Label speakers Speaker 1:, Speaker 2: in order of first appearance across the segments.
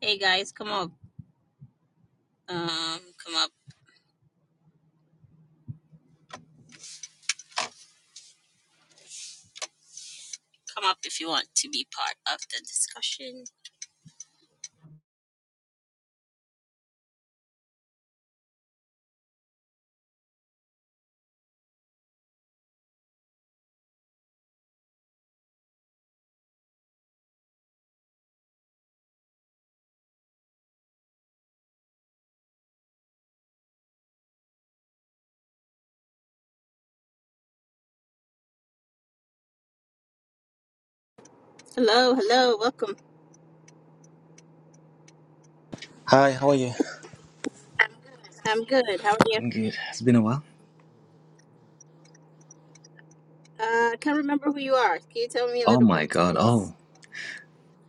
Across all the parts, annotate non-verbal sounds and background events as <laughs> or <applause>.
Speaker 1: Hey guys, come up. Um, come up. Come up if you want to be part of the discussion. Hello, hello, welcome.
Speaker 2: Hi, how are you?
Speaker 1: I'm good. How are you?
Speaker 2: I'm good. It's been a while.
Speaker 1: Uh, I can't remember who you are. Can you tell me a
Speaker 2: Oh
Speaker 1: little
Speaker 2: my
Speaker 1: bit,
Speaker 2: god.
Speaker 1: please?
Speaker 2: Oh.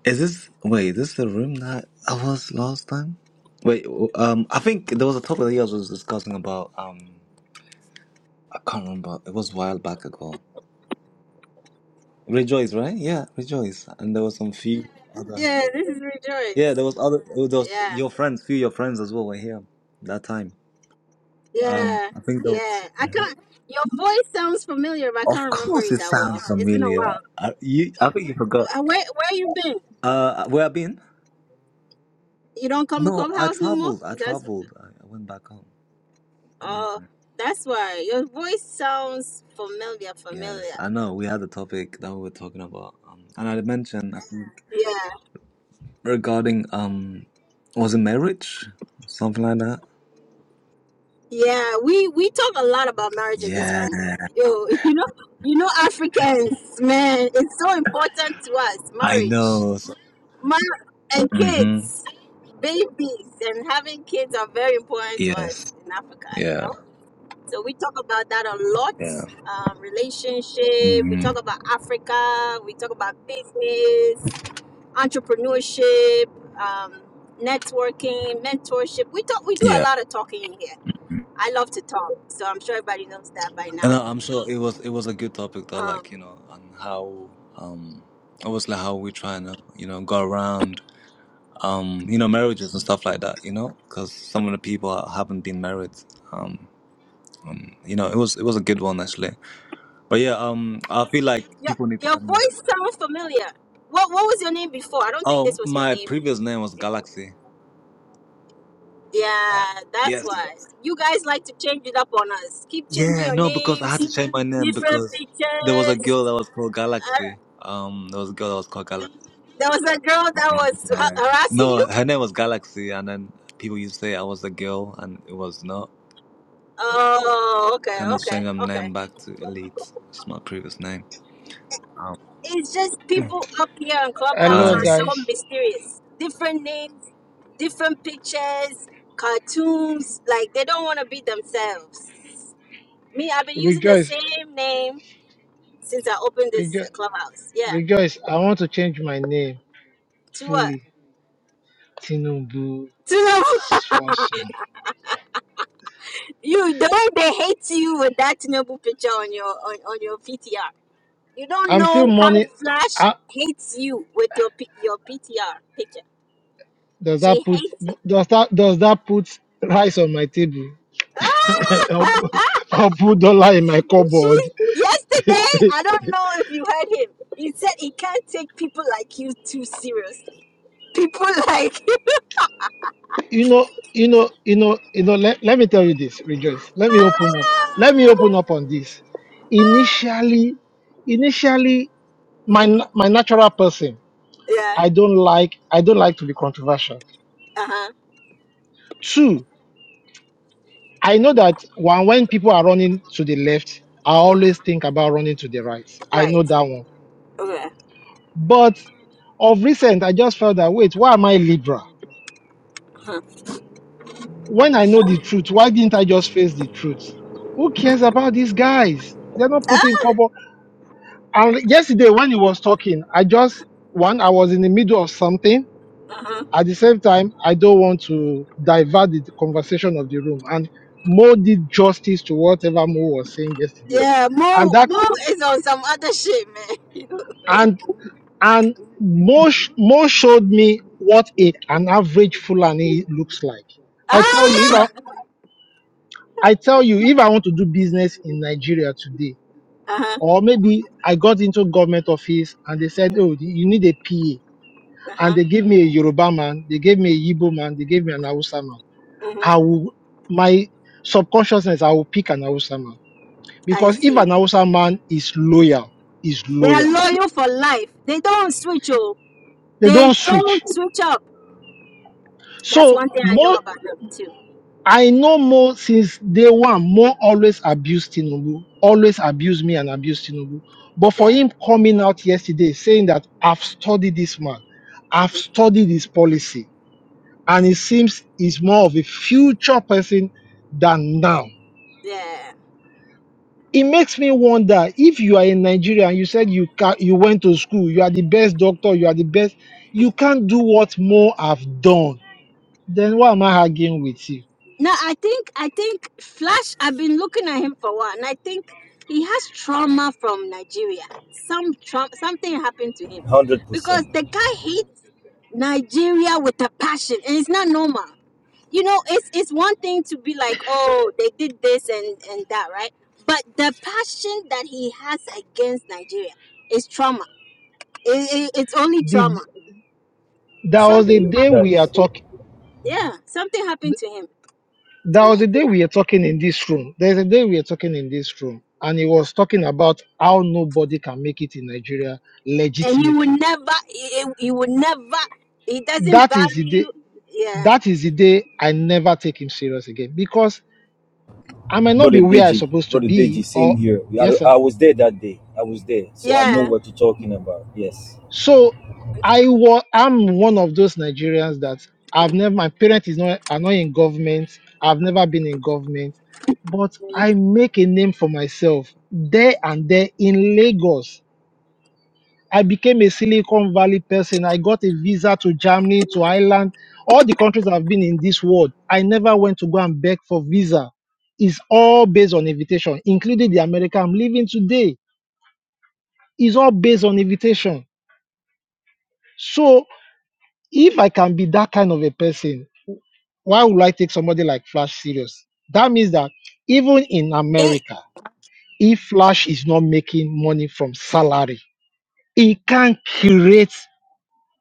Speaker 2: Is this wait, this the room that I was last time? Wait, w- um I think there was a topic that you guys was discussing about um I can't remember. It was a while back ago. Rejoice, right? Yeah, rejoice. And there was some few other
Speaker 1: Yeah, this is
Speaker 2: Yeah,
Speaker 1: Rejoice.
Speaker 2: there was other oh, there was
Speaker 1: Yeah,
Speaker 2: your friends, few of your friends as well were here that time. Um
Speaker 1: yeah,
Speaker 2: I think there
Speaker 1: yeah.
Speaker 2: was
Speaker 1: I
Speaker 2: yeah.
Speaker 1: can't. Your voice sounds familiar, but I
Speaker 2: Of
Speaker 1: can't remember
Speaker 2: course
Speaker 1: it
Speaker 2: it
Speaker 1: that
Speaker 2: sounds
Speaker 1: well. It's been a
Speaker 2: familiar.
Speaker 1: while.
Speaker 2: I, you I think you forgot.
Speaker 1: Wh- Where where you been?
Speaker 2: Uh where i been?
Speaker 1: You don't come to
Speaker 2: No, I
Speaker 1: Clubhouse no more?
Speaker 2: traveled. I
Speaker 1: Is that
Speaker 2: traveled. I, I went back home. Yeah.
Speaker 1: oh? That's why your voice sounds familiar,
Speaker 2: Yes,
Speaker 1: familiar.
Speaker 2: I know. We had a topic that we were talking about, um, and I had mentioned I think
Speaker 1: Yeah.
Speaker 2: regarding um, was it marriage, something like that?
Speaker 1: Yeah, we we talk a lot about marriage in this
Speaker 2: Yeah,
Speaker 1: room. Yo, <laughs> you know, you know, Africans, man, it's so important to us.
Speaker 2: I
Speaker 1: Marriage,
Speaker 2: know.
Speaker 1: mar- and
Speaker 2: Mm-hmm.
Speaker 1: kids, babies, and having kids are very important to us
Speaker 2: Yes.
Speaker 1: in Africa. You
Speaker 2: Yeah.
Speaker 1: know, so we talk about that a lot.
Speaker 2: Yeah.
Speaker 1: Um, relationship. We
Speaker 2: Mm-hmm.
Speaker 1: talk about Africa. We talk about business, entrepreneurship, um, networking, mentorship. We talk. We do a
Speaker 2: Yeah.
Speaker 1: lot of talking here I love to talk, so I'm sure everybody knows that by
Speaker 2: And
Speaker 1: now.
Speaker 2: I, I'm sure it was it was a good topic though,
Speaker 1: Um,
Speaker 2: like you know, and how um, obviously how we trying to you know go around um, you know, marriages and stuff like that, you know, because some of the people ha- haven't been married. Um, um, you know, it was it was a good one actually. But yeah, um, I feel like
Speaker 1: your
Speaker 2: people need to
Speaker 1: your
Speaker 2: add more.
Speaker 1: voice sounds familiar. What what was your name before? I don't think this
Speaker 2: Oh,
Speaker 1: was your
Speaker 2: my
Speaker 1: name.
Speaker 2: previous name was
Speaker 1: before.
Speaker 2: Galaxy.
Speaker 1: Yeah, that's
Speaker 2: Yes.
Speaker 1: why you guys like to change it up on us. Keep changing
Speaker 2: Yeah,
Speaker 1: your
Speaker 2: no, because I had
Speaker 1: names,
Speaker 2: to change my name
Speaker 1: different
Speaker 2: because there was a
Speaker 1: pictures.
Speaker 2: girl that was called
Speaker 1: Uh,
Speaker 2: Galaxy. Um, there was a girl that was called Galaxy.
Speaker 1: there was a girl that was ha-
Speaker 2: Uh,
Speaker 1: harassing
Speaker 2: no,
Speaker 1: you.
Speaker 2: her name was Galaxy, and then people used to say I was a girl, and it was not.
Speaker 1: Oh, okay,
Speaker 2: Kind of
Speaker 1: okay,
Speaker 2: change my
Speaker 1: okay.
Speaker 2: name back to Elite. It's my previous name. Um,
Speaker 1: It's just people up here on Clubhouse
Speaker 3: Hello,
Speaker 1: are
Speaker 2: hi.
Speaker 1: so
Speaker 3: guys.
Speaker 1: mysterious. Different names, different pictures, cartoons. Like they don't want to be themselves. Me, I've been using the
Speaker 3: Rejoice,
Speaker 1: same name since I opened this
Speaker 3: rejo-
Speaker 1: Clubhouse. Yeah.
Speaker 3: rejoice. I want to change my name
Speaker 1: To what?
Speaker 3: fully. Tinubu
Speaker 1: <laughs> Tinubu,
Speaker 3: Fosun.
Speaker 1: you the way they hate you with that Tinubu picture on your on, on your PTR. You don't
Speaker 3: I'm still
Speaker 1: know how
Speaker 3: mourning.
Speaker 1: Flash
Speaker 3: Ah,
Speaker 1: hates you with your P- your PTR picture.
Speaker 3: does that
Speaker 1: She
Speaker 3: put
Speaker 1: hates it.
Speaker 3: does that does that put rice on my table? <laughs> I'll
Speaker 1: Ah! <laughs>
Speaker 3: put I'll put dollar in my cupboard.
Speaker 1: She- yesterday, I don't know if you heard him. He said he can't take people like you too seriously. People like <laughs>
Speaker 3: You know, you know, you know, you know. Let, let me tell you this, Rejoice. Let me open up. Let me open up on this. Initially, initially, my na- my natural person.
Speaker 1: yeah,
Speaker 3: I don't like I don't like to be controversial.
Speaker 1: uh huh,
Speaker 3: Two, I know that when when people are running to the left, I always think about running to the right. I know
Speaker 1: right,
Speaker 3: that one.
Speaker 1: okay,
Speaker 3: But of recent, I just felt that wait, why am I liberal?
Speaker 1: uh-huh.
Speaker 3: When I know the truth, why didn't I just face the truth? Who cares about these guys? They're not
Speaker 1: Huh?
Speaker 3: putting cobble. And yesterday when he was talking, I just one, I was in the middle of something.
Speaker 1: Uh-huh.
Speaker 3: At the same time, I don't want to divert the conversation of the room. And Mo did justice to whatever Mo was saying yesterday.
Speaker 1: yeah.
Speaker 3: And
Speaker 1: Mo
Speaker 3: that
Speaker 1: Mo is on some other shit, man.
Speaker 3: and and Mo, sh- Mo showed me what a, an average Fulani looks like. I tell you, if
Speaker 1: Ah, <laughs> uh
Speaker 3: I, I tell you, if I want to do business in Nigeria today,
Speaker 1: huh,
Speaker 3: or maybe I got into government office and they said, "Oh, you need a PA,"
Speaker 1: uh
Speaker 3: and
Speaker 1: huh.
Speaker 3: they gave me a Yoruba man, they gave me a Yibo man, they gave me an Hausa man.
Speaker 1: Mm-hmm.
Speaker 3: I will my subconsciousness I will pick an Hausa man
Speaker 1: I
Speaker 3: because if
Speaker 1: see.
Speaker 3: an Hausa man is loyal, is
Speaker 1: They are
Speaker 3: loyal.
Speaker 1: loyal for life. They don't switch. Oh,
Speaker 3: They
Speaker 1: they
Speaker 3: don't
Speaker 1: don't
Speaker 3: switch.
Speaker 1: switch up. That's
Speaker 3: So
Speaker 1: one thing I know
Speaker 3: more
Speaker 1: about them too.
Speaker 3: I know more since day one. More always abused Tinubu, always abused me and abused Tinubu. But for
Speaker 1: Yeah.
Speaker 3: him coming out yesterday saying that I've studied this man, I've
Speaker 1: hmm
Speaker 3: studied his policy, and it seems he's more of a future person than now
Speaker 1: Yeah.
Speaker 3: it makes me wonder if you are in Nigeria and you said you can you went to school, you are the best doctor, you are the best, you can't do what more have done. Then why am I arguing with you?
Speaker 1: No, I think I think Flash. I've been looking at him for a while, and I think he has trauma from Nigeria. Some trauma, something happened to him
Speaker 4: one Hundred percent,
Speaker 1: because the guy hates Nigeria with a passion, and it's not normal. You know, it's it's one thing to be like, oh, they did this and and that, right? But the passion that he has against Nigeria is trauma. It, it, it's only
Speaker 3: Did
Speaker 1: trauma.
Speaker 3: there was
Speaker 1: Something
Speaker 3: a
Speaker 4: Hey,
Speaker 3: day
Speaker 1: happened.
Speaker 3: we are
Speaker 4: guys.
Speaker 3: talking
Speaker 1: Yeah, something happened to him
Speaker 3: there
Speaker 1: in
Speaker 3: was a day
Speaker 1: Nigeria.
Speaker 3: we are talking in this room. There's a day we are talking in this room, and he was talking about how nobody can make it in Nigeria
Speaker 1: and he would
Speaker 3: legitimately.
Speaker 1: never he, he he would never he doesn't
Speaker 3: That is the
Speaker 1: value
Speaker 3: day
Speaker 1: yeah
Speaker 3: that is the day I never take him serious again because I might not be
Speaker 4: Brother
Speaker 3: where I'm
Speaker 4: Deji,
Speaker 3: supposed to
Speaker 4: brother
Speaker 3: be
Speaker 4: Deji, same
Speaker 3: or
Speaker 4: here. We- I,
Speaker 3: yes sir
Speaker 4: I was there that day. I was there, so I know
Speaker 1: yeah
Speaker 4: what you're talking about. Yes,
Speaker 3: So I was I'm one of those Nigerians that I've never my parents is not are not in government. I've never been in government, but I make a name for myself there and there in Lagos. I became a Silicon Valley person. I got a visa to Germany, to Ireland, all the countries I've been in this world. I never went to go and beg for visa. It's all based on invitation, including the America I'm living today. It's all based on invitation. So If I can be that kind of a person, why would I take somebody like Flash serious? That means that even in
Speaker 1: it
Speaker 3: America, if Flash is not making money from salary, it can create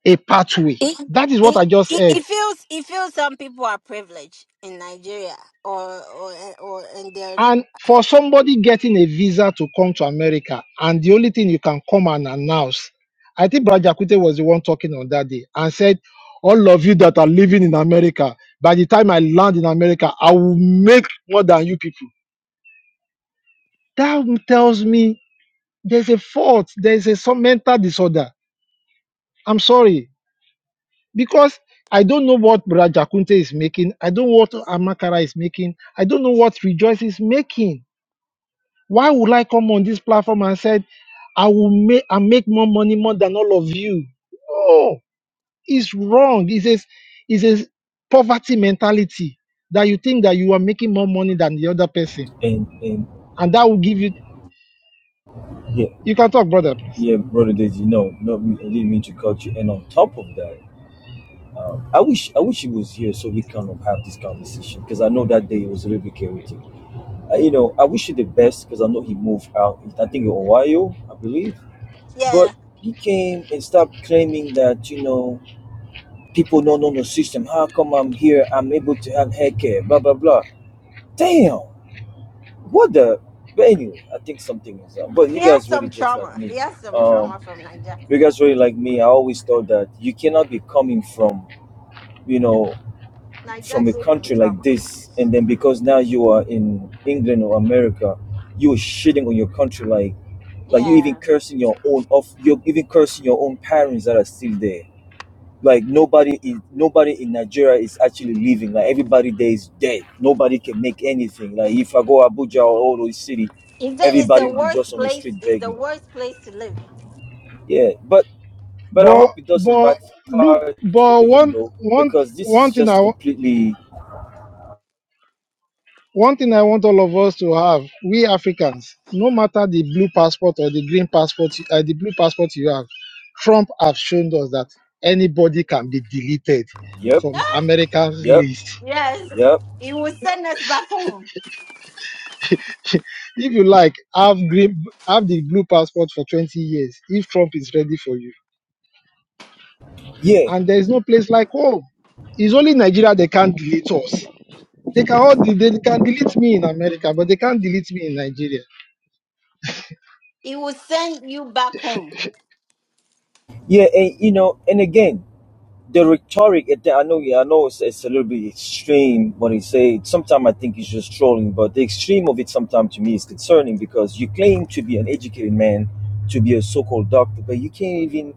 Speaker 3: a pathway.
Speaker 1: it
Speaker 3: That is what
Speaker 1: it
Speaker 3: I just
Speaker 1: it,
Speaker 3: heard.
Speaker 1: it feels it feels some people are privileged in Nigeria or or or and they're
Speaker 3: And for somebody getting a visa to come to America, and the only thing you can come and announce, I think Brad Jakute was the one talking on that day and said, All of you that are living in America, by the time I land in America, I will make more than you people That tells me there's a fault, there's a some mental disorder. I'm sorry. Because I don't know what Brother Jakunte is making. I don't know what Amakara is making. I don't know what Rejoice is making. Why would I come on this platform and said I will make I make more money more than all of you? No, it's wrong. It's a, it's a poverty mentality that you think that you are making more money than the other person.
Speaker 4: and and
Speaker 3: And that will give you
Speaker 4: yeah,
Speaker 3: you can talk, brother, please.
Speaker 4: yeah, brother Deji. No, no, I didn't mean to cut you. And on top of that, um, I wish I wish he was here so we kind of have this conversation because I know that day it was a little bit chaotic. Uh, you know, I wish you the best because I know he moved out. I think in Ohio, I believe,
Speaker 1: yeah
Speaker 4: but he came and started claiming that you know People don't know the system. How come I'm here? I'm able to have hair care, blah, blah, blah. Damn. What the? But anyway, I think something is up. But you
Speaker 1: he has
Speaker 4: guys really
Speaker 1: some
Speaker 4: just like
Speaker 1: trauma
Speaker 4: me.
Speaker 1: he has some
Speaker 4: Um,
Speaker 1: trauma from Nigeria
Speaker 4: you guys really like me. I always thought that you cannot be coming from, you know,
Speaker 1: Nigeria
Speaker 4: from a
Speaker 1: gave him
Speaker 4: country like
Speaker 1: trauma
Speaker 4: this. And then because now you are in England or America, you're shitting on your country like like you
Speaker 1: yeah
Speaker 4: even cursing your own off you're even cursing your own parents that are still there Like nobody is nobody in Nigeria is actually living. Like everybody there is dead. Nobody can make anything. Like if I go Abuja or all those city,
Speaker 1: he said it's
Speaker 4: everybody
Speaker 1: the
Speaker 4: will be
Speaker 1: worst
Speaker 4: just on the
Speaker 1: place
Speaker 4: street
Speaker 1: it's the
Speaker 4: begging.
Speaker 1: worst place to live
Speaker 4: Yeah, but but I
Speaker 3: But
Speaker 4: hope it doesn't
Speaker 3: but look,
Speaker 4: backfire to
Speaker 3: but
Speaker 4: him
Speaker 3: one
Speaker 4: though,
Speaker 3: one
Speaker 4: because this is
Speaker 3: one thing I
Speaker 4: just
Speaker 3: wa-
Speaker 4: completely.
Speaker 3: one thing I want all of us to have, we Africans, no matter the blue passport or the green passport, you- uh, the blue passport you have, Trump have shown us that anybody can be deleted
Speaker 4: Yep,
Speaker 3: from
Speaker 1: Ah,
Speaker 3: America's
Speaker 4: yep,
Speaker 3: list.
Speaker 1: yes
Speaker 4: yep.
Speaker 1: he will send us back home
Speaker 3: If you like, have green, have the blue passport for 20 years. If Trump is ready for you,
Speaker 4: Yeah,
Speaker 3: and there is no place like home. It's only Nigeria they can't delete us. They can all de- they can delete me in America, but they can't delete me in Nigeria.
Speaker 1: he will send you back home
Speaker 4: yeah, and you know, and again. the rhetoric, it- I know, yeah, I know it's, it's a little bit extreme when he say. it. Sometimes I think he's just trolling, but the extreme of it sometimes to me is concerning because you claim to be an educated man, to be a so-called doctor, but you can't even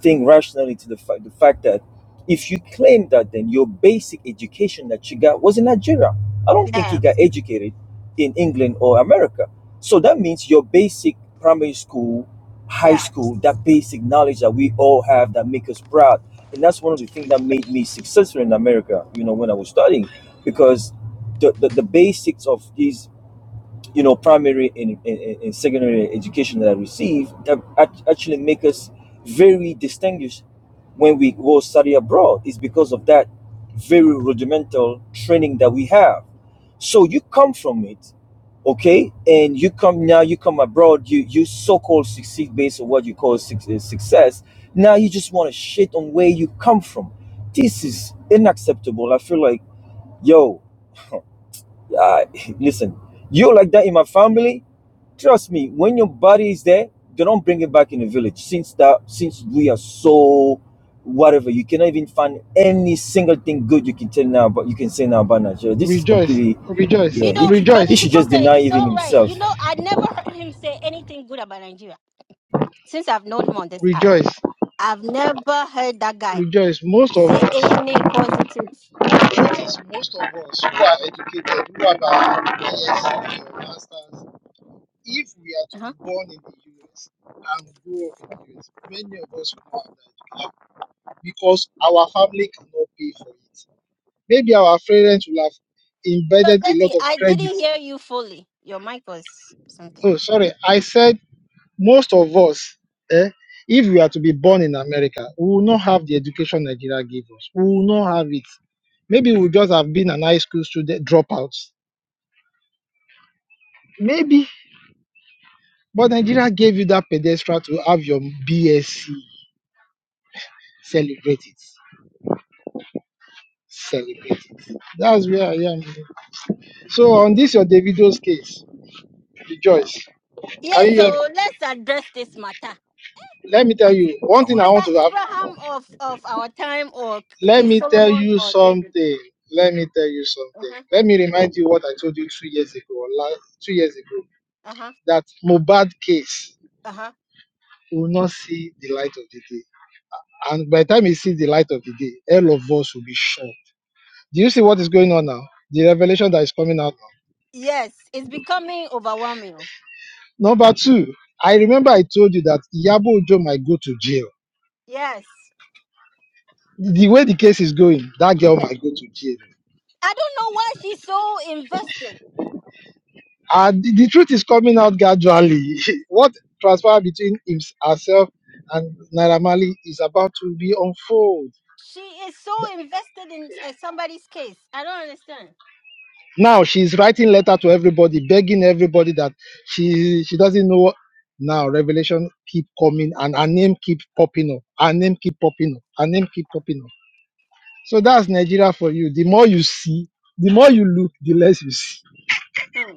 Speaker 4: think rationally to the fact the fact that if you claim that, then your basic education that you got was in Nigeria. I don't think he
Speaker 1: Yeah,
Speaker 4: got educated in England or America. So that means your basic primary school, high
Speaker 1: yeah
Speaker 4: school, that basic knowledge that we all have that make us proud. And that's one of the things that made me successful in America, you know, when I was studying, because the, the, the basics of these you know, primary and, and, and secondary education that I received that act- actually make us very distinguished when we go study abroad. It's because of that very rudimental training that we have. So you come from it, okay, and you come now. You come abroad. You you so-called succeed based on what you call suc- uh, success. Now you just want to shit on where you come from. This is unacceptable. I feel like, yo uh, <laughs> listen, you like that in my family, trust me, when your body is there, they don't bring it back in the village. Since that, since we are so whatever, you cannot even find any single thing good you can tell now, but you can say now about Nigeria. This is
Speaker 3: Rejoice,
Speaker 4: completely,
Speaker 3: rejoice,
Speaker 4: yeah.
Speaker 1: You
Speaker 4: He,
Speaker 1: know,
Speaker 4: should-
Speaker 1: Brother
Speaker 4: he
Speaker 3: rejoice,
Speaker 4: should just
Speaker 1: Chikunte,
Speaker 4: deny
Speaker 1: it's
Speaker 4: even
Speaker 1: all right.
Speaker 4: himself.
Speaker 1: You know, I never heard him say anything good about Nigeria since I've known him on this app.
Speaker 3: rejoice,
Speaker 1: I've never heard that guy
Speaker 3: rejoice. Most of
Speaker 1: say
Speaker 3: us,
Speaker 1: any positive.
Speaker 3: the truth is, most of us who are educated, who have our BSc or masters, if we are to
Speaker 1: Uh-huh.
Speaker 3: be born in the US and grow up in the US, many of us will not have that education because our family cannot pay for it. Maybe our parents will have
Speaker 1: So,
Speaker 3: embedded a lot
Speaker 1: Deji,
Speaker 3: of
Speaker 1: I
Speaker 3: credit.
Speaker 1: didn't hear you fully. Your mic was something.
Speaker 3: Oh, sorry, I said most of us, eh, if we are to be born in America, we will not have the education Nigeria gave us. We will not have it. Maybe we just have been an high school student dropouts. Maybe. But Nigeria gave you that pedestal to have your BSc. Celebrate it. Celebrate it. That's where I am. So on this your Davido's case, rejoice.
Speaker 1: Yeah,
Speaker 3: Can you hear me?
Speaker 1: so let's address this matter.
Speaker 3: Let me tell you one
Speaker 2: I
Speaker 3: thing
Speaker 2: want
Speaker 3: I
Speaker 2: to
Speaker 3: want
Speaker 1: Father
Speaker 3: to have.
Speaker 1: Abraham of, of our time or
Speaker 3: Let
Speaker 1: King
Speaker 3: me tell
Speaker 1: Solomon
Speaker 3: you
Speaker 1: or David.
Speaker 3: something. Let me tell you something.
Speaker 1: Uh-huh.
Speaker 3: Let me remind you what I told you two years ago, or last, two years ago,
Speaker 1: Uh-huh.
Speaker 3: that Mobad case
Speaker 1: Uh-huh.
Speaker 3: will not see the light of the day. And by the time it sees the light of the day, all of us will be shocked. Do you see what is going on now? The revelation that is coming out now.
Speaker 1: Yes, it's becoming overwhelming.
Speaker 3: Number two, I remember I told you that Yabo Ojo might go to jail.
Speaker 1: Yes.
Speaker 3: The way the case is going, that girl
Speaker 1: yes.
Speaker 3: might go to jail.
Speaker 1: I don't know why she's so invested.
Speaker 3: Uh, the, the truth is coming out gradually. <laughs> what transpired between hims- herself and Naira Marley is about to be unfold.
Speaker 1: She is so invested in uh, somebody's case. I don't understand.
Speaker 3: Now she's writing letter to everybody, begging everybody that she she doesn't know. Now revelation keep coming and her name keep popping up. Her name keep popping up. Her name keep popping up. So that's Nigeria for you. The more you see, the more you look, the less you see.
Speaker 1: Hmm.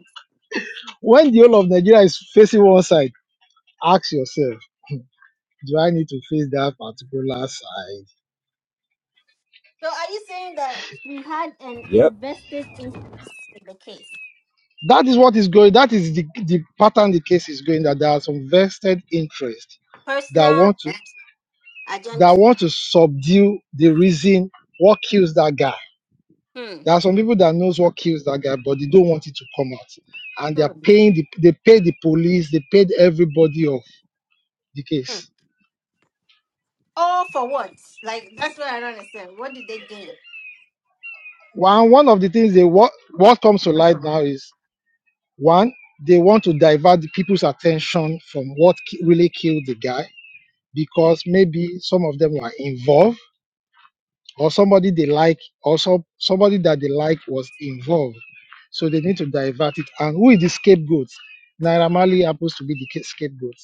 Speaker 3: When the whole of Nigeria is facing one side, ask yourself, do I need to face that particular side?
Speaker 1: So are you saying that she had an
Speaker 4: Yep.
Speaker 1: invested interest in the case?
Speaker 3: That is what is going. That is the, the pattern the case is going. That there are some vested interest that
Speaker 1: Personal
Speaker 3: want to
Speaker 1: agenda.
Speaker 3: that want to subdue the reason what kills that guy.
Speaker 1: Hmm.
Speaker 3: There are some people that knows what kills that guy, but they don't want it to come out, and they
Speaker 1: Hmm.
Speaker 3: are paying. The, they pay the police. They paid everybody of the
Speaker 1: Hmm.
Speaker 3: case.
Speaker 1: All for what? Like that's what I don't understand. What did they gain?
Speaker 3: One one of the things they what what comes to light now
Speaker 1: Hmm.
Speaker 3: is one they want to divert the people's attention from what ki- really killed the guy because maybe some of them were involved or somebody they like or some, somebody that they like was involved. So they need to divert it. And who is the scapegoat? Naira Marley happens to be the ca- scapegoat.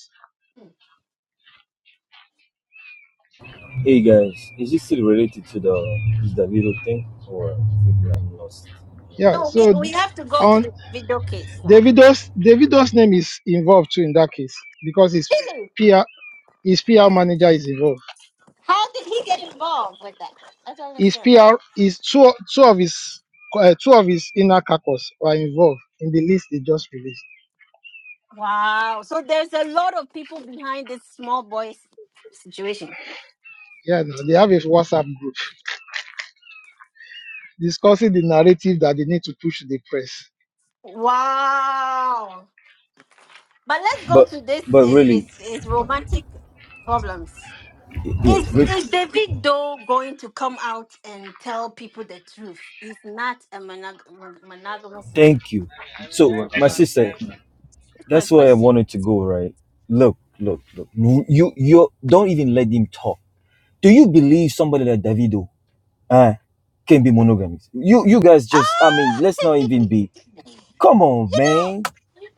Speaker 4: Hey guys, is this still related to the is the little thing or maybe I'm lost?
Speaker 3: Yeah.
Speaker 1: No, we,
Speaker 3: So d-
Speaker 1: we have to go to
Speaker 3: on
Speaker 1: the video case now.
Speaker 3: Davido's Davido's name is involved too in that case because his
Speaker 1: Really?
Speaker 3: PR his PR manager is involved.
Speaker 1: How did he get involved with that? I don't
Speaker 3: His
Speaker 1: understand.
Speaker 3: PR is two two of his uh, two of his inner caucus are involved in the list they just released.
Speaker 1: Wow. So there's a lot of people behind this small boy's situation.
Speaker 3: Yeah, no, they have a WhatsApp group discussing the narrative that they need to push to the press.
Speaker 1: Wow. But let's go
Speaker 4: But
Speaker 1: to this
Speaker 4: but
Speaker 1: eh,
Speaker 4: really,
Speaker 1: his his romantic problems.
Speaker 4: yeah,
Speaker 1: Is
Speaker 4: re-
Speaker 1: is David Doe going to come out and tell people the truth? He's not a monog- mon- monogamous man.
Speaker 4: thank you.
Speaker 2: He
Speaker 4: So
Speaker 2: will not
Speaker 4: my sister,
Speaker 1: That's my
Speaker 4: that's where I
Speaker 1: question.
Speaker 4: wanted to go, right? Look, look, look. You you don't even let him talk. Do you believe somebody like Davido uh, can be monogamous? You you guys
Speaker 1: Ah!
Speaker 4: just I mean, let's not
Speaker 1: <laughs> you
Speaker 4: even be come on, man.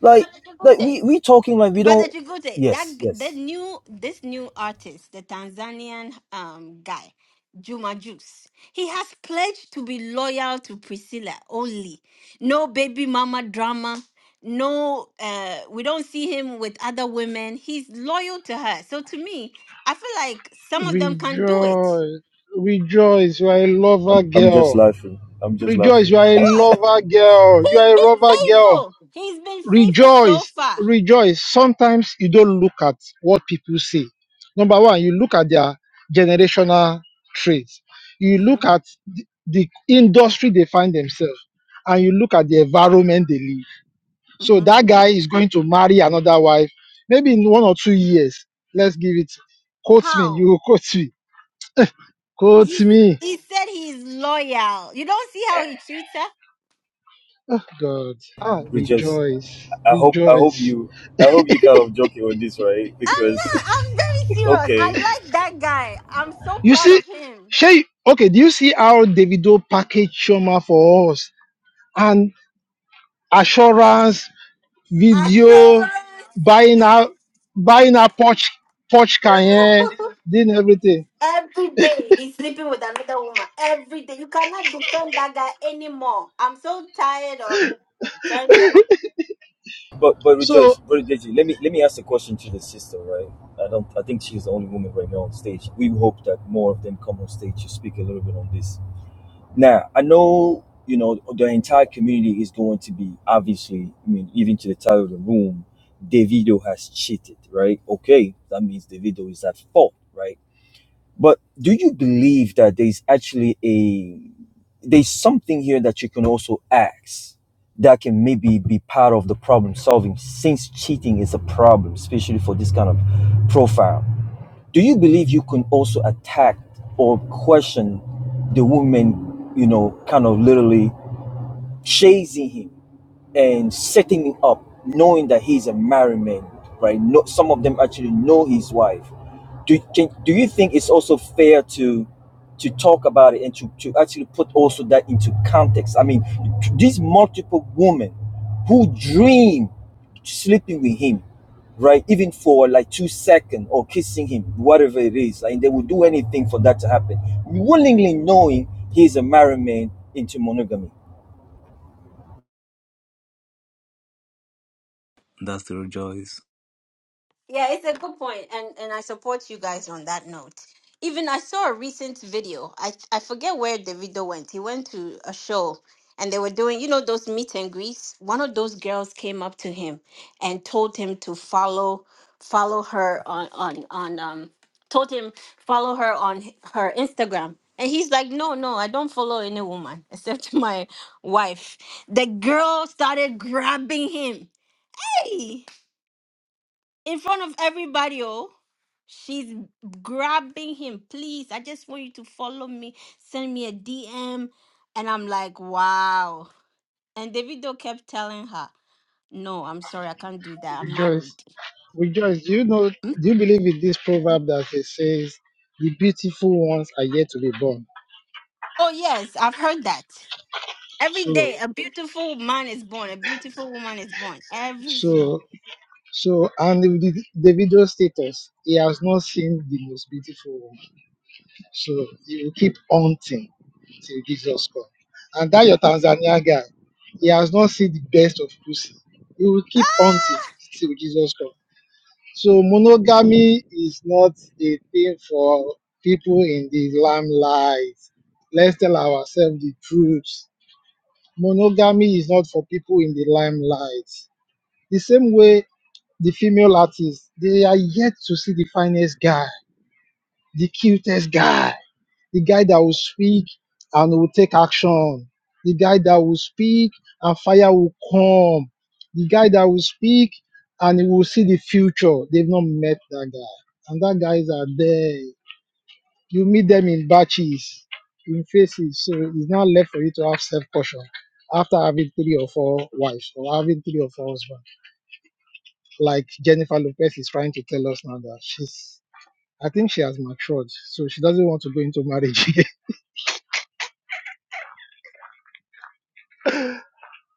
Speaker 4: Like like
Speaker 1: know,
Speaker 4: we we talking like we
Speaker 1: But the
Speaker 4: don't
Speaker 1: Chigute, that
Speaker 4: Yes,
Speaker 1: g- the
Speaker 4: yes.
Speaker 1: new this new artist, the Tanzanian um guy, Juma Juice, he has pledged to be loyal to Priscilla only. No baby mama drama. No, uh, we don't see him with other women. He's loyal to her. So to me, I feel like some of them can do it.
Speaker 3: Rejoice. Rejoice. You are a
Speaker 4: I'm
Speaker 3: lover
Speaker 4: I'm just
Speaker 3: girl.
Speaker 4: laughing. I'm just
Speaker 3: Rejoice. You
Speaker 4: laughing.
Speaker 3: are a
Speaker 1: What?
Speaker 3: lover girl. You
Speaker 1: He's
Speaker 3: are a
Speaker 1: been
Speaker 3: lover girl.
Speaker 1: faithful. He's been faithful so
Speaker 3: Rejoice.
Speaker 1: far.
Speaker 3: Rejoice. Sometimes you don't look at what people say. Number one, you look at their generational traits. You
Speaker 1: hmm
Speaker 3: look at the the industry they find themselves and you look at the environment they live. So
Speaker 1: hmm
Speaker 3: that guy is going to marry another wife. Maybe in one or two years. Let's give it. Quote me.
Speaker 1: How?
Speaker 3: You will quote me. Quote
Speaker 1: He
Speaker 3: me
Speaker 1: he said he's loyal. You don't see how he treats her.
Speaker 3: Oh God. Ah,
Speaker 4: <laughs> We just
Speaker 3: rejoice.
Speaker 4: I hope I hope
Speaker 3: Rejoice.
Speaker 4: you I hope you kind of joking on this, right?
Speaker 1: I'm
Speaker 4: Because
Speaker 1: not. I'm very
Speaker 4: <laughs>
Speaker 1: serious.
Speaker 4: okay.
Speaker 1: I like that guy. I'm so
Speaker 3: You
Speaker 1: proud
Speaker 3: see,
Speaker 1: of him.
Speaker 3: Shay, okay, do you see how Davido packaged Shoma for us? And assurance, video,
Speaker 1: Assurance.
Speaker 3: buying our buying our Porsche, Porsche Cayenne,
Speaker 1: <laughs>
Speaker 3: doing everything.
Speaker 1: Every day he's sleeping with another woman. Every day you cannot defend that guy anymore. I'm so tired of trying to.
Speaker 4: But but
Speaker 3: So
Speaker 4: rejoice, brother Deji. Let me let me ask a question to the sister, right? I don't. I think she's the only woman right now on stage. We hope that more of them come on stage to speak a little bit on this. Now I know you know the entire community is going to be obviously. I mean, even to the title of the room, Davido has cheated, right? Okay, that means Davido is at fault, right? But do you believe that there's actually a there's something here that you can also ask that can maybe be part of the problem solving since cheating is a problem, especially for this kind of profile. Do you believe you can also attack or question the woman, you know, kind of literally chasing him? and setting me up, knowing that he's a married man, right? No, some of them actually know his wife. Do, can, do you think it's also fair to to talk about it and to, to actually put also that into context? I mean, t- these multiple women who dream sleeping with him, right? Even for like two seconds or kissing him, whatever it is, and they will do anything for that to happen, willingly knowing he's a married man into monogamy.
Speaker 2: That's the rejoice.
Speaker 1: Yeah, it's a good point, and and I support you guys on that note. Even I saw a recent video. I I forget where the video went. He went to a show, and they were doing you know those meet and greets. One of those girls came up to him and told him to follow follow her on on on um told him follow her on h- her Instagram. And he's like, no, no, I don't follow any woman except <laughs> my wife. The girl started grabbing him. Hey! in front of everybody. Oh, she's grabbing him. Please, I just want you to follow me. Send me a DM. And I'm like, wow. And Davido kept telling her, no, I'm sorry, I can't do that. I'm
Speaker 3: rejoice.
Speaker 1: married.
Speaker 3: Rejoice. Do you know,
Speaker 1: Hmm?
Speaker 3: do you believe in this proverb that it says the beautiful ones are yet to be born?
Speaker 1: Oh, yes, I've heard that. Every
Speaker 3: So
Speaker 1: day, a beautiful man is born. A beautiful woman is born. Every day.
Speaker 3: so So, and the, the the video status, he has not seen the most beautiful one. So, he will keep hunting till Jesus comes. And that your Tanzania guy, he has not seen the best of pussy. He will keep hunting till Jesus comes. So, monogamy is not a thing for people in the limelight. Let's tell ourselves the truth. Monogamy is not for people in the limelight. The same way the female artists, they are yet to see the finest guy, the cutest guy, the guy that will speak and will take action, the guy that will speak and fire will come, the guy that will speak and he will see the future. They've not met that guy. And that guys are there. You meet them in batches, in faces. So it's not left for you to have self-caution after having three or four wives or having three or four husbands like Jennifer Lopez is trying to tell us now that she's, I think she has matured, so she doesn't want to go into marriage <laughs> again.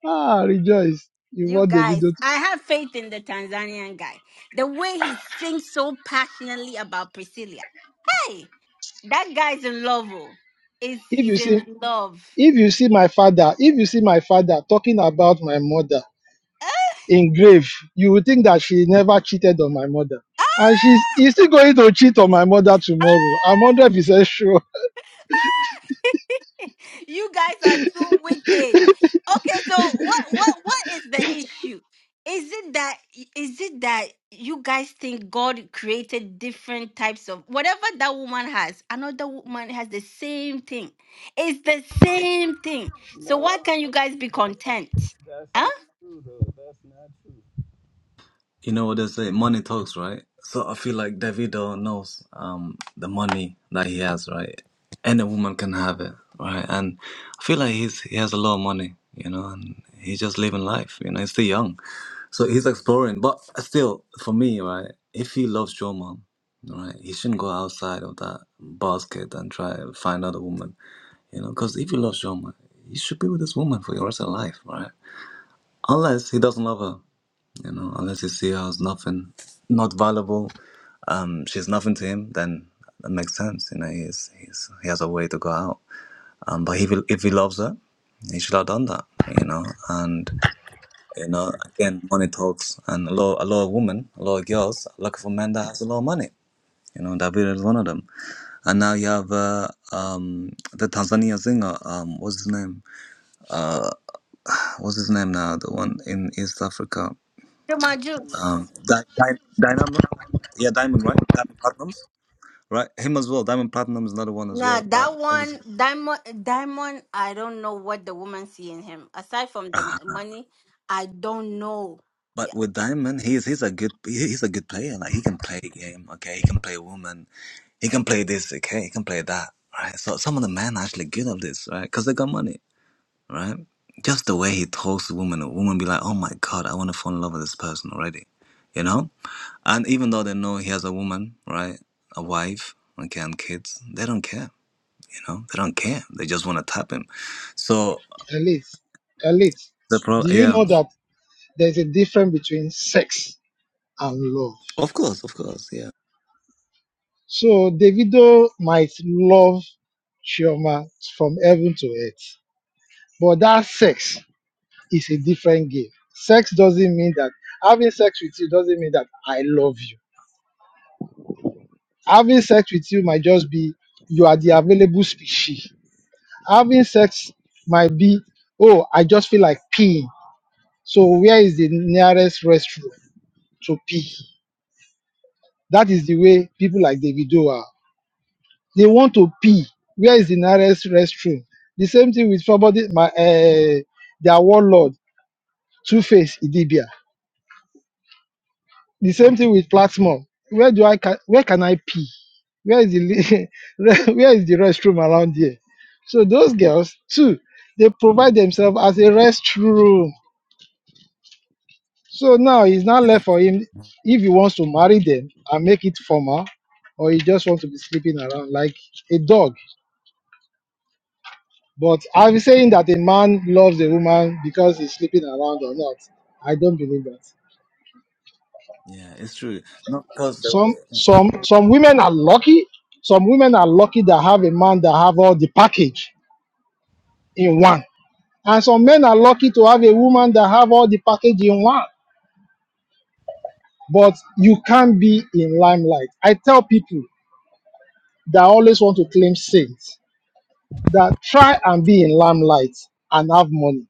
Speaker 3: ah, rejoice! You
Speaker 1: You
Speaker 3: want the
Speaker 1: guys,
Speaker 3: video? To,
Speaker 1: I have faith in the Tanzanian guy. The way he sings so passionately about Priscilla. Hey, that guy's in love. Oh. Is
Speaker 3: if
Speaker 1: he's
Speaker 3: you see,
Speaker 1: in <laughs> love.
Speaker 3: if you see my father, if you see my father talking about my mother
Speaker 1: Eh,
Speaker 3: in grave, you will think that she never cheated on my mother, and she's he's still going to cheat on my mother tomorrow. I'm
Speaker 1: Ah!
Speaker 3: hundred percent sure.
Speaker 1: <laughs> you guys are too wicked. Okay, so what what what is the issue? Is it that is it that you guys think God created different types of whatever that woman has, another woman has the same thing. It's the same thing. So
Speaker 5: No,
Speaker 1: why can you guys be content?
Speaker 5: that's
Speaker 1: Huh?
Speaker 5: not true, though. That's not true.
Speaker 2: You know what they say, money talks, right? So I feel like Davido knows um the money that he has, right? Any woman can have it, right? And I feel like he's he has a lot of money, you know, and he's just living life, you know, he's still young. So he's exploring. But still, for me, right, if he loves your mom, right, he shouldn't go outside of that basket and try to find other woman, you know, because if he loves your mom, you should be with this woman for your rest of life, right? Unless he doesn't love her. You know, unless you see her as nothing, not valuable, um, she's nothing to him, then that makes sense. You know, he's, he's, he has a way to go out. Um, but if he, if he loves her, he should have done that. You know, and you know, again, money talks, and a lot, a lot of women, a lot of girls are looking for men that has a lot of money. You know, David is one of them. And now you have uh, um, the Tanzania singer. Um, what's his name? Uh, what's his name now? The one in East Africa.
Speaker 1: Juma
Speaker 5: I mean,
Speaker 1: Jux.
Speaker 2: um Di- Di- Dynamo, yeah, Diamond, right? Diamond Platinums, right? Him as well. Diamond Platinum is another one as
Speaker 1: Nah,
Speaker 2: well. That
Speaker 1: that
Speaker 2: obviously,
Speaker 1: one, Diamond, Diamond, I don't know what the woman see in him. Aside from the
Speaker 2: Ah,
Speaker 1: money, I don't know.
Speaker 2: but with Diamond, he's he's a good he- he's a good player. Like he can play a game, okay? He can play woman, he can play this, okay? He can play that, right? So some of the men are actually good at this, right? Because they got money, right? Just the way he talks to women, a woman be like, oh my god, I want to fall in love with this person already, you know? And even though they know he has a woman, right, a wife, okay, and kids, they don't care You know, they don't care. They just want to tap him. So
Speaker 3: Elite, elite.
Speaker 2: the pro,
Speaker 3: Do you
Speaker 2: yeah,
Speaker 3: know that there's a difference between sex and love?
Speaker 2: of course, of course, yeah,
Speaker 3: So Davido might love Chioma from heaven to earth. But that sex is a different game. Sex doesn't mean that having sex with you doesn't mean that I love you. Having sex with you might just be you are the available species. Having sex might be, oh, I just feel like peeing. So where is the nearest restroom to pee? That is the way people like Davido are. They want to pee. Where is the nearest restroom? The same thing with somebody, my uh, their warlord, Two Face Idibia. The same thing with Plasmon. Where do I ca- where can I pee? Where is the li- <laughs> where is the restroom around here? So those girls too, they provide themselves as a restroom. So now it's not left for him if he wants to marry them and make it formal, or he just wants to be sleeping around like a dog. But I'm saying that a man loves a woman because he's sleeping around or not. I don't believe that.
Speaker 2: yeah, it's true. Not because the
Speaker 3: Some
Speaker 2: way,
Speaker 3: some some women are lucky. Some women are lucky that have a man that have all the package in one. And some men are lucky to have a woman that have all the package in one. But you can't be in limelight. I tell people that always want to claim saints that try and be in limelight and have money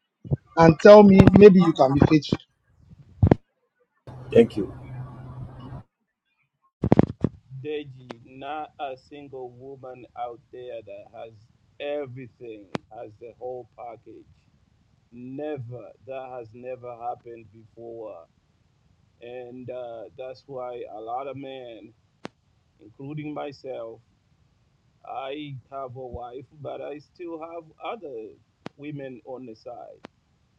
Speaker 3: and tell me maybe you can be faithful
Speaker 4: Thank you.
Speaker 5: Deji, not a single woman out there that has everything, has the whole package. Never. That has never happened before. And uh, that's why a lot of men, including myself, I have a wife, but I still have other women on the side.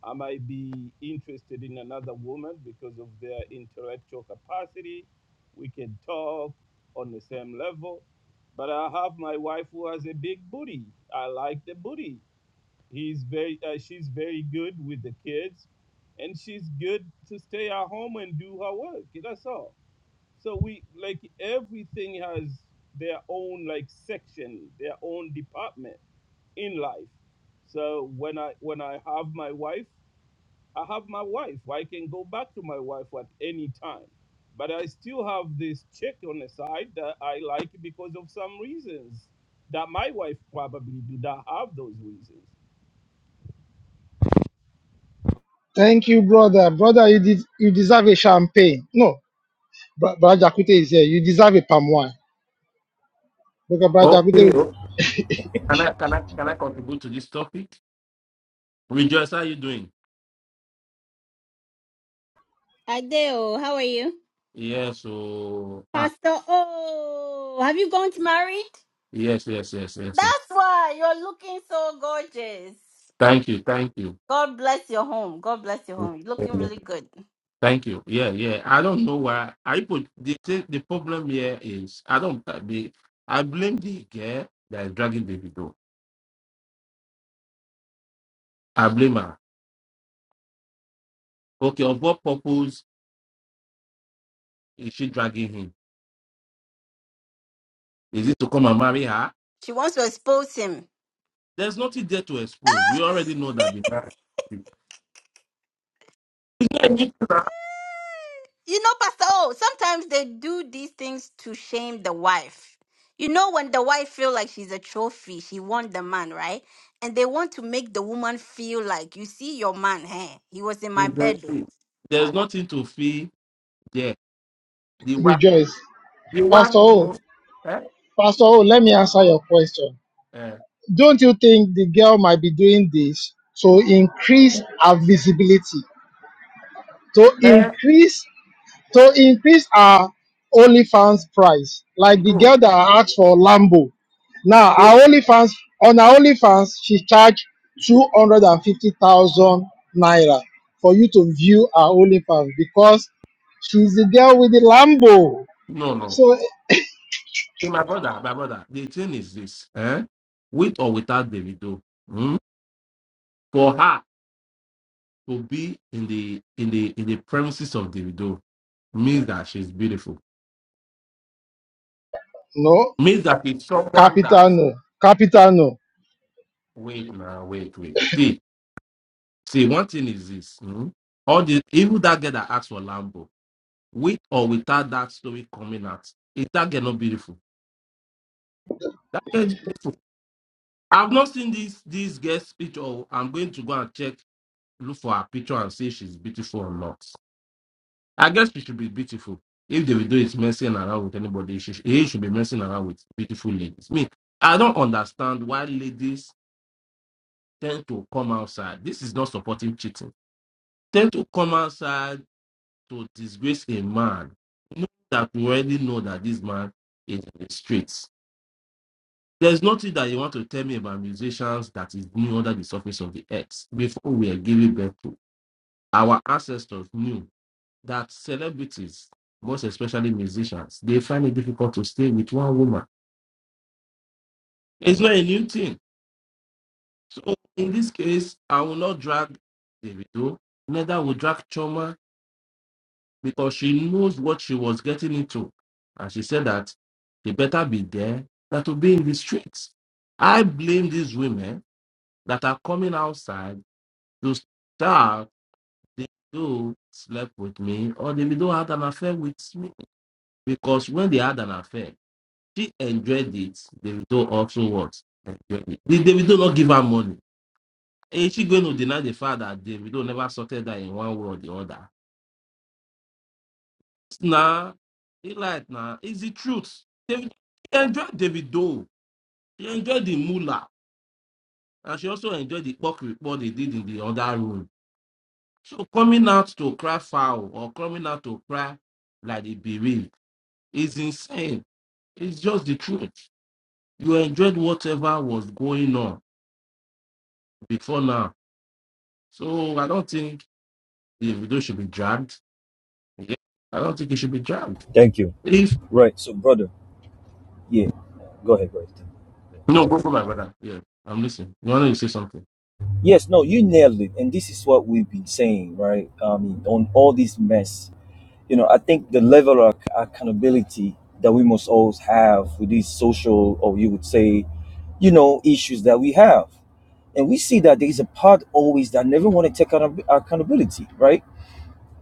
Speaker 5: I might be interested in another woman because of their intellectual capacity. We can talk on the same level. But I have my wife who has a big booty. I like the booty. He's very, uh, she's very good with the kids, and she's good to stay at home and do her work. That's all. So we like everything has their own like section, their own department in life. So when I when I have my wife I have my wife. I can go back to my wife at any time. But I still have this chick on the side that I like because of some reasons that my wife probably do not have those reasons.
Speaker 3: Thank you, brother. Brother, you did you deserve a champagne. No, Bra- Brother Jakute is here. You deserve a palm wine. Because Brother
Speaker 6: Okay,
Speaker 3: Jakute
Speaker 6: okay.
Speaker 3: would
Speaker 6: Can I can I can I contribute to this topic? Rejoice, how are you doing?
Speaker 1: Adeo, how are you?
Speaker 6: Yes, Oh. ah
Speaker 1: Pastor Oh, have you gone to married?
Speaker 6: yes, yes, yes, yes, yes.
Speaker 1: That's why you're looking so gorgeous.
Speaker 6: Thank you, thank you.
Speaker 1: God bless your home. God bless your home. You're looking really good.
Speaker 6: Thank you. Yeah, yeah. I don't know why I put the thing- the problem here is I don't I be I blame the girl that is dragging the video. I blame her. Okay, of what purpose is she dragging him? Is it to come and marry her?
Speaker 1: She wants to expose him.
Speaker 6: There's nothing there to expose. We already know that the
Speaker 1: you know, Pastor O, sometimes they do these things to shame the wife. You know, when the wife feel like she's a trophy, she want the man, right? And they want to make the woman feel like, you see your man, hey, he was in my bed,
Speaker 6: Exactly.
Speaker 1: though.
Speaker 6: There's nothing to feel there. The wife,
Speaker 3: rejoice.
Speaker 6: the
Speaker 3: Pastor
Speaker 6: wife,
Speaker 3: O,
Speaker 6: no. Eh?
Speaker 3: Pastor O, let me answer your question.
Speaker 6: Eh?
Speaker 3: Don't you think the girl might be doing this to increase her visibility? To
Speaker 6: Eh?
Speaker 3: increase to increase our OnlyFans price. Like the
Speaker 6: No.
Speaker 3: girl that I asked for Lambo. Now
Speaker 6: No.
Speaker 3: our OnlyFans on our OnlyFans, she charged two hundred and fifty thousand naira for you to view our OnlyFans because she's the girl with the Lambo.
Speaker 6: No, no.
Speaker 3: So
Speaker 6: See, My brother, my brother, the thing is this. Eh? With or without Davido, hmm? for her to be in the in the in the premises of Davido means that she's beautiful.
Speaker 3: no,
Speaker 6: Means that it's someone
Speaker 3: capital
Speaker 6: that
Speaker 3: no, capital no.
Speaker 6: wait now, wait, wait. See, see, one thing is this. hmm? All the even that girl that asked for Lambo. with or without that story coming out. Is that girl not beautiful? That girl is beautiful. I've not seen this this girl's picture. oh, I'm going to go and check, look for her picture and see if she's beautiful or not. I guess she should be beautiful. If they will do it messing around with anybody, she, he should be messing around with beautiful ladies. Me, I don't understand why ladies tend to come outside. This is not supporting cheating. Tend to come outside to disgrace a man. Know that we already know that this man is in the streets There's nothing that you want to tell me about musicians that is new under the surface of the earth before we are giving birth to. Our ancestors knew that celebrities, most especially musicians, they find it difficult to stay with one woman. It's not a new thing. So in this case, I will not drag Davido, neither will drag Choma because she knows what she was getting into. And she said that they better be there than to be in the streets. I blame these women that are coming outside to start, they do slept with me, or the do had an affair with me. Because when they had an affair, she enjoyed it. The widow also what? Enjoyed it. Did the not give her money? Is she going to deny the fact that the widow never sorted that in one way or the other? Nah, it like nah, it's the truth. David, she enjoyed David Doe. She enjoyed the mullah, and she also enjoyed the pork report they did in the other room. So coming out to cry foul or coming out to cry like a bereaved is insane. It's just the truth. You enjoyed whatever was going on before now. So I don't think the video should be dragged. Yeah. I don't think it should be dragged.
Speaker 4: Thank you.
Speaker 6: If
Speaker 4: Right. So, brother, yeah, go ahead, brother.
Speaker 6: no,
Speaker 4: Sorry.
Speaker 6: go for my brother. Yeah, I'm listening. You want to say something?
Speaker 4: Yes, no, you nailed it, and this is what we've been saying, right? I mean, on all this mess, you know, I think the level of ac- accountability that we must always have with these social, or you would say, you know, issues that we have, and we see that there is a part always that never want to take account- accountability, right?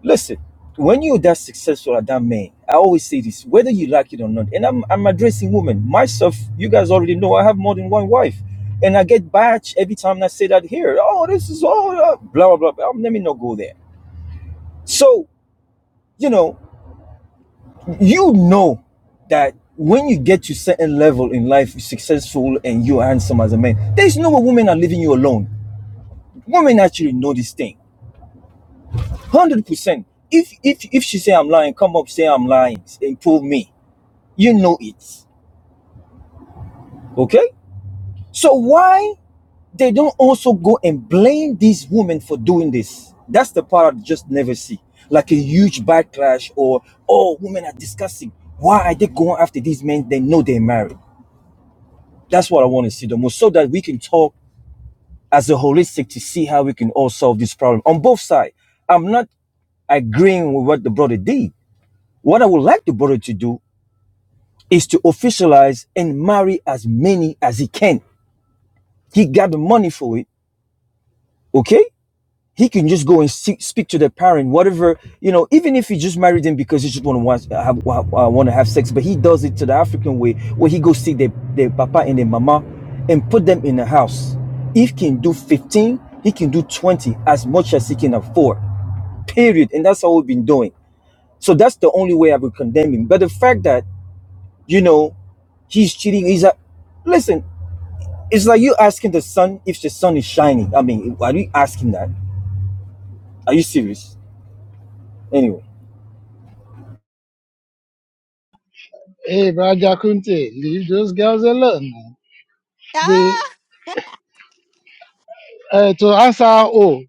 Speaker 4: Listen, when you're that successful at that man, I always say this, whether you like it or not, and I'm, I'm addressing women. Myself, you guys already know I have more than one wife. And I get batch every time I say that here. Oh, this is all uh, blah, blah, blah. Um, Let me not go there. So, you know, you know that when you get to certain level in life, you're successful and you're handsome as a man, there's no way women are leaving you alone. Women actually know this thing. 100%. If, if, if she say I'm lying, come up, say I'm lying, and prove me. You know it. Okay? So why they don't also go and blame these women for doing this? That's the part I just never see. Like a huge backlash or oh women are discussing. Why are they going after these men they know they're married? That's what I want to see the most so that we can talk as a holistic to see how we can all solve this problem on both sides. I'm not agreeing with what the brother did. What I would like the brother to do is to officialize and marry as many as he can. He got the money for it okay he can just go and see, speak to the parent whatever you know even if he just married them because he just want to have uh, want to have sex but he does it to the african way where he goes see their, their papa and their mama and put them in the house he can do 15 he can do 20 as much as he can afford period and that's how we've been doing so that's the only way i would condemn him but the fact that you know he's cheating he's a listen it's like you asking the sun if the sun is shining i mean are you asking that are you serious anyway
Speaker 3: Hey, Brother Kunte, leave those girls alone. They
Speaker 1: Ah,
Speaker 3: uh, to answer oh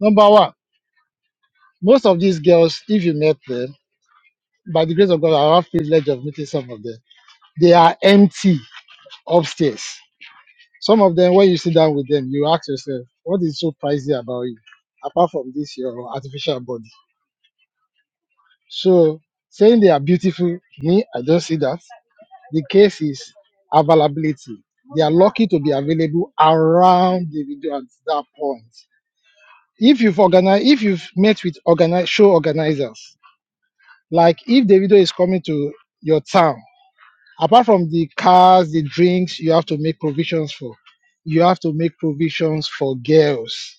Speaker 3: number one, most of these girls, if you met them. by the grace of God, I have privilege of meeting some of them. They are empty upstairs. Some of them, when you sit down with them, you ask yourself, what is so pricey about you, apart from this your artificial body? So saying they are beautiful, me, I don't see that. The case is availability. They are lucky to be available around the video at that point. If you've organized, if you've met with organize, show organizers, like if the video is coming to your town apart from the cars, the drinks, you have to make provisions for. You have to make provisions for girls.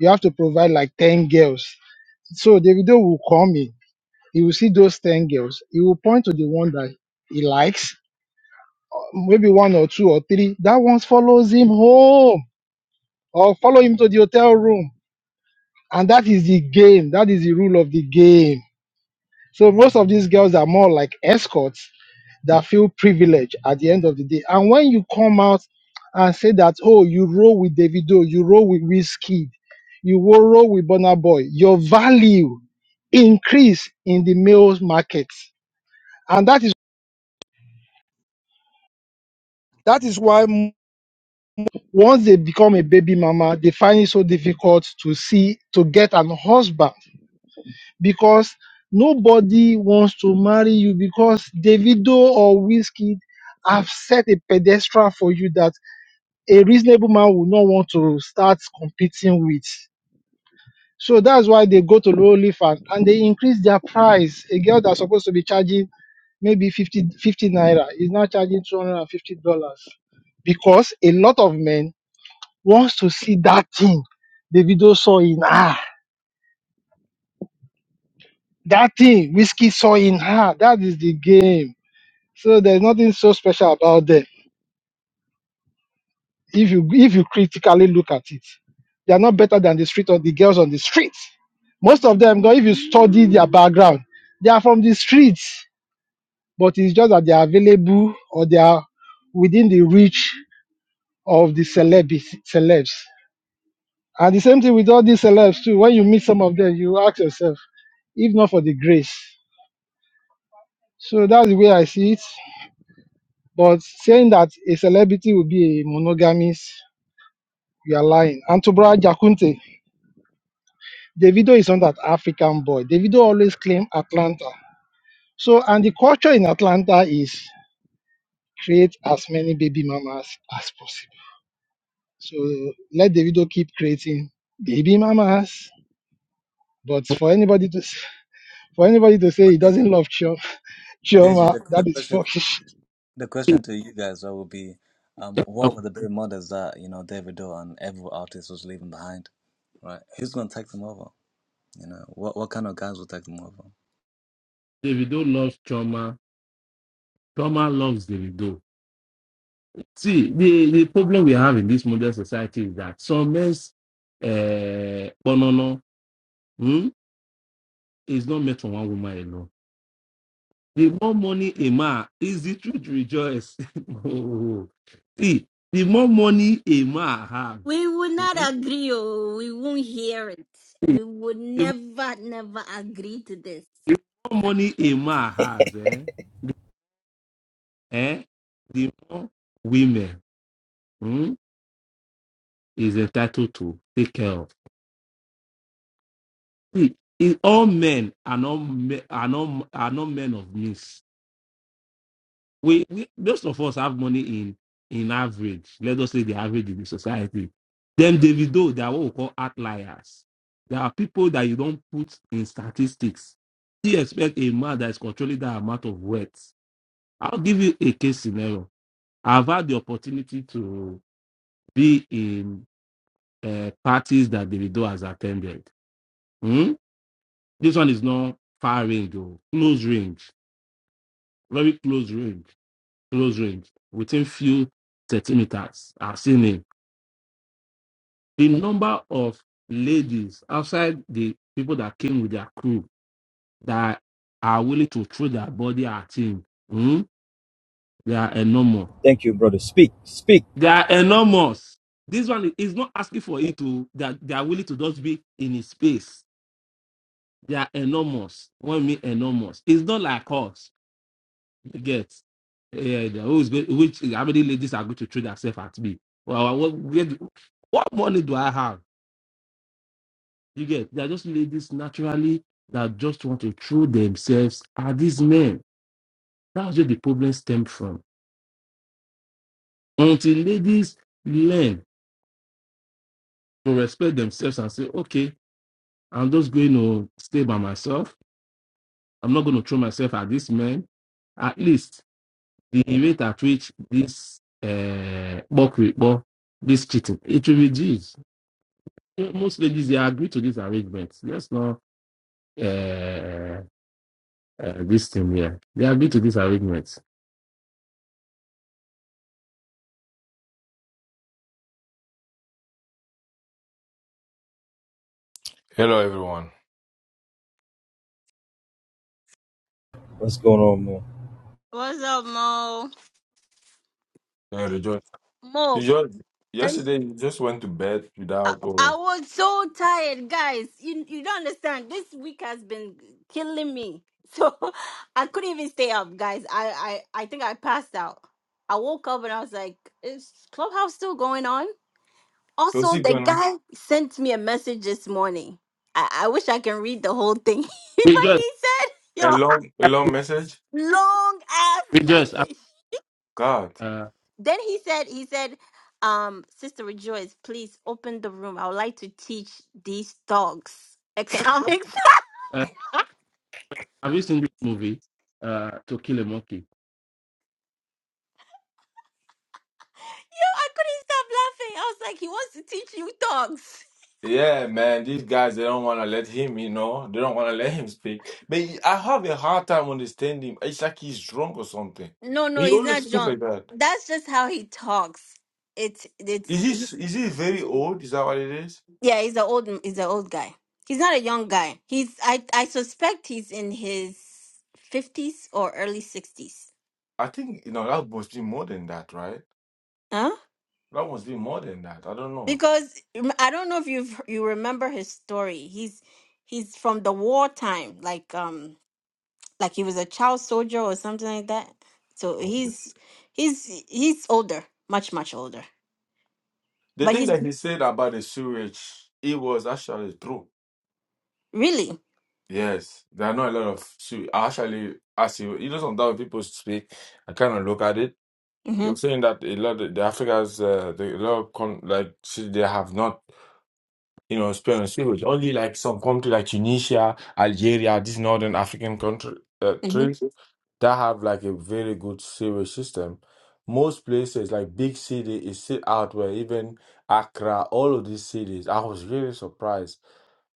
Speaker 3: You have to provide like 10 girls. So Davido will come in. He will see those 10 girls. He will point to the one that he likes, maybe one or two or three. That one follows him home or follow him to the hotel room. And that is the game. That is the rule of the game. So most of these girls are more like escorts that feel privileged at the end of the day. And when you come out and say that, oh, you roll with Davido, you roll with Wizkid, you will roll with Burna Boy, your value increase in the male market. And that is that is why m- once they become a baby mama, they find it so difficult to see to get an husband because nobody wants to marry you because Davido or Wizkid have set a pedestal for you that a reasonable man would not want to start competing with. So that's why they go to Lowlifan and and they increase their price. A girl that's supposed to be charging maybe 50 50 naira is now charging $250 because a lot of men wants to see that thing Davido saw in her. That thing Whiskey saw in her. That is the game. So there's nothing so special about them. If you if you critically look at it, they are not better than the street or the girls on the street. Most of them, though, if you study their background, they are from the streets, but it's just that they are available or they are within the reach of the celebs. celebs. And the same thing with all these celebs too. When you meet some of them, you ask yourself, if not for the grace. So that's the way I see it. But saying that a celebrity will be a monogamist, you are lying. And to Brother Jakunte, Davido is not an African boy. Davido always claim Atlanta. So, and the culture in Atlanta is create as many baby mamas as possible. So let Davido keep creating baby mamas. But for anybody to s- for anybody to say
Speaker 2: but
Speaker 3: he
Speaker 2: Deji,
Speaker 3: doesn't love Chioma,
Speaker 2: Deji,
Speaker 3: Chioma
Speaker 2: the, the
Speaker 3: that is
Speaker 2: question,
Speaker 3: fucking shit.
Speaker 2: the question to you guys though would be, um, what were
Speaker 6: Okay.
Speaker 2: the big models that you know David Doe and every artist was leaving behind, right? Who's gonna take them over? You know, what what kind of guys will take them over?
Speaker 6: Davido loves trauma. Trauma loves Davido. See, the, the problem we have in this modern society is that some men's uh, no, is not meant for one woman alone. The more money a man is the truth rejoice. <laughs> Oh, See, the more money a man have,
Speaker 1: we would
Speaker 6: mhm,
Speaker 1: not agree, oh, we won't hear it.
Speaker 6: the
Speaker 1: We would
Speaker 6: the
Speaker 1: never, never agree to this.
Speaker 6: more money a man has, eh, the, eh, the more women mm, is entitled to take care of. See, all men are not are not are not men of means. we, we most of us have money in in average. Let us say the average in the society. Then Davido, they are what we call outliers. There are people that you don't put in statistics. You expect a man that is controlling that amount of wealth. I'll give you a case scenario. I've had the opportunity to be in uh, parties that Davido has attended. Hmm? This one is not far range, though. close range, very close range close range within few centimeters. are have seen it. The number of ladies outside the people that came with their crew that are willing to throw their body at him, hmm, they are enormous.
Speaker 4: Thank you, brother. Speak, speak.
Speaker 6: They are enormous. This one is not asking for it to that they are willing to just be in his space. They are enormous. What I mean enormous? It's not like us. You Get. Yeah, the- who's going, which, how many ladies are going to throw themselves at me? Well, what, where do- what money do I have? You get, they're just ladies naturally that just want to throw themselves at these men. That's where the problem stems from. Until ladies learn to respect themselves and say, okay, I'm just going to stay by myself. I'm not going to throw myself at this man. At least the rate at which this uh, buck, rate, buck- this cheating, it will reduce most ladies they agree to this arrangement. Let's not uh, uh, uh, this thing here. They agree to this arrangement.
Speaker 7: Hello, everyone.
Speaker 4: What's going on, man?
Speaker 1: What's up, Mo?
Speaker 7: Uh, Rejoice.
Speaker 1: Mo,
Speaker 7: You just
Speaker 1: can you?
Speaker 7: yesterday you just went to bed
Speaker 1: I,
Speaker 7: without
Speaker 1: I
Speaker 7: or
Speaker 1: was so tired, guys. You you don't understand. This week has been killing me. So <laughs> I couldn't even stay up, guys. I I I think I passed out. I woke up and I was like, is Clubhouse still going on?
Speaker 7: you
Speaker 1: Also,
Speaker 7: see
Speaker 1: the
Speaker 7: Ghana
Speaker 1: guy sent me a message this morning. I, I wish I can read the whole thing. <laughs>
Speaker 6: We
Speaker 1: but
Speaker 6: just,
Speaker 1: he said,
Speaker 7: a
Speaker 1: yo,
Speaker 7: long a long message.
Speaker 1: long ass
Speaker 6: we
Speaker 1: <laughs>
Speaker 6: just. Uh,
Speaker 1: message.
Speaker 7: God,
Speaker 6: uh,
Speaker 1: Then he said, he said, um, Sister Rejoice, please open the room. I would like to teach these dogs economics. <laughs>
Speaker 6: have you seen this movie? Uh, to kill a monkey.
Speaker 1: Yo, I couldn't stop laughing. I was like, he wants to teach you dogs.
Speaker 7: yeah, man, these guys they don't want to let him. You know, they don't want to let him speak. But he- I have a hard time understanding him. It's like he's drunk or something.
Speaker 1: No, no,
Speaker 7: He
Speaker 1: he's
Speaker 7: always
Speaker 1: not
Speaker 7: speak
Speaker 1: drunk.
Speaker 7: like that.
Speaker 1: That's just how he talks. It's it's
Speaker 7: Is
Speaker 1: he-
Speaker 7: this is he very old? Is that what it is?
Speaker 1: yeah. He's an old he's an old guy. He's not a young guy. He's I I suspect he's in his fifties or early sixties.
Speaker 7: I think you know that must be more than that, right?
Speaker 1: Huh?
Speaker 7: That must be more than that. I don't know.
Speaker 1: because um, I don't know if you you remember his story. He's he's from the wartime, like um like he was a child soldier or something like that. So
Speaker 7: Okay.
Speaker 1: he's he's he's older, much much older.
Speaker 7: The
Speaker 1: But
Speaker 7: thing
Speaker 1: he's
Speaker 7: that he said about the sewage, it was actually true
Speaker 1: really
Speaker 7: Yes, there are not a lot of. So actually, as you you know, sometimes when people speak, I kind of look at it.
Speaker 1: hmm
Speaker 7: You're saying that a lot of the Africans, uh, the, a lot of con like see, they have not, you know, experienced language. Only like some country like Tunisia, Algeria, these northern African country uh,
Speaker 1: hmm
Speaker 7: countries that have like a very good sewage system. Most places like big city is still out where even Accra, all of these cities. I was really surprised.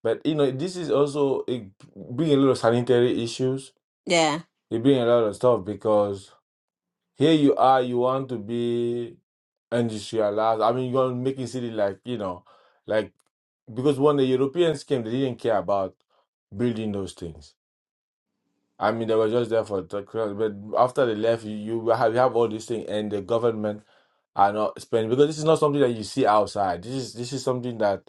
Speaker 7: But you know, this is also it bring a lot of sanitary issues.
Speaker 1: yeah.
Speaker 7: It bring a lot of stuff because here you are, you want to be industrialized. I mean, you're making city like you know, like because when the Europeans came, they didn't care about building those things I mean, they were just there for the crowd, but after they left, you, you have you have all these things, and the government are not spending because this is not something that you see outside. This is this is something that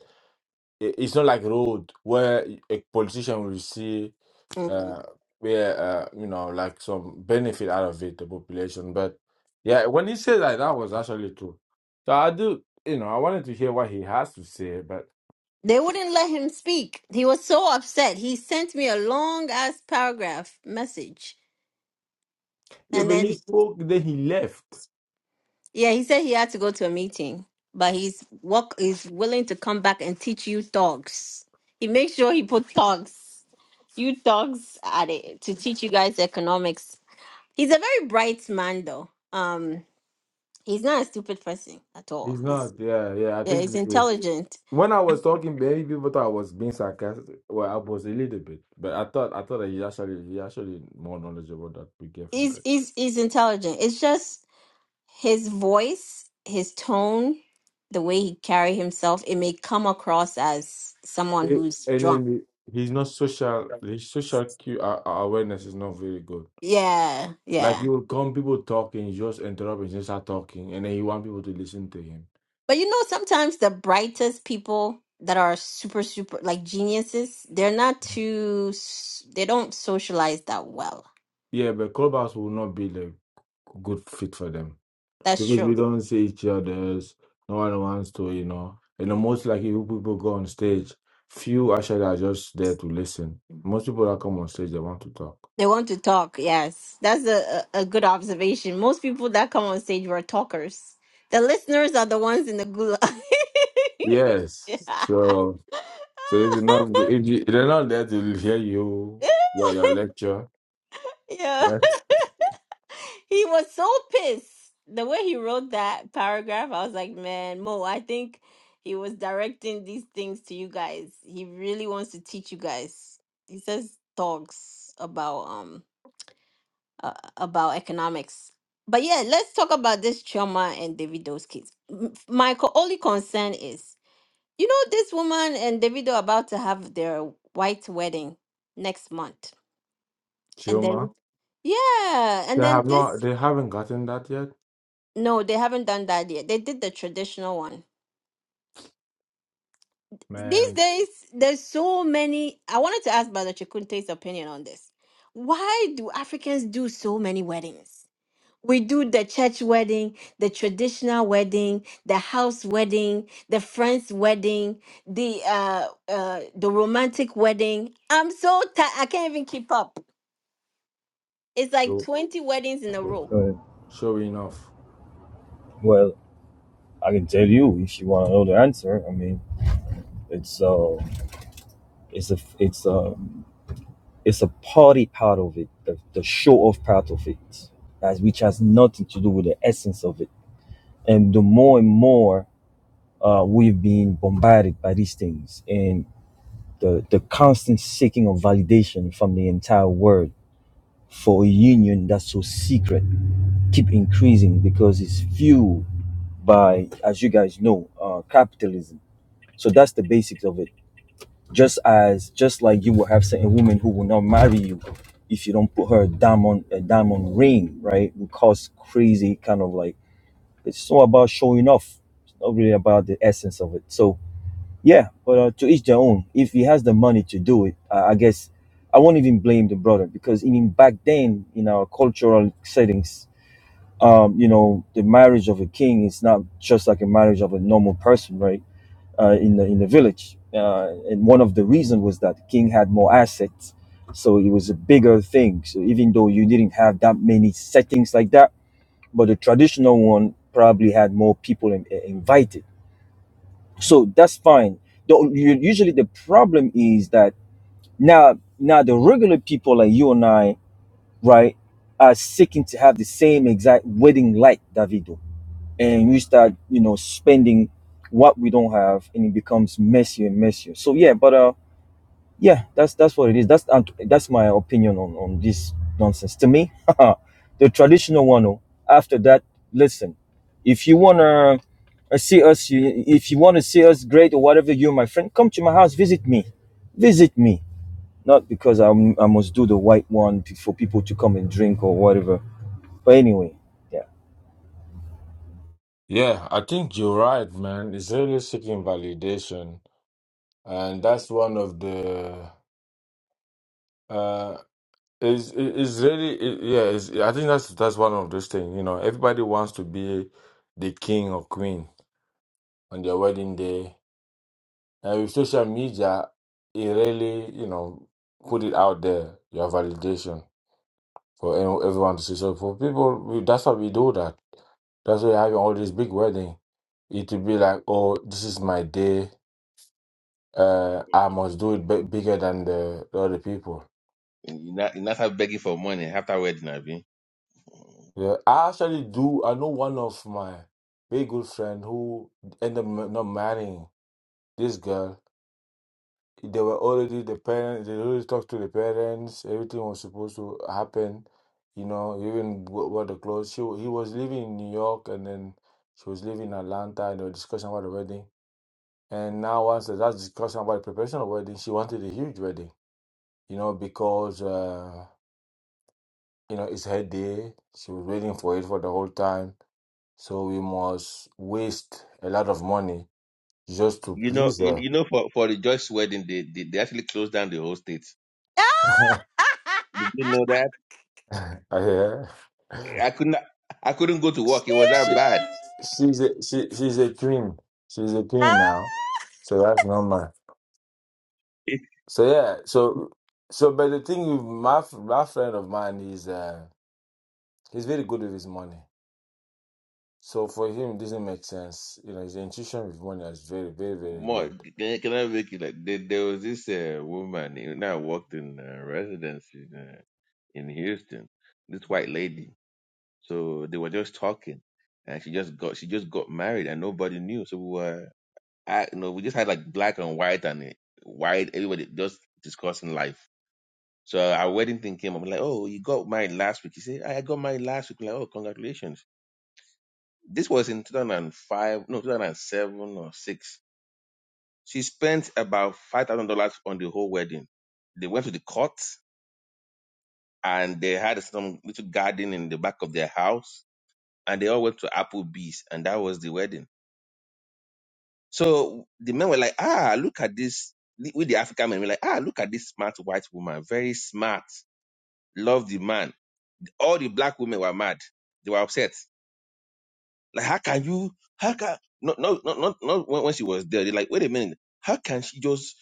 Speaker 7: i- it's not like road where a politician will see
Speaker 1: Mm.
Speaker 7: uh where uh you know like some benefit out of it the population. But yeah, when he said that, that was actually true. So I do you know I wanted to hear what he has to say, but
Speaker 1: They wouldn't let him speak. He was so upset. He sent me a long ass paragraph message,
Speaker 7: yeah,
Speaker 1: and
Speaker 7: but
Speaker 1: then
Speaker 7: he
Speaker 1: he,
Speaker 7: spoke then he left.
Speaker 1: Yeah, he said he had to go to a meeting, but he's work is willing to come back and teach you thugs. He makes sure he put thugs, you thugs at it to teach you guys economics. He's a very bright man though. Um, he's not a stupid person at
Speaker 7: He's
Speaker 1: all. He's
Speaker 7: not yeah yeah I
Speaker 1: yeah,
Speaker 7: think
Speaker 1: he's intelligent.
Speaker 7: When I was talking, maybe people thought I was being sarcastic. Well, I was a little bit, but I thought I thought that he actually he actually more knowledgeable that we get from
Speaker 1: He's
Speaker 7: Craig.
Speaker 1: he's he's intelligent. It's just his voice, his tone, the way he carry himself, it may come across as someone
Speaker 7: Eh,
Speaker 1: who's
Speaker 7: And
Speaker 1: drunk.
Speaker 7: then he- he's not social. His social cu- a- a- awareness is not very good.
Speaker 1: Yeah,
Speaker 7: Like
Speaker 1: yeah
Speaker 7: he will come, people talking, he just interrupt and just start talking, and then he want people to listen to him.
Speaker 1: But you know, sometimes the brightest people that are super, super like geniuses, they're not too, s- they don't socialize that well.
Speaker 7: Yeah, but clubhouse will not be the good fit for them.
Speaker 1: That's
Speaker 7: because
Speaker 1: true.
Speaker 7: we don't see each other's no one wants to you know and the most likely you people go on stage few actually are just there to listen most people that come on stage they want to talk
Speaker 1: They want to talk. Yes. That's a, a a good observation. Most people that come on stage were talkers. The listeners are the ones in the gulag. <laughs>
Speaker 7: yes
Speaker 1: yeah.
Speaker 7: so so if you're not if you, they're not there to hear you your, your
Speaker 1: <laughs>
Speaker 7: lecture
Speaker 1: yeah.
Speaker 7: right
Speaker 1: He was so pissed. The way he wrote that paragraph, I was like, man, Mo, I think he was directing these things to you guys. He really wants to teach you guys. He says talks about um uh, about economics. But yeah, let's talk about this Choma and Davido's kids. M- My co- only concern is, you know, this woman and Davido about to have their white wedding next month, and then
Speaker 7: Chuma
Speaker 1: yeah, and
Speaker 7: they
Speaker 1: then
Speaker 7: have not
Speaker 1: this.
Speaker 7: they haven't gotten that yet
Speaker 1: No, they haven't done that yet. They did the traditional one. These
Speaker 7: man
Speaker 1: days, there's so many. I wanted to ask Brother Chikunte's opinion on this. Why do Africans do so many weddings? We do the church wedding, the traditional wedding, the house wedding, the friend's wedding, the uh, uh, the romantic wedding. I'm so tired. I can't even keep up. It's like
Speaker 7: Show,
Speaker 1: 20 weddings in a
Speaker 7: show.
Speaker 1: row.
Speaker 4: Go ahead.
Speaker 7: sure enough
Speaker 4: Well, I can tell you if you want to know the answer. I mean, it's uh, it's a, it's a, it's a party part of it, the, the show off part of it, as which has nothing to do with the essence of it. And the more and more uh, we've been bombarded by these things and the the constant seeking of validation from the entire world for a union that's so secret keep increasing because it's fuel by, as you guys know, uh, capitalism. So that's the basics of it. Just as, just like you will have certain women who will not marry you if you don't put her a diamond, a diamond ring, right? Will cause crazy kind of like it's all about showing off. It's not really about the essence of it. So yeah, but uh, to each their own. If he has the money to do it, uh, I guess I won't even blame the brother because even back then in our cultural settings, um, you know, the marriage of a king is not just like a marriage of a normal person, right? Uh, in the in the village, uh, and one of the reasons was that the king had more assets, so it was a bigger thing. So even though you didn't have that many settings like that, but the traditional one probably had more people in, in- invited. So that's fine. The, u- usually the problem is that now now the regular people like you and I, right, are seeking to have the same exact wedding like Davido and we start you know spending what we don't have and it becomes messier and messier so yeah but uh yeah that's that's what it is that's and that's my opinion on on this nonsense to me <laughs> the traditional one oh, after that listen if you want to uh, see us you- if you want to see us great or whatever you my friend come to my house visit me visit me not because I'm, i must do the white one p- for people to come and drink or whatever but anyway yeah
Speaker 7: yeah I think you're right man it's really seeking validation and that's one of the Uh, it's it- it's really it, yeah. It's, I think that's that's one of those things. You know, everybody wants to be the king or queen on their wedding day, and with social media, it really you know put it out there your validation for any- everyone to see. So for people, we, that's why we do that. That's why you're having all this big wedding. It will be like, oh, this is my day. Uh, I must do it b bigger than the, the other people.
Speaker 8: You not you not have begging for money after wedding, Abi.
Speaker 7: Yeah, I actually do. I know one of my very good friend who ended up ma- not marrying this girl. They were already the parents. They already talked to the parents. Everything was supposed to happen. You know, even w- what the clothes. She wa- he was living in New York, and then she was living in Atlanta. And they were discussing about the wedding. And now, once they that's discussing about the preparation of wedding, she wanted a huge wedding. You know, because uh, you know it's her day. She was waiting for it for the whole time So we must waste a lot of money just to
Speaker 8: You know,
Speaker 7: please
Speaker 8: you,
Speaker 7: her.
Speaker 8: you know for for the Joyce wedding, they, they they actually closed down the whole state.
Speaker 7: <laughs>
Speaker 1: <laughs>
Speaker 8: Did you know that?
Speaker 7: Yeah.
Speaker 8: I could not I couldn't go to work. It was that
Speaker 7: She,
Speaker 8: bad.
Speaker 7: she's a she, she's a queen. She's a queen
Speaker 1: Ah!
Speaker 7: now. So that's normal.
Speaker 8: It,
Speaker 7: So yeah, so so but the thing with my f- my friend of mine is uh he's very good with his money. So for him it doesn't make sense. You know, his intuition with money is very, very, very
Speaker 8: more
Speaker 7: good.
Speaker 8: can, I- can I make it like there, there was this uh, woman you know, I worked in uh, residence in uh, in Houston. This white lady. So they were just talking, and she just got she just got married, and nobody knew. So we were I you know we just had like black and white and uh, white everybody just discussing life So our wedding thing came up, like, oh, you got married last week. He said, I got married last week. We're like, oh, congratulations. This was in 2005, no, 2007 or 6. She spent about $5,000 on the whole wedding. They went to the court and they had some little garden in the back of their house and they all went to Applebee's and that was the wedding. So the men were like, ah, look at this. With the African men, we're like, ah, look at this smart white woman, very smart. Love the man. All the black women were mad. They were upset Like, how can you? How can no no no not not when, when she was there? They're like, wait a minute, how can she just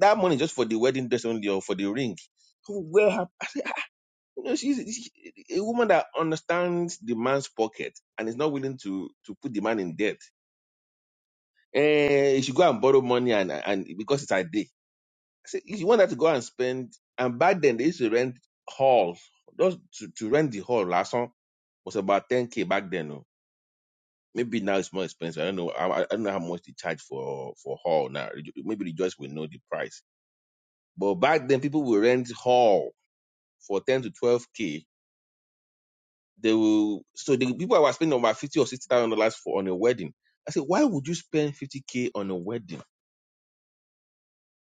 Speaker 8: that money just for the wedding dress only or for the ring? Well, her, you know, she's, she's a woman that understands the man's pocket and is not willing to to put the man in debt. Eh, she go and borrow money and and because it's her day. I said, if you want her to go and spend, and back then they used to rent halls. Just to, to rent the hall, last one was about ten k back then. oh Maybe now it's more expensive. I don't know. I, I don't know how much they charge for for hall now. Maybe they just will know the price. But back then, people will rent hall for ten to twelve k. They will. So the people were spending about fifty or sixty thousand dollars for on a wedding. I said, why would you spend fifty k on a wedding?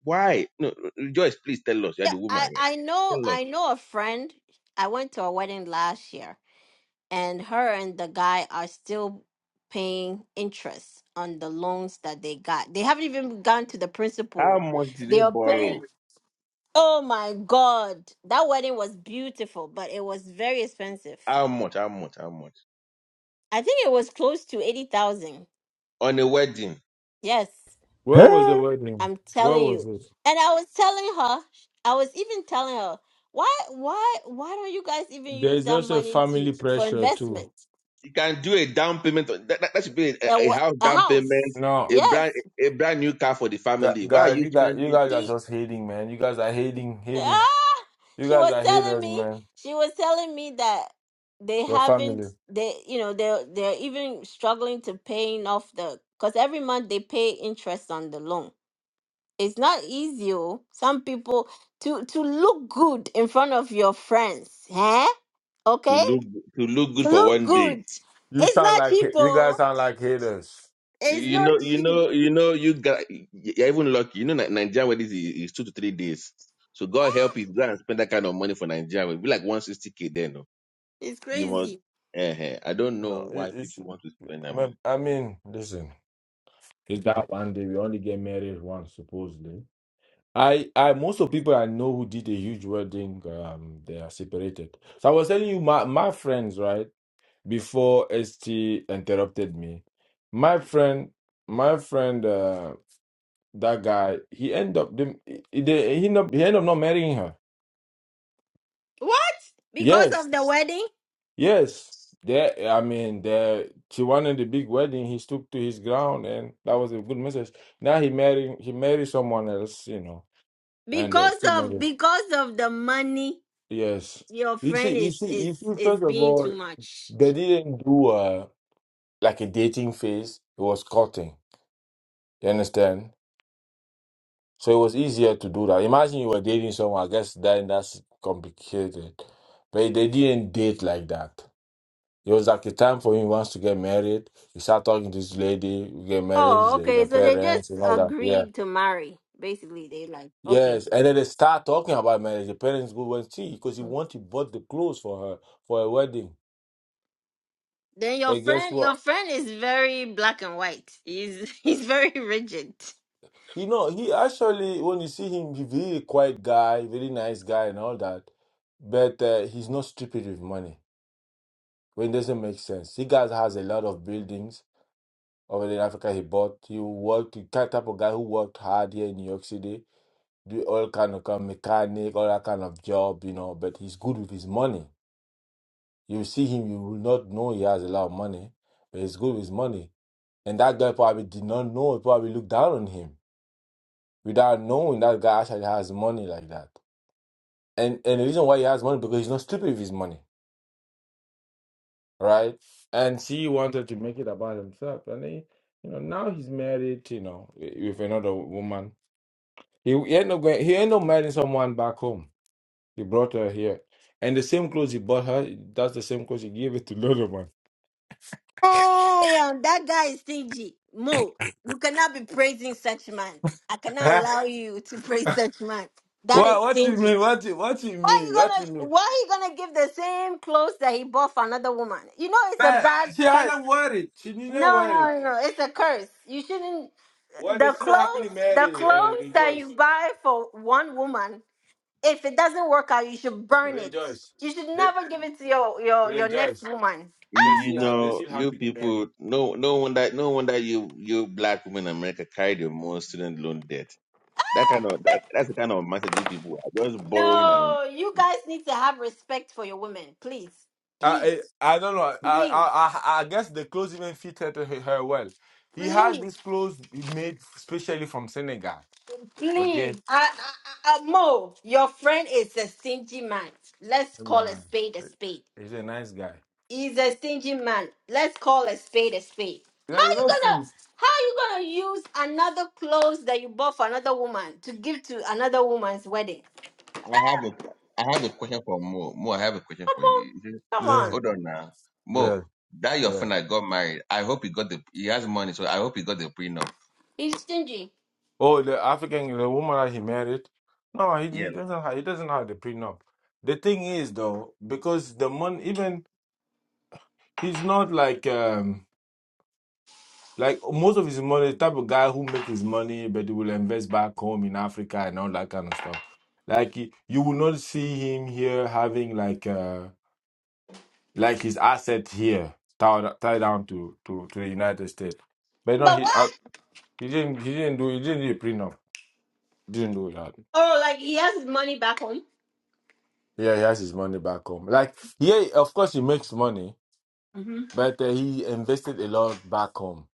Speaker 8: Why? No, rejoice, please tell us. You're
Speaker 1: Yeah,
Speaker 8: the
Speaker 1: I
Speaker 8: woman here.
Speaker 1: I know
Speaker 8: Tell us
Speaker 1: I know a friend. I went to a wedding last year, and her and the guy are still paying interest on the loans that they got. They haven't even gone to the
Speaker 8: how
Speaker 1: principal.
Speaker 8: much did
Speaker 1: They
Speaker 8: they
Speaker 1: are paying.
Speaker 8: borrow?
Speaker 1: Oh my God, that wedding was beautiful, but it was very expensive.
Speaker 8: How much? How much? How much
Speaker 1: I think it was close to eighty thousand.
Speaker 8: on a wedding?
Speaker 1: Yes.
Speaker 7: Where was the
Speaker 4: huh?
Speaker 7: wedding?
Speaker 1: I'm
Speaker 7: Where
Speaker 1: telling
Speaker 7: was
Speaker 1: you.
Speaker 7: it?
Speaker 1: And I was telling her, I was even telling her, why, why, why don't you guys even use
Speaker 7: There's
Speaker 1: that
Speaker 7: also
Speaker 1: money
Speaker 7: family
Speaker 1: to for
Speaker 7: pressure too.
Speaker 1: investment?
Speaker 8: You can do a down payment. That, that, that should be a,
Speaker 1: A,
Speaker 8: a
Speaker 1: wa-
Speaker 8: house
Speaker 1: a
Speaker 8: down payment,
Speaker 1: house?
Speaker 7: No.
Speaker 8: a
Speaker 1: Yes.
Speaker 8: brand a brand new car for the
Speaker 7: Gu-
Speaker 8: family. Why are
Speaker 7: Guys,
Speaker 8: you
Speaker 7: you got you
Speaker 8: spending
Speaker 7: guys
Speaker 1: She,
Speaker 7: are just hating, man. You guys are hating, hating.
Speaker 1: ah,
Speaker 7: You
Speaker 1: she
Speaker 7: guys
Speaker 1: was
Speaker 7: are
Speaker 1: telling
Speaker 7: haters,
Speaker 1: me,
Speaker 7: man.
Speaker 1: she was telling me that they
Speaker 7: Your
Speaker 1: haven't,
Speaker 7: family.
Speaker 1: they, you know, they're they're even struggling to paying off the, because every month they pay interest on the loan it's not easy. oh. Some people to to look good in front of your friends, huh?
Speaker 8: to
Speaker 1: Okay,
Speaker 8: look to look good
Speaker 1: to
Speaker 8: for
Speaker 1: look
Speaker 8: one day?
Speaker 1: good.
Speaker 7: You
Speaker 1: It's
Speaker 7: sound
Speaker 1: not
Speaker 7: like
Speaker 1: cheap.
Speaker 7: you
Speaker 1: oh.
Speaker 7: guys sound like haters.
Speaker 1: It's
Speaker 8: You
Speaker 1: not
Speaker 8: know, you
Speaker 1: cheap.
Speaker 8: know, you know, you got you're even lucky. You know, Ni- Nigerian weddings is, is two to three days. So God
Speaker 1: Eh,
Speaker 8: help you go and spend that kind of money for Nigeria. It'll be like one sixty k then. No?
Speaker 1: It's
Speaker 8: You want?
Speaker 1: crazy.
Speaker 8: Uh, I don't
Speaker 7: No,
Speaker 8: know
Speaker 7: it,
Speaker 8: why
Speaker 7: it's
Speaker 8: people want to spend that money.
Speaker 7: man, I mean, listen. It's that one day we only get married once, supposedly. I, I, most of people I know who did a huge wedding, um, they are separated. So I was telling you, my my friends, right before ST interrupted me, my friend, my friend. uh, that guy he end up the he- he end up he end up not marrying her
Speaker 1: What? Because
Speaker 7: yes
Speaker 1: of the wedding?
Speaker 7: yes there i mean there she wanted the big wedding he stuck to his ground and that was a good message now he married he married someone else you know and uh,
Speaker 1: Because
Speaker 7: still
Speaker 1: of
Speaker 7: married
Speaker 1: because of the money
Speaker 7: yes
Speaker 1: your
Speaker 7: you see
Speaker 1: friend
Speaker 7: you
Speaker 1: is
Speaker 7: see
Speaker 1: is
Speaker 7: you see
Speaker 1: is
Speaker 7: first of
Speaker 1: being
Speaker 7: all
Speaker 1: too much.
Speaker 7: they didn't do a like a dating phase it was courting you understand So it was easier to do that. Imagine you were dating someone, I guess then that's complicated. But they didn't date like that. It was like a time for him once to get married. He start talking to this lady, we get married,
Speaker 1: Oh,
Speaker 7: you
Speaker 1: okay.
Speaker 7: know,
Speaker 1: So they just
Speaker 7: parents and all that. Yeah.
Speaker 1: agreed to marry. Basically, they like okay.
Speaker 7: Yes. And then they start talking about marriage. The parents go and see because he want to bought the clothes for her for a wedding.
Speaker 1: Then your
Speaker 7: And guess
Speaker 1: friend,
Speaker 7: what?
Speaker 1: your friend is very black and white. He's <laughs> he's very rigid.
Speaker 7: You know, he actually when you see him, he's really quiet guy, very nice guy and all that. But uh, he's not stupid with money. When it doesn't make sense. He guys has a lot of buildings over there in Africa. He bought, he worked, the type of guy who worked hard here in New York City, do all kind of kind of mechanic, all that kind of job, you know. But he's good with his money. You see him, you will not know he has a lot of money, but he's good with his money. And that guy probably did not know. He probably looked down on him without knowing that guy actually has money like that. And and the reason why he has money because he's not stupid with his money. right? And she wanted to make it about himself, and he, you know, now he's married, you know, with another woman. He, he ended up going, he ended up marrying someone back home. He brought her here, and the same clothes he bought her, that's the same clothes he gave it to another one. <laughs>
Speaker 1: Hey, um, that guy is stingy. Mo, you cannot be praising such man. I cannot
Speaker 7: Huh?
Speaker 1: allow you to <laughs> praise such man. That
Speaker 7: What?
Speaker 1: is
Speaker 7: What you
Speaker 1: stingy.
Speaker 7: mean? What? You, what you
Speaker 1: Why you
Speaker 7: mean? What you
Speaker 1: gonna
Speaker 7: mean?
Speaker 1: why he gonna give the same clothes that he bought for another woman? You know it's a
Speaker 7: But
Speaker 1: bad
Speaker 7: she
Speaker 1: curse.
Speaker 7: hasn't worried. She didn't
Speaker 1: No,
Speaker 7: worry. it.
Speaker 1: no, no, it's a curse. You shouldn't
Speaker 7: Well, they
Speaker 1: the
Speaker 7: still happily
Speaker 1: clothes the
Speaker 7: married and
Speaker 1: clothes that
Speaker 7: rejoice,
Speaker 1: you buy for one woman If it doesn't work out, you should burn it.
Speaker 7: rejoice,
Speaker 1: You should
Speaker 7: they
Speaker 1: never give it to your your your next
Speaker 7: rejoice.
Speaker 1: woman.
Speaker 8: You,
Speaker 7: They
Speaker 8: you
Speaker 7: still, ha- they
Speaker 8: know,
Speaker 7: still
Speaker 8: you
Speaker 7: happily married.
Speaker 8: people. No, no wonder, no wonder you you black women in America carry the most student loan debt That kind of that, that's the kind of messaging people are just borrowing and
Speaker 1: No, you guys need to have respect for your women, please, please,
Speaker 7: I I I don't know. I I
Speaker 1: please,
Speaker 7: I, I guess the clothes even fitted her, her well. He had these
Speaker 1: please,
Speaker 7: clothes made specially from Senegal.
Speaker 1: please.
Speaker 7: Okay.
Speaker 1: I, I, I, Mo, your friend is a stingy man. Let's call a
Speaker 7: Nah,
Speaker 1: spade a spade.
Speaker 7: he's a nice guy.
Speaker 1: He's a stingy man. Let's call a spade a spade. How
Speaker 7: Yeah, he's
Speaker 1: you
Speaker 7: not
Speaker 1: gonna
Speaker 7: seen.
Speaker 1: how you gonna use another clothes that you bought for another woman to give to another woman's wedding?
Speaker 8: I have a I have a question for Mo. Mo, I have a question
Speaker 1: Come
Speaker 8: for
Speaker 1: on,
Speaker 8: you. Is it-
Speaker 1: come
Speaker 7: Yeah,
Speaker 1: on.
Speaker 8: Hold on now. Mo,
Speaker 7: yeah,
Speaker 8: that your
Speaker 7: yeah.
Speaker 8: friend that got married, I hope he got the he has money, so I hope he got the prenup.
Speaker 1: He's stingy.
Speaker 7: Oh, the African, the woman that he married. No, he,
Speaker 8: Yeah.
Speaker 7: he doesn't have. He doesn't have the prenup. The thing is, though, because the money, even he's not like um. Like most of his money, the type of guy who make his money, but he will invest back home in Africa and all that kind of stuff. Like he- you will not see him here having like uh like his asset here tied, tied down to, to to the United States. But no,
Speaker 1: But
Speaker 7: he uh,
Speaker 1: what?
Speaker 7: he didn't he didn't do he didn't do a prenup. Didn't do that.
Speaker 1: Oh, like he has his money back home.
Speaker 7: Yeah, he has his money back home. Like yeah, of course he makes money,
Speaker 1: hmm
Speaker 7: but uh, he invested a lot back home.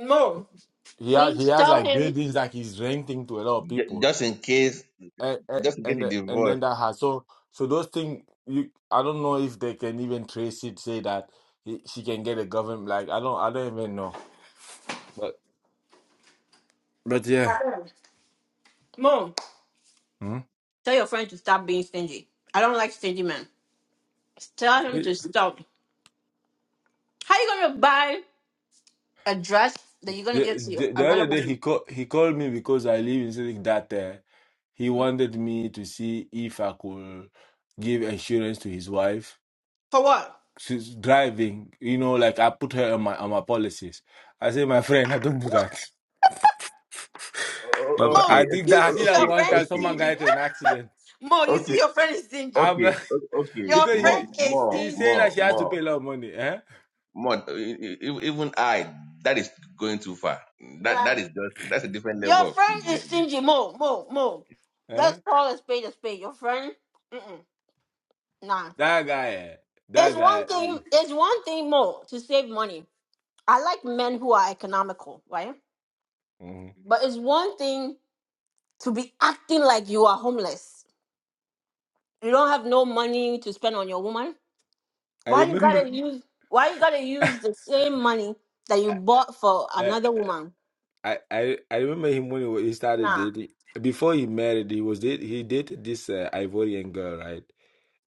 Speaker 1: Mo,
Speaker 7: He has he
Speaker 1: please
Speaker 7: has
Speaker 1: tell
Speaker 7: like
Speaker 1: him.
Speaker 7: buildings that he's renting to a lot of
Speaker 8: Ju-
Speaker 7: people
Speaker 8: Just in case
Speaker 7: and
Speaker 8: just in case
Speaker 7: and
Speaker 8: he
Speaker 7: the- and then
Speaker 8: divorced.
Speaker 7: that has so so those things you I don't know if they can even trace it say that he, she can get a government like I don't I don't even know but but yeah
Speaker 1: Mo,
Speaker 7: hmm?
Speaker 1: tell your friend to stop being stingy. I don't like stingy men. Tell him to
Speaker 7: He-
Speaker 1: stop. How you gonna buy a dress that you're gonna give
Speaker 7: the,
Speaker 1: to your,
Speaker 7: the the
Speaker 1: another
Speaker 7: other day
Speaker 1: woman?
Speaker 7: he called he called me because I live in Zurich that uh, he wanted me to see if I could give insurance to his wife
Speaker 1: For what?
Speaker 7: she's driving you know like I put her on my on my policies I say my friend I don't do that <laughs>
Speaker 8: O-
Speaker 7: but
Speaker 8: o-
Speaker 7: but
Speaker 8: Okay,
Speaker 1: Mo,
Speaker 7: I did
Speaker 8: okay,
Speaker 1: you
Speaker 7: that I
Speaker 8: o-
Speaker 7: did
Speaker 1: see
Speaker 7: that
Speaker 1: your
Speaker 7: one
Speaker 8: okay,
Speaker 1: friend
Speaker 7: time
Speaker 1: is
Speaker 7: someone
Speaker 8: okay.
Speaker 7: got
Speaker 1: stingy.
Speaker 7: into an accident
Speaker 1: <laughs> Mo, you see
Speaker 8: Okay,
Speaker 1: your friend is stingy.
Speaker 7: I'm
Speaker 8: okay,
Speaker 7: like
Speaker 8: o-
Speaker 7: <laughs>
Speaker 8: okay.
Speaker 1: Your
Speaker 7: because
Speaker 8: More,
Speaker 1: friend
Speaker 7: he
Speaker 1: is
Speaker 8: more,
Speaker 7: he said
Speaker 1: stingy.
Speaker 7: that
Speaker 8: more,
Speaker 7: she has to pay
Speaker 8: more,
Speaker 7: a lot of money. Eh?
Speaker 8: more. E- e- e- Even I, that is going too far. That
Speaker 1: Yeah.
Speaker 8: that is just that's a different
Speaker 1: Your
Speaker 8: level of
Speaker 1: friend is
Speaker 8: thing.
Speaker 1: stingy. Mo, Mo, Mo.
Speaker 7: Eh?
Speaker 1: Let's call a spade a spade. Your friend. Mm-mm. Nah.
Speaker 7: That guy, eh,
Speaker 1: It's
Speaker 7: that guy.
Speaker 1: one
Speaker 7: eh,
Speaker 1: thing it's one thing more to save money. I like men who are economical, right?
Speaker 7: mhm.
Speaker 1: But it's one thing to be acting like you are homeless. You don't have no money to spend on your woman.
Speaker 7: I
Speaker 1: Why you
Speaker 7: remember,
Speaker 1: gotta use why you gotta
Speaker 7: <laughs>
Speaker 1: use
Speaker 7: I,
Speaker 1: the same money that you bought for
Speaker 7: I
Speaker 1: another woman?
Speaker 7: I I I remember him when he wa- he started
Speaker 1: Nah.
Speaker 7: dating. Before he married, he was date, he dated this uh, Ivorian girl, right?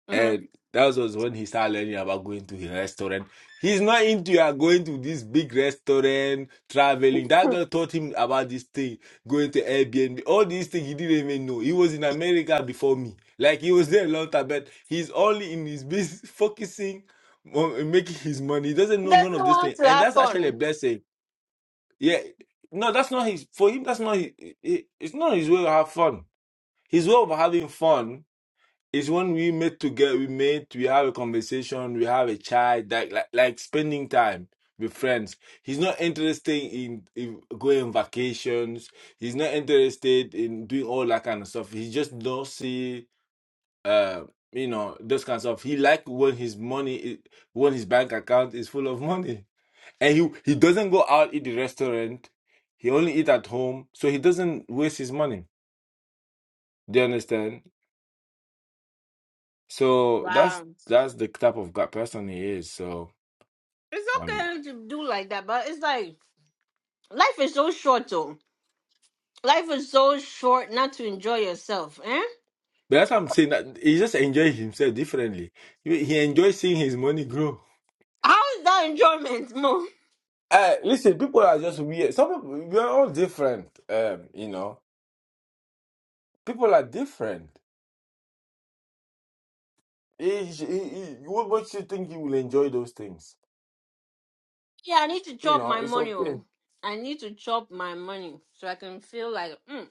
Speaker 1: Mhm.
Speaker 7: And that was when he started learning about going to a restaurant. He's not into uh, going to this big restaurant, traveling. That
Speaker 1: He
Speaker 7: girl taught him about this thing, going to Airbnb, all these things he didn't even know. He was in America before me. Like he was there a long time, but he's only in his business, <laughs> focusing on making his money. He doesn't know none
Speaker 1: Doesn't
Speaker 7: of this
Speaker 1: want
Speaker 7: thing.
Speaker 1: <laughs> to
Speaker 7: And
Speaker 1: have
Speaker 7: that's actually a
Speaker 1: fun.
Speaker 7: blessing. Yeah. No, that's not his, for him, that's not his, it- it's not his way to have fun. His way of having fun it's when we meet together, we meet, we have a conversation, we have a chat, like like, like spending time with friends. He's not interested in, in going on vacations. He's not interested in doing all that kind of stuff. He just don't see, uh, you know, those kind of stuff. He like when his money, i- when his bank account is full of <laughs> money, and he he doesn't go out eat the restaurant. He only eat at home, so he doesn't waste his money. Do you understand? So that's
Speaker 1: Wow.
Speaker 7: that's the type of guy person he is. So
Speaker 1: It's
Speaker 7: um,
Speaker 1: okay to do like that, but it's like life is so short though. Life is so short not to enjoy yourself, eh?
Speaker 7: but that's what I'm saying. That he just enjoys himself differently. He, he enjoys seeing his money grow.
Speaker 1: How is that enjoyment, Mo?
Speaker 7: Uh, listen, people are just weird. Some people we are all different. Um, you know, people are different. He, he, he, what makes you think you will enjoy those things?
Speaker 1: Yeah, I need to
Speaker 7: You
Speaker 1: chop
Speaker 7: know,
Speaker 1: my
Speaker 7: it's
Speaker 1: money.
Speaker 7: okay.
Speaker 1: oh. I need to chop my money so I can feel like mm,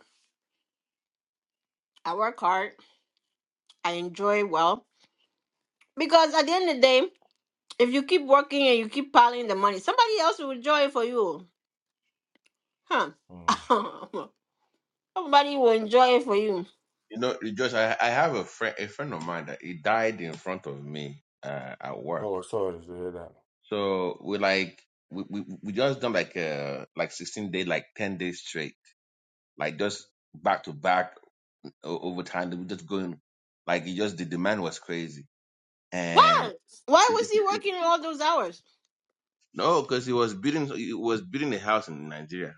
Speaker 1: I work hard, I enjoy well. Because at the end of the day, if you keep working and you keep piling the money, somebody else will enjoy it for you. oh.
Speaker 7: Mm.
Speaker 1: Huh? <laughs> somebody will enjoy it for you.
Speaker 8: You know, you just I, I have a friend, a friend of mine that he died in front of me uh, at work.
Speaker 7: Oh, sorry to hear that.
Speaker 8: So we like we, we we just done like uh like sixteen day, like ten days straight, like just back to back o- over time. We just going like it just the demand was crazy, and
Speaker 1: Why? Why was
Speaker 8: it's,
Speaker 1: he working all those hours?
Speaker 8: no, because he was building he was building a house in Nigeria.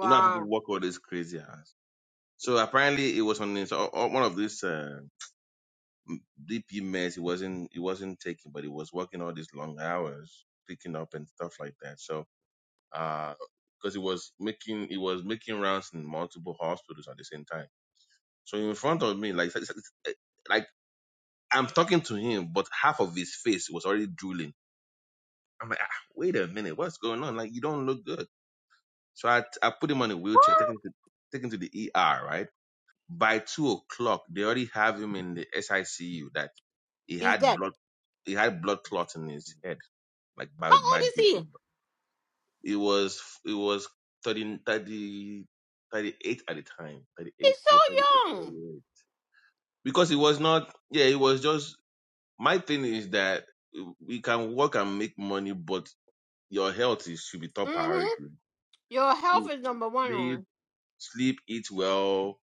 Speaker 8: You know how people work all this crazy house. So apparently it was on this, o- o- one of these. Uh, DP mess. He wasn't he wasn't taking, but he was working all these long hours, picking up and stuff like that. So uh because he was making he was making rounds in multiple hospitals at the same time. So in front of me, like like like, like, I'm talking to him, but half of his face was already drooling. I'm like, ah, wait a minute, what's going on? Like you don't look good. So I I put him on a wheelchair, taking to taking to the ER, right? By two o'clock, they already have him in the SICU that he
Speaker 1: He's
Speaker 8: had
Speaker 1: dead.
Speaker 8: blood he had blood clot in his head. Like
Speaker 1: How
Speaker 8: by
Speaker 1: old
Speaker 8: by
Speaker 1: is
Speaker 8: the,
Speaker 1: he?
Speaker 8: it was it was 30 30 38 at the time. 38
Speaker 1: He's
Speaker 8: or 38,
Speaker 1: so
Speaker 8: thirty
Speaker 1: young.
Speaker 8: eight. Because it was not yeah, it was just my thing is that we can work and make money, but your health is should be top
Speaker 1: hmm
Speaker 8: priority.
Speaker 1: Your health is number one. oh.
Speaker 8: Sleep, sleep, eat well,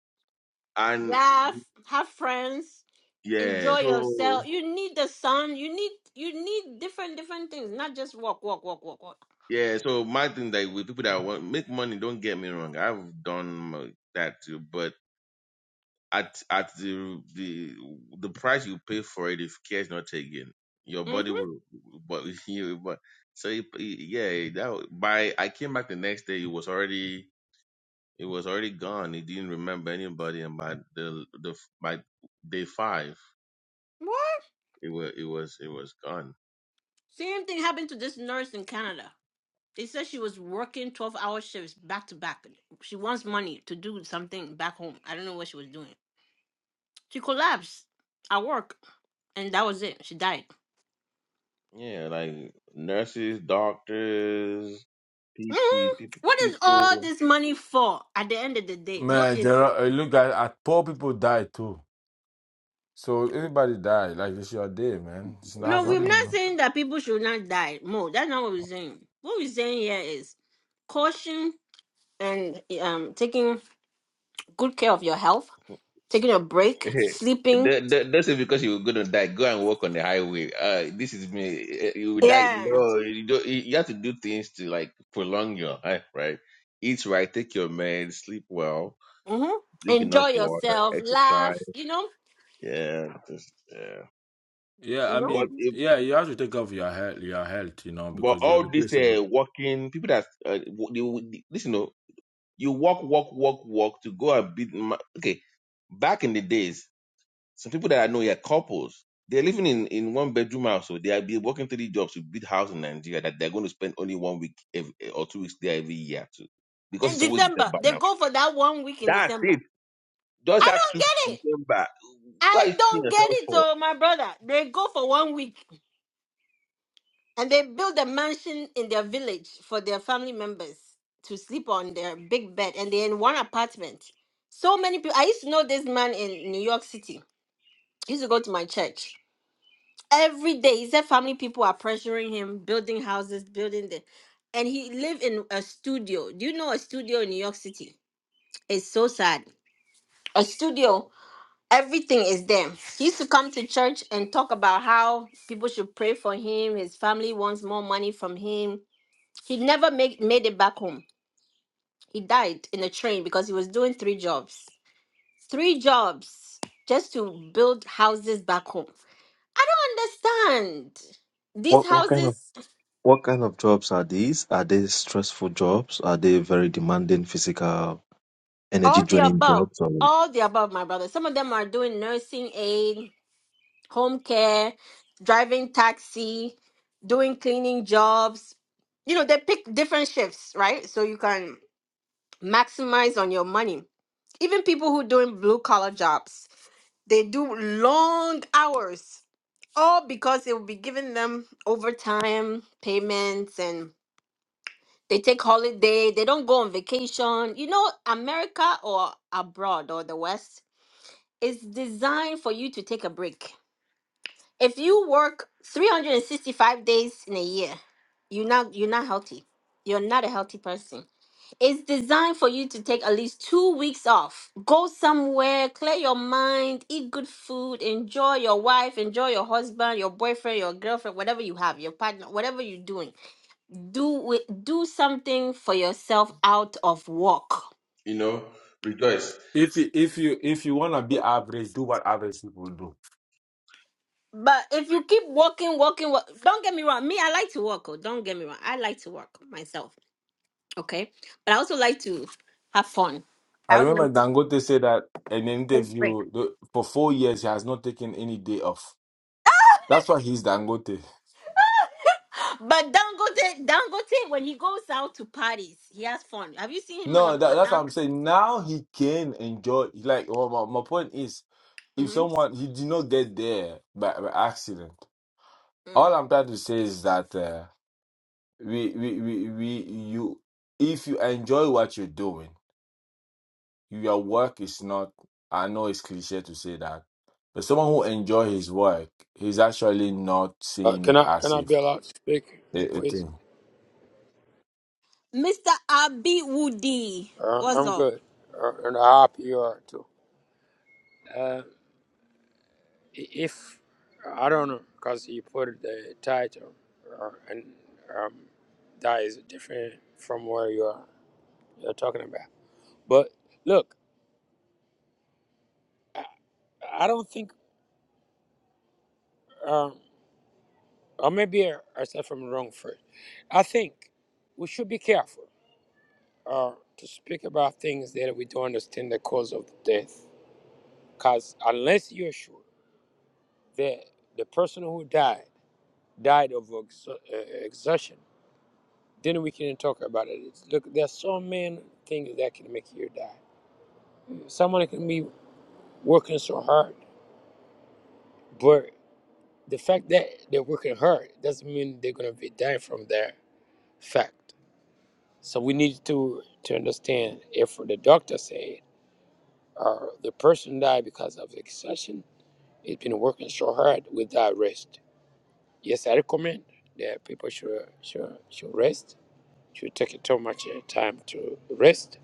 Speaker 8: and
Speaker 1: laugh, have friends,
Speaker 8: yeah.
Speaker 1: enjoy
Speaker 8: So
Speaker 1: yourself. You need the sun. You need you need different different things, not just walk, walk, walk, walk, walk.
Speaker 8: Yeah, so my thing like with people that want make money, don't get me wrong. I've done m- that too, but at at the the the price you pay for it, if care is not taken, your body
Speaker 1: Mm-hmm.
Speaker 8: will. But <laughs> you, but so it, it- yeah, that wa- by I came back the next day, it was already it was already gone. It didn't remember anybody, and by the the by day five,
Speaker 1: What?
Speaker 8: it was it was it was gone.
Speaker 1: Same thing happened to this nurse in Canada. They said she was working twelve hour shifts back to back. She wants money to do something back home. I don't know what she was doing. She collapsed at work, and that was it. She died.
Speaker 8: Yeah, like nurses, doctors,
Speaker 1: Mhm.
Speaker 8: PTs, people,
Speaker 1: What is all
Speaker 8: people.
Speaker 1: this money for? At the end of the day, what
Speaker 7: Man,
Speaker 1: is?
Speaker 7: Gerald, uh, look at, at poor people die too. So anybody die, like it's your day, man. It's, not-
Speaker 1: No,
Speaker 7: has
Speaker 1: we're
Speaker 7: nothing.
Speaker 1: not saying that people should not die. No, that's not what we're saying. What we're saying here is caution and um taking good care of your health, taking a
Speaker 8: <laughs>
Speaker 1: break,
Speaker 8: Hey,
Speaker 1: sleeping.
Speaker 8: Don't don't- don't say because you are going to die, go and walk on the highway. Uh, this is me. Eh, eh, You will die.
Speaker 1: Yeah.
Speaker 8: No, you don't. You you have to do things to like prolong your life, right? Eat right, take your meds, sleep well,
Speaker 1: hmm
Speaker 8: drink
Speaker 1: Enjoy
Speaker 8: enough water,
Speaker 1: yourself, laugh,
Speaker 8: exercise.
Speaker 1: you know.
Speaker 8: Yeah, just, yeah.
Speaker 7: Yeah,
Speaker 1: You
Speaker 7: I
Speaker 1: know.
Speaker 8: But
Speaker 7: mean,
Speaker 8: if,
Speaker 7: yeah, you have to take care of your health, your health, you know,
Speaker 8: but
Speaker 7: because you're
Speaker 8: all this
Speaker 7: replaceable.
Speaker 8: uh, walking, people that uh, w- they, w- they- listen, No, you walk, walk, walk, walk to go and beat. ma- Okay, back in the days. Some people that I know here, couples, they're living in, in one bedroom house, so they'll be working three jobs to build house in Nigeria that they're going to spend only one week ev eh, or two weeks there every year too, because
Speaker 1: And
Speaker 8: it's always
Speaker 1: December,
Speaker 8: December
Speaker 1: they
Speaker 8: now.
Speaker 1: go for that one week in
Speaker 8: That's
Speaker 1: December.
Speaker 8: it. Just
Speaker 1: I
Speaker 8: that two
Speaker 1: don't
Speaker 8: weeks
Speaker 1: get
Speaker 8: in
Speaker 1: it.
Speaker 8: December. What are
Speaker 1: I
Speaker 8: you seeing
Speaker 1: don't get
Speaker 8: yourself
Speaker 1: it,
Speaker 8: for?
Speaker 1: oh my brother. They go for one week. And they built a mansion in their village for their family members to sleep on their big bed, and they're in one apartment. So many people. I used to know this man in New York City. He used to go to my church every day. He said family people are pressuring him, building houses, building the, and he lived in a studio. Do you know a studio in New York City? It's so sad. A studio, everything is there. He used to come to church and talk about how people should pray for him. His family wants more money from him He never made made it back home. He died in a train because he was doing three jobs. Three jobs just to build houses back home. I don't understand. These
Speaker 9: What what kind
Speaker 1: houses,
Speaker 9: of what kind of jobs are these? Are they stressful jobs? Are they very demanding physical energy
Speaker 1: all the
Speaker 9: draining
Speaker 1: above,
Speaker 9: jobs or
Speaker 1: all the above, my brother. Some of them are doing nursing aid, home care, driving taxi, doing cleaning jobs. You know, they pick different shifts, right? So you can maximize on your money. Even people who doing blue collar jobs They do long hours, all because they will be giving them overtime payments and they take holiday. They don't go on vacation. You know, America or abroad or the West is designed for you to take a break. If you work 365 days in a year, you're not you're not healthy. You're not a healthy person it's designed for you to take at least two weeks off. Go somewhere, clear your mind, eat good food, enjoy your wife, enjoy your husband, your boyfriend, your girlfriend, whatever you have, your partner, whatever you're doing. Do it, do something for yourself out of work.
Speaker 8: You know, rejoice.
Speaker 7: If you if you if you wanna be average, do what average people do.
Speaker 1: But if you keep walking, walking, walk, don't get me wrong. Me, I like to walk. Oh, don't get me wrong. I like to work myself. Okay, but I also like to have fun.
Speaker 7: I
Speaker 1: I also
Speaker 7: remember
Speaker 1: like to
Speaker 7: Dangote said that in an
Speaker 1: take breaks.
Speaker 7: interview the, for four years he has not taken any day off. That's why he's Dangote.
Speaker 1: But Dangote, Dangote, when he goes out to parties, he has fun. Have you seen him on a
Speaker 7: No, that, that's what I'm
Speaker 1: Dangote?
Speaker 7: saying. Now he can enjoy. Like, well, my, my point is, if
Speaker 1: Mm-hmm.
Speaker 7: someone he did not get there by, by accident. All I'm trying to say is that uh, we, we we we you if you enjoy what you're doing Your work is not, I know it's cliche to say that, but someone who enjoy his work, he's actually not
Speaker 10: Uh,
Speaker 7: seeing
Speaker 10: can
Speaker 7: it
Speaker 10: I can
Speaker 7: as
Speaker 10: I
Speaker 7: if
Speaker 10: be allowed to speak,
Speaker 7: a, a
Speaker 10: please?
Speaker 7: thing.
Speaker 1: Mr. Abi Woody,
Speaker 10: Uh,
Speaker 1: what's
Speaker 10: I'm
Speaker 1: up?
Speaker 10: good, uh, and I hope you are too. Uh, i- if I don't know, cause you put the title, uh, and um, that is different from where you are you're talking about. But look, I, I don't think, um, or maybe I, I said from wrong first. I think we should be careful uh, to speak about things that we don't understand the cause of death, cause unless you're sure. that the person who died died of ex- uh, exhaustion, then we can talk about it. It's, look, there's so many things that can make you die. Someone can be working so hard, but the fact that they're working hard doesn't mean they're gonna be dying from that fact. So we need to to understand if the doctor said or the person died because of exhaustion, it's been working so hard without rest. Yes, I recommend that people should should should rest should take too much uh, time to rest.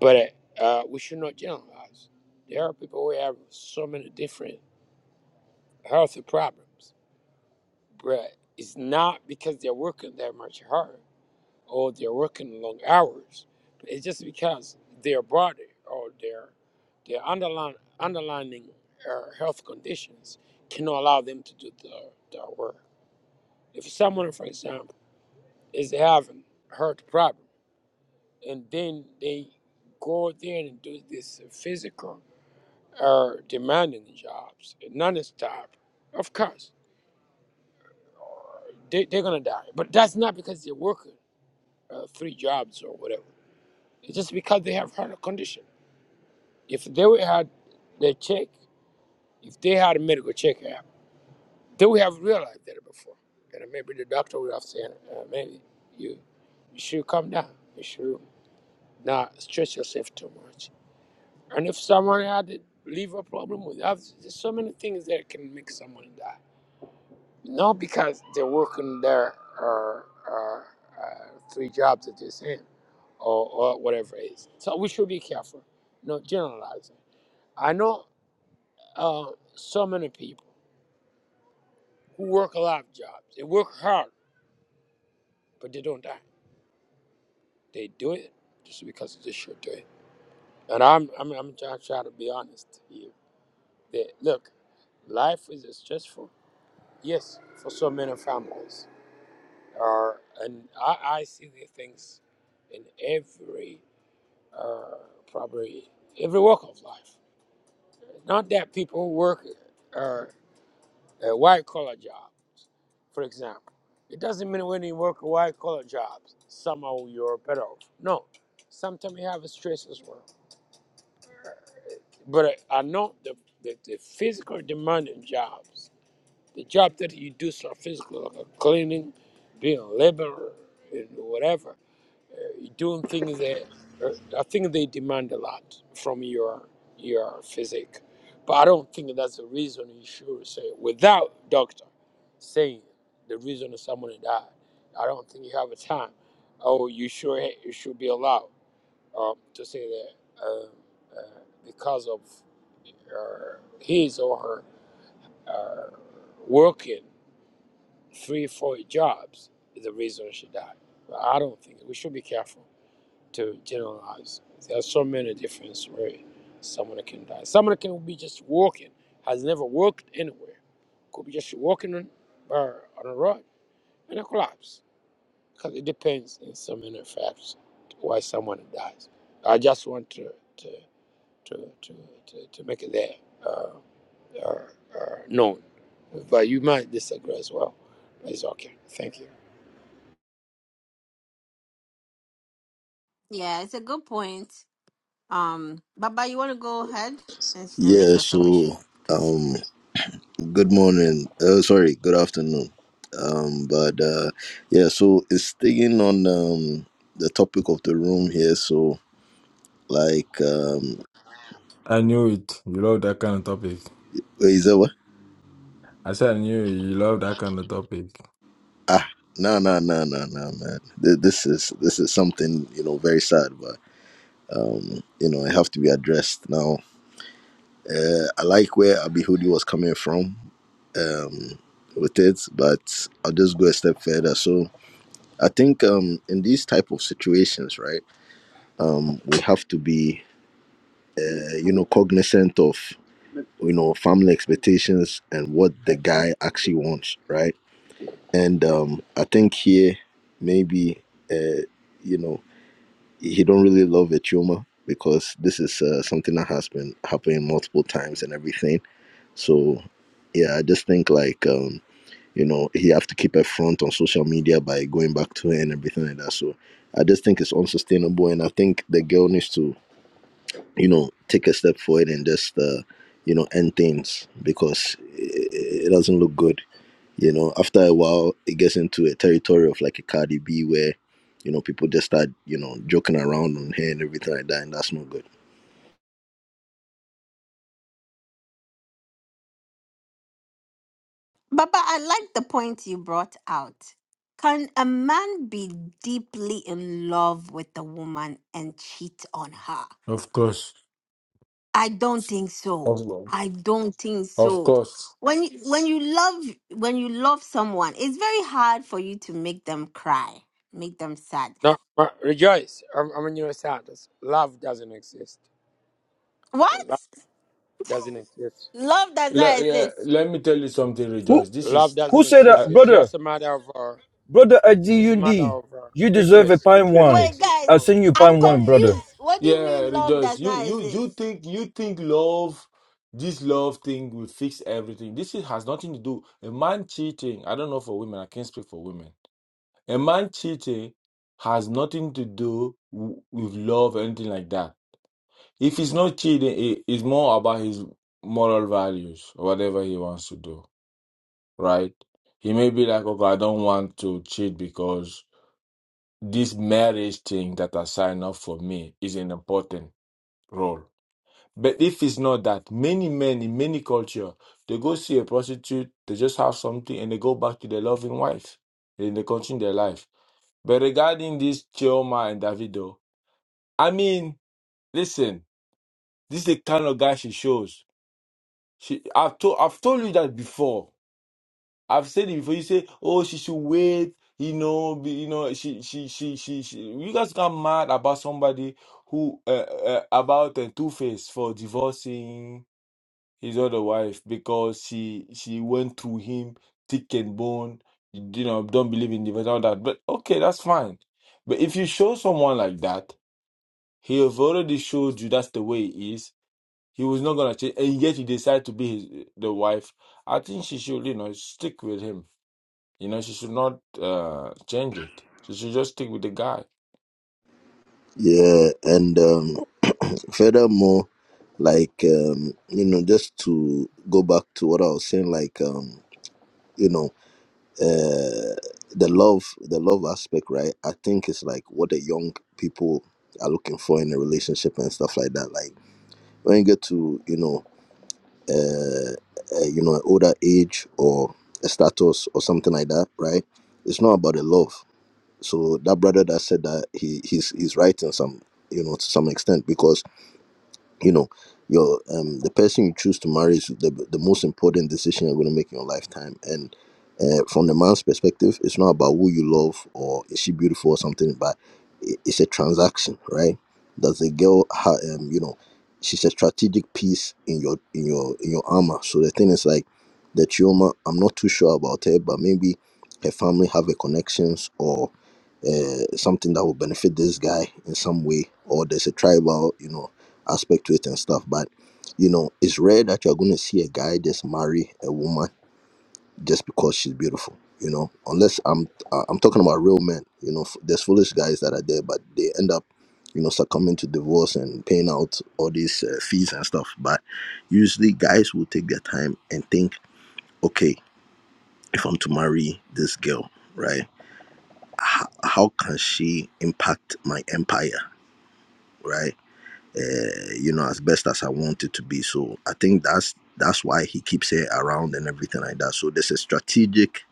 Speaker 10: But uh, uh, we should not generalize. There are people who have so many different health problems, but it's not because they're working that much hard or they're working long hours. It's just because their body or their their underlying underlining uh, health conditions cannot allow them to do the, the work. If someone, for example, is having heart problems and then they go out there and do this physical uh, demanding jobs non-stop of course they, they're gonna die but that's not because they're working uh, three jobs or whatever it's just because they have heart condition if they would had their check if they had a medical check app they would have realized that before and maybe the doctor would have said uh, maybe you, you should come down you should not stretch yourself too much And if someone had a liver problem with us, there's so many things that can make someone die. Not because they're working their uh, uh, uh, three jobs at the same or, or whatever it is. So we should be careful, not generalizing. I know uh, so many people who work a lot of jobs. They work hard, but they don't die. They do it just because they should do it. And I'm I'm I'm trying, trying to be honest here. That look, life is stressful. Yes, for so many families. Uh, and I, I see these things in every, uh, probably every walk of life. Not that people work uh, a white collar job, for example. It doesn't mean when you work a white collar job, somehow you're better off. No, sometimes you have a stress as well. But I I know the, the, the physical demanding jobs The job that you do is not physical, like a cleaning, being a laborer, and whatever. Uh, you're doing things that uh, I think they demand a lot from your your physique. But I don't think that's the reason you should say without doctor saying the reason someone died. I don't think you have a time. Oh, you sure you should be allowed um, to say that um uh, because of uh, his or her uh, working three, four jobs is the reason she died. But I don't think we should be careful to generalize. There are so many different ways someone can die. Someone can be just walking, has never walked anywhere, could be just walking on, uh, on a road and a collapse. Because it depends in so many facts why someone dies. I just want to to to to, to, to make it there uh, uh, uh, known. But you might disagree as well. It's okay. Thank you.
Speaker 1: Yeah, it's a good point. Um, Baba, you want to go ahead and, s- and make
Speaker 11: Yeah,
Speaker 1: your submission,
Speaker 11: so
Speaker 1: please?
Speaker 11: um good morning. Uh, sorry, good afternoon. Um but uh yeah, so it's staying on um the topic of the room here, so like um
Speaker 7: I knew it. You love that kind of topic.
Speaker 11: wait, is that what?
Speaker 7: I said I knew you love that kind of topic.
Speaker 11: Ah no no no no no man. Th- This is this is something, you know, very sad, but um, you know, it have to be addressed. Now uh I like where Abihudi was coming from with it, but I'll just go a step further. So I think um in these type of situations, right? um, we have to be uh, you know cognizant of you know family expectations and what the guy actually wants right and um, i think here maybe uh, you know he don't really love a tumor because this is uh, something that has been happening multiple times and everything so yeah i just think like um, you know he have to keep a front on social media by going back to her and everything like that so i just think it's unsustainable and i think the girl needs to you know take a step forward and just uh, you know end things because it, it doesn't look good you know after a while it gets into a territory of like a cardi b where you know people just start you know joking around on her and everything like that and that's not good
Speaker 1: Baba, I like the point you brought out. Can a man be deeply in love with a woman and cheat on her?
Speaker 7: Of course.
Speaker 1: I don't think
Speaker 7: Of
Speaker 1: so.
Speaker 7: course.
Speaker 1: I don't think
Speaker 7: Of
Speaker 1: so.
Speaker 7: course.
Speaker 1: When you, when you love when you love someone, it's very hard for you to make them cry, make them sad.
Speaker 10: No, re- rejoice. I'm, I'm a new status. Love doesn't exist.
Speaker 1: What
Speaker 10: Love doesn't exist.
Speaker 1: love does not
Speaker 7: Le- yeah,
Speaker 1: exist?
Speaker 7: let me tell you something,
Speaker 4: who
Speaker 7: Rejoice. This
Speaker 10: Love
Speaker 7: is.
Speaker 10: doesn't
Speaker 4: who said
Speaker 7: I,
Speaker 4: that
Speaker 10: exist. It's
Speaker 4: brother
Speaker 10: just a matter of uh,
Speaker 4: Brother
Speaker 10: it's a matter
Speaker 4: Adiundi,
Speaker 10: of uh,
Speaker 4: you deserve a
Speaker 10: interest.
Speaker 4: pine
Speaker 10: Interest
Speaker 4: one.
Speaker 1: Wait,
Speaker 10: exists. You
Speaker 1: guys,
Speaker 4: I'll
Speaker 10: know.
Speaker 4: send you
Speaker 1: I'm
Speaker 4: pine one, brother.
Speaker 1: confused. What do you
Speaker 7: Yeah,
Speaker 1: mean love
Speaker 7: rejoice.
Speaker 1: does
Speaker 7: You
Speaker 1: not
Speaker 7: you you
Speaker 1: exist?
Speaker 7: think you think love, this love thing will fix everything. This is, has nothing to do. A man cheating, I don't know for women, I can't speak for women. A man cheating has nothing to do w- with love or anything like that. If he's not cheating, it, it's more about his moral values or whatever he wants to do, right? He may be like, okay, I don't want to cheat because this marriage thing that I signed up for me is an important role But if it's not that, many men in many culture, they go see a prostitute, they just have something, and they go back to their loving wife, and they continue their life. But regarding this Chioma and Davido, I mean, listen, this is the kind of guy she shows. She, I've told, I've told you that before. I've said it before. You say, oh, she should wait. You know, be, you know, she, she, she, she, she. You guys got mad about somebody who uh, uh, about uh, Two Face for divorcing his other wife because she she went through him thick and bone you know don't believe in divorce all that but okay that's fine but if you show someone like that he have already showed you that's the way he is he was not gonna change and yet he decided to be his the wife i think she should you know stick with him you know she should not uh change it she should just stick with the guy
Speaker 11: yeah and um furthermore like um you know just to go back to what i was saying like um you know uh the love the love aspect right i think it's like what the young people are looking for in a relationship and stuff like that like when you get to you know uh, uh you know an older age or a status or something like that right it's not about the love so that brother that said that he he's he's right in some you know to some extent because you know your um the person you choose to marry is the, the most important decision you're going to make in your lifetime and uh, from the man's perspective it's not about who you love or is she beautiful or something but i- it's a transaction right does the girl ha- um you know she's a strategic piece in your in your in your armor so the thing is like the trauma i'm not too sure about her but maybe her family have a connections or uh, something that will benefit this guy in some way or there's a tribal you know aspect to it and stuff. But you know, it's rare that you're going to see a guy just marry a woman just because she's beautiful. You know, unless I'm uh, I'm talking about real men. You know, f- there's foolish guys that are there, but they end up you know succumbing to divorce and paying out all these uh, fees and stuff. But usually, guys will take their time and think, okay, if I'm to marry this girl, right? How, how can she impact my empire, right? uh, you know, as best as I want it to be. So I think that's that's why he keeps her around and everything like that. So there's a strategic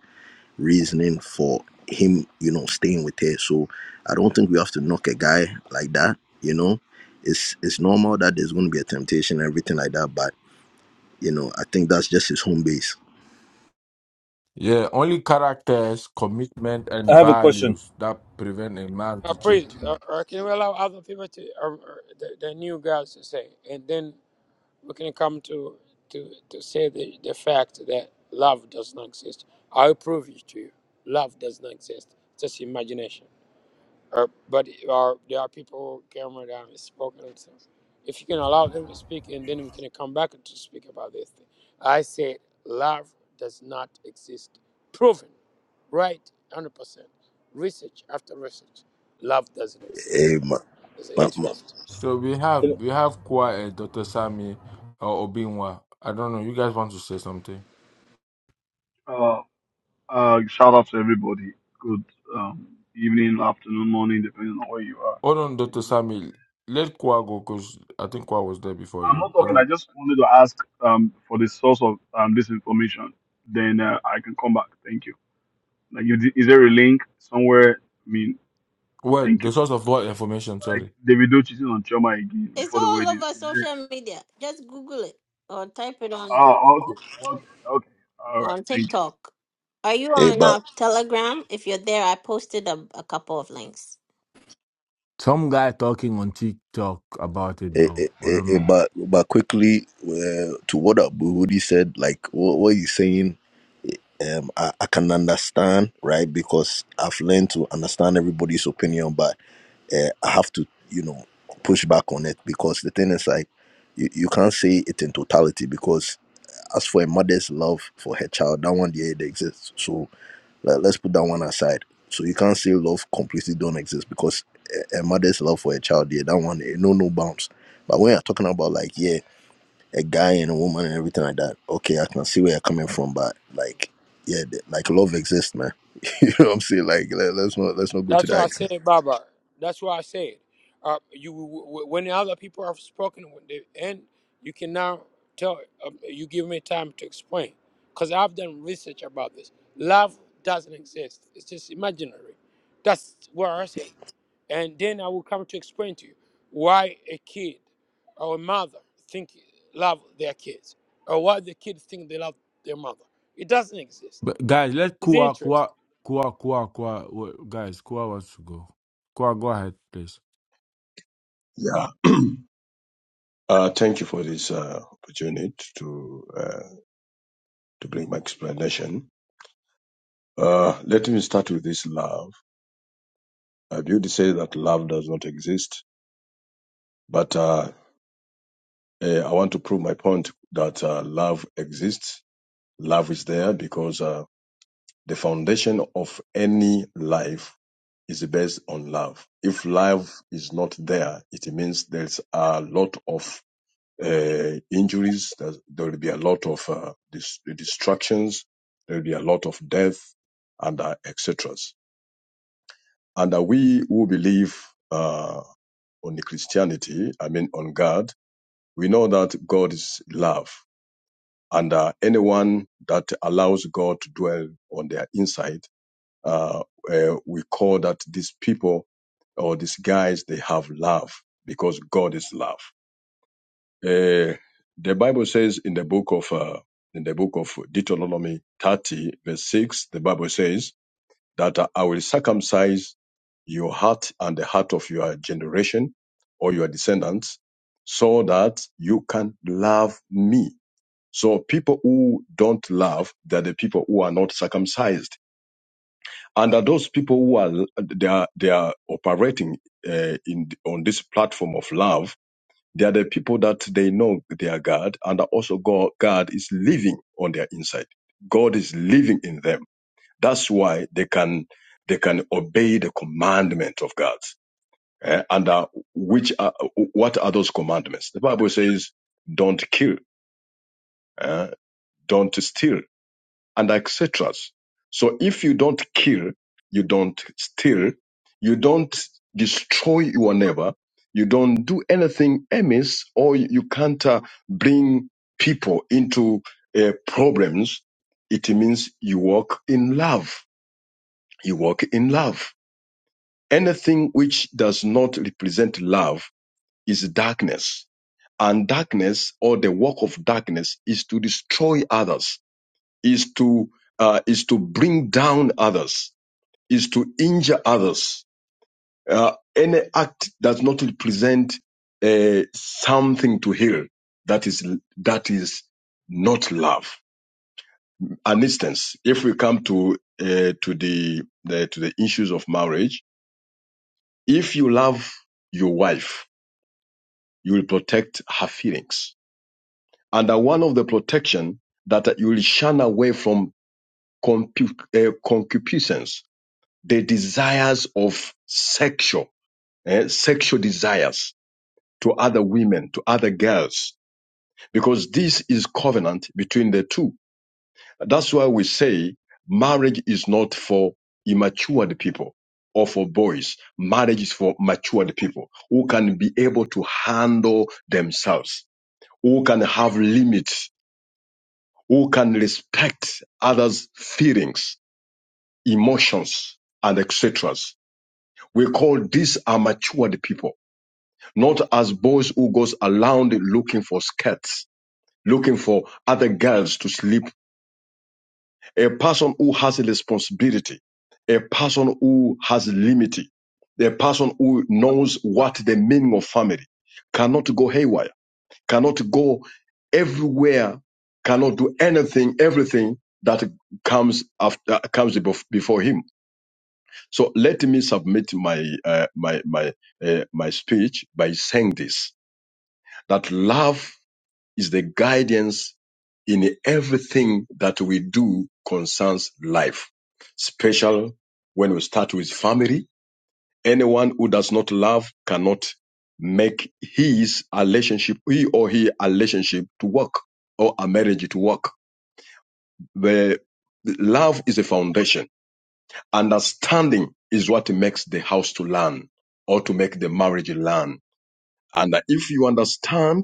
Speaker 11: reasoning for him, you know, staying with her. So I don't think we have to knock a guy like that. You know, it's it's normal that there's going to be a temptation and everything like that. But you know, I think that's just his home base.
Speaker 7: Yeah, only characters, commitment,
Speaker 4: I
Speaker 7: and
Speaker 4: have a question.
Speaker 7: values that prevent a man
Speaker 10: Uh,
Speaker 7: to
Speaker 10: please,
Speaker 7: cheat.
Speaker 10: uh, uh, can we allow other people to uh, uh, the, the new girls to say, and then we can come to to to say the, the fact that love does not exist. I'll prove it to you. Love does not exist. It's just imagination. Uh, but uh, there are people, Cameron, that haven't spoken. And so if you can allow them to speak, and then we can come back to speak about this thing. I said, love does not exist. Proven, right? 100%. Research after research, love doesn't exist.
Speaker 11: Eh, ma-
Speaker 10: It's an
Speaker 11: ma- ma-
Speaker 10: interest.
Speaker 7: So we have
Speaker 4: Can
Speaker 7: we
Speaker 4: I-
Speaker 7: have Kwa and Dr. Sami or Obinwa. I don't know. You guys want to say something?
Speaker 12: Uh, uh, shout out to everybody. Good um, evening, afternoon, morning, depending on where you are.
Speaker 7: Hold on, Dr.
Speaker 12: I'm
Speaker 7: Sami. Let Kwa go because I think Kwa was there before you.
Speaker 12: not
Speaker 7: I
Speaker 12: talking. I
Speaker 7: don't.
Speaker 12: just wanted to ask um, for the source of um, this information. Then uh, I can come back. Thank you. Like, you, di- is there a link somewhere? I mean,
Speaker 7: Well,
Speaker 12: thank
Speaker 7: the
Speaker 12: you.
Speaker 7: source of what information?
Speaker 12: Like
Speaker 7: Sorry.
Speaker 12: David cheating on Choma again
Speaker 1: It's
Speaker 12: before the
Speaker 1: all
Speaker 12: wedding.
Speaker 1: over
Speaker 12: Is
Speaker 1: social media. Just Google it or type it
Speaker 12: there,
Speaker 1: on
Speaker 12: oh, okay, okay, okay. All right.
Speaker 1: on
Speaker 12: Thank you.
Speaker 1: TikTok. Are you
Speaker 11: eh,
Speaker 1: on
Speaker 11: but
Speaker 1: uh, Telegram? If you're there, I posted a, a couple of links.
Speaker 7: Some guy talking on TikTok about it
Speaker 11: eh, eh,
Speaker 7: though. I
Speaker 11: eh,
Speaker 7: don't
Speaker 11: eh,
Speaker 7: know.
Speaker 11: but but quickly uh, to what Abu Hudi said, like what, what he's saying um, I, I can understand, right? Because I've learned to understand everybody's opinion, but uh, I have to, you know, push back on it because the thing is like, you, you can't say it in totality because as for a mother's love for her child, that one yeah, it exists. So let, let's put that one aside. So you can't say love completely don't exist because a, a mother's love for a child, yeah, that one, eh, no, no bounds. But when you're talking about like, yeah a guy and a woman and everything like that. Okay, I can see where you're coming from, but like, yeah, th- like love exists, man. <laughs> you know what I'm saying? Like, let, let's not let's not go to
Speaker 10: That's
Speaker 11: that
Speaker 10: why I
Speaker 11: extent.
Speaker 10: said, Baba. That's why I said, uh, you when other people have spoken, when they end, you can now tell. Uh, you give me time to explain, because I've done research about this. Love doesn't exist; it's just imaginary. That's what I say, and then I will come to explain to you why a kid or a mother think love their kids, or why the kids think they love their mother. It doesn't exist.
Speaker 7: But guys, let
Speaker 10: It's
Speaker 7: Kwa
Speaker 10: interest.
Speaker 7: Kwa Kwa Kwa Kwa. Guys, Kwa wants to go. Kwa, go ahead, please.
Speaker 13: Yeah. <clears throat> Uh, thank you for this uh, opportunity to uh, to bring my explanation. Uh, let me start with this love. I would say that love does not exist, but uh, eh, I want to prove my point that uh, love exists. Love is there because uh, the foundation of any life is based on love. If love is not there, it means there's a lot of uh, injuries. There's- There will be a lot of uh, dis- distractions. There will be a lot of death and uh, etc. And uh, we who believe uh, on the Christianity, I mean on God, we know that God is love, and uh, anyone that allows God to dwell on their inside, uh, uh, we call that these people or these guys they have love because God is love Uh, the Bible says in the book of uh, in the book of Deuteronomy 30 verse 6, the Bible says that uh, I will circumcise your heart and the heart of your generation or your descendants so that you can love me. So people who don't love, they're the people who are not circumcised. And are those people who are, they are, they are operating uh, in, on this platform of love they are the people that they know they are God, and also God, God is living on their inside. God is living in them. That's why they can they can obey the commandment of God. Eh, And uh, which are, what are those commandments? The Bible says, "Don't kill, eh, don't steal, and etc. So if you don't kill, you don't steal, you don't destroy your neighbor, you don't do anything amiss, or you can't uh, bring people into uh, problems, it means you walk in love. You walk in love. Anything which does not represent love is darkness. And darkness or the work of darkness is to destroy others is to uh, is to bring down others, is to injure others. Uh, any act does not represent uh, something to heal. That is that is not love. An instance, if we come to uh, to the, the to the issues of marriage, if you love your wife, you will protect her feelings. Under one of the protection that you will shun away from concup- uh, concupiscence the desires of sexual, eh, sexual desires to other women, to other girls, because this is covenant between the two. That's why we say marriage is not for immatured people or for boys. Marriage is for matured people who can be able to handle themselves, who can have limits, who can respect others' feelings, emotions, and etc. We call these are matured people not as boys who goes around looking for skirts, looking for other girls to sleep. A person who has a responsibility, a person who has limit, a person who knows what the meaning of family cannot go haywire, cannot go everywhere, cannot do anything, everything that comes after comes before him. So let me submit my uh, my my uh, my speech by saying this: that love is the guidance in everything that we do concerns life. Special when we start with family. Anyone who does not love cannot make his relationship, he or her relationship to work or a marriage to work. The love is a foundation. Understanding is what makes the house to learn or to make the marriage learn. And if you understand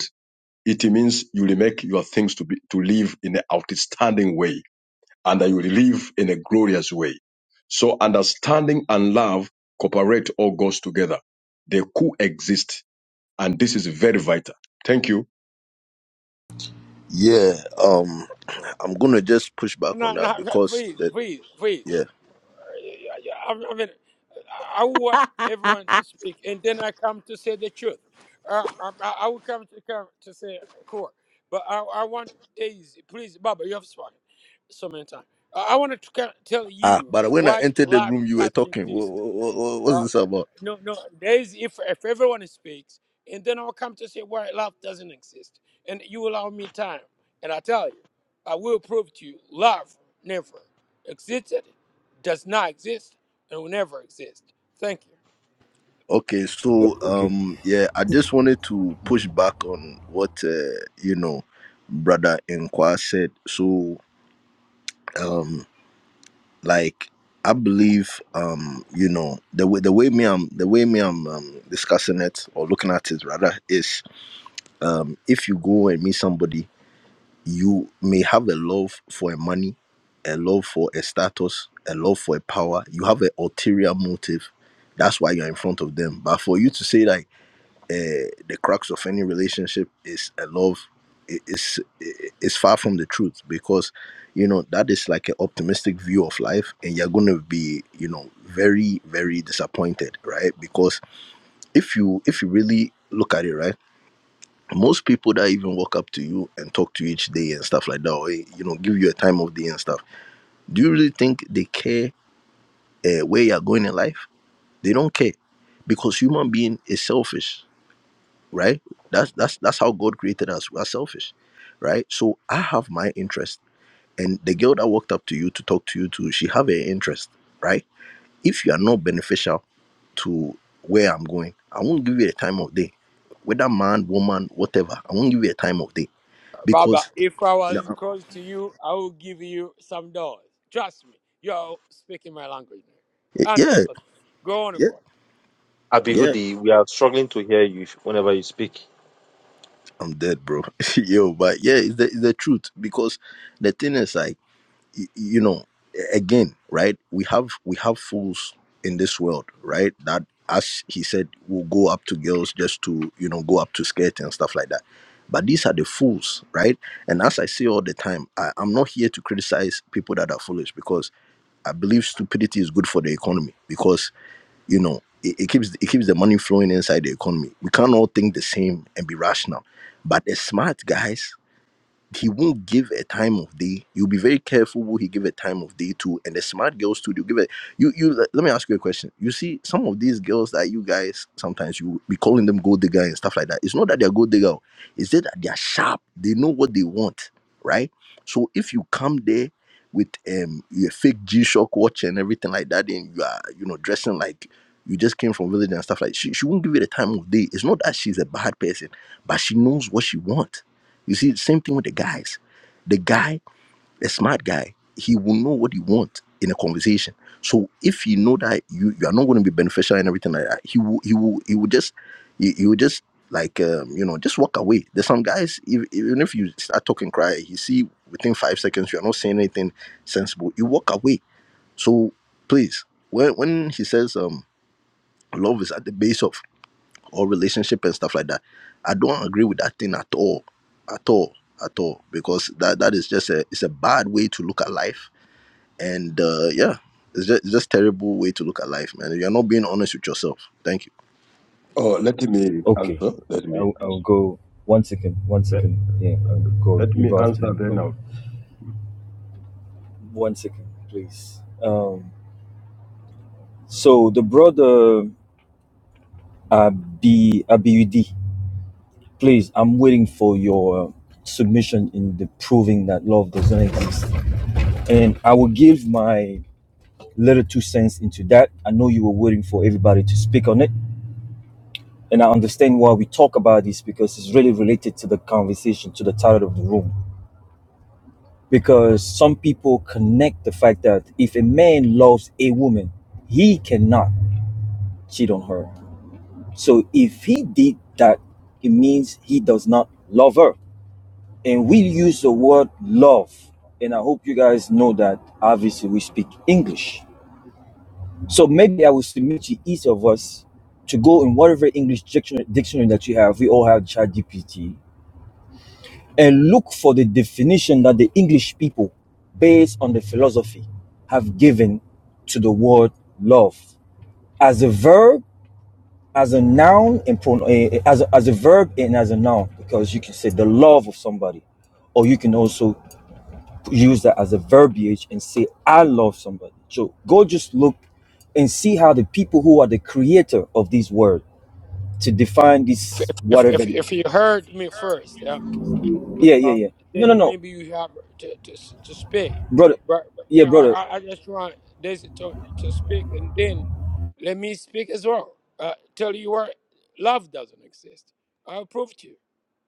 Speaker 13: It means you will make your things to be to live in an outstanding way, and that you will live in a glorious way. So understanding and love cooperate all goes together. They coexist, and this is very vital. Thank you.
Speaker 11: Yeah, um, I'm gonna just push back on
Speaker 10: No,
Speaker 11: that
Speaker 10: no, <laughs>
Speaker 11: because
Speaker 10: please,
Speaker 11: that,
Speaker 10: please, please.
Speaker 11: yeah.
Speaker 10: I, I mean, I want everyone to speak, and then I come to say the truth. Uh, I, I I will come to come to say encore, but I, I want Daisy, please, Baba, you have spoken so many times. I, I wanted to ca- tell
Speaker 11: Ah,
Speaker 10: you
Speaker 11: but when I
Speaker 10: why
Speaker 11: entered the
Speaker 10: life
Speaker 11: room, you were
Speaker 10: doesn't
Speaker 11: talking. What,
Speaker 10: exist.
Speaker 11: what, what, what's
Speaker 10: Uh,
Speaker 11: this about?
Speaker 10: no, no. There is if if everyone speaks, and then I'll come to say why love doesn't exist, and you allow me time, and I tell you, I will prove to you, love never existed, does not exist, and will never exist. Thank you,
Speaker 11: Okay, so
Speaker 4: okay,
Speaker 11: um, yeah, I just wanted to push back on what uh, you know, brother Inqua said. So um, like I believe um you know the way the way me I'm the way me I'm um, discussing it or looking at it rather is um if you go and meet somebody you may have a love for a money a love for a status a love for a power you have an ulterior motive that's why you're in front of them but for you to say like uh, the crux of any relationship is a love i- is i- is far from the truth because you know that is like an optimistic view of life and you're going to be you know very very disappointed right because if you if you really look at it right most people that even walk up to you and talk to you each day and stuff like that or eh, you know give you a time of day and stuff do you really think they care uh, where you're going in life they don't care because human being is selfish right? That's that's that's how God created us. We are selfish, right? So I have my interest, and the girl that walked up to you to talk to you to, she have her interest, right? If you are not beneficial to where I'm going, I won't give you a time of day, whether man, woman, whatever. I won't give you a time of day
Speaker 10: Baba.
Speaker 11: because
Speaker 10: If I
Speaker 11: yeah,
Speaker 10: was close to you, I will give you some dollars. Trust me, you're speaking my language now. Hundred
Speaker 11: yeah,
Speaker 10: percent. Go on,
Speaker 11: yeah.
Speaker 10: boy.
Speaker 11: yeah.
Speaker 9: Abihudi, we are struggling to hear you whenever you speak.
Speaker 11: I'm dead, bro. <laughs> Yo, but yeah, it's the, it's the truth because the thing is like you know again right we have we have fools in this world right that as he said will go up to girls just to you know go up to skirt and stuff like that but these are the fools right and as i say all the time I, i'm not here to criticize people that are foolish because i believe stupidity is good for the economy because you know it, it keeps it keeps the money flowing inside the economy we can't all think the same and be rational but the smart guys he won't give a time of day. You'll be very careful who he give a time of day to. And the smart girls too, they'll give it. You you let let me ask you a question. You see, some of these girls that you guys sometimes you be calling them gold digger and stuff like that. It's not that they're gold digger, it's just that they're sharp. They know what they want, right? So if you come there with um your fake G Shock watch and everything like that, then you are you know dressing like you just came from village and stuff like she, she won't give you the time of day. It's not that she's a bad person, but she knows what she wants you see, same thing with the guys. The guy, a smart guy, he will know what he wants in a conversation. So if he know that you, you are not going to be beneficial and everything like that, he will he will he will just he, he will just like um, you know just walk away. There's some guys ev- even if you start talking cry, you see within five seconds you are not saying anything sensible. You walk away. So please, when when he says um love is at the base of or relationship and stuff like that. I don't agree with that thing at all, at all, at all, because that that is just a it's a bad way to look at life, and uh, yeah, it's just it's just terrible way to look at life, man. You're not being honest with yourself. Thank you.
Speaker 13: Oh, let me
Speaker 4: okay.
Speaker 13: answer. Let me
Speaker 4: I'll, I'll go. One second, one
Speaker 13: let,
Speaker 4: second. Yeah, I'll go.
Speaker 13: let
Speaker 4: You
Speaker 13: me
Speaker 4: go after
Speaker 13: answer
Speaker 4: me,
Speaker 13: then.
Speaker 4: brother.
Speaker 13: now.
Speaker 4: One second, please. Um, so the brother Abi Abiudi, please. I'm waiting for your submission in the proving that love does not exist, and I will give my little two cents into that. I know you were waiting for everybody to speak on it And I understand why we talk about this because it's really related to the conversation, to the title of the room. Because some people connect the fact that if a man loves a woman, he cannot cheat on her. So if he did that, it means he does not love her. And we use the word love. And I hope you guys know that obviously we speak English. So maybe I will submit to each of us to go in whatever English dictionary, dictionary that you have. We all have ChatGPT and look for the definition that the English people, based on the philosophy, have given to the word love as a verb, as a noun, and pronoun as, a, as a verb and as a noun, because you can say the love of somebody, or you can also use that as a verbiage and say, I love somebody. So go just look and see how the people who are the creator of this word to define
Speaker 10: If,
Speaker 4: this
Speaker 10: if,
Speaker 4: whatever
Speaker 10: if,
Speaker 4: it is.
Speaker 10: if you heard me first, uh,
Speaker 4: Yeah, yeah,
Speaker 10: um,
Speaker 4: yeah. No, no,
Speaker 10: then
Speaker 4: no,
Speaker 10: maybe you have to, to, to speak.
Speaker 4: brother.
Speaker 10: But, but
Speaker 4: Yeah,
Speaker 10: man, I,
Speaker 4: brother.
Speaker 10: I I just want this to, to speak, and then let me speak as well. Uh, tell you what, love doesn't exist. I'll prove to you,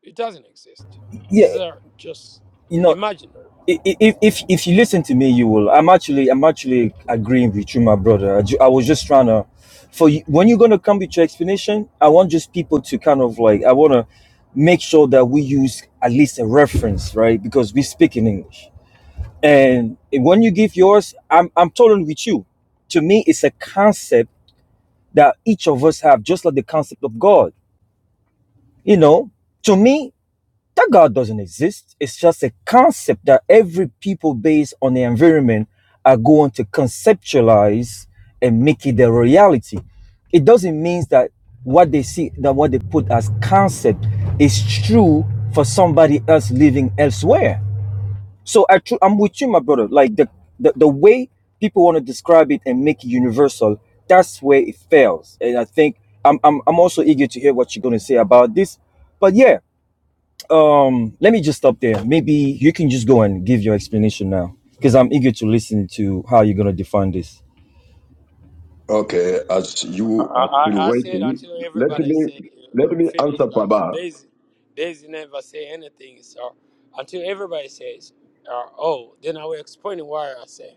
Speaker 10: it doesn't exist.
Speaker 4: Yeah,
Speaker 10: It's uh, just
Speaker 4: you know,
Speaker 10: imaginary.
Speaker 4: if if if you listen to me, you will. I'm actually I'm actually agreeing with you, my brother. I, ju- I was just trying to, for you, when you're gonna come with your explanation, I want just people to kind of like I want to make sure that we use at least a reference, right? Because we speak in English, and when you give yours, I'm I'm totally with you. To me, it's a concept that each of us have, just like the concept of God. You know, to me. That God doesn't exist. It's just a concept that every people based on their environment are going to conceptualize and make it their reality. It doesn't mean that what they see, that what they put as concept is true for somebody else living elsewhere. So I tru- I'm with you, my brother. Like the, the, the way people want to describe it and make it universal, that's where it fails. And I think I'm, I'm, I'm also eager to hear what you're going to say about this. But yeah, um, let me just stop there. Maybe you can just go and give your explanation now, because I'm eager to listen to how you're gonna define this.
Speaker 13: Okay, as
Speaker 10: I,
Speaker 13: you are still
Speaker 10: I, I said
Speaker 13: waiting,
Speaker 10: until
Speaker 13: let
Speaker 10: everybody
Speaker 13: me
Speaker 10: say
Speaker 13: let
Speaker 10: uh,
Speaker 13: me
Speaker 10: finish.
Speaker 13: answer
Speaker 10: Like
Speaker 13: Baba.
Speaker 10: Daisy, Daisy never say anything. So until everybody says, uh, "Oh," then I will explain why I say.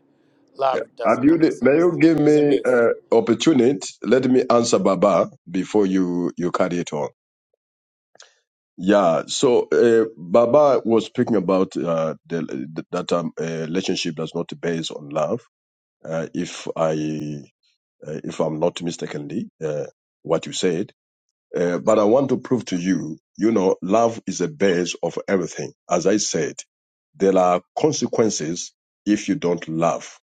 Speaker 10: Love does
Speaker 13: Have you,
Speaker 10: not
Speaker 13: may
Speaker 10: exist.
Speaker 13: you give
Speaker 10: It's a
Speaker 13: me
Speaker 10: myth.
Speaker 13: uh, opportunity? Let me answer Baba before you, you carry it on. Yeah, so uh, Baba was speaking about uh, the, that um, uh, relationship does not base on love. Uh, if I, uh, if I'm not mistakenly, uh, what you said, uh, but I want to prove to you, you know, love is the base of everything. As I said, there are consequences if you don't love.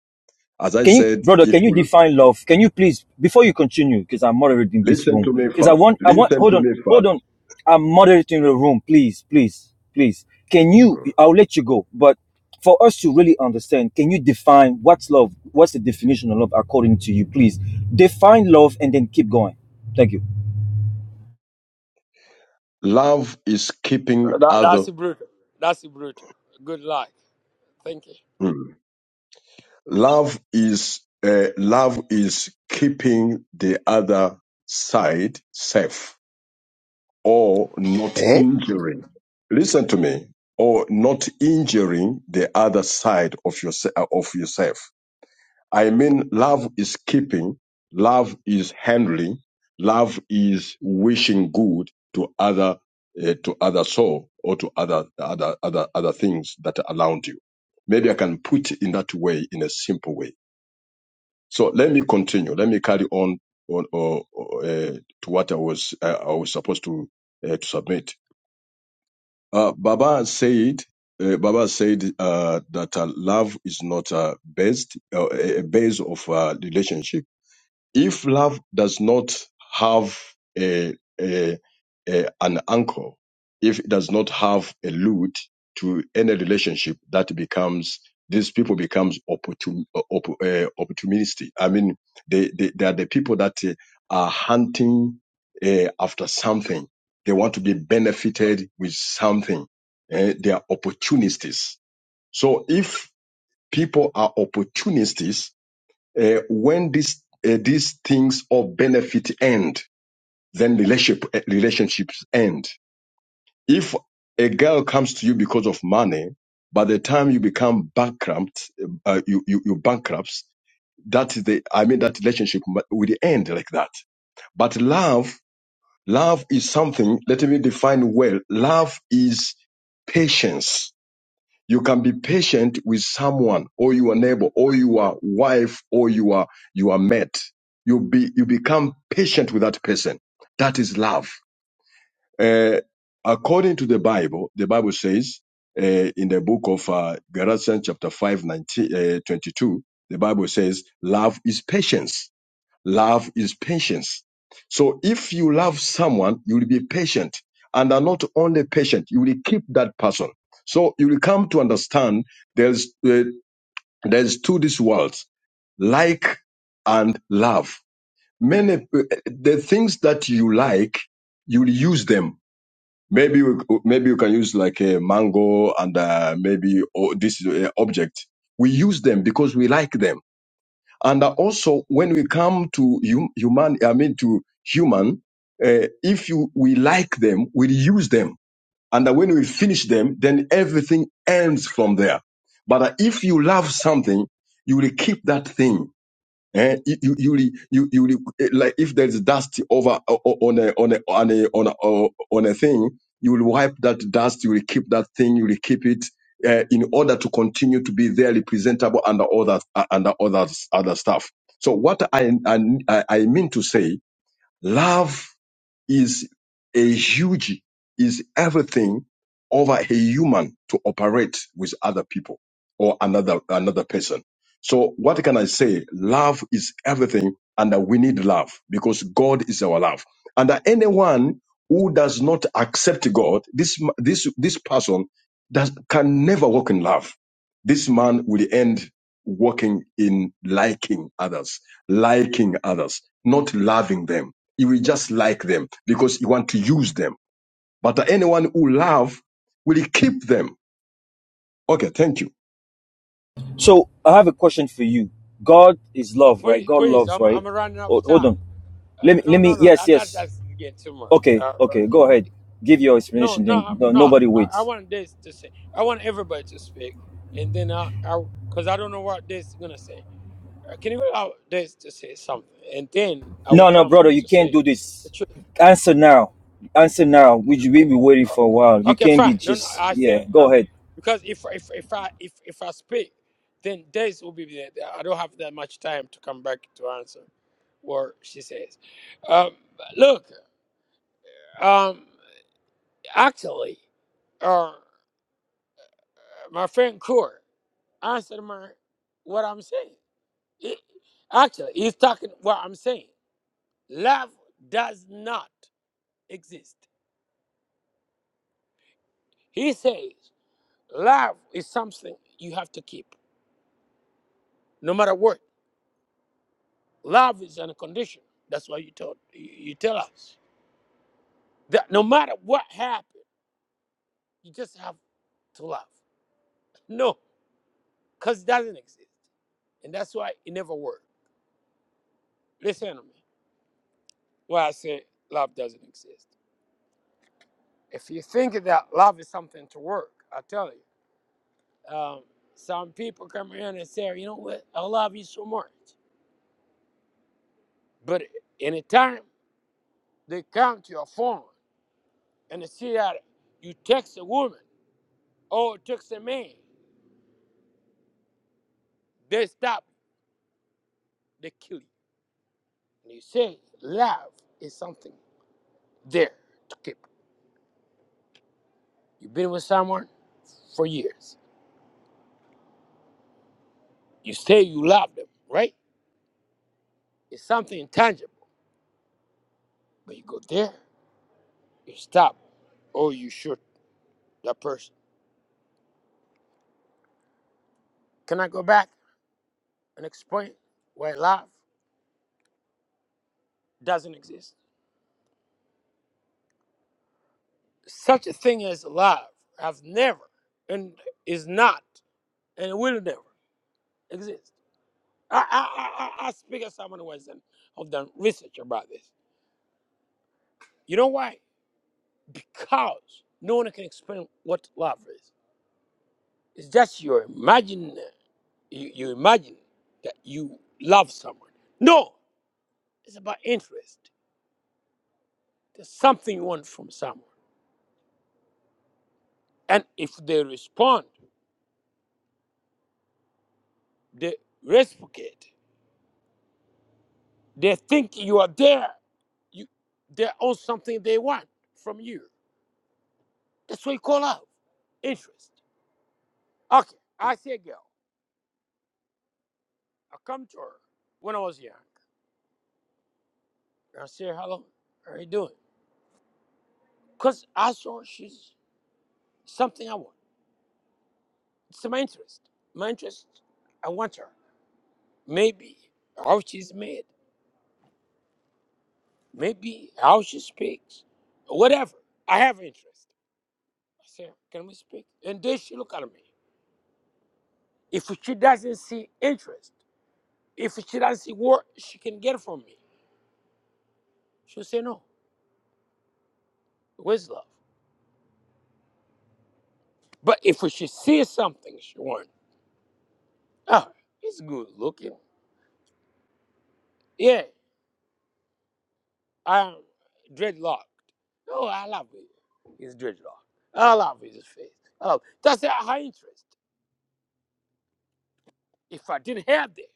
Speaker 13: As I
Speaker 4: Can you,
Speaker 13: said,
Speaker 4: brother?
Speaker 13: if
Speaker 4: Can you
Speaker 13: you
Speaker 4: define love? Can you please, before you continue, because I'm moderating this
Speaker 13: Listen
Speaker 4: room,
Speaker 13: to me
Speaker 4: because I
Speaker 13: first.
Speaker 4: want, I want,
Speaker 13: Listen
Speaker 4: hold
Speaker 13: to
Speaker 4: on,
Speaker 13: me
Speaker 4: hold
Speaker 13: first.
Speaker 4: on, I'm moderating the room. Please, please, please. Can you?
Speaker 13: Mm.
Speaker 4: I'll let you go, but for us to really understand, can you define what's love? What's the definition of love according to you? Please define love and then keep going. Thank you.
Speaker 13: Love is keeping
Speaker 10: That,
Speaker 13: other.
Speaker 10: that's brutal. That's brutal. Good luck. Thank you.
Speaker 13: mm. Love is uh, love is keeping the other side safe or not
Speaker 11: Eh?
Speaker 13: injuring. Listen to me. Or not injuring the other side of your of yourself. I mean, love is keeping, love is handling, love is wishing good to other uh, to other soul or to other other other other things that are around you. Maybe I can put it in that way, in a simple way. So let me continue. Let me carry on on or, or, uh, to what I was uh, I was supposed to uh, to submit. Uh, Baba said. Uh, Baba said uh, that uh, love is not uh, based uh, a a base of uh, relationship if love does not have a, a, a an anchor, if it does not have a root to any relationship, that becomes these people becomes opportun, opp, uh, opportunistic. I mean, they, they they are the people that uh, are hunting uh, after something. They want to be benefited with something. Eh, they are opportunists. So if people are opportunists, uh, when these uh, these things of benefit end, then relationship uh, relationships end. If a girl comes to you because of money, by the time you become bankrupt, uh, you, you you bankrupt. That is the I mean that relationship mu- will end like that. But love, love is something. Let me define well. Love is patience you can be patient with someone or your neighbor or your wife or your your mate. You be you become patient with that person. That is love. Uh, according to the Bible, the Bible says uh, in the book of uh, Galatians chapter 5, nineteen, uh, 22, the Bible says love is patience Love is patience. So if you love someone, you will be patient and are not only patient, you will keep that person. So you will come to understand there's, uh, there's two these worlds, like and love. Many, eh, the things that you like, you will use them. Maybe, you- maybe you can use like a mango and uh, maybe oh, this uh, object. We use them because we like them and also, when we come to hum, human, I mean to human, uh, if you we like them, we use them, and when we finish them, then everything ends from there. But if you love something, you will keep that thing Eh, you you you re- you, you re- like if there is dust over o- o- on a on a on a on a, o- on a thing, you will wipe that dust. You will keep that thing. You will keep it uh, in order to continue to be there, representable under other under others other stuff. So what I I I I mean to say, love is a huge, is everything over a human to operate with other people or another, another person. So what can I say? Love is everything and that we need love because God is our love. And that anyone who does not accept God, this, this, this person does, can never walk in love. This man will end walking in liking others, liking others, not loving them. You will just like them because you want to use them. But anyone who love will keep them. Okay, thank you.
Speaker 4: So I have a question for you. God is
Speaker 10: Uh,
Speaker 4: love, right?
Speaker 10: please,
Speaker 4: God
Speaker 10: please,
Speaker 4: loves,
Speaker 10: I'm,
Speaker 4: right?
Speaker 10: I'm running out of
Speaker 4: Hold, hold
Speaker 10: time.
Speaker 4: on. Let me.
Speaker 10: Uh,
Speaker 4: Let
Speaker 10: no, no,
Speaker 4: me.
Speaker 10: no.
Speaker 4: Yes.
Speaker 10: That, that
Speaker 4: Yes.
Speaker 10: doesn't get too much.
Speaker 4: Okay.
Speaker 10: Uh,
Speaker 4: Okay. Go ahead. Give your
Speaker 10: no,
Speaker 4: explanation.
Speaker 10: no,
Speaker 4: Then no,
Speaker 10: no.
Speaker 4: nobody
Speaker 10: I, I
Speaker 4: waits.
Speaker 10: want this to say. I want everybody to speak, and then I, I, because I don't know what this is gonna say. Uh, can you allow this to say something, and then I will
Speaker 4: No, no,
Speaker 10: come
Speaker 4: brother, you
Speaker 10: to
Speaker 4: can't
Speaker 10: say
Speaker 4: do
Speaker 10: the
Speaker 4: this.
Speaker 10: truth.
Speaker 4: Answer now. Answer now. We we be waiting for a while. You
Speaker 10: Okay,
Speaker 4: can't
Speaker 10: fine.
Speaker 4: be
Speaker 10: No, no.
Speaker 4: just.
Speaker 10: I said
Speaker 4: Yeah.
Speaker 10: uh,
Speaker 4: Go ahead.
Speaker 10: because if if if I if if I speak, then days will be there. I don't have that much time to come back to answer what she says. Um, look, um, actually, uh, my friend Kur answered my what I'm saying. He- actually, he's talking what I'm saying. Love does not exist. He says love is something you have to keep, no matter what. Love is unconditional. That's why you told you you tell us that no matter what happened, you just have to love. <laughs> No, because it doesn't exist, and that's why it never worked. Listen to me. Why I say love doesn't exist. If you think that love is something to work, I tell you, um, some people come around and say, you know what, I love you so much, but anytime they come to your phone and they see that you text a woman or text a man, they stop. they kill you. And you say love is something there to keep. You've been with someone for years. You say you love them, right? It's something intangible. But you go there, you stop, or you shoot that person. Can I go back and explain why love doesn't exist? Such a thing as love has never and is not and will never exist. I, I, I, I speak as someone who has done, have done research about this. You know why? because no one can explain what love is. It's just your imagine you, you imagine that you love someone. No, it's about interest. There's something you want from someone. And if they respond, they reciprocate, they think you are there, you they own something they want from you. That's what you call love. Interest. Okay. I see a girl. I come to her when I was young. I say hello. How are you doing? Because I saw she's something I want. It's my interest. My interest, I want her. Maybe how she's made, maybe how she speaks, whatever. I have interest. I say, can we speak? And then she look at me. If she doesn't see interest, if she doesn't see what she can get from me, she'll say no. Where's love? But if she sees something she wants, ah, he's good looking. Yeah, I'm dreadlocked. Oh, I love it. It's dreadlocked. I love his face. Oh, that's her interest. If I didn't have that,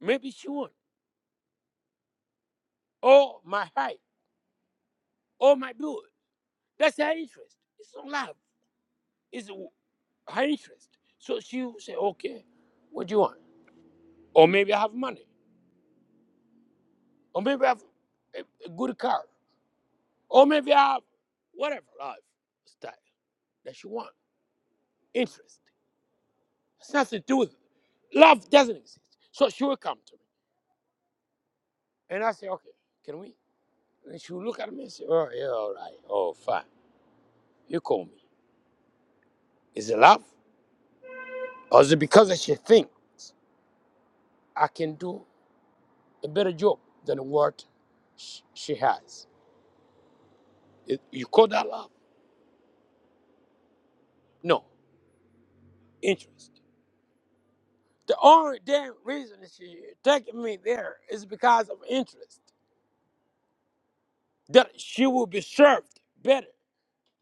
Speaker 10: maybe she would. Or my height, or my build. That's her interest. It's not love. It's w- her interest. So she will say, okay, what do you want? Or maybe I have money. Or maybe I have a, a good car. Or maybe I have whatever life style that she wants. Interest. It's nothing to do with it. Love doesn't exist. So she will come to me. And I said, okay, can we? And she looked at me and said, oh, yeah, all right. Oh, fine. You call me. Is it love? Or is it because she thinks I can do a better job than what sh- she has? It- you call that love? No, interest. The only damn reason she taking me there is because of interest. That she will be served better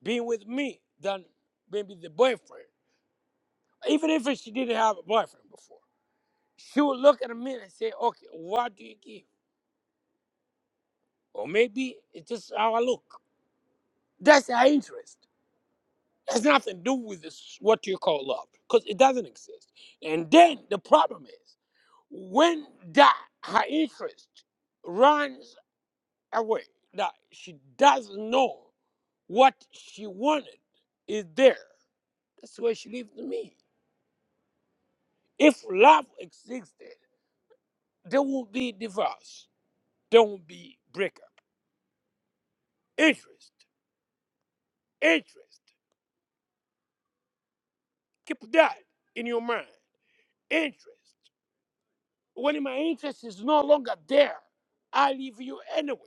Speaker 10: being with me than maybe the boyfriend, even if she didn't have a boyfriend before. She will look at me and say, okay, what do you give? Or maybe it's just how I look. That's her interest. It has nothing to do with this, what you call love, because it doesn't exist. And then the problem is when that her interest runs away, that she doesn't know what she wanted is there. That's where she leaves me. If love existed, there would be divorce. There would be breakup. Interest. Interest. Keep that in your mind. Interest. When my interest is no longer there, I leave you anyway.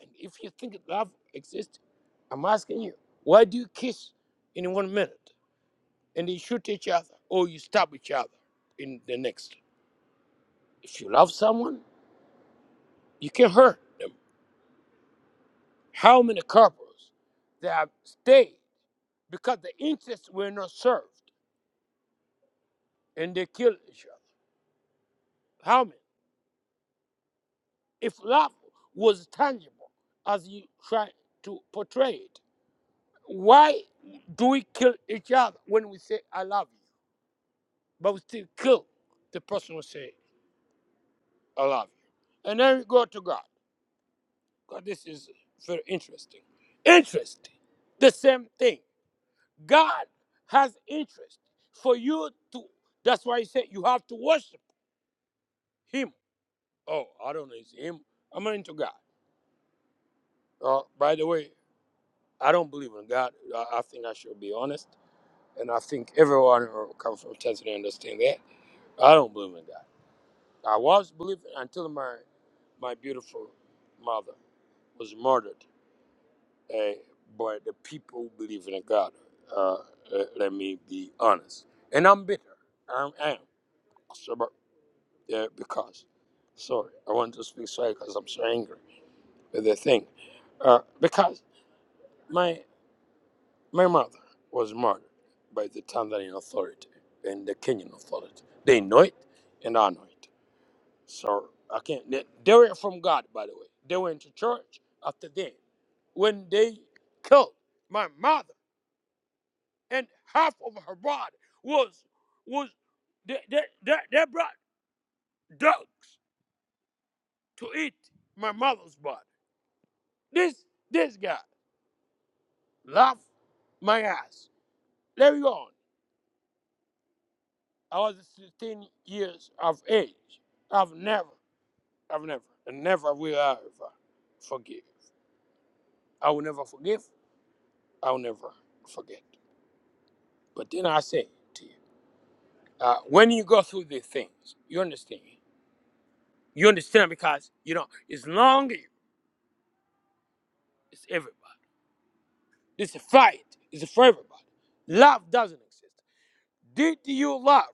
Speaker 10: And if you think love exists, I'm asking you, why do you kiss in one minute and you shoot each other or you stab each other in the next? If you love someone, you can hurt them. How many couples they have stayed because the interests were not served and they kill each other? How many? if love was tangible as you try to portray it, why do we kill each other when we say I love you, but we still kill the person who say I love you? And then we go to God. God, this is very interesting. Interest, the same thing. God has interest for you to. That's why He said you have to worship Him. Oh, I don't know, it's Him. I'm not into God. Uh, by the way, I don't believe in God. I, I think I should be honest. And I think everyone who comes from Tanzania understand that. I don't believe in God. I was believing until my my beautiful mother was murdered uh, by the people who believe in God. Uh, uh, let me be honest. And I'm bitter. I'm, I am. So, but, uh, because, sorry, I want to speak sorry because I'm so angry with the thing. Uh, because my My mother was murdered by the Tanzanian authority and the Kenyan authority. They know it, and I know it. So I can't. They, they were from God, by the way. They went to church after them When they killed my mother, and half of her body was was they they, they, they brought dogs to eat my mother's body. This this guy laughed my ass. Let me go. on. I was 16 years of age. I've never, I've never, and never will I ever forgive. I will never forgive. I will never forget. But then I say to you, uh, when you go through these things, you understand. You understand because, you know, it's long, it's everybody. It's a fight. It's for everybody. Love doesn't exist. Did you love?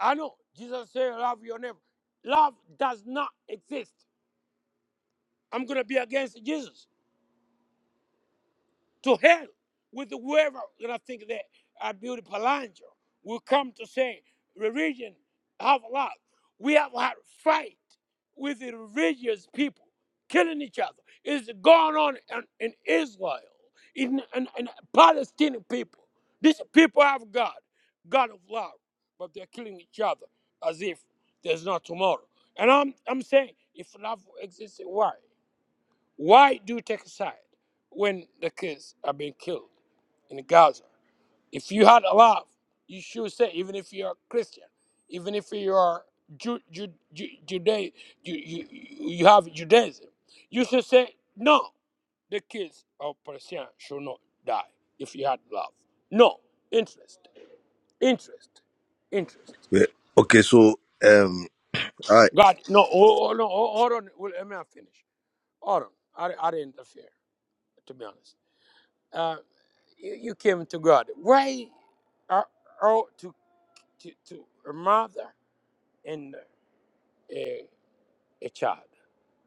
Speaker 10: I know. Jesus said, love your neighbor. Love does not exist. I'm going to be against Jesus. to hell with whoever. And I think that our beauty Palanja will come to say, religion have a lot. We have had a fight with the religious people, killing each other. It's going on in, in Israel, in, in, in Palestinian people. These people have God, God of love, but they're killing each other as if there's no tomorrow. And I'm, I'm saying, if love exists, why? Why do you take a side when the kids are being killed in Gaza? If you had a love, you should say, even if you're Christian, even if you are Ju- Ju- Ju- Juda- you, you, you have Judaism, you should say, no, the kids of Palestine should not die if you had love. No, interest, interest, interest.
Speaker 11: Yeah. Okay, so um, all right,
Speaker 10: God, no, oh, oh, no, oh, hold on, well, let me not finish. Hold on, I, I didn't interfere, to be honest. Uh, You, you came to God. Why are all to, to, to a mother and a, a child?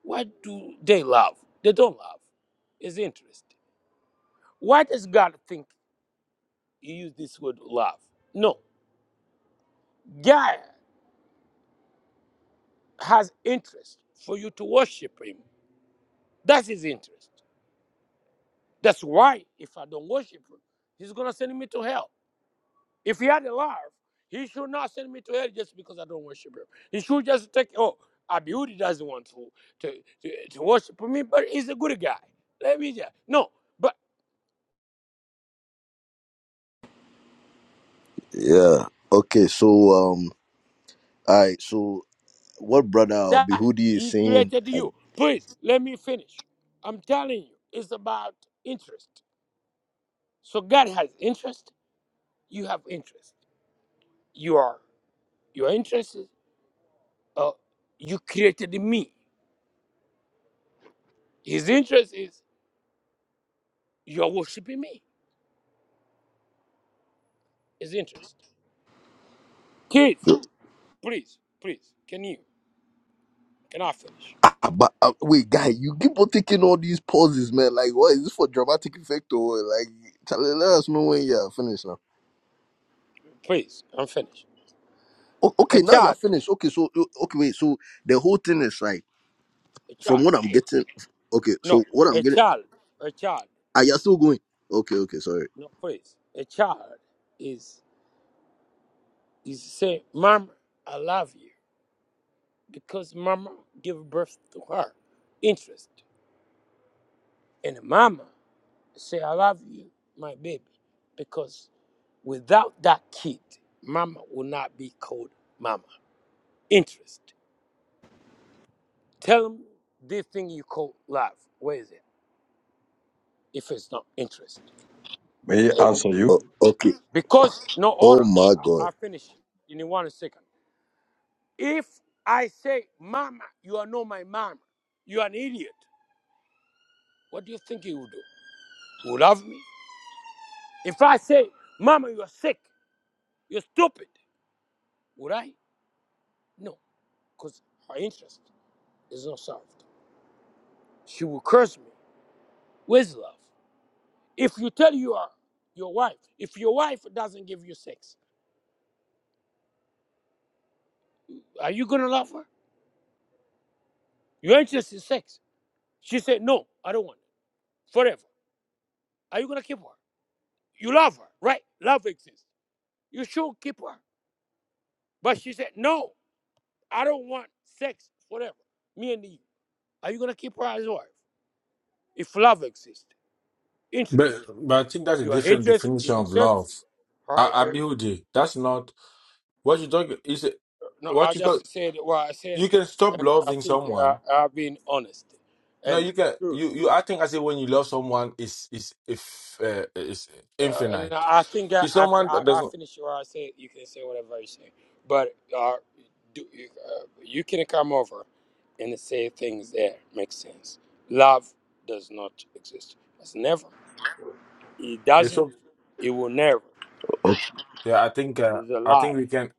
Speaker 10: What do they love? They don't love. It's interesting. Why does God think you use this word love? No. God has interest for you to worship him. That's his interest. That's why if I don't worship him, he's gonna send me to hell. If he had a love, he should not send me to hell just because I don't worship him. He should just take, oh, Abiudi doesn't want to, to, to, to worship me, but he's a good guy. Let me just, no, but
Speaker 11: yeah, okay, so um, all right, so what brother
Speaker 10: that,
Speaker 11: Behudi is
Speaker 10: he
Speaker 11: saying?
Speaker 10: created you. Please, let me finish. I'm telling you, it's about interest. So God has interest, you have interest. You are, your interest is, uh, you created me. His interest is, you're worshiping me. His interest. Kids, please, please, can you? Can I finish?
Speaker 11: Ah, but uh, wait, guy, you keep on taking all these pauses, man. Like, what is this for dramatic effect or what? like? Tell, let us know when you're finished now.
Speaker 10: Please, I'm finished.
Speaker 11: O-
Speaker 10: A
Speaker 11: okay, now you're
Speaker 10: child,
Speaker 11: finished. Okay, so o- okay, wait. So the whole thing is like,
Speaker 10: a
Speaker 11: from
Speaker 10: child,
Speaker 11: what I'm
Speaker 10: a,
Speaker 11: getting, okay.
Speaker 10: no,
Speaker 11: So what I'm
Speaker 10: a
Speaker 11: getting,
Speaker 10: child, a child.
Speaker 11: are you still going? Okay, okay, sorry.
Speaker 10: No, please, a child is is say, "Mama, I love you," because Mama give birth to her interest, and Mama say, "I love you, my baby," because without that kid, Mama will not be called Mama. Interest. Tell them this thing you call love. Where is it? If it's not interest.
Speaker 13: May I answer
Speaker 11: O-
Speaker 13: you?
Speaker 11: okay.
Speaker 10: Because, no, hold
Speaker 11: Oh
Speaker 10: on.
Speaker 11: my
Speaker 10: I,
Speaker 11: god.
Speaker 10: I'll finish in one second. If I say, Mama, you are not my mama, you are an idiot, what do you think he will do? He will love me? If I say, Mama, you are sick, you're stupid, would I? No, because her interest is not served. She will curse me. Where's love? If you tell your, your wife, if your wife doesn't give you sex, are you going to love her? Your interest is sex. She said, No, I don't want it. Forever. Are you going to keep her? You love her, right? Love exists. You should keep her. But she said, No, I don't want sex, whatever. Me and you. Are you gonna keep her as wife? If love exists,
Speaker 7: But
Speaker 10: interest.
Speaker 7: but I think that's a
Speaker 10: Your
Speaker 7: different
Speaker 10: interest
Speaker 7: definition
Speaker 10: is in
Speaker 7: of
Speaker 10: sex.
Speaker 7: love.
Speaker 10: All
Speaker 7: I,
Speaker 10: right.
Speaker 7: I
Speaker 10: uh,
Speaker 7: build it. That's not what you talk is
Speaker 10: no, I
Speaker 7: what you talk
Speaker 10: just said what I said,
Speaker 7: you can stop
Speaker 10: and I
Speaker 7: loving
Speaker 10: think uh,
Speaker 7: someone.
Speaker 10: I've been honest
Speaker 7: No,
Speaker 10: and
Speaker 7: you can
Speaker 10: true.
Speaker 7: you, you I think I say when you love someone is is if uh, is
Speaker 10: Uh, and
Speaker 7: infinite.
Speaker 10: I think I,
Speaker 7: If
Speaker 10: I,
Speaker 7: someone
Speaker 10: I,
Speaker 7: that
Speaker 10: I
Speaker 7: doesn't
Speaker 10: finish where I say you can say whatever you say, but uh, do, you, uh, you can come over and say things that make sense. Love does not exist. It's never. It
Speaker 7: yeah,
Speaker 10: doesn't.
Speaker 7: so
Speaker 10: It will never.
Speaker 11: Okay.
Speaker 7: yeah, I think uh,
Speaker 10: It's a
Speaker 7: I
Speaker 10: lie.
Speaker 7: think we can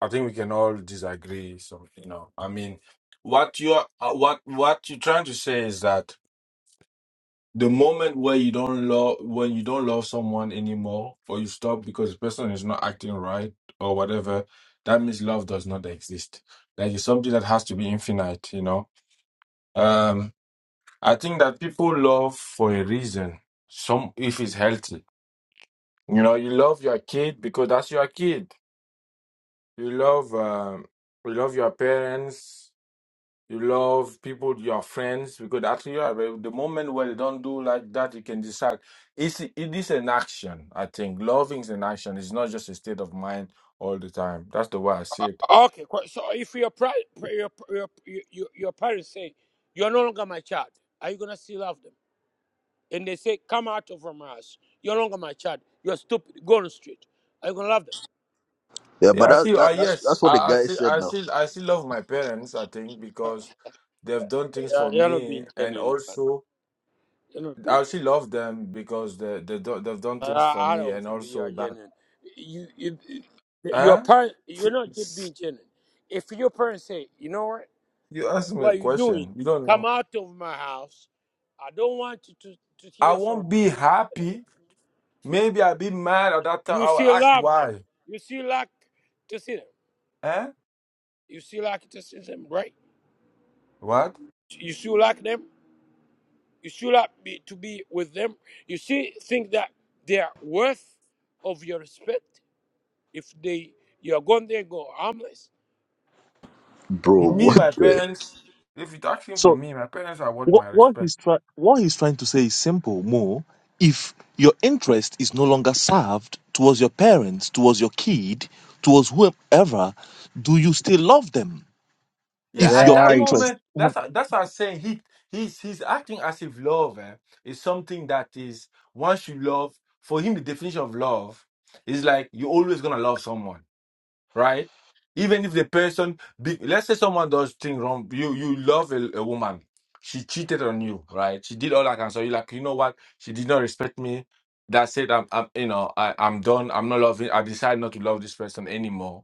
Speaker 7: I think we can all disagree. So you know, I mean what you are uh, what what you're trying to say is that the moment where you don't love when you don't love someone anymore or you stop because the person is not acting right or whatever that means love does not exist like it's something that has to be infinite you know um i think that people love for a reason some if it's healthy you know you love your kid because that's your kid you love um you love your parents You love people, your friends, because actually, you are- the moment where they don't do like that, you can decide. It's, it is an action, I think. Loving is an action. It's not just a state of mind all the time. That's the way I see it.
Speaker 10: Okay, qu- so if your pri- pri- your your your, your parents say you're no longer my child, are you gonna still love them? And they say, "Come out of from us. You're no longer my child. You're stupid. Go on the street." Are you gonna love them?
Speaker 11: Yeah, but
Speaker 7: Yeah, I
Speaker 11: that,
Speaker 7: still Uh,
Speaker 11: that that's
Speaker 7: yes,
Speaker 11: that's what the
Speaker 7: I, I
Speaker 11: guy
Speaker 7: still,
Speaker 11: said
Speaker 7: I
Speaker 11: now,
Speaker 7: still, I still love my parents. I think
Speaker 10: Uh,
Speaker 7: because they've done things
Speaker 10: Uh,
Speaker 7: for
Speaker 10: you're not
Speaker 7: me,
Speaker 10: being
Speaker 7: and
Speaker 10: genuine. man.
Speaker 7: also
Speaker 10: You're not being
Speaker 7: I
Speaker 10: genuine.
Speaker 7: still love them because they they do, they've done things for
Speaker 10: I, I
Speaker 7: me,
Speaker 10: don't
Speaker 7: and
Speaker 10: think you
Speaker 7: also
Speaker 10: are
Speaker 7: that.
Speaker 10: genuine. You, you, your
Speaker 7: Huh?
Speaker 10: parent, you're not just
Speaker 7: It's-
Speaker 10: being genuine. If your parents say, you know what,
Speaker 7: You asked me
Speaker 10: what
Speaker 7: a
Speaker 10: are you doing?
Speaker 7: question. You don't
Speaker 10: Come
Speaker 7: know.
Speaker 10: out of my house. I don't want you to, to
Speaker 7: I
Speaker 10: hear from
Speaker 7: won't be happy
Speaker 10: them.
Speaker 7: Maybe I'll be mad at that time.
Speaker 10: You
Speaker 7: I will
Speaker 10: still
Speaker 7: ask
Speaker 10: love them.
Speaker 7: why.
Speaker 10: You still like to see them.
Speaker 7: Eh?
Speaker 10: You still like to see them, right?
Speaker 7: What?
Speaker 10: You still like them. You still like be, to be with them. You still think that they are worth of your respect. If they you are gone there, go harmless.
Speaker 11: bro.
Speaker 7: Me, my
Speaker 11: What the?
Speaker 7: parents. If you're asking for
Speaker 9: So
Speaker 7: me, my parents are worth
Speaker 9: what
Speaker 7: my
Speaker 9: what
Speaker 7: respect.
Speaker 9: he's try, what he's trying to say is simple, Mo. If your interest is no loved towards your parents, towards your kid, towards whoever,
Speaker 7: Yeah,
Speaker 9: if
Speaker 7: at that
Speaker 14: Right,
Speaker 7: moment, that's that's what I'm saying. He he's he's acting as if love eh, is something that is once you love. For him, the definition of love is like you're always gonna love someone. right? Even if the person, be, let's say someone does thing wrong, you you love a, a woman, she cheated on you, right? She did all that kind of stuff. You like, you know what? She did not respect me. That's it. I'm, I'm you know, I, I'm done. I'm not loving. I decide not to love this person anymore.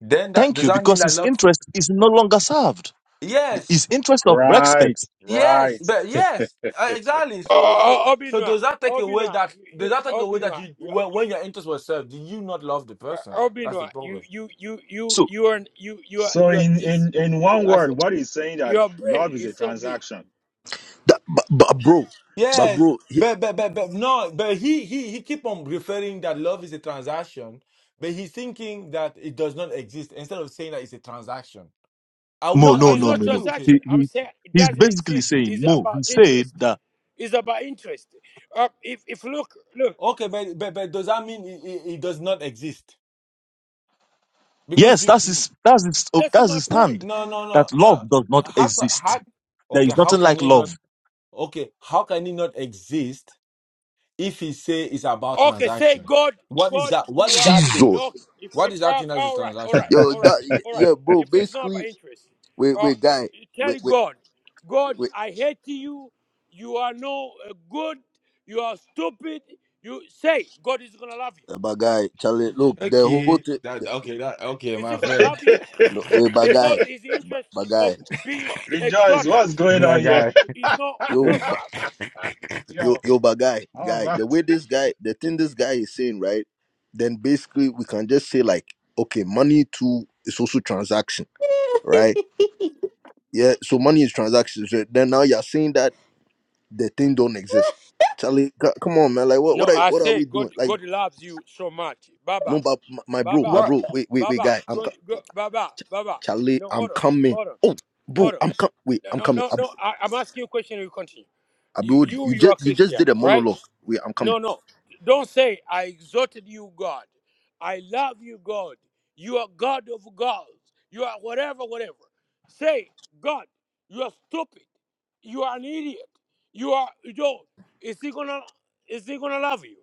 Speaker 7: Then that
Speaker 9: thank
Speaker 7: does
Speaker 9: you
Speaker 7: that mean
Speaker 9: because
Speaker 7: that
Speaker 9: his
Speaker 7: love?
Speaker 9: interest is no longer served,
Speaker 7: Yes,
Speaker 9: his interest of
Speaker 14: right,
Speaker 9: respect.
Speaker 7: yes,
Speaker 14: right.
Speaker 7: but yes, uh, exactly. So so
Speaker 10: Oh,
Speaker 7: so
Speaker 10: Obinwa,
Speaker 7: does that take away
Speaker 10: Obinwa,
Speaker 7: that
Speaker 10: you, you,
Speaker 7: does that take away that
Speaker 10: Obinwa,
Speaker 7: you
Speaker 10: you,
Speaker 7: when, when your interest was served, do you not love the
Speaker 10: uh,
Speaker 7: person? That's the
Speaker 10: Obinwa, you,
Speaker 7: problem.
Speaker 10: you, you, you,
Speaker 9: So.
Speaker 10: you are, you, you are,
Speaker 14: So
Speaker 10: you are
Speaker 14: in
Speaker 10: just.
Speaker 14: in in one
Speaker 10: I
Speaker 14: word,
Speaker 10: said,
Speaker 14: what is saying that
Speaker 10: your brain
Speaker 14: love is a
Speaker 10: is so big.
Speaker 14: transaction?
Speaker 11: That, but, but bro,
Speaker 9: so
Speaker 11: but
Speaker 7: Yes,
Speaker 11: bro, he-
Speaker 7: but but but but no, but he he he keep on referring that love is a transaction, but he's thinking that it does not exist instead of saying that it's a transaction. I will
Speaker 9: Mo,
Speaker 10: No,
Speaker 7: not
Speaker 9: no,
Speaker 7: have
Speaker 10: it's
Speaker 9: no,
Speaker 10: not
Speaker 9: no,
Speaker 7: disagreed
Speaker 9: no.
Speaker 7: with
Speaker 10: transaction.
Speaker 7: him.
Speaker 9: He,
Speaker 10: I'm
Speaker 9: he,
Speaker 10: saying it
Speaker 9: he's
Speaker 10: doesn't
Speaker 9: basically
Speaker 10: exist.
Speaker 9: saying,
Speaker 10: It's
Speaker 9: Mo,
Speaker 10: about
Speaker 9: he said
Speaker 10: interest.
Speaker 9: that,
Speaker 10: It's about interest. Uh, if, if look, look,
Speaker 7: Okay, but but, but does that mean it, it, it does not exist? Because
Speaker 9: yes,
Speaker 7: you
Speaker 9: that's
Speaker 7: you-
Speaker 9: his, that's his, oh,
Speaker 10: that's
Speaker 9: that's
Speaker 10: my
Speaker 9: his
Speaker 10: point.
Speaker 9: stand,
Speaker 7: no no no
Speaker 9: that love
Speaker 7: no
Speaker 9: does not
Speaker 7: how ca-
Speaker 9: exist.
Speaker 7: how
Speaker 9: There
Speaker 7: okay
Speaker 9: is
Speaker 7: how
Speaker 9: nothing
Speaker 7: can
Speaker 9: like
Speaker 7: he not
Speaker 9: love.
Speaker 7: okay how can he not exist if he say it's about
Speaker 10: Okay, say
Speaker 7: transaction?
Speaker 10: God,
Speaker 7: What is
Speaker 10: God,
Speaker 7: that? What
Speaker 10: you
Speaker 7: is
Speaker 10: are
Speaker 7: that thing?
Speaker 11: Jesus.
Speaker 10: okay. If
Speaker 7: What
Speaker 10: if
Speaker 7: is that
Speaker 10: uh,
Speaker 7: thing as a
Speaker 10: all right, all
Speaker 7: transaction?
Speaker 10: right,
Speaker 11: Yo,
Speaker 10: all right,
Speaker 11: that
Speaker 10: all right.
Speaker 11: yeah, bro.
Speaker 10: If it's not
Speaker 11: Basically,
Speaker 10: by interest,
Speaker 11: wait,
Speaker 10: uh, uh,
Speaker 11: wait, guy, wait,
Speaker 10: tell
Speaker 11: wait,
Speaker 10: God, God,
Speaker 11: wait,
Speaker 10: I hate you. You are no uh, good. You are stupid. You say God is gonna love you.
Speaker 11: uh, guy, Charlie, look, the whole
Speaker 7: Okay,
Speaker 11: thing,
Speaker 7: that okay, that okay,
Speaker 10: Is He
Speaker 7: my
Speaker 10: gonna
Speaker 14: <laughs>
Speaker 7: friend,
Speaker 10: love you
Speaker 11: no, wait,
Speaker 10: because
Speaker 11: guy,
Speaker 10: His interest of
Speaker 11: guy,
Speaker 10: being
Speaker 14: Rejoice,
Speaker 10: exalted
Speaker 14: what's
Speaker 7: <laughs>
Speaker 14: going
Speaker 7: my
Speaker 10: is
Speaker 14: on
Speaker 10: not
Speaker 14: here?
Speaker 7: guy.
Speaker 10: is not
Speaker 14: <laughs>
Speaker 10: is
Speaker 11: yo,
Speaker 7: <laughs>
Speaker 10: not
Speaker 11: ba,
Speaker 10: served.
Speaker 11: yo,
Speaker 14: Yo,
Speaker 11: yo, guy,
Speaker 14: how
Speaker 11: guy,
Speaker 14: about
Speaker 11: the way this guy, the thing this guy is saying, right? Then basically we can just say like, okay, money too is also transaction, right?
Speaker 1: <laughs>
Speaker 11: Yeah, so money is transaction. So then now you're saying that the thing don't exist, Charlie. c- Come on, man, like what,
Speaker 10: No,
Speaker 11: what are,
Speaker 10: I
Speaker 11: what are
Speaker 10: say
Speaker 11: we
Speaker 10: God,
Speaker 11: doing? Like,
Speaker 10: God loves you so much, Baba.
Speaker 11: no, but my, my bro,
Speaker 10: Baba,
Speaker 11: my
Speaker 7: What?
Speaker 11: bro, wait, wait, wait,
Speaker 10: Baba,
Speaker 11: guy, I'm. co-
Speaker 10: good, good, Baba, Baba.
Speaker 11: Charlie,
Speaker 10: No,
Speaker 11: I'm
Speaker 10: hold on,
Speaker 11: coming.
Speaker 10: hold on,
Speaker 11: Oh, bro,
Speaker 10: hold on.
Speaker 11: I'm coming. Wait,
Speaker 10: No,
Speaker 11: I'm
Speaker 10: no,
Speaker 11: coming.
Speaker 10: no,
Speaker 11: Ab-
Speaker 10: no. I, I'm asking you a question. You continue. You,
Speaker 11: Abiodi,
Speaker 10: you,
Speaker 11: you
Speaker 10: you are
Speaker 11: just you just
Speaker 10: Christian,
Speaker 11: did a
Speaker 10: right?
Speaker 11: monologue. Wait, I'm coming.
Speaker 10: No, no. Don't say I exalted you, God. I love you, God. You are God of gods. You are whatever, whatever. Say, God, you are stupid. You are an idiot. You are. You know, is he gonna? Is he gonna love you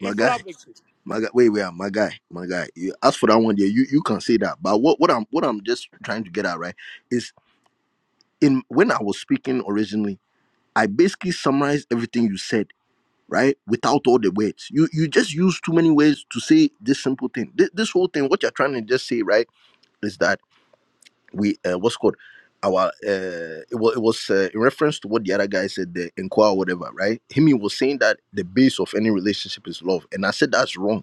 Speaker 11: My guy,
Speaker 10: love exists?
Speaker 11: my guy. Wait, wait, my guy, my guy. You ask for that one there. You you can say that. But what what I'm what I'm just trying to get at right is in when I was speaking originally, I basically summarized everything you said right without all the words. You you just use too many words to say this simple thing. This, this whole thing, what you're trying to just say right is that we uh, what's called our uh it was, it was uh, in reference to what the other guy said the inquire whatever right him he was saying that the base of any relationship is love and i said that's wrong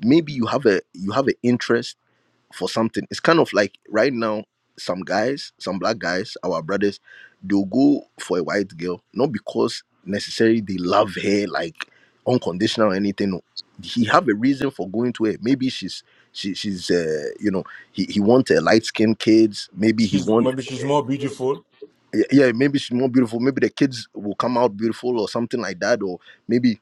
Speaker 11: maybe you have a you have an interest for something. It's kind of like right now, some guys, some black guys, our brothers, they'll go for a white girl, not because necessarily they love her like unconditional or anything. no. He have a reason for going to her. Maybe she's she she's uh you know he he want a light skinned kids. Maybe he
Speaker 7: She's
Speaker 11: want
Speaker 7: maybe she's more beautiful
Speaker 11: yeah yeah, maybe she's more beautiful. Maybe the kids will come out beautiful or something like that. Or maybe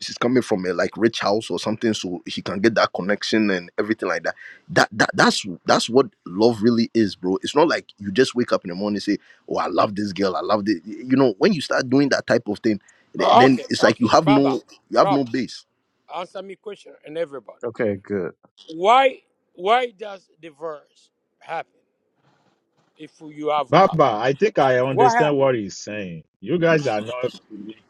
Speaker 11: she's coming from a like rich house or something so she can get that connection and everything like that that, that that's that's what love really is bro it's not like you just wake up in the morning and say oh i love this girl i love this you know when you start doing that type of thing th- then
Speaker 10: Okay,
Speaker 11: it's like
Speaker 10: okay,
Speaker 11: you have
Speaker 10: Baba,
Speaker 11: no you have no
Speaker 10: Baba.
Speaker 11: base
Speaker 10: Answer me question and everybody.
Speaker 15: Okay, good.
Speaker 10: Why why does divorce happen if you
Speaker 14: <laughs>
Speaker 10: have love?
Speaker 14: Baba? I think I
Speaker 10: What
Speaker 14: understand
Speaker 10: happened?
Speaker 14: what he's saying. You guys are not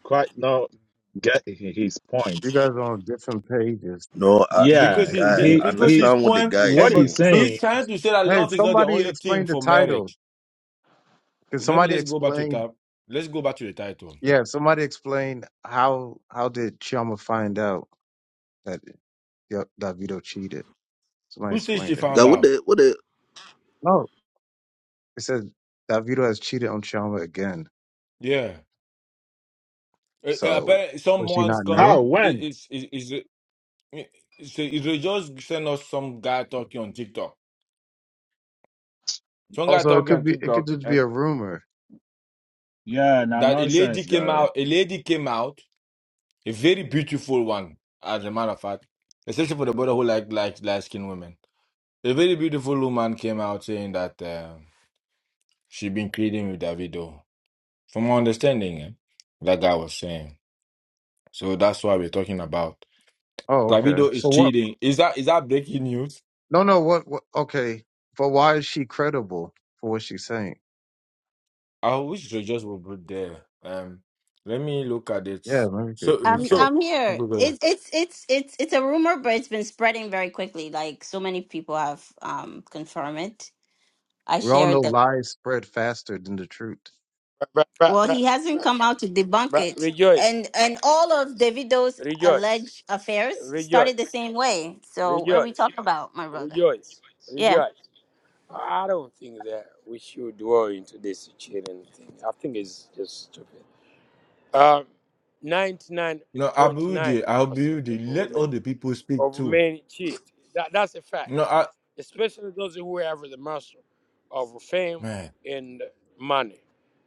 Speaker 14: quite not getting his point.
Speaker 15: You guys are on different pages
Speaker 11: no i
Speaker 15: on
Speaker 14: Yeah,
Speaker 7: because he,
Speaker 15: different
Speaker 11: guy
Speaker 7: he
Speaker 11: i
Speaker 14: he
Speaker 15: books.
Speaker 7: because
Speaker 14: he
Speaker 7: his
Speaker 11: understand what the
Speaker 7: poem
Speaker 11: guy is
Speaker 15: Hey,
Speaker 14: what
Speaker 15: but
Speaker 14: he's
Speaker 11: saying
Speaker 15: so,
Speaker 14: saying,
Speaker 7: he's trying to say that
Speaker 15: hey,
Speaker 7: love is not the
Speaker 15: somebody
Speaker 7: only thing
Speaker 15: explain the
Speaker 7: for
Speaker 15: title.
Speaker 7: marriage.
Speaker 15: Can
Speaker 7: Maybe
Speaker 15: somebody
Speaker 7: let's go back to the
Speaker 15: explain?
Speaker 7: Let's go back to the title.
Speaker 15: Yeah, somebody explain how how did Chiyama find out that yep, Davito cheated? Somebody
Speaker 7: Who says
Speaker 15: explain
Speaker 7: she
Speaker 15: that.
Speaker 11: guy
Speaker 7: found
Speaker 11: what
Speaker 7: out?
Speaker 11: the what the
Speaker 15: No, it says Davido has cheated on Chiyama again.
Speaker 7: Yeah, uh, uh,
Speaker 15: So
Speaker 7: apparently
Speaker 15: does she
Speaker 7: someone's
Speaker 15: not
Speaker 7: come
Speaker 15: know?
Speaker 7: out.
Speaker 14: how,
Speaker 7: It,
Speaker 14: when?
Speaker 7: it's it, it's it's it's- it just send us some guy talking on TikTok. Some guy
Speaker 15: Also, it
Speaker 7: talking
Speaker 15: could
Speaker 7: on
Speaker 15: be it could
Speaker 7: TikTok
Speaker 15: just be a rumor.
Speaker 14: Yeah, now
Speaker 7: that a lady
Speaker 14: nonsense,
Speaker 7: came
Speaker 14: Gary.
Speaker 7: out, a lady came out, a very beautiful one, as a matter of fact, especially for the brother who like like light skinned women. A very beautiful woman came out saying that uh, she been creating with Davido. From my understanding, eh, that guy was saying. So that's why we're talking about.
Speaker 15: Oh, okay.
Speaker 7: Davido
Speaker 15: So
Speaker 7: is
Speaker 15: what?
Speaker 7: cheating. Is that is that breaking news?
Speaker 15: No, no. What? what okay, but why is she credible for what she's saying?
Speaker 7: I wish they just would put there. Um, let me look at it.
Speaker 15: Yeah, let me
Speaker 7: So
Speaker 15: re-
Speaker 1: I'm
Speaker 15: recap.
Speaker 7: so.
Speaker 1: I'm here. It's
Speaker 7: No,
Speaker 1: it's it's it's it's a rumor, but it's been spreading very quickly. Like so many people have um confirmed it. I
Speaker 15: We all know
Speaker 1: shared that.
Speaker 15: lies spread faster than the truth.
Speaker 10: But, but,
Speaker 1: Well, he
Speaker 10: but,
Speaker 1: hasn't
Speaker 10: but,
Speaker 1: come out to debunk
Speaker 10: but
Speaker 1: it,
Speaker 10: rejoice,
Speaker 1: and and all of Davido's
Speaker 10: rejoice,
Speaker 1: alleged affairs
Speaker 10: rejoice,
Speaker 1: started the same way. So what are we
Speaker 10: rejoice,
Speaker 1: talking about, my brother?
Speaker 10: rejoice,
Speaker 1: Yeah.
Speaker 10: rejoice. I don't think that we should dwell into this cheating thing. I think it's just stupid. Um, 99.9%
Speaker 7: Abude,
Speaker 10: of
Speaker 7: Abude, let
Speaker 10: women
Speaker 7: all the people speak
Speaker 10: of
Speaker 7: too.
Speaker 10: men cheat. That, that's a fact,
Speaker 7: No,
Speaker 10: especially those who have the muscle of fame
Speaker 7: Man,
Speaker 10: and money.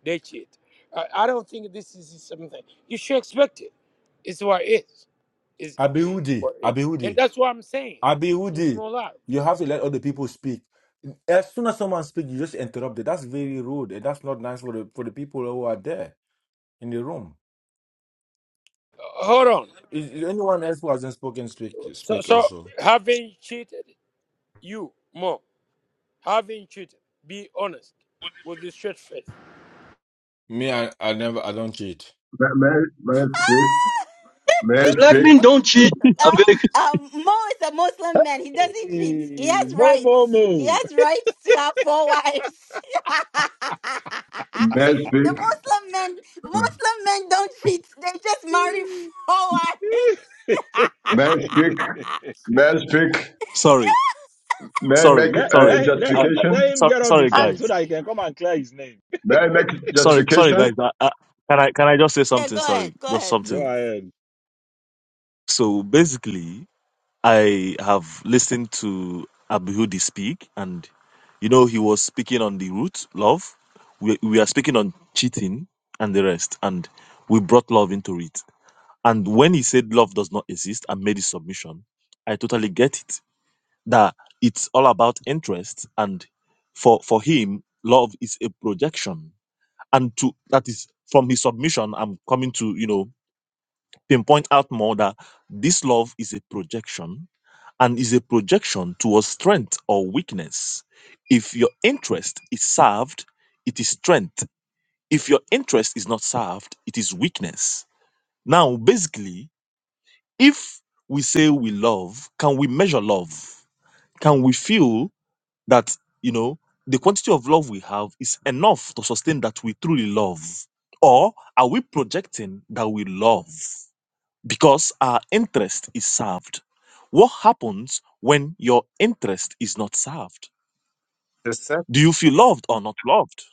Speaker 10: They cheat. I, I don't think this is something you should expect it. It's what it is. It's it
Speaker 7: Abiudi,
Speaker 10: what it is. And
Speaker 7: Abiudi,
Speaker 10: that's what I'm saying. There's no
Speaker 7: Abiudi,
Speaker 10: love.
Speaker 7: you have to let other people speak. As soon as someone speaks, you just interrupt it. That's very rude, and that's not nice for the for the people who are there in the room.
Speaker 10: Uh, hold on.
Speaker 7: Is, is anyone else who hasn't spoken speak
Speaker 10: So,
Speaker 7: speak
Speaker 10: so
Speaker 7: also?
Speaker 10: having cheated, you more having cheated, be honest with the straight face.
Speaker 7: Me, I, I never, I don't cheat.
Speaker 13: May, may, may I speak? May I
Speaker 1: <laughs>
Speaker 16: Black
Speaker 13: speak?
Speaker 16: men don't cheat. I
Speaker 1: Uh,
Speaker 16: beg.
Speaker 1: um, Mo is a Muslim man. He doesn't cheat. He
Speaker 14: Hey,
Speaker 1: has
Speaker 14: Mo,
Speaker 1: rights. He
Speaker 14: mo,
Speaker 1: has rights to have four wives. <laughs>
Speaker 13: May I
Speaker 1: the
Speaker 13: speak?
Speaker 1: Muslim men, Muslim men don't cheat. They just marry
Speaker 14: mo. <laughs>
Speaker 1: four
Speaker 14: <laughs>
Speaker 13: May I
Speaker 1: wives.
Speaker 13: speak?
Speaker 1: <laughs>
Speaker 13: May I speak?
Speaker 9: Sorry,
Speaker 13: May I
Speaker 9: sorry,
Speaker 13: make
Speaker 14: let,
Speaker 13: uh,
Speaker 9: sorry.
Speaker 14: let, let
Speaker 9: Uh,
Speaker 14: him
Speaker 9: uh,
Speaker 14: let
Speaker 13: justification?
Speaker 14: him
Speaker 9: sorry,
Speaker 14: get off the
Speaker 9: sorry,
Speaker 17: I
Speaker 14: phone so
Speaker 9: guys.
Speaker 14: that he can come and clear his name.
Speaker 13: May I make
Speaker 9: Sorry, sorry, guys.
Speaker 13: justification?
Speaker 9: Uh, uh, can I, can I just say
Speaker 1: yeah,
Speaker 9: something?
Speaker 1: go ahead.
Speaker 9: Sorry,
Speaker 1: Go
Speaker 9: just
Speaker 1: ahead,
Speaker 14: Go
Speaker 9: something.
Speaker 1: please.
Speaker 14: ahead.
Speaker 9: So basically, I have listened to Abihoudi speak, and you know he was speaking on the root love. We we are speaking on cheating and the rest, and we brought love into it. And when he said love does not exist and made his submission, I totally get it. That it's all about interest, and for for him, love is a projection. And to that is from his submission, I'm coming to you know pinpoint out more that this love is a projection and is a projection towards strength or weakness. If your interest is served, it is strength. If your interest is not served, it is weakness. Now, basically, if we say we love, can we measure love? Can we feel that, you know, the quantity of love we have is enough to sustain that we truly love? Or are we projecting that we love? because our interest is served. What happens when your interest is not served?
Speaker 15: The sec-
Speaker 9: Do you feel loved or not loved?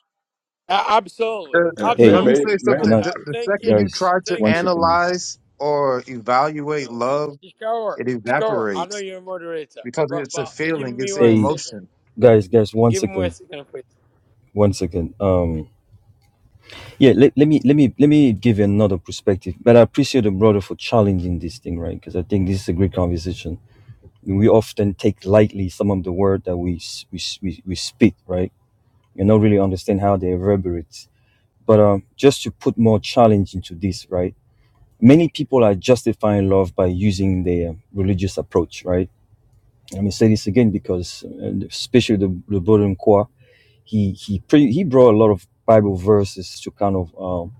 Speaker 10: Uh, absolutely,
Speaker 15: the,
Speaker 13: Uh, may,
Speaker 15: let
Speaker 4: Hey.
Speaker 15: me
Speaker 13: may,
Speaker 10: absolutely.
Speaker 15: say
Speaker 13: may,
Speaker 10: Uh,
Speaker 4: Good
Speaker 15: something.
Speaker 10: uh,
Speaker 4: night,
Speaker 15: The, the
Speaker 10: thank
Speaker 15: second
Speaker 10: you,
Speaker 15: you
Speaker 4: guys.
Speaker 15: try to
Speaker 10: thank
Speaker 4: One
Speaker 10: you.
Speaker 4: second.
Speaker 15: analyze or
Speaker 10: No,
Speaker 15: evaluate
Speaker 10: t-
Speaker 15: love,
Speaker 10: t-
Speaker 15: it
Speaker 10: I know
Speaker 15: evaporates
Speaker 10: you're a moderator,
Speaker 15: because
Speaker 10: but
Speaker 15: it's a
Speaker 10: but give
Speaker 15: feeling,
Speaker 10: me
Speaker 15: it's an
Speaker 10: one
Speaker 4: Hey,
Speaker 10: second.
Speaker 15: emotion.
Speaker 4: guys. Guys. One
Speaker 10: Give me one
Speaker 4: second.
Speaker 10: second, please.
Speaker 4: One second. Um. Yeah, let, let me let me let me give you another perspective. But I appreciate the brother for challenging this thing, right? Because I think this is a great conversation. We often take lightly some of the word that we s- we s- we, we speak, right? And not really understand how they reverberate. But um, just to put more challenge into this, right? Many people are justifying love by using their religious approach, right? Let me say this again because, uh, especially the the brother in Kwa, he he pre- he brought a lot of Bible verses to kind of um,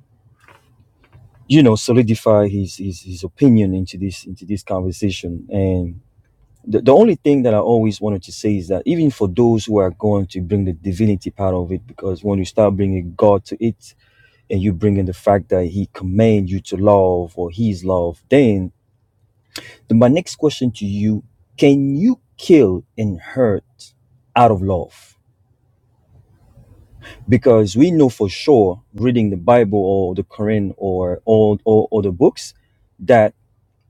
Speaker 4: you know solidify his his, his opinion into this into this conversation and the, the only thing that i always wanted to say is that even for those who are going to bring the divinity part of it because when you start bringing god to it and you bring in the fact that he commands you to love or he's love then, then my next question to you can you kill and hurt out of love because we know for sure reading the bible or the quran or all or, or the books that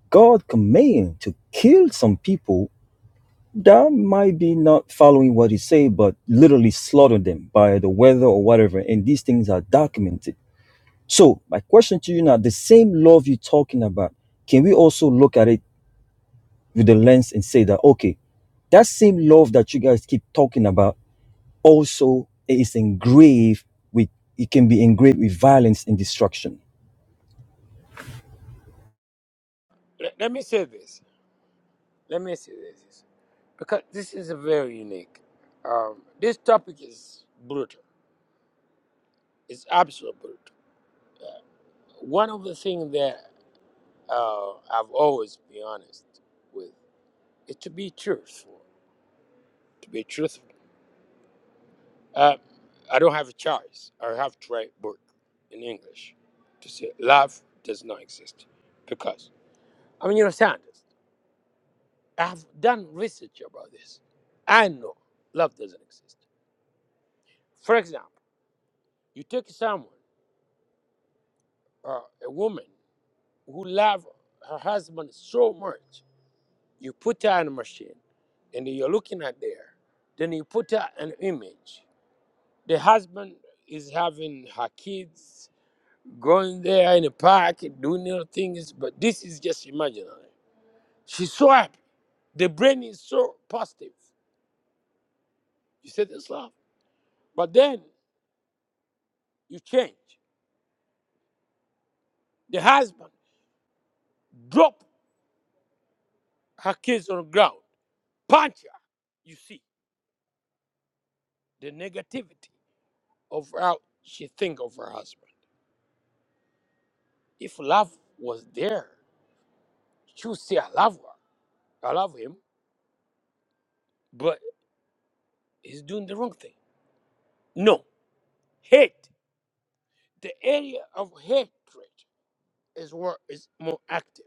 Speaker 4: God command to kill some people that might be not following what he say, but literally slaughter them by the weather or whatever. And these things are documented. So my question to you now, the same love you're talking about, can we also look at it with the lens and say that, okay, that same love that you guys keep talking about also is engraved with, it can be engraved with violence and destruction.
Speaker 10: Let, let me say this. Let me say this because this is a very unique. Um, this topic is brutal. It's absolute brutal. Uh, one of the things that uh, I've always been honest with is to be truthful. To be truthful. Uh, I don't have a choice. I have to write book in English to say love does not exist I mean, you understand this. I have done research about this. I know love doesn't exist. For example, you take someone, uh, a woman who loves her husband so much, you put her in a machine and you're looking at there, then you put her an image. The husband is having her kids going there in the park doing little things, but this is just imaginary. She's so happy. The brain is so positive. You say this love. But then you change. The husband drop her kids on the ground, punch her. You see the negativity of how she think of her husband. If love was there, she would say, "I love her, I love him," but he's doing the wrong thing. No, hate. The area of hatred is what is more active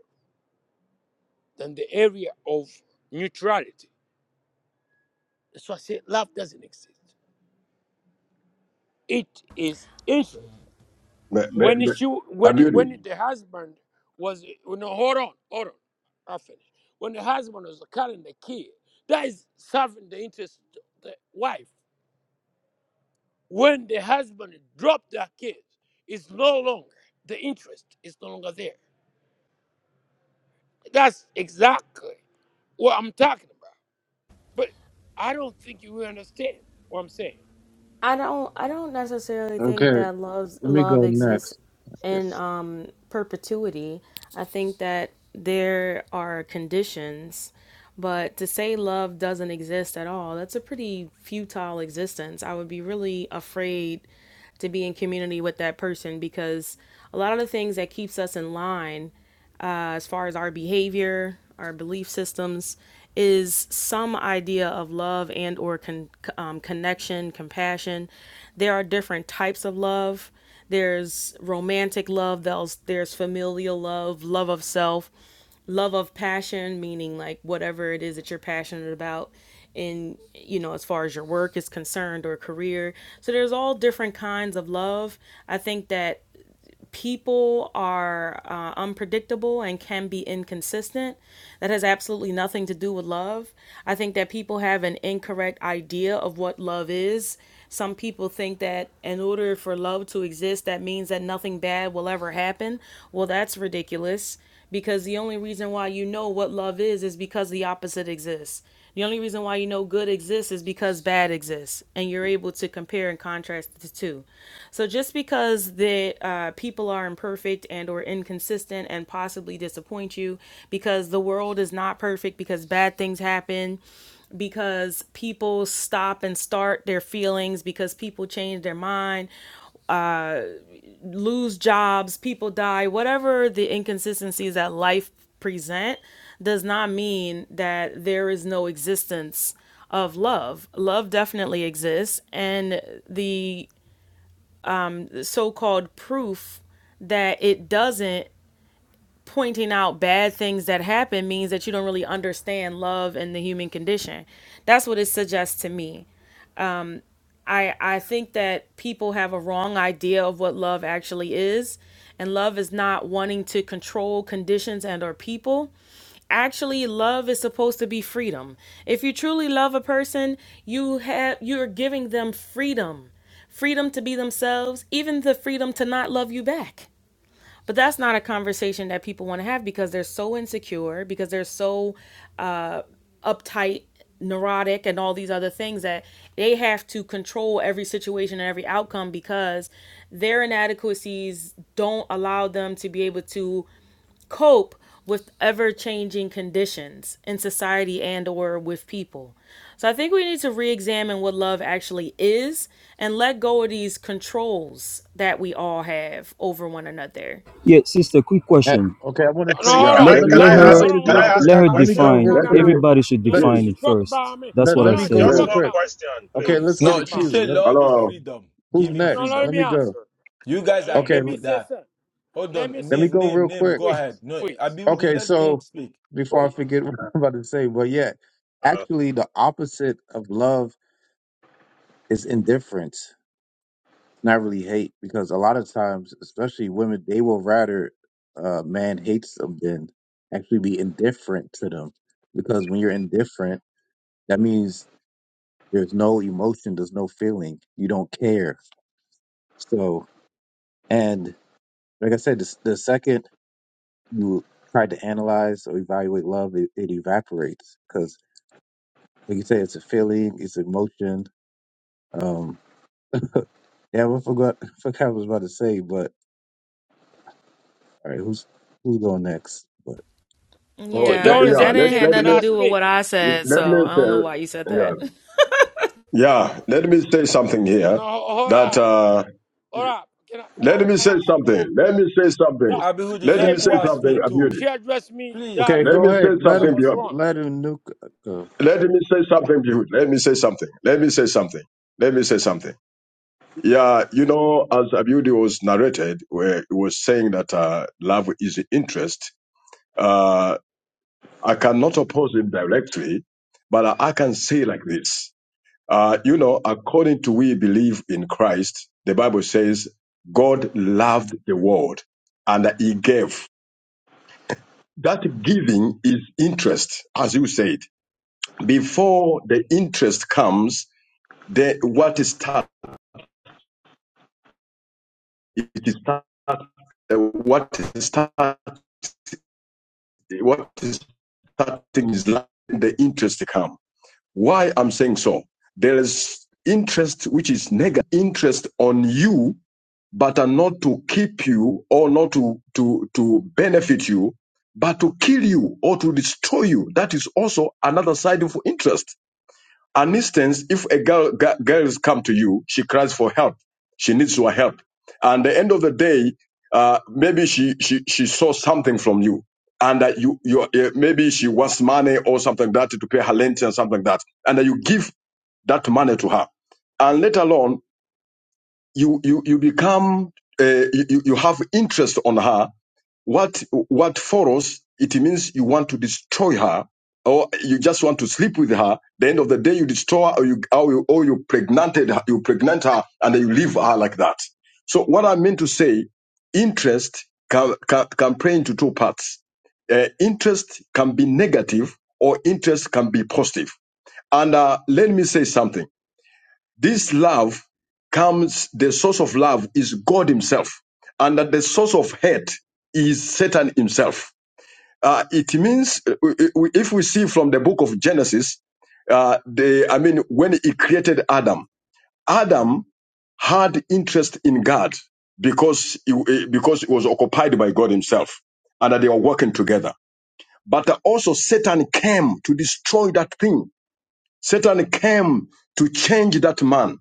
Speaker 10: than the area of neutrality. That's why I say love doesn't exist. It is interest.
Speaker 13: may, may,
Speaker 10: When
Speaker 13: may,
Speaker 10: she,
Speaker 13: I
Speaker 10: when
Speaker 13: it.
Speaker 10: when the husband was, no, hold on, hold on, I finish. When the husband was carrying the kid, that is serving the interest of the wife. When the husband dropped that kid, it's no longer the interest is no longer there. That's exactly what I'm talking about. But I don't think you will understand what I'm saying.
Speaker 17: I don't I don't necessarily think
Speaker 15: Okay,
Speaker 17: that love's
Speaker 15: let me
Speaker 17: love
Speaker 15: go
Speaker 17: exists
Speaker 15: next.
Speaker 17: in um perpetuity. I think that there are conditions, but to say love doesn't exist at all, that's a pretty futile existence. I would be really afraid to be in community with that person because a lot of the things that keeps us in line uh, as far as our behavior, our belief systems, is some idea of love and or con- um, connection, compassion. There are different types of love. There's romantic love. There's there's familial love, love of self, love of passion, meaning like whatever it is that you're passionate about in you know as far as your work is concerned or career so there's all different kinds of love i think that people are uh, unpredictable and can be inconsistent. That has absolutely nothing to do with love. I think that people have an incorrect idea of what love is. Some people think that in order for love to exist, that means that nothing bad will ever happen. Well, that's ridiculous because the only reason why you know what love is is because the opposite exists. The only reason why you know good exists is because bad exists, and you're able to compare and contrast the two. So just because the uh, people are imperfect and or inconsistent and possibly disappoint you, because the world is not perfect, because bad things happen, because people stop and start their feelings, because people change their mind, lose jobs, people die, whatever the inconsistencies that life present does not mean that there is no existence of love. Love definitely exists and the so-called proof that it doesn't pointing out bad things that happen means that you don't really understand love and the human condition. That's what it suggests to me. I I think that people have a wrong idea of what love actually is, and love is not wanting to control conditions and or people. Actually, love is supposed to be freedom. If you truly love a person, you have you're giving them freedom. Freedom to be themselves, even the freedom to not love you back. But that's not a conversation that people want to have because they're so insecure, because they're so uh, uptight, neurotic, and all these other things that they have to control every situation and every outcome because their inadequacies don't allow them to be able to cope with ever-changing conditions in society and or with people. So I think we need to re-examine what love actually is and let go of these controls that we all have over one another.
Speaker 4: Yeah, sister, quick
Speaker 15: Eh,
Speaker 4: question.
Speaker 15: Okay, I want
Speaker 10: No,
Speaker 14: Let's
Speaker 15: to say.
Speaker 14: see.
Speaker 10: hold
Speaker 13: Yeah,
Speaker 14: Can
Speaker 10: on,
Speaker 15: Let
Speaker 4: let
Speaker 14: I
Speaker 13: let,
Speaker 15: let
Speaker 14: can
Speaker 15: me
Speaker 13: let,
Speaker 10: hold
Speaker 4: let
Speaker 14: I
Speaker 10: on,
Speaker 15: let me
Speaker 13: yeah,
Speaker 14: ask
Speaker 15: say
Speaker 10: hold
Speaker 4: her
Speaker 15: this
Speaker 10: on
Speaker 14: can
Speaker 10: one
Speaker 14: I
Speaker 15: real
Speaker 13: yeah.
Speaker 10: second.
Speaker 14: ask
Speaker 15: quick.
Speaker 4: let
Speaker 14: a
Speaker 4: her
Speaker 10: Okay?
Speaker 15: Let me
Speaker 10: So
Speaker 15: go
Speaker 10: no,
Speaker 14: question?
Speaker 4: define
Speaker 10: no,
Speaker 15: real
Speaker 13: Let
Speaker 10: no,
Speaker 15: quick.
Speaker 10: no,
Speaker 13: me,
Speaker 10: no,
Speaker 4: everybody should
Speaker 10: no,
Speaker 15: Let
Speaker 10: no.
Speaker 13: please,
Speaker 4: define
Speaker 10: She
Speaker 4: it
Speaker 10: spoke
Speaker 4: first
Speaker 10: about me.
Speaker 4: that's
Speaker 15: let,
Speaker 10: No,
Speaker 4: what i
Speaker 15: let
Speaker 10: no,
Speaker 15: me
Speaker 10: she
Speaker 15: go
Speaker 4: said
Speaker 14: Just
Speaker 15: real
Speaker 13: please,
Speaker 10: spoke
Speaker 14: one
Speaker 15: quick.
Speaker 10: about me.
Speaker 14: question,
Speaker 10: No,
Speaker 15: Okay,
Speaker 10: she
Speaker 15: let's get
Speaker 14: please.
Speaker 10: spoke
Speaker 15: a
Speaker 7: No, she
Speaker 10: about
Speaker 15: cue.
Speaker 7: said
Speaker 15: Let,
Speaker 7: love is
Speaker 13: hello.
Speaker 7: freedom.
Speaker 10: me.
Speaker 15: who's
Speaker 7: Give
Speaker 10: Uh,
Speaker 7: him
Speaker 10: No,
Speaker 15: next?
Speaker 10: no, let
Speaker 7: freedom.
Speaker 15: Let
Speaker 10: me
Speaker 15: me go.
Speaker 10: answer.
Speaker 7: You guys
Speaker 10: Uh, let,
Speaker 15: Okay,
Speaker 10: let
Speaker 7: agreed
Speaker 10: me
Speaker 15: l-
Speaker 7: with
Speaker 10: say
Speaker 7: that.
Speaker 10: something.
Speaker 7: Hold
Speaker 10: Let
Speaker 7: on,
Speaker 10: me say
Speaker 15: let me
Speaker 7: name,
Speaker 10: something.
Speaker 15: go
Speaker 7: name,
Speaker 15: real
Speaker 7: name.
Speaker 15: quick.
Speaker 7: Go ahead.
Speaker 10: Please,
Speaker 7: No,
Speaker 10: please,
Speaker 7: Abiudi,
Speaker 15: Okay,
Speaker 7: let name
Speaker 15: so
Speaker 7: speak.
Speaker 15: before I
Speaker 10: please.
Speaker 15: forget what I'm about to say, but yeah,
Speaker 14: Uh,
Speaker 15: actually, the opposite of love is indifference. It's not really hate because a lot of times, especially women, they will rather a man hates them than actually be indifferent to them. Because when you're indifferent, that means there's no emotion, there's no feeling, you don't care. So, and like I said, the, the second you try to analyze or evaluate love, it, it evaporates because Like you say, it's a feeling, it's emotion. Um, yeah, I forgot, <laughs> forgot what I was about to say, but all right, who's who's going next? But
Speaker 13: Oh,
Speaker 10: D-
Speaker 13: let,
Speaker 17: Yeah,
Speaker 10: Don't
Speaker 17: because
Speaker 13: yeah,
Speaker 17: that
Speaker 10: them
Speaker 13: let,
Speaker 17: didn't have
Speaker 10: think
Speaker 13: let
Speaker 10: can
Speaker 13: me,
Speaker 17: nothing to
Speaker 10: I
Speaker 17: do with
Speaker 10: speak?
Speaker 17: what I said,
Speaker 13: let me
Speaker 17: so I don't know why you said
Speaker 13: say, Yeah.
Speaker 17: that. <laughs>
Speaker 13: Yeah, let me say something
Speaker 10: No, no,
Speaker 13: here.
Speaker 10: ho- hold
Speaker 13: That
Speaker 10: up,
Speaker 13: uh,
Speaker 10: hold up. Can I, can I,
Speaker 13: let me
Speaker 10: can
Speaker 13: say
Speaker 10: I speak?
Speaker 13: something. Let me say
Speaker 10: God,
Speaker 13: something.
Speaker 10: she,
Speaker 7: Abiudi,
Speaker 13: Let
Speaker 10: she
Speaker 13: me
Speaker 7: let
Speaker 13: say
Speaker 7: Kua
Speaker 10: addressed
Speaker 7: speak
Speaker 13: something,
Speaker 10: me.
Speaker 7: too.
Speaker 10: She
Speaker 13: beauty.
Speaker 10: addressed me
Speaker 7: Please.
Speaker 15: okay,
Speaker 13: Let
Speaker 15: go
Speaker 13: me
Speaker 10: directly.
Speaker 15: ahead.
Speaker 13: say
Speaker 15: Let
Speaker 10: That
Speaker 13: something,
Speaker 15: him
Speaker 10: was
Speaker 13: beauty.
Speaker 10: wrong.
Speaker 15: let him nuke uh, go.
Speaker 13: Let me say something, beauty. Let me say something. Let me say something. Let me say something. Yeah, you know, as Abudi was narrated, where it was saying that uh, love is interest. Uh, I cannot oppose him directly, but I can say like this. Uh, you know, according to we believe in Christ, the Bible says God loved the world and he gave. That giving is interest, as you said. Before the interest comes, the what is start, it is start, uh, what is start, what is starting is like the interest to come. Why I'm saying so? There is interest which is negative interest on you but are not to keep you or not to, to, to benefit you, but to kill you or to destroy you. That is also another side of interest. An instance, if a girl, g- girls come to you, she cries for help. She needs your help. And the end of the day, uh, maybe she, she, she saw something from you. And that you, you, uh, maybe she wants money or something like that to pay her rent and something like that. And that you give that money to her. And let alone you you you become uh, you you have interest on her what what follows it means you want to destroy her or you just want to sleep with her the end of the day you destroy her or you or you, or you pregnanted her- you pregnant her and then you leave her like that so what i mean to say interest can can, can play into two parts uh, interest can be negative or interest can be positive positive. and uh, let me say something this love comes, the source of love is God Himself, and that the source of hate is Satan himself. Uh, it means uh, if we see from the book of Genesis, uh, the I mean, when he created Adam, Adam had interest in God because he, eh, because he was occupied by God Himself, and that they were working together. But also Satan came to destroy that thing Satan came to change that man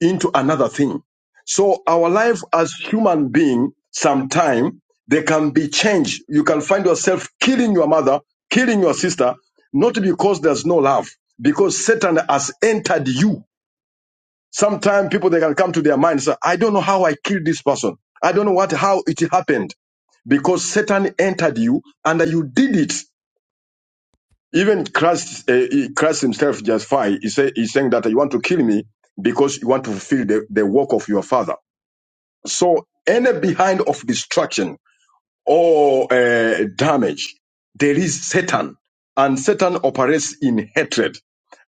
Speaker 13: into another thing. So our life as human being, sometime they can be changed. You can find yourself killing your mother, killing your sister, not because there's no love, because Satan has entered you. Sometimes people they can come to their mind and say, I don't know how I killed this person. I don't know what how it happened. Because Satan entered you and you did it. Even Christ, uh, he- Christ himself justified. He say, he's saying that you want to kill me because you want to fulfill the, the work of your father. So any behind of destruction or uh, damage, there is Satan. And Satan operates in hatred.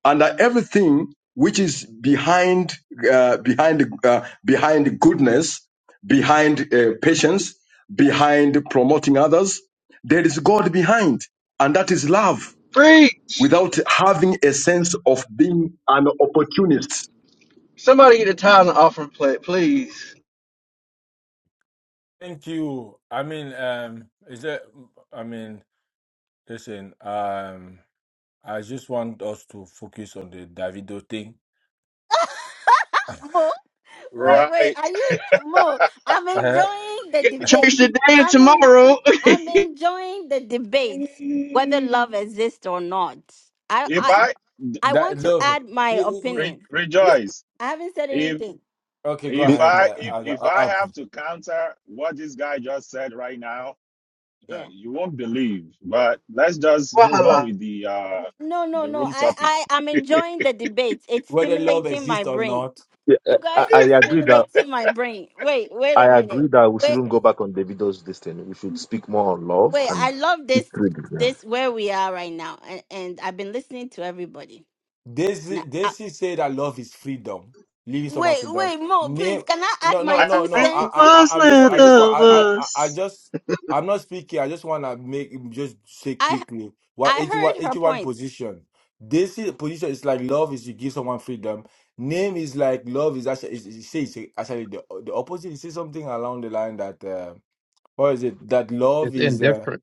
Speaker 13: And uh, everything which is behind, uh, behind, uh, behind goodness, behind uh, patience, behind promoting others, there is God behind. And that is love
Speaker 16: Free.
Speaker 13: without having a sense of being an opportunist.
Speaker 16: Somebody get a thousand off from plate, please.
Speaker 7: Thank you. I mean, um, is that? I mean, listen. Um, I just want us to focus on the Davido thing.
Speaker 1: <laughs> Mo,
Speaker 7: Huh?
Speaker 1: wait,
Speaker 14: right.
Speaker 1: wait. Are you
Speaker 14: <laughs>
Speaker 1: Mo? I'm
Speaker 7: <laughs>
Speaker 1: enjoying the
Speaker 16: Get church
Speaker 1: debate.
Speaker 16: today and
Speaker 1: I mean,
Speaker 16: tomorrow. <laughs>
Speaker 1: I'm enjoying the debate whether love exists or not. I,
Speaker 7: Uh-huh.
Speaker 14: if
Speaker 1: I
Speaker 14: I
Speaker 1: I
Speaker 7: That
Speaker 1: want to
Speaker 7: love.
Speaker 1: add my
Speaker 7: Yeah, yeah,
Speaker 14: re-
Speaker 1: opinion.
Speaker 7: yeah.
Speaker 14: rejoice,
Speaker 1: I haven't said
Speaker 14: if
Speaker 1: anything.
Speaker 7: Okay, go
Speaker 14: if
Speaker 9: The,
Speaker 7: ahead.
Speaker 14: I
Speaker 7: Uh,
Speaker 14: if,
Speaker 7: uh,
Speaker 14: if
Speaker 7: uh,
Speaker 14: I
Speaker 7: up.
Speaker 14: have to counter what this guy just said right now, <laughs> uh,
Speaker 1: Yeah.
Speaker 14: you won't believe. But let's just move on
Speaker 16: Voila.
Speaker 14: with the uh
Speaker 1: No, no,
Speaker 14: the
Speaker 1: no.
Speaker 14: room
Speaker 1: I,
Speaker 14: topic.
Speaker 1: I, I'm enjoying the debate. It's
Speaker 7: Whether love
Speaker 1: stimulating my
Speaker 7: exists or
Speaker 1: brain.
Speaker 7: not.
Speaker 9: the, uh,
Speaker 1: You
Speaker 9: I,
Speaker 1: guys
Speaker 9: I
Speaker 1: are
Speaker 9: agree that
Speaker 1: stimulating my brain. Wait, wait
Speaker 9: I
Speaker 1: a
Speaker 9: agree
Speaker 1: minute.
Speaker 9: that we
Speaker 1: Wait,
Speaker 9: shouldn't go back on Davido's this thing. We should speak more on love
Speaker 1: wait. I
Speaker 9: and
Speaker 1: love
Speaker 9: it's
Speaker 1: this,
Speaker 9: really, yeah.
Speaker 1: this where we are right now, and, and I've been listening to everybody.
Speaker 7: Daisy,
Speaker 1: Now, I,
Speaker 7: Daisy said, "I love his freedom, leaving someone
Speaker 1: wait,
Speaker 7: freedom."
Speaker 1: wait, Mo, please.
Speaker 7: Name,
Speaker 1: Can I add
Speaker 7: no,
Speaker 1: my
Speaker 7: no,
Speaker 14: I
Speaker 7: no,
Speaker 1: two
Speaker 7: no. I,
Speaker 14: agree
Speaker 1: cents?
Speaker 7: I,
Speaker 16: Was
Speaker 7: I I just,
Speaker 16: left
Speaker 7: I
Speaker 14: with
Speaker 7: just want,
Speaker 16: of
Speaker 7: I, I, I I
Speaker 16: us.
Speaker 7: just, I'm not speaking. I just want to make just say
Speaker 1: I,
Speaker 7: quickly what eighty
Speaker 1: I
Speaker 7: one,
Speaker 1: heard her
Speaker 7: eighty one
Speaker 1: points.
Speaker 7: position. Daisy position is like love is you give someone freedom. Name is like love is actually is, is, say it's actually the the opposite. He say something along the line that uh, what is it? That love
Speaker 15: It's
Speaker 7: is uh,
Speaker 15: indifferent.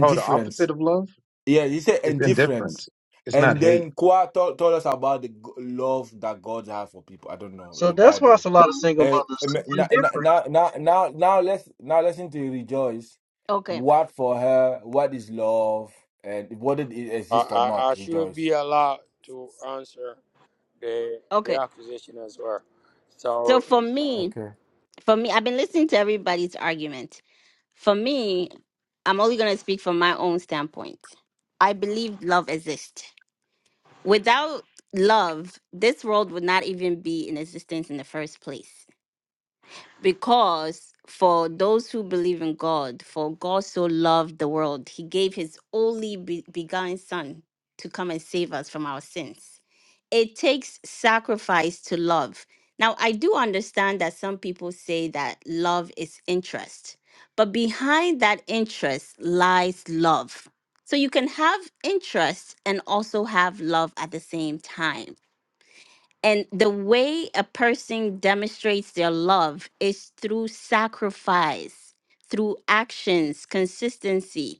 Speaker 15: Oh, the opposite of love
Speaker 7: yeah, he said
Speaker 15: is
Speaker 7: indifference.
Speaker 15: indifference. It's not
Speaker 7: And
Speaker 15: hate.
Speaker 7: then Kwa told, told us about the g- love that God has for people. I don't know
Speaker 16: So
Speaker 7: the
Speaker 16: that's why
Speaker 7: Bible.
Speaker 16: it's a lot of single
Speaker 7: And
Speaker 16: mothers
Speaker 7: now,
Speaker 16: indifferent.
Speaker 7: now, now, now, now, let's now listen to rejoice.
Speaker 1: Okay,
Speaker 7: What for her? What is love? And whether it
Speaker 10: I,
Speaker 7: exists or not,
Speaker 10: I, I should
Speaker 7: rejoice.
Speaker 10: be allowed to answer the the
Speaker 1: okay.
Speaker 10: accusation as well.
Speaker 1: So
Speaker 10: So
Speaker 1: for me,
Speaker 7: Okay.
Speaker 1: for me, I've been listening to everybody's argument for me, I'm only going to speak from my own standpoint. I believe love exists. Without love, this world would not even be in existence in the first place because for those who believe in God, for God so loved the world, he gave his only be- begotten Son to come and save us from our sins. It takes sacrifice to love. Now, I do understand that some people say that love is interest, but behind that interest lies love. So you can have interest and also have love at the same time. And the way a person demonstrates their love is through sacrifice, through actions, consistency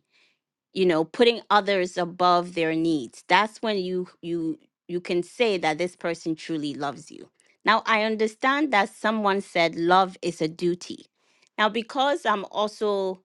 Speaker 1: you know putting others above their needs that's when you you you can say that this person truly loves you now i understand that someone said love is a duty now because i'm also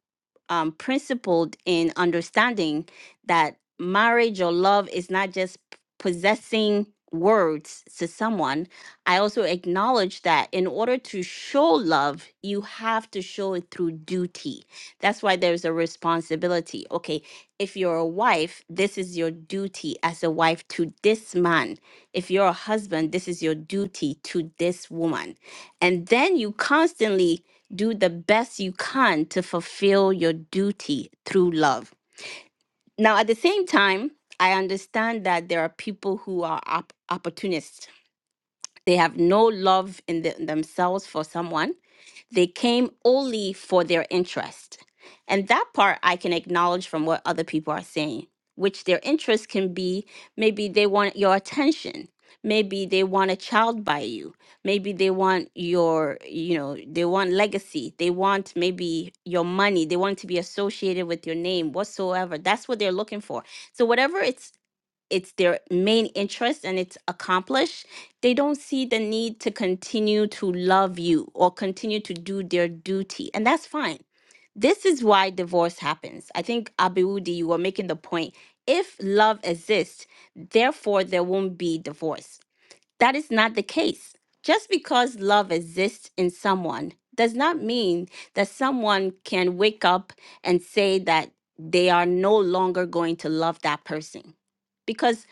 Speaker 1: um, principled in understanding that marriage or love is not just p- possessing words to someone i also acknowledge that in order to show love you have to show it through duty that's why there's a responsibility. Okay, if you're a wife, this is your duty as a wife to this man. If you're a husband, this is your duty to this woman. And then you constantly do the best you can to fulfill your duty through love. Now, at the same time, I understand that there are people who are op- opportunists. They have no love in the- themselves for someone they came only for their interest. And that part I can acknowledge from what other people are saying, which their interest can be maybe they want your attention. Maybe they want a child by you. Maybe they want your, you know, they want legacy. They want maybe your money. They want to be associated with your name, whatsoever. That's what they're looking for. So, whatever it's it's their main interest and it's accomplished, they don't see the need to continue to love you or continue to do their duty. And that's fine. This is why divorce happens. I think Abiudi, you were making the point. If love exists, therefore there won't be divorce. That is not the case. Just because love exists in someone does not mean that someone can wake up and say that they are no longer going to love that person because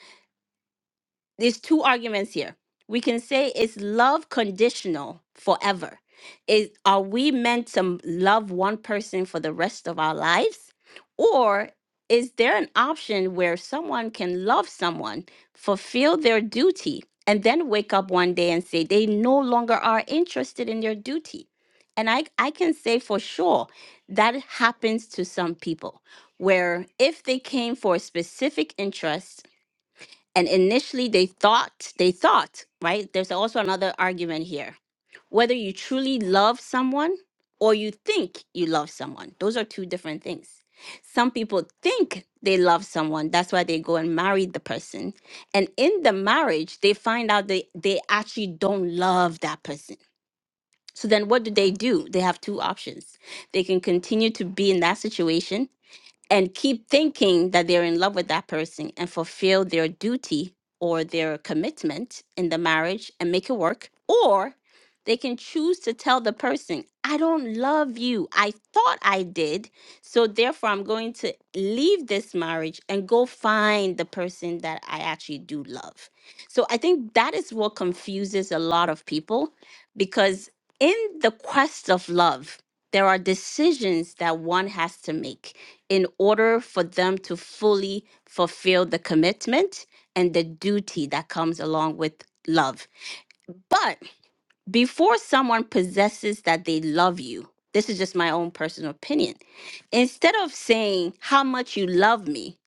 Speaker 1: there's two arguments here. We can say is love conditional forever? Is are we meant to love one person for the rest of our lives? Or is there an option where someone can love someone, fulfill their duty, and then wake up one day and say they no longer are interested in their duty? And I, I can say for sure that happens to some people where if they came for a specific interest and initially they thought they thought right there's also another argument here whether you truly love someone or you think you love someone those are two different things some people think they love someone that's why they go and marry the person and in the marriage they find out they they actually don't love that person so then what do they do they have two options they can continue to be in that situation and keep thinking that they're in love with that person and fulfill their duty or their commitment in the marriage and make it work or they can choose to tell the person i don't love you i thought i did so therefore i'm going to leave this marriage and go find the person that i actually do love so i think that is what confuses a lot of people because in the quest of love there are decisions that one has to make in order for them to fully fulfill the commitment and the duty that comes along with love. But before someone possesses that they love you, this is just my own personal opinion. Instead of saying how much you love me,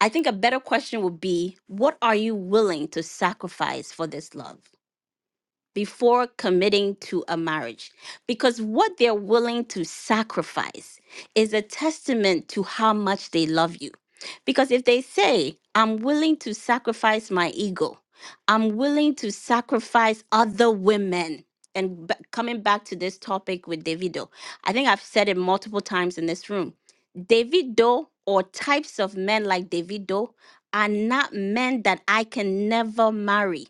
Speaker 1: I think a better question would be what are you willing to sacrifice for this love? before committing to a marriage because what they're willing to sacrifice is a testament to how much they love you. Because if they say, I'm willing to sacrifice my ego, I'm willing to sacrifice other women. And b- coming back to this topic with Davido, I think I've said it multiple times in this room. Davido or types of men like Davido are not men that I can never marry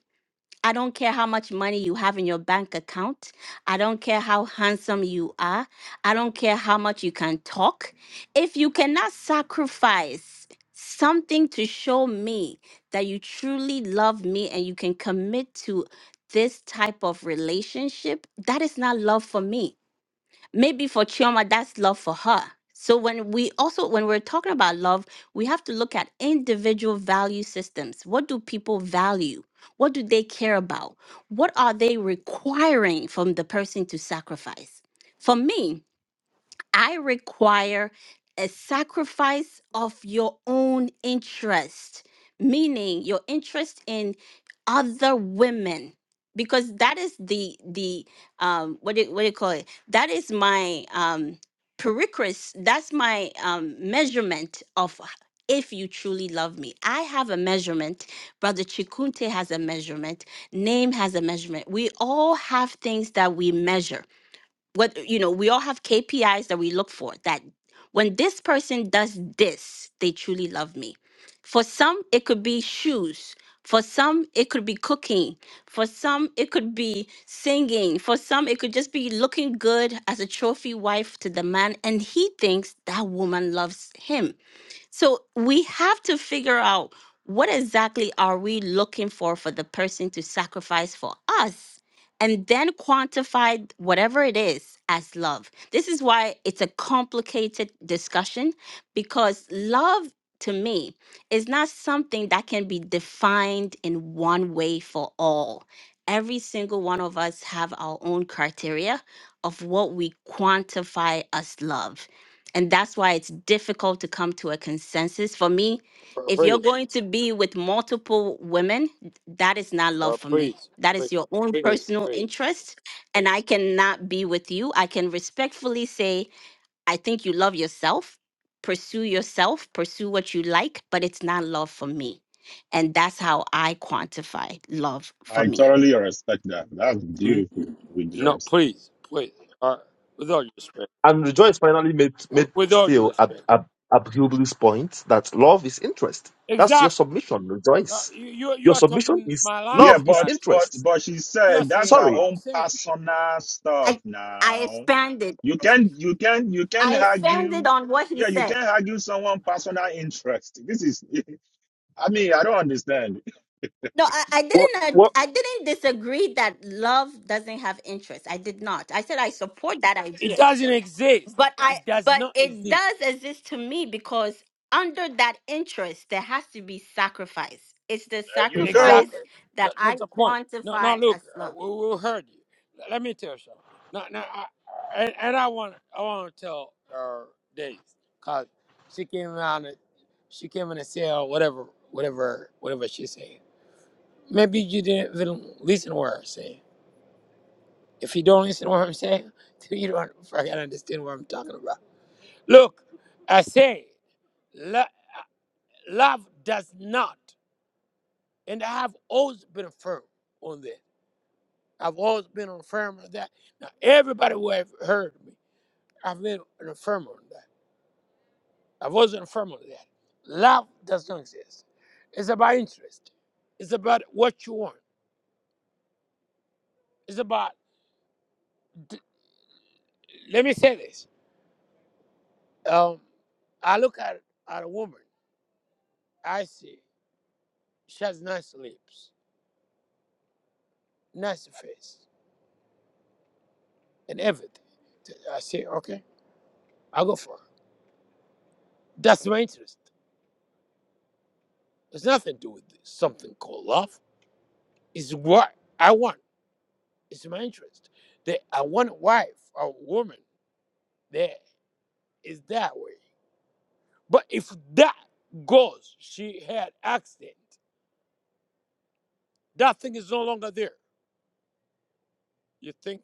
Speaker 1: I don't care how much money you have in your bank account. I don't care how handsome you are. I don't care how much you can talk. If you cannot sacrifice something to show me that you truly love me and you can commit to this type of relationship, that is not love for me maybe for Chioma, that's love for her. So when we also when we're talking about love, we have to look at individual value systems. What do people value? What do they care about? What are they requiring from the person to sacrifice? For me, I require a sacrifice of your own interest, meaning your interest in other women, because that is the the um what do, what do you call it? That is my um pericris. That's my um measurement of if you truly love me. I have a measurement. Brother Chikunte has a measurement. Name has a measurement. We all have things that we measure what you know we all have kpis that we look for that when this person does this they truly love me for some it could be shoes for some it could be cooking for some it could be singing for some it could just be looking good as a trophy wife to the man and he thinks that woman loves him so we have to figure out what exactly are we looking for for the person to sacrifice for us and then quantify whatever it is as love. This is why it's a complicated discussion because love to me is not something that can be defined in one way for all. Every single one of us have our own criteria of what we quantify as love. And that's why it's difficult to come to a consensus. For me,
Speaker 10: pr-
Speaker 1: if you're
Speaker 10: praise,
Speaker 1: going to be with multiple women, that is not love
Speaker 10: uh,
Speaker 1: for me.
Speaker 10: praise,
Speaker 1: That
Speaker 10: praise,
Speaker 1: is your own It-
Speaker 10: praise,
Speaker 1: personal
Speaker 10: praise.
Speaker 1: interest. And I cannot be with you. I can respectfully say, I think you love yourself, pursue yourself, pursue what you like, but it's not love for me. And that's how I quantify love for
Speaker 14: I
Speaker 1: me.
Speaker 14: totally respect that. That's
Speaker 10: Mm,
Speaker 14: beautiful
Speaker 10: mm.
Speaker 14: with
Speaker 10: No,
Speaker 14: Joyce.
Speaker 10: please, please. Uh, with all due respect,
Speaker 9: And rejoice! finally made
Speaker 10: with,
Speaker 9: made
Speaker 10: with all due
Speaker 9: still ab,
Speaker 10: respect.
Speaker 9: ab, ab point that love is interest. That's your
Speaker 10: Exactly.
Speaker 9: submission,
Speaker 10: Uh,
Speaker 9: Joyce.
Speaker 10: you you you
Speaker 9: Your
Speaker 10: are
Speaker 9: submission
Speaker 10: talking
Speaker 9: is
Speaker 10: my
Speaker 14: Yeah,
Speaker 9: love
Speaker 10: language.
Speaker 9: is
Speaker 14: but
Speaker 10: Actually,
Speaker 14: but
Speaker 9: interest.
Speaker 14: but she
Speaker 10: you are
Speaker 14: said that's
Speaker 10: saying
Speaker 14: her
Speaker 10: what
Speaker 9: Sorry,
Speaker 10: I'm
Speaker 14: own
Speaker 10: saying.
Speaker 14: personal stuff
Speaker 1: I, I
Speaker 14: now.
Speaker 1: expanded.
Speaker 14: You can you can you can
Speaker 1: I expanded
Speaker 14: argue
Speaker 1: on what he
Speaker 14: yeah, you
Speaker 1: said.
Speaker 14: can argue someone personal interest. This is <laughs> I mean, I don't understand.
Speaker 1: No, I, I
Speaker 9: what
Speaker 1: didn't. ad-
Speaker 9: what
Speaker 1: I didn't disagree that love doesn't have interest. I did not. I said I support that
Speaker 10: It
Speaker 1: idea,
Speaker 10: doesn't exist.
Speaker 1: but I
Speaker 10: It does
Speaker 1: but
Speaker 10: not
Speaker 1: it
Speaker 10: exist.
Speaker 1: does exist to me because under that interest there has to be sacrifice. It's the
Speaker 14: There you go.
Speaker 1: sacrifice
Speaker 10: Exactly.
Speaker 1: that
Speaker 10: That,
Speaker 1: I
Speaker 10: that's the point. No, no,
Speaker 1: quantify
Speaker 10: Luke,
Speaker 1: as
Speaker 10: uh,
Speaker 1: love.
Speaker 10: we, we heard you. Let let me tell you something. No, no, I, I- and, and I want I want to tell uh, Days because she came around. and- She came in and said uh, whatever, whatever, whatever she said. Maybe you didn't even listen to what I'm saying. If you don't listen to what I'm saying, <laughs> then you don't fucking understand what I'm talking about. Look, I say, lo- love does not, and I have always been firm on this. I've always been an affirmer of that. Now, everybody who have heard me, I've been an affirmer of that. I was an affirmer of that. Love does not exist. It's about interest. It's about what you want. It's about, let me say this. Um, I look at, at a woman, I see she has nice lips, nice face, and everything. I say, okay, I'll go for her. That's my interest. It's nothing to do with something called love. It's what I want. It's my interest. That I want a wife or woman that is that way. But if that goes, she had accident. That thing is no longer there. You think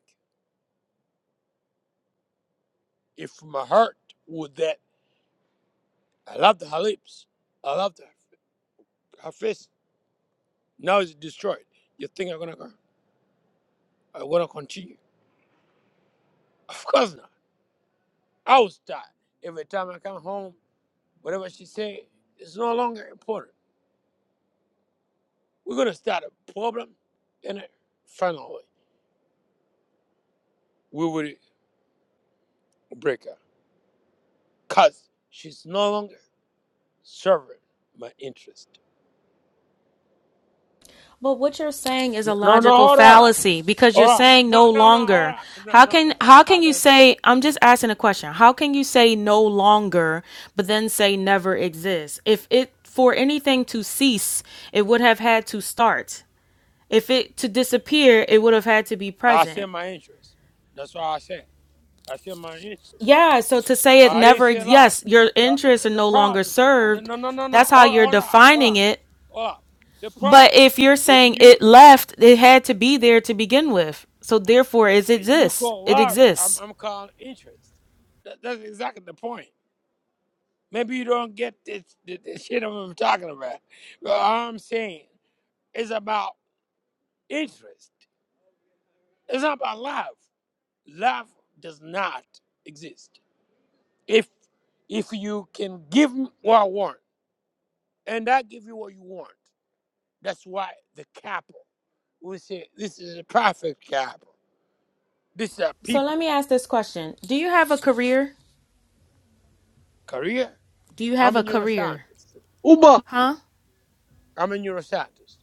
Speaker 10: if my heart would that I loved her lips, I loved her, her face. Now it's destroyed. You think I'm gonna go? I'm gonna continue? <laughs> Of course not. I was tired. Every time I come home, whatever she say it's no longer important. We're gonna start a problem, and finally we will. breaker because she's no longer serving my interest.
Speaker 17: But what you're saying is a
Speaker 10: No, no,
Speaker 17: logical
Speaker 10: hold on.
Speaker 17: fallacy because you're
Speaker 10: Hold on.
Speaker 17: saying
Speaker 10: No,
Speaker 17: no
Speaker 10: no, no, hold
Speaker 17: longer.
Speaker 10: on. No,
Speaker 17: How
Speaker 10: no,
Speaker 17: can
Speaker 10: no.
Speaker 17: how
Speaker 10: I, I,
Speaker 17: can you
Speaker 10: didn't-
Speaker 17: say I'm just asking a question. How can you say no longer but then say never exists? If it for anything to cease, it would have had to start. If it to disappear, it would have had to be
Speaker 10: I said
Speaker 17: present.
Speaker 10: my interest. That's what I said. I said my interest.
Speaker 17: Yeah, so to say it
Speaker 10: I didn't
Speaker 17: never
Speaker 10: say
Speaker 17: ex-
Speaker 10: love.
Speaker 17: yes, your
Speaker 10: The, the,
Speaker 17: interests
Speaker 10: the-
Speaker 17: are
Speaker 10: the
Speaker 17: no longer
Speaker 10: problem. No,
Speaker 17: served.
Speaker 10: no, no, no. no.
Speaker 17: That's how
Speaker 10: Hold,
Speaker 17: you're
Speaker 10: hold up. Hold
Speaker 17: defining
Speaker 10: up.
Speaker 17: it,
Speaker 10: Hold up. The
Speaker 17: But
Speaker 10: problem
Speaker 17: if you're
Speaker 10: with
Speaker 17: saying
Speaker 10: you,
Speaker 17: it left, it had to be there to begin with. So therefore, it
Speaker 10: you
Speaker 17: exists.
Speaker 10: call
Speaker 17: It
Speaker 10: love, I'm,
Speaker 17: exists.
Speaker 10: I'm calling interest. That, that's exactly the point. Maybe you don't get this, the, the shit I'm talking about. But I'm saying. It's about interest. It's not about love. Love does not exist. If if you can give me what I want, and I give you what you want, that's why the capital. We say this is a perfect capital. This is a
Speaker 17: So let
Speaker 10: people.
Speaker 17: me ask this question: Do you have a career?
Speaker 10: Korea.
Speaker 17: Do you have
Speaker 10: I'm a
Speaker 17: a career?
Speaker 10: neuroscientist.
Speaker 16: Uber,
Speaker 17: Huh?
Speaker 10: I'm a neuroscientist.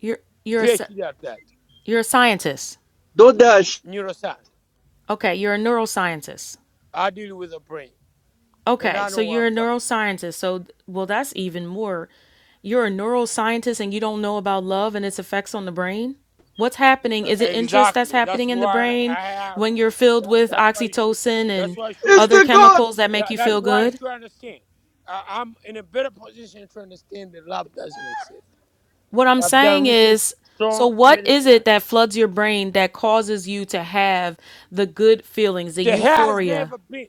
Speaker 17: You're you're a, sci-
Speaker 10: PhD at that.
Speaker 17: you're a scientist.
Speaker 16: DoorDash,
Speaker 10: Neuroscience.
Speaker 17: Okay, you're a neuroscientist.
Speaker 10: I deal with the brain, and
Speaker 17: Okay,
Speaker 10: I
Speaker 17: so
Speaker 10: know what
Speaker 17: you're
Speaker 10: I'm
Speaker 17: a
Speaker 10: talking about.
Speaker 17: neuroscientist. So, well, that's even more. You're a neuroscientist and you don't know about love and its effects on the brain? What's happening? Is it interest that's
Speaker 10: Exactly. That's
Speaker 17: happening in the
Speaker 10: why
Speaker 17: brain
Speaker 10: I have.
Speaker 17: when you're filled
Speaker 10: That,
Speaker 17: with
Speaker 10: that's why you should.
Speaker 17: oxytocin
Speaker 10: That's
Speaker 17: and
Speaker 10: why you should
Speaker 17: other
Speaker 10: understand.
Speaker 16: Instacart.
Speaker 17: chemicals that make
Speaker 10: That,
Speaker 17: you
Speaker 10: that's
Speaker 17: feel
Speaker 10: why you
Speaker 17: good?
Speaker 10: should understand. I, I'm in a better position to understand that love doesn't exist.
Speaker 17: What I'm
Speaker 10: I've done
Speaker 17: saying
Speaker 10: research
Speaker 17: is, so
Speaker 10: so
Speaker 17: what
Speaker 10: many
Speaker 17: is it
Speaker 10: times.
Speaker 17: that floods your brain that causes you to have the good feelings, the
Speaker 10: There has
Speaker 17: euphoria?
Speaker 10: never been.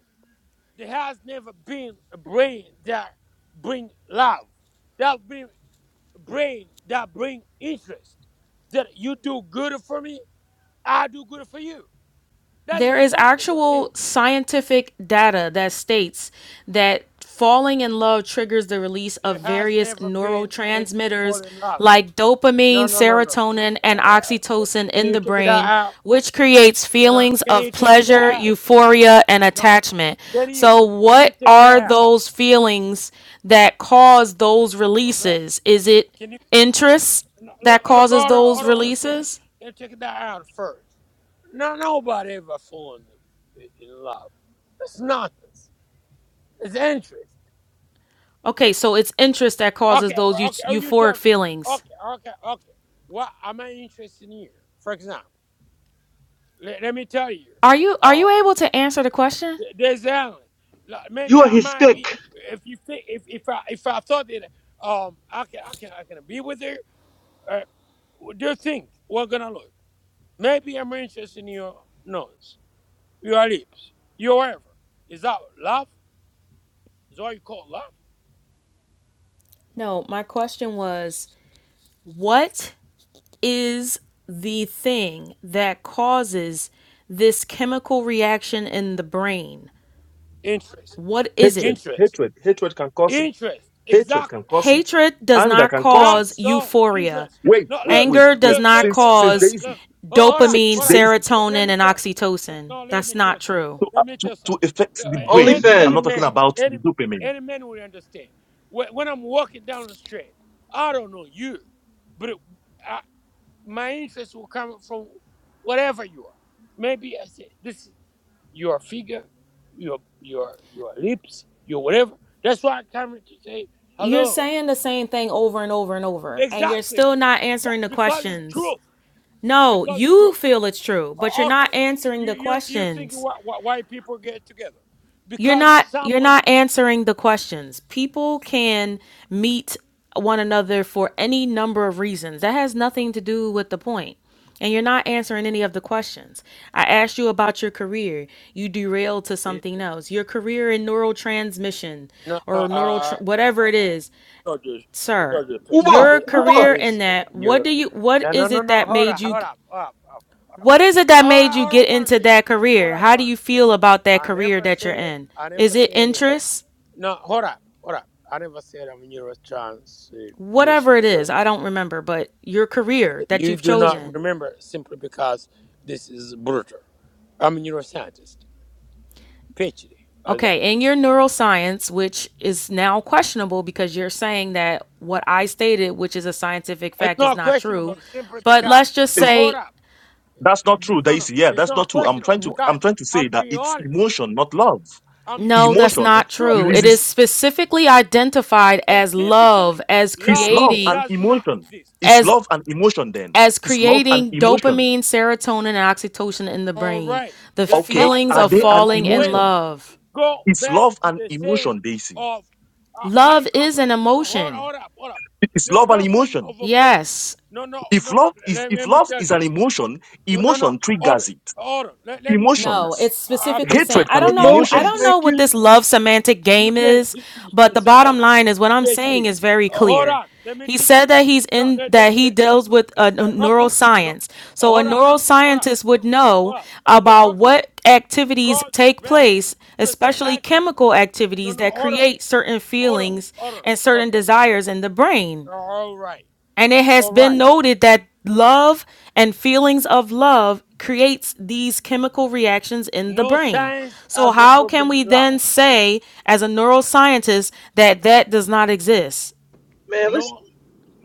Speaker 10: There has never been a brain that bring love. That bring brain that bring interest. That you do good for me, I do good for you. That's
Speaker 17: There is
Speaker 10: exactly what it is.
Speaker 17: actual scientific data that states that falling in love triggers the release of
Speaker 10: There has
Speaker 17: various
Speaker 10: never been in
Speaker 17: neurotransmitters
Speaker 10: falling love.
Speaker 17: like dopamine,
Speaker 10: No, no, no, no.
Speaker 17: serotonin, and oxytocin
Speaker 10: Can
Speaker 17: in
Speaker 10: you
Speaker 17: the
Speaker 10: take that
Speaker 17: brain,
Speaker 10: out?
Speaker 17: which creates
Speaker 10: You know,
Speaker 17: feelings
Speaker 10: can
Speaker 17: of
Speaker 10: you take that
Speaker 17: pleasure,
Speaker 10: out?
Speaker 17: euphoria, and
Speaker 10: No,
Speaker 17: attachment.
Speaker 10: can you?
Speaker 17: So,
Speaker 10: Can you
Speaker 17: what
Speaker 10: take that
Speaker 17: are
Speaker 10: out?
Speaker 17: those feelings that cause those
Speaker 10: No, no.
Speaker 17: releases? Is it
Speaker 10: Can you
Speaker 17: interest
Speaker 10: no,
Speaker 17: that
Speaker 10: look? Look,
Speaker 17: causes
Speaker 10: hold on,
Speaker 17: those
Speaker 10: one second.
Speaker 17: releases?
Speaker 10: Can you take that out first? No, nobody ever fallen in in love. It's nonsense. It's interest.
Speaker 17: Okay, so it's interest that causes
Speaker 10: Okay,
Speaker 17: those eu-
Speaker 10: well, okay. Oh, you
Speaker 17: euphoric
Speaker 10: tell me.
Speaker 17: feelings.
Speaker 10: Okay, okay, okay. What am I interested in here? For example, let, let me tell you.
Speaker 17: Are you are
Speaker 10: Uh,
Speaker 17: you able to answer the question?
Speaker 10: There's Allen. Like, maybe
Speaker 16: You are
Speaker 10: I
Speaker 16: his
Speaker 10: might be
Speaker 16: stick.
Speaker 10: if you think if if I if I thought that um I can I can I can be with her. Uh, do think we're gonna look. Maybe I'm interested in your nose, your lips, your whatever. Is that love? Is what you call love?
Speaker 17: No, my question was what is the thing that causes this chemical reaction in the brain?
Speaker 10: Interest,
Speaker 17: What is it?
Speaker 9: hatred,
Speaker 10: interest,
Speaker 9: hatred, hatred can cause it.
Speaker 10: interest.
Speaker 9: Hatred
Speaker 10: Exactly.
Speaker 9: can cause it.
Speaker 17: Hatred does
Speaker 9: Anger
Speaker 17: not
Speaker 9: can cause
Speaker 10: I'm
Speaker 9: it.
Speaker 17: cause
Speaker 10: so
Speaker 17: euphoria.
Speaker 10: interested.
Speaker 9: Wait,
Speaker 10: No,
Speaker 9: wait,
Speaker 10: look,
Speaker 9: wait,
Speaker 17: Anger does
Speaker 9: wait.
Speaker 10: look,
Speaker 17: not
Speaker 10: look,
Speaker 9: Since
Speaker 10: look,
Speaker 9: since
Speaker 10: look,
Speaker 17: cause
Speaker 9: Daisy,
Speaker 10: look. Oh, Hold up,
Speaker 17: dopamine,
Speaker 9: since
Speaker 10: hold up.
Speaker 9: Daisy
Speaker 10: Let, let
Speaker 17: serotonin
Speaker 10: me
Speaker 17: and
Speaker 10: tell you. No,
Speaker 17: oxytocin.
Speaker 10: no, let
Speaker 17: That's
Speaker 10: me tell you
Speaker 17: not
Speaker 10: something.
Speaker 17: true.
Speaker 9: to uh,
Speaker 10: Let me
Speaker 9: to,
Speaker 10: tell you
Speaker 9: to
Speaker 10: something. Uh,
Speaker 9: affect the
Speaker 10: Any,
Speaker 9: brain. I'm
Speaker 10: any
Speaker 9: not talking
Speaker 10: man,
Speaker 16: OnlyFans.
Speaker 9: about the
Speaker 10: any,
Speaker 9: dopamine.
Speaker 10: any man will understand. When, when I'm walking down the street, I don't know you, but it, I, my interest will come from whatever you are. Maybe I say this: your figure, your your your lips, your whatever. That's why I come to say
Speaker 17: You're
Speaker 10: hello
Speaker 17: saying the same thing over and over and over, and you're
Speaker 10: Exactly.
Speaker 17: still not
Speaker 10: That-
Speaker 17: answering the
Speaker 10: Because it's
Speaker 17: questions.
Speaker 10: truth.
Speaker 17: No,
Speaker 10: Because it's
Speaker 17: you
Speaker 10: truth.
Speaker 17: feel it's true, but you're
Speaker 10: O- Okay.
Speaker 17: not answering
Speaker 10: You,
Speaker 17: the
Speaker 10: you, you're thinking
Speaker 17: questions.
Speaker 10: why, why, why people get together.
Speaker 17: You're
Speaker 10: Because
Speaker 17: not you're
Speaker 10: someone.
Speaker 17: not answering the questions. People can meet one another for any number of reasons. That has nothing to do with the point. And you're not answering any of the questions. I asked you about your career. You derailed to
Speaker 10: It-
Speaker 17: something else. Your career in neurotransmission
Speaker 10: No, no,
Speaker 17: or neural tr-
Speaker 10: uh,
Speaker 17: whatever it is.
Speaker 10: Dodgers.
Speaker 17: sir,
Speaker 10: Dodgers picks. I,
Speaker 16: Uber,
Speaker 17: your
Speaker 10: did- I,
Speaker 16: Uber.
Speaker 10: I
Speaker 17: career
Speaker 10: didn't
Speaker 17: in
Speaker 10: see it.
Speaker 17: that, what
Speaker 10: You,
Speaker 17: do you what
Speaker 10: no, no,
Speaker 17: is
Speaker 10: no,
Speaker 17: it
Speaker 10: no.
Speaker 17: that
Speaker 10: Hold
Speaker 17: made
Speaker 10: up,
Speaker 17: you
Speaker 10: hold up, hold up. Hold up.
Speaker 17: what is it
Speaker 10: No,
Speaker 17: that
Speaker 10: hold
Speaker 17: made
Speaker 10: up,
Speaker 17: you
Speaker 10: hold up,
Speaker 17: get
Speaker 10: what I'm
Speaker 17: into
Speaker 10: saying.
Speaker 17: that
Speaker 10: Hold
Speaker 17: career?
Speaker 10: up,
Speaker 17: How do
Speaker 10: what I'm
Speaker 17: you
Speaker 10: saying.
Speaker 17: feel about that
Speaker 10: I
Speaker 17: career
Speaker 10: never
Speaker 17: that you're
Speaker 10: say,
Speaker 17: in?
Speaker 10: I never
Speaker 17: Is it
Speaker 10: say,
Speaker 17: interest?
Speaker 10: no, hold up, hold up. I never said I'm Eurotransmission
Speaker 17: Whatever it
Speaker 10: or whatever.
Speaker 17: is, I don't remember, but your career that
Speaker 10: You
Speaker 17: you've
Speaker 10: do not
Speaker 17: chosen.
Speaker 10: remember simply because this is brutal. I'm a neuroscientist, PhD, all that.
Speaker 17: Okay, in your neuroscience, which is now questionable because you're saying that what I stated, which is a scientific
Speaker 10: It's
Speaker 17: fact, is
Speaker 10: not
Speaker 17: not true.
Speaker 10: questionable simply
Speaker 17: But
Speaker 10: because,
Speaker 17: let's just
Speaker 10: no,
Speaker 9: It,
Speaker 10: hold
Speaker 17: say
Speaker 10: up.
Speaker 9: that's not true,
Speaker 10: No, no, no.
Speaker 9: Daisy. Yeah,
Speaker 10: it's
Speaker 9: that's
Speaker 10: not
Speaker 9: not true. I'm
Speaker 10: questionable
Speaker 9: trying to I'm
Speaker 10: because
Speaker 9: trying to say
Speaker 10: I'm
Speaker 9: that
Speaker 10: being
Speaker 9: it's
Speaker 10: honest.
Speaker 9: emotion, not love
Speaker 10: I'm
Speaker 17: No, that's
Speaker 10: speaking
Speaker 9: Emotion
Speaker 10: the
Speaker 17: not
Speaker 10: truth.
Speaker 17: true. It
Speaker 9: releases
Speaker 17: is specifically identified as love,
Speaker 10: Scientifically,
Speaker 17: as
Speaker 9: it's
Speaker 10: love
Speaker 9: love and
Speaker 17: creating,
Speaker 10: does not
Speaker 9: emotion.
Speaker 10: exist.
Speaker 9: It's
Speaker 17: as
Speaker 9: love and emotion then.
Speaker 17: as
Speaker 9: It's love and
Speaker 17: creating
Speaker 9: emotion.
Speaker 17: dopamine, serotonin, and oxytocin in the
Speaker 10: All
Speaker 17: brain.
Speaker 10: right.
Speaker 17: The
Speaker 10: The
Speaker 9: Okay,
Speaker 10: thought
Speaker 17: feelings
Speaker 9: are
Speaker 17: of
Speaker 9: they
Speaker 10: doesn't
Speaker 9: an
Speaker 17: falling in
Speaker 10: obey.
Speaker 9: emotion?
Speaker 17: love.
Speaker 10: go
Speaker 9: It's
Speaker 10: back
Speaker 9: love
Speaker 10: to
Speaker 9: and
Speaker 10: the
Speaker 9: emotion,
Speaker 10: same
Speaker 9: Daisy.
Speaker 10: of uh, high
Speaker 17: Love is
Speaker 10: compass.
Speaker 17: an
Speaker 10: No, hold,
Speaker 17: emotion.
Speaker 10: hold up, hold up.
Speaker 9: It's
Speaker 10: The
Speaker 9: love and
Speaker 10: torsion
Speaker 9: emotion.
Speaker 10: of a brain.
Speaker 17: Yes.
Speaker 10: No, no,
Speaker 9: If
Speaker 10: no.
Speaker 9: love is
Speaker 10: Let,
Speaker 9: if
Speaker 10: let me
Speaker 9: love
Speaker 10: tell
Speaker 9: is
Speaker 10: you.
Speaker 9: an emotion,
Speaker 10: No, no, no.
Speaker 9: emotion
Speaker 10: Hold on,
Speaker 9: triggers it.
Speaker 10: hold on. Let, let me teach
Speaker 17: No,
Speaker 10: her.
Speaker 9: Emotions.
Speaker 17: it's
Speaker 10: I, I
Speaker 17: specifically
Speaker 10: think
Speaker 17: saying
Speaker 9: Hatred
Speaker 17: I
Speaker 9: can
Speaker 17: don't
Speaker 9: be
Speaker 10: you
Speaker 17: know I
Speaker 16: Emotions
Speaker 10: can't,
Speaker 17: don't
Speaker 9: emotions.
Speaker 17: know
Speaker 16: make
Speaker 17: what
Speaker 16: you.
Speaker 10: you,
Speaker 17: this love semantic
Speaker 10: you
Speaker 17: game
Speaker 10: can't
Speaker 17: is,
Speaker 10: teach in
Speaker 17: but
Speaker 10: your
Speaker 17: the
Speaker 10: side
Speaker 17: bottom line is what I'm saying
Speaker 10: PhD.
Speaker 17: is very
Speaker 10: Uh, hold
Speaker 17: clear.
Speaker 10: on. Let me
Speaker 17: He
Speaker 10: teach
Speaker 17: said
Speaker 10: you.
Speaker 17: that he's
Speaker 10: No,
Speaker 17: in
Speaker 10: the, the,
Speaker 17: that
Speaker 10: the,
Speaker 17: he
Speaker 10: the,
Speaker 17: deals with
Speaker 10: the,
Speaker 17: uh,
Speaker 10: the alchemist. No,
Speaker 17: neuroscience. So a
Speaker 10: hold up, hold up,
Speaker 17: neuroscientist would
Speaker 10: hold up,
Speaker 17: know
Speaker 10: hold up. The
Speaker 17: about
Speaker 10: alchemist
Speaker 17: what activities
Speaker 10: goes
Speaker 17: take
Speaker 10: back
Speaker 17: place,
Speaker 10: to say
Speaker 17: especially
Speaker 10: high compass.
Speaker 17: chemical
Speaker 10: No,
Speaker 17: activities
Speaker 10: no,
Speaker 17: that
Speaker 10: hold on,
Speaker 17: create certain
Speaker 10: hold on,
Speaker 17: feelings
Speaker 10: hold on,
Speaker 17: and
Speaker 10: hold
Speaker 17: certain
Speaker 10: on.
Speaker 17: desires in the brain.
Speaker 10: All right,
Speaker 17: And it has
Speaker 10: all
Speaker 17: been
Speaker 10: right.
Speaker 17: noted that love and feelings of love creates these chemical reactions in the
Speaker 10: No
Speaker 17: brain.
Speaker 10: science
Speaker 17: So
Speaker 10: has a
Speaker 17: how can
Speaker 10: proven
Speaker 17: we
Speaker 10: love.
Speaker 17: then say as a neuroscientist that that does not exist?
Speaker 16: Man, listen.
Speaker 10: No,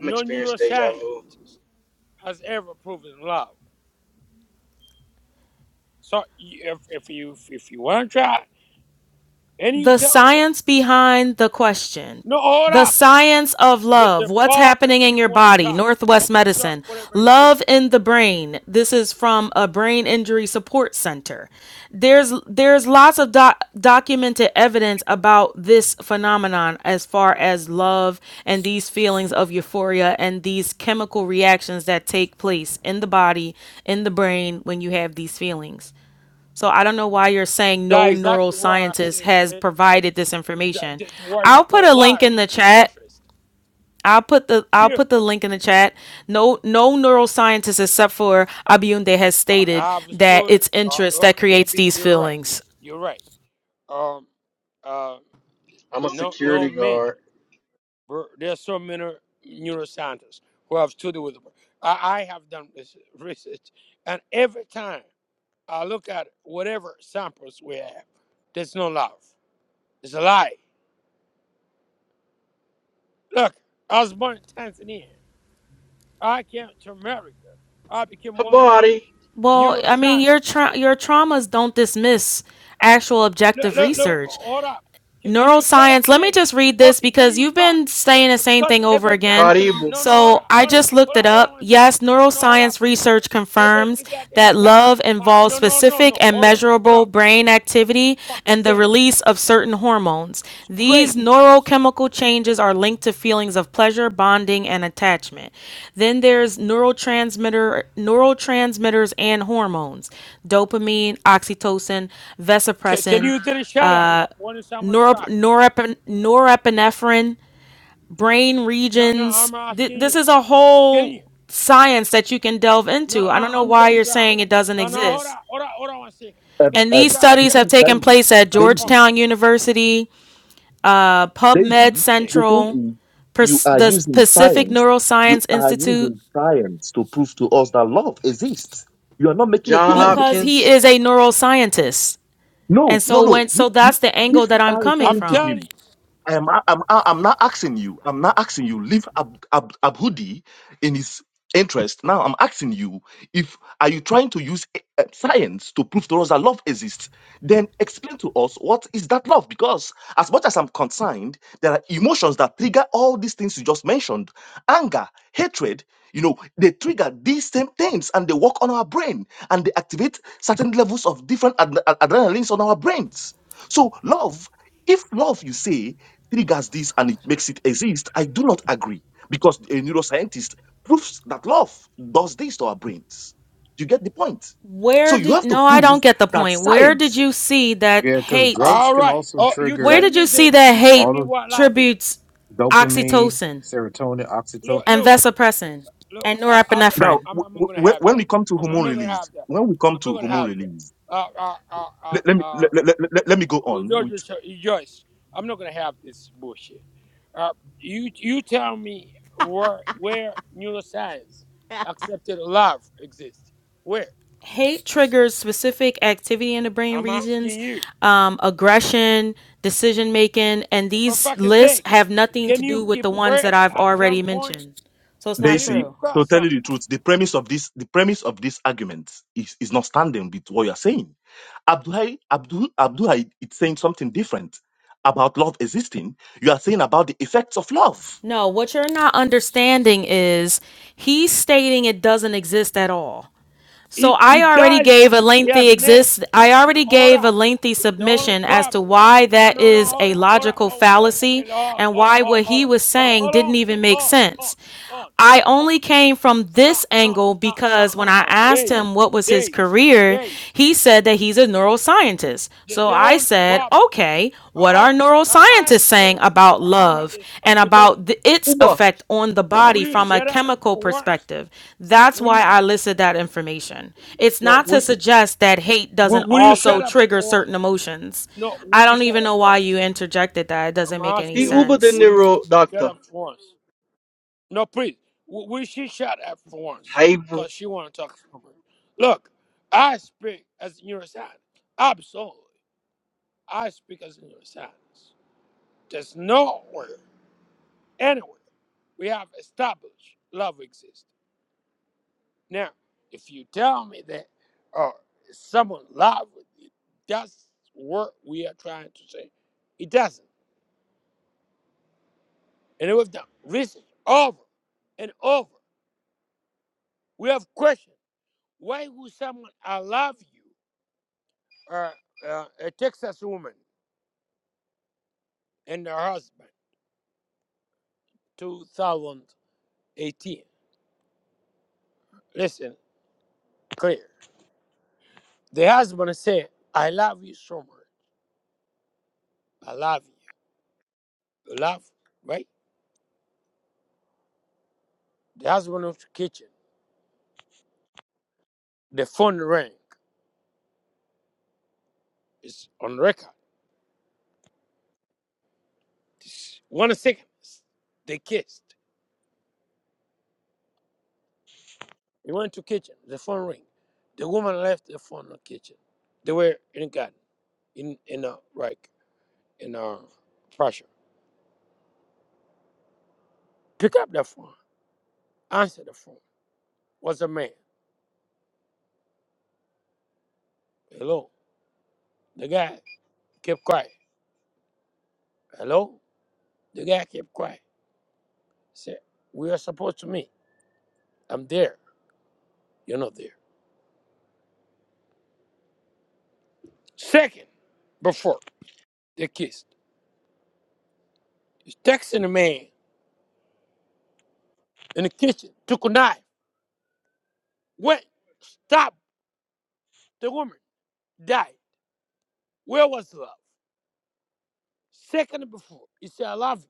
Speaker 16: I'm experienced deja
Speaker 10: neuroscience
Speaker 16: vu.
Speaker 10: has ever proven love. So you- if, if you if you want to try, and you
Speaker 17: the
Speaker 10: tell me,
Speaker 17: science behind the question
Speaker 10: no, hold
Speaker 17: the
Speaker 10: up.
Speaker 17: science of
Speaker 10: The,
Speaker 17: love
Speaker 10: the
Speaker 17: what's
Speaker 10: problem
Speaker 17: happening in
Speaker 10: you
Speaker 17: your
Speaker 10: want to
Speaker 17: body
Speaker 10: talk.
Speaker 17: northwest
Speaker 10: Okay, you talk
Speaker 17: medicine
Speaker 10: whatever you finish.
Speaker 17: love in the brain this is from a brain injury support center there's there's lots of doc- documented evidence about this phenomenon as far as love and these feelings of euphoria and these chemical reactions that take place in the body in the brain when you have these feelings so I don't know why you're saying no
Speaker 10: That's exactly why I
Speaker 17: neuroscientist
Speaker 10: say
Speaker 17: has
Speaker 10: it,
Speaker 17: provided this
Speaker 10: the,
Speaker 17: information.
Speaker 10: the, the why you
Speaker 17: I'll put a
Speaker 10: call
Speaker 17: link
Speaker 10: life
Speaker 17: in the
Speaker 10: is
Speaker 17: chat.
Speaker 10: interest.
Speaker 17: I'll put the I'll
Speaker 10: Here,
Speaker 17: put the link in the chat. No no neuroscientist except for Abiunde has
Speaker 10: I
Speaker 17: stated
Speaker 10: I have a
Speaker 17: that
Speaker 10: story.
Speaker 17: it's
Speaker 10: uh,
Speaker 17: interest that
Speaker 10: Okay,
Speaker 17: creates
Speaker 10: maybe
Speaker 17: these
Speaker 10: you're right.
Speaker 17: feelings.
Speaker 10: You're right. um, uh,
Speaker 16: I'm a
Speaker 10: no, no
Speaker 16: security
Speaker 10: many.
Speaker 16: guard.
Speaker 10: Bro, There are so many neuroscientists who have studied with. I, I have done this research, and every time I look at whatever samples we have, there's no love. It's a lie. Look, I was born in Tanzania. I came to America. I became one of
Speaker 16: Habari,
Speaker 17: Well, I mean
Speaker 10: neuroscientists.
Speaker 17: your tra- your traumas don't dismiss actual
Speaker 10: Look,
Speaker 17: objective
Speaker 10: look, look,
Speaker 17: research.
Speaker 10: hold up. Can, can you shut up
Speaker 17: neuroscience. Let me
Speaker 10: then?
Speaker 17: just read this
Speaker 10: Okay, then
Speaker 17: because
Speaker 10: you
Speaker 17: you've
Speaker 10: talk.
Speaker 17: been saying the same
Speaker 10: Because
Speaker 17: thing over
Speaker 10: every
Speaker 17: again.
Speaker 10: time,
Speaker 16: Karibu,
Speaker 10: no, no, hold
Speaker 17: So
Speaker 10: up,
Speaker 17: I
Speaker 10: hold up,
Speaker 17: just
Speaker 10: hold
Speaker 17: looked
Speaker 10: up,
Speaker 17: it
Speaker 10: hold on
Speaker 17: up.
Speaker 10: one second.
Speaker 17: Yes,
Speaker 10: No, no, hold up
Speaker 17: neuroscience
Speaker 10: one second.
Speaker 17: research
Speaker 10: Every
Speaker 17: confirms
Speaker 10: goddamn
Speaker 17: that
Speaker 10: time,
Speaker 17: love
Speaker 10: uh,
Speaker 17: involves
Speaker 10: no, no, no,
Speaker 17: specific
Speaker 10: no,
Speaker 17: and
Speaker 10: hold up, hold
Speaker 17: measurable
Speaker 10: up.
Speaker 17: brain activity
Speaker 10: Fucking
Speaker 17: and the
Speaker 10: sake,
Speaker 17: release of certain hormones.
Speaker 10: it's
Speaker 17: These
Speaker 10: crazy.
Speaker 17: neurochemical changes are linked to feelings of pleasure, bonding, and attachment. Then there's neurotransmitter neurotransmitters and hormones, dopamine, oxytocin,
Speaker 10: Can, can
Speaker 17: vasopressin,
Speaker 10: you then shut up when someone's
Speaker 17: norep-
Speaker 10: talking?
Speaker 17: norep- norepinephrine, brain
Speaker 10: No, no,
Speaker 17: regions.
Speaker 10: I'm
Speaker 17: Th-
Speaker 10: asking
Speaker 17: this
Speaker 10: you.
Speaker 17: is a
Speaker 10: Can you?
Speaker 17: whole science that you can delve
Speaker 10: No,
Speaker 17: into. I don't
Speaker 10: I,
Speaker 17: know
Speaker 10: I'm
Speaker 17: why
Speaker 10: just
Speaker 17: you're
Speaker 10: trying.
Speaker 17: saying it doesn't
Speaker 10: No, no, hold
Speaker 17: exist.
Speaker 10: up, hold up, hold on one second.
Speaker 9: Um,
Speaker 10: Can,
Speaker 17: And
Speaker 10: can you
Speaker 17: these
Speaker 9: um,
Speaker 10: try to
Speaker 17: studies
Speaker 10: shut
Speaker 17: have
Speaker 10: up for
Speaker 17: taken
Speaker 9: Daisy.
Speaker 17: place at
Speaker 10: some point?
Speaker 9: Daisy.
Speaker 17: Georgetown University, uh,
Speaker 10: You're
Speaker 17: PubMed
Speaker 10: fucking
Speaker 9: Daisy,
Speaker 10: sick.
Speaker 9: the thing
Speaker 17: Central,
Speaker 9: is, you
Speaker 17: Pers-
Speaker 9: are
Speaker 17: the
Speaker 9: using
Speaker 17: Pacific
Speaker 9: science. You
Speaker 17: Neuroscience
Speaker 9: are
Speaker 17: Institute,
Speaker 9: using science to prove to us that love exists. You are not making a
Speaker 16: John
Speaker 9: point.
Speaker 17: because he
Speaker 16: Hopkins.
Speaker 17: is a neuroscientist. And
Speaker 9: No,
Speaker 17: so
Speaker 9: no, no.
Speaker 17: when so
Speaker 9: You, you,
Speaker 17: that's the
Speaker 9: if
Speaker 17: angle that
Speaker 9: you
Speaker 17: I'm
Speaker 9: are
Speaker 17: coming
Speaker 10: I'm
Speaker 9: referring to
Speaker 17: from.
Speaker 9: him,
Speaker 10: telling you.
Speaker 9: I'm, I'm, I'm not asking you. I'm not asking you. Leave Ab, Ab, Abhudi in his interest. Now I'm asking you: If are you trying to use eh, eh, science to prove to us that love exists? Then explain to us what is that love? Because as much as I'm concerned, there are emotions that trigger all these things you just mentioned: anger, hatred. You know, they trigger these same things, and they work on our brain, and they activate certain levels of different ad- ad- adrenalines on our brains. So love if love you say triggers this and it makes it exist, I do not agree because a neuroscientist proves that love does this to our brains. Do you get the point?
Speaker 17: Where
Speaker 9: So you
Speaker 17: did
Speaker 9: have to
Speaker 17: no, I
Speaker 9: prove
Speaker 17: don't get the
Speaker 9: that
Speaker 17: point. Where did
Speaker 9: science.
Speaker 17: you see that
Speaker 15: Yeah, because
Speaker 17: hate
Speaker 15: drugs
Speaker 10: All
Speaker 15: can
Speaker 10: right.
Speaker 15: also
Speaker 10: Oh, you
Speaker 17: Where
Speaker 10: tell
Speaker 15: trigger
Speaker 17: did
Speaker 10: me
Speaker 17: you see
Speaker 10: then.
Speaker 17: that
Speaker 10: You tell
Speaker 17: hate
Speaker 15: all
Speaker 10: me
Speaker 15: of
Speaker 10: what love is.
Speaker 17: tributes
Speaker 10: C-
Speaker 15: dopamine,
Speaker 17: oxytocin
Speaker 15: serotonin, oxytocin.
Speaker 10: Look,
Speaker 17: and
Speaker 10: look,
Speaker 17: vasopressin and
Speaker 10: look. I, I don't.
Speaker 9: Now,
Speaker 17: norepinephrine?
Speaker 10: I, I'm, I'm not
Speaker 9: w-
Speaker 10: gonna
Speaker 9: w-
Speaker 10: have
Speaker 9: when
Speaker 10: that.
Speaker 9: we come to
Speaker 10: I'm, I'm
Speaker 9: hormone
Speaker 10: not gonna have
Speaker 9: release,
Speaker 10: that.
Speaker 9: when we come
Speaker 10: I'm not
Speaker 9: to
Speaker 10: gonna
Speaker 9: hormone
Speaker 10: have
Speaker 9: release,
Speaker 10: that. Uh, uh, uh, uh,
Speaker 9: let, let me
Speaker 10: uh,
Speaker 9: let, let, let, let me go
Speaker 10: with
Speaker 9: on
Speaker 10: all due
Speaker 9: with
Speaker 10: Joyce, I'm not gonna have this bullshit. Uh, you, you tell me where where neuroscience
Speaker 1: <laughs>
Speaker 10: accepted love exists. Where?
Speaker 17: Hate triggers specific activity in the brain
Speaker 10: I'm
Speaker 17: regions,
Speaker 10: asking you.
Speaker 17: um, aggression, decision making, and
Speaker 10: For
Speaker 17: these
Speaker 10: fucking
Speaker 17: lists
Speaker 10: sake,
Speaker 17: have nothing to
Speaker 10: can you
Speaker 17: do with
Speaker 10: keep
Speaker 17: the ones
Speaker 10: quiet
Speaker 17: that I've
Speaker 10: at
Speaker 17: already
Speaker 10: some point?
Speaker 17: mentioned. So it's not
Speaker 10: Can you
Speaker 9: Daisy.
Speaker 10: keep
Speaker 17: true.
Speaker 10: quiet
Speaker 9: So
Speaker 10: at
Speaker 9: tell
Speaker 10: some
Speaker 9: you the
Speaker 10: point?
Speaker 9: truth, the premise of this the premise of this argument is, is not standing with what you are saying Abduhai, Abdu, Abduhai is saying something different about love existing. You are saying about the effects of love.
Speaker 17: No, what you're not understanding is he's stating it doesn't exist at all. So
Speaker 10: He, he
Speaker 17: I already
Speaker 10: does.
Speaker 17: gave a
Speaker 10: He has
Speaker 17: lengthy
Speaker 10: never.
Speaker 17: exist I
Speaker 10: No,
Speaker 17: already
Speaker 10: hold
Speaker 17: gave a
Speaker 10: up.
Speaker 17: lengthy
Speaker 10: The, the only
Speaker 17: submission as to
Speaker 10: problem.
Speaker 17: why
Speaker 10: No,
Speaker 17: that
Speaker 10: no, no.
Speaker 17: is
Speaker 10: Hold
Speaker 17: a
Speaker 10: up. Hold up.
Speaker 17: logical
Speaker 10: Hold, hold, hold, hold,
Speaker 17: fallacy
Speaker 10: hold,
Speaker 17: and
Speaker 10: hold, hold on.
Speaker 17: why what
Speaker 10: Hold
Speaker 17: he was saying didn't even make
Speaker 10: on.
Speaker 17: sense.
Speaker 10: Hold on.
Speaker 17: I
Speaker 10: Hold
Speaker 17: only
Speaker 10: on.
Speaker 17: came from
Speaker 10: No,
Speaker 17: this
Speaker 10: no,
Speaker 17: angle
Speaker 10: no, no,
Speaker 17: because when
Speaker 10: no,
Speaker 17: I
Speaker 10: no.
Speaker 17: asked
Speaker 10: Days.
Speaker 17: him what was his
Speaker 10: Days.
Speaker 17: career,
Speaker 10: Days.
Speaker 17: he said that he's a neuroscientist.
Speaker 10: The,
Speaker 17: So
Speaker 10: the
Speaker 17: I
Speaker 10: only
Speaker 17: said,
Speaker 10: problem.
Speaker 17: okay, what
Speaker 10: Uh,
Speaker 17: are
Speaker 10: okay. I, I
Speaker 17: neuroscientists
Speaker 10: am
Speaker 17: saying
Speaker 10: against.
Speaker 17: about
Speaker 10: uh, I'm
Speaker 17: love
Speaker 10: against
Speaker 17: and
Speaker 10: because
Speaker 17: about the, its
Speaker 16: Uber.
Speaker 17: effect on the
Speaker 10: would
Speaker 17: body
Speaker 10: you
Speaker 17: from a
Speaker 10: shut up
Speaker 17: chemical
Speaker 10: for once?
Speaker 17: perspective? That's
Speaker 10: Would
Speaker 17: why
Speaker 10: you?
Speaker 17: I listed that information. It's
Speaker 10: No.
Speaker 17: not to
Speaker 10: Would you?
Speaker 17: suggest that hate doesn't
Speaker 10: Would, would you
Speaker 17: also
Speaker 10: shut up
Speaker 17: trigger
Speaker 10: for once?
Speaker 17: certain emotions.
Speaker 10: No.
Speaker 17: I
Speaker 10: Would you
Speaker 17: don't
Speaker 10: shut
Speaker 17: even
Speaker 10: up
Speaker 17: know
Speaker 10: for
Speaker 17: why
Speaker 10: once?
Speaker 17: you interjected that. It doesn't
Speaker 10: I'm
Speaker 17: make any
Speaker 16: He
Speaker 10: asking you,
Speaker 16: Ubered the
Speaker 17: sense.
Speaker 10: will you
Speaker 16: neuro
Speaker 10: shut
Speaker 16: doctor.
Speaker 10: up for once? No, please. W- Will she shut up for once?
Speaker 16: Haven,
Speaker 10: Because she want to talk for me. Look, I speak as a neuroscientist. Absolutely. I speak as a neuroscientist. There's nowhere, anywhere, we have established love exists. Now, if you tell me that uh, someone love, with you, that's what we are trying to say. It doesn't. And we've done research over and over. We have questions. Why would someone allow you, uh, uh, a Texas woman and her husband, 2018? Listen, clear. The husband said, I love you so much. I love you. Love, right? The husband of the kitchen. The phone rang. It's on record. It's one second. They kissed. He went to kitchen. The phone ring. The woman left the phone in the kitchen. They were in a garden, in in a like in a Prussia. Pick up the phone. Answer the phone. What's the man. Hello. The guy kept quiet. Hello. The guy kept quiet. Said, we are supposed to meet. I'm there. You're not there. Second, before they kissed, he's texting the man in the kitchen. Took a knife. Went. Stop the woman. Died. Where was love? Second before. He said, I love you.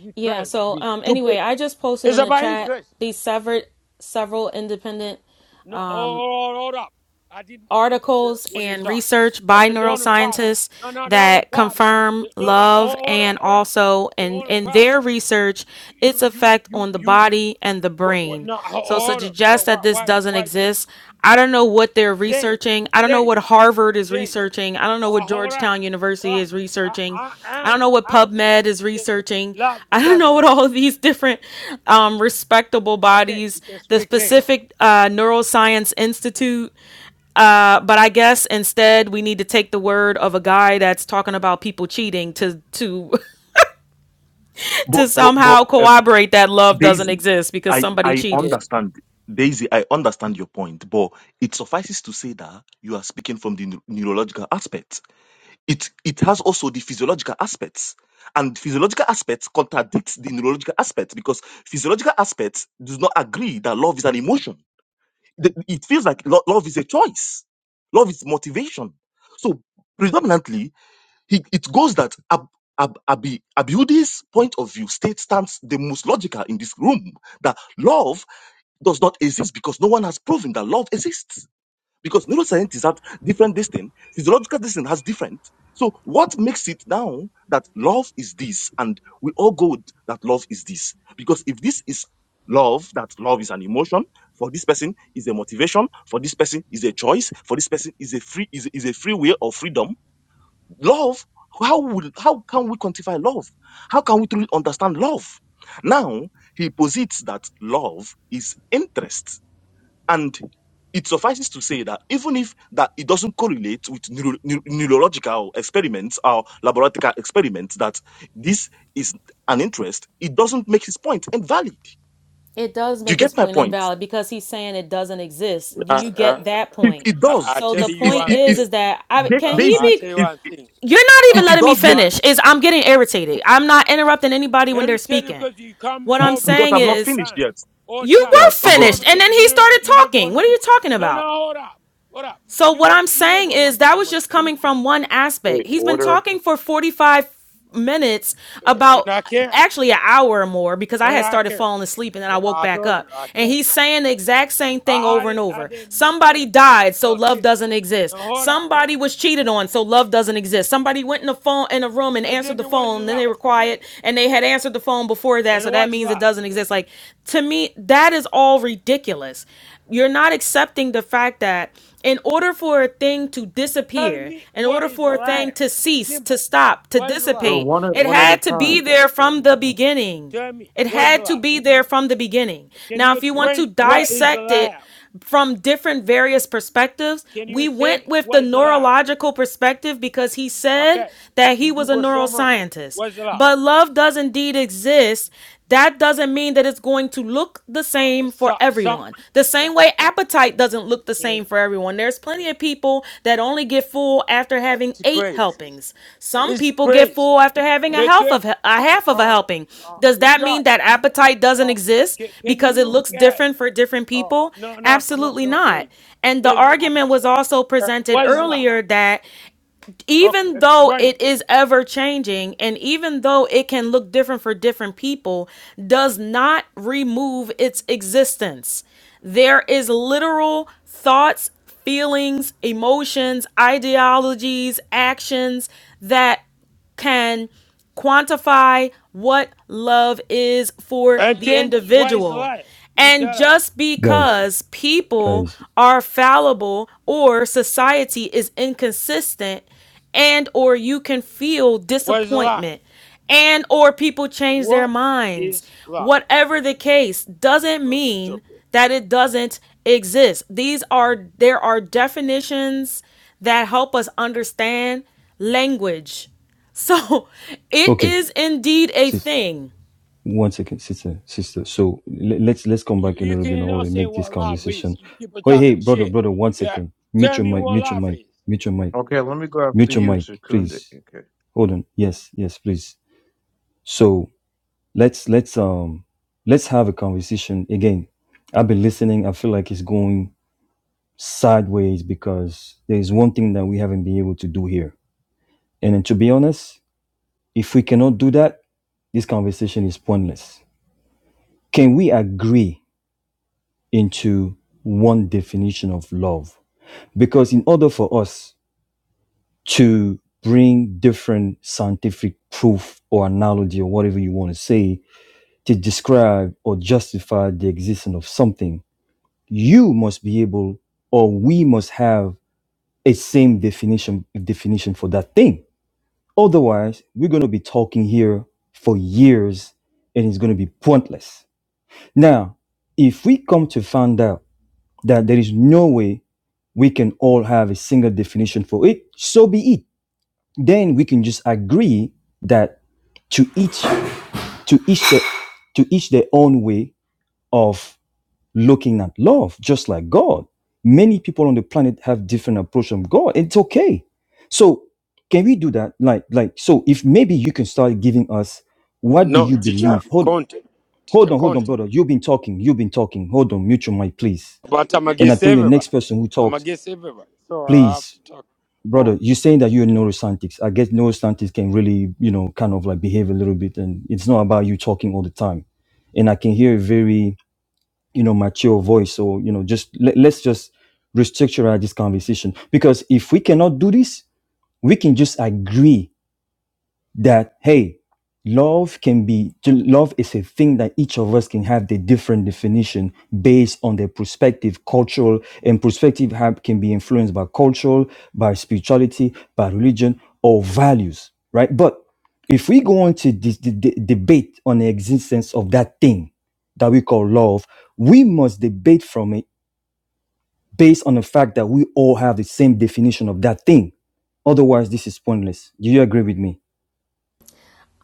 Speaker 10: Are you
Speaker 17: Yeah,
Speaker 10: trying to
Speaker 17: so
Speaker 10: be
Speaker 17: um anyway,
Speaker 10: stupid?
Speaker 17: I just posted
Speaker 10: It's
Speaker 17: in the
Speaker 10: about
Speaker 17: chat
Speaker 10: interest.
Speaker 17: these severed several independent
Speaker 10: No, hold, hold up. I didn't interfere
Speaker 17: articles
Speaker 10: when you
Speaker 17: and
Speaker 10: talk.
Speaker 17: research by
Speaker 10: The, the only problem.
Speaker 17: neuroscientists
Speaker 10: No, no, the only
Speaker 17: that
Speaker 10: problem.
Speaker 17: confirm
Speaker 10: The, no, no,
Speaker 17: love
Speaker 10: hold, hold up,
Speaker 17: and
Speaker 10: hold up.
Speaker 17: also
Speaker 10: The
Speaker 17: in,
Speaker 10: only
Speaker 17: in
Speaker 10: problem.
Speaker 17: their research its
Speaker 10: You, you,
Speaker 17: effect
Speaker 10: you,
Speaker 17: on the
Speaker 10: you.
Speaker 17: body and the
Speaker 10: What, what?
Speaker 17: brain
Speaker 10: No, ho-
Speaker 17: so to
Speaker 10: hold up. Why,
Speaker 17: suggest
Speaker 10: why,
Speaker 17: that this
Speaker 10: why?
Speaker 17: doesn't
Speaker 10: why you,
Speaker 17: exist i don't know what they're
Speaker 10: days,
Speaker 17: researching i don't know
Speaker 10: days,
Speaker 17: what harvard is
Speaker 10: days.
Speaker 17: researching i don't know what
Speaker 10: Uh, hold up.
Speaker 17: georgetown
Speaker 10: Hold
Speaker 17: university
Speaker 10: up.
Speaker 17: is
Speaker 10: I,
Speaker 17: researching
Speaker 10: I,
Speaker 17: I don't
Speaker 10: I'm,
Speaker 17: know what
Speaker 10: I'm
Speaker 17: PubMed
Speaker 10: trying
Speaker 17: is
Speaker 10: to say
Speaker 17: researching.
Speaker 10: love
Speaker 17: <laughs> I don't know
Speaker 10: doesn't
Speaker 17: what
Speaker 10: exist.
Speaker 17: all of these different um, respectable
Speaker 10: Okay, you
Speaker 17: bodies,
Speaker 10: can
Speaker 17: the
Speaker 10: speak then.
Speaker 17: specific uh, Neuroscience Institute uh, but I guess instead we need to take the word of a guy that's talking about people cheating to to <laughs>
Speaker 9: But,
Speaker 17: to
Speaker 9: but, but
Speaker 17: somehow
Speaker 9: um,
Speaker 17: corroborate that love doesn't
Speaker 9: Daisy,
Speaker 17: exist because
Speaker 9: I,
Speaker 17: somebody
Speaker 9: I
Speaker 17: cheated.
Speaker 9: understand. Daisy, I understand your point, but it suffices to say that you are speaking from the neu- neurological aspect. It, it has also the physiological aspects. And physiological aspects contradicts the neurological aspects because physiological aspects does not agree that love is an emotion the- it feels like lo- love is a choice. Love is motivation. So predominantly, he, it goes that Ab, Ab, Abi, Abiudi's point of view state stands the most logical in this room that love does not exist because no one has proven that love exists because neuroscientists have different this thing, physiological this thing has different. So what makes it now that love is this, and we all go with that love is this? Because if this is love, that love is an emotion for this person is a motivation for this person is a choice for this person is a free is, is a free will or freedom. Love. How would how can we quantify love? How can we truly understand love? Now he posits that love is interest and it suffices to say that even if that it doesn't correlate with neuro, neu- neurological experiments or laboratory experiments, that this is an interest, it doesn't make his point invalid.
Speaker 17: It does
Speaker 9: Do
Speaker 17: make
Speaker 9: you
Speaker 17: his
Speaker 9: get my
Speaker 17: point
Speaker 9: point?
Speaker 17: invalid because he's saying it doesn't exist. Do
Speaker 10: Uh,
Speaker 17: you
Speaker 10: uh,
Speaker 17: get that
Speaker 9: If
Speaker 17: point?
Speaker 9: it
Speaker 10: I,
Speaker 9: does,
Speaker 10: I
Speaker 17: So
Speaker 10: tell
Speaker 9: if
Speaker 17: the
Speaker 10: you
Speaker 9: if
Speaker 17: point
Speaker 10: one
Speaker 9: if, if
Speaker 17: is,
Speaker 10: thing.
Speaker 17: is that I
Speaker 9: Da-
Speaker 17: can
Speaker 10: Uh,
Speaker 17: he
Speaker 10: I
Speaker 9: Daisy,
Speaker 17: be?
Speaker 10: tell you
Speaker 9: if
Speaker 10: one thing.
Speaker 17: You're not even
Speaker 10: Uh,
Speaker 9: if it
Speaker 17: letting me
Speaker 9: does make
Speaker 10: one.
Speaker 17: finish. Is I'm getting irritated. I'm not interrupting anybody when they're
Speaker 10: Irritated
Speaker 17: speaking.
Speaker 10: because you come
Speaker 17: What I'm
Speaker 10: over
Speaker 9: because
Speaker 17: saying
Speaker 9: I'm
Speaker 10: all
Speaker 9: not
Speaker 10: the
Speaker 17: is,
Speaker 9: finished
Speaker 10: time,
Speaker 9: yet,
Speaker 10: all the
Speaker 17: you
Speaker 10: time.
Speaker 9: yeah,
Speaker 17: were
Speaker 9: oh,
Speaker 10: You
Speaker 9: go
Speaker 17: finished,
Speaker 9: on.
Speaker 10: never,
Speaker 17: and then he
Speaker 10: you never,
Speaker 17: started
Speaker 10: you never
Speaker 17: talking.
Speaker 10: want.
Speaker 17: What are you talking
Speaker 10: No, no,
Speaker 17: about?
Speaker 10: hold up, hold up.
Speaker 17: So
Speaker 10: You
Speaker 17: what
Speaker 10: don't,
Speaker 17: I'm
Speaker 10: you
Speaker 17: saying
Speaker 10: never
Speaker 17: is
Speaker 10: want
Speaker 17: that was
Speaker 10: someone to
Speaker 17: just
Speaker 10: finish.
Speaker 17: coming from one aspect.
Speaker 15: Wait,
Speaker 17: He's been
Speaker 15: order.
Speaker 17: talking for 45 minutes
Speaker 10: And
Speaker 17: about
Speaker 10: I care,
Speaker 17: actually an hour or more because I
Speaker 10: and
Speaker 17: had
Speaker 10: I
Speaker 17: started
Speaker 10: care.
Speaker 17: falling asleep and then I woke
Speaker 10: I
Speaker 17: back
Speaker 10: told
Speaker 17: up.
Speaker 10: you, I
Speaker 17: And
Speaker 10: care.
Speaker 17: he's saying the exact same thing
Speaker 10: I, I
Speaker 17: over and
Speaker 10: didn't, I
Speaker 17: over.
Speaker 10: didn't even
Speaker 17: Somebody
Speaker 10: care.
Speaker 17: died, so
Speaker 10: No
Speaker 17: love
Speaker 10: shit.
Speaker 17: doesn't exist.
Speaker 10: No, hold up.
Speaker 17: Somebody was cheated on, so love doesn't exist. Somebody went in the phone in a room and
Speaker 10: But
Speaker 17: answered
Speaker 10: then
Speaker 17: the
Speaker 10: there was
Speaker 17: phone, then
Speaker 10: love,
Speaker 17: they were quiet and they had answered the phone before
Speaker 10: and
Speaker 17: that, so
Speaker 10: it
Speaker 17: that
Speaker 10: was
Speaker 17: means it
Speaker 10: love.
Speaker 17: doesn't exist. Like to me, that is all ridiculous. You're not accepting the fact that in order for a thing to
Speaker 10: Tell
Speaker 17: disappear,
Speaker 10: me
Speaker 17: in
Speaker 10: what
Speaker 17: order
Speaker 10: is
Speaker 17: for a
Speaker 10: love.
Speaker 17: thing to cease, to
Speaker 10: Simple.
Speaker 17: stop, to
Speaker 10: What is love?
Speaker 15: No,
Speaker 17: dissipate,
Speaker 15: one at
Speaker 17: it
Speaker 15: one at a
Speaker 17: had to be
Speaker 15: time.
Speaker 17: there from the beginning.
Speaker 10: Tell me
Speaker 17: It
Speaker 10: what is
Speaker 17: had to
Speaker 10: love.
Speaker 17: be there from the beginning.
Speaker 10: Can
Speaker 17: Now,
Speaker 10: you
Speaker 17: if you want
Speaker 10: explain
Speaker 17: to
Speaker 10: what is
Speaker 17: dissect it
Speaker 10: love?
Speaker 17: from different various perspectives.
Speaker 10: Can
Speaker 17: We
Speaker 10: you
Speaker 17: went
Speaker 10: say
Speaker 17: with the
Speaker 10: what is love?
Speaker 17: neurological perspective because he said
Speaker 10: Okay,
Speaker 17: that he
Speaker 10: you
Speaker 17: was a
Speaker 10: Google so much.
Speaker 17: neuroscientist.
Speaker 10: What's love?
Speaker 17: But love does indeed exist. That doesn't mean that it's going to look the
Speaker 10: Uh,
Speaker 17: same for
Speaker 10: so, some
Speaker 17: everyone. The same way appetite doesn't look the
Speaker 10: man,
Speaker 17: same for everyone. There's there's plenty of people that only get full after having
Speaker 10: it's
Speaker 17: eight
Speaker 10: crazy.
Speaker 17: helpings. Some
Speaker 10: It's
Speaker 17: people get
Speaker 10: crazy.
Speaker 17: full after having a
Speaker 10: They
Speaker 17: half
Speaker 10: can
Speaker 17: of a half of a
Speaker 10: uh, uh,
Speaker 17: helping. Does that mean that
Speaker 10: rejoice.
Speaker 17: appetite doesn't
Speaker 10: Uh,
Speaker 17: exist
Speaker 10: can, can
Speaker 17: because it
Speaker 10: you
Speaker 17: looks
Speaker 10: guys?
Speaker 17: different for different
Speaker 10: Oh
Speaker 17: people?
Speaker 10: no no no
Speaker 17: Absolutely
Speaker 10: no,
Speaker 17: not.
Speaker 10: Dave.
Speaker 17: And the
Speaker 10: Dave is talking
Speaker 17: argument
Speaker 10: shit.
Speaker 17: was also
Speaker 10: Uh,
Speaker 17: presented
Speaker 10: what is love?
Speaker 17: earlier that
Speaker 10: Okay,
Speaker 17: even though
Speaker 10: explain.
Speaker 17: it is ever changing and even though it can look different for different people, does not remove its existence. There is literal thoughts, feelings, emotions, ideologies, actions that can quantify what love is for
Speaker 10: And
Speaker 17: the
Speaker 10: then what is
Speaker 17: individual.
Speaker 10: life? You
Speaker 17: And
Speaker 10: tell us.
Speaker 17: just
Speaker 4: guys
Speaker 17: because people
Speaker 4: guys
Speaker 17: are fallible or society is inconsistent and or you can feel
Speaker 10: What is love?
Speaker 17: disappointment and or people change their
Speaker 10: What
Speaker 17: minds,
Speaker 10: is love?
Speaker 17: whatever the case doesn't
Speaker 10: Oh,
Speaker 17: mean
Speaker 10: stupid.
Speaker 17: that it doesn't exist. These are there are definitions that help us understand language <laughs> So it
Speaker 4: okay
Speaker 17: is indeed a
Speaker 4: sis
Speaker 17: thing.
Speaker 4: one second sister sister so le- let's let's come
Speaker 10: you
Speaker 4: back a
Speaker 10: you
Speaker 4: little bit
Speaker 10: can't
Speaker 4: now
Speaker 10: not
Speaker 4: and
Speaker 10: say
Speaker 4: make this
Speaker 10: what love is.
Speaker 4: conversation
Speaker 10: You keep on
Speaker 4: hey hey
Speaker 10: talking
Speaker 4: brother
Speaker 10: shit.
Speaker 4: brother one
Speaker 10: Yeah,
Speaker 4: second mute
Speaker 10: tell
Speaker 4: your
Speaker 10: me
Speaker 4: mic
Speaker 10: what
Speaker 4: mute your
Speaker 10: love
Speaker 4: mic
Speaker 10: is.
Speaker 4: mute your mic
Speaker 15: Okay, let me go after
Speaker 4: mute your
Speaker 15: you,
Speaker 4: mic
Speaker 15: Chakundi.
Speaker 4: please
Speaker 15: Okay.
Speaker 4: hold on yes yes please so let's let's um let's have a conversation again i've been listening i feel like it's going sideways because there is one thing that we haven't been able to do here. And then to be honest, if we cannot do that, this conversation is pointless. Can we agree into one definition of love? Because in order for us to bring different scientific proof or analogy or whatever you want to say to describe or justify the existence of something, you must be able or we must have a same definition definition for that thing Otherwise, we're going to be talking here for years and it's going to be pointless. Now, if we come to find out that there is no way we can all have a single definition for it, so be it. Then we can just agree that to each to each their, to each their own way of looking at love just like God. Many people on the planet have different approach from God. It's okay. So can we do that? Like, like, so if maybe you can start giving us what do
Speaker 10: No,
Speaker 4: you
Speaker 10: teacher
Speaker 4: believe? Hold
Speaker 10: content,
Speaker 4: hold
Speaker 10: teacher
Speaker 4: on, hold on,
Speaker 10: content.
Speaker 4: brother. You've been talking, you've been talking. Hold on, mute your mic, please.
Speaker 10: But I'm
Speaker 4: And I
Speaker 10: against
Speaker 4: think the
Speaker 10: everybody.
Speaker 4: next person who
Speaker 10: I'm
Speaker 4: talked,
Speaker 10: against everybody, so I have
Speaker 4: please,
Speaker 10: to talk more.
Speaker 4: brother, you're saying that you're a neuroscientist. I guess neuroscientists can really, you know, kind of like behave a little bit and it's not about you talking all the time. And I can hear a very you know mature voice or you know just let, let's just restructure this conversation because if we cannot do this we can just agree that hey love can be love is a thing that each of us can have the different definition based on their perspective cultural and perspective have, can be influenced by cultural by spirituality by religion or values right but if we go on to this the, the debate on the existence of that thing that we call love we must debate from it based on the fact that we all have the same definition of that thing otherwise this is pointless do you agree with me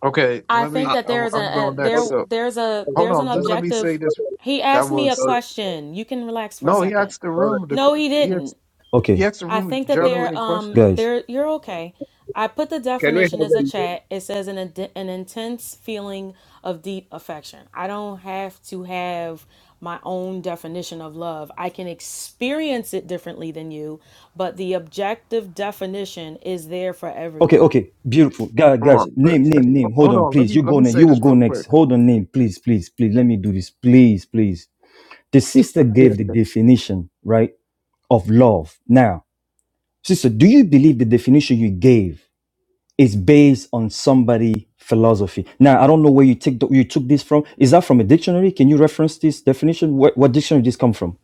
Speaker 15: Okay,
Speaker 17: I
Speaker 15: let me.
Speaker 17: think
Speaker 18: Uh,
Speaker 17: that there
Speaker 15: I,
Speaker 17: is a,
Speaker 15: I'm
Speaker 17: a
Speaker 15: going
Speaker 18: sorry,
Speaker 15: next.
Speaker 17: there
Speaker 15: So.
Speaker 17: there's a
Speaker 18: sorry,
Speaker 15: Hold
Speaker 17: there's an
Speaker 15: on,
Speaker 18: sorry,
Speaker 15: just let me say
Speaker 17: objective.
Speaker 15: this.
Speaker 17: He
Speaker 15: That
Speaker 17: asked me a
Speaker 15: was si-,
Speaker 18: sorry, sorry.
Speaker 17: question. You can relax for a
Speaker 15: no. He
Speaker 17: second.
Speaker 15: asked the
Speaker 18: sorry.
Speaker 15: room. The
Speaker 17: No, he
Speaker 15: que- he asked,
Speaker 17: didn't.
Speaker 4: okay
Speaker 15: he asked the
Speaker 17: I
Speaker 15: room
Speaker 17: think that
Speaker 18: So
Speaker 15: generally
Speaker 17: they're
Speaker 15: in
Speaker 17: um
Speaker 15: question.
Speaker 4: guys
Speaker 17: they're you're okay. I put the
Speaker 18: can we have
Speaker 17: definition as a
Speaker 18: a
Speaker 17: chat. It says an ind- an intense feeling of deep affection. I don't have to have my own definition of love. I can experience it differently than you, but the objective definition is there for
Speaker 4: Okay,
Speaker 17: everyone.
Speaker 4: okay, beautiful. Guys,
Speaker 15: Come
Speaker 4: guys,
Speaker 15: on, let
Speaker 4: name, name, name. Hold
Speaker 15: hold
Speaker 4: on,
Speaker 15: on. Let
Speaker 4: please.
Speaker 15: me
Speaker 4: You
Speaker 15: let
Speaker 4: go
Speaker 15: me
Speaker 4: next.
Speaker 15: say
Speaker 4: You will
Speaker 15: this
Speaker 4: go
Speaker 15: real
Speaker 4: next.
Speaker 15: quick.
Speaker 4: Hold on, name, please, please, please. Let me do this, please, please. The sister
Speaker 15: <laughs> Yeah.
Speaker 4: gave the definition, right, of love. Now, sister, do you believe the definition you gave is based on somebody' philosophy? Now, I don't know where you take the, you took this from. Is that from a dictionary? Can you reference this definition? What, what dictionary did this come from?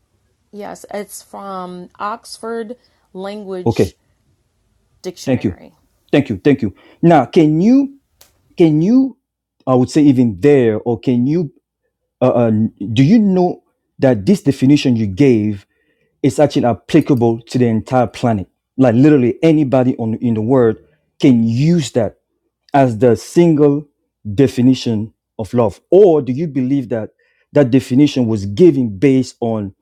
Speaker 17: Yes, it's from Oxford
Speaker 4: Okay,
Speaker 17: Language
Speaker 4: thank you,
Speaker 17: Dictionary.
Speaker 4: thank you, thank you. Now, can you can you I would say even there, or can you uh, uh, do you know that this definition you gave is actually applicable to the entire planet? Like literally anybody on in the world can use that as the single definition of love, or do you believe that that definition was given based on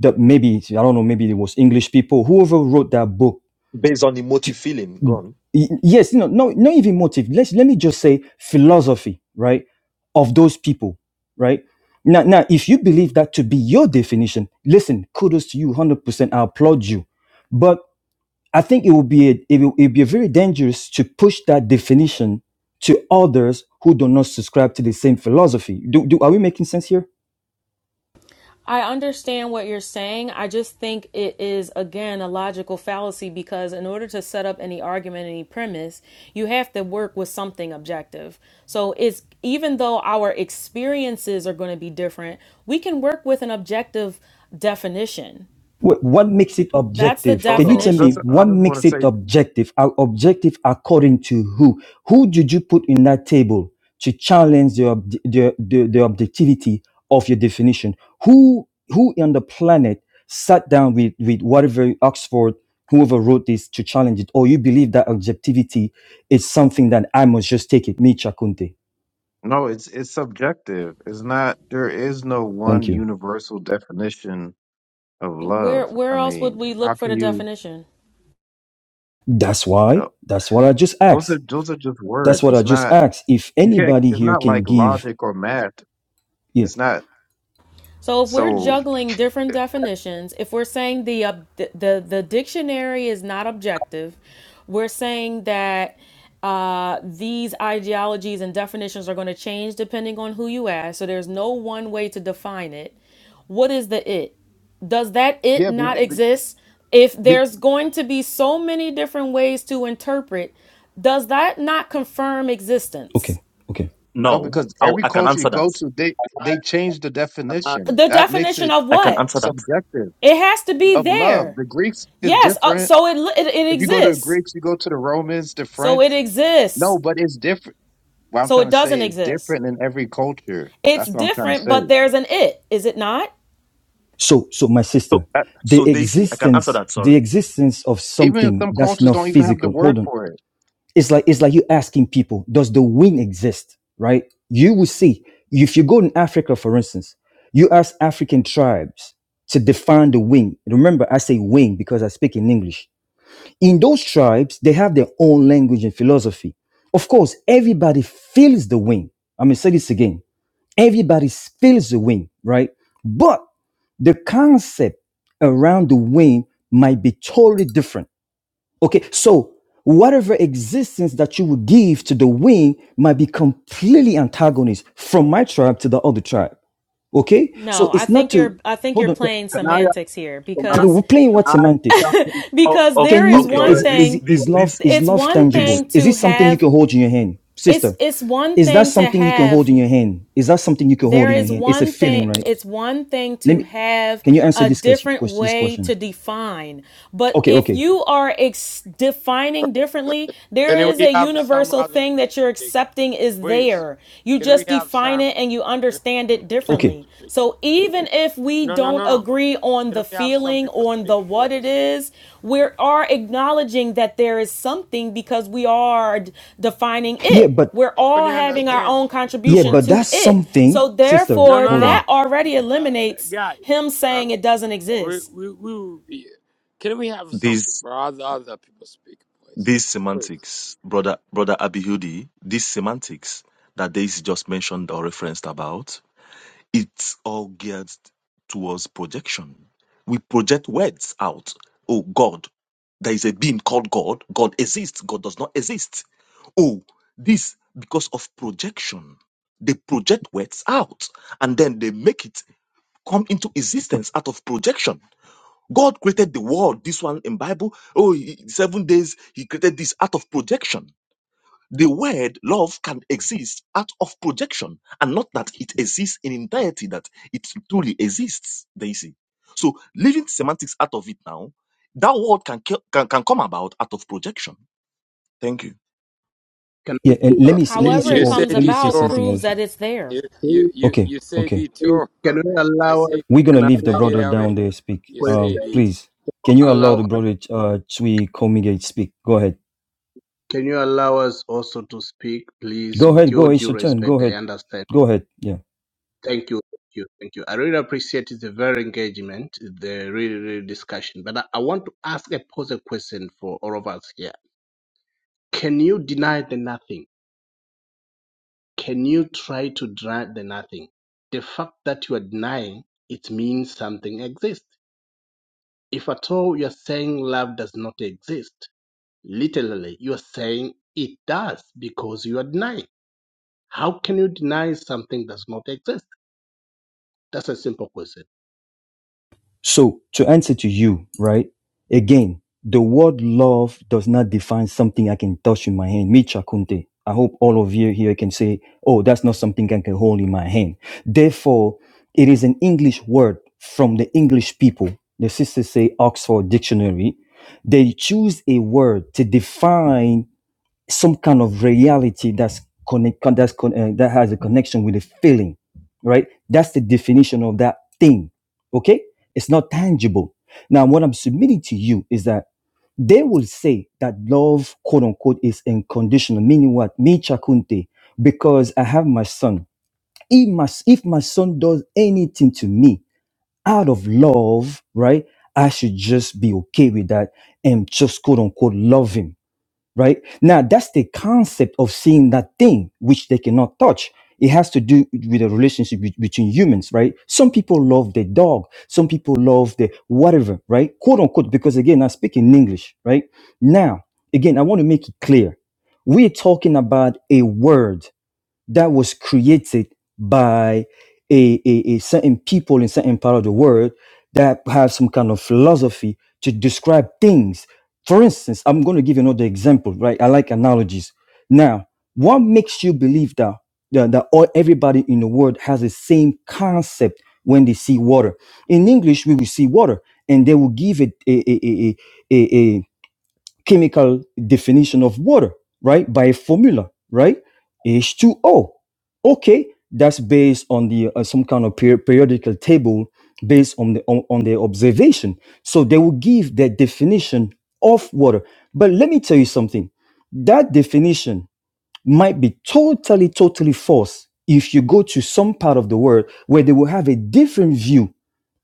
Speaker 4: the maybe I don't know maybe it was English people whoever wrote that book
Speaker 9: based on emotive feeling. Go on.
Speaker 4: Y- yes no no not even motive let's let me just say philosophy right of those people right now now if you believe that to be your definition listen kudos to you 100% i applaud you but i think it would be a, it will it'd be very dangerous to push that definition to others who do not subscribe to the same philosophy do, do are we making sense here
Speaker 17: I understand what you're saying. I just think it is, again, a logical fallacy because in order to set up any argument, any premise, you have to work with something objective. So it's even though our experiences are going to be different, we can work with an objective definition.
Speaker 4: Wh- What makes it
Speaker 17: That's the
Speaker 4: objective?
Speaker 15: Hold
Speaker 4: Can you
Speaker 15: on.
Speaker 4: tell me
Speaker 15: That's,
Speaker 17: definition.
Speaker 15: I
Speaker 4: what
Speaker 15: just
Speaker 4: makes
Speaker 15: want to
Speaker 4: it
Speaker 15: say
Speaker 4: objective? Are objective according to who? Who did you put in that table to challenge the, ob- the, the, the objectivity of your definition? Who who on the planet sat down with, with whatever Oxford, whoever wrote this to challenge it? Or you believe that objectivity is something that I must just take it, me Chakunte.
Speaker 15: no. It's it's subjective. It's not. There is no
Speaker 4: Thank
Speaker 15: one
Speaker 4: you.
Speaker 15: universal definition of
Speaker 17: Where
Speaker 15: love.
Speaker 17: where
Speaker 15: I
Speaker 17: else would
Speaker 15: mean,
Speaker 17: we
Speaker 15: how
Speaker 17: look for
Speaker 15: can
Speaker 17: the
Speaker 15: you?
Speaker 17: definition?
Speaker 4: That's
Speaker 15: No,
Speaker 4: why. That's what I just
Speaker 15: those
Speaker 4: asked.
Speaker 15: are those are just
Speaker 4: That's
Speaker 15: words.
Speaker 4: what I
Speaker 15: It's
Speaker 4: just
Speaker 15: not.
Speaker 4: asked. If
Speaker 15: You can't.
Speaker 4: anybody
Speaker 15: It's
Speaker 4: here
Speaker 15: not
Speaker 4: can
Speaker 15: like
Speaker 4: give,
Speaker 15: logic or math.
Speaker 4: yeah.
Speaker 15: It's not.
Speaker 17: So if we're
Speaker 15: So
Speaker 17: juggling different definitions, if we're saying the ob- the, the the dictionary is not objective, we're saying that uh, these ideologies and definitions are going to change depending on who you ask. So there's no one way to define it. What is the it? Does that it
Speaker 15: yeah, be-
Speaker 17: not exist? If
Speaker 15: be-
Speaker 17: there's going to be so many different ways to interpret, does that not confirm existence?
Speaker 4: Okay, okay.
Speaker 15: No,
Speaker 9: No,
Speaker 15: because
Speaker 9: I'll
Speaker 15: every
Speaker 9: add
Speaker 15: culture you
Speaker 9: that.
Speaker 15: go to, they
Speaker 18: can I
Speaker 15: they change the
Speaker 18: uh,
Speaker 15: definition.
Speaker 17: The
Speaker 15: That makes
Speaker 17: definition
Speaker 15: it
Speaker 17: of
Speaker 9: I can
Speaker 17: what?
Speaker 9: answer that.
Speaker 15: subjective
Speaker 17: It has to be
Speaker 15: of love.
Speaker 17: there.
Speaker 15: The Greeks is
Speaker 17: Yes. Uh,
Speaker 15: different.
Speaker 17: so it, it it
Speaker 15: If you go to the
Speaker 17: exists.
Speaker 15: Greeks, you go to the Romans, the
Speaker 17: So
Speaker 15: French.
Speaker 17: it exists.
Speaker 15: No, but it's different. What I'm
Speaker 17: So it
Speaker 15: trying to
Speaker 17: doesn't
Speaker 15: say is
Speaker 17: exist.
Speaker 15: different in every culture.
Speaker 17: It's
Speaker 15: That's what I'm trying to
Speaker 17: different,
Speaker 15: say.
Speaker 17: but there's an it. Is it not?
Speaker 4: So, so my
Speaker 9: So
Speaker 4: sister,
Speaker 15: That,
Speaker 4: the
Speaker 9: answer
Speaker 4: existence,
Speaker 9: that.
Speaker 4: the
Speaker 9: Sorry.
Speaker 4: existence of
Speaker 15: even if
Speaker 4: something
Speaker 15: some
Speaker 4: that's
Speaker 15: cultures
Speaker 4: not
Speaker 15: don't even have the
Speaker 4: physical.
Speaker 15: word
Speaker 4: Hold on.
Speaker 15: for it,
Speaker 4: It's like it's like you asking people, does the wind exist? Right? You will see. If you go in Africa, for instance, you ask African tribes to define the wing. Remember, I say wing because I speak in English. In those tribes, they have their own language and philosophy. Of course, everybody feels the wing. I'm gonna say this again Everybody feels the wind, right? But the concept around the wind might be totally different. Okay, so whatever existence that you would give to the wind might be completely antagonist from my tribe to the other tribe. Okay,
Speaker 17: No,
Speaker 4: so
Speaker 17: I
Speaker 4: it's not
Speaker 17: think
Speaker 4: to
Speaker 17: you're I think you're
Speaker 4: hold on.
Speaker 17: playing
Speaker 18: can I ask
Speaker 17: semantics here
Speaker 18: can I
Speaker 17: because
Speaker 4: We're playing
Speaker 18: can
Speaker 4: what
Speaker 18: I
Speaker 4: semantics.
Speaker 18: ask you-
Speaker 9: Oh,
Speaker 17: because
Speaker 9: okay,
Speaker 17: there
Speaker 4: Can
Speaker 17: is
Speaker 4: you
Speaker 9: okay, yeah.
Speaker 17: one
Speaker 18: sorry,
Speaker 4: is
Speaker 9: This,
Speaker 4: is
Speaker 17: thing
Speaker 9: this,
Speaker 4: is
Speaker 18: sorry,
Speaker 4: love
Speaker 9: this,
Speaker 4: is
Speaker 17: it's
Speaker 4: love
Speaker 17: one
Speaker 4: tangible?
Speaker 9: this,
Speaker 17: thing
Speaker 4: Is
Speaker 17: to
Speaker 4: it something you
Speaker 17: have
Speaker 4: can hold in your hand,
Speaker 17: it's
Speaker 4: sister?
Speaker 17: it's one
Speaker 4: Is that
Speaker 17: thing to
Speaker 4: something you can
Speaker 17: have
Speaker 4: hold in your hand? Is that something you can hold
Speaker 17: there
Speaker 4: in your
Speaker 17: is
Speaker 4: hand? It's a
Speaker 17: one thing
Speaker 4: feeling, right?
Speaker 17: it's one thing
Speaker 4: Let
Speaker 17: to
Speaker 4: me.
Speaker 17: have
Speaker 4: Can you answer
Speaker 17: a
Speaker 4: this question?
Speaker 17: different
Speaker 4: This
Speaker 17: way to
Speaker 4: question.
Speaker 17: define but
Speaker 4: Okay,
Speaker 17: if
Speaker 4: okay,
Speaker 17: you are ex- defining differently there
Speaker 10: Can
Speaker 17: is
Speaker 10: we
Speaker 17: a
Speaker 10: have some
Speaker 17: universal
Speaker 10: other
Speaker 17: thing
Speaker 10: people
Speaker 17: that you're
Speaker 10: speak,
Speaker 17: accepting is
Speaker 10: please?
Speaker 17: there you
Speaker 10: Can we
Speaker 17: just
Speaker 10: have
Speaker 17: define
Speaker 10: some?
Speaker 17: it and you
Speaker 10: Can we have
Speaker 17: understand
Speaker 10: some
Speaker 17: it
Speaker 4: okay.
Speaker 17: differently
Speaker 10: people speak?
Speaker 17: so even if we
Speaker 10: No, no,
Speaker 17: don't
Speaker 10: no, no.
Speaker 17: agree on
Speaker 10: Can
Speaker 17: the
Speaker 10: we have some
Speaker 17: feeling
Speaker 10: people
Speaker 17: on
Speaker 10: speak,
Speaker 17: the
Speaker 10: please?
Speaker 17: what it is we are acknowledging that there is something because we are d- defining
Speaker 4: Yeah,
Speaker 17: it
Speaker 4: but
Speaker 17: we're
Speaker 10: Can
Speaker 17: all
Speaker 10: you
Speaker 17: having our
Speaker 10: understand
Speaker 17: own
Speaker 10: the
Speaker 4: yeah,
Speaker 17: contribution
Speaker 10: word?
Speaker 4: but
Speaker 17: to
Speaker 4: that's
Speaker 17: it.
Speaker 4: something,
Speaker 17: So
Speaker 4: sister.
Speaker 10: No,
Speaker 17: therefore,
Speaker 10: no,
Speaker 4: Hold
Speaker 17: that
Speaker 4: on.
Speaker 10: no,
Speaker 17: already
Speaker 10: uh,
Speaker 17: eliminates
Speaker 10: guys.
Speaker 17: him saying it doesn't
Speaker 10: We
Speaker 17: exist.
Speaker 10: we we will be. Can we have something
Speaker 9: this.
Speaker 10: for other other people speak, please?
Speaker 9: These
Speaker 10: Please.
Speaker 9: semantics, brother brother Abihudi, these semantics that Daisy just mentioned or referenced about, it's all geared towards projection. We project words out. Oh God, there is a being called God. God exists. God does not exist. Oh, this because of projection. They project words out and then they make it come into existence out of projection God created the world. This one in Bible, oh, he- seven days he created this out of projection. The word love can exist out of projection, and not that it exists in entirety, that it truly exists. Then you see. So leaving semantics out of it now, that word can ca- can, can come about out of projection. Thank you.
Speaker 18: can
Speaker 4: Yeah,
Speaker 18: we
Speaker 4: and
Speaker 18: speak
Speaker 4: let
Speaker 10: Uh,
Speaker 18: speak-
Speaker 4: me let me
Speaker 17: However,
Speaker 10: you,
Speaker 4: say
Speaker 17: it
Speaker 10: you say
Speaker 4: also
Speaker 17: comes
Speaker 4: let me say
Speaker 17: about
Speaker 10: detour.
Speaker 4: something
Speaker 17: proves
Speaker 4: else.
Speaker 17: that it's there.
Speaker 10: You you
Speaker 18: please,
Speaker 10: you,
Speaker 4: Okay,
Speaker 10: you say
Speaker 4: okay.
Speaker 18: please,
Speaker 10: detour.
Speaker 18: can
Speaker 10: <laughs>
Speaker 18: we
Speaker 10: I
Speaker 18: allow us
Speaker 10: say
Speaker 4: We're
Speaker 10: uh,
Speaker 4: gonna
Speaker 18: can I
Speaker 10: the
Speaker 4: leave the
Speaker 18: allow
Speaker 4: brother
Speaker 18: us
Speaker 10: Nigeria way.
Speaker 4: down there speak.
Speaker 10: You say
Speaker 4: Um,
Speaker 18: question
Speaker 10: it.
Speaker 4: please, can you allow the
Speaker 18: allow
Speaker 4: brother uh Chui Komigate speak? Go ahead.
Speaker 18: can you allow us also to speak please
Speaker 4: Go
Speaker 18: with
Speaker 4: ahead.
Speaker 18: your
Speaker 4: Go. It's
Speaker 18: due
Speaker 4: your turn.
Speaker 18: respect
Speaker 4: Go
Speaker 18: I
Speaker 4: ahead.
Speaker 18: understand
Speaker 4: Go ahead. Yeah.
Speaker 18: thank you thank you thank you I really appreciate it, the very engagement the really really discussion but I, I want to ask a pose a question for all of us here Can you deny the nothing? Can you try to deny the nothing? The fact that you are denying it means something exists. If at all you are saying love does not exist, literally you are saying it does because you are denying. How can you deny something does not exist? That's a simple question.
Speaker 4: So to answer to you, right? Again, the word love does not define something I can touch in my hand. Me Chakunte. I hope all of you here can say, oh, that's not something I can hold in my hand. Therefore, it is an English word from the English people. The sisters say Oxford Dictionary. They choose a word to define some kind of reality that's connect that's con- uh, that has a connection with a feeling right that's the definition of that thing okay it's not tangible now what i'm submitting to you is that they will say that love quote unquote is unconditional meaning what me chakunte because i have my son if my, if my son does anything to me out of love right i should just be okay with that and just quote unquote love him right? Now, that's the concept of seeing that thing which they cannot touch. It has to do with a relationship be- between humans, right? Some people love the dog, some people love the whatever, right? Quote unquote, because again, I speak in English, right? Now, again, I want to make it clear. We're talking about a word that was created by a, a, a certain people in certain part of the world that have some kind of philosophy to describe things. For instance, I'm going to give you another example, right? I like analogies. Now, what makes you believe that that, that all, everybody in the world has the same concept when they see water? In English, we will see water, and they will give it a a a a, a, a chemical definition of water, right? By a formula, right? H2O. Okay, that's based on the uh, some kind of per- periodical table based on the on, on their observation. So they will give their definition of water. But let me tell you something. That definition might be totally, totally false if you go to some part of the world where they will have a different view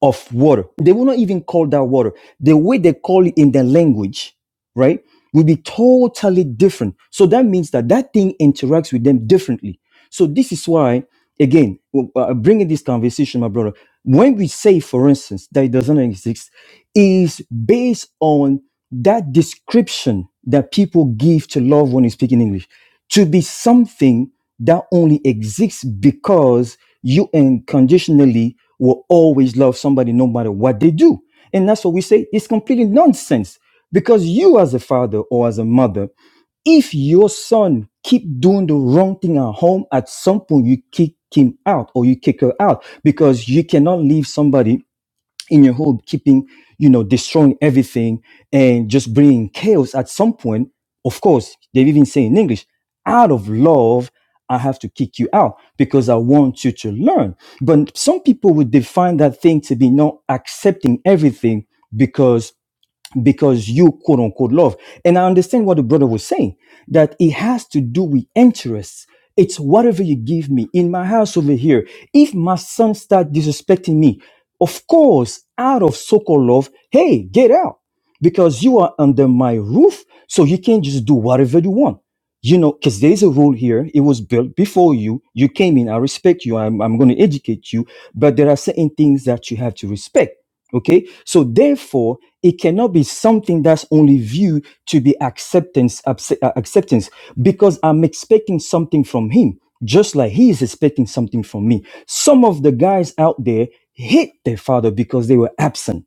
Speaker 4: of water. They will not even call that water. The way they call it in their language, right, will be totally different. So that means that that thing interacts with them differently. So this is why, again, w- uh, bringing this conversation, my brother, when we say, for instance, that it doesn't exist, is based on that description that people give to love when you speak in English to be something that only exists because you unconditionally will always love somebody no matter what they do. And that's what we say it's completely nonsense because you, as a father or as a mother, if your son keep doing the wrong thing at home at some point you kick him out or you kick her out because you cannot leave somebody in your home, keeping, you know, destroying everything and just bringing chaos at some point. Of course, they even say in English, out of love, I have to kick you out because I want you to learn. But some people would define that thing to be not accepting everything because because you quote unquote love. And I understand what the brother was saying that it has to do with interests. It's whatever you give me in my house over here. If my son start disrespecting me, of course, out of so-called love, hey, get out because you are under my roof, so you can not just do whatever you want. You know, because there is a rule here. It was built before you. You came in. I respect you. I'm, I'm going to educate you, but there are certain things that you have to respect. Okay. So therefore, it cannot be something that's only viewed to be acceptance acce- uh, acceptance because i'm expecting something from him just like he is expecting something from me some of the guys out there hate their father because they were absent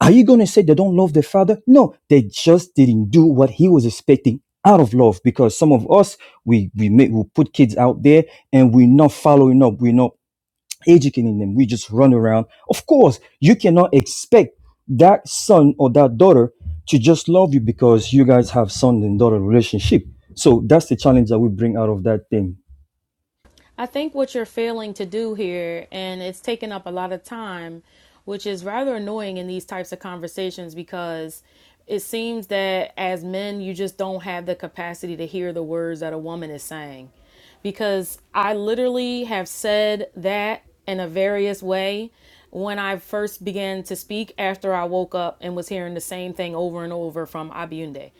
Speaker 4: are you going to say they don't love their father no they just didn't do what he was expecting out of love because some of us we we make we put kids out there and we're not following up we're not Educating them, we just run around. Of course, you cannot expect that son or that daughter to just love you because you guys have son and daughter relationship. So that's the challenge that we bring out of that thing.
Speaker 17: I think what you're failing to do here, and it's taken up a lot of time, which is rather annoying in these types of conversations because it seems that as men, you just don't have the capacity to hear the words that a woman is saying. Because I literally have said that in a various way when I first began to speak after I woke up and was hearing the same thing over and over from Abiunde.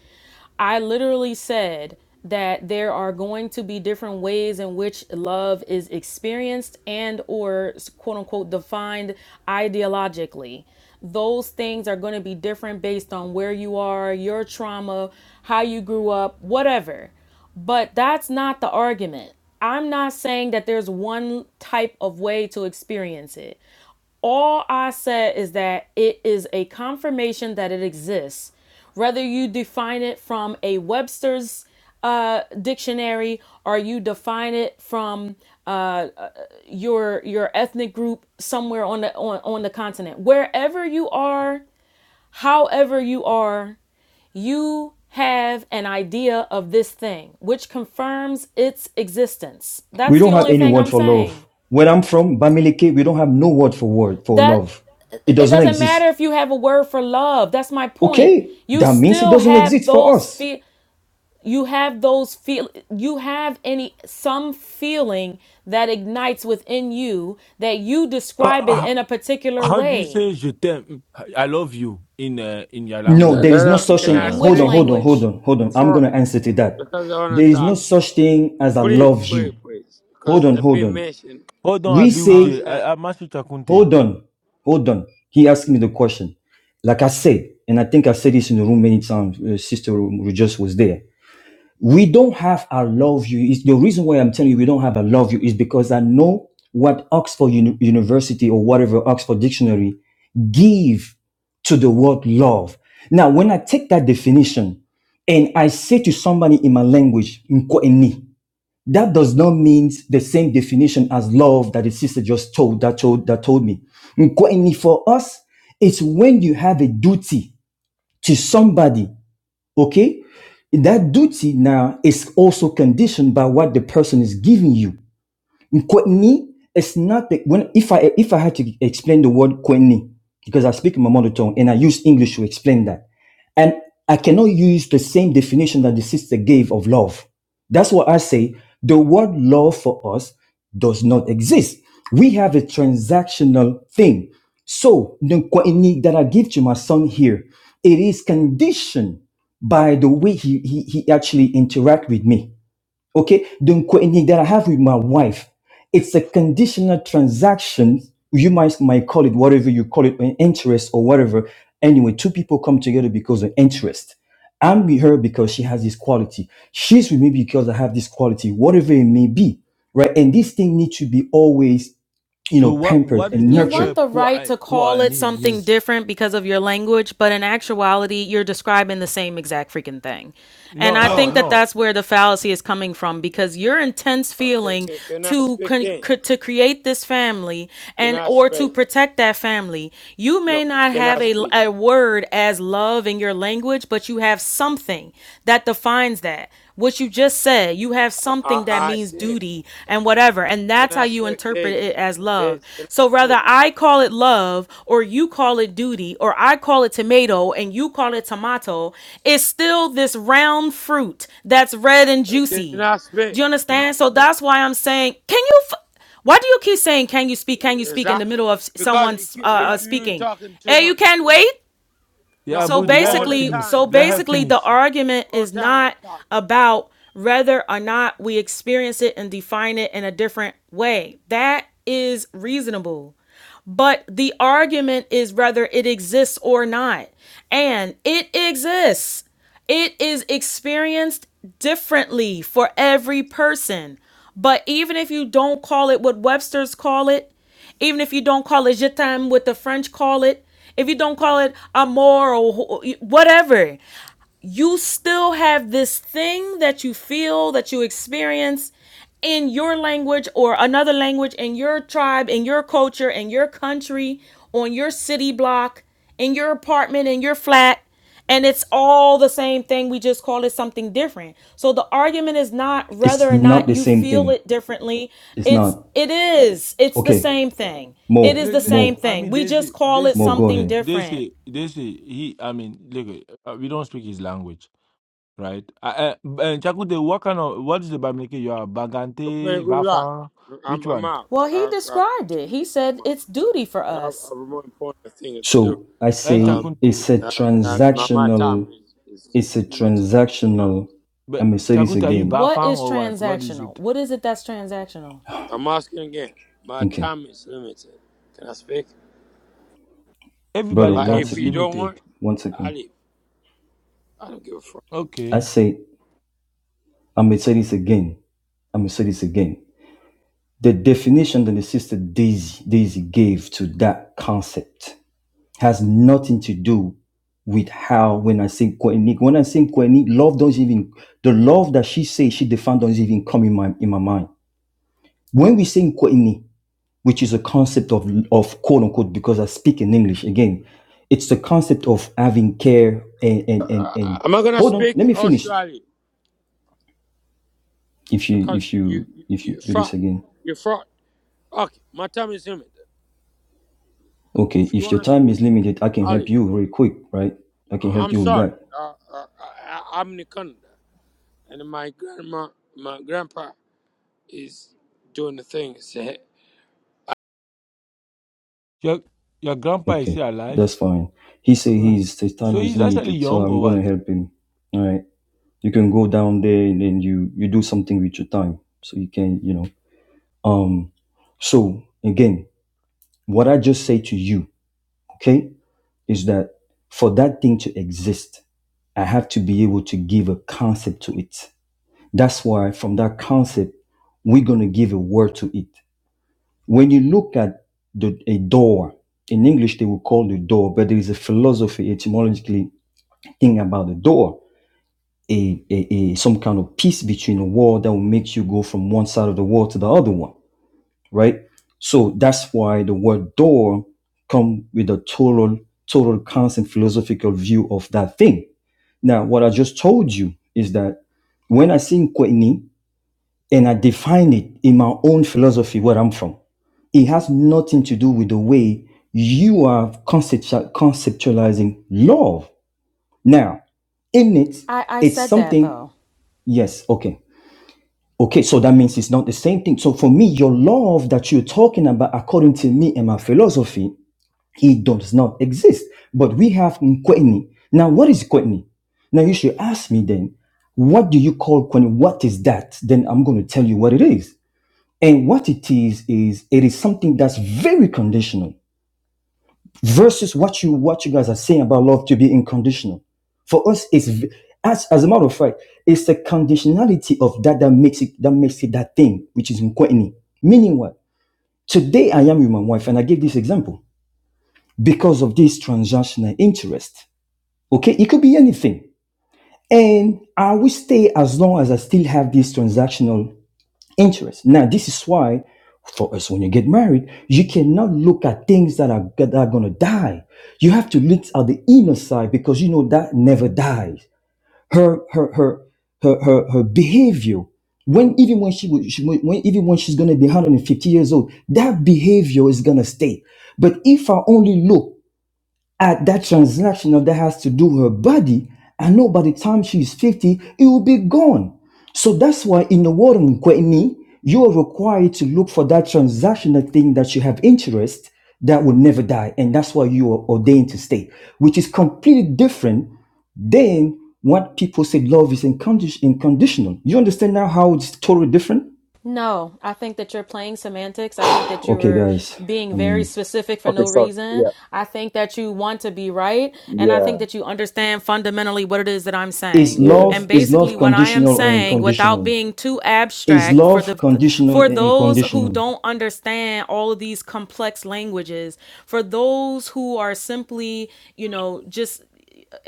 Speaker 17: I literally said that there are going to be different ways in which love is experienced and or quote unquote defined ideologically. Those things are going to be different based on where you are, your trauma, how you grew up, whatever. But that's not the argument. I'm not saying that there's one type of way to experience it. All I said is that it is a confirmation that it exists, whether you define it from a Webster's uh, dictionary or you define it from uh, uh, your your ethnic group somewhere on the on, on the continent wherever you are however you are you have an idea of this thing which confirms its existence
Speaker 4: We
Speaker 17: that's the
Speaker 4: don't have
Speaker 17: only
Speaker 4: any
Speaker 17: thing
Speaker 4: word
Speaker 17: i'm
Speaker 4: for
Speaker 17: saying
Speaker 4: love. Where I'm from, Bamileke, we don't have no word for word for
Speaker 17: that
Speaker 4: love. It
Speaker 17: it
Speaker 4: doesn't
Speaker 17: doesn't matter
Speaker 4: exist.
Speaker 17: if you have a word for love that's my point
Speaker 4: Okay,
Speaker 17: you
Speaker 4: that means it
Speaker 17: still
Speaker 4: doesn't
Speaker 17: have
Speaker 4: exist for
Speaker 17: those
Speaker 4: us.
Speaker 17: feel you have those feel you have any some feeling that ignites within you that you
Speaker 7: Uh,
Speaker 17: describe it
Speaker 7: uh,
Speaker 17: in a particular
Speaker 7: how do you
Speaker 17: way
Speaker 7: say je t'aime? I love you in uh, in your
Speaker 4: No,
Speaker 10: No
Speaker 4: there
Speaker 7: language.
Speaker 10: no
Speaker 4: is no
Speaker 10: no.
Speaker 4: such
Speaker 10: Can I
Speaker 4: thing.
Speaker 17: in
Speaker 7: Uh,
Speaker 4: Hold
Speaker 17: which
Speaker 4: on,
Speaker 10: speak
Speaker 4: hold on,
Speaker 17: language
Speaker 4: hold on, hold on. I'm gonna
Speaker 10: before?
Speaker 4: answer to that.
Speaker 10: Because I want
Speaker 4: There
Speaker 10: to
Speaker 4: is no
Speaker 10: talk.
Speaker 4: such thing as I
Speaker 10: Please
Speaker 4: love
Speaker 10: please
Speaker 4: you.
Speaker 10: please.
Speaker 4: Hold
Speaker 10: Because
Speaker 4: on,
Speaker 10: I've
Speaker 4: hold
Speaker 10: been
Speaker 4: on.
Speaker 10: mentioned
Speaker 7: hold on,
Speaker 4: We
Speaker 10: all
Speaker 4: say
Speaker 7: Abiwude.
Speaker 10: the time.
Speaker 7: I, I must Chakunte.
Speaker 4: Hold on. Hold on. He asked me the question. Like I said, and I think I said this in the room many times, uh, Sister Ru- just was there. We don't have I love you. Is the reason why I'm telling you we don't have I love you is because I know what Oxford Uni- University or whatever Oxford Dictionary give to the word love. Now, when I take that definition and I say to somebody in my language, "Nko eni," that does not mean the same definition as love that the sister just told that told that told me. Nkweni for us, it's when you have a duty to somebody, okay? That duty now is also conditioned by what the person is giving you. Kweni is not the, when if I if I had to explain the word kweni because I speak in my mother tongue and I use English to explain that, and I cannot use the same definition that the sister gave of love. That's what I say. The word love for us does not exist. We have a transactional thing. So the kweni that I give to my son here, it is conditioned by the way he he, he actually interact with me Okay, the coincidence that I have with my wife, it's a conditional transaction. You might might call it whatever you call it, an interest or whatever. Anyway, two people come together because of interest. I'm with her because she has this quality. She's with me because I have this quality, whatever it may be, right? And this thing needs to be always, you
Speaker 7: So
Speaker 4: know,
Speaker 7: what
Speaker 4: pampered
Speaker 7: what is
Speaker 4: and
Speaker 7: the
Speaker 17: You
Speaker 4: nurtured.
Speaker 17: want
Speaker 7: verb
Speaker 17: the right
Speaker 7: kwa
Speaker 17: to call
Speaker 7: kwa
Speaker 17: it
Speaker 7: need
Speaker 17: something
Speaker 7: means?
Speaker 17: different because of your language, but in actuality, you're describing the same exact freaking thing. And
Speaker 7: No,
Speaker 17: I
Speaker 7: no,
Speaker 17: think that
Speaker 7: no.
Speaker 17: that's where the fallacy is coming from because your intense
Speaker 10: Can,
Speaker 17: feeling
Speaker 10: can, can I
Speaker 17: to
Speaker 10: speak
Speaker 17: con-
Speaker 10: then?
Speaker 17: c- to create this family
Speaker 10: Can
Speaker 17: and
Speaker 10: I
Speaker 17: or to
Speaker 10: speak?
Speaker 17: protect that family, you
Speaker 10: No.
Speaker 17: may not
Speaker 10: Can I
Speaker 17: have a,
Speaker 10: speak?
Speaker 17: a word as love in your language, but you have something that defines that what you just said. You have
Speaker 10: I I,
Speaker 17: something that
Speaker 10: I
Speaker 17: means
Speaker 10: say.
Speaker 17: duty and whatever. And
Speaker 10: Can
Speaker 17: that's how
Speaker 10: I
Speaker 17: you
Speaker 10: speak?
Speaker 17: interpret
Speaker 10: This,
Speaker 17: it as love.
Speaker 10: this. Can I
Speaker 17: So whether I call it love or you call it duty or I call it tomato and you call it tomato, it's still this round fruit that's red and
Speaker 10: speak? Can
Speaker 17: juicy.
Speaker 10: I
Speaker 17: Do
Speaker 10: speak?
Speaker 17: you understand? So that's why I'm saying, can you? F- why do you keep saying, can you speak? Can you speak in the
Speaker 10: Exactly.
Speaker 17: middle of
Speaker 10: Because
Speaker 17: someone
Speaker 10: you keep, you-
Speaker 17: uh, uh,
Speaker 10: you're
Speaker 17: speaking?
Speaker 10: talking too
Speaker 17: Hey, you
Speaker 10: much.
Speaker 17: can not wait.
Speaker 10: No,
Speaker 7: Yeah,
Speaker 17: So
Speaker 7: Abudi, let
Speaker 10: all
Speaker 7: her
Speaker 10: the
Speaker 17: basically,
Speaker 7: finish.
Speaker 10: time
Speaker 17: so
Speaker 7: Let
Speaker 10: you're
Speaker 7: her
Speaker 10: talking.
Speaker 17: basically, the
Speaker 7: finish.
Speaker 17: argument
Speaker 10: All
Speaker 17: is
Speaker 10: the time you're
Speaker 17: not
Speaker 10: talking.
Speaker 17: about whether or not we experience it and define it in a different way. That is reasonable. But the argument is whether it exists or not. And it exists. It is experienced differently for every person. But even if you don't call it what Webster's call it, even if you don't call it je t'aime, what the French call it, if you don't call it amour or wh- whatever, you still have this thing that you feel that you experience in your language or another language in your tribe in your culture in your country on your city block in your apartment in your flat and it's all the same thing we just call it something different so the argument is not
Speaker 4: It's
Speaker 17: whether or
Speaker 4: not
Speaker 17: not
Speaker 4: the
Speaker 17: you
Speaker 4: same
Speaker 17: feel
Speaker 4: thing.
Speaker 17: it differently
Speaker 4: It's
Speaker 17: it's
Speaker 4: not.
Speaker 17: it is it's the
Speaker 4: Okay,
Speaker 17: same thing it
Speaker 4: Mo,
Speaker 17: is the
Speaker 7: Let, let-
Speaker 17: same
Speaker 4: Mo,
Speaker 7: I
Speaker 17: thing
Speaker 7: mean,
Speaker 17: we
Speaker 7: they
Speaker 17: just
Speaker 7: say,
Speaker 17: call
Speaker 7: they
Speaker 17: it
Speaker 4: Mo,
Speaker 7: say,
Speaker 4: go
Speaker 17: something
Speaker 7: they,
Speaker 4: ahead.
Speaker 7: they
Speaker 17: different
Speaker 7: say, they say, he, I mean, look, uh, we don't speak his language, right? Uh, uh, uh, Chakute, what kind of, what is the Bamileke you are?
Speaker 10: Okay, man,
Speaker 7: Bagante,
Speaker 10: good luck.
Speaker 7: Bafang?
Speaker 10: I'm,
Speaker 7: Which
Speaker 10: I'm
Speaker 7: one?
Speaker 10: out.
Speaker 17: Well, he
Speaker 10: Uh, uh,
Speaker 17: described
Speaker 10: to
Speaker 17: it.
Speaker 10: be
Speaker 17: He
Speaker 10: honest,
Speaker 17: said
Speaker 10: I'm out.
Speaker 17: it's duty for
Speaker 10: I have I
Speaker 17: us.
Speaker 10: have more important things to do.
Speaker 4: So I
Speaker 7: And
Speaker 10: Um,
Speaker 4: say
Speaker 7: Chakute,
Speaker 4: it's a
Speaker 10: uh, uh, my, my time
Speaker 4: transactional
Speaker 10: is, is
Speaker 4: It's a
Speaker 10: limited. Uh,
Speaker 4: transactional.
Speaker 7: but
Speaker 4: I'm gonna say this
Speaker 7: Chakute, are you
Speaker 4: again.
Speaker 17: What
Speaker 7: Bafang
Speaker 17: is
Speaker 7: or what? What is
Speaker 17: transactional?
Speaker 7: it?
Speaker 17: What is it that's transactional?
Speaker 10: I'm asking again. My
Speaker 4: Okay,
Speaker 10: time is limited. Can I speak?
Speaker 4: brother,
Speaker 7: Everybody
Speaker 10: But
Speaker 4: one
Speaker 7: times
Speaker 10: if
Speaker 7: is
Speaker 10: you
Speaker 4: second,
Speaker 10: don't want,
Speaker 7: limited.
Speaker 4: one
Speaker 10: I
Speaker 4: second.
Speaker 10: leave. I don't give a fuck.
Speaker 4: I
Speaker 7: Okay.
Speaker 4: say I'm gonna say this again. I'm gonna say this again. The definition that the sister Daisy Daisy gave to that concept has nothing to do with how when I say Koenig, when I say Koenig, love doesn't even the love that she says she defined doesn't even come in my in my mind. When we say Koenig, which is a concept of, of quote unquote, because I speak in English again, it's the concept of having care and, and, and, and
Speaker 10: Am I gonna
Speaker 4: hold on,
Speaker 10: speak
Speaker 4: let me
Speaker 10: or
Speaker 4: finish.
Speaker 10: surely?
Speaker 4: If you,
Speaker 10: Because
Speaker 4: if
Speaker 10: you
Speaker 4: you,
Speaker 10: you
Speaker 4: if you
Speaker 10: you
Speaker 4: do
Speaker 10: fraud,
Speaker 4: this again.
Speaker 10: you fraud. Okay, my time is limited.
Speaker 4: Okay.
Speaker 10: If you
Speaker 4: If your
Speaker 10: wanna
Speaker 4: time
Speaker 10: speak,
Speaker 4: is limited, I can help
Speaker 10: Ali,
Speaker 4: you very quick, right? I can help
Speaker 10: I'm
Speaker 4: you with
Speaker 10: sorry.
Speaker 4: that.
Speaker 10: Uh, uh, I, I- I'm Nikanda, and my grandma, my grandpa is doing the things. Say,
Speaker 7: Your, your grandpa is
Speaker 4: Okay.
Speaker 7: still alive?
Speaker 4: That's fine. He said
Speaker 7: Uh,
Speaker 4: his, his time
Speaker 7: so
Speaker 4: is
Speaker 7: he's actually
Speaker 4: limited, so
Speaker 7: young
Speaker 4: I'm
Speaker 7: or
Speaker 4: going to
Speaker 7: what?
Speaker 4: help him. All right. You can go down there and then you, you do something with your time. So you can, you know, um, so again, what I just say to you, okay? is that for that thing to exist, I have to be able to give a concept to it. That's why from that concept, we're going to give a word to it. When you look at the, a door, in English, they will call the door, but there is a philosophy etymologically thing about the door, a, a, a some kind of piece between a wall that will make you go from one side of the wall to the other one right? So that's why the word door come with a total, total constant philosophical view of that thing. Now, what I just told you is that when I sing Kweni and I define it in my own philosophy where I'm from, it has nothing to do with the way you are conceptu- conceptualizing love. Now, in it,
Speaker 17: I, I
Speaker 4: it's
Speaker 17: said that
Speaker 4: something,
Speaker 17: though.
Speaker 4: yes, okay. Okay, so that means it's not the same thing. So for me, your love that you're talking about, according to me and my philosophy, it does not exist. But we have Nkweni. Now, what is Nkweni? Now you should ask me then, what do you call Nkweni? What is that? Then I'm going to tell you what it is. And what it is is it is something that's very conditional versus what you what you guys are saying about love to be unconditional. For us, it's as as a matter of fact, it's the conditionality of that that makes it that makes it that thing which is nkweni. Meaning what? Today I am with my wife, and I give this example because of this transactional interest. Okay, it could be anything, and I will stay as long as I still have this transactional interest. Now, this is why for us, when you get married, you cannot look at things that are, that are going to die. You have to look at the inner side because you know that never dies. Her, her, her, her, her, her behavior, when even when she, would- she would- when even when she's going to be 150 years old, that behavior is going to stay. But if I only look at that transactional that has to do with her body. I know by the time she's 50, it will be gone. So that's why in the world of Nkweni, you are required to look for that transactional thing that you have interest that will never die. And that's why you are ordained to stay, which is completely different than what people say love is incondi- unconditional. You understand now how it's totally different?
Speaker 17: No, I think that you're playing semantics. I think that
Speaker 4: Okay,
Speaker 17: you're
Speaker 4: guys.
Speaker 17: being very
Speaker 4: Um,
Speaker 17: specific for
Speaker 9: Okay,
Speaker 17: no
Speaker 9: so
Speaker 17: reason.
Speaker 9: yeah,
Speaker 17: I think that you want to be right. And I think
Speaker 9: yeah,
Speaker 17: that you understand fundamentally what it is that I'm
Speaker 4: is
Speaker 17: saying.
Speaker 9: yeah.
Speaker 17: And
Speaker 4: love is
Speaker 17: basically,
Speaker 4: love
Speaker 17: what I am
Speaker 4: conditional or
Speaker 17: saying, without
Speaker 4: unconditional?
Speaker 17: being too
Speaker 4: Is
Speaker 17: abstract, for
Speaker 4: love
Speaker 17: the
Speaker 4: conditional
Speaker 17: for
Speaker 4: and
Speaker 17: those who
Speaker 4: unconditional?
Speaker 17: don't understand all of these complex languages, for those who are simply, you know, just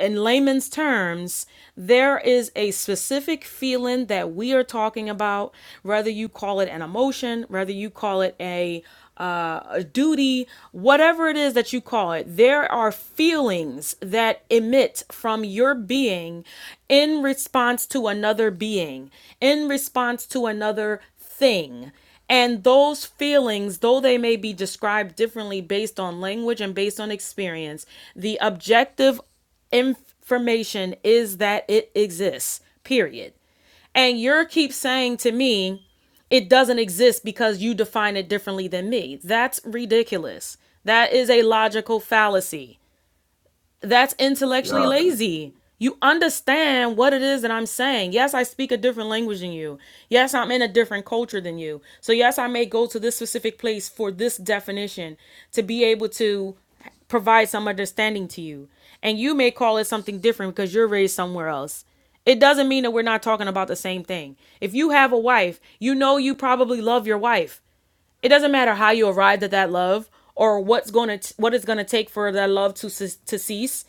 Speaker 17: in layman's terms, there is a specific feeling that we are talking about, whether you call it an emotion, whether you call it a uh, a duty, whatever it is that you call it, there are feelings that emit from your being in response to another being, in response to another thing. And those feelings, though they may be described differently based on language and based on experience, the objective information is that it exists, period. And you keep saying to me, it doesn't exist because you define it differently than me. That's ridiculous. That is a logical fallacy that's intellectually
Speaker 13: Yeah. <laughs>
Speaker 17: lazy. You understand what it is that I'm saying. Yes, I speak a different language than you. Yes, I'm in a different culture than you. So, yes, I may go to this specific place for this definition to be able to provide some understanding to you. And you may call it something different because you're raised somewhere else. It doesn't mean that we're not talking about the same thing. If you have a wife, you know you probably love your wife. It doesn't matter how you arrived at that love or what's going to what it's going to take for that love to to cease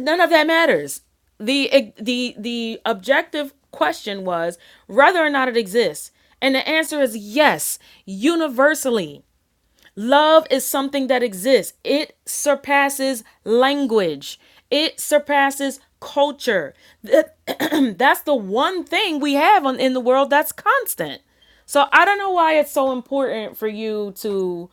Speaker 17: none of that matters. The eh, the the objective question was whether or not it exists. And the answer is yes, universally. Love is something that exists. It surpasses language. It surpasses culture. <clears throat> That's the one thing we have on, in the world that's constant. So I don't know why it's so important for you to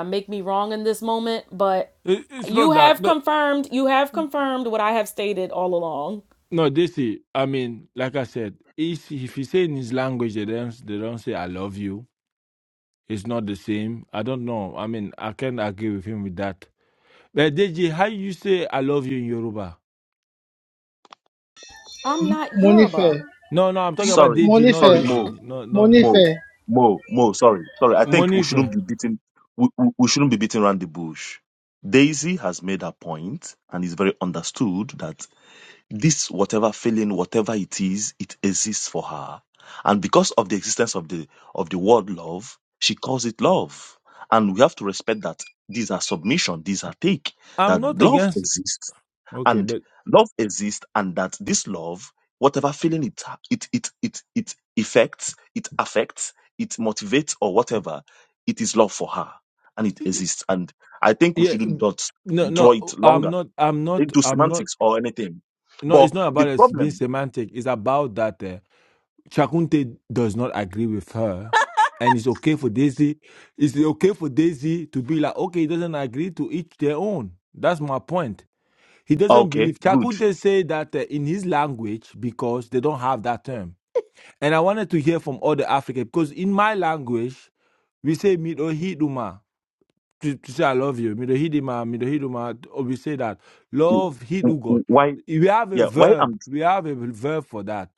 Speaker 17: uh, make me wrong in this moment, but
Speaker 7: It, it's
Speaker 17: you
Speaker 7: not that.
Speaker 17: have confirmed, you have confirmed what I have stated all along.
Speaker 7: No, they see. I mean, like I said, if if you say in his language they don't they don't say I love you, it's not the same. I don't know. I mean, I can't agree with him with that. But Deji, how you say I love you in Yoruba?
Speaker 17: I'm not Yoruba.
Speaker 3: Monife,
Speaker 7: No, no, I'm talking about
Speaker 9: Sorry,
Speaker 7: Deji, not
Speaker 9: sorry,
Speaker 3: Monife,
Speaker 9: Mo.
Speaker 7: Daisy. No, no,
Speaker 9: Mo,
Speaker 3: Monife,
Speaker 9: Mo, Mo, sorry, sorry. I think we shouldn't
Speaker 7: Monife.
Speaker 9: be beating we, we, we shouldn't be beating around the bush. Daisy has made her point and is very understood that this whatever feeling, whatever it is, it exists for her. And because of the existence of the of the word love, she calls it love. And we have to respect that these are submission, these are take,
Speaker 7: I'm
Speaker 9: that
Speaker 7: not
Speaker 9: love
Speaker 7: against.
Speaker 9: exists
Speaker 7: Okay,
Speaker 9: and
Speaker 7: but
Speaker 9: love exists and that this love whatever feeling it it it it it affects it affects it motivates or whatever it is love for her and it exists and i think we
Speaker 7: yeah,
Speaker 9: shouldn't not
Speaker 7: no,
Speaker 9: draw
Speaker 7: no,
Speaker 9: it
Speaker 7: I'm
Speaker 9: longer
Speaker 7: not. I'm not.
Speaker 9: into
Speaker 7: I'm not.
Speaker 9: semantics or anything
Speaker 7: No,
Speaker 9: but
Speaker 7: it's not
Speaker 9: the
Speaker 7: about it being
Speaker 9: problem
Speaker 7: semantic. It's about that. eh, Shakunte does not agree with her. And it's okay for Daisy. It's okay for Daisy to be like, okay, he doesn't agree to each their own. That's my point. He doesn't
Speaker 9: okay
Speaker 7: believe.
Speaker 9: good
Speaker 7: Chakunte say that uh, in his language because they don't have that term. And I wanted to hear from other Africans because in my language, we say midohiduma to, to say I love you. Midahidima, Midahiduma, or we say that.
Speaker 1: Mhm.
Speaker 9: W-
Speaker 7: Love Hidugo.
Speaker 9: w- why
Speaker 7: We have a
Speaker 9: yeah why
Speaker 7: verb.
Speaker 9: am
Speaker 7: We have a verb for that.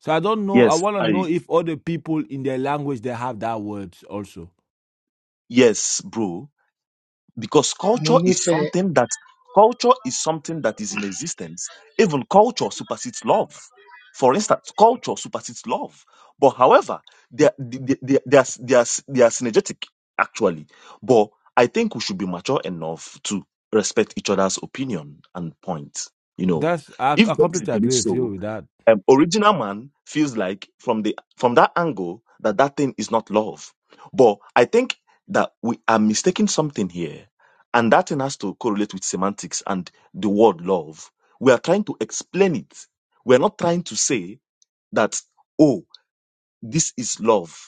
Speaker 7: So I don't know. I
Speaker 9: yes
Speaker 7: want to know
Speaker 9: i
Speaker 7: if other people in their language they have that word also.
Speaker 9: yes bro because culture is
Speaker 3: Monife
Speaker 9: something that culture is something that is in existence even culture supersedes love for instance culture supersedes love but however they are, they, they, they are, they are, they are synergetic actually but i think we should be mature enough to respect each other's opinion and point you know
Speaker 7: That's I,
Speaker 9: if
Speaker 7: I
Speaker 9: there is a
Speaker 7: completely
Speaker 9: belief
Speaker 7: agree with
Speaker 9: so
Speaker 7: you with that.
Speaker 9: um, original man feels like from the from that angle that that thing is not love but i think that we are mistaking something here and that thing has to correlate with semantics and the word love we are trying to explain it we're not trying to say that oh this is love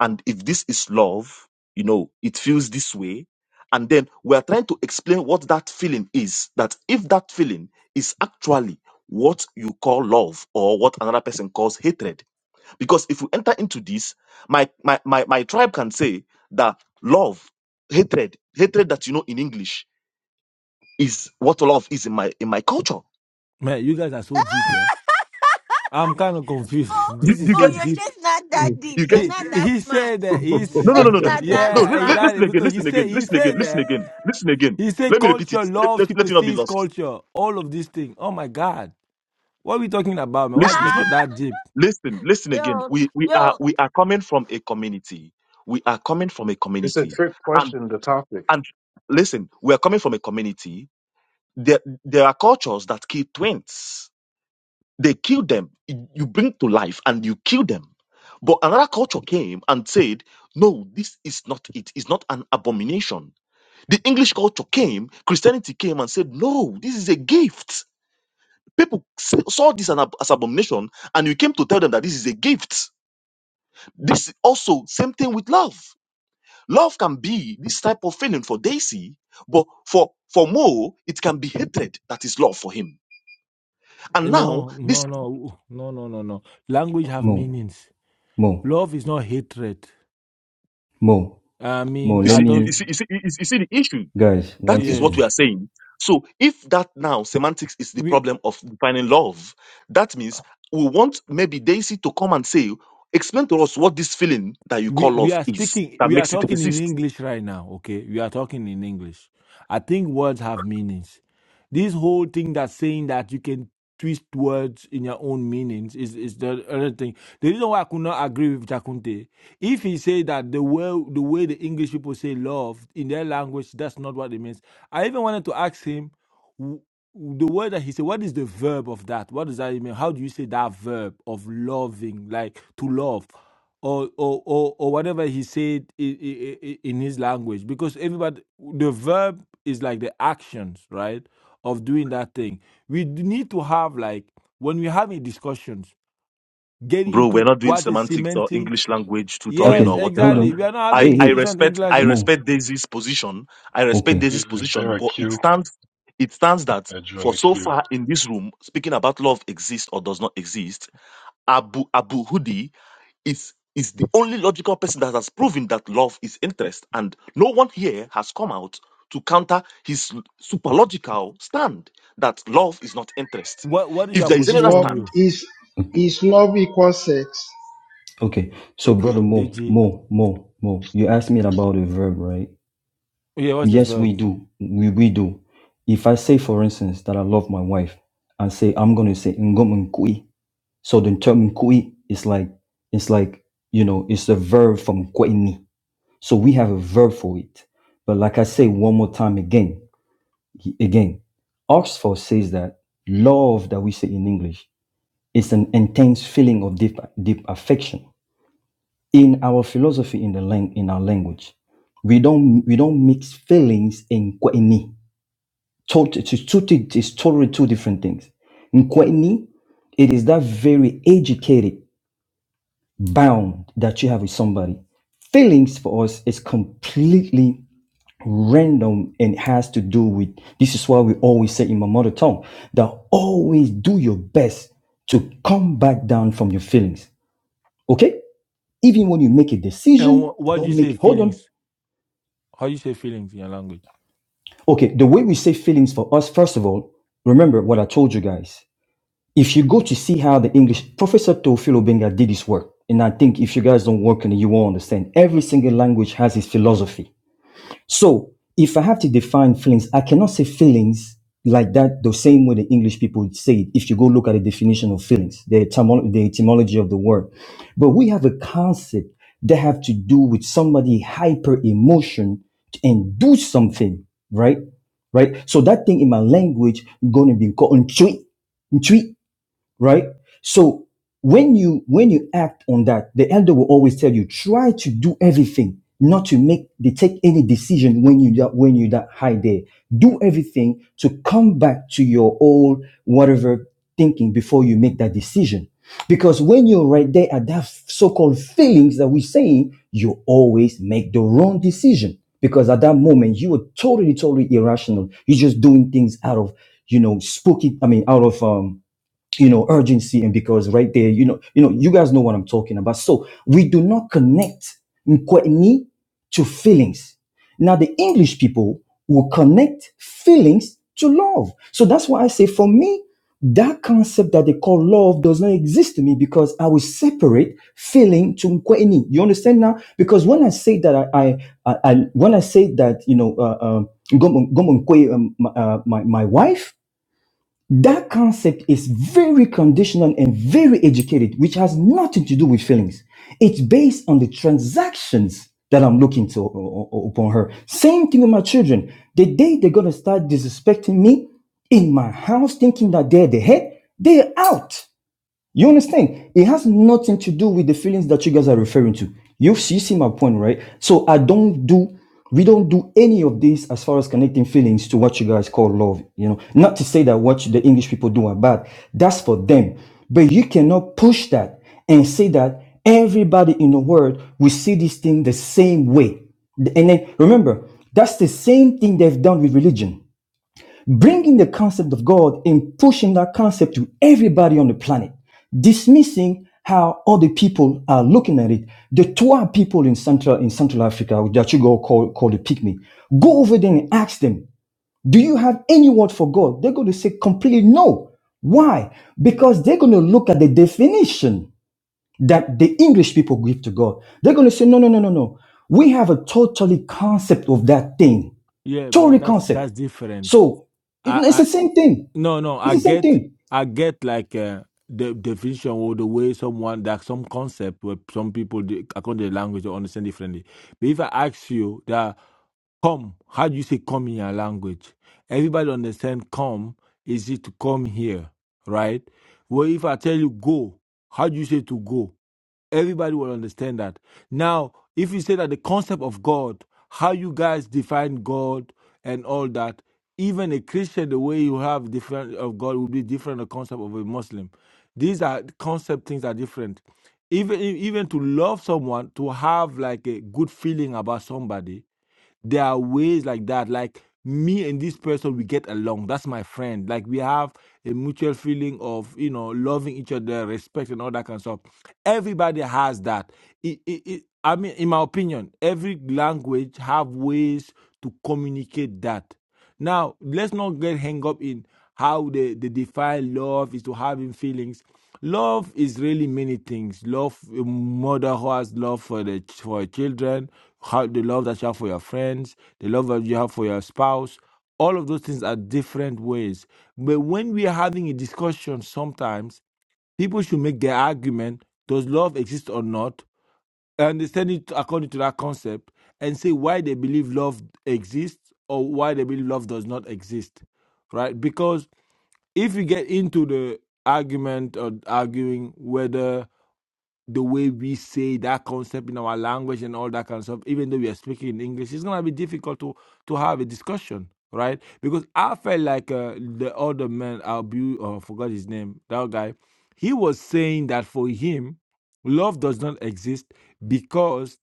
Speaker 9: and if this is love, you know, it feels this way. And then we are trying to explain what that feeling is. That if that feeling is actually what you call love or what another person calls hatred. Because if we enter into this, my my my, my tribe can say that love, hatred, hatred that you know in English is what love is in my in my culture.
Speaker 7: Man, you guys are so deep, eh? I'm kind of confused.
Speaker 1: Mo,
Speaker 7: <laughs>
Speaker 9: Do,
Speaker 7: this
Speaker 9: do
Speaker 7: is
Speaker 9: you
Speaker 1: Mo,
Speaker 7: so
Speaker 9: get it?
Speaker 1: you're
Speaker 7: deep.
Speaker 1: just not that
Speaker 9: Do
Speaker 1: deep.
Speaker 9: you
Speaker 1: You're
Speaker 9: get
Speaker 7: He
Speaker 9: it?
Speaker 1: not that
Speaker 7: he
Speaker 1: smart.
Speaker 7: said that
Speaker 1: You're
Speaker 9: No,
Speaker 7: he's
Speaker 9: no, no,
Speaker 1: just
Speaker 9: no, no, no.
Speaker 1: not that
Speaker 9: No,
Speaker 7: yeah,
Speaker 9: li- li-
Speaker 1: smart.
Speaker 7: exactly.
Speaker 9: listen again,
Speaker 7: Because he
Speaker 9: listen
Speaker 7: said
Speaker 9: again,
Speaker 7: he
Speaker 9: listen again,
Speaker 7: said
Speaker 9: listen
Speaker 7: that
Speaker 9: again, listen again.
Speaker 7: he said
Speaker 9: Let me repeat it.
Speaker 7: culture,
Speaker 9: Let,
Speaker 7: love
Speaker 9: let, let it not be
Speaker 7: supersedes
Speaker 9: lost
Speaker 7: culture, all of these things. Oh my god. What are we talking about, man? What,
Speaker 9: listen
Speaker 7: it's not
Speaker 9: again
Speaker 1: Ah!
Speaker 7: that deep.
Speaker 9: listen listen again
Speaker 1: Yo,
Speaker 9: we we are
Speaker 1: yo.
Speaker 9: we are coming from a community we are coming from a
Speaker 15: it's a
Speaker 9: community
Speaker 15: trick
Speaker 9: and
Speaker 15: question. The topic.
Speaker 9: and listen we are coming from a community there there are cultures that kill twins they kill them you bring to life and you kill them but another culture came and said no this is not it it's not an abomination the english culture came christianity came and said no this is a gift people s- saw this as an ab- as abomination and you came to tell them that this is a gift This also same thing with love. Love can be this type of feeling for Daisy, but for for Mo, it can be hatred that is love for him. And now
Speaker 7: No,
Speaker 9: this
Speaker 7: no, no, no, no, no, no. Language have
Speaker 4: Mo,
Speaker 7: meanings.
Speaker 4: Mo,
Speaker 7: Love is not hatred.
Speaker 4: Mo,
Speaker 7: I
Speaker 4: Mo.
Speaker 7: mean,
Speaker 9: you
Speaker 4: Let
Speaker 7: I
Speaker 9: see,
Speaker 7: don't.
Speaker 9: you
Speaker 4: me,
Speaker 9: see, you see, you see you see the issue.
Speaker 4: guys,
Speaker 9: That
Speaker 4: one
Speaker 9: is what
Speaker 7: Yes,
Speaker 9: we
Speaker 4: second.
Speaker 9: are saying. So if that now semantics is the
Speaker 7: we.
Speaker 9: problem of defining love, that means we want maybe Daisy to come and say, explain to us what this feeling that you call
Speaker 7: we we
Speaker 9: love
Speaker 7: are
Speaker 9: is
Speaker 7: speaking
Speaker 9: that
Speaker 7: we are
Speaker 9: makes it
Speaker 7: talking
Speaker 9: exist
Speaker 7: in english right now okay we are talking in english i think words have meanings this whole thing that saying that you can twist words in your own meanings is is the other thing the reason why i could not agree with Takunte, if he say that the way the way the english people say love in their language that's not what it means i even wanted to ask him w- the word that he said, what is the verb of that? What does that mean? How do you say that verb of loving, like to love? or or or, or whatever he said i- i- i- in his language because everybody the verb is like the actions right of doing that thing we d- need to have like when we're having discussions get
Speaker 9: bro, we're
Speaker 7: into
Speaker 9: not doing
Speaker 7: what's the
Speaker 9: semantics or
Speaker 7: semantic
Speaker 9: English language tutoring
Speaker 7: yes
Speaker 9: or
Speaker 4: Okay, hold
Speaker 9: whatever.
Speaker 7: exactly we
Speaker 4: on.
Speaker 7: are not having
Speaker 9: I,
Speaker 4: Hey,
Speaker 7: a
Speaker 9: I
Speaker 7: discussion
Speaker 4: hey,
Speaker 7: in
Speaker 9: respect
Speaker 7: english
Speaker 9: I
Speaker 7: as
Speaker 9: respect
Speaker 4: Mo.
Speaker 9: Daisy's position. I respect
Speaker 4: Okay,
Speaker 19: I-
Speaker 9: Daisy's
Speaker 19: Is there
Speaker 9: position,
Speaker 19: a
Speaker 9: but it
Speaker 19: queue?
Speaker 9: stands it stands that
Speaker 19: I joined
Speaker 9: for
Speaker 19: the
Speaker 9: so
Speaker 19: queue.
Speaker 9: far in this room, speaking about love exists or does not exist, Abu Abu Hudi is is the only logical person that has proven that love is interest, and no one here has come out to counter his superlogical stand that love is not interest.
Speaker 7: what what is
Speaker 9: If
Speaker 7: your
Speaker 9: there is
Speaker 3: is
Speaker 9: another
Speaker 7: position
Speaker 3: love
Speaker 9: stand,
Speaker 7: you
Speaker 3: is
Speaker 4: okay,
Speaker 3: is love equals sex.
Speaker 4: okay. So, brother
Speaker 7: okay
Speaker 4: Mo,
Speaker 7: dg
Speaker 4: Mo, Mo, Mo. You asked me about a verb, right?
Speaker 7: yeah what's the
Speaker 4: Yes, we
Speaker 7: verb
Speaker 4: do. We we do. If I say, for instance, that I love my wife, and say I'm gonna say ngom nkui. So the term nkui is like it's like you know it's a verb from kweni. So we have a verb for it. But like I say one more time again, again, Oxford says that love that we say in English is an intense feeling of deep, deep affection. In our philosophy, in the lang- in our language, we don't we don't mix feelings in kweni. It's it's totally two different things. In kweni, it is that very educated bound that you have with somebody. Feelings for us is completely random and it has to do with this is why we always say in my mother tongue that always do your best to come back down from your feelings okay even when you make a
Speaker 7: and
Speaker 4: decision
Speaker 7: wh- what do
Speaker 4: don't
Speaker 7: you say
Speaker 4: make hold on
Speaker 7: feelings how do you say feelings in your language
Speaker 4: okay the way we say feelings for us first of all remember what i told you guys if you go to see how the english professor teofilo benga did his work and i think if you guys don't work on it you won't understand every single language has its philosophy So if I have to define feelings, I cannot say feelings like that the same way the English people would say it. If you go look at the definition of feelings, the, etymo- the etymology of the word, but we have a concept that have to do with somebody hyper emotion and do something, right? Right. So that thing in my language gonna be called "ntwi," right? So when you when you act on that, the elder will always tell you try to do everything not to make they take any decision when you that when you that high there. Do everything to come back to your old whatever thinking before you make that decision. Because when you're right there at that so-called feelings that we're saying, you always make the wrong decision. Because at that moment you were totally, totally irrational. You're just doing things out of, you know, spooky. I mean, out of um you know urgency and because right there you know you know you guys know what i'm talking about so we do not connect mkwetni to feelings now the english people will connect feelings to love so that's why i say for me that concept that they call love does not exist to me because i will separate feeling to mkwetni you understand now because when i say that i i, I, I when i say that you know uh, um, Ngom- Ngom Nkwe, um, my, uh, my my wife that concept is very conditional and very educated, which has nothing to do with feelings. It's based on the transactions that I'm looking to u- u- upon her. Same thing with my children. The day they're gonna start disrespecting me in my house, thinking that they're the head, they're out. You understand? It has nothing to do with the feelings that you guys are referring to. You've you see my point, right? So I don't do we don't do any of this as far as connecting feelings to what you guys call love. You know, not to say that what the English people do are bad. That's for them. But you cannot push that and say that everybody in the world will see this thing the same way. And then remember, that's the same thing they've done with religion bringing the concept of God and pushing that concept to everybody on the planet, dismissing how other people are looking at it. The Twa people in Central in Central Africa that you go call call the pygmy, go over there and ask them, do you have any word for God? They're going to say completely no. Why? Because they're going to look at the definition that the English people give to God. They're going to say, no, no, no, no, no. We have a totally concept of that thing.
Speaker 7: yeah but
Speaker 4: Totally
Speaker 7: that's
Speaker 4: concept.
Speaker 7: that's different
Speaker 4: So it- it's the same thing.
Speaker 7: No, no,
Speaker 4: It's
Speaker 7: I
Speaker 4: the same
Speaker 7: get,
Speaker 4: thing.
Speaker 7: I get like uh, the definition or the way someone that some concept where some people they- according to the language they understand differently. But if I ask you that come, how do you say come in your language? Everybody understand come is it to come here, right? Well, if I tell you go, how do you say to go? everybody will understand that. Now, if you say that the concept of God, how you guys define God and all that, even a Christian, the way you have different of God will be different the concept of a Muslim. These are concept things are different. Even even to love someone, to have like a good feeling about somebody, there are ways like that. Like me and this person, we get along. That's my friend. Like we have a mutual feeling of you know loving each other, respect, and all that kind of stuff. Everybody has that. It, it, it, I mean, in my opinion, every language have ways to communicate that. Now, let's not get hung up in how they, they define love is to having feelings. Love is really many things. Love, a mother who has love for the for her children, how the love that you have for your friends, the love that you have for your spouse. All of those things are different ways. But when we are having a discussion, sometimes people should make their argument: Does love exist or not? understand it according to that concept and say why they believe love exists or why they believe love does not exist right because if you get into the argument or arguing whether the way we say that concept in our language and all that kind of stuff even though we are speaking in english it's going to be difficult to to have a discussion right because i felt like uh, the other man i oh, I forgot his name that guy he was saying that for him love does not exist because.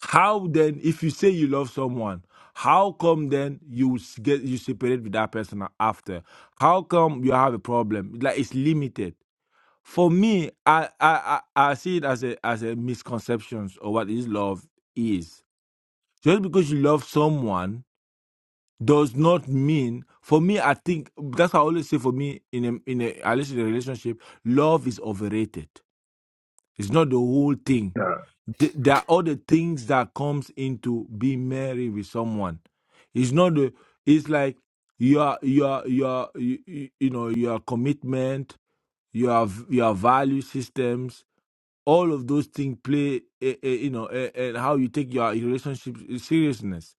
Speaker 7: How then, if you say you love someone, how come then you s- get you separate with that person after? How come you have a problem? Like it's limited. For me, I I I, I see it as a as a misconceptions of what is love is. Just because you love someone does not mean. For me, I think that's what I always say. For me, in a in a at least in a relationship, love is overrated. It's not the whole thing
Speaker 13: yeah.
Speaker 7: th- there are all the things that comes into being married with someone. It's not the. It's like your your your you, you you know your commitment, your v- your value systems. All of those things play, eh, eh, you know, eh, and how you take your relationship seriousness.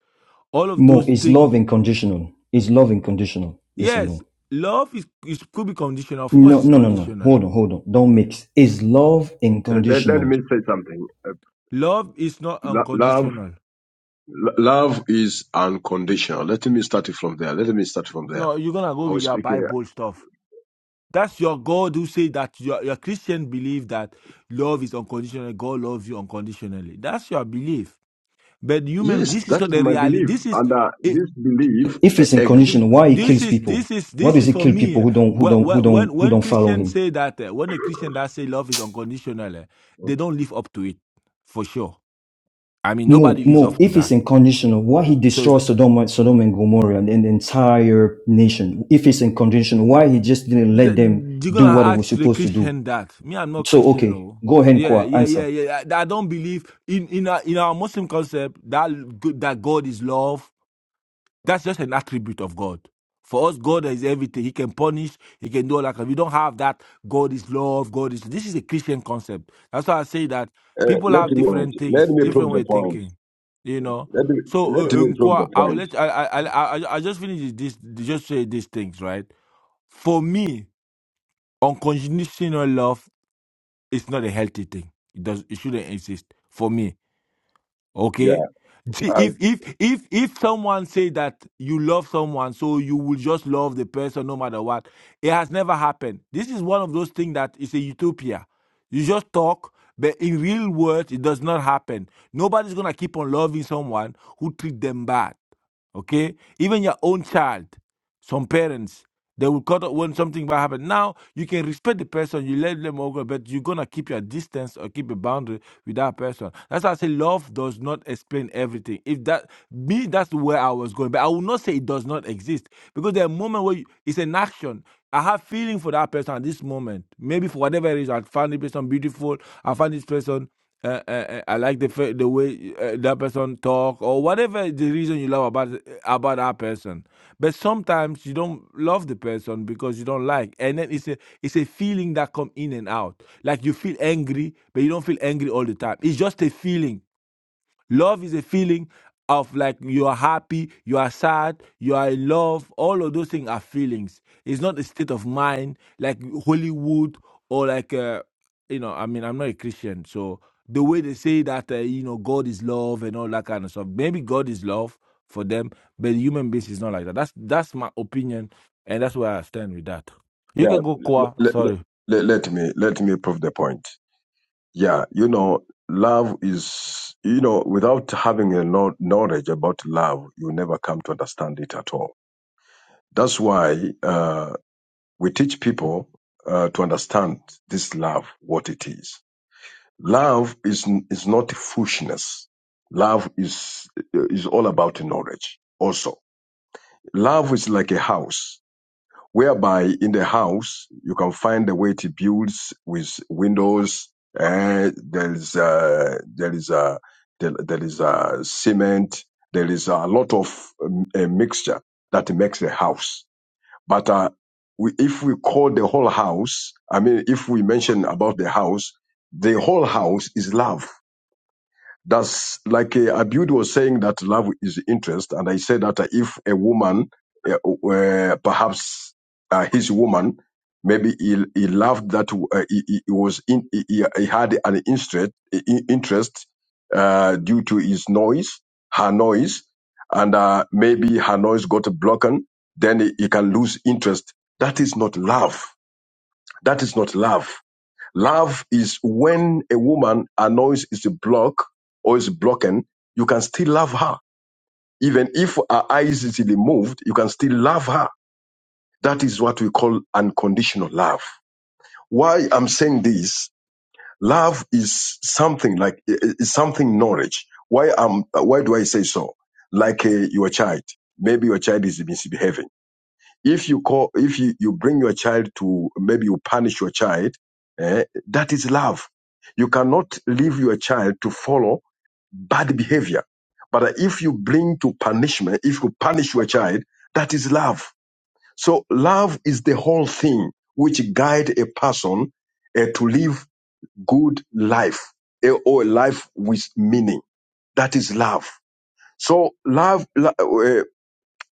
Speaker 7: All of
Speaker 4: Mo,
Speaker 7: those
Speaker 4: is
Speaker 7: things.
Speaker 4: love unconditional? Is love unconditional? Yes or
Speaker 7: Yes,
Speaker 4: no?
Speaker 7: love is, is could be conditional. Of course,
Speaker 4: No,
Speaker 7: it's
Speaker 4: no, no, no.
Speaker 7: conditional.
Speaker 4: Hold on, hold on. Don't mix. Is love
Speaker 13: Let, let- let
Speaker 4: unconditional?
Speaker 13: me say something. Uh,
Speaker 7: Love is not
Speaker 13: lo- love,
Speaker 7: unconditional.
Speaker 13: lo- love is unconditional. Let me start it from there. Let me start from there.
Speaker 7: No, you're gonna go
Speaker 13: I
Speaker 7: with
Speaker 13: was
Speaker 7: your
Speaker 13: speaking. uh,
Speaker 7: Bible stuff That's your God who say that your, your Christian belief that love is unconditional. God loves you unconditionally. That's your belief. But human,
Speaker 13: Yes,
Speaker 7: this is
Speaker 13: that
Speaker 7: not
Speaker 13: is
Speaker 7: the
Speaker 13: my
Speaker 7: reality.
Speaker 13: belief,
Speaker 7: This is
Speaker 13: and uh,
Speaker 7: it,
Speaker 13: this belief
Speaker 4: If
Speaker 13: uh,
Speaker 4: it's unconditional,
Speaker 13: exists.
Speaker 4: why he
Speaker 7: this
Speaker 4: kills
Speaker 7: is
Speaker 4: people?
Speaker 7: this is
Speaker 4: Why
Speaker 7: this
Speaker 4: does
Speaker 7: is
Speaker 4: he
Speaker 7: for
Speaker 4: kill
Speaker 7: me.
Speaker 4: people
Speaker 7: eh,
Speaker 4: who don't, who
Speaker 7: wh-
Speaker 4: don't, who
Speaker 7: wh-
Speaker 4: don't,
Speaker 7: When
Speaker 4: who
Speaker 7: when
Speaker 4: don't follow
Speaker 7: Christians
Speaker 4: him?
Speaker 7: say that, eh, when a Christian that say love is unconditional, eh,
Speaker 13: Uh,
Speaker 7: they don't live up to it for sure. I mean,
Speaker 4: Mo,
Speaker 7: nobody lives
Speaker 4: Mo,
Speaker 7: up to
Speaker 4: if it's
Speaker 7: that.
Speaker 4: unconditional, why he
Speaker 7: So. it's,
Speaker 4: destroys Sodom, Sodom and Gomorrah and, the entire nation? If it's unconditional, why he just didn't let
Speaker 7: Th-
Speaker 4: them
Speaker 7: You're
Speaker 4: do
Speaker 7: gonna
Speaker 4: what they was
Speaker 7: ask the
Speaker 4: supposed to do?
Speaker 7: Christian that. Me, I'm not
Speaker 4: So,
Speaker 7: Christian,
Speaker 4: okay,
Speaker 7: oh.
Speaker 4: go ahead,
Speaker 7: Yeah,
Speaker 4: Kwa,
Speaker 7: yeah, yeah,
Speaker 4: answer.
Speaker 7: yeah. I, I don't believe in in our, in our Muslim concept that g- that God is love. That's just an attribute of God. For us, God is everything. He can punish. He can do all that. We don't have that. God is love. God is. This is a Christian concept. That's why I say that people
Speaker 13: let
Speaker 7: have
Speaker 13: me
Speaker 7: different
Speaker 13: Let
Speaker 7: things,
Speaker 13: me prove
Speaker 7: different way
Speaker 13: the
Speaker 7: of
Speaker 13: point.
Speaker 7: thinking. You know.
Speaker 13: Let me,
Speaker 7: So,
Speaker 13: let
Speaker 7: uh,
Speaker 13: me prove the
Speaker 7: Nkwa, I will
Speaker 13: point.
Speaker 7: let I I I I I I just finish this. Just say these things, right? For me, unconditional love is not a healthy thing. It does it shouldn't exist for me. Okay?
Speaker 13: Yeah,
Speaker 7: See,
Speaker 13: uh,
Speaker 7: If if if if someone say that you love someone, so you will just love the person no matter what, it has never happened. This is one of those things that is a utopia. You just talk, but in real world, it does not happen. Nobody's gonna keep on loving someone who treat them bad okay even your own child some parents they will cut off when something bad happen now you can respect the person you let them all go but you're gonna keep your distance or keep a boundary with that person that's why i say love does not explain everything if that me that's where i was going but i will not say it does not exist because there are moments where you, it's an action I have feeling for that person at this moment. Maybe for whatever reason, I found this person beautiful. I found this person uh, uh, uh, I like the fa- the way uh, that person talk or whatever the reason you love about about that person. But sometimes you don't love the person because you don't like, and then it's a it's a feeling that come in and out. Like you feel angry, but you don't feel angry all the time. It's just a feeling Love is a feeling of like you are happy, you are sad, you are in love. All of those things are feelings. It's not a state of mind like Hollywood or like, uh, you know, I mean, I'm not a Christian. So the way they say that, uh, you know, God is love and all that kind of stuff, maybe God is love for them, but the human beings is not like that. That's that's my opinion, and that's where I stand with that. You
Speaker 13: yeah.
Speaker 7: can go, Kwa.
Speaker 13: Let,
Speaker 7: Sorry.
Speaker 13: let, let me let me prove the point. Yeah, you know, love is, you know, without having a know- knowledge about love, you never come to understand it at all. That's why uh, we teach people uh, to understand this love, what it is. Love is n- is not foolishness. Love is is all about knowledge. Also, love is like a house whereby in the house you can find the way it builds with windows. Uh, there is a there is uh, there, there is a cement. There is a lot of um, a mixture that makes the house. But uh, we, if we call the whole house, I mean, if we mention about the house, the whole house is love that's like uh, Abud was saying that love is interest, and I said that uh, if a woman, uh, uh, perhaps uh, his woman, maybe he, he loved that uh, he, he he was in, he, he he had an interest i- interest uh, due to his noise, her noise, and uh, maybe her noise got broken, then he, he can lose interest. That is not love. That is not love Love is when a woman annoys is blocked or is broken, you can still love her. Even if her eyes is removed, you can still love her. That is what we call unconditional love. Why I'm saying this, love is something like is something knowledge. Why am why do I say so? Like uh, your child, maybe your child is misbehaving if you call if you, you bring your child to maybe you punish your child eh, that is love you cannot leave your child to follow bad behavior but if you bring to punishment if you punish your child that is love so love is the whole thing which guide a person eh, to live good life eh, or a life with meaning that is love so love lo- eh,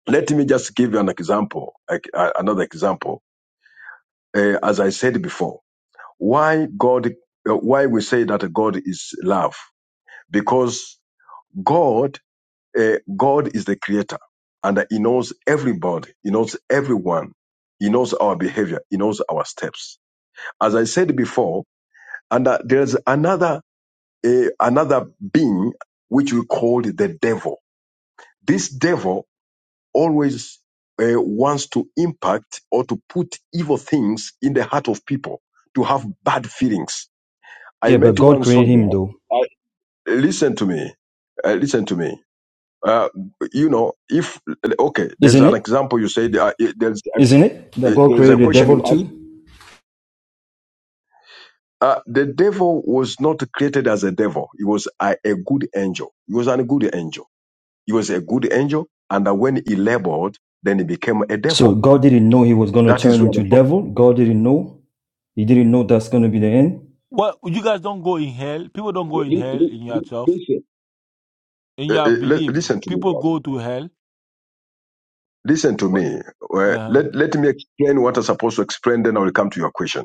Speaker 13: let me just give you an example like, uh, another example uh, as I said before, why God, uh, why we say that God is love, because God, uh, God is the creator, and He knows everybody, He knows everyone, He knows our behavior, He knows our steps. As I said before, and uh, there's another, uh, another being which we call the devil. This devil always uh, wants to impact or to put evil things in the heart of people to have bad feelings I
Speaker 4: Yeah, but
Speaker 13: met
Speaker 4: God
Speaker 13: one
Speaker 4: created
Speaker 13: soldier.
Speaker 4: him though.
Speaker 13: I, listen to me. Uh, listen to me. Uh, you know, if okay, there's
Speaker 4: Isn't
Speaker 13: an
Speaker 4: it?
Speaker 13: example. You said uh, it- there's a,
Speaker 4: Isn't it? That
Speaker 13: it-
Speaker 4: God
Speaker 13: there's a
Speaker 4: created the
Speaker 13: question
Speaker 4: devil
Speaker 13: you asked.
Speaker 4: too?
Speaker 13: Uh, the devil was not created as a devil. He was a, a good angel. He was a good angel. He was a good angel, and uh, when he labored, then he became a
Speaker 4: So
Speaker 13: devil.
Speaker 4: God didn't know he was gonna
Speaker 13: That
Speaker 4: turn
Speaker 13: is where the
Speaker 4: into
Speaker 13: pro-
Speaker 4: devil. God didn't know. He didn't know that's gonna be the end.
Speaker 7: Well, you guys don't go in hell. People don't go in
Speaker 13: li-
Speaker 7: hell
Speaker 13: li-
Speaker 7: in
Speaker 13: li-
Speaker 7: yourself.
Speaker 13: listen.
Speaker 7: In
Speaker 13: Uh,
Speaker 7: your
Speaker 13: uh, li-
Speaker 7: belief,
Speaker 13: listen to me
Speaker 7: people
Speaker 13: first.
Speaker 7: go to hell
Speaker 13: Listen to
Speaker 7: What?
Speaker 13: me. Uh,
Speaker 7: Uh,
Speaker 13: let let me explain what I'm supposed to explain. Then I will come to your question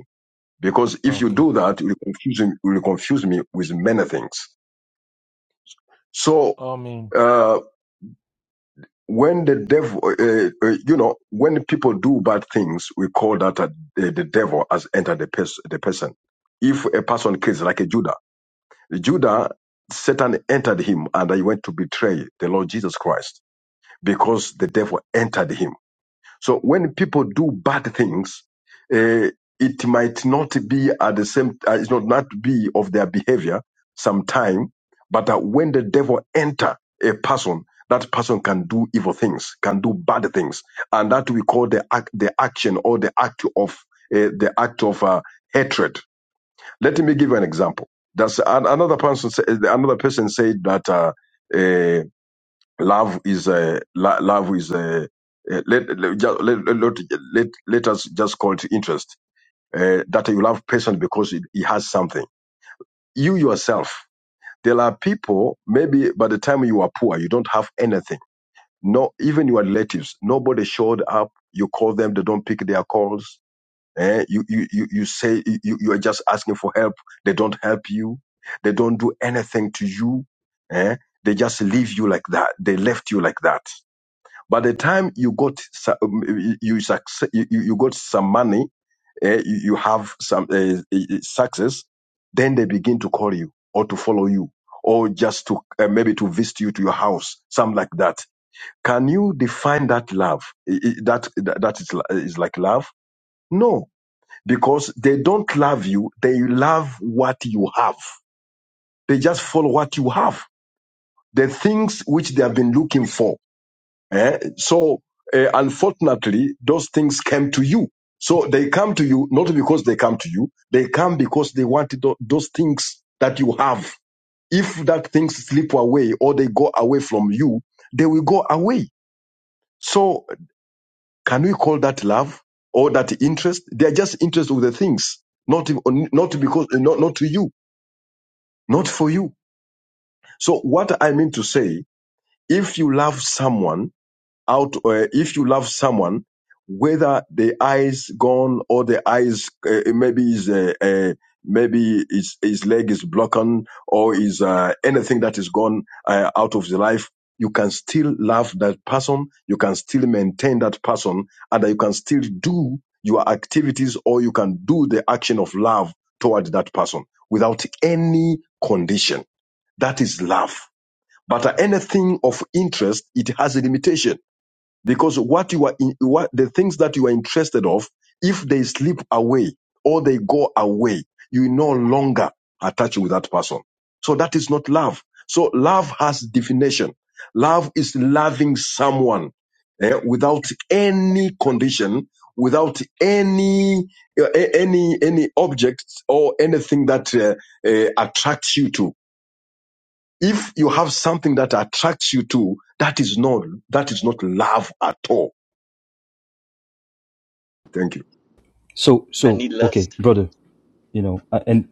Speaker 13: because if you
Speaker 7: okay.
Speaker 13: do that, you will confuse you will confuse me with many things. So
Speaker 7: I mean,
Speaker 13: uh, when the devil, uh, uh, uh, you know, when people do bad things, we call that a, the, the devil has entered the, pers- the person. If a person kills, like a Judah, Judah, Satan entered him and he went to betray the Lord Jesus Christ because the devil entered him So when people do bad things, uh, it might not be at the same, uh, it's not not be of their behavior sometime, but uh, when the devil enter a person, that person can do evil things, can do bad things, and that we call the act, the action or the act of uh, the act of uh, hatred. Let me give you an example. That's an, another person. Say, another person said that uh, uh, love is a lo- love is a uh, let, let, ju- let, let, let, let let us just call it interest uh, that you love person because it, it has something you yourself there are people maybe by the time you are poor you don't have anything no even your relatives nobody showed up you call them they don't pick their calls eh? you, you you you say you, you are just asking for help they don't help you they don't do anything to you eh? they just leave you like that they left you like that by the time you got so- um, you you, succe- you you got some money, eh, you you have some uh, success, then they begin to call you or to follow you or just to uh, maybe to visit you to your house, something like that. Can you define that love? I- I- That that that is, li- is like love? No, because they don't love you. They love what you have. They just follow what you have. The things which they have been looking for Eh? So, uh, unfortunately, those things came to you. So they come to you not because they come to you. They come because they want tho- those things that you have. If that things slip away or they go away from you, they will go away. So can we call that love or that interest? They are just interest of the things, not not because eh, not not to you, not for you. So what I mean to say, if you love someone out uh, if you love someone whether the eyes gone or the eyes uh, maybe is uh, uh, maybe his, his leg is broken or is uh, anything that is gone uh, out of the life you can still love that person you can still maintain that person and you can still do your activities or you can do the action of love toward that person without any condition that is love but anything of interest it has a limitation because what you are in, what the things that you are interested of if they slip away or they go away you no longer attach with that person so that is not love so love has definition love is loving someone eh, without any condition without any uh, a- any any object or anything that uh, uh, attracts you to if you have something that attracts you to that is not that is not love at all Thank you.
Speaker 4: So
Speaker 16: I
Speaker 4: so
Speaker 16: need
Speaker 4: okay,
Speaker 16: lust.
Speaker 4: brother, you know, uh, and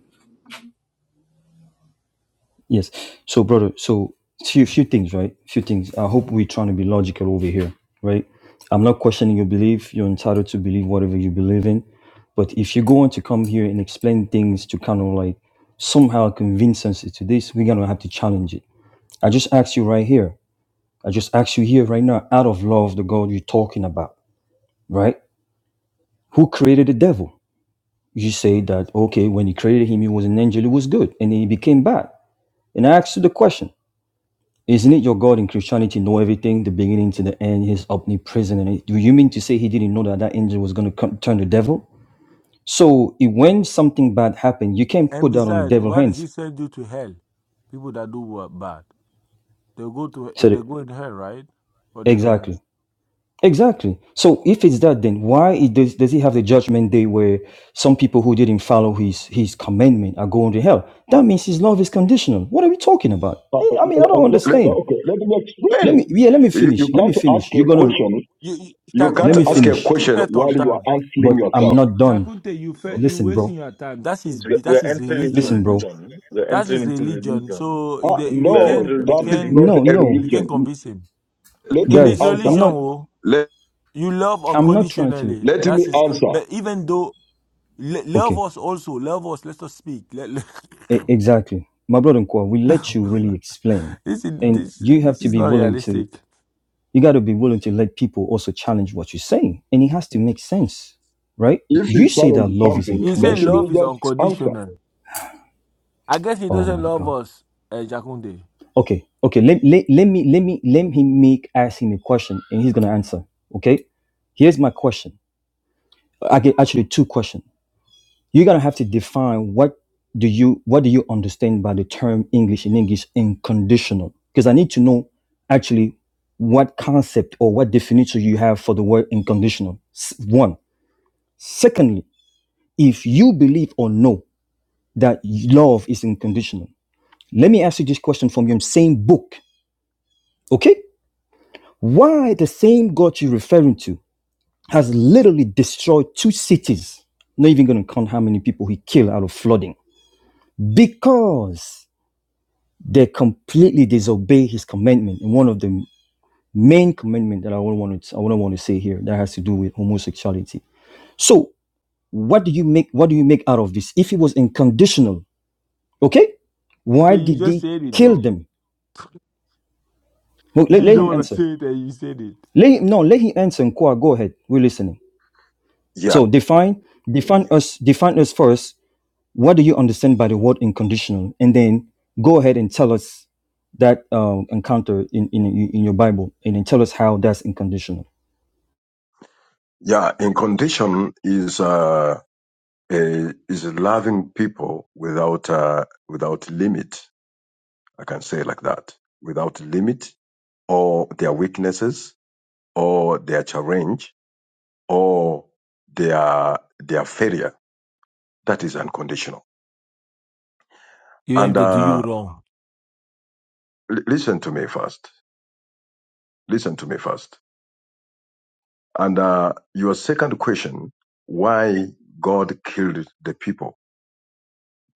Speaker 4: yes. So brother, so few few things, right? Few things. I hope we're trying to be logical over here, right? I'm not questioning your belief. You're entitled to believe whatever you believe in. But if you're going to come here and explain things to kind of like somehow convince us to this, we're gonna have to challenge it. I just asked you right here I just ask you here right now, out of love, the God you're talking about, right? Who created the devil? You say that, okay, when he created him, he was an angel, he was good, and then he became bad. And I ask you the question, isn't it your God in Christianity know everything, the beginning to the end, he's omnipresent? And it- do you mean to say he didn't know that that angel was going to come, turn the devil? So it- when something bad happened, you can't
Speaker 7: and
Speaker 4: put that on the
Speaker 7: besides,
Speaker 4: devil's
Speaker 7: why does
Speaker 4: hands.
Speaker 7: he send you to hell? People that do what bad, they go to eh,
Speaker 4: Said
Speaker 7: they
Speaker 4: it
Speaker 7: go in hell, right? Or they don't.
Speaker 4: exactly. Exactly. So if it's that, then why it does, does he have the judgment day where some people who didn't follow his his commandment are going to hell? That means his love is conditional. What are we talking about?
Speaker 13: Uh, uh, uh,
Speaker 4: Eh, I mean, I don't
Speaker 13: uh, Let, uh,
Speaker 4: understand.
Speaker 13: okay, let me
Speaker 4: Let me
Speaker 13: explain.
Speaker 4: yeah, let me
Speaker 13: You, you
Speaker 4: finish. Let me
Speaker 13: can't ask
Speaker 4: finish.
Speaker 13: a
Speaker 4: You're gonna
Speaker 13: question.
Speaker 7: You, you,
Speaker 13: You
Speaker 4: let
Speaker 13: can't
Speaker 4: me
Speaker 13: ask
Speaker 7: Chakunte,
Speaker 13: a
Speaker 7: you,
Speaker 4: finish,
Speaker 7: keep
Speaker 13: question
Speaker 7: it on
Speaker 13: while you are
Speaker 7: time.
Speaker 13: answering
Speaker 4: but I'm
Speaker 13: yourself.
Speaker 4: not done.
Speaker 7: Chakunte, you fe- you
Speaker 4: Listen, bro.
Speaker 7: wasting your time. That's his
Speaker 9: We
Speaker 7: be-
Speaker 9: we
Speaker 7: that's
Speaker 9: are
Speaker 7: his
Speaker 9: entering into
Speaker 4: Listen,
Speaker 7: religion.
Speaker 4: bro.
Speaker 9: religion. We are
Speaker 7: That's
Speaker 9: entering
Speaker 7: his
Speaker 9: into
Speaker 7: religion.
Speaker 9: religion.
Speaker 7: So
Speaker 13: Ah,
Speaker 7: the, we
Speaker 9: We are
Speaker 13: no,
Speaker 7: can
Speaker 9: entering
Speaker 7: we
Speaker 9: into
Speaker 13: that is
Speaker 7: can
Speaker 13: not
Speaker 4: No,
Speaker 9: religion.
Speaker 13: a
Speaker 4: no,
Speaker 7: we can
Speaker 13: religion.
Speaker 7: convince him
Speaker 13: Let
Speaker 7: in
Speaker 13: me
Speaker 7: his
Speaker 4: guys.
Speaker 13: answer.
Speaker 4: I'm
Speaker 7: religion.
Speaker 4: not.
Speaker 7: Oh,
Speaker 13: let,
Speaker 7: you love
Speaker 4: I'm not trying to.
Speaker 7: unconditionally.
Speaker 13: Let me
Speaker 7: That's his.
Speaker 13: answer.
Speaker 7: But even though. le- Love
Speaker 4: Okay,
Speaker 7: us also. Love us. Let us speak. <laughs>
Speaker 4: E- exactly. My brother Nkwa, we let you really explain,
Speaker 7: <laughs> this is
Speaker 4: and
Speaker 7: this
Speaker 4: you have
Speaker 7: this
Speaker 4: to
Speaker 7: is
Speaker 4: be
Speaker 7: not
Speaker 4: willing to
Speaker 7: realistic.
Speaker 4: You got to be willing to let people also challenge what you're saying, and it has to make sense, right?
Speaker 13: If you
Speaker 4: You say that
Speaker 13: challenge
Speaker 4: love is
Speaker 13: something,
Speaker 7: He
Speaker 13: let
Speaker 7: said
Speaker 13: me
Speaker 4: unconditional.
Speaker 7: love is
Speaker 13: just answer.
Speaker 7: unconditional. I guess he
Speaker 4: Oh
Speaker 7: doesn't
Speaker 4: my
Speaker 7: love
Speaker 4: God.
Speaker 7: us, uh, Jakunde.
Speaker 4: Okay, okay. Let let, let me let me let him make ask him a question, and he's gonna answer. Okay, here's my question. I get actually two questions. You're gonna have to define what do you what do you understand by the term English in English unconditional? Because I need to know actually what concept or what definition you have for the word unconditional. S- One. Secondly if you believe or know that love is unconditional, let me ask you this question from your same book, okay? Why the same God you're referring to has literally destroyed two cities, not even gonna count how many people he killed out of flooding, because they completely disobey his commandment. And one of the main commandment that I would want to I would want to say here that has to do with homosexuality. So what do you make what do you make out of this? If it was unconditional, Okay?
Speaker 7: But
Speaker 4: Why
Speaker 7: you
Speaker 4: did
Speaker 7: just
Speaker 4: they
Speaker 7: said it
Speaker 4: kill
Speaker 7: though. <laughs>
Speaker 4: them? Well,
Speaker 7: You
Speaker 4: let,
Speaker 7: say you
Speaker 4: let him
Speaker 7: don't want to
Speaker 4: answer.
Speaker 7: say it, and you said it.
Speaker 4: Let him, no, let him answer. Nkwa, go ahead. We're listening.
Speaker 13: yeah,
Speaker 4: So define define us define us first. What do you understand by the word unconditional? And then go ahead and tell us that um, encounter in, in in your Bible, and then tell us how that's unconditional.
Speaker 13: yeah. In condition is uh, a, is loving people without uh, without limit. I can say like that, without limit or their weaknesses or their challenge or their their failure. That is unconditional.
Speaker 7: Even
Speaker 13: And
Speaker 7: if they do you
Speaker 13: uh,
Speaker 7: wrong,
Speaker 13: l- listen to me first. Listen to me first. And uh, your second question: Why God killed the people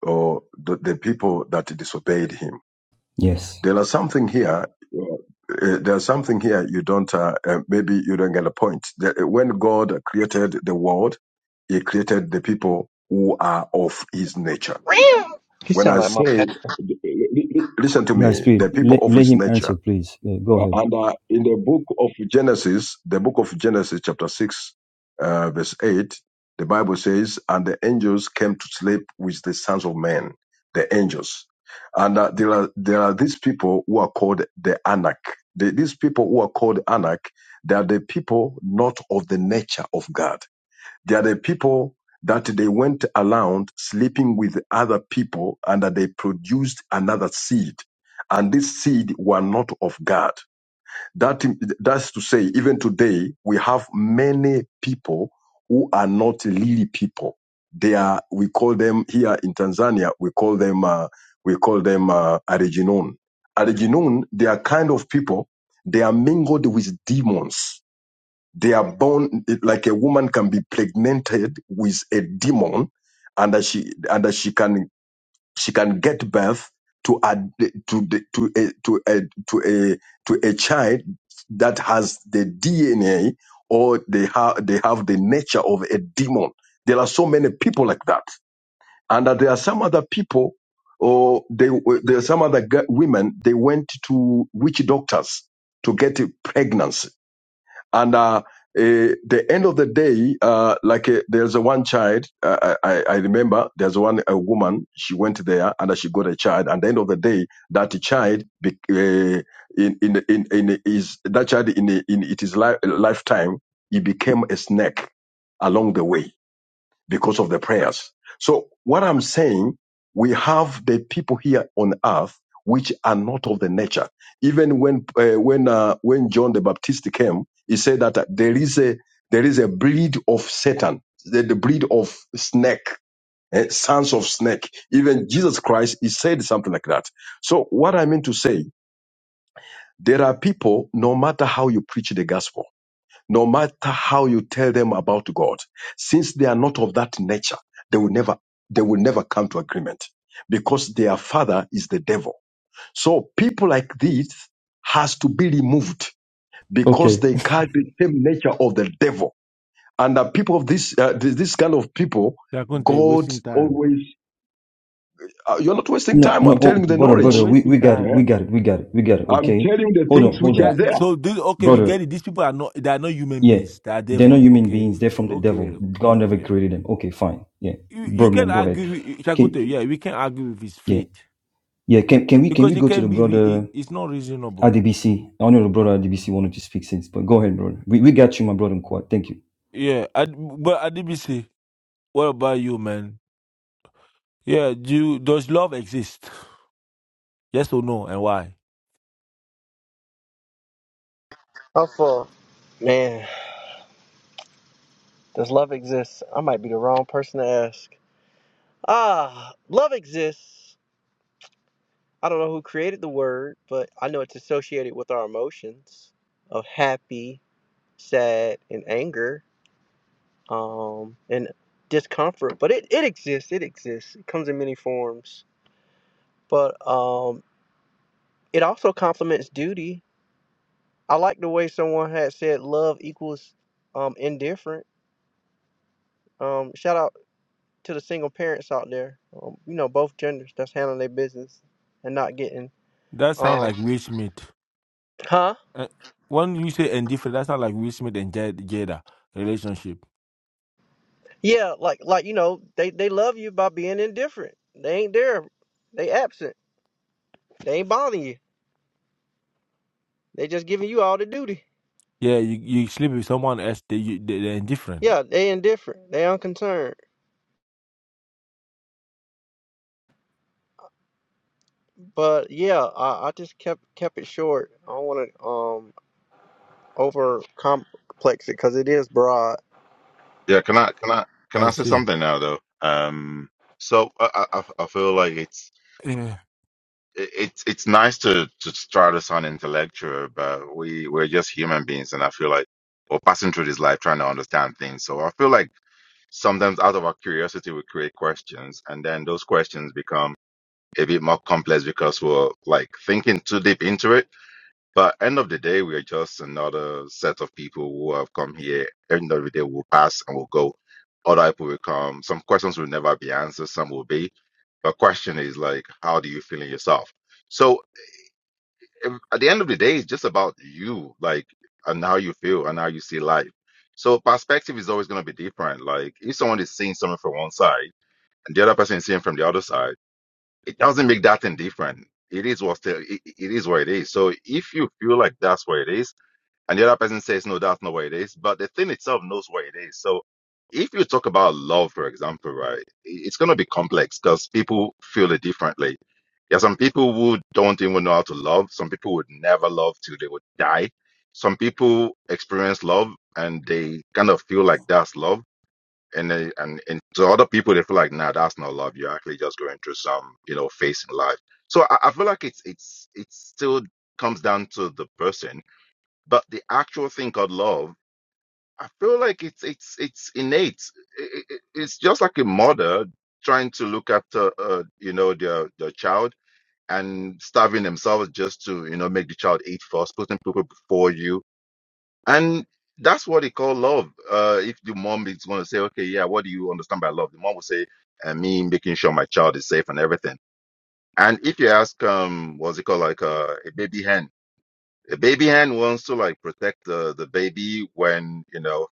Speaker 13: or the, the people that disobeyed Him?
Speaker 4: Yes,
Speaker 13: There are something here. uh, uh, there's something here you don't. Uh, uh, maybe you don't get a point. The- when God created the world, He created the people who are of His nature
Speaker 16: Meow. He
Speaker 13: When
Speaker 16: sound
Speaker 13: I
Speaker 16: like my
Speaker 13: say,
Speaker 16: pet.
Speaker 13: listen to me,
Speaker 4: guys, please
Speaker 13: the people
Speaker 4: let,
Speaker 13: of
Speaker 4: let
Speaker 13: its
Speaker 4: him
Speaker 13: nature.
Speaker 4: answer, please. Yeah, go
Speaker 13: Uh,
Speaker 4: ahead.
Speaker 13: And uh, in the book of Genesis, the book of Genesis, chapter 6, uh, verse 8, the Bible says, And the angels came to sleep with the sons of men, the angels. And uh, there, are, there are these people who are called the Anak. The, these people who are called Anak, they are the people not of the nature of God they are the people that they went around sleeping with other people and that they produced another seed. And this seed were not of God. That, that's to say, even today, we have many people who are not really people. They are, we call them here in Tanzania, we call them, uh, we call them, uh, Ariginon. Ariginon, they are kind of people, they are mingled with demons they are born like a woman can be pregnanted with a demon, and that she and that she can she can get birth to a to the- to a to a to a to a child that has the DNA or they have they have the nature of a demon. There are so many people like that, and that there are some other people, or they there are some other g- women. They went to witch doctors to get pregnancy and uh, eh, the end of the day, uh, like uh, there's a one child, uh, I, I I remember there's one a woman, she went there and she got a child. And the end of the day, that child, be, uh, in, in, in, in is, that child in, in its li- lifetime, he became a snake along the way because of the prayers. So what I'm saying, we have the people here on earth which are not of the nature. Even when uh, when uh, when John the Baptist came, he said that uh, there is a there is a breed of Satan, the, the breed of snake, eh, sons of snake. Even Jesus Christ, he said something like that. So what I mean to say, there are people, no matter how you preach the gospel no matter how you tell them about God, since they are not of that nature, they will never, they will never come to agreement because their father is the devil. So people like this has to be removed because
Speaker 4: Okay.
Speaker 13: they carry the same nature of the devil. And the people of this, uh, th- this kind of people,
Speaker 7: Jakunde,
Speaker 13: God
Speaker 7: wasting time.
Speaker 13: always, uh, you're not wasting
Speaker 4: No,
Speaker 13: time.
Speaker 4: no,
Speaker 13: I'm
Speaker 4: oh,
Speaker 13: telling you the
Speaker 4: brother,
Speaker 7: We are
Speaker 4: brother,
Speaker 13: knowledge.
Speaker 4: we, we
Speaker 7: wasting
Speaker 4: got it,
Speaker 13: eh?
Speaker 4: we
Speaker 7: time.
Speaker 4: got it, we got it, we got it.
Speaker 13: I'm
Speaker 4: Okay.
Speaker 13: telling you the
Speaker 4: Hold
Speaker 13: things
Speaker 4: on, hold
Speaker 13: which are
Speaker 4: on,
Speaker 7: That,
Speaker 13: there.
Speaker 7: so this, okay, we
Speaker 4: brother.
Speaker 7: get it. These people are not they are not human
Speaker 4: Yeah,
Speaker 7: beings. They are
Speaker 4: they're not
Speaker 7: devil.
Speaker 4: human
Speaker 7: Okay,
Speaker 4: beings. They're from the devil.
Speaker 7: okay,
Speaker 4: God never
Speaker 7: yeah.
Speaker 4: created them. Okay, fine. Yeah,
Speaker 7: You, you
Speaker 4: bro,
Speaker 7: can
Speaker 4: Mo, go ahead.
Speaker 7: argue,
Speaker 4: Can
Speaker 7: Jakunde. Yeah, we can argue with his
Speaker 4: yeah,
Speaker 7: faith
Speaker 4: yeah. Can can we can we
Speaker 7: because it
Speaker 4: go to the
Speaker 7: can be. Re- it-
Speaker 4: brother
Speaker 7: it's not reasonable.
Speaker 4: RDBC? I know the brother RDBC wanted to speak since, but go ahead, brother. We we got you, my brother. in Quad. Thank you.
Speaker 7: Yeah, I, but Adibisi, what about you, man? Yeah, do you, does love exist? Yes or no, and why?
Speaker 16: I'm full. Man, does love exist? I might be the wrong person to ask. Ah, love exists. I don't know who created the word, but I know it's associated with our emotions of happy, sad, and anger, um, and discomfort. But it, it exists. It exists. It comes in many forms. But um, it also complements duty I like the way someone had said love equals um indifferent. Um, shout out to the single parents out there. Um, you know, both genders that's handling their business and not getting
Speaker 7: That sound
Speaker 16: um
Speaker 7: like Will Smith.
Speaker 16: huh?
Speaker 7: Uh, when you say indifferent, that sound like Will Smith and Jada, Jada relationship.
Speaker 16: Yeah, like like you know, they they love you by being indifferent. They ain't there. They absent. They ain't bothering you. They just giving you all the duty.
Speaker 7: Yeah, you, you sleep with someone else, they, you, they, they're indifferent.
Speaker 16: Yeah, they indifferent. They unconcerned. But yeah, I, I just kept kept it short. I don't want to um over complex it because it is broad
Speaker 20: Yeah, can I can I can I
Speaker 7: I
Speaker 20: say
Speaker 7: see.
Speaker 20: something now though? Um, so I I, I I feel like it's
Speaker 7: Yeah.
Speaker 20: it- it's it's nice to to try to sound intellectual, but we we're just human beings, and I feel like we're passing through this life trying to understand things. So I feel like sometimes out of our curiosity we create questions, and then those questions become a bit more complex because we're like thinking too deep into it but end of the day, we are just another set of people who have come here. End of the day, we'll pass and we'll go. Other people will come. Some questions will never be answered. Some will be. But question is like, how do you feel in yourself? So if- at the end of the day, it's just about you, like, and how you feel and how you see life. So perspective is always going to be different. Like if someone is seeing something from one side and the other person is seeing from the other side, it doesn't make that thing different. It is what still it, it is what it is. So if you feel like that's what it is and the other person says, no, that's not what it is. But the thing itself knows what it is. So if you talk about love, for example, right, it- it's going to be complex because people feel it differently. There are some people who don't even know how to love. Some people would never love till they would die. Some people experience love and they kind of feel like that's love. And, they, and and to other people, they feel like, nah, that's not love. You're actually just going through some, you know, phase in life. So I, I feel like it's it's it still comes down to the person but the actual thing called love, I feel like it's it's it's innate. I- I- It's just like a mother trying to look after uh, uh, you know their their child and starving themselves just to you know make the child eat first, putting people before you, and that's what they call love. Uh, if the mom is going to say, okay, yeah, what do you understand by love? The mom will say, uh, me making sure my child is safe and everything. And if you ask, um, what's it called, like uh, a baby hen a baby hen wants to like protect the the baby when you know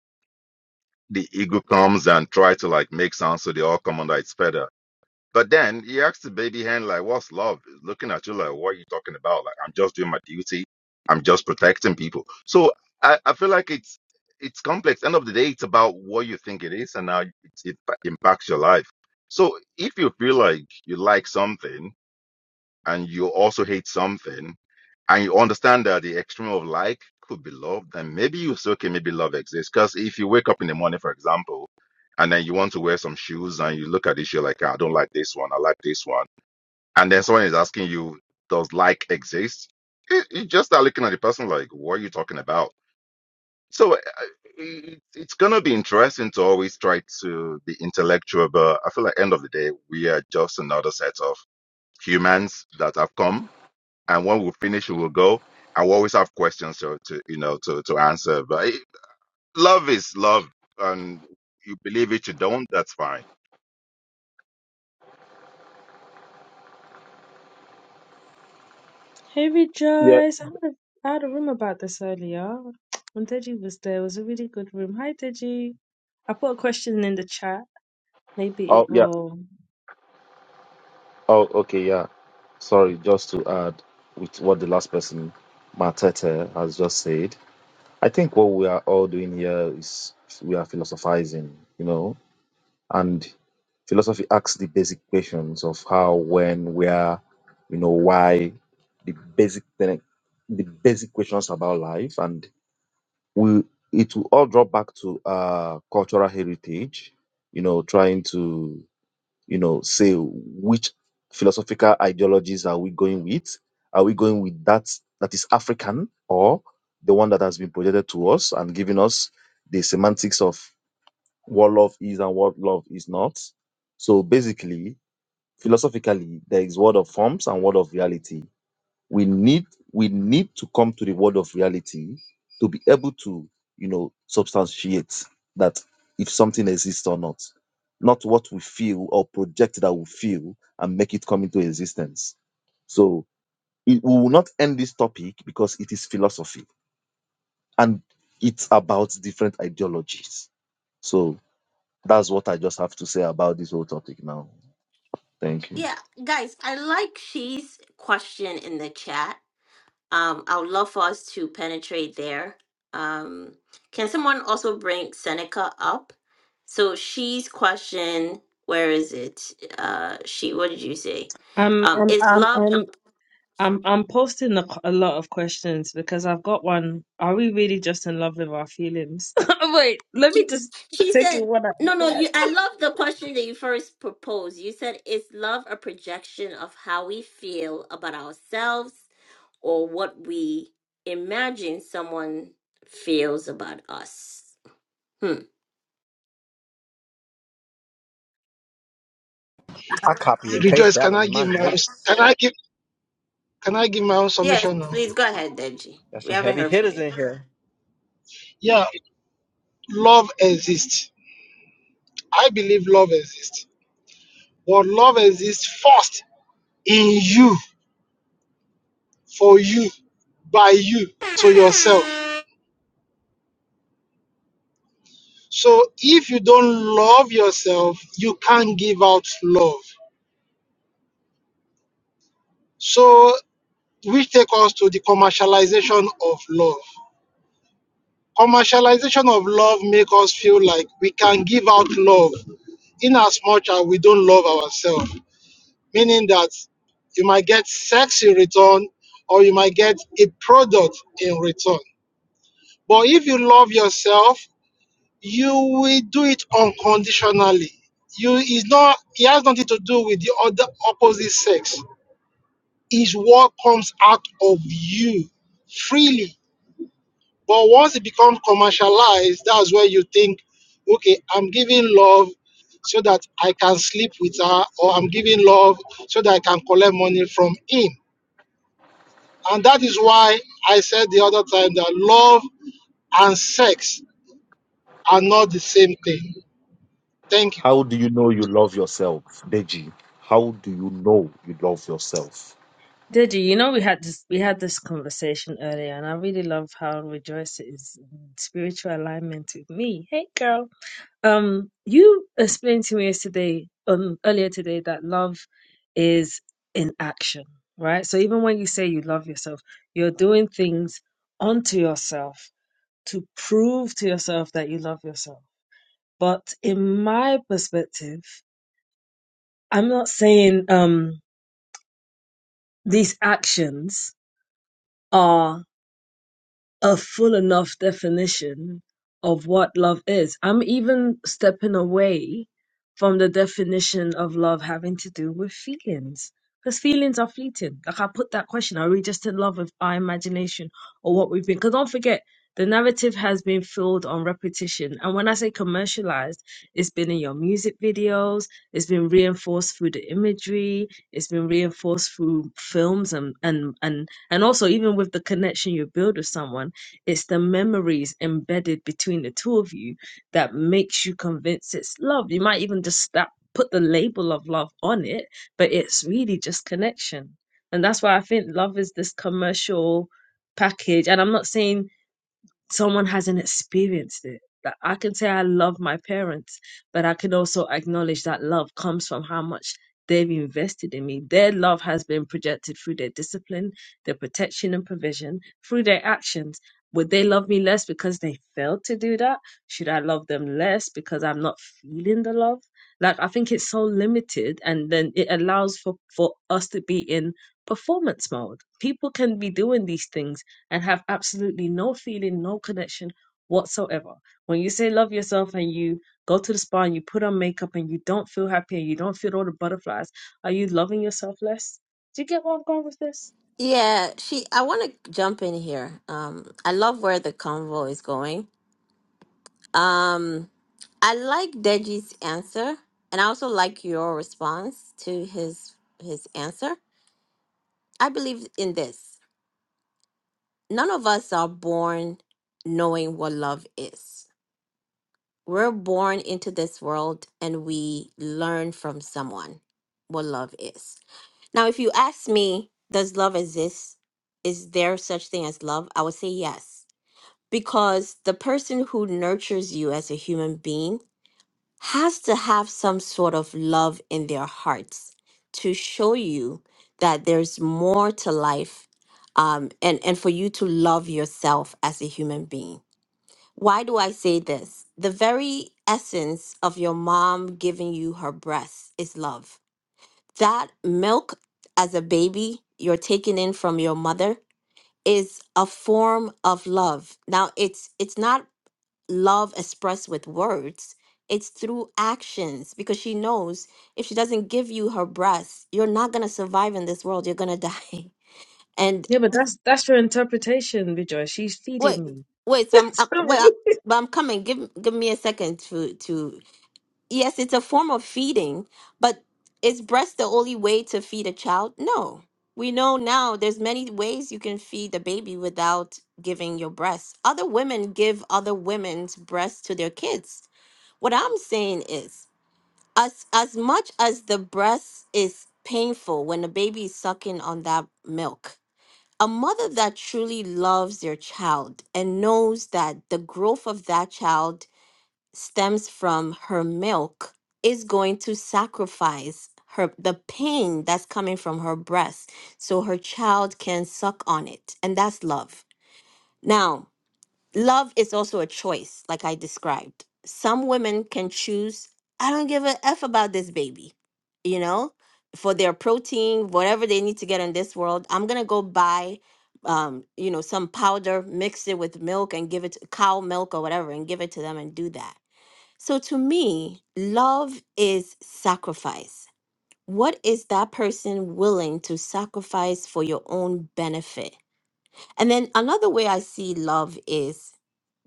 Speaker 20: the eagle comes and try to like make sound so they all come under its feather. But then he asks the baby hen like, "What's love?" It's looking at you like, "What are you talking about?" Like, I'm just doing my duty. I'm just protecting people. So I, I feel like it's it's complex. End of the day, it's about what you think it is and how it, it impacts your life. So if you feel like you like something and you also hate something and you understand that the extreme of like could be love, then maybe you say, okay, maybe love exists. Because if you wake up in the morning, for example, and then you want to wear some shoes and you look at this, you're like, "Ah, I don't like this one, I like this one. And then someone is asking you, does like exist? You you just start looking at the person like, what are you talking about? So uh, it, it's going to be interesting to always try to be intellectual, but I feel like end of the day, we are just another set of humans that have come and when we finish, we will go. And we always have questions to, to you know to to answer. But it, love is love, and you believe it, you don't. That's fine.
Speaker 21: Hey
Speaker 9: Yeah.
Speaker 21: Rejoice, I had a, I had a room about this earlier when Deji was there. It was a really good room. Hi Deji. I put a question in the chat. Maybe it
Speaker 9: Oh, yeah.
Speaker 21: will.
Speaker 9: Oh, okay. Yeah. Sorry, just to add with what the last person, Matete, has just said. I think what we are all doing here is we are philosophizing, you know, and philosophy asks the basic questions of how, when, where, you know, why, the basic the basic questions about life, and we it will all drop back to uh cultural heritage you know trying to you know say which philosophical ideologies are we going with are we going with that that is african or the one that has been projected to us and given us the semantics of what love is and what love is not so basically philosophically there is world of forms and world of reality we need we need to come to the world of reality to be able to you know substantiate that if something exists or not not what we feel or project that we feel and make it come into existence so it, we will not end this topic because it is philosophy and it's about different ideologies so that's what i just topic now thank you
Speaker 1: Yeah, guys, I like she's question in the chat. Um, I would love for us to penetrate there. Um, can someone also bring Seneca up? So she's question, where is it? Uh, she, what did you say?
Speaker 21: Um,
Speaker 1: Um,
Speaker 21: um,
Speaker 1: is
Speaker 21: um,
Speaker 1: love?
Speaker 21: um, I'm I'm posting a, a lot of questions because I've got one. Are we really just in love with our feelings? <laughs> Wait, let me
Speaker 1: She,
Speaker 21: just
Speaker 1: she
Speaker 21: take it
Speaker 1: said,
Speaker 21: one at
Speaker 1: no,
Speaker 21: a
Speaker 1: no,
Speaker 21: time.
Speaker 1: you, I love the question that you first proposed. You said, is love a projection of how we feel about ourselves or what we imagine someone feels about us? Hmm.
Speaker 16: I copy and paste
Speaker 3: Rejoice,
Speaker 16: that
Speaker 3: can
Speaker 16: one
Speaker 3: I
Speaker 16: in my
Speaker 3: give my
Speaker 16: notes.
Speaker 3: can I give can I give my own
Speaker 1: Yes,
Speaker 3: submission now?
Speaker 1: please go ahead, Deji.
Speaker 16: Got
Speaker 1: We
Speaker 16: some
Speaker 1: haven't
Speaker 16: heavy
Speaker 1: heard from
Speaker 16: hitters
Speaker 1: you.
Speaker 16: in here.
Speaker 3: Yeah, love exists. I believe love exists. But love exists first in you, for you, by you, to yourself. So if you don't love yourself, you can't give out love. So which take us to the commercialization of love. Commercialization of love make us feel like we can give out love in as much as we don't love ourselves. meaning that you might get sex in return or you might get a product in return. But if you love yourself, you will do it unconditionally. You is not it has nothing to do with the other opposite sex. Is what comes out of you freely. But once it becomes commercialized, that's where you think, okay, I'm giving love so that I can sleep with her, or I'm giving love so that I can collect money from him And that is why I said the other time that love and sex are not the same thing. Thank you.
Speaker 9: how do you know you love yourself deji how do you know you love yourself
Speaker 21: Deji, you know we had this we had this conversation earlier, and I really love how Rejoice is in spiritual alignment with me. Hey, girl. Um, you explained to me yesterday, um, earlier today, that love is in action, right? So even when you say you love yourself, you're doing things onto yourself to prove to yourself that you love yourself. But in my perspective, I'm not saying um these actions are a full enough definition of what love is. I'm even stepping away from the definition of love having to do with feelings. Because feelings are fleeting. Like I put that question, are we just in love with our imagination or what we've been? Because don't forget, the narrative has been filled on repetition. And when I say commercialized, it's been in your music videos, it's been reinforced through the imagery, it's been reinforced through films and and and and also even with the connection you build with someone it's the memories embedded between the two of you that makes you convinced it's love. You might even just stop, put the label of love on it, but it's really just connection. And that's why I think love is this commercial package. And I'm not saying someone hasn't experienced it. That I can say I love my parents, but I can also acknowledge that love comes from how much they've invested in me. Their love has been projected through their discipline, their protection and provision, through their actions. Would they love me less because they failed to do that? Should I love them less because I'm not feeling the love? Like I think it's so limited and then it allows for, for us to be in performance mode. People can be doing these things and have absolutely no feeling, no connection whatsoever. When you say love yourself and you go to the spa and you put on makeup and you don't feel happy and you don't feel all the butterflies, are you loving yourself less? Do you get where I'm going with this?
Speaker 1: Yeah, she I want to jump in here. Um I love where the convo is going. Um I like Deji's answer and I also like your response to his his answer. I believe in this. None of us are born knowing what love is. We're born into this world and we learn from someone what love is. Now, if you ask me, does love exist? Is there such thing as love? I would say yes. Because the person who nurtures you as a human being has to have some sort of love in their hearts to show you that there's more to life um, and, and for you to love yourself as a human being. Why do I say this? The very essence of your mom giving you her breast is love. That milk as a baby you're taking in from your mother is a form of love. Now it's it's not love expressed with words, it's through actions because she knows if she doesn't give you her breath, you're not going to survive in this world. You're going to die. <laughs> And
Speaker 21: Yeah, but that's that's your interpretation, Rejoice. She's
Speaker 1: wait,
Speaker 21: feeding me.
Speaker 1: wait, so I'm,
Speaker 21: <laughs>
Speaker 1: uh,
Speaker 21: Sorry.
Speaker 1: wait, I- but I'm coming. Give give me a second to to Yes, it's a form of feeding, but is breast the only way to feed a child? No. We know now there's many ways you can feed the baby without giving your breast. Other women give other women's breasts to their kids. What I'm saying is as as much as the breast is painful when a baby is sucking on that milk a mother that truly loves their child and knows that the growth of that child stems from her milk is going to sacrifice her the pain that's coming from her breast so her child can suck on it and that's love now love is also a choice, like I described. Some women can choose, I don't give a F about this baby, you know, for their protein, whatever they need to get in this world. I'm going to go buy, um, you know, some powder, mix it with milk and give it to cow milk or whatever and give it to them and do that. So to me, love is sacrifice. What is that person willing to sacrifice for your own benefit? And then another way I see love is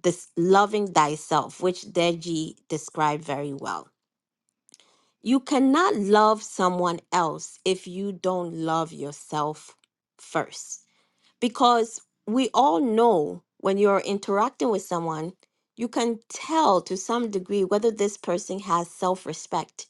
Speaker 1: this loving thyself, which Deji described very well. You cannot love someone else if you don't love yourself first. Because we all know when you're interacting with someone, you can tell to some degree whether this person has self respect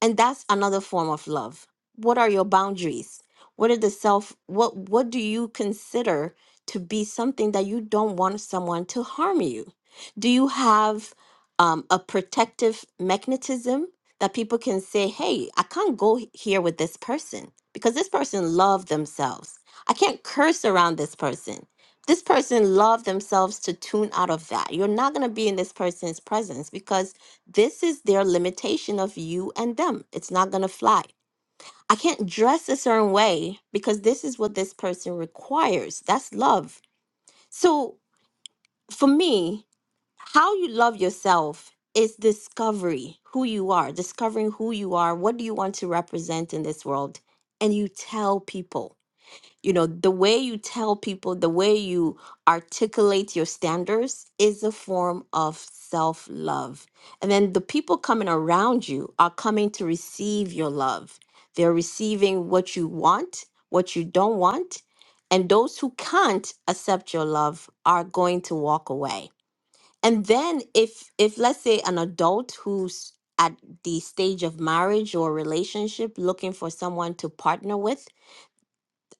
Speaker 1: and that's another form of love what are your boundaries what are the self what what do you consider to be something that you don't want someone to harm you do you have um, a protective mechanism that people can say hey i can't go h- here with this person because this person loved themselves i can't curse around this person this person loved themselves to tune out of that you're not going to be in this person's presence because this is their limitation of you and them. It's not going to fly. I can't dress a certain way because this is what this person requires. That's love. So for me, how you love yourself is discovery who you are discovering who you are what do you want to represent in this world and you tell people you know the way you tell people the way you articulate your standards is a form of self love and then the people coming around you are coming to receive your love they're receiving what you want what you don't want and those who can't accept your love are going to walk away and then if if let's say an adult who's at the stage of marriage or relationship looking for someone to partner with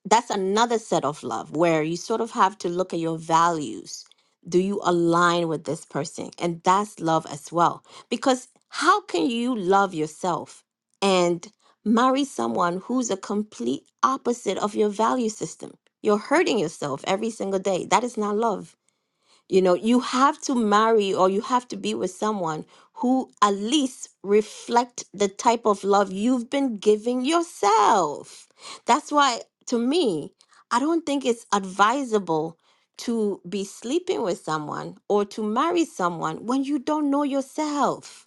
Speaker 1: that's another set of love where you sort of have to look at your values. Do you align with this person? And that's love as well. Because how can you love yourself and marry someone who's a complete opposite of your value system? You're hurting yourself every single day. That is not love you know, you have to marry or you have to be with someone who at least reflect the type of love you've been giving yourself. That's why to me, I don't think it's advisable to be sleeping with someone or to marry someone when you don't know yourself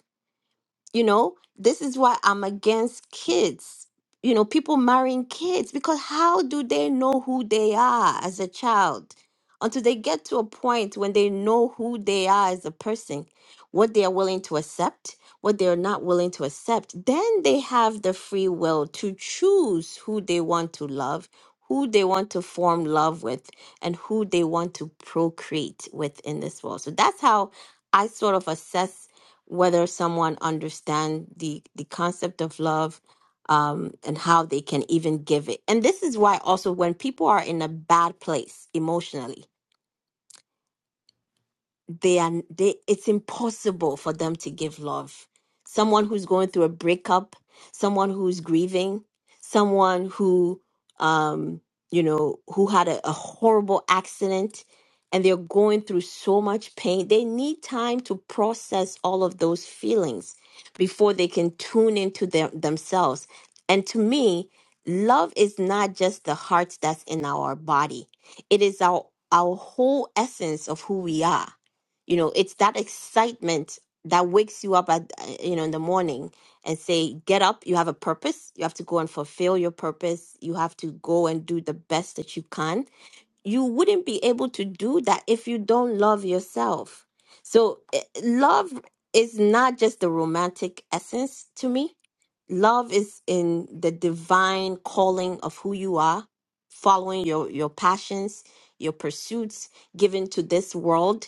Speaker 1: you know, this is why I'm against kids. You know, people marrying kids because how do they know who they are as a child? Until they get to a point when they know who they are as a person, what they are willing to accept, what they are not willing to accept, then they have the free will to choose who they want to love, who they want to form love with, and who they want to procreate with in this world. So that's how I sort of assess whether someone understand the the concept of love um, and how they can even give it. And this is why also when people are in a bad place emotionally, they are they it's impossible for them to give love someone who's going through a breakup someone who's grieving someone who um you know who had a, a horrible accident and they're going through so much pain they need time to process all of those feelings before they can tune into them themselves and to me love is not just the heart that's in our body it is our our whole essence of who we are you know it's that excitement that wakes you up at uh, you know in the morning and say get up you have a purpose you have to go and fulfill your purpose you have to go and do the best that you can you wouldn't be able to do that if you don't love yourself so eh, love is not just the romantic essence to me love is in the divine calling of who you are following your your passions your pursuits given to this world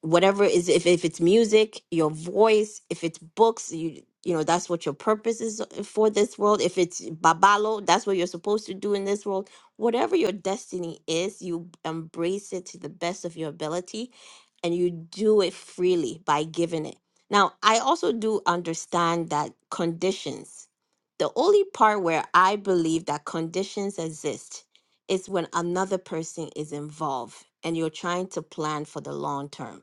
Speaker 1: whatever is if, if it's music your voice if it's books you you know that's what your purpose is uh, for this world if it's babalo that's what you're supposed to do in this world whatever your destiny is you embrace it to the best of your ability and you do it freely by giving it now i also do understand that conditions the only part where i believe that conditions exist is when another person is involved and you're trying to plan for the long term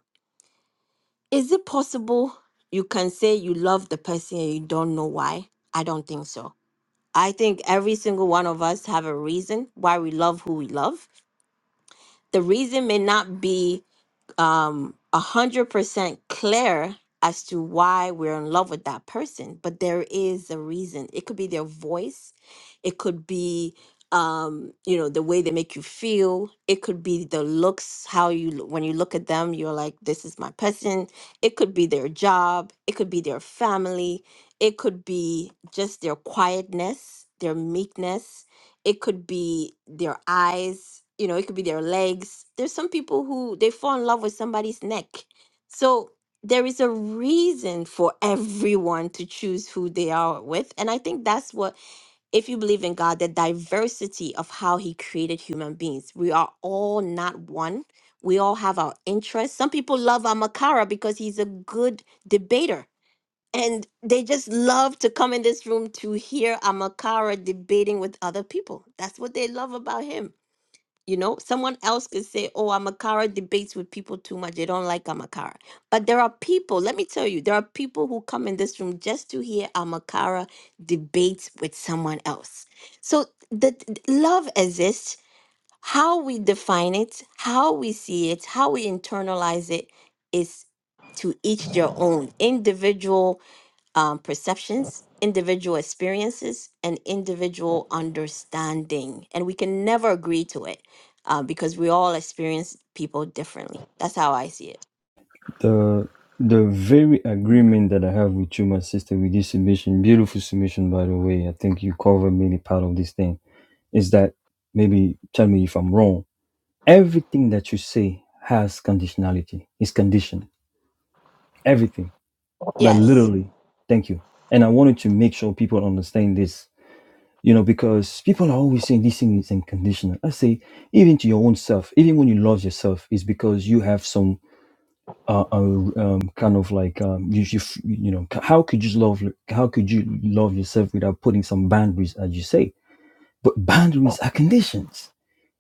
Speaker 1: is it possible you can say you love the person and you don't know why? I don't think so. I think every single one of us have a reason why we love who we love. The reason may not be um a hundred percent clear as to why we're in love with that person but there is a reason it could be their voice it could be um you know the way they make you feel it could be the looks how you l- when you look at them you're like this is my person it could be their job it could be their family it could be just their quietness their meekness it could be their eyes you know it could be their legs there's some people who they fall in love with somebody's neck so there is a reason for everyone to choose who they are with and i think that's what if you believe in god the diversity of how he created human beings we are all not one we all have our interests some people love amakara because he's a good debater and they just love to come in this room to hear Amakara debating with other people. That's what they love about him. You know, someone else could say, Oh, Amakara debates with people too much. They don't like Amakara. But there are people, let me tell you, there are people who come in this room just to hear Amakara debates with someone else. So the th- love exists. How we define it, how we see it, how we internalize it is to each their own individual um, perceptions, individual experiences, and individual understanding. And we can never agree to it uh, because we all experience people differently. That's how I see it.
Speaker 4: The the very agreement that I have with you, my sister, with this submission, beautiful submission, by the way. I think you covered many part of this thing. Is that maybe tell me if I'm wrong? Everything that you say has conditionality. It's conditioned. Everything like
Speaker 1: Yes.
Speaker 4: literally thank you and i wanted to make sure people understand this you know because people are always saying this thing is unconditional i say even to your own self even when you love yourself is because you have some uh, uh um, kind of like um you, you you know how could you love how could you love yourself without putting some boundaries as you say but boundaries are conditions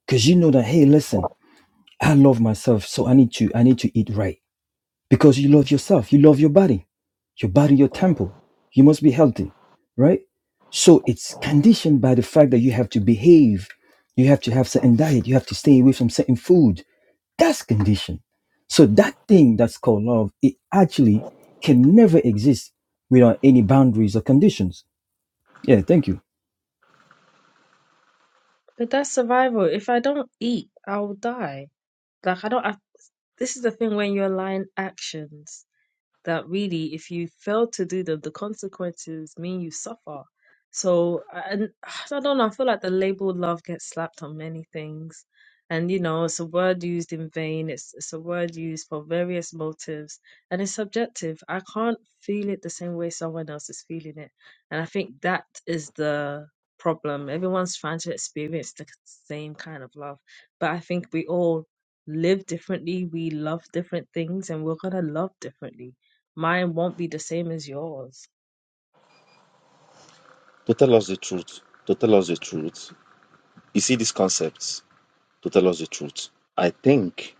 Speaker 4: because you know that hey listen i love myself so i need to i need to eat right because you love yourself you love your body your body your temple you must be healthy right so it's conditioned by the fact that you have to behave you have to have certain diet you have to stay away from certain food that's conditioned so that thing that's called love it actually can never exist without any boundaries or conditions yeah thank you
Speaker 21: But that's survival. If I don't eat, I'll die. Like I don't. I, this is the thing when you align actions. that really if you fail to do them the consequences mean you suffer so and <sighs> i don't know i feel like the label love gets slapped on many things and you know it's a word used in vain it's, it's a word used for various motives and it's subjective i can't feel it the same way someone else is feeling it and i think that is the problem everyone's trying to experience the same kind of love but i think we all live differently we love different things and we're going to love differently mine won't be the same as yours.
Speaker 9: To tell us the truth, to tell us the truth, you see these concepts, to tell us the truth. I think,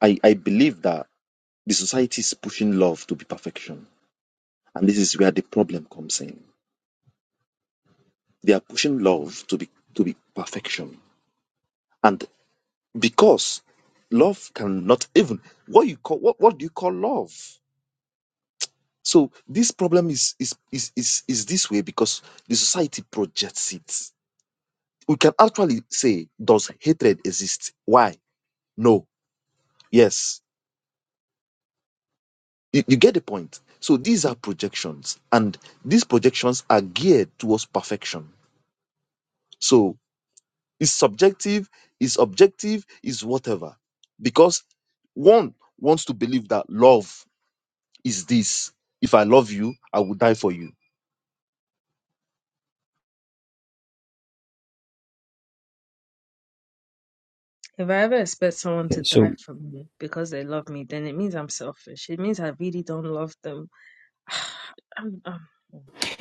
Speaker 9: I, I believe that the society is pushing love to be perfection. And this is where the problem comes in. They are pushing love to be to be perfection. And because love cannot even what you call what, what do you call love? So this problem is is, is is is this way because the society projects it. We can actually say, does hatred exist? Why? No. Yes You, you get the point. So these are projections, and these projections are geared towards perfection. So it's subjective, it's objective, it's whatever. Because one wants to believe that love is this. If I love you, I will die for you.
Speaker 21: If I ever expect someone
Speaker 4: yeah,
Speaker 21: to
Speaker 4: so
Speaker 21: die for me because they love me, then it means I'm selfish. It means I really don't love them. <sighs> I'm- I'm-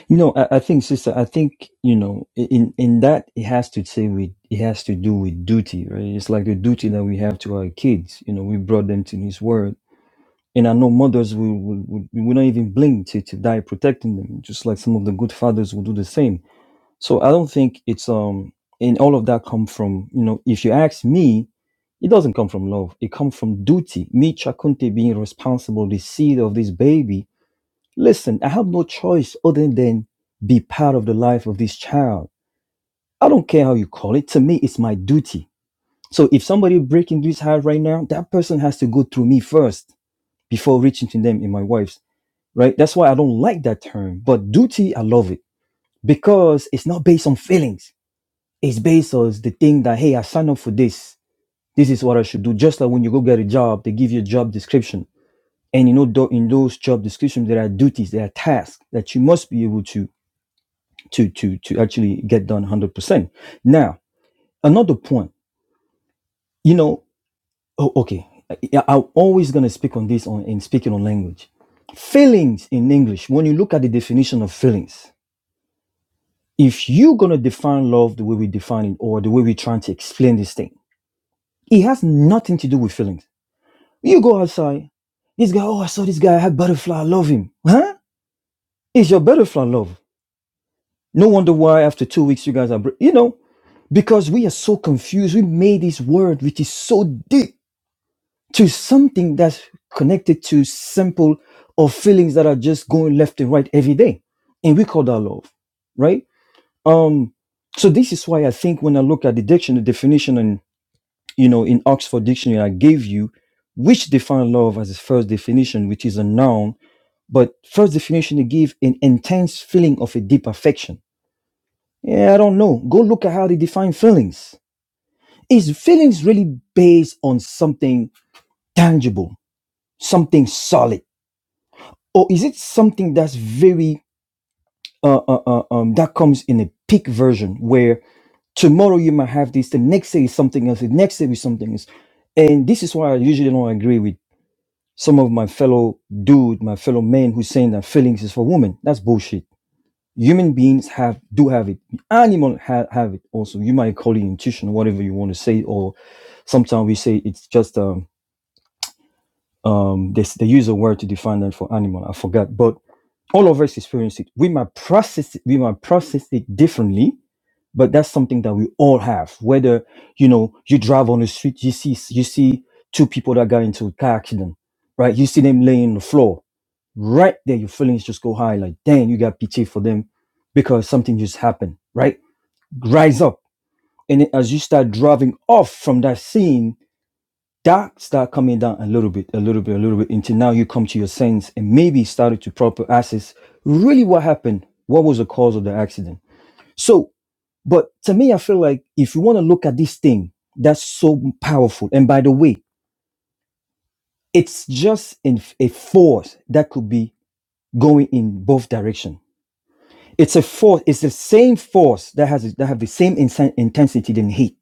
Speaker 4: You know, I, I think, sister, I think, you know, in, in that it has to say with, it has to do with duty, right? It's like the duty that we have to our kids. You know, we brought them to His Word. And I know mothers will, will, will, will not even blink to, to die protecting them, just like some of the good fathers will do the same. So I don't think it's, um, and all of that come from, you know, if you ask me, it doesn't come from love. It comes from duty. Me, Chakunte, being responsible, the seed of this baby Listen, I have no choice other than be part of the life of this child. I don't care how you call it. To me, it's my duty. So if somebody breaking this heart right now, that person has to go through me first before reaching to them in my wife's, right? That's why I don't like that term. But duty, I love it because it's not based on feelings. It's based on the thing that, hey, I signed up for this. This is what I should do. Just like when you go get a job, they give you a job description. And you know, tho- in those job descriptions, there are duties, there are tasks that you must be able to to to to actually get done 100% now another point you know oh, okay I, i'm always going to speak on this on in speaking on language feelings in english when you look at the definition of feelings if you're going to define love the way we define it or the way we're trying to explain this thing it has nothing to do with feelings you go outside this guy oh i saw this guy i had butterfly i love him huh it's your butterfly love No wonder why after two weeks you guys are, br- you know, because we are so confused. We made this word, which is so deep, to something that's connected to simple or feelings that are just going left and right every day, and we call that love, right? Um, so this is why I think when I look at the dictionary definition and you know in Oxford Dictionary I gave you, which define love as its first definition, which is a noun, but first definition they give an intense feeling of a deep affection yeah, I don't know. Go look at how they define feelings. Is feelings really based on something tangible, something solid, or is it something that's very uh, uh, uh, um, that comes in a peak version where tomorrow you might have this, the next day is something else, the next day is something else, and this is why I usually don't agree with some of my fellow dude, my fellow men who's saying that feelings is for women. That's bullshit human beings have do have it animal ha- have it also you might call it intuition whatever you want to say or sometimes we say it's just um um they, they use a word to define that for animal i forgot but all of us experience it we might process it we might process it differently but that's something that we all have whether you know you drive on the street you see you see two people that got into a car accident right you see them laying on the floor right there your feelings just go high like dang you got pity for them because something just happened right rise up and then as you start driving off from that scene that start coming down a little bit a little bit a little bit until now you come to your sense and maybe started to proper assess really what happened what was the cause of the accident so but to me i feel like if you want to look at this thing that's so powerful and by the way it's just in a force that could be going in both direction it's a force it's the same force that has that have the same insen- intensity than heat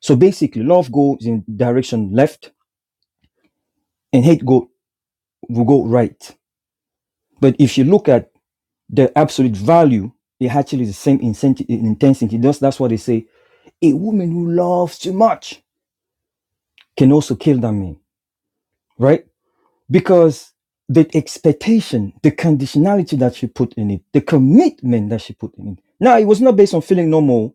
Speaker 4: so basically love goes in direction left and hate go will go right but if you look at the absolute value it actually is the same incenti- intensity that's, that's what they say a woman who loves too much can also kill that man right because the expectation the conditionality that she put in it the commitment that she put in it now it was not based on feeling no more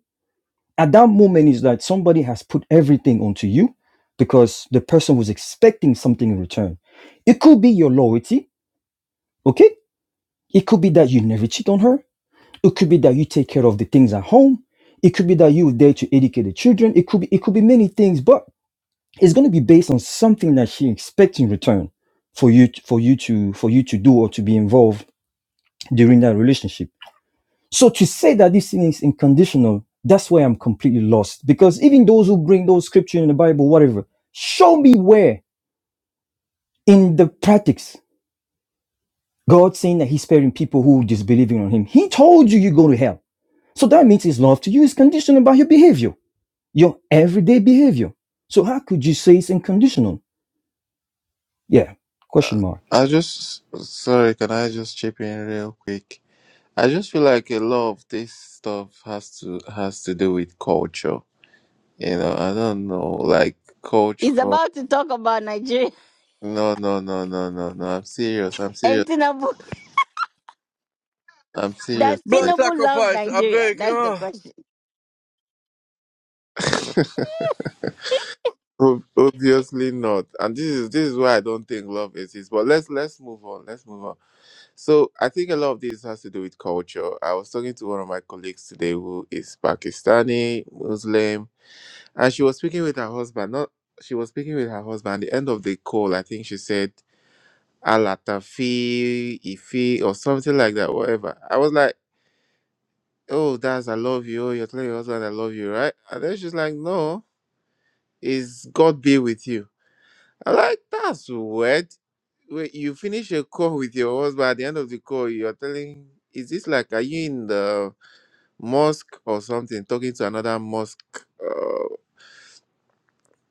Speaker 4: at that moment is that somebody has put everything onto you because the person was expecting something in return. It could be your loyalty, okay? It could be that you never cheat on her. It could be that you take care of the things at home. It could be that you were there to educate the children. It could be it could be many things, but it's going to be based on something that she expects in return for you for you to for you to do or to be involved during that relationship So to say that this thing is unconditional, that's why I'm completely lost. Because even those who bring those scriptures in the Bible, whatever, show me where in the practice God saying that He's sparing people who disbelieving on Him. He told you you go to hell. So that means His love to you is conditional by your behavior, your everyday behavior. So how could you say it's unconditional? Yeah, question mark.
Speaker 22: I just sorry, can I just chip in real quick? I just feel like a lot of this stuff has to has to do with culture. You know, I don't know, like culture.
Speaker 1: He's
Speaker 22: No,
Speaker 1: about to talk about Nigeria. <laughs>
Speaker 22: no, no, no, no, no. I'm serious. I'm
Speaker 1: And
Speaker 22: serious.
Speaker 1: Tinubu,
Speaker 22: I'm serious.
Speaker 1: does
Speaker 16: Blood
Speaker 22: Like,
Speaker 1: Tinubu love
Speaker 16: sacrifice, I
Speaker 1: Nigeria?
Speaker 16: beg.
Speaker 1: That's the
Speaker 16: Ugh.
Speaker 1: question.
Speaker 22: ob- Obviously not. And this is this is why I don't think love exists. But let's let's move on. Let's move on. So I think a lot of this has to do with culture. I was talking to one of my colleagues today who is Pakistani Muslim And she was speaking with her husband. Not she was speaking with her husband. At the end of the call, I think she said Alatafi, Ifi, or something like that, whatever. I was like, Oh, that's I love you. Oh, You're telling your husband I love you, right? And then she's like, No, is God be with you. I'm like, that's weird. Wait, you finish a call with your husband at the end of the call, you're telling is this like are you in the mosque or something talking to another mosque Uh,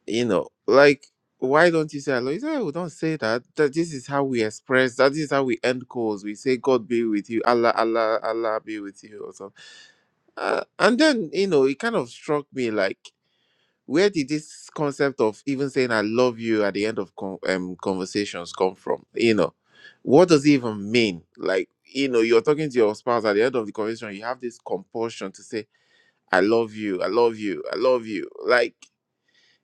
Speaker 22: you know, like why don't you say hello? He said, "Oh, don't say that. That this is how we express. That is how we end calls. We say God be with you, Allah, Allah, Allah be with you, or something." Uh, and then you know, it kind of struck me like, where did this concept of even saying "I love you" at the end of con- um, conversations come from? You know, what does it even mean? Like, you know, you're talking to your spouse at the end of the conversation, you have this compulsion to say, "I love you, I love you, I love you," like.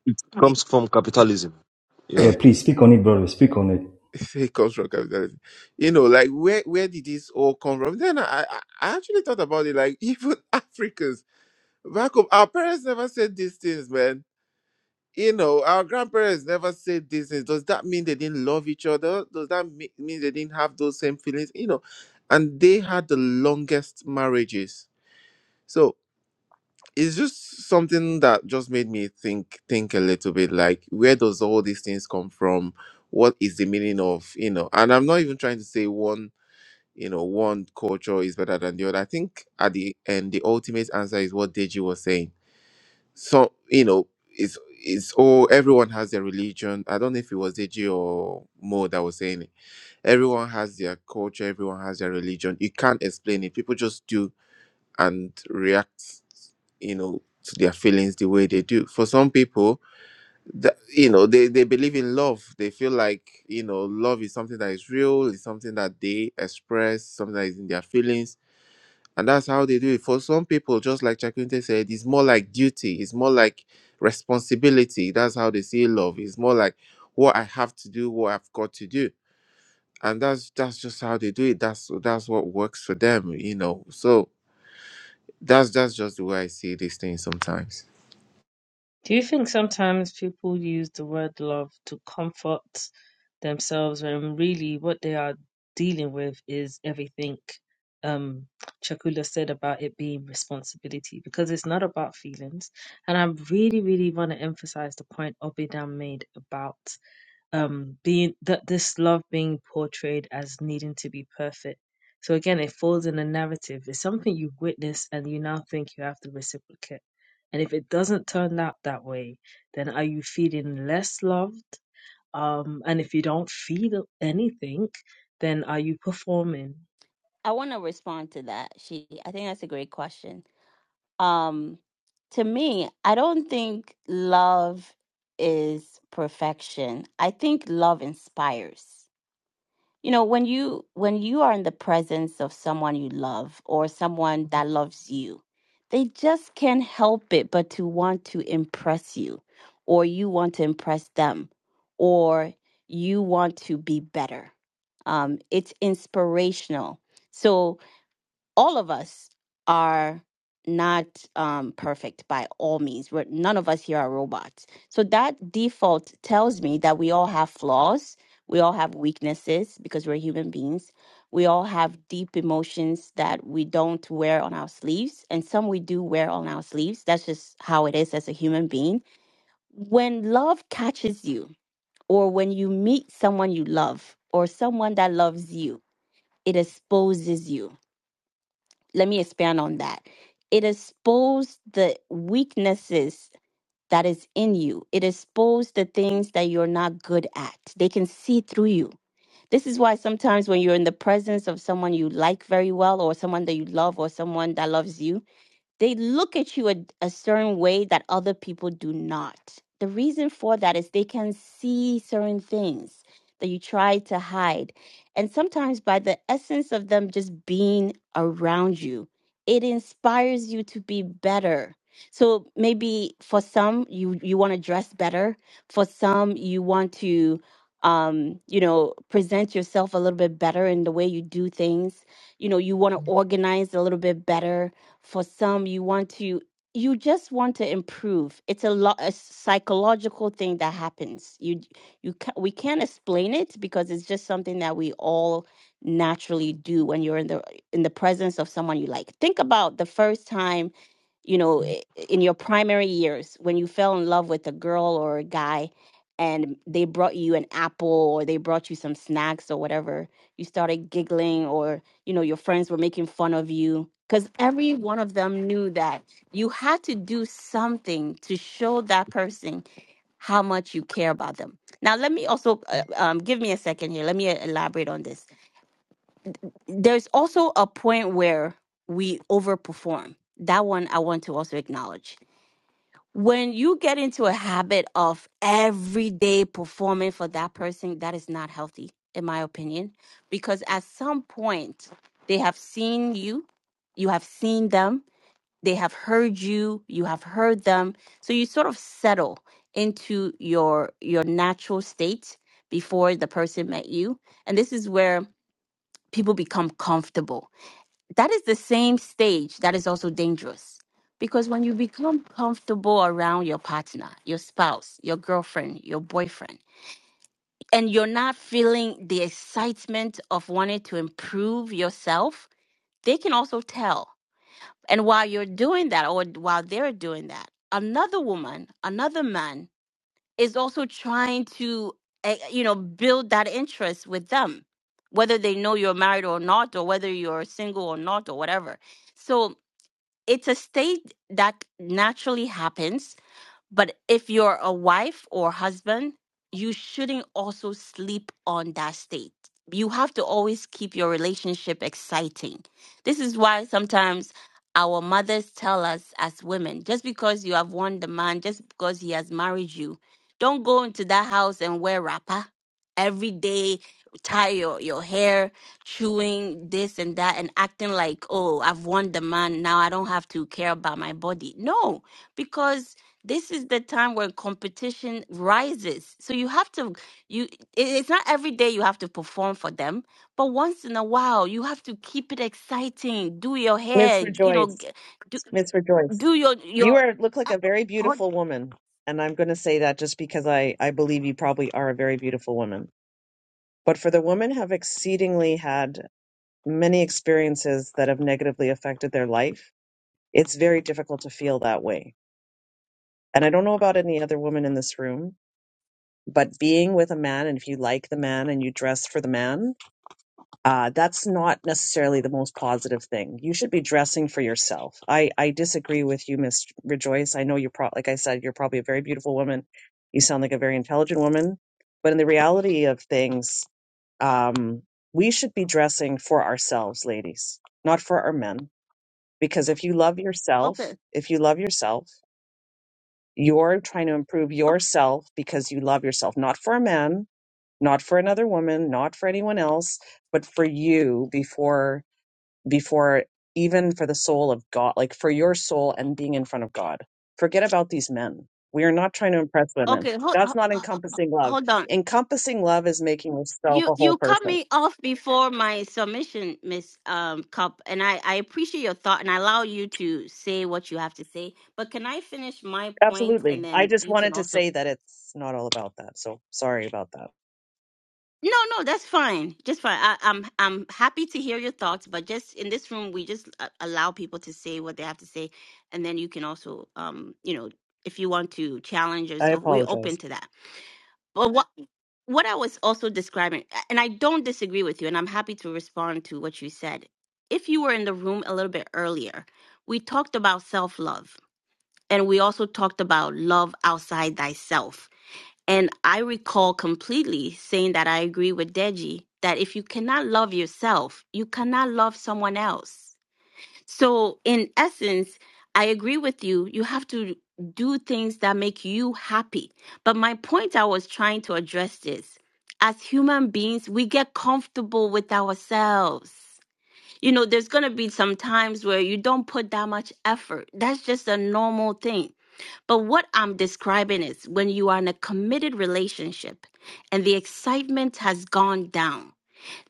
Speaker 9: It comes from capitalism.
Speaker 4: Yeah,
Speaker 9: Yeah.
Speaker 4: please speak on it, brother. Speak on it.
Speaker 22: <laughs> It comes from capitalism. You know, like where where did this all come from? Then I I I actually thought about it. Like <laughs> even Africans back home, our parents never said these things, man. You know, our grandparents never said these things. Does that mean they didn't love each other? Does that me- mean they didn't have those same feelings? You know, and they had the longest marriages. So it's just something that just made me think think a little bit. Like where does all these things come from? what is the meaning of you know and i'm not even trying to say one you know one culture is better than the other i think at the end the ultimate answer is what deji was saying so you know it's it's all everyone has their religion i don't know if it was deji or mo that was saying it everyone has their culture everyone has their religion you can't explain it people just do and react you know to their feelings the way they do for some people that you know they, they believe in love they feel like you know love is something that is real it's something that they express something that is in their feelings and that's how they do it. For some people, just like Chakunte said, it's more like duty, it's more like responsibility. That's how they see love. It's more like what I have to do, what I've got to do. And that's that's just how they do it. That's that's what works for them, you know. So that's that's just the way I see these things sometimes.
Speaker 21: Do you think sometimes people use the word love to comfort themselves when really what they are dealing with is everything um Chakula said about it being responsibility because it's not about feelings. And I really, really want to emphasize the point Obidan made about um being that this love being portrayed as needing to be perfect so again it falls in a narrative it's something you witness and you now think you have to reciprocate and if it doesn't turn out that way then are you feeling less loved um and if you don't feel anything then are you performing
Speaker 1: I want to respond to that. She, I think that's a great question. Um, to me, I don't think love is perfection. I think love inspires. You know, when you when you are in the presence of someone you love or someone that loves you, they just can't help it but to want to impress you, or you want to impress them, or you want to be better. Um, it's inspirational. So all of us are not um, perfect by all means. We're, none of us here are robots. So that default tells me that we all have flaws. We all have weaknesses because we're human beings. We all have deep emotions that we don't wear on our sleeves, and some we do wear on our sleeves. That's just how it is as a human being. When love catches you, or when you meet someone you love, or someone that loves you, it exposes you let me expand on that. It exposed the weaknesses that is in you. It exposed the things that you're not good at. They can see through you. This is why sometimes when you're in the presence of someone you like very well or someone that you love or someone that loves you, they look at you a, a certain way that other people do not. The reason for that is they can see certain things that you try to hide. And sometimes, by the essence of them just being around you, it inspires you to be better. So maybe for some you you want to dress better, for some you want to um you know present yourself a little bit better in the way you do things. You know, you want to organize a little bit better for some, you want to, you just want to improve. It's a lot, a psychological thing that happens. You, you, ca- we can't explain it because it's just something that we all naturally do when you're in the in the presence of someone you like. Think about the first time you know, i- in your primary years when you fell in love with a girl or a guy and they brought you an apple or they brought you some snacks or whatever, you started giggling or, you know, your friends were making fun of you because every one of them knew that you had to do something to show that person how much you care about them. Now, let me also uh, um, give me a second here. Let me uh, elaborate on this. There's also a point where we overperform. That one I want to also acknowledge when you get into a habit of every day performing for that person, that is not healthy, in my opinion, because at some point they have seen you, you have seen them, they have heard you, you have heard them. So you sort of settle into your your natural state before the person met you. And this is where people become comfortable that is the same stage that is also dangerous because when you become comfortable around your partner, your spouse, your girlfriend, your boyfriend, and you're not feeling the excitement of wanting to improve yourself, they can also tell. And while you're doing that, or while they're doing that, another woman, another man is also trying to, eh, you know, build that interest with them, whether they know you're married or not, or whether you're single or not, or whatever. So, it's a state that naturally happens but if you're a wife or husband, you shouldn't also sleep on that state. You have to always keep your relationship exciting. This is why sometimes our mothers tell us as women just because you have won the man, just because he has married you, don't go into that house and wear wrapper every day, tie your, your hair, chewing this and that, and acting like, oh, I've won the man. Now I don't have to care about my body. No, because this is the time where competition rises so you have to you it- it's not every day you have to perform for them but once in a while you have to keep it exciting do your
Speaker 23: Miss
Speaker 1: hair you know
Speaker 23: Rejoice,
Speaker 1: g- do,
Speaker 23: Miss Rejoice,
Speaker 1: do your
Speaker 23: you
Speaker 1: your
Speaker 23: are look like
Speaker 1: uh,
Speaker 23: a very
Speaker 1: hold,
Speaker 23: beautiful woman, and I'm going to say that just because I I believe you probably are a very beautiful woman. But for the women have exceedingly had many experiences that have negatively affected their life, it's very difficult to feel that way. And I don't know about any other woman in this room, but being with a man, and if you like the man and you dress for the man, uh, that's not necessarily the most positive thing. You should be dressing for yourself. I, I disagree with you, Miss Rejoice. I know you're pro- like I said, you're probably a very beautiful woman. You sound like a very intelligent woman, but in the reality of things, um, we should be dressing for ourselves, ladies, not for our men. Because if you love
Speaker 1: okay
Speaker 23: yourself, if you love yourself, you're trying to improve
Speaker 1: okay
Speaker 23: yourself because you love yourself, not for a man, not for another woman, not for anyone else, but for you before before even for the soul of God, like for your soul and being in front of God. Forget about these men. We are not trying to impress women.
Speaker 1: okay hold,
Speaker 23: That's
Speaker 1: hold,
Speaker 23: not encompassing love.
Speaker 1: hold on
Speaker 23: Encompassing love is making yourself
Speaker 1: you
Speaker 23: a whole
Speaker 1: you cut
Speaker 23: person.
Speaker 1: me off before my submission miss um cup and i i appreciate your thought and i allow you to say what you have to say but can i finish my point
Speaker 23: Absolutely.
Speaker 1: and
Speaker 23: I
Speaker 1: then
Speaker 23: just
Speaker 1: you can
Speaker 23: wanted to
Speaker 1: also
Speaker 23: say that it's not all about that. So sorry about that.
Speaker 1: No, no, that's fine. Just fine. I, I'm I'm happy to hear your thoughts, but just in this room, we just a- allow people to say what they have to say, and then you can also, um, you know, if you want to challenge and
Speaker 23: I
Speaker 1: so we're open
Speaker 23: apologize.
Speaker 1: to that. But what what I was also describing, a- and I don't disagree with you, and I'm happy to respond to what you said. If you were in the room a little bit earlier, we talked about self love, and we also talked about love outside thyself and I recall completely saying that I agree with Deji that if you cannot love yourself, you cannot love someone else. So, in essence, I agree with you. You have to do things that make you happy. But my point I was trying to address is as human beings, we get comfortable with ourselves. You know, there's going to be some times where you don't put that much effort. That's just a normal thing but what I'm describing is when you are in a committed relationship and the excitement has gone down,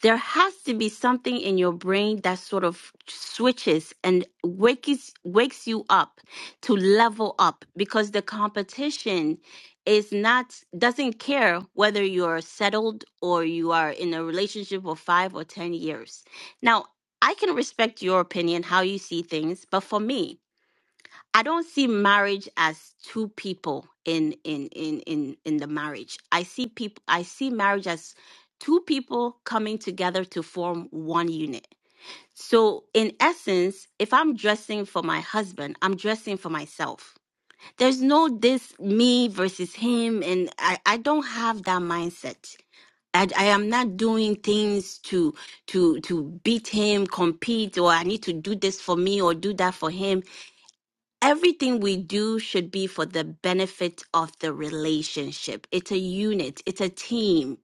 Speaker 1: there has to be something in your brain that sort of switches and wakes wakes you up to level up because the competition is not doesn't care whether you're settled or you are in a relationship for 5 or 10 years. Now, I can respect your opinion how you see things, but for me, I don't see marriage as two people in in in in in the marriage. I see people I see marriage as two people coming together to form one unit. So in essence, if I'm dressing for my husband, I'm dressing for myself. There's no this me versus him and I I don't have that mindset. I, I am not doing things to to to beat him, compete, or I need to do this for me or do that for him everything we do should be for the benefit of the relationship. It's a unit, it's a team.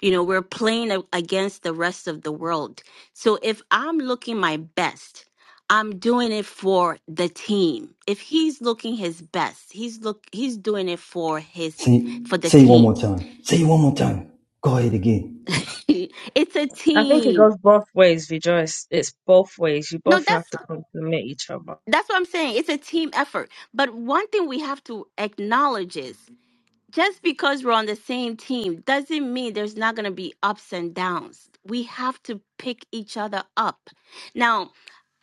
Speaker 1: You know, we're playing a- against the rest of the world. So if I'm looking my best, I'm doing it for the team. If he's looking his best, he's look he's doing it for his
Speaker 4: Say
Speaker 1: for the
Speaker 4: say it one
Speaker 1: team.
Speaker 4: more time. Say it one more time. Go ahead again.
Speaker 1: <laughs> it's a
Speaker 21: i think it
Speaker 1: team.
Speaker 21: goes both ways rejoice it's both ways you
Speaker 1: No,
Speaker 21: both have
Speaker 1: that's
Speaker 21: to compliment each other
Speaker 1: that's what I'm saying. It's a team effort. But one thing we have to acknowledge is just because we're on the same team doesn't mean there's not going to be ups and downs. We have to pick each other up. Now,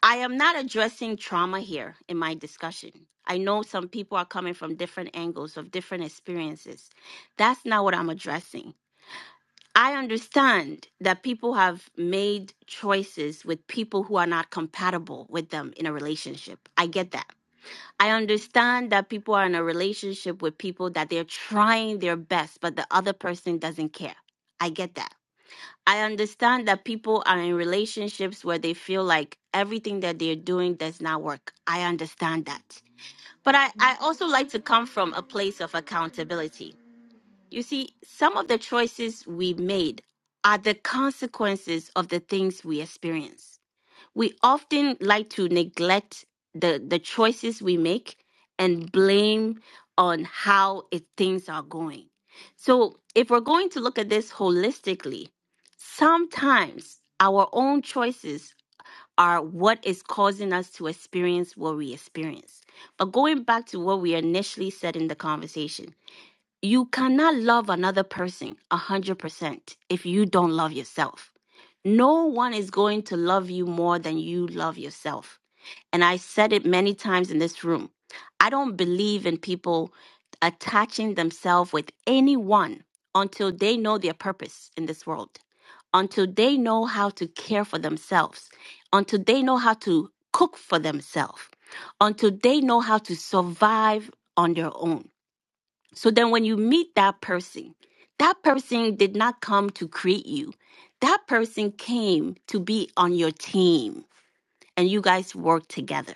Speaker 1: I am not addressing trauma here in my discussion. I know some people are coming from different angles of different experiences. That's not what I'm addressing. I understand that people have made choices with people who are not compatible with them in a relationship. I get that. I understand that people are in a relationship with people that they're trying their best, but the other person doesn't care. I get that. I understand that people are in relationships where they feel like everything that they're doing does not work. I understand that. But I, I also like to come from a place of accountability. You see, some of the choices we made are the consequences of the things we experience we often like to neglect the the choices we make and blame on how it, things are going so if we're going to look at this holistically sometimes our own choices are what is causing us to experience what we experience but going back to what we initially said in the conversation you cannot love another person 100% if you don't love yourself no one is going to love you more than you love yourself. And I said it many times in this room. I don't believe in people attaching themselves with anyone until they know their purpose in this world, until they know how to care for themselves, until they know how to cook for themselves, until they know how to survive on their own. So then when you meet that person, that person did not come to create you. That person came to be on your team and you guys work together.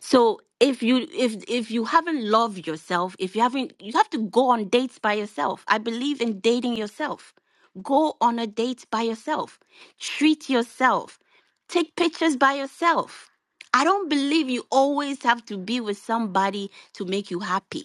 Speaker 1: So if you if if you haven't loved yourself, if you haven't you have to go on dates by yourself. I believe in dating yourself. Go on a date by yourself. Treat yourself. Take pictures by yourself. I don't believe you always have to be with somebody to make you happy.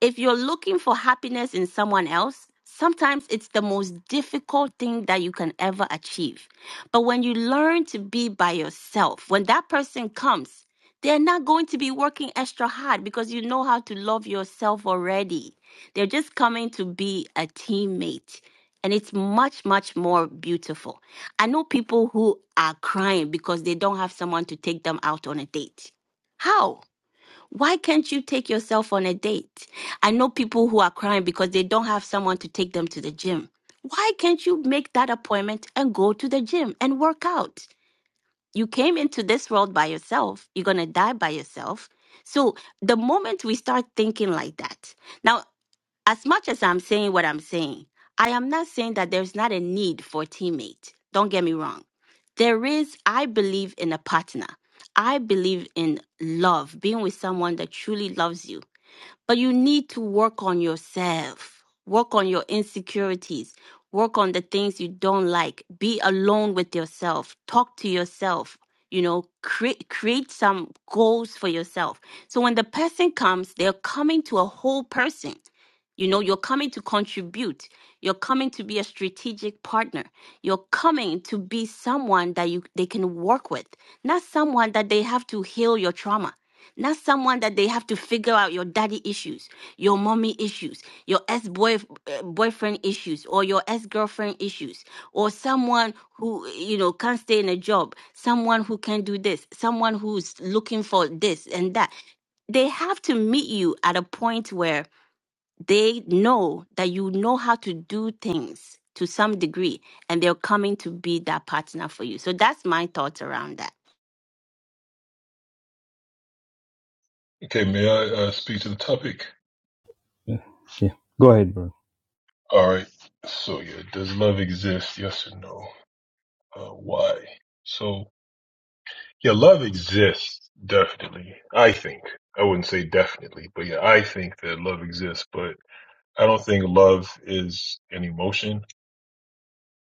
Speaker 1: If you're looking for happiness in someone else, sometimes it's the most difficult thing that you can ever achieve. But when you learn to be by yourself, when that person comes, they're not going to be working extra hard because you know how to love yourself already. They're just coming to be a teammate. And it's much, much more beautiful. I know people who are crying because they don't have someone to take them out on a date. How? Why can't you take yourself on a date? I know people who are crying because they don't have someone to take them to the gym. Why can't you make that appointment and go to the gym and work out? You came into this world by yourself. You're going to die by yourself. So the moment we start thinking like that, now, as much as I'm saying what I'm saying, I am not saying that there's not a need for a teammate. Don't get me wrong. There is, I believe, in a partner. I believe in love, being with someone that truly loves you but you need to work on yourself, work on your insecurities, work on the things you don't like. Be alone with yourself, talk to yourself, you know, create create some goals for yourself. So when the person comes, they're coming to a whole person. You know, you're coming to contribute. You're coming to be a strategic partner. You're coming to be someone that you they can work with, not someone that they have to heal your trauma not someone that they have to figure out your daddy issues, your mommy issues, your ex boy boyfriend issues, or your ex girlfriend issues, or someone who you know can't stay in a job, someone who can do this, someone who's looking for this and that. They have to meet you at a point where they know that you know how to do things to some degree, and they're coming to be that partner for you. So that's my thoughts around that.
Speaker 19: Okay, may I uh, speak to the topic?
Speaker 4: Yeah. Yeah. Go ahead, brother.
Speaker 19: All right. So, yeah, does love exist? Yes or no? Uh, why? So, yeah, love exists, definitely. I think. I wouldn't say definitely, but yeah, I think that love exists, but I don't think love is an emotion.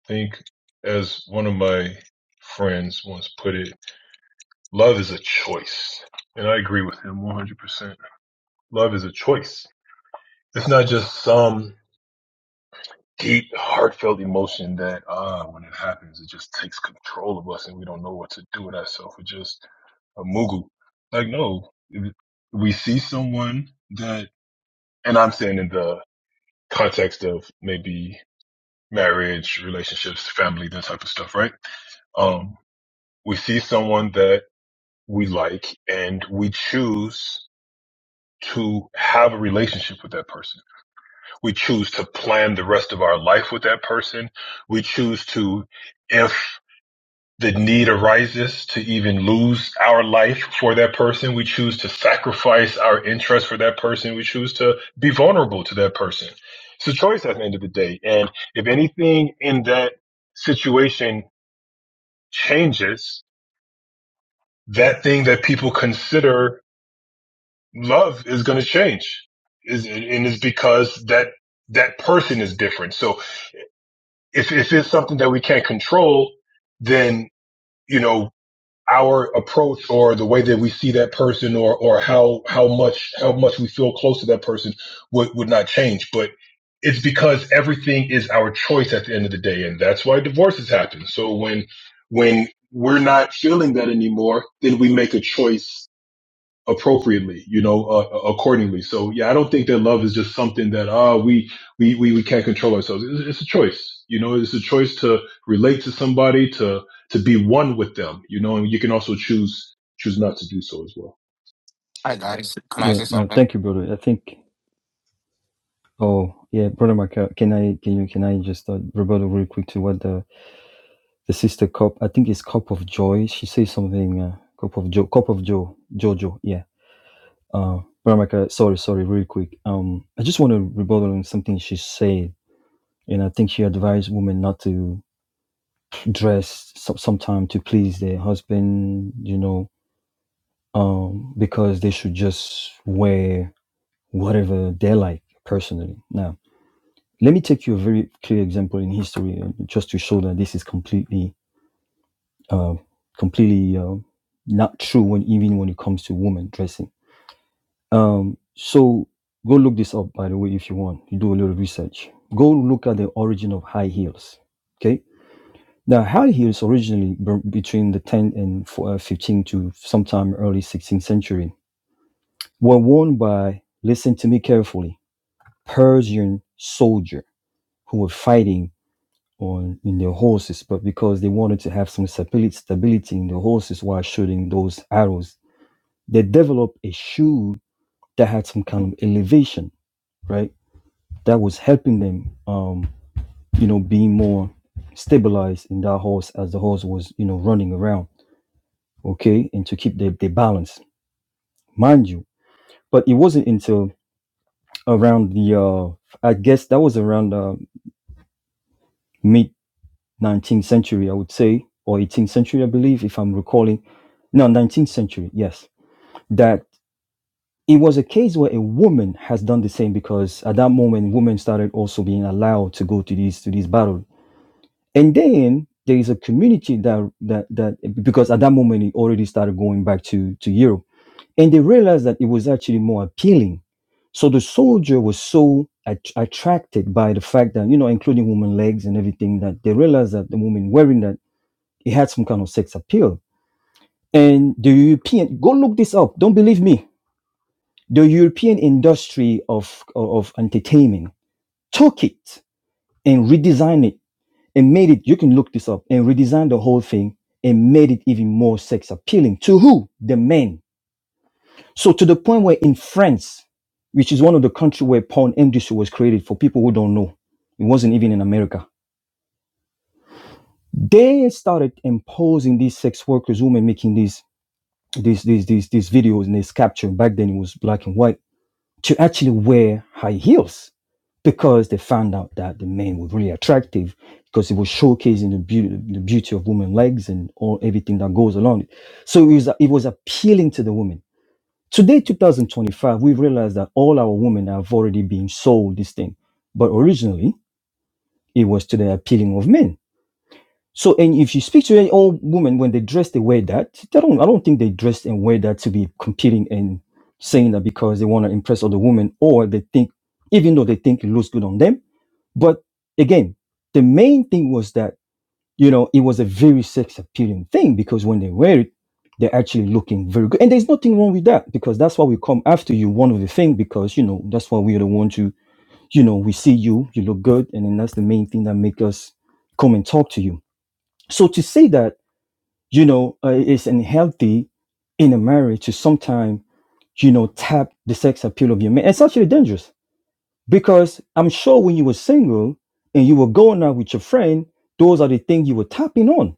Speaker 19: I think, as one of my friends once put it, love is a choice. And I agree with him 100%. Love is a choice. It's not just some deep, heartfelt emotion that ah, when it happens, it just takes control of us and we don't know what to do with ourselves. We're just a mugu. Like, no, if we see someone that, and I'm saying in the context of maybe marriage, relationships, family, that type of stuff, right? Um, we see someone that we like and we choose to have a relationship with that person We choose to plan the rest of our life with that person. We choose to, if the need arises to even lose our life for that person, we choose to sacrifice our interest for that person. We choose to be vulnerable to that person. It's a choice at the end of the day. And if anything in that situation changes, that thing that people consider love is going to change. Is, and it's because that that person is different. So if if it's something that we can't control, then you know our approach or the way that we see that person or or how how much how much we feel close to that person would would not change. But it's because everything is our choice at the end of the day, and that's why divorces happen. So when when we're not feeling that anymore, then we make a choice appropriately, you know, uh, uh, accordingly. So yeah, I don't think that love is just something that ah uh, we we we we can't control ourselves. It's, it's a choice, you know. It's a choice to relate to somebody, to to be one with them, you know. And you can also choose choose not to do so as well.
Speaker 24: Hi guys, can I
Speaker 4: Yeah.
Speaker 24: say
Speaker 4: No,
Speaker 24: something?
Speaker 4: thank you, brother. I think oh yeah, brother Mark, uh, can I can you can I just uh, rebuttal real quick to what the the sister cup I think it's cup of joy. She says something uh, cup of joy. cup of joy. jojo. Yeah. Uh, Veronica, sorry, sorry, really quick. Um, I just want to rebuttal on something she said. And I think she advised women not to dress so- sometime to please their husband, you know, um, because they should just wear whatever they like personally. Now, let me take you a very clear example in history uh, just to show that this is completely, uh, completely uh, not true when even when it comes to women dressing. Um, so go look this up, by the way, if you want. You do a little research. Go look at the origin of high heels. Okay. Now, high heels originally b- between the 10 and fo- uh, 15 to sometime early 16th century were worn by, listen to me carefully, Persian soldier who were fighting on in their horses, but because they wanted to have some stabi- stability in their horses while shooting those arrows, they developed a shoe that had some kind of elevation, right? that was helping them, um, you know, being more stabilized in that horse as the horse was, you know, running around, okay, and to keep their, their balance, mind you. But it wasn't until around the, uh, I guess that was around uh, mid 19th century, I would say, or 18th century, I believe, if I'm recalling. No, 19th century, yes, that it was a case where a woman has done the same because at that moment women started also being allowed to go to these to these battles and then there is a community that that that because at that moment it already started going back to to Europe, and they realized that it was actually more appealing. So the soldier was so at- attracted by the fact that you know, including woman legs and everything, that they realized that the woman wearing that it had some kind of sex appeal. And the European, go look this up. Don't believe me. The European industry of of entertainment took it and redesigned it and made it, you can look this up, and redesigned the whole thing and made it even more sex appealing to who? The men. So to the point where in France, which is one of the country where porn industry was created for people who don't know, it wasn't even in America. They started imposing these sex workers, women making these these these these, these videos and these capture. Back then it was black and white to actually wear high heels because they found out that the men were really attractive because it was showcasing the beauty, the beauty of women's legs and all everything that goes along it. So it was, it was appealing to the women. Today, 2025, we realize that all our women have already been sold this thing. But originally, it was to the appealing of men so, and if you speak to any old woman when they dress, they wear that. I don't, I don't think they dress and wear that to be competing and saying that because they want to impress other women or they think, even though they think it looks good on them. But again, the main thing was that, you know, it was a very sex appealing thing because when they wear it, they're actually looking very good. And there's nothing wrong with that because that's why we come after you, one of the things, because, you know, that's why we don't want to, you know, we see you, you look good. And then that's the main thing that make us come and talk to you so to say that, you know, uh, it's unhealthy in a marriage to sometimes, you know, tap the sex appeal of your man, it's actually dangerous because I'm sure when you were single and you were going out with your friend, those are the things you were tapping on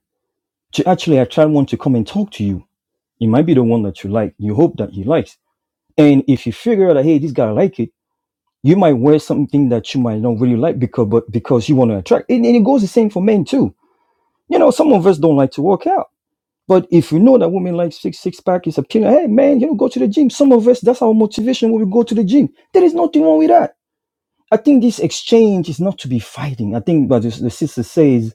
Speaker 4: to actually attract one to come and talk to you. It might be the one that you like. You hope that he likes. And if you figure out that, hey, this guy like it, you might wear something that you might not really like because, but because you want to attract. And, and it goes the same for men too. You know, some of us don't like to work out But if you know that women like six six pack is a killer, hey man, you know, go to the gym. Some of us, that's our motivation when we go to the gym. There is nothing wrong with that. I think this exchange is not to be fighting. I think, but the sister says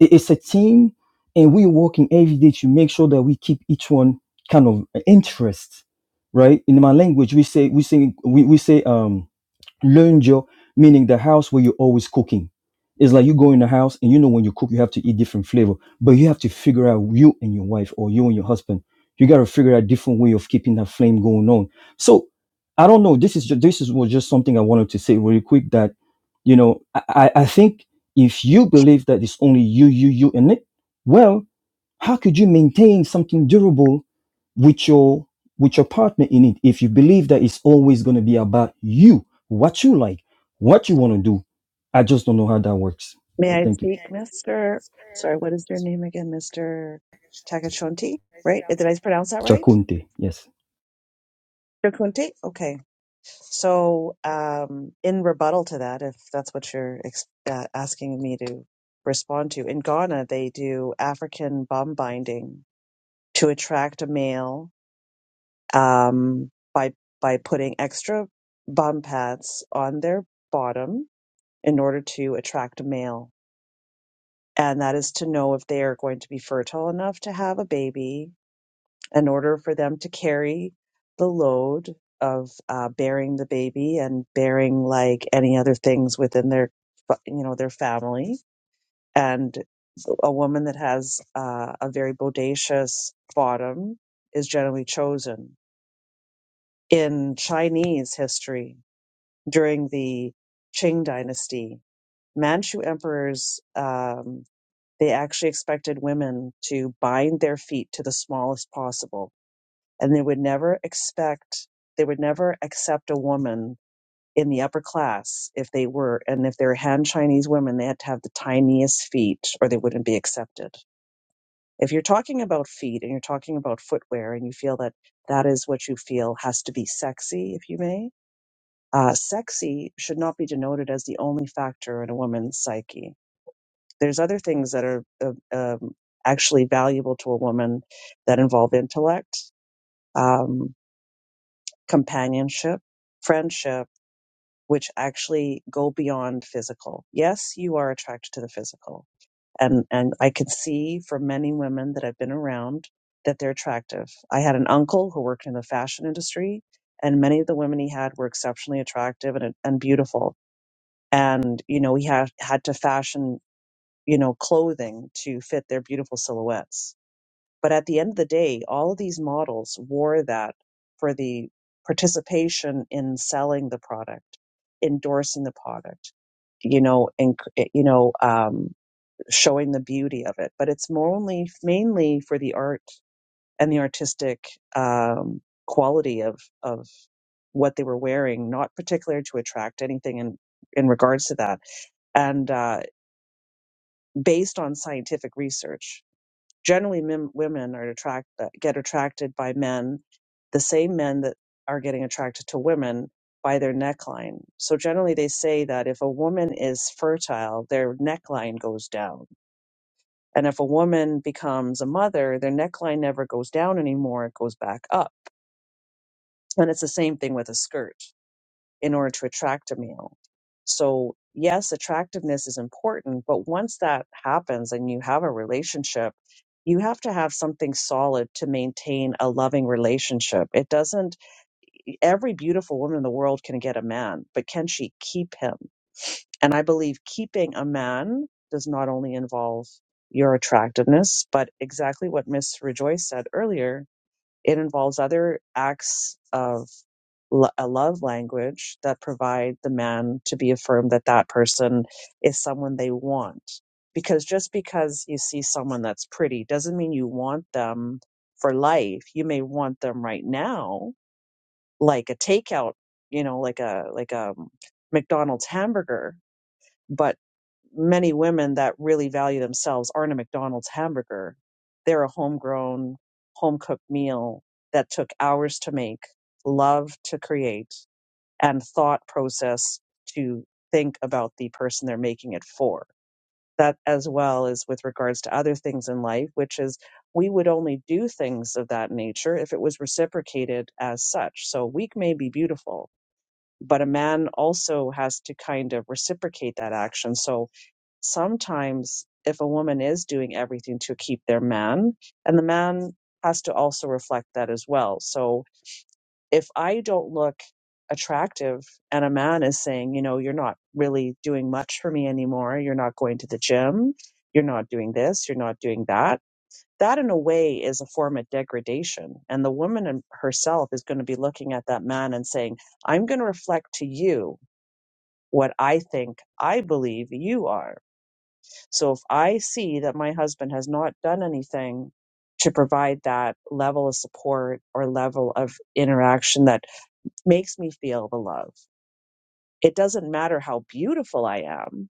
Speaker 4: i- it's a team, and we're working every day to make sure that we keep each one kind of interest, right? In my language, we say we say we, we say um Learnjo, meaning the house where you're always cooking. It's like you go in the house and you know when you cook, you have to eat different flavor, but you have to figure out you and your wife or you and your husband. You got to figure out different way of keeping that flame going on. So I don't know. This is just, this is was just something I wanted to say really quick that you know I, I I think if you believe that it's only you you you in it, well, how could you maintain something durable with your with your partner in it if you believe that it's always going to be about you what you like what you want to do i just don't know how that works
Speaker 23: May
Speaker 4: but
Speaker 23: I
Speaker 4: thank you May
Speaker 23: speak,
Speaker 4: I speak?
Speaker 23: Mr. Sorry, what is your name again, Mr. Takachonti? Right? Did I pronounce that right?
Speaker 4: chakunte yes
Speaker 23: Mr. Kunti? Okay. So, um, in rebuttal to that, if that's what you're ex- uh, asking me to respond to, in Ghana, they do African bum binding to attract a male um, by by putting extra bum pads on their bottom in order to attract a male, and that is to know if they are going to be fertile enough to have a baby in order for them to carry the load of uh, bearing the baby and bearing like any other things within their you know their family and a woman that has uh, a very bodacious bottom is generally chosen in chinese history during the qing dynasty manchu emperors um, they actually expected women to bind their feet to the smallest possible and they would never expect they would never accept a woman in the upper class if they were and if they're han chinese women they had to have the tiniest feet or they wouldn't be accepted if you're talking about feet and you're talking about footwear and you feel that that is what you feel has to be sexy if you may uh, sexy should not be denoted as the only factor in a woman's psyche there's other things that are uh, um, actually valuable to a woman that involve intellect. Um, companionship, friendship, which actually go beyond physical. Yes, you are attracted to the physical. And and I can see from many women that I've been around that they're attractive. I had an uncle who worked in the fashion industry and many of the women he had were exceptionally attractive and and beautiful. And you know, he had had to fashion, you know, clothing to fit their beautiful silhouettes but at the end of the day, all of these models wore that for the participation in selling the product, endorsing the product, you know, and you know, um, showing the beauty of it. But it's more only mainly for the art and the artistic um, quality of of what they were wearing, not particular to attract anything in in regards to that, and uh, based on scientific research generally men, women are attract uh, get attracted by men the same men that are getting attracted to women by their neckline so generally they say that if a woman is fertile their neckline goes down and if a woman becomes a mother their neckline never goes down anymore it goes back up and it's the same thing with a skirt in order to attract a male. So, yes, attractiveness is important, but once that happens and you have a relationship, you have to have something solid to maintain a loving relationship. It doesn't, every beautiful woman in the world can get a man, but can she keep him? And I believe keeping a man does not only involve your attractiveness, but exactly what Miss Rejoice said earlier, it involves other acts of lo- a love language that provide the man to be affirmed that that person is someone they want because just because you see someone that's pretty doesn't mean you want them for life you may want them right now like a takeout you know like a like a mcdonald's hamburger but many women that really value themselves aren't a mcdonald's hamburger they're a homegrown home cooked meal that took hours to make love to create and thought process to think about the person they're making it for. That, as well as with regards to other things in life, which is we would only do things of that nature if it was reciprocated as such. So, a week may be beautiful, but a man also has to kind of reciprocate that action. So, sometimes if a woman is doing everything to keep their man, and the man has to also reflect that as well. So, if I don't look attractive and a man is saying, you know, you're not really doing much for me anymore, you're not going to the gym, you're not doing this, you're not doing that, that in a way is a form of degradation. And the woman in- herself is going to be looking at that man and saying, I'm going to reflect to you what I think I believe you are. So if I see that my husband has not done anything to provide that level of support or level of interaction that makes me feel the love. It doesn't matter how beautiful I am.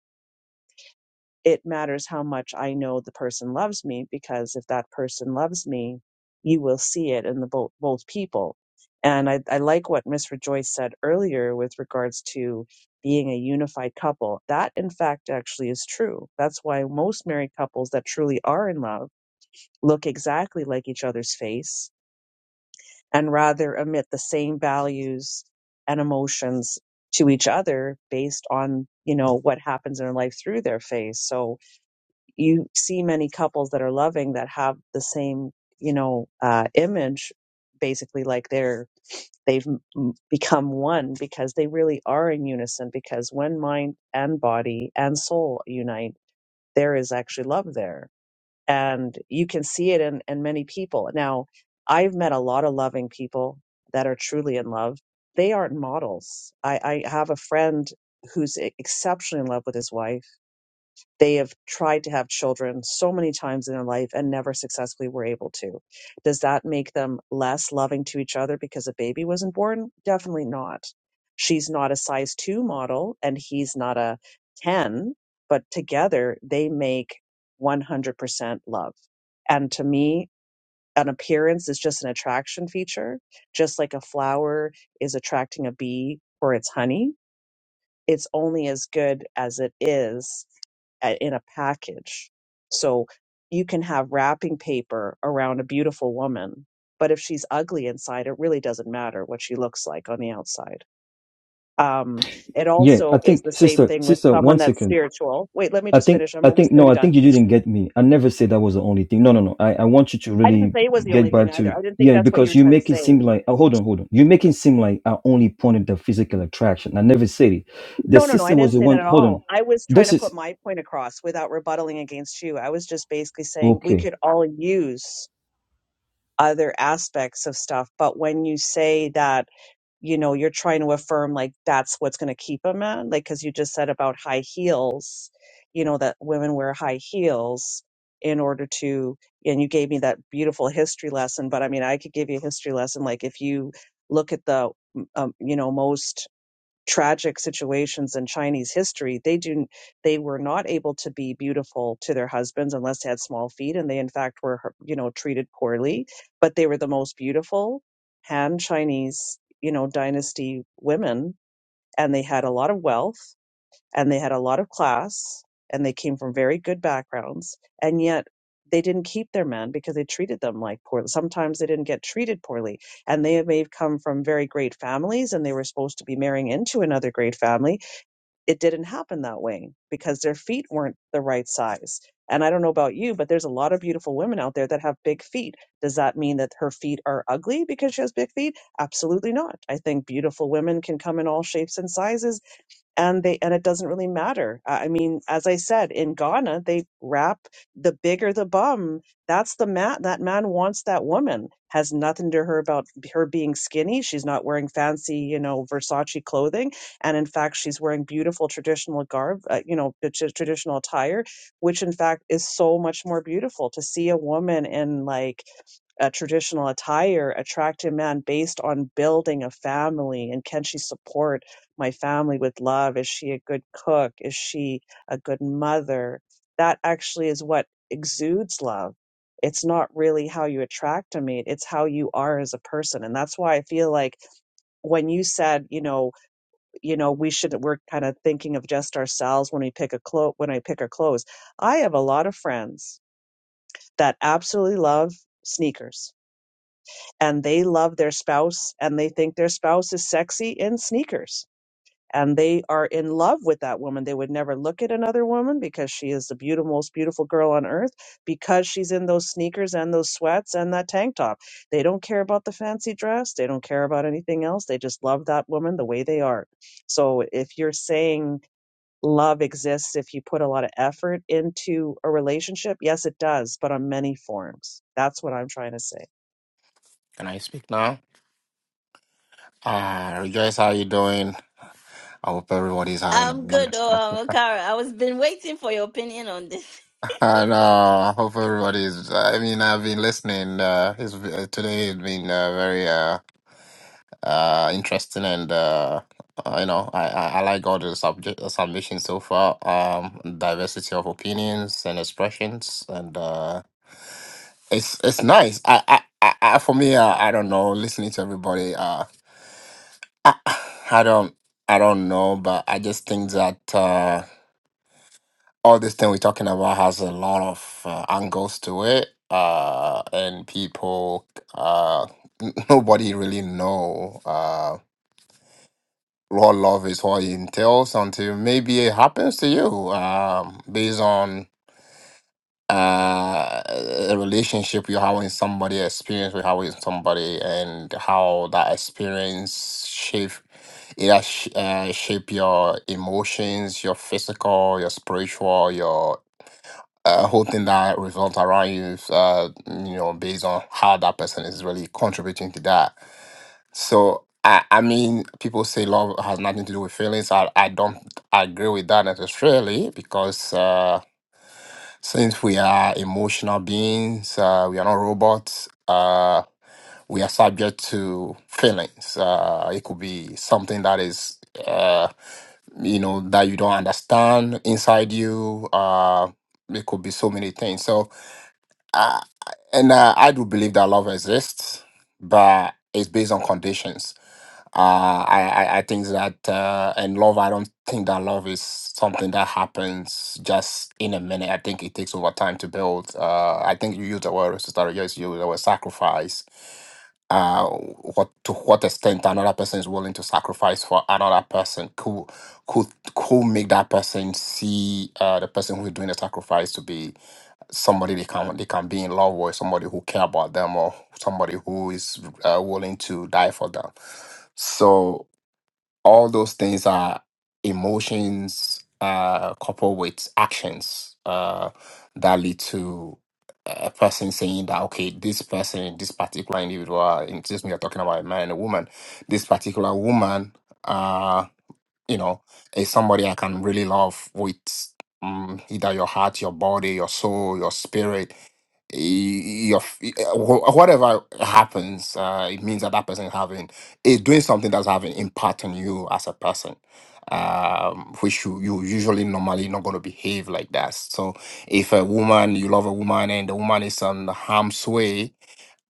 Speaker 23: It matters how much I know the person loves me because if that person loves me, you will see it in the both, both people. And I, I like what Miss Rejoice said earlier with regards to being a unified couple. That, in fact, actually is true. That's why most married couples that truly are in love look exactly like each other's face and rather emit the same values and emotions to each other based on you know what happens in their life through their phase. so you see many couples that are loving that have the same you know uh, image basically like they're they've m- become one because they really are in unison because when mind and body and soul unite there is actually love there and you can see it in, in many people. Now, I've met a lot of loving people that are truly in love. They aren't models. I, I have a friend who's e- exceptionally in love with his wife they have tried to have children so many times in their life and never successfully were able to. Does that make them less loving to each other because a baby wasn't born? Definitely not. She's not a size two model and he's not a 10, but together they make 100% love. And to me, an appearance is just an attraction feature, just like a flower is attracting a bee or its honey. It's only as good as it is a- in a package. So you can have wrapping paper around a beautiful woman, but if she's ugly inside, it really doesn't matter what she looks like on the outside. Um, it
Speaker 4: yeah i
Speaker 23: also is
Speaker 4: think
Speaker 23: the same
Speaker 4: sister
Speaker 23: thing with
Speaker 4: sister
Speaker 23: someone
Speaker 4: one
Speaker 23: that's
Speaker 4: second
Speaker 23: spiritual. Wait, let me
Speaker 4: i
Speaker 23: just
Speaker 4: think
Speaker 23: finish. I'm
Speaker 4: i think
Speaker 23: almost going
Speaker 4: no
Speaker 23: to be
Speaker 4: i
Speaker 23: done.
Speaker 4: think you didn't get me i never said that was the only thing no no no i, I want you to
Speaker 23: I didn't
Speaker 4: really
Speaker 23: say it was the only
Speaker 4: get
Speaker 23: thing
Speaker 4: back
Speaker 23: either.
Speaker 4: to
Speaker 23: I didn't think
Speaker 4: yeah
Speaker 23: that's what you were
Speaker 4: because you
Speaker 23: trying to
Speaker 4: make it
Speaker 23: say.
Speaker 4: seem like oh, hold on hold on you make it seem like i only pointed the physical attraction i never said it the
Speaker 23: No, no, no. I
Speaker 4: sister was
Speaker 23: didn't
Speaker 4: the
Speaker 23: say that
Speaker 4: one
Speaker 23: at
Speaker 4: hold on
Speaker 23: all. I was trying
Speaker 4: this
Speaker 23: to put
Speaker 4: is
Speaker 23: my point across without rebuttaling against you. I was just basically saying we
Speaker 4: okay
Speaker 23: could all use other aspects of stuff. But when you say that you know you're trying to affirm like that's what's going to keep a man like because you just said about high heels you know that women wear high heels in order to and you gave me that beautiful history lesson but i mean i could give you a history lesson like if you look at the um, you know most tragic situations in Chinese history, they do they were not able to be beautiful to their husbands unless they had small feet, and they in fact were you know treated poorly. But they were the most beautiful Han Chinese you know dynasty women, and they had a lot of wealth and they had a lot of class and they came from very good backgrounds and yet they didn't keep their men because they treated them like poor sometimes they didn't get treated poorly and they may have come from very great families and they were supposed to be marrying into another great family it didn't happen that way because their feet weren't the right size and i don't know about you but there's a lot of beautiful women out there that have big feet does that mean that her feet are ugly because she has big feet absolutely not i think beautiful women can come in all shapes and sizes and they and it doesn't really matter. I I mean, as I said, in Ghana, they rap the bigger the bum. That's the man. That man wants that woman. Has nothing to her about her being skinny. She's not wearing fancy, you know, Versace clothing, and in fact, she's wearing beautiful traditional garb, uh, you know, the tra- traditional attire, which in fact is so much more beautiful to see a woman in like a traditional attire attract a man based on building a family and can she support my family with love? Is she a good cook? Is she a good mother? That actually is what exudes love. It's not really how you attract a mate. it's how you are as a person. And that's why I feel like when you said, you know, you know, we should we're kind of thinking of just ourselves when we pick a clo when I pick our clothes. I have a lot of friends that absolutely love sneakers and they love their spouse and they think their spouse is sexy in sneakers and they are in love with that woman. They would never look at another woman because she is the beautiful, most beautiful girl on earth because she's in those sneakers and those sweats and that tank top. They don't care about the fancy dress. They don't care about anything else. They just love that woman the way they are. So if you're saying love exists if you put a lot of effort into a relationship, yes, it does, but on many forms. That's what I'm trying to say.
Speaker 24: Can I speak now? Uh, rejoice, how you doing? I hope everybody's having a
Speaker 1: I'm good,
Speaker 24: wonderful.
Speaker 1: oh, Kara. I was been waiting for your opinion on this.
Speaker 24: <laughs> I know. I hope everybody's. I mean, I've been listening. Uh, it's, uh, today has been uh, very uh, uh, interesting, and uh, uh, you know, I, I, I like all the subject uh, submissions so far. Um, diversity of opinions and expressions, and uh, it's it's nice. I, I, I, I for me, uh, I don't know. Listening to everybody, Uh. I, <sighs> I don't I don't know, but I just think that uh, all this thing we're talking about has a lot of uh, angles to it, uh, and people uh, n- <laughs> nobody really know uh, what love is, what it entails until maybe it happens to you, um, based on uh, a relationship you're having with somebody, experience you're having with somebody, and how that experience shape it has sh- uh, shape your emotions, your physical, your spiritual, your uh, whole thing that revolves around you. Uh, you know, based on how that person is really contributing to that. So. I, I mean, people say love has nothing to do with feelings. I, I don't agree with that necessarily because uh, since we are emotional beings, uh, we are not robots. Uh, we are subject to feelings. Uh, it could be something that is, uh, you know, that you don't understand inside you. Uh, it could be so many things. So uh, and uh, I do believe that love exists, but it's based on conditions. Uh, I, I I think that uh, and love. I don't think that love is something that happens just in a minute. I think it takes over time to build. Uh, I think you used the word sister. Yes, you used the word sacrifice. Uh, what to what extent another person is willing to sacrifice for another person could could could make that person see uh, the person who is doing the sacrifice to be somebody they can they can be in love with somebody who care about them or somebody who is uh, willing to die for them so all those things are emotions uh coupled with actions uh that lead to a person saying that okay this person this particular individual in this we are talking about a man and a woman this particular woman uh, you know, is somebody I can really love with um, either your heart, your body, your soul, your spirit, y- your f- uh, wh- whatever happens. Uh, it means that that person is having is doing something that's having impact on you as a person. Um, which you, you usually normally not gonna behave like that. So if a woman you love a woman and the woman is on the harm's way,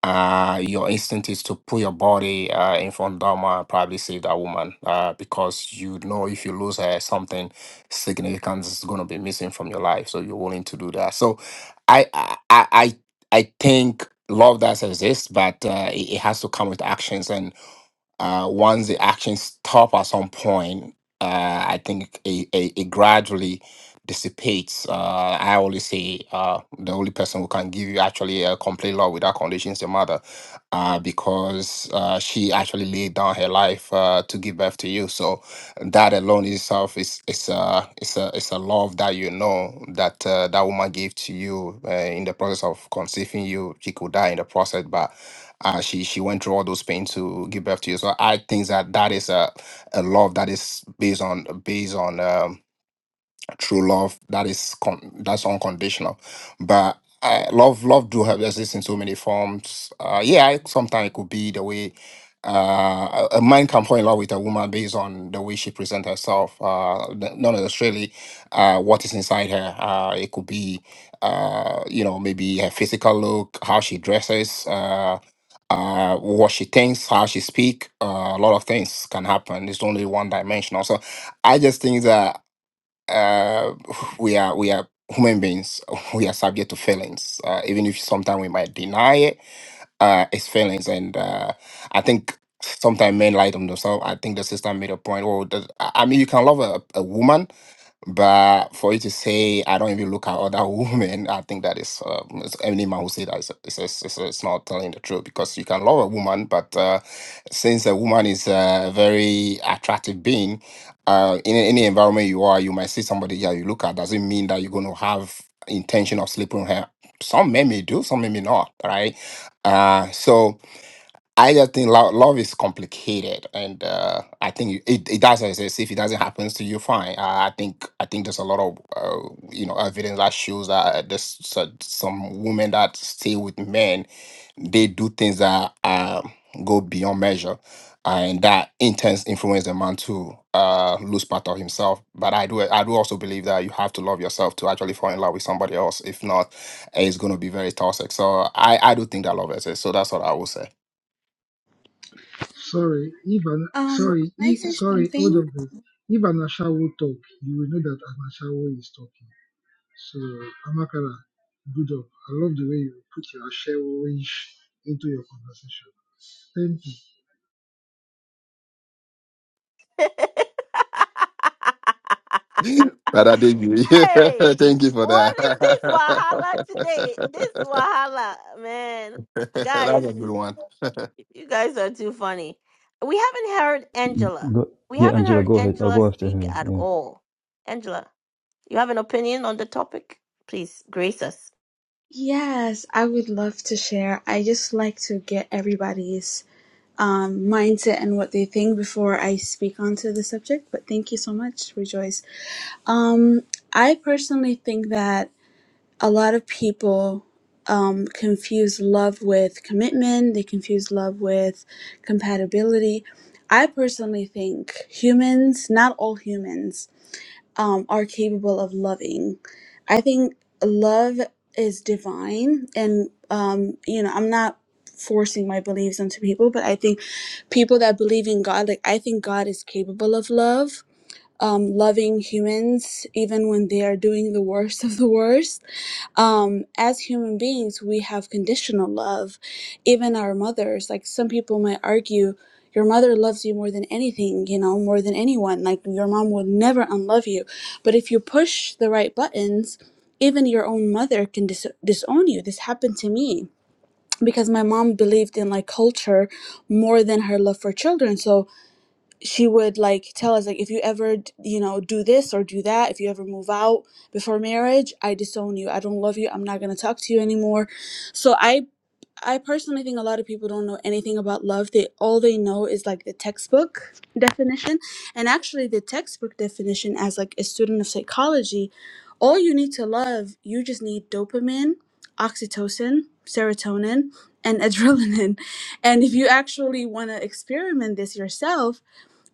Speaker 24: uh, your instinct is to put your body uh, in front of Dharma and probably save that woman uh, because you know if you lose her, something significant is going to be missing from your life. So you're willing to do that. So I I I, I I think love does exist, but uh, it, it has to come with actions. And uh, once the actions stop at some point, uh, I think it, it, it gradually dissipates. Uh, I always say uh, the only person who can give you actually a complete love without conditions is your mother, uh, because uh, she actually laid down her life uh, to give birth to you. So that alone itself is is a it's a it's a love that you know that uh, that woman gave to you uh, in the process of conceiving you. She could die in the process, but uh, she she went through all those pains to give birth to you. So I think that that is a, a love that is based on based on um, true love that is con- that's unconditional. But I, love love do have exist in so many forms. Uh, yeah, I- sometimes it could be the way uh, a a man can fall in love with a woman based on the way she presents herself, uh, n- not necessarily uh, what is inside her. Uh, it could be, uh, you know, maybe her physical look, how she dresses. Uh, uh, what she thinks, how she speak, uh, a lot of things can happen. It's only one dimensional. So I just think that uh, we are we are human beings. <laughs> We are subject to feelings, uh, even if sometimes we might deny it uh, his feelings, and uh, I think sometimes men lie to themselves. I think the sister made a point. Oh, that, I I mean, you can love a, a woman, but for you to say I don't even look at other <laughs> women, I think that is uh, it's- any man who say that is is, is, is is not telling the truth because you can love a woman, but uh, since a woman is a very attractive being, uh, in any environment you are, you might see somebody that you look at doesn't mean that you're going to have intention of sleeping with her. Some men may do, some men may not, right? Uh, so I just think love, love is complicated, and uh, I think it, it does. As I say, if it doesn't happen to you, fine. Uh, I think I think there's a lot of uh, you know evidence that shows that there's so- some women that stay with men they do things that uh, go beyond measure, and that intense influence a man to uh, lose part of himself. But I do, I do also believe that you have to love yourself to actually fall in love with somebody else. If not, it's going to be very toxic. So I, I do think that love exists. So that's what I will say.
Speaker 25: Um, can I say something?
Speaker 3: If Anasha will talk, you will know that Anashawo is talking. So Amakara, good up. I love the way you put your Ashawoish into your conversation. Thank you.
Speaker 24: <laughs> Brother David, <laughs>
Speaker 1: Hey,
Speaker 24: thank you for
Speaker 1: what is this
Speaker 24: that.
Speaker 1: Wahala
Speaker 24: <laughs>
Speaker 1: today? This Wahala, man.
Speaker 24: <laughs>
Speaker 1: Guys,
Speaker 24: That's a good one.
Speaker 1: you guys are too funny. We haven't heard Angela.
Speaker 4: Go,
Speaker 1: We
Speaker 4: yeah,
Speaker 1: haven't
Speaker 4: Angela,
Speaker 1: heard
Speaker 4: go ahead. I'll
Speaker 1: Angela
Speaker 4: go after
Speaker 1: speak
Speaker 4: her.
Speaker 1: at
Speaker 4: Yeah.
Speaker 1: all. Angela, you have an opinion on the topic? Please grace us.
Speaker 25: Yes, I would love to share. I just like to get everybody's um, mindset and what they think before I speak onto the subject. But thank you so much, Rejoice. Um, I personally think that a lot of people um, confuse love with commitment. They confuse love with compatibility. I personally think humans, not all humans. um, are capable of loving. I think love is divine, and um, you know, I'm not forcing my beliefs onto people, but I think people that believe in God, like I think God is capable of love, um, loving humans even when they are doing the worst of the worst um as human beings we have conditional love even our mothers like some people might argue your mother loves you more than anything you know more than anyone like your mom will never unlove you but if you push the right buttons even your own mother can dis- disown you this happened to me because my mom believed in like culture more than her love for children so she would like tell us like if you ever d- you know do this or do that if you ever move out before marriage i disown you i don't love you i'm not going to talk to you anymore so i i personally think a lot of people don't know anything about love they all they know is like the textbook definition and actually the textbook definition as like a student of psychology all you need to love you just need dopamine oxytocin serotonin and <laughs> adrenaline and if you actually want to experiment this yourself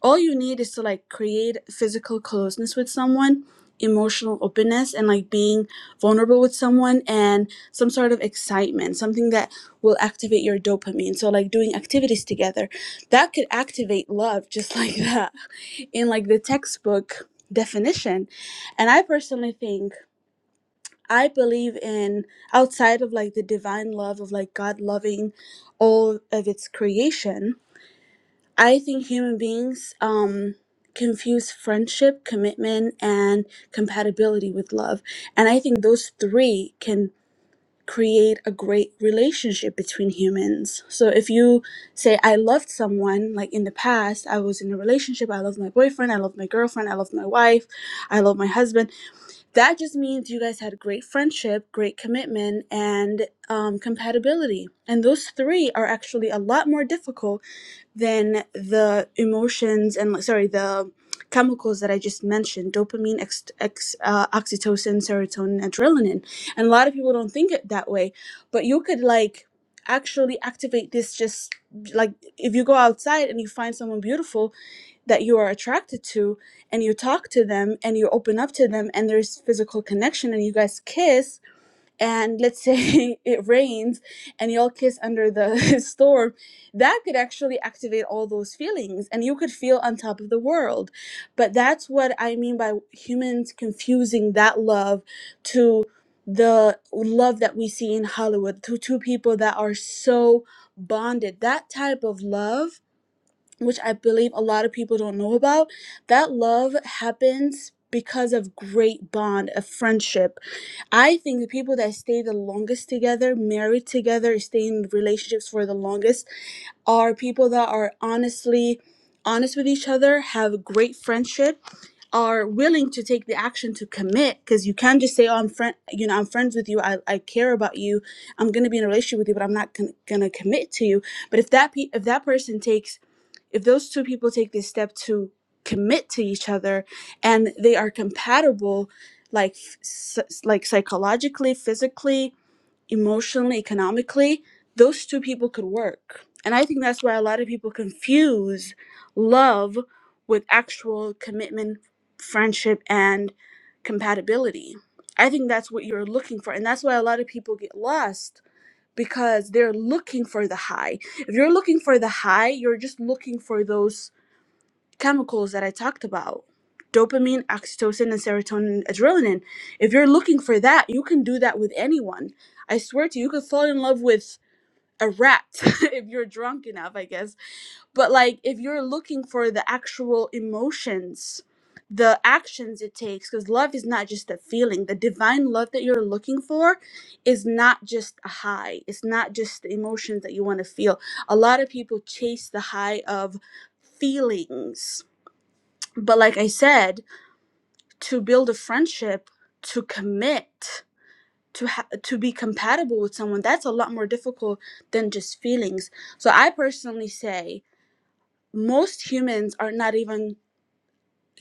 Speaker 25: all you need is to like create physical closeness with someone emotional openness and like being vulnerable with someone and some sort of excitement something that will activate your dopamine so like doing activities together that could activate love just like <laughs> that in like the textbook definition and i personally think i believe in outside of like the divine love of like god loving all of its creation I think human beings um, confuse friendship, commitment, and compatibility with love. And I think those three can create a great relationship between humans. So if you say, I loved someone, like in the past, I was in a relationship, I loved my boyfriend, I loved my girlfriend, I loved my wife, I love my husband, that just means you guys had a great friendship, great commitment, and um, compatibility. And those three are actually a lot more difficult then the emotions and like sorry the chemicals that i just mentioned dopamine ex, ex, uh, oxytocin serotonin adrenaline and a lot of people don't think it that way but you could like actually activate this just like if you go outside and you find someone beautiful that you are attracted to and you talk to them and you open up to them and there's physical connection and you guys kiss and let's say <laughs> it rains and y'all kiss under the <laughs> storm, that could actually activate all those feelings and you could feel on top of the world. But that's what I mean by humans confusing that love to the love that we see in Hollywood, to two people that are so bonded. That type of love, which I believe a lot of people don't know about, that love happens because of great bond, a friendship I think the people that stay the longest together, married together, stay in relationships for the longest, are people that are honestly honest with each other, have a great friendship, are willing to take the action to commit. Because you can't just say, "Oh, I'm friend, you know, I'm friends with you. I, I care about you. I'm gonna be in a relationship with you, but I'm not con- gonna commit to you." But if that pe- if that person takes if those two people take this step to commit to each other and they are compatible like s- like psychologically physically emotionally economically those two people could work and i think that's why a lot of people confuse love with actual commitment friendship and compatibility i think that's what you're looking for and that's why a lot of people get lost because they're looking for the high. If you're looking for the high, you're just looking for those chemicals that I talked about dopamine, oxytocin, and serotonin, adrenaline. If you're looking for that, you can do that with anyone. I swear to you, you could fall in love with a rat <laughs> if you're drunk enough, I guess but like if you're looking for the actual emotions the actions it takes because love is not just a feeling the divine love that you're looking for is not just a high it's not just the emotions that you want to feel a lot of people chase the high of feelings but like i said to build a friendship to commit to ha- to be compatible with someone that's a lot more difficult than just feelings so i personally say most humans are not even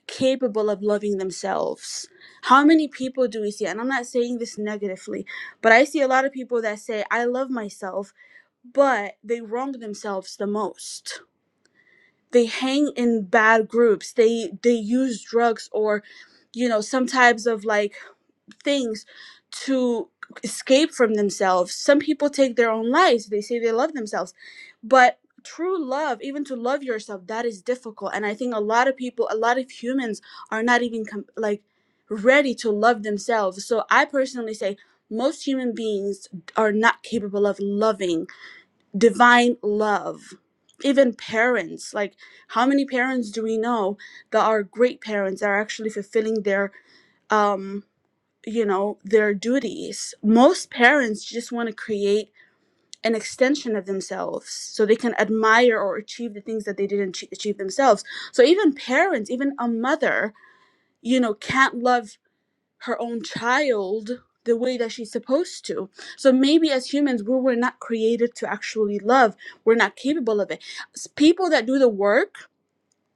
Speaker 25: capable of loving themselves. How many people do we see? And I'm not saying this negatively, but I see a lot of people that say, I love myself, but they wrong themselves the most. They hang in bad groups. They they use drugs or, you know, some types of like things to escape from themselves. Some people take their own lives. They say they love themselves. But true love, even to love yourself, that is difficult. And I think a lot of people, a lot of humans are not even com- like ready to love themselves. So I personally say most human beings are not capable of loving divine love. Even parents, like how many parents do we know that are great parents that are actually fulfilling their um you know their duties most parents just want to create an extension of themselves so they can admire or achieve the things that they didn't ch- achieve themselves so even parents even a mother you know can't love her own child the way that she's supposed to so maybe as humans we were not created to actually love we're not capable of it S- people that do the work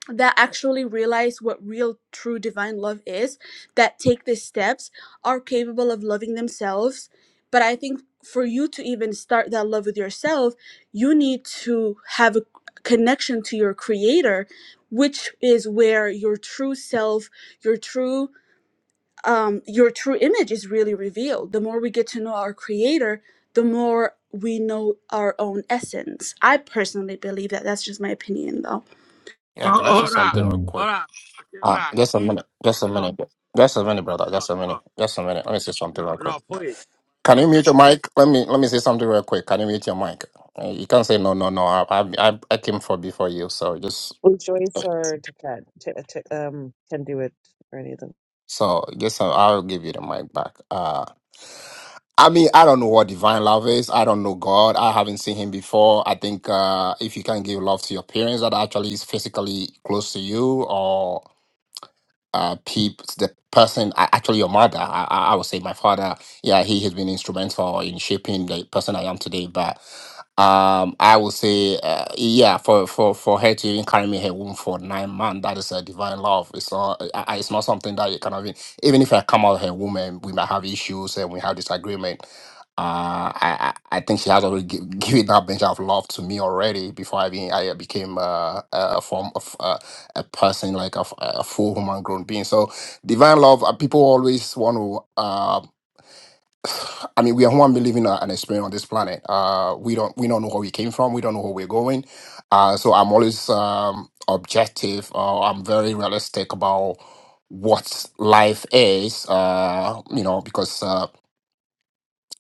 Speaker 25: that actually realize what real true divine love is that take these steps are capable of loving themselves but i think for you to even start that love with yourself you need to have a connection to your creator which is where your true self your true um your true image is really revealed the more we get to know our creator the more we know our own essence i personally believe that that's just my opinion though
Speaker 10: oh,
Speaker 24: Yeah, can I say
Speaker 10: all right,
Speaker 24: something real
Speaker 4: Um,
Speaker 10: all
Speaker 24: quick?
Speaker 10: right, okay,
Speaker 24: Ah,
Speaker 10: back.
Speaker 24: just a minute. Just a
Speaker 10: No,
Speaker 24: minute. Just a minute, brother.
Speaker 10: no,
Speaker 24: Just a
Speaker 10: no,
Speaker 24: minute. Just a minute. Let me say something
Speaker 10: no,
Speaker 24: real quick.
Speaker 10: no. Please,
Speaker 24: Can you mute your mic? Let me let me say something real quick. Can you mute your mic? Uh, You can't say no, no, no. I I I I came for before you, so just
Speaker 23: Well, Joyce or Tiket t- t- um, can do it, or any of them.
Speaker 24: so just uh, I'll give you the mic back. Uh I mean, I don't know what divine love is. I don't know God. I haven't seen him before. I think uh, if you can give love to your parents that actually is physically close to you, uh peep the person a- actually your mother I, I I would say my father yeah he has been instrumental in shaping the person i am today but um i would say uh, yeah for for for her to even carry me in her womb for nine months that is a divine love it's not I, I- it's not something that you can even even if i come out of her womb and we might have issues and we have disagreement uh, I I I think she has already gi- <laughs> given that bench of love to me already before I, be, I became uh, a form of uh a person, like a, f- a full human grown being. So divine love, uh, people always want to. Uh, <sighs> I mean, we are human being living a- an experience on this planet. Uh, we don't we don't know where we came from. We don't know where we're going. Uh, so I'm always um, objective. Uh, I'm very realistic about what life is. Uh, you know, because. Uh,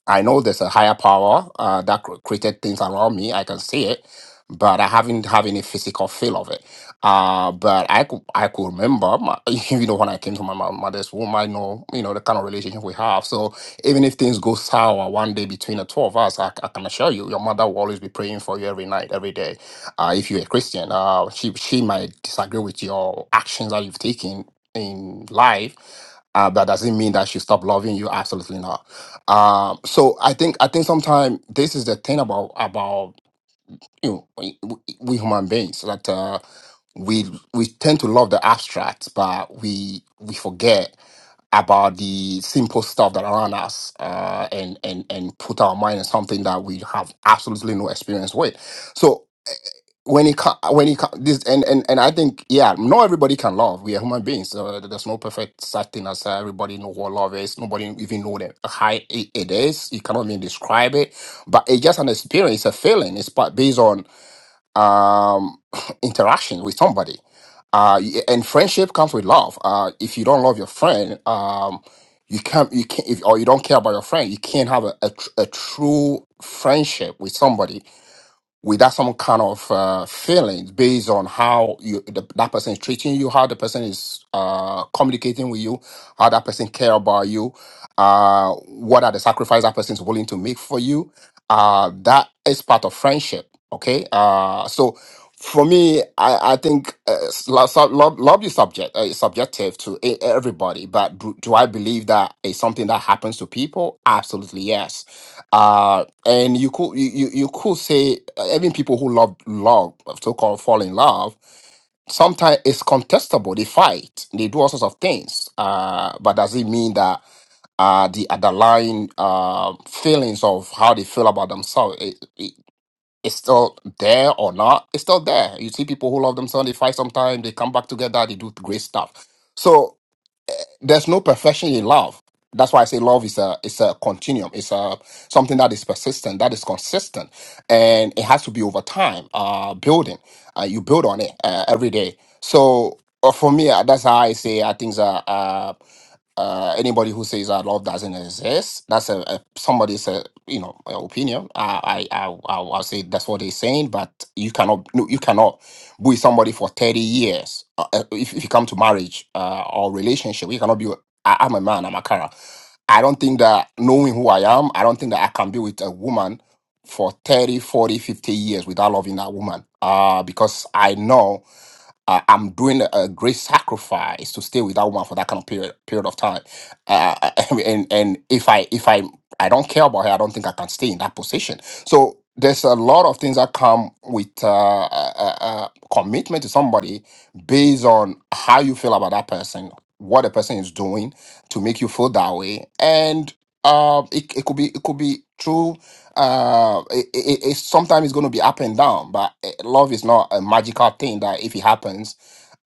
Speaker 24: I know there's a higher power uh, that cr- created things around me. I can see it, but I haven't have any physical feel of it. Uh, but I could I could remember, my, <laughs> you know, when I came to my mo- mother's womb, I know you know the kind of relationship we have. So even if things go sour one day between the two of us, I, I can assure you, your mother will always be praying for you every night, every day. Uh, if you're a Christian, uh, she she might disagree with your actions that you've taken in life, uh, that doesn't mean that she stopped loving you. Absolutely not um, so I think I think sometimes this is the thing about about you know we, we we human beings that uh, we we tend to love the abstract, but we we forget about the simple stuff that around us, uh, and and and put our mind in something that we have absolutely no experience with. So when it co- when it co- this and, and and I think yeah, not everybody can love. We are human beings. So there's no perfect such thing as uh, everybody know what love is. Nobody even know that how it, it is. You cannot even describe it. But it's just an experience, a feeling. It's pa- based on um <laughs> <clears throat> interaction with somebody. Uh, y- and friendship comes with love. Uh, if you don't love your friend, um, you can't you can't if or you don't care about your friend, you can't have a, a, tr- a true friendship with somebody without some kind of uh, feelings based on how you the, that person is treating you, how the person is uh, communicating with you, how that person care about you, uh, what are the sacrifices that person is willing to make for you. Uh, that is part of friendship. Okay, uh, so for me, I, I think uh, s- lo- so- lo- love is subject uh, is subjective to e- everybody, but do, do I believe that it's something that happens to people? Absolutely yes Uh, and you could you, you you could say uh, even people who love love so called fall in love sometimes it's contestable they fight they do all sorts of things uh but does it mean that uh the underlying uh feelings of how they feel about themselves it, it, it's still there or not it's still there you see people who love themselves they fight sometimes they come back together they do great stuff so there's no perfection in love. That's why I say love is a is a continuum. It's a something that is persistent, that is consistent, and it has to be over time. Uh, building, uh, you build on it uh, every day. So uh, for me, uh, that's how I say I think that uh, uh, anybody who says that love doesn't exist, that's a, a somebody's uh you know uh, opinion. I I I I'll, I'll say that's what they're saying, but you cannot no, you cannot be with somebody for 30 years uh, uh, if, if you come to marriage uh, or relationship you cannot be with- I, i'm a man i'm a cara i don't think that knowing who i am i don't think that i can be with a woman for 30, 40, 50 years without loving that woman uh, because i know uh, I'm doing a great sacrifice to stay with that woman for that kind of period period of time. Uh, <laughs> and and if I if I I don't care about her, I don't think I can stay in that position. So there's a lot of things that come with uh, uh, uh, uh, commitment to somebody based on how you feel about that person, what the person is doing to make you feel that way, and um, it, it could be it could be true uh, it, it, it sometimes it's going to be up and down, but eh, love is not a magical thing that if it happens,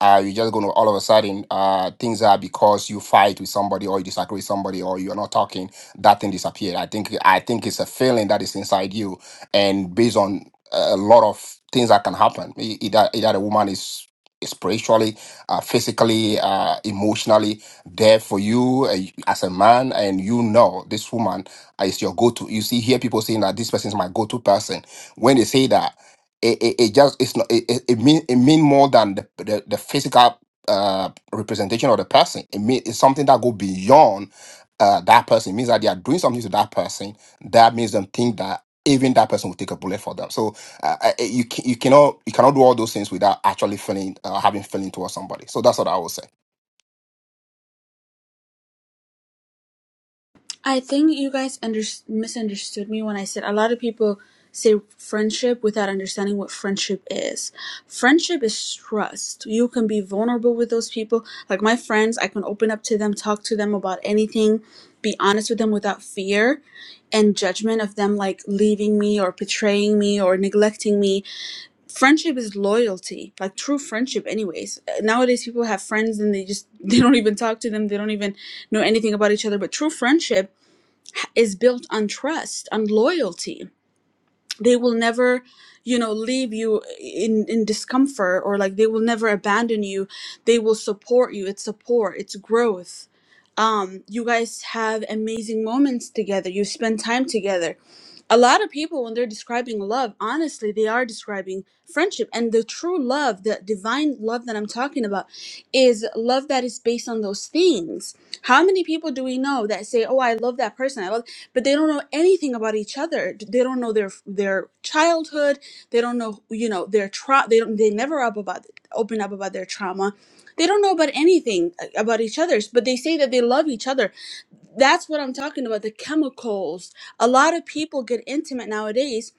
Speaker 24: uh, you're just going to all of a sudden uh, things are because you fight with somebody or you disagree with somebody or you're not talking that thing disappeared. I think I think it's a feeling that is inside you, and based on a lot of things that can happen, e- either either the woman is spiritually, uh, physically, uh, emotionally there for you uh, as a man, and you know this woman is your go-to. You see, hear people saying that this person is my go-to person. When they say that, it, it, it just it's not it, it, it mean it mean more than the the, the physical uh representation of the person. It mean it's something that go beyond uh that person. It means that they are doing something to that person that makes them think that even that person will take a bullet for them. So uh, uh, you ca- you cannot you cannot do all those things without actually feeling uh, having feeling towards somebody. So that's what I would say.
Speaker 25: I think you guys under- misunderstood me when I said a lot of people say friendship without understanding what friendship is. Friendship is trust. You can be vulnerable with those people. Like my friends, I can open up to them, talk to them about anything, be honest with them without fear and judgment of them like leaving me or betraying me or neglecting me. Friendship is loyalty. Like true friendship anyways. Nowadays people have friends and they just <laughs> they don't even talk to them. They don't even know anything about each other, but true friendship is built on trust, on loyalty. They will never, you know, leave you in in discomfort or like they will never abandon you. They will support you. It's support. It's growth. Um, you guys have amazing moments together. You spend time together a lot of people when they're describing love honestly they are describing friendship and the true love the divine love that i'm talking about is love that is based on those things how many people do we know that say oh i love that person i love but they don't know anything about each other they don't know their their childhood they don't know you know their tra- they don't they never up about open up about their trauma they don't know about anything uh, about each other's but they say that they love each other that's what I'm talking about the chemicals. A lot of people get intimate nowadays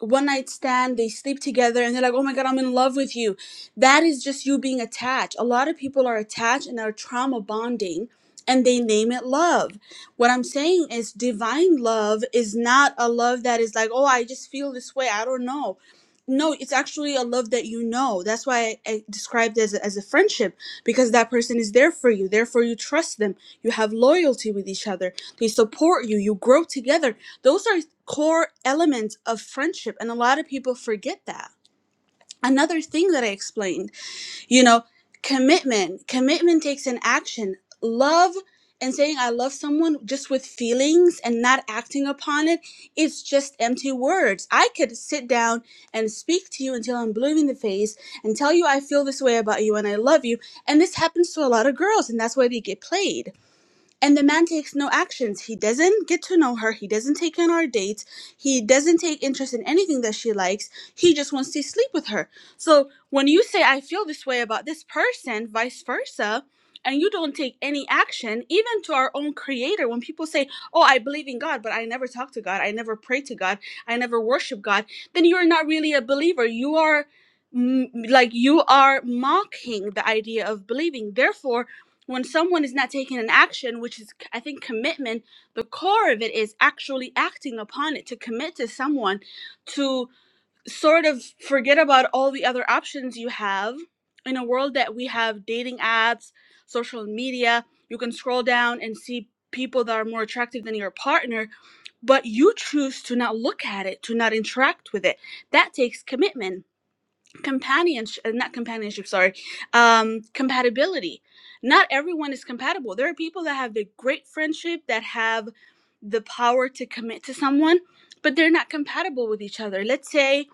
Speaker 25: one night stand, they sleep together, and they're like, oh my God, I'm in love with you. That is just you being attached. A lot of people are attached and are trauma bonding and they name it love. What I'm saying is, divine love is not a love that is like, oh, I just feel this way. I don't know. No, it's actually a love that you know. That's why I, I described it as a, as a friendship because that person is there for you. Therefore, you trust them. You have loyalty with each other. They support you. You grow together. Those are core elements of friendship and a lot of people forget that another thing that i explained you know commitment commitment takes an action love and saying i love someone just with feelings and not acting upon it it's just empty words i could sit down and speak to you until i'm blue in the face and tell you i feel this way about you and i love you and this happens to a lot of girls and that's why they get played and the man takes no actions. He doesn't get to know her. He doesn't take in our dates. He doesn't take interest in anything that she likes. He just wants to sleep with her. So when you say, I feel this way about this person, vice versa, and you don't take any action, even to our own creator, when people say, Oh, I believe in God, but I never talk to God. I never pray to God. I never worship God, then you're not really a believer. You are. mm, Like you are mocking the idea of believing. Therefore, when someone is not taking an action, which is, I think, commitment, the core of it is actually acting upon it to commit to someone, to sort of forget about all the other options you have in a world that we have dating apps, social media. You can scroll down and see people that are more attractive than your partner, but you choose to not look at it, to not interact with it. That takes commitment companionship not companionship sorry um compatibility not everyone is compatible there are people that have the great friendship that have the power to commit to someone but they're not compatible with each other let's say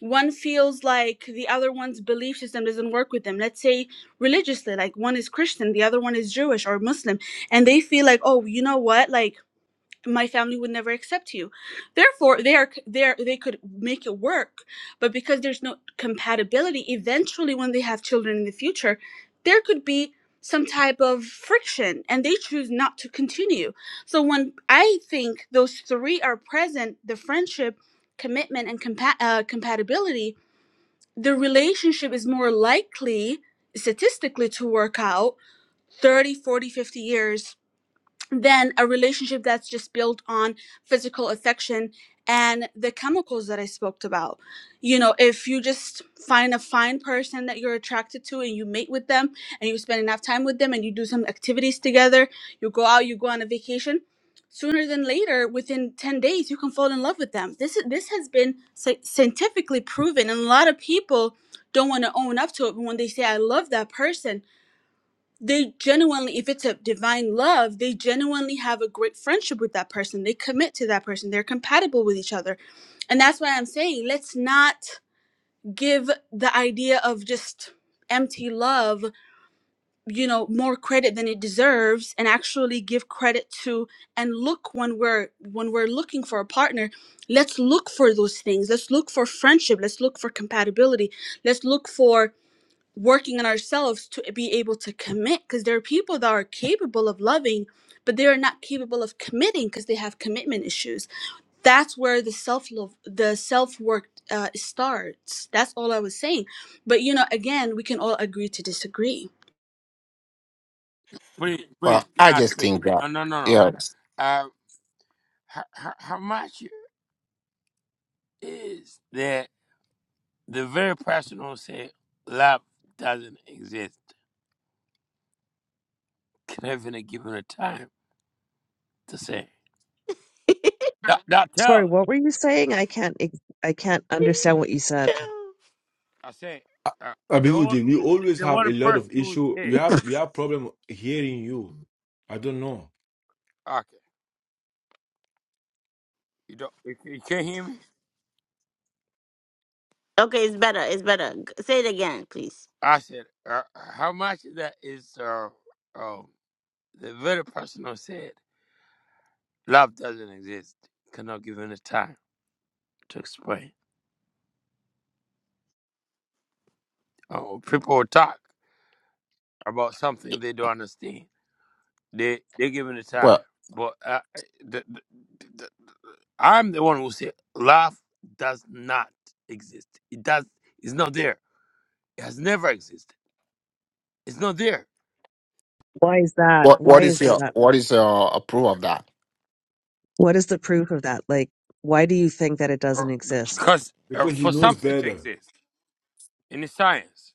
Speaker 25: one feels like the other one's belief system doesn't work with them let's say religiously like one is christian the other one is jewish or muslim and they feel like oh you know what like my family would never accept you therefore they are they are, they could make it work but because there's no compatibility eventually when they have children in the future there could be some type of friction and they choose not to continue so when i think those three are present the friendship commitment and compa- uh, compatibility the relationship is more likely statistically to work out 30, 40, 50 years than a relationship that's just built on physical affection and the chemicals that I spoke about. You know, if you just find a fine person that you're attracted to and you mate with them and you spend enough time with them and you do some activities together, you go out, you go on a vacation, sooner than later, within 10 days, you can fall in love with them. This is this has been sci- scientifically proven and a lot of people don't want to own up to it But when they say I love that person they genuinely if it's a divine love they genuinely have a great friendship with that person they commit to that person they're compatible with each other and that's why i'm saying let's not give the idea of just empty love you know more credit than it deserves and actually give credit to and look when we're when we're looking for a partner let's look for those things let's look for friendship let's look for compatibility let's look for working on ourselves to be able to commit because there are people that are capable of loving but they are not capable of committing because they have commitment issues that's where the self love the self work uh, starts that's all i was saying but you know again we can all agree to disagree
Speaker 10: please, please.
Speaker 24: Well,
Speaker 10: Can
Speaker 24: I
Speaker 10: I
Speaker 24: just
Speaker 10: speak?
Speaker 24: think that
Speaker 10: No, no, no, no.
Speaker 24: yes.
Speaker 10: Uh, how, how much is there? The very person who say love doesn't exist can even give him a time to say that. That
Speaker 23: Sorry,
Speaker 10: tells.
Speaker 23: what were you saying? I can't ex- I can't understand what you said.
Speaker 1: <laughs>
Speaker 10: I say uh, the, only,
Speaker 7: Abihujin, we
Speaker 10: the the
Speaker 7: always
Speaker 10: the
Speaker 7: have a
Speaker 10: one
Speaker 7: lot of
Speaker 10: person who
Speaker 7: issue. We
Speaker 10: say
Speaker 7: have we have problem hearing you. I don't know
Speaker 10: okay, you don't you, you can't hear me.
Speaker 1: Okay, it's better. It's better. G- Say it again, please.
Speaker 10: I said uh, how much of that is uh, um the very person who said love doesn't exist cannot give him a time to explain. Uh, people will talk about something they don't understand. They they give it a time,
Speaker 24: Well,
Speaker 10: but uh, uh, the, the, I'm the one who said love does not exist. It does. It's not there. It has never existed. It's not there.
Speaker 23: Why is that?
Speaker 24: What
Speaker 23: Why
Speaker 24: what
Speaker 23: is
Speaker 24: is your
Speaker 23: that?
Speaker 24: what is your approval of that?
Speaker 23: What is the proof of that? Like, why do you think that it
Speaker 10: Uh,
Speaker 23: doesn't exist?
Speaker 10: Because uh,
Speaker 7: because he
Speaker 10: for
Speaker 7: knows
Speaker 10: something to
Speaker 7: better.
Speaker 10: exist in the science,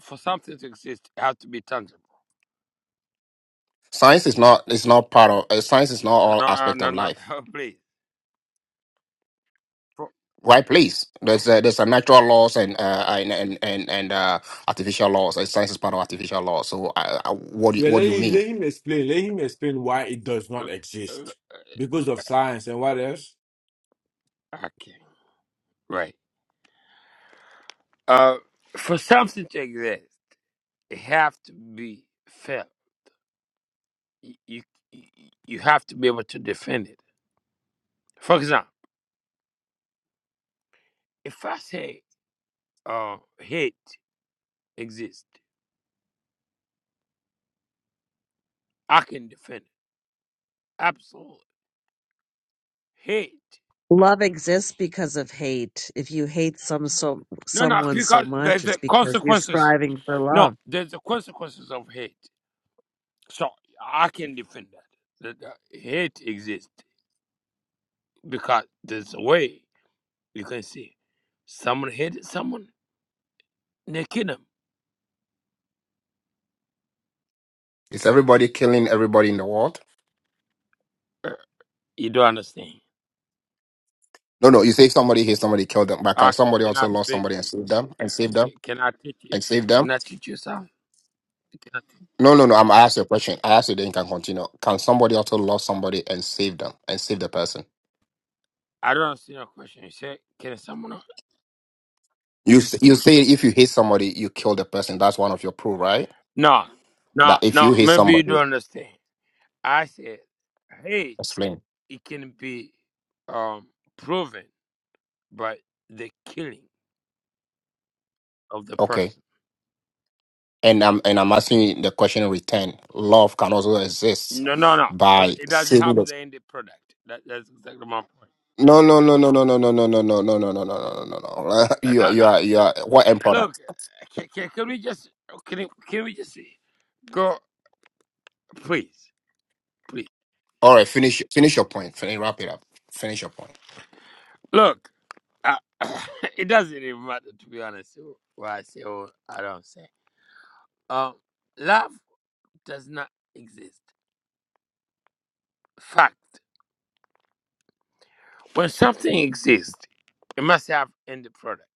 Speaker 10: for something to exist, it has to be tangible.
Speaker 24: Science is not is not part of uh, science is not
Speaker 10: No,
Speaker 24: all
Speaker 10: no, uh,
Speaker 24: aspect
Speaker 10: no,
Speaker 24: of
Speaker 10: no,
Speaker 24: life.
Speaker 10: no <laughs> please. For,
Speaker 24: Right, please. There's uh, there's a natural laws and uh, and and and, and uh, artificial laws. Uh, Science is part of artificial laws. So uh, uh, what do you,
Speaker 7: Yeah,
Speaker 24: what
Speaker 7: let,
Speaker 24: do you
Speaker 7: him-
Speaker 24: mean?
Speaker 7: let him explain. Let him explain why it does
Speaker 10: uh,
Speaker 7: not
Speaker 10: uh,
Speaker 7: exist because of science and what else.
Speaker 10: uh, okay, right. Uh, for something to exist, it have to be felt. You, you you have to be able to defend it. For example, if I say uh, hate. exist. I can defend it. Absolutely. Hate.
Speaker 23: Love exists because of hate. If you hate some so
Speaker 10: No, no,
Speaker 23: someone so
Speaker 10: because there's
Speaker 23: much, it's
Speaker 10: the
Speaker 23: because you're
Speaker 10: consequences.
Speaker 23: striving for
Speaker 10: No,
Speaker 23: love.
Speaker 10: there's the consequences of hate. So I can defend that. That that hate exists because there's a way you can see someone hated someone, they kill them.
Speaker 24: Is everybody killing everybody in the world?
Speaker 10: Uh, You don't understand.
Speaker 24: No, no. You say somebody here, somebody killed them, but can
Speaker 10: I c-
Speaker 24: somebody also
Speaker 10: cannot
Speaker 24: lost
Speaker 10: speak.
Speaker 24: somebody and
Speaker 10: this.
Speaker 24: save them
Speaker 10: Uh,
Speaker 24: and save them
Speaker 10: ca- Can I teach you?
Speaker 24: and save them?
Speaker 10: Can I teach you something? Can I teach-
Speaker 24: No, no, no. I'm I asked you a question. I asked you, then you can continue. Can somebody also lost somebody and save them and save the person?
Speaker 10: I don't understand your question. You say, can someone?
Speaker 24: You s- you say if you hate somebody, you kill the person. That's one of your proof, right?
Speaker 10: No, no,
Speaker 24: That if you
Speaker 10: no.
Speaker 24: hate
Speaker 10: Maybe you
Speaker 24: somebody,
Speaker 10: don't understand. I said hate
Speaker 24: explain.
Speaker 10: it can be um proven by the killing of the
Speaker 24: Okay,
Speaker 10: person.
Speaker 24: and I'm and I'm asking you the question in return. Love can also exist
Speaker 10: No, no, no. 'cause
Speaker 24: by
Speaker 10: It doesn't
Speaker 24: saving
Speaker 10: have
Speaker 24: the.
Speaker 10: the end product. That, that's exactly my point.
Speaker 24: No no no no no no no no no no no no no no no no no. <laughs>
Speaker 10: Uh,
Speaker 24: You are
Speaker 10: No,
Speaker 24: you
Speaker 10: no.
Speaker 24: are you
Speaker 10: <laughs>
Speaker 24: are what end
Speaker 10: Look,
Speaker 24: product?
Speaker 10: uh, can, can, can we just oh, can, can we just go, please, please.
Speaker 24: All right, finish finish your point. Finish, wrap it up. Finish your point.
Speaker 10: Look, uh, <coughs> it doesn't even matter to be honest. What I say or I don't say. Um, love does not exist. Fact. When something exists, it must have end product.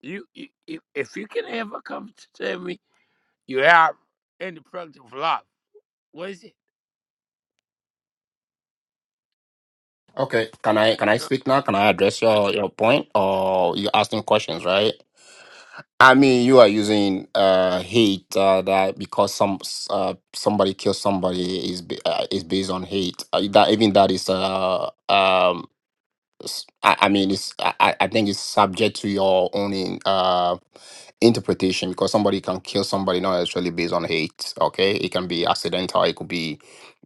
Speaker 10: You, you if, if you can ever come to tell me you have end product of love, what is it?
Speaker 24: Okay, can I
Speaker 10: No,
Speaker 24: can I
Speaker 10: no.
Speaker 24: speak now? Can I address your your point or you asking questions, right? I mean, you are using uh, hate uh, that because some s- uh, somebody kills somebody is ba- uh, is based on hate. Uh, that even that is uh um s- I, I mean it's I, I I think it's subject to your own in, uh interpretation because somebody can kill somebody not necessarily based on hate. Okay, it can be accidental. It could be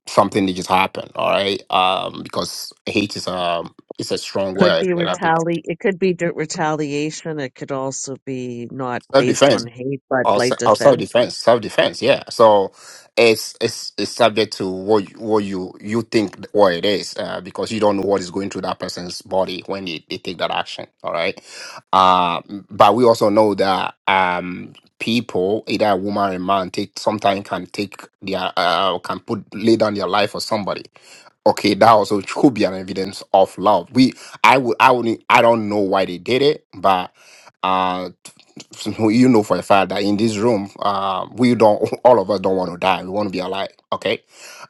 Speaker 24: something that just happened. All right, um, because hate is um it's a strong
Speaker 23: Could
Speaker 24: word.
Speaker 23: be retali it could be d- retaliation. It could also be not
Speaker 24: self
Speaker 23: based
Speaker 24: defense.
Speaker 23: on hate, but
Speaker 24: or, se-
Speaker 23: like
Speaker 24: or self
Speaker 23: defense.
Speaker 24: defense, self defense. Yeah. So it's it's it's subject to what you, what you you think what it is uh, because you don't know what is going through that person's body when they, they take that action. All right. Uh, but we also know that um people either a woman or a man take sometimes can take their uh, can put lay down their life for somebody okay, that also could be an evidence of love. We, I would, I would, I don't know why they did it, but uh, <laughs> So you know for a fact that in this room, uh, we don't, <laughs> all of us don't want to die. We want to be alive. Okay,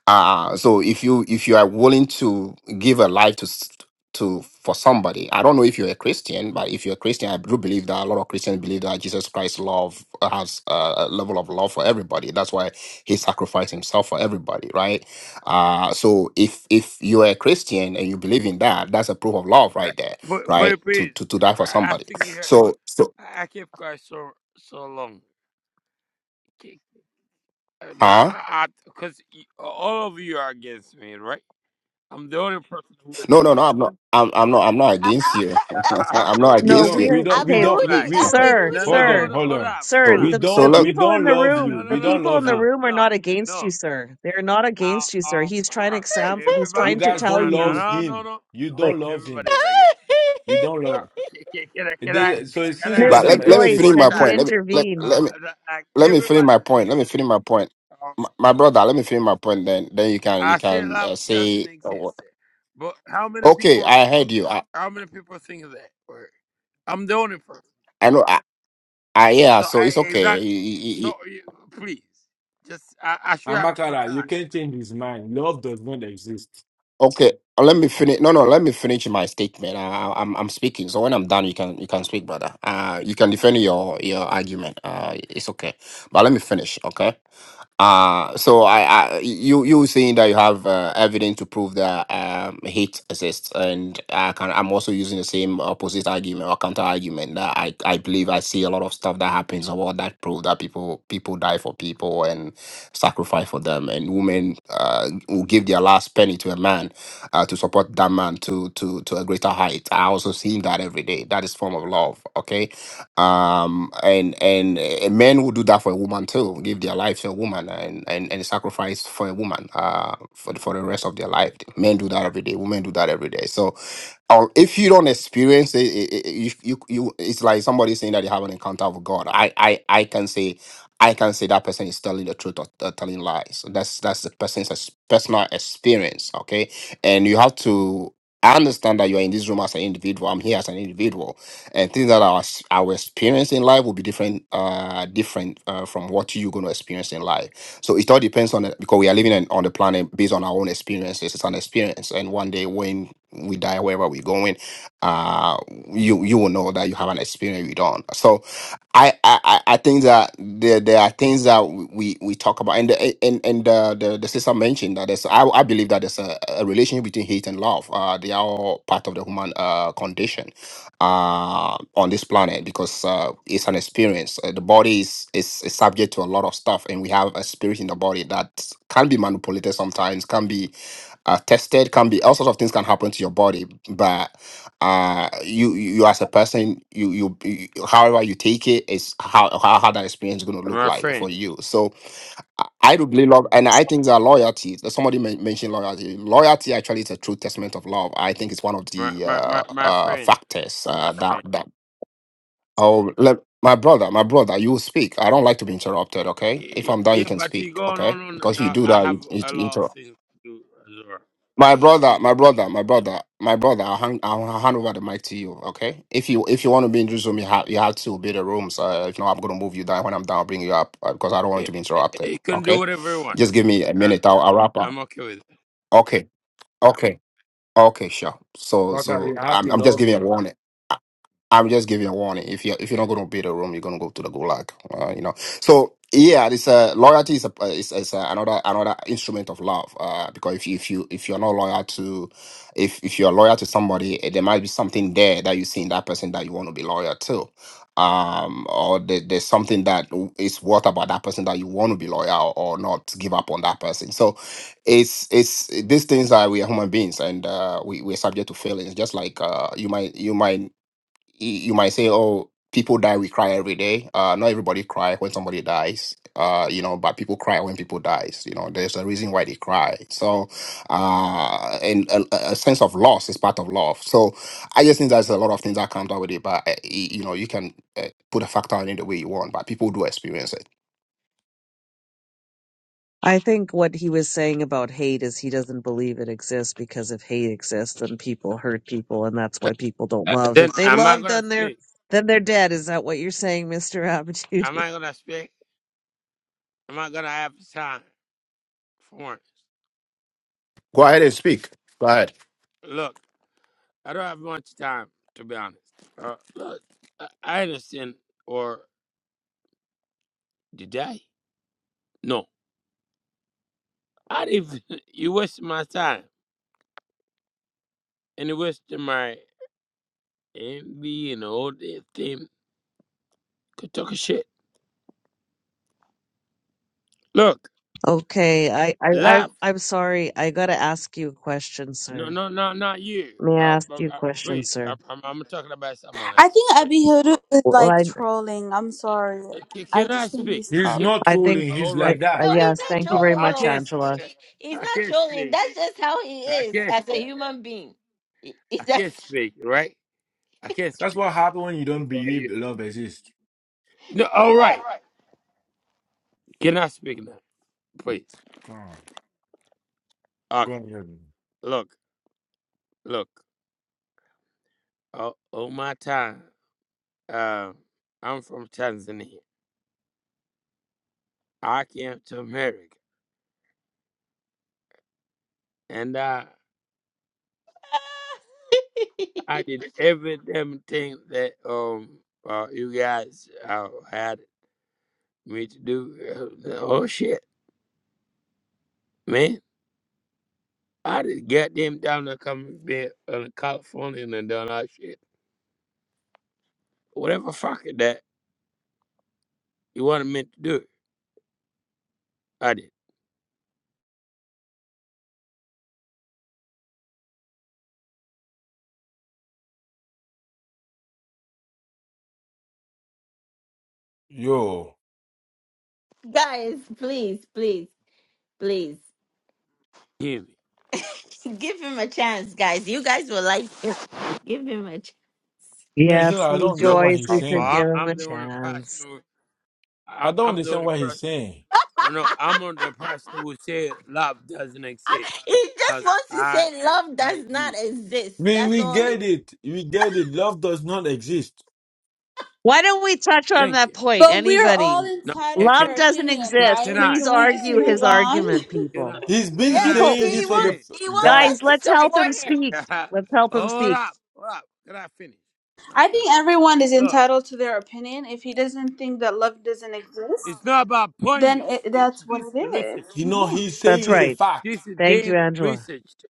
Speaker 24: uh, so if you if you are willing to give a life to s- to for somebody, I don't know if you're a Christian, but if you're a Christian, I do believe that a lot of Christians believe that Jesus Christ love has a a level of love for everybody. That's why he sacrificed himself for everybody, right? Uh, so if if you're a Christian and you believe in that, that's a proof of love right there,
Speaker 10: Wait,
Speaker 24: right?
Speaker 10: wait,
Speaker 24: To
Speaker 10: please.
Speaker 24: to to
Speaker 10: I,
Speaker 24: die for
Speaker 10: I I
Speaker 24: somebody.
Speaker 10: think you. heard.
Speaker 24: So so
Speaker 10: I I kept quiet so so long. Okay. Uh, No,
Speaker 24: huh?
Speaker 10: I because all of you are against me, right? I'm the only person who would.
Speaker 24: No, no, no. I'm not. I'm, I'm not. I'm not against you.
Speaker 10: I,
Speaker 24: <laughs>
Speaker 10: I- I'm
Speaker 24: I'm
Speaker 10: the
Speaker 24: not
Speaker 10: only
Speaker 7: We
Speaker 23: No,
Speaker 10: person
Speaker 24: against
Speaker 7: don't.
Speaker 24: you.
Speaker 10: who
Speaker 7: We
Speaker 10: would
Speaker 23: we're
Speaker 7: don't.
Speaker 10: push
Speaker 1: Abby?
Speaker 7: We
Speaker 23: okay,
Speaker 10: me
Speaker 7: don't. We,
Speaker 10: back.
Speaker 24: <laughs>
Speaker 7: we
Speaker 23: sir,
Speaker 10: No, no,
Speaker 7: hold on.
Speaker 10: hold,
Speaker 23: sir,
Speaker 7: Hold
Speaker 10: hold
Speaker 7: on.
Speaker 10: up, hold
Speaker 23: sir.
Speaker 10: up.
Speaker 7: We
Speaker 24: So,
Speaker 23: The
Speaker 24: so
Speaker 23: the
Speaker 7: don't.
Speaker 24: look.
Speaker 7: We
Speaker 23: people in
Speaker 7: don't
Speaker 23: the
Speaker 7: love
Speaker 10: Uh,
Speaker 7: you.
Speaker 10: no,
Speaker 23: room, the
Speaker 10: no,
Speaker 7: We
Speaker 10: no,
Speaker 7: don't
Speaker 23: people in
Speaker 7: love
Speaker 23: the
Speaker 10: no,
Speaker 7: you.
Speaker 23: room are
Speaker 10: no,
Speaker 23: not against
Speaker 10: no.
Speaker 23: you, sir. They're not
Speaker 10: Uh,
Speaker 23: against you, sir.
Speaker 10: um,
Speaker 23: He's trying to exam. He's
Speaker 10: everybody,
Speaker 7: You
Speaker 23: trying to
Speaker 10: uh,
Speaker 7: guys
Speaker 23: tell
Speaker 10: no,
Speaker 7: don't
Speaker 10: no, no,
Speaker 7: love
Speaker 23: you,
Speaker 10: no,
Speaker 7: him.
Speaker 10: no,
Speaker 7: You
Speaker 10: no.
Speaker 23: like
Speaker 7: don't love him.
Speaker 10: Everybody's like it.
Speaker 7: We don't
Speaker 10: Uh,
Speaker 7: love.
Speaker 10: can, can, can I,
Speaker 7: It
Speaker 10: can I,
Speaker 7: doesn't. So
Speaker 10: can I
Speaker 7: since it
Speaker 10: have
Speaker 23: Miss
Speaker 24: But
Speaker 7: doesn't
Speaker 24: let let me
Speaker 7: exist,
Speaker 23: Rejoice,
Speaker 24: finish
Speaker 10: more
Speaker 24: my
Speaker 23: had you
Speaker 24: point.
Speaker 10: time?
Speaker 24: Let me let
Speaker 10: Uh,
Speaker 24: let
Speaker 23: intervened?
Speaker 24: me
Speaker 10: the- like
Speaker 24: let me finish my
Speaker 10: everybody's
Speaker 24: point. Let me
Speaker 10: against
Speaker 24: finish
Speaker 10: me.
Speaker 24: my point.
Speaker 10: Um,
Speaker 24: My, my brother, let me finish my point. Then then you can you
Speaker 10: I say
Speaker 24: can
Speaker 10: love
Speaker 24: uh, say
Speaker 10: doesn't
Speaker 24: uh, wha-
Speaker 10: exist, but how many
Speaker 24: okay.
Speaker 10: people?
Speaker 24: I heard you. I
Speaker 10: How many people think that? Or I'm the only person.
Speaker 24: I know. I, I yeah.
Speaker 10: So
Speaker 24: So
Speaker 10: I
Speaker 24: it's okay.
Speaker 10: exactly.
Speaker 24: You- you- you-
Speaker 10: So
Speaker 24: you-
Speaker 10: you, please, just I, I should have more
Speaker 7: Amakara, you
Speaker 10: time.
Speaker 7: can't change his mind. Love does not exist.
Speaker 24: okay. uh, Let me finish. No, no. Let me finish my statement. I, I, I'm I'm speaking. So when I'm done, you can you can speak, brother. Uh, you can defend your your argument. Uh, it's okay. But let me finish. Okay. Uh, so I, I you you saying that you have uh, evidence to prove that um, hate exists, and I can I'm also using the same opposite argument or counter argument that I, I believe I see a lot of stuff that happens about that prove that people people die for people and sacrifice for them, and women uh, will give their last penny to a man uh, to support that man to to to a greater height. I also see that every day. That is form of love. Okay, um and and uh, men will do that for a woman too give their life to a woman and and, and sacrifice for a woman uh for, the- for the rest of their life men do that every day women do that every day so or if you don't experience it, it, it- you, you you it's like somebody saying that they have an encounter with god i i i can say i can say that person is telling the truth or, or telling lies so that's that's the person's ex- personal experience okay and you have to understand that you are in this room as an individual. I'm here as an individual and things that our our experience in life will be different uh different uh, from what you're going to experience in life so it all depends on the, because we are living in, on the planet based on our own experiences it's an experience and one day when we die wherever we're going uh you you will know that you have an experience you don't so i i i I think that there there are things that we we talk about and the, and and the, the the sister mentioned that there's i, I believe that there's a, a relationship between hate and love uh they are all part of the human uh condition uh, on this planet because uh, it's an experience. Uh, the body is, is is subject to a lot of stuff, and we have a spirit in the body that can be manipulated sometimes, can be uh, tested, can be all sorts of things can happen to your body. But uh, you you as a person, you you, you however you take it is how how, how that experience is going to look
Speaker 10: My
Speaker 24: like for
Speaker 10: friend,
Speaker 24: you. So I I do believe love, and I think that loyalty. Somebody men- mentioned loyalty. Loyalty actually is a true testament of love. I think it's one of
Speaker 10: my
Speaker 24: the
Speaker 10: my my,
Speaker 24: uh,
Speaker 10: my
Speaker 24: uh,
Speaker 10: friend,
Speaker 24: factors
Speaker 10: my
Speaker 24: uh,
Speaker 10: friend.
Speaker 24: that that. Oh, let, my brother, my brother, you speak. I don't like to be interrupted. Okay, if
Speaker 10: Y-
Speaker 24: I'm done, you
Speaker 10: Yeah,
Speaker 24: can
Speaker 10: but
Speaker 24: speak.
Speaker 10: you go on,
Speaker 24: Okay,
Speaker 10: on, on.
Speaker 24: because if you
Speaker 10: Now,
Speaker 24: do
Speaker 10: I
Speaker 24: that,
Speaker 10: have
Speaker 24: you,
Speaker 10: a lot of
Speaker 24: you,
Speaker 10: things to do, Azora.
Speaker 24: my brother, my brother, my brother, my brother. I'll hand, I'll hand over the mic to you. Okay. If you if you want to be in this room, you have you have to be the rooms. Uh, if not, I'm gonna move you down. When I'm down, I'll bring you up uh, because I don't want
Speaker 10: Eh,
Speaker 24: to be
Speaker 10: eh, eh, You
Speaker 24: interrupted.
Speaker 10: can do
Speaker 24: Okay.
Speaker 10: whatever you want.
Speaker 24: Just give me a
Speaker 10: Uh,
Speaker 24: minute.
Speaker 10: uh,
Speaker 24: I'll, I'll wrap up.
Speaker 10: I'm okay with it.
Speaker 24: Okay. Okay. Okay. Sure. So
Speaker 7: Amakara,
Speaker 24: so
Speaker 7: you have
Speaker 24: I'm
Speaker 7: to
Speaker 24: I'm just
Speaker 7: love
Speaker 24: giving a
Speaker 7: him.
Speaker 24: warning. I'm just giving a warning. If you if you're not going to be the room, you're going to go to the gulag. Uh, you know. So yeah, this uh, loyalty is a, uh, is, is uh another another instrument of love. Uh, because if you, if you if you're not loyal to, if if you're loyal to somebody, eh, there might be something there that you see in that person that you want to be loyal to. Um, or there, there's something that is worth about that person that you want to be loyal or not give up on that person. So it's it's these things are we are human beings and uh, we we're subject to failings. Just like uh, you might you might y- you might say, oh, people die, we cry every day. Uh, not everybody cry when somebody dies, uh, you know, but people cry when people dies. You know, there's a reason why they cry. So, uh, and a, a sense of loss is part of love. So I just think there's a lot of things that comes out with it, but, uh, y- you know, you can uh, put a factor in it the way you want, but people do experience it.
Speaker 23: I think what he was saying about hate is he doesn't believe it exists because if hate exists, then people hurt people, and that's why people don't
Speaker 10: Uh,
Speaker 23: love.
Speaker 10: then,
Speaker 23: If they
Speaker 10: am I
Speaker 23: love,
Speaker 10: going to
Speaker 23: then they're
Speaker 10: speak?
Speaker 23: then they're dead. Is that what you're saying, Mister Abitude?
Speaker 10: Am I going to speak? Am I going to have time for once?
Speaker 24: Go ahead and speak. Go ahead.
Speaker 10: Look, I don't have much time, to be honest. Uh, look, I I understand, or did I? No. I didn't, even- <laughs> you waste my time, and you waste my envy and all that thing. Could talk a shit. Look,
Speaker 23: Okay, I, I, I,
Speaker 10: laugh.
Speaker 23: I'm sorry. I gotta ask you a question,
Speaker 10: No,
Speaker 23: sir.
Speaker 10: no, no, not you.
Speaker 23: May
Speaker 10: Uh,
Speaker 23: I ask
Speaker 10: but,
Speaker 23: you a
Speaker 10: uh,
Speaker 23: question,
Speaker 10: please, I'm,
Speaker 23: sir?
Speaker 10: I'm, I'm talking about someone
Speaker 25: i
Speaker 10: else.
Speaker 25: think
Speaker 10: Please,
Speaker 25: abihodu is
Speaker 23: Well,
Speaker 25: like
Speaker 23: I,
Speaker 25: trolling i'm sorry
Speaker 10: Uh, can,
Speaker 25: i
Speaker 10: can I
Speaker 25: just think
Speaker 10: speak?
Speaker 25: he's
Speaker 7: He's
Speaker 10: Can,
Speaker 25: trolling
Speaker 7: not
Speaker 23: I
Speaker 7: trolling.
Speaker 23: think,
Speaker 10: all
Speaker 7: He's
Speaker 23: I,
Speaker 10: right,
Speaker 7: like
Speaker 23: I
Speaker 7: that.
Speaker 10: all
Speaker 1: No,
Speaker 10: right.
Speaker 1: he's
Speaker 23: yes,
Speaker 1: not
Speaker 23: thank you
Speaker 10: So
Speaker 23: very
Speaker 1: trolling
Speaker 10: I
Speaker 23: much,
Speaker 1: you.
Speaker 10: can't, s-
Speaker 1: He-
Speaker 23: Angela.
Speaker 10: uh,
Speaker 1: he- He's
Speaker 10: I
Speaker 1: not
Speaker 10: can't
Speaker 1: trolling.
Speaker 10: speak.
Speaker 1: That's just how he
Speaker 10: I
Speaker 1: is
Speaker 10: can't,
Speaker 1: as a human being. He- He's
Speaker 10: I can't
Speaker 1: just.
Speaker 10: speak. Right? I can't
Speaker 7: That's
Speaker 10: speak.
Speaker 7: what happens when you don't
Speaker 10: That's all you.
Speaker 7: believe love exists.
Speaker 10: No, all right. Can I speak now? Please.
Speaker 7: Come on. Go
Speaker 10: Okay.
Speaker 7: on.
Speaker 10: Look, look. All, all my time. Uh, I'm from Tanzania. I came to America, and uh,
Speaker 1: <laughs>
Speaker 10: I did every damn thing that um uh, you guys uh, had me to do. <laughs> Oh shit, man! I just got them down there coming bed in California and done all that shit. Whatever fuck it that you wanted me to do, I did.
Speaker 7: Yo,
Speaker 1: Guys, please, please, please.
Speaker 10: Hear me?
Speaker 1: <laughs> Give him a chance, guys. You guys will like him. <laughs> Give him a chance.
Speaker 7: no, it's
Speaker 23: Yes,
Speaker 7: not. I don't
Speaker 10: No,
Speaker 7: understand what
Speaker 23: Joyce.
Speaker 7: he's
Speaker 10: uh,
Speaker 23: We
Speaker 10: but
Speaker 23: could
Speaker 7: saying.
Speaker 10: I,
Speaker 23: give him
Speaker 10: I'm
Speaker 23: a
Speaker 10: the only person.
Speaker 23: chance.
Speaker 10: Who,
Speaker 7: I
Speaker 10: I,
Speaker 7: don't
Speaker 10: I'm the
Speaker 7: understand
Speaker 10: only
Speaker 7: what he's
Speaker 10: person.
Speaker 7: saying.
Speaker 10: No, I'm on the person who said love doesn't exist.
Speaker 1: He just
Speaker 10: Cause
Speaker 1: wants to
Speaker 10: I,
Speaker 1: say love
Speaker 10: I
Speaker 1: does not
Speaker 10: did.
Speaker 1: exist.
Speaker 7: We
Speaker 1: That's
Speaker 7: we
Speaker 1: all he
Speaker 7: get
Speaker 1: <laughs>
Speaker 7: it. We get it. Love does not exist.
Speaker 23: Why don't we touch on
Speaker 10: Thank
Speaker 23: that
Speaker 10: you.
Speaker 23: point?
Speaker 25: but we're
Speaker 23: Anybody?
Speaker 25: all
Speaker 10: No, can,
Speaker 25: entitled to
Speaker 23: Love
Speaker 25: our
Speaker 23: doesn't
Speaker 25: opinion
Speaker 10: can,
Speaker 23: exist.
Speaker 10: can
Speaker 25: right
Speaker 10: I?
Speaker 23: Please
Speaker 25: can we just
Speaker 23: argue his
Speaker 25: move on
Speaker 23: argument,
Speaker 25: <laughs>
Speaker 10: Can
Speaker 23: people.
Speaker 10: I
Speaker 7: He's been
Speaker 10: can
Speaker 1: Yes,
Speaker 10: I
Speaker 1: he,
Speaker 23: People,
Speaker 7: saying
Speaker 10: finish
Speaker 1: he
Speaker 7: this for the p-
Speaker 10: then?
Speaker 1: wants he wants
Speaker 7: guy.
Speaker 1: us
Speaker 23: guys,
Speaker 1: to
Speaker 23: let's help him
Speaker 1: support him.
Speaker 23: speak.
Speaker 10: <laughs>
Speaker 23: Let's help him
Speaker 10: hold
Speaker 23: speak.
Speaker 10: up, hold up. Can I finish? Can I
Speaker 25: I
Speaker 10: finish?
Speaker 25: think everyone is
Speaker 10: Look,
Speaker 25: entitled to their opinion. If he doesn't think that love doesn't exist,
Speaker 10: it's not about pointing
Speaker 25: then
Speaker 10: you.
Speaker 25: it,
Speaker 10: It,
Speaker 25: that's what
Speaker 10: this is
Speaker 25: it is.
Speaker 10: research.
Speaker 7: You know,
Speaker 25: Mhm.
Speaker 7: he's
Speaker 23: That's
Speaker 7: saying it's
Speaker 10: Thi-
Speaker 7: a
Speaker 23: right.
Speaker 7: fact.
Speaker 10: This is
Speaker 23: Thank you,
Speaker 10: damn
Speaker 23: Angela.
Speaker 10: researched.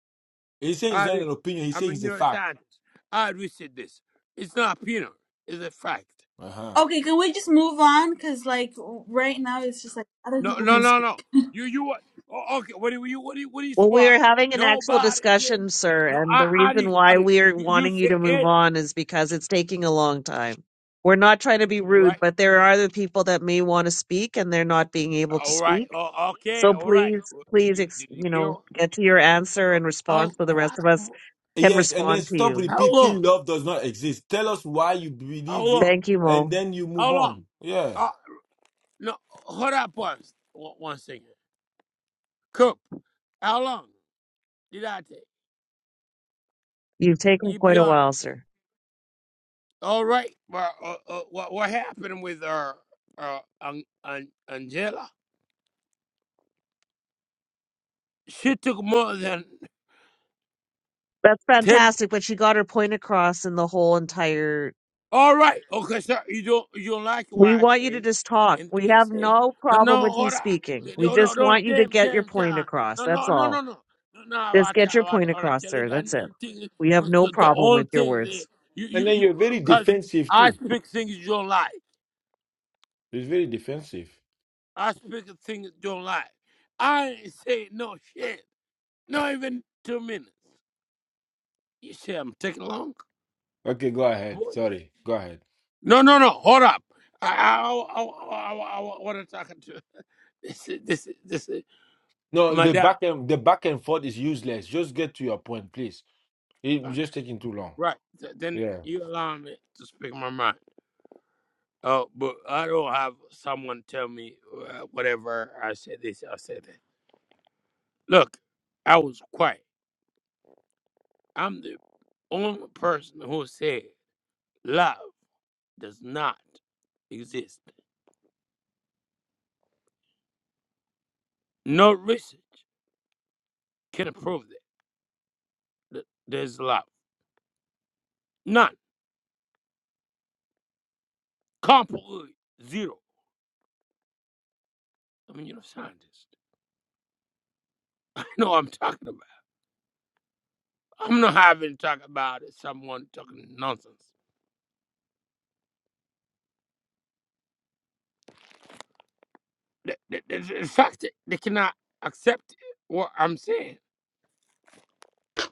Speaker 7: He's saying it's
Speaker 10: I
Speaker 7: not an
Speaker 10: research.
Speaker 7: opinion. He's
Speaker 10: I'm a
Speaker 7: saying it's a fact.
Speaker 10: neuroscientist. I research this. It's not opinion. It's a fact.
Speaker 7: Uh huh.
Speaker 25: Okay, can we just move on? Because, like, right now it's just like other
Speaker 10: No,
Speaker 25: people
Speaker 10: no,
Speaker 25: can
Speaker 10: no,
Speaker 25: speak.
Speaker 10: no.
Speaker 25: <laughs>
Speaker 10: You, you what? Oh, okay. What do you, what do you, what do you
Speaker 23: Well, we
Speaker 10: spark?
Speaker 23: are having an actual
Speaker 10: Nobody
Speaker 23: discussion,
Speaker 10: came. No,
Speaker 23: sir, and
Speaker 10: I,
Speaker 23: the
Speaker 10: I
Speaker 23: reason
Speaker 10: did, I
Speaker 23: why
Speaker 10: did.
Speaker 23: we are
Speaker 10: You, you
Speaker 23: wanting you
Speaker 10: said
Speaker 23: to move
Speaker 10: it,
Speaker 23: on is because it's taking a long time. We're not trying to be rude,
Speaker 10: right?
Speaker 23: but there are other people that may want to speak and they're not being able to
Speaker 10: All right.
Speaker 23: speak.
Speaker 10: Oh, okay.
Speaker 23: So
Speaker 10: All right.
Speaker 23: please,
Speaker 10: Well, Did
Speaker 23: please,
Speaker 10: you
Speaker 23: ex-
Speaker 10: did you
Speaker 23: you
Speaker 10: hear?
Speaker 23: know,
Speaker 10: uh,
Speaker 23: get to your answer and
Speaker 10: Oh,
Speaker 23: response so the rest of us can
Speaker 7: Yes, and then
Speaker 23: respond to
Speaker 7: stop
Speaker 23: you.
Speaker 10: how
Speaker 7: repeating
Speaker 10: long?
Speaker 7: love does not exist. Tell us why you
Speaker 10: How
Speaker 7: believe it,
Speaker 10: long?
Speaker 23: Thank you,
Speaker 7: and
Speaker 23: Mo.
Speaker 7: then you move
Speaker 10: How long?
Speaker 7: on. Yeah.
Speaker 10: Uh, no, hold up once. One one second. Cook. How long did I take?
Speaker 23: You've taken
Speaker 10: You be
Speaker 23: quite a
Speaker 10: honest.
Speaker 23: while, sir.
Speaker 10: All right. Well, uh, uh, what what happened with uh, uh, An- An- Angela? She took more than
Speaker 23: That's
Speaker 10: ten.
Speaker 23: fantastic, but she got her point across in the whole entire
Speaker 10: All right. Okay, sir. You don't you don't like what
Speaker 23: We
Speaker 10: I
Speaker 23: want you to
Speaker 10: say.
Speaker 23: just talk.
Speaker 10: And then
Speaker 23: We
Speaker 10: he
Speaker 23: have
Speaker 10: say,
Speaker 23: no
Speaker 10: No,
Speaker 23: problem
Speaker 10: no,
Speaker 23: with you
Speaker 10: hold on.
Speaker 23: speaking. We
Speaker 10: No, no,
Speaker 23: just want
Speaker 10: not
Speaker 23: you to
Speaker 10: damn,
Speaker 23: get your
Speaker 10: damn
Speaker 23: point
Speaker 10: time.
Speaker 23: across.
Speaker 10: No,
Speaker 23: That's
Speaker 10: no, no, no,
Speaker 23: all.
Speaker 10: no. No, no, I
Speaker 23: Just
Speaker 10: want to,
Speaker 23: get
Speaker 10: I
Speaker 23: your
Speaker 10: want to,
Speaker 23: point
Speaker 10: I want to
Speaker 23: across,
Speaker 10: tell you
Speaker 23: sir.
Speaker 10: that
Speaker 23: That's it.
Speaker 10: damn thing.
Speaker 23: We have
Speaker 10: Cause
Speaker 23: no
Speaker 10: the the
Speaker 23: problem
Speaker 10: only
Speaker 23: with your
Speaker 10: thing that
Speaker 23: words.
Speaker 10: you, you,
Speaker 7: And then
Speaker 10: you,
Speaker 7: you're very
Speaker 10: cause
Speaker 7: defensive
Speaker 10: I
Speaker 7: too.
Speaker 10: speak things you don't like.
Speaker 7: It's very defensive.
Speaker 10: I speak things you don't like. I ain't say no shit. Not even two minutes. You say I'm taking long?
Speaker 7: Okay, go ahead.
Speaker 10: Boy.
Speaker 7: Sorry. Go ahead.
Speaker 10: No, no, no. Hold up. I, I, I, I, I, I, I want to talk to This is this is this is
Speaker 7: No, the
Speaker 10: madam.
Speaker 7: back and the back and forth is useless. Just get to your point, please.
Speaker 10: Okay,
Speaker 7: It's just taking too long.
Speaker 10: right. Right. Th- Then
Speaker 7: Yeah.
Speaker 10: you allow me to speak my mind. Oh, but I don't have someone tell me uh, whatever I said this, I said that. Look, I was quiet. I'm the only person who said love does not exist. No research can prove that, that there's love. None. Completely zero. I mean, you're a scientist. <laughs> I know what I'm talking about. I'm not having talk about someone talking nonsense. The, the, the, the fact that they cannot accept what I'm saying.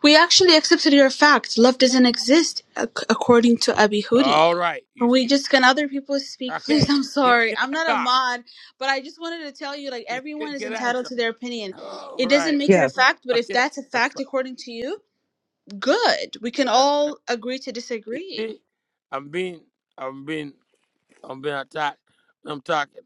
Speaker 25: We actually accepted your fact. Love doesn't exist, ac- according to Abihudi.
Speaker 10: All right,
Speaker 25: Can
Speaker 10: you
Speaker 25: we
Speaker 10: see.
Speaker 25: just, can other people speak, <laughs> please?
Speaker 10: Okay,
Speaker 25: I'm
Speaker 10: can,
Speaker 25: sorry.
Speaker 10: can
Speaker 25: I'm
Speaker 10: I
Speaker 25: not a
Speaker 10: talk?
Speaker 25: mod, but I just wanted to tell you, like,
Speaker 10: Can,
Speaker 25: everyone is
Speaker 10: can I
Speaker 25: entitled
Speaker 10: talk?
Speaker 25: to their opinion.
Speaker 10: All
Speaker 25: It doesn't
Speaker 10: right.
Speaker 25: make it a
Speaker 23: Yeah.
Speaker 25: fact, but if
Speaker 10: Okay,
Speaker 25: that's a
Speaker 10: that's
Speaker 25: fact
Speaker 10: fine.
Speaker 25: according to you, Good. We can
Speaker 10: That,
Speaker 25: all agree to
Speaker 10: you
Speaker 25: disagree.
Speaker 10: see, I'm being, I'm being, I'm being attacked. I'm talking.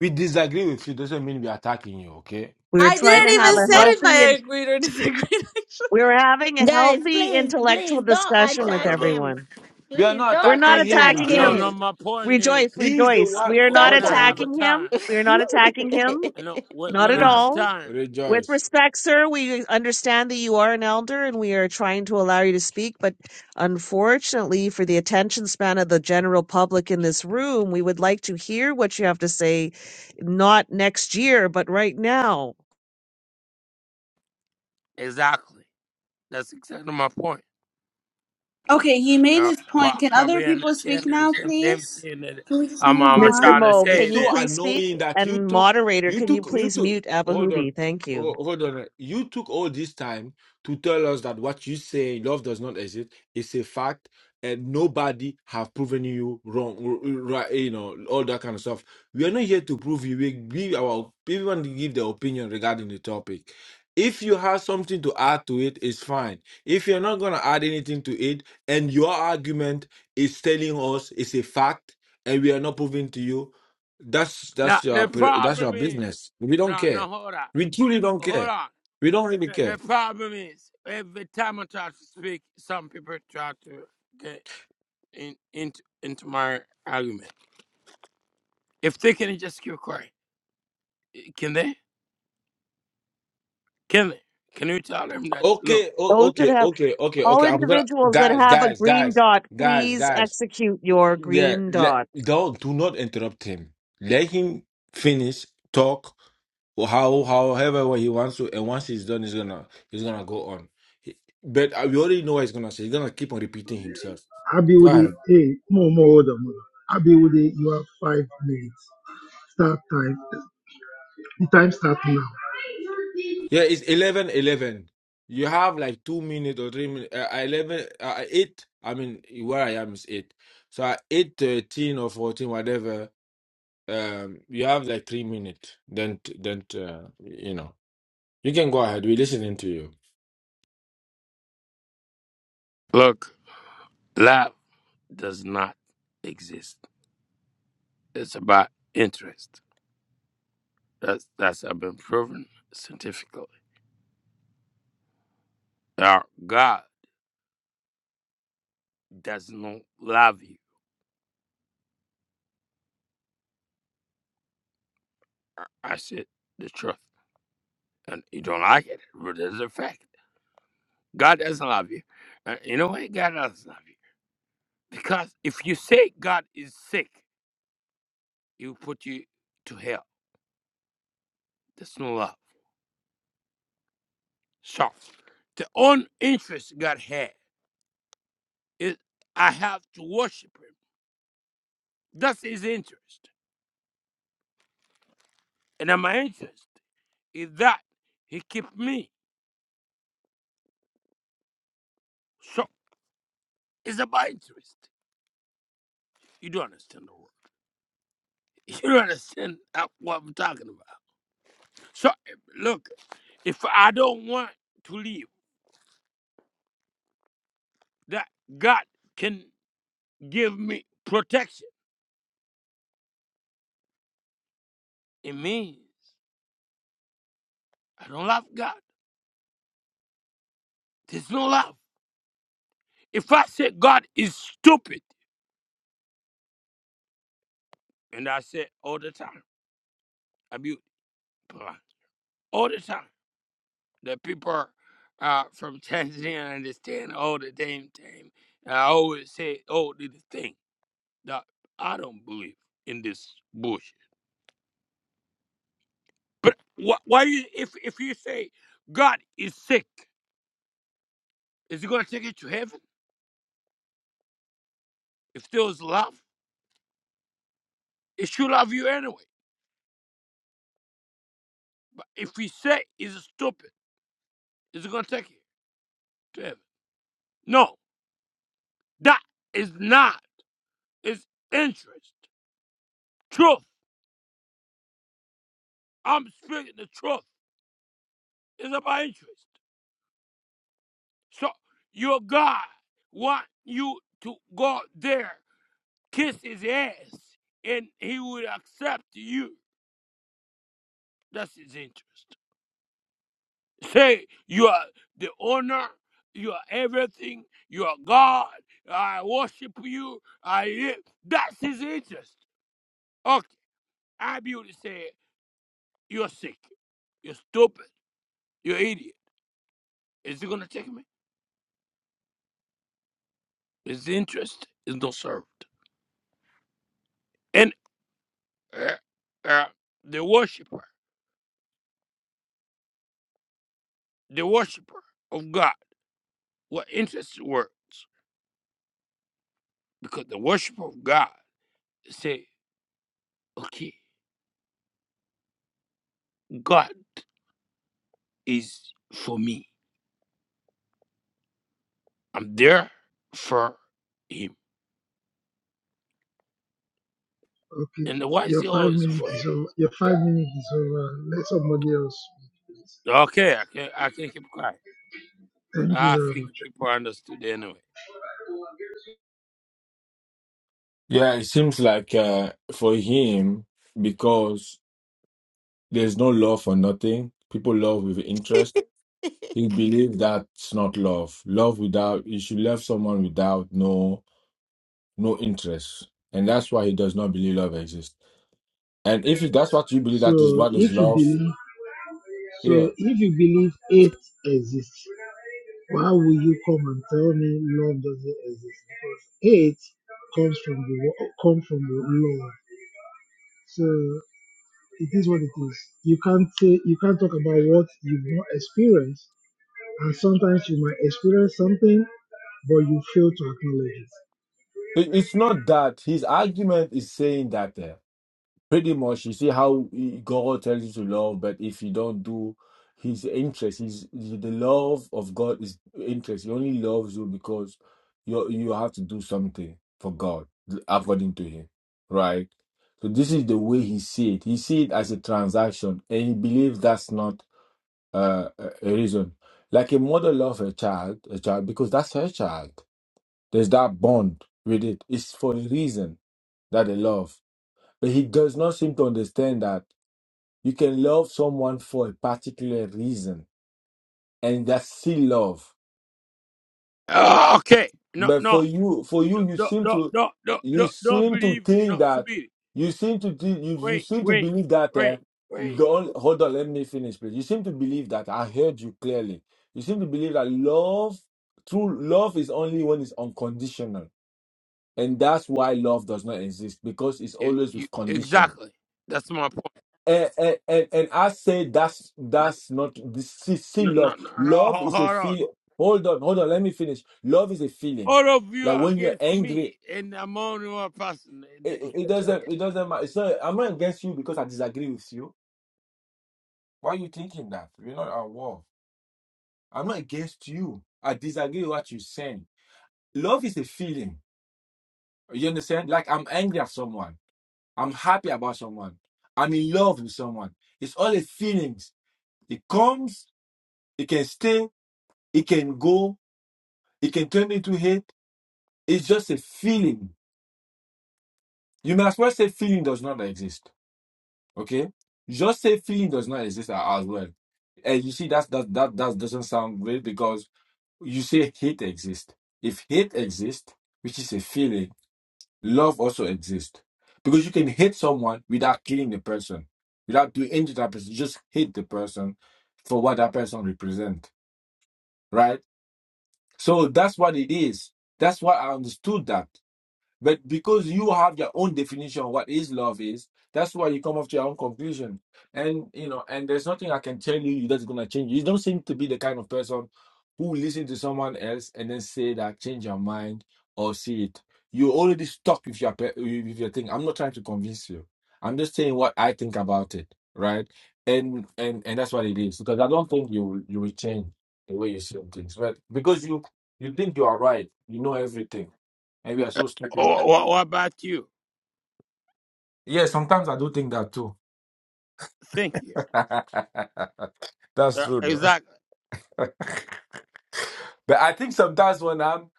Speaker 7: We disagree with you doesn't mean we're attacking you, okay?
Speaker 23: We were
Speaker 25: I
Speaker 23: trying
Speaker 10: No,
Speaker 25: didn't
Speaker 23: to have
Speaker 25: even
Speaker 10: but,
Speaker 23: a
Speaker 25: say
Speaker 10: but
Speaker 25: if
Speaker 23: healthy
Speaker 25: I
Speaker 23: and
Speaker 25: agreed or disagreed. <laughs>
Speaker 23: we were having a
Speaker 1: Guys,
Speaker 23: healthy
Speaker 1: please,
Speaker 23: intellectual
Speaker 1: please don't
Speaker 23: discussion
Speaker 10: but
Speaker 23: with
Speaker 1: attack him.
Speaker 23: everyone.
Speaker 7: We are
Speaker 1: Please
Speaker 7: not
Speaker 23: We're
Speaker 1: don't
Speaker 23: not
Speaker 7: attacking him,
Speaker 1: attack
Speaker 10: uh,
Speaker 23: attacking
Speaker 10: no,
Speaker 23: him.
Speaker 10: no.
Speaker 1: him.
Speaker 7: Rejoice.
Speaker 10: My point
Speaker 23: Rejoice,
Speaker 10: is,
Speaker 7: He's the
Speaker 23: rejoice.
Speaker 10: uh,
Speaker 7: one.
Speaker 23: We are not
Speaker 10: when
Speaker 7: Hold
Speaker 10: I
Speaker 1: Support
Speaker 7: on,
Speaker 10: have a
Speaker 7: Rejo-
Speaker 23: attacking him.
Speaker 10: time,
Speaker 23: We are not attacking him.
Speaker 10: no,
Speaker 1: <laughs>
Speaker 10: when,
Speaker 23: Not
Speaker 10: when
Speaker 23: at
Speaker 10: I have
Speaker 7: Rejo-
Speaker 23: all.
Speaker 10: time,
Speaker 23: With
Speaker 7: Rejoice.
Speaker 23: respect, sir, we understand that you are an elder and we are trying to allow you to speak, but unfortunately, for the attention span of the general public in this room, we would like to hear what you have to say, not next year, but right now.
Speaker 10: exactly. That's exactly my point.
Speaker 25: Okay, he made
Speaker 10: Uh,
Speaker 25: his
Speaker 10: pro-
Speaker 25: point. Can other
Speaker 10: probably
Speaker 25: people speak
Speaker 10: understand it.
Speaker 25: now,
Speaker 10: It's them them
Speaker 25: please?
Speaker 10: thing that
Speaker 25: Can we just
Speaker 10: I'm,
Speaker 25: move
Speaker 10: I'm
Speaker 7: It-
Speaker 23: Mr.
Speaker 25: on?
Speaker 10: trying
Speaker 7: it-
Speaker 10: to
Speaker 23: Mo,
Speaker 10: say
Speaker 7: it's
Speaker 23: can you
Speaker 10: that.
Speaker 7: so
Speaker 23: please speak?
Speaker 7: annoying that you
Speaker 23: And
Speaker 7: took
Speaker 23: moderator,
Speaker 7: you
Speaker 23: can you
Speaker 7: took you
Speaker 23: please
Speaker 7: took
Speaker 23: mute
Speaker 7: hold on
Speaker 23: Abahudi? Thank you.
Speaker 7: ho- hold on you took all this time to tell us that what you say love does not exist is a fact and nobody have proven you wrong r- r- right you know all that kind of stuff we are not here to prove you we give our everyone to give their opinion regarding the topic if you have something to add to it it's fine if you're not going to add anything to it and your argument is telling us it's a fact and we are not proving to you, that's
Speaker 10: Now,
Speaker 7: that's your
Speaker 10: the
Speaker 7: per- that's your
Speaker 10: problem is,
Speaker 7: business. We don't
Speaker 10: no,
Speaker 7: care.
Speaker 10: no, hold on.
Speaker 7: We truly don't
Speaker 10: Hold
Speaker 7: care.
Speaker 10: on.
Speaker 7: We
Speaker 10: The,
Speaker 7: don't really
Speaker 10: the- the
Speaker 7: care.
Speaker 10: problem is, every time I try to speak, some people try to get in, into, into my argument. If they can just keep quiet, can they? Can they? Can you tell them that, look,
Speaker 7: Okay, oh,
Speaker 23: Those that
Speaker 7: okay,
Speaker 23: have,
Speaker 7: okay, okay,
Speaker 23: all
Speaker 7: okay. I'm gonna
Speaker 23: individuals that
Speaker 7: guys,
Speaker 23: have a
Speaker 7: guys,
Speaker 23: green
Speaker 7: guys,
Speaker 23: dot,
Speaker 7: guys,
Speaker 23: please
Speaker 7: guys.
Speaker 23: execute your
Speaker 7: Yeah,
Speaker 23: green
Speaker 7: let
Speaker 23: dot.
Speaker 7: don't do not interrupt him. Let him finish talk or how however way he wants to, and once he's done, he's gonna he's gonna go on. He- But uh, we already know what he's gonna say. He's gonna keep on repeating himself. Go
Speaker 3: Abiwode,
Speaker 7: ahead.
Speaker 3: hey, more, more, older, more. Abiwode, you have five minutes. Start time. The time start now.
Speaker 7: Yeah, it's 11 11. You have like two minutes or three minutes. Uh, 11, uh, 8. I mean, where I am is 8. So at 8 13 or 14, whatever, um, you have like three minutes. Then, t- then uh, you know, you can go ahead. We're listening to you.
Speaker 10: look, love does not exist. It's about interest. That's that's have been proven scientifically. Now, God does not love you. I I said the truth, and you don't like it, but it's a fact. God doesn't love you. And you know why God doesn't love you? Because if you say God is sick, He will put you to hell. That's no love. So, the own interest God had is I have to worship Him. That's His interest, and my interest is that He keep me. So, it's about interest. You don't understand the word. <laughs> You don't understand uh, what I'm talking about. So, look, if I don't want to leave, that God can give me protection. It means I don't love God. There's no love. If I say God is stupid, and I say all the time, abuse, all the time, the people uh, from Tanzania understand all the damn time. I always say, oh, this thing that I don't believe in this bush. But wh- why you if if you say God is sick, is he gonna take you to heaven? If there was love, it should love you anyway. But if we say he's stupid, is he gonna take you to heaven? No, that is not It's interest. Truth. I'm speaking the truth. It's about interest. So your God want you to go there, kiss his ass, and he would accept you. That's his interest. Say you are the owner, you are everything, you are God, I worship you, I live. That's his interest. Okay, I be able to say, You're sick, you're stupid, you're idiot. Is it gonna take me? His interest is not served. And uh, uh, the worshiper, the worshiper of God, what interests words? Because the worshiper of God say, Okay, God is for me. I'm there for him.
Speaker 3: Okay.
Speaker 10: And why is
Speaker 3: Your
Speaker 10: he
Speaker 3: five
Speaker 10: always
Speaker 3: minutes
Speaker 10: for him?
Speaker 3: is over. Your five minutes is over. Let somebody else. Please.
Speaker 10: Okay, I can I can keep quiet, but
Speaker 3: Thank you
Speaker 10: I
Speaker 3: very much.
Speaker 10: think people understood anyway.
Speaker 7: Yeah, it seems like uh, for him, because there's no love for nothing, people love with interest. He believe that's not love. Love without, you should love someone without no. no interest. And that's why he does not believe love exists. And if that's what you believe that is
Speaker 3: So
Speaker 7: what is
Speaker 3: if you
Speaker 7: love,
Speaker 3: believe,
Speaker 7: yeah.
Speaker 3: so if you believe hate exists, why will you come and tell me love doesn't exist? Because hate comes from the wo- come from the love. So it is what it is. You can't say you can't talk about what you've not experienced, and sometimes you might experience something, but you fail to acknowledge it.
Speaker 7: It- It's not that his argument is saying that uh, pretty much you see how God tells you to love, but if you don't do his interest, his the love of God is interest. He only loves you because you you have to do something for God according to him, right? So this is the way he see it. He see it as a transaction, and he believes that's not uh, a a reason. Like a mother loves her child, a child because that's her child. There's that bond with it. It's for a reason that they love. But he does not seem to understand that you can love someone for a particular reason, and that's still love
Speaker 10: Ah, Okay, no,
Speaker 7: But for
Speaker 10: no,
Speaker 7: you, for you, you
Speaker 10: don't,
Speaker 7: seem
Speaker 10: don't,
Speaker 7: to,
Speaker 10: don't, don't,
Speaker 7: you
Speaker 10: don't, don't
Speaker 7: seem to
Speaker 10: believe.
Speaker 7: think
Speaker 10: No,
Speaker 7: that,
Speaker 10: Subiri,
Speaker 7: you seem to, thi- you, you
Speaker 10: wait,
Speaker 7: seem to
Speaker 10: wait,
Speaker 7: believe that. Uh,
Speaker 10: wait,
Speaker 7: the
Speaker 10: wait.
Speaker 7: only, hold on, let me finish, please. You seem to believe that. I heard you clearly. You seem to believe that love, true love, is only when it's unconditional, and that's why love does not exist because it's
Speaker 10: You,
Speaker 7: always
Speaker 10: you,
Speaker 7: with condition.
Speaker 10: exactly. That's my point.
Speaker 7: And and, and, and I say that's
Speaker 10: No,
Speaker 7: that's not this see, see
Speaker 10: no, no,
Speaker 7: love.
Speaker 10: no, ho-
Speaker 7: Love
Speaker 10: ho- hold
Speaker 7: is a
Speaker 10: on.
Speaker 7: feel. Hold on, hold on. Let me finish. Love is a feeling.
Speaker 10: All of you
Speaker 7: Like
Speaker 10: are
Speaker 7: when you're
Speaker 10: against me,
Speaker 7: angry
Speaker 10: and I'm only one person. that <laughs>
Speaker 7: it, it
Speaker 10: you're
Speaker 7: it
Speaker 10: talking-
Speaker 7: doesn't it doesn't matter. It's not, I'm not against you because I disagree with you. Why are you thinking that? We're not at war. I'm not against you. I disagree with what you're saying. Love is a feeling. You understand? Like I'm angry at someone. I'm happy about someone. I'm in love with someone. It's all the feelings. It comes, it can stay, it can go, it can turn into hate. It's just a feeling. You may as well say feeling does not exist. Okay, just say feeling does not exist a- as well. And you see, that's that that that doesn't sound great because you say hate exists. If hate exists, which is a feeling, love also exists because you can hate someone without killing the person, without doing anything to that person. You just hate the person for what that person represents, right? So that's what it is. That's why I understood that. But because you have your own definition of what is love is, that's why you come up to your own conclusion. And you know, and there's nothing I can tell you that's gonna change. You don't seem to be the kind of person who listen to someone else and then say that change your mind or see it. You're already stuck with your pe- with your thing. I'm not trying to convince you. I'm just saying what I think about it, right? And and and that's what it is because I don't think you will- you will change the way you see things, but because you you think you are right, you know everything. and we are so stupid
Speaker 10: Wha- What about you?
Speaker 7: yeah, sometimes I do think that too.
Speaker 10: Thank you.
Speaker 7: <laughs> That's
Speaker 10: Uh,
Speaker 7: true, though.
Speaker 10: Exactly.
Speaker 7: <laughs> But I think sometimes when I'm,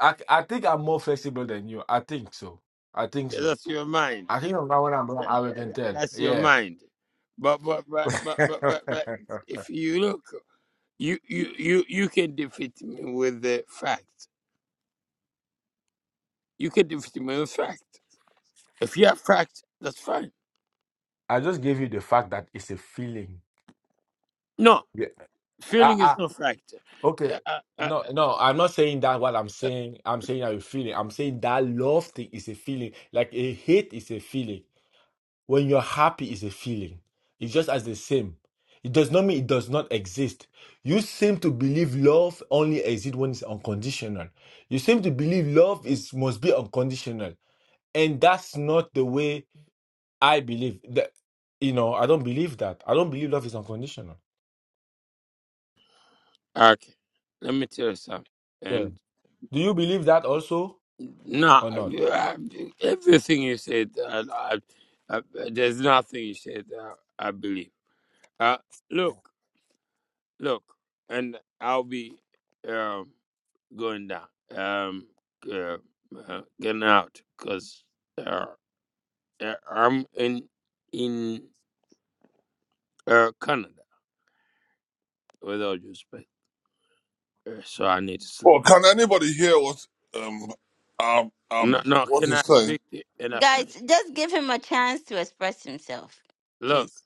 Speaker 7: I, I think I'm more flexible than you. I think so. I think
Speaker 10: Yeah,
Speaker 7: so.
Speaker 10: That's your mind.
Speaker 7: I think sometimes when I'm wrong,
Speaker 10: That-
Speaker 7: I can
Speaker 10: that-
Speaker 7: tell.
Speaker 10: That's your
Speaker 7: Yeah.
Speaker 10: mind. But but but
Speaker 7: <laughs>
Speaker 10: but but but, but if you look, you, you you you can defeat me with the fact. You can defeat me with fact. If you have fact, that's fine.
Speaker 7: I just gave you the fact that it's a feeling.
Speaker 10: No,
Speaker 7: Yeah. I,
Speaker 10: feeling is
Speaker 7: I,
Speaker 10: no fact.
Speaker 7: okay.
Speaker 10: Uh, uh, uh,
Speaker 7: No, no, I'm not saying that what I'm saying. I'm saying I'm feeling. I'm saying that love thing is a feeling. Like a hate is a feeling. When you're happy, is a feeling. It's just as the same. It does not mean it does not exist. You seem to believe love only exists when it's unconditional. You seem to believe love is must be unconditional, and that's not the way I believe. That you know, I don't believe that. I don't believe love is unconditional.
Speaker 10: uh, okay, let me tell you something.
Speaker 7: Yeah.
Speaker 10: And
Speaker 7: Do you believe that also
Speaker 10: no,
Speaker 7: or not?
Speaker 10: uh, everything you said, uh, uh, uh, there's nothing you said. Uh, I believe. Uh, look. Look, and I'll be um, going down, um, uh, uh, getting out, cause uh, uh, I'm in in uh, Canada with all due respect, uh, so I need to
Speaker 26: Well,
Speaker 10: sleep.
Speaker 26: can anybody hear what um um
Speaker 10: No,
Speaker 26: um
Speaker 10: no,
Speaker 26: what
Speaker 10: can I
Speaker 26: he's saying?
Speaker 10: speak and I finish?
Speaker 1: Guys, just give him a chance to express himself.
Speaker 10: Look,
Speaker 1: Please.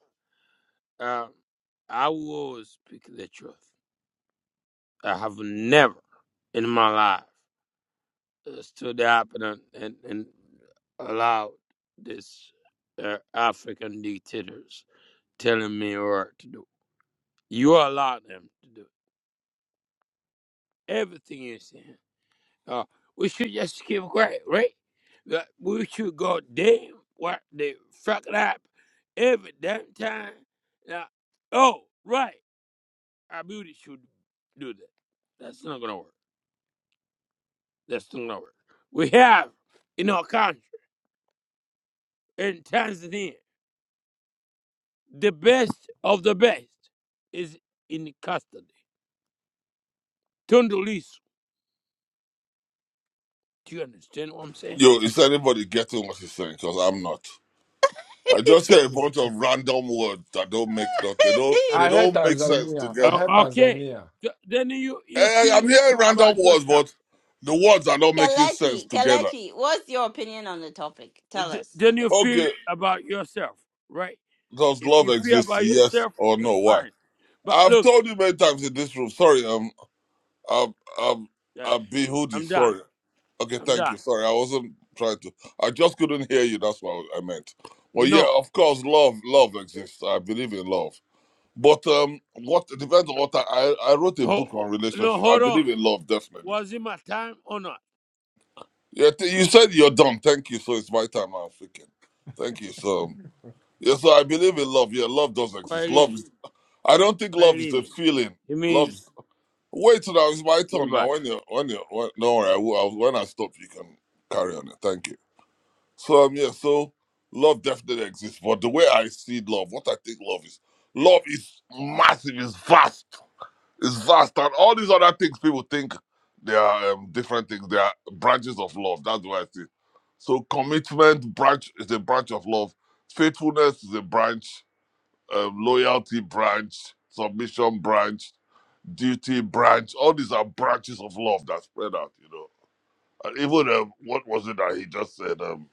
Speaker 10: uh, I will always speak the truth. I have never in my life uh, stood up and and, and allowed this uh, African dictators. telling me what to do. You allow them to do everything you say. Uh, we should just keep quiet, right? That we should go damn what they fuck it up every damn time. Now, oh, right, our beauty should do that. That's not gonna work. That's not gonna work. We have in our country, in Tanzania, the best of the best is in custody. Tundu Lissu. Do you understand what I'm saying?
Speaker 26: Yo, is anybody getting what he's saying? Because I'm not. I just hear a bunch of random words that don't make that they don't
Speaker 1: <laughs>
Speaker 26: they
Speaker 7: I heard
Speaker 26: don't make sense
Speaker 7: Tanzania. I
Speaker 26: together.
Speaker 7: heard
Speaker 10: Uh, okay.
Speaker 7: Tanzania.
Speaker 10: Th- Then you, you
Speaker 26: Eh,
Speaker 10: feel
Speaker 26: I'm
Speaker 10: ab-
Speaker 26: hearing random
Speaker 10: about
Speaker 26: words,
Speaker 10: yourself.
Speaker 26: but the words are not making sense
Speaker 1: Kelechi,
Speaker 26: together.
Speaker 1: Kelechi, what's your opinion on the topic? Tell
Speaker 10: Th-
Speaker 1: us.
Speaker 10: Then you feel
Speaker 26: Okay,
Speaker 10: about yourself, right?
Speaker 26: does
Speaker 10: If
Speaker 26: love
Speaker 10: you feel
Speaker 26: exist?
Speaker 10: about
Speaker 26: Yes
Speaker 10: yourself,
Speaker 26: or
Speaker 10: that's
Speaker 26: no? Why?
Speaker 10: fine. But
Speaker 26: I've
Speaker 10: look,
Speaker 26: told you many times in this room. Sorry, um. Um, um,
Speaker 10: eh,
Speaker 26: um, B Hoodie,
Speaker 10: I'm done.
Speaker 26: sorry. Okay,
Speaker 10: I'm
Speaker 26: thank you.
Speaker 10: done.
Speaker 26: Sorry, I wasn't trying to. I just couldn't hear you. That's what I meant. Well, yeah,
Speaker 10: No.
Speaker 26: of course, love, love exists. I believe in love. But um, what it depends on what I, I I wrote a book
Speaker 10: Ho-
Speaker 26: on
Speaker 10: no,
Speaker 26: relationships. I
Speaker 10: hold on.
Speaker 26: believe in love definitely.
Speaker 10: Was it my time or not?
Speaker 26: Yeah, th- you said you're done. Thank you. So it's my time. I'm freaking. Thank you. So um, yeah, so I believe in love. Yeah, love does exist. Love
Speaker 10: Kwaelini.
Speaker 26: is. I don't think love is a
Speaker 10: Kwaelini.
Speaker 26: feeling.
Speaker 10: It
Speaker 26: Love.
Speaker 10: means
Speaker 26: Wait till now, it's my turn
Speaker 10: goodbye.
Speaker 26: now. When you, when you, when, don't worry, I will, I'll- when I stop, you can carry on. Thank you. So, um, yeah, so love definitely exists, but the way I see love, what I think love is, love is massive, is vast, is vast, and all these other things people think they are um, different things, they are branches of love. That's what I see. So, commitment branch is a branch of love, faithfulness is a branch, um, loyalty branch, submission branch duty branch. All these are branches of love that spread out, you know. And even um, what was it that he just said? Um,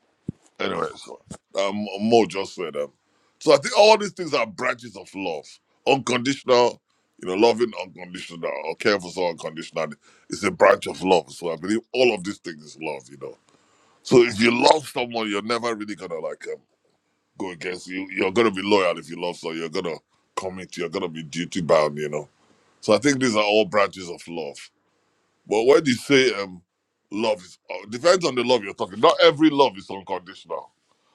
Speaker 26: anyway, so um, Mo just said um. So I think all these things are branches of love, unconditional. You know, loving unconditional or care for someone unconditionally is a branch of love. So I believe all of these things is love, you know. So if you love someone, you're never really gonna like um, go against you. You're gonna be loyal if you love someone. You're gonna commit. You're gonna be duty bound, you know. So I think these are all branches of love but when you say um, love is uh, depends on the love you're talking. Not every love is unconditional.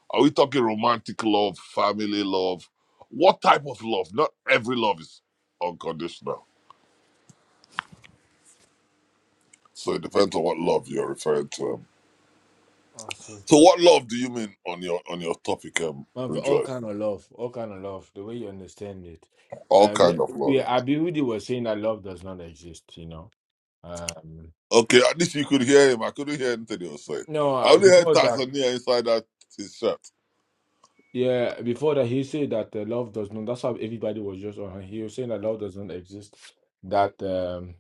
Speaker 26: Are we talking romantic love, family love? What type of love? Not every love is unconditional. So it depends on what love you're referring to. um.
Speaker 7: Oh, shoot.
Speaker 26: So what love do you mean on your on your topic, um,
Speaker 7: Of all
Speaker 26: Rejoice?
Speaker 7: kind of love, all kind of love, the way you understand it.
Speaker 26: All
Speaker 7: Uh, yeah,
Speaker 26: kind of love.
Speaker 7: yeah,
Speaker 26: yeah.
Speaker 7: Abiudi was saying that love does not exist, you know. Um,
Speaker 26: Okay, at least you could hear him. I couldn't hear anything he was saying.
Speaker 7: no,
Speaker 26: I
Speaker 7: uh,
Speaker 26: only heard
Speaker 7: before that,
Speaker 26: Tanzania inside that his shirt.
Speaker 7: yeah, before that, he said that uh, love does not. That's how everybody was just on. He was saying that love does not exist. That um,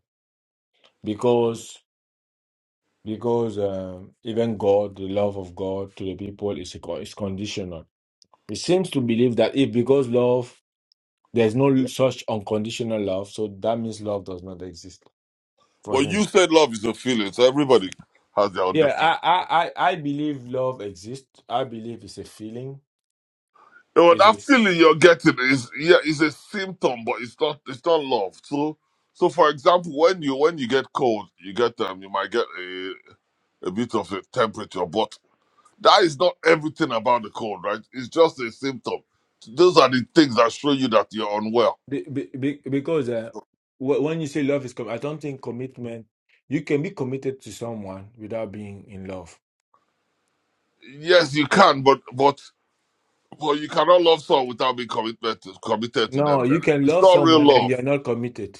Speaker 7: because because um, even God, the love of God to the people is is conditional. It seems to believe that if because love, there's no such unconditional love, so that means love does not exist for
Speaker 26: But
Speaker 7: him
Speaker 26: you said love is a feeling, so everybody has their own
Speaker 7: Yeah,
Speaker 26: different.
Speaker 7: I, I, I I believe love exists. I believe it's a feeling.
Speaker 26: Oh,
Speaker 7: It's a
Speaker 26: that feeling
Speaker 7: s-
Speaker 26: you're getting is yeah, is a symptom, but it's not it's not love. So so for example, when you when you get cold, you get um you might get a, a bit of a temperature, but that is not everything about the cold, right? It's just a symptom. Those are the things that show you that you're unwell.
Speaker 7: be, be, be- because uh, wh- when you say love is, com- I don't think commitment. You can be committed to someone without being in love.
Speaker 26: Yes, you can, but but but you cannot love someone without being committed to, committed to
Speaker 7: No,
Speaker 26: them.
Speaker 7: you
Speaker 26: Then
Speaker 7: can
Speaker 26: it's
Speaker 7: love
Speaker 26: not real
Speaker 7: someone and
Speaker 26: love.
Speaker 7: you're not committed.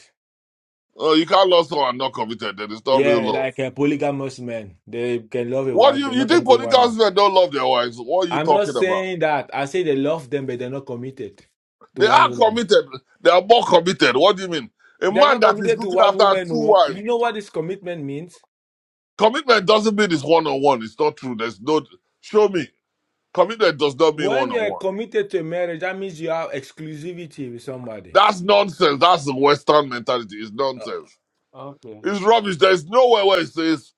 Speaker 26: Uh, you can't love someone and not committed. Then it's not real
Speaker 7: Yeah,
Speaker 26: love.
Speaker 7: like a polygamous man, they can love a
Speaker 26: What do
Speaker 7: wife,
Speaker 26: you,
Speaker 7: they're
Speaker 26: you
Speaker 7: not
Speaker 26: think
Speaker 7: committed to one man.
Speaker 26: polygamous men don't love their wives? What are you
Speaker 7: I'm not
Speaker 26: talking about?
Speaker 7: saying that. I say they love them, but they're not committed to
Speaker 26: They
Speaker 7: one
Speaker 26: are
Speaker 7: woman.
Speaker 26: committed. They are more committed. What do you mean? A
Speaker 7: They're
Speaker 26: man
Speaker 7: not
Speaker 26: that is
Speaker 7: committed to
Speaker 26: looking
Speaker 7: one
Speaker 26: after
Speaker 7: woman.
Speaker 26: two
Speaker 7: Oh,
Speaker 26: wives,
Speaker 7: you know what this commitment means?
Speaker 26: commitment doesn't mean it's one on one. It's not true. There's no show me. Commitment does not mean one
Speaker 7: When
Speaker 26: on
Speaker 7: you're
Speaker 26: one.
Speaker 7: committed to a marriage, that means you have exclusivity with somebody.
Speaker 26: That's nonsense. That's the Western mentality. It's
Speaker 7: Uh,
Speaker 26: nonsense.
Speaker 7: Okay.
Speaker 26: It's rubbish. There's nowhere where it says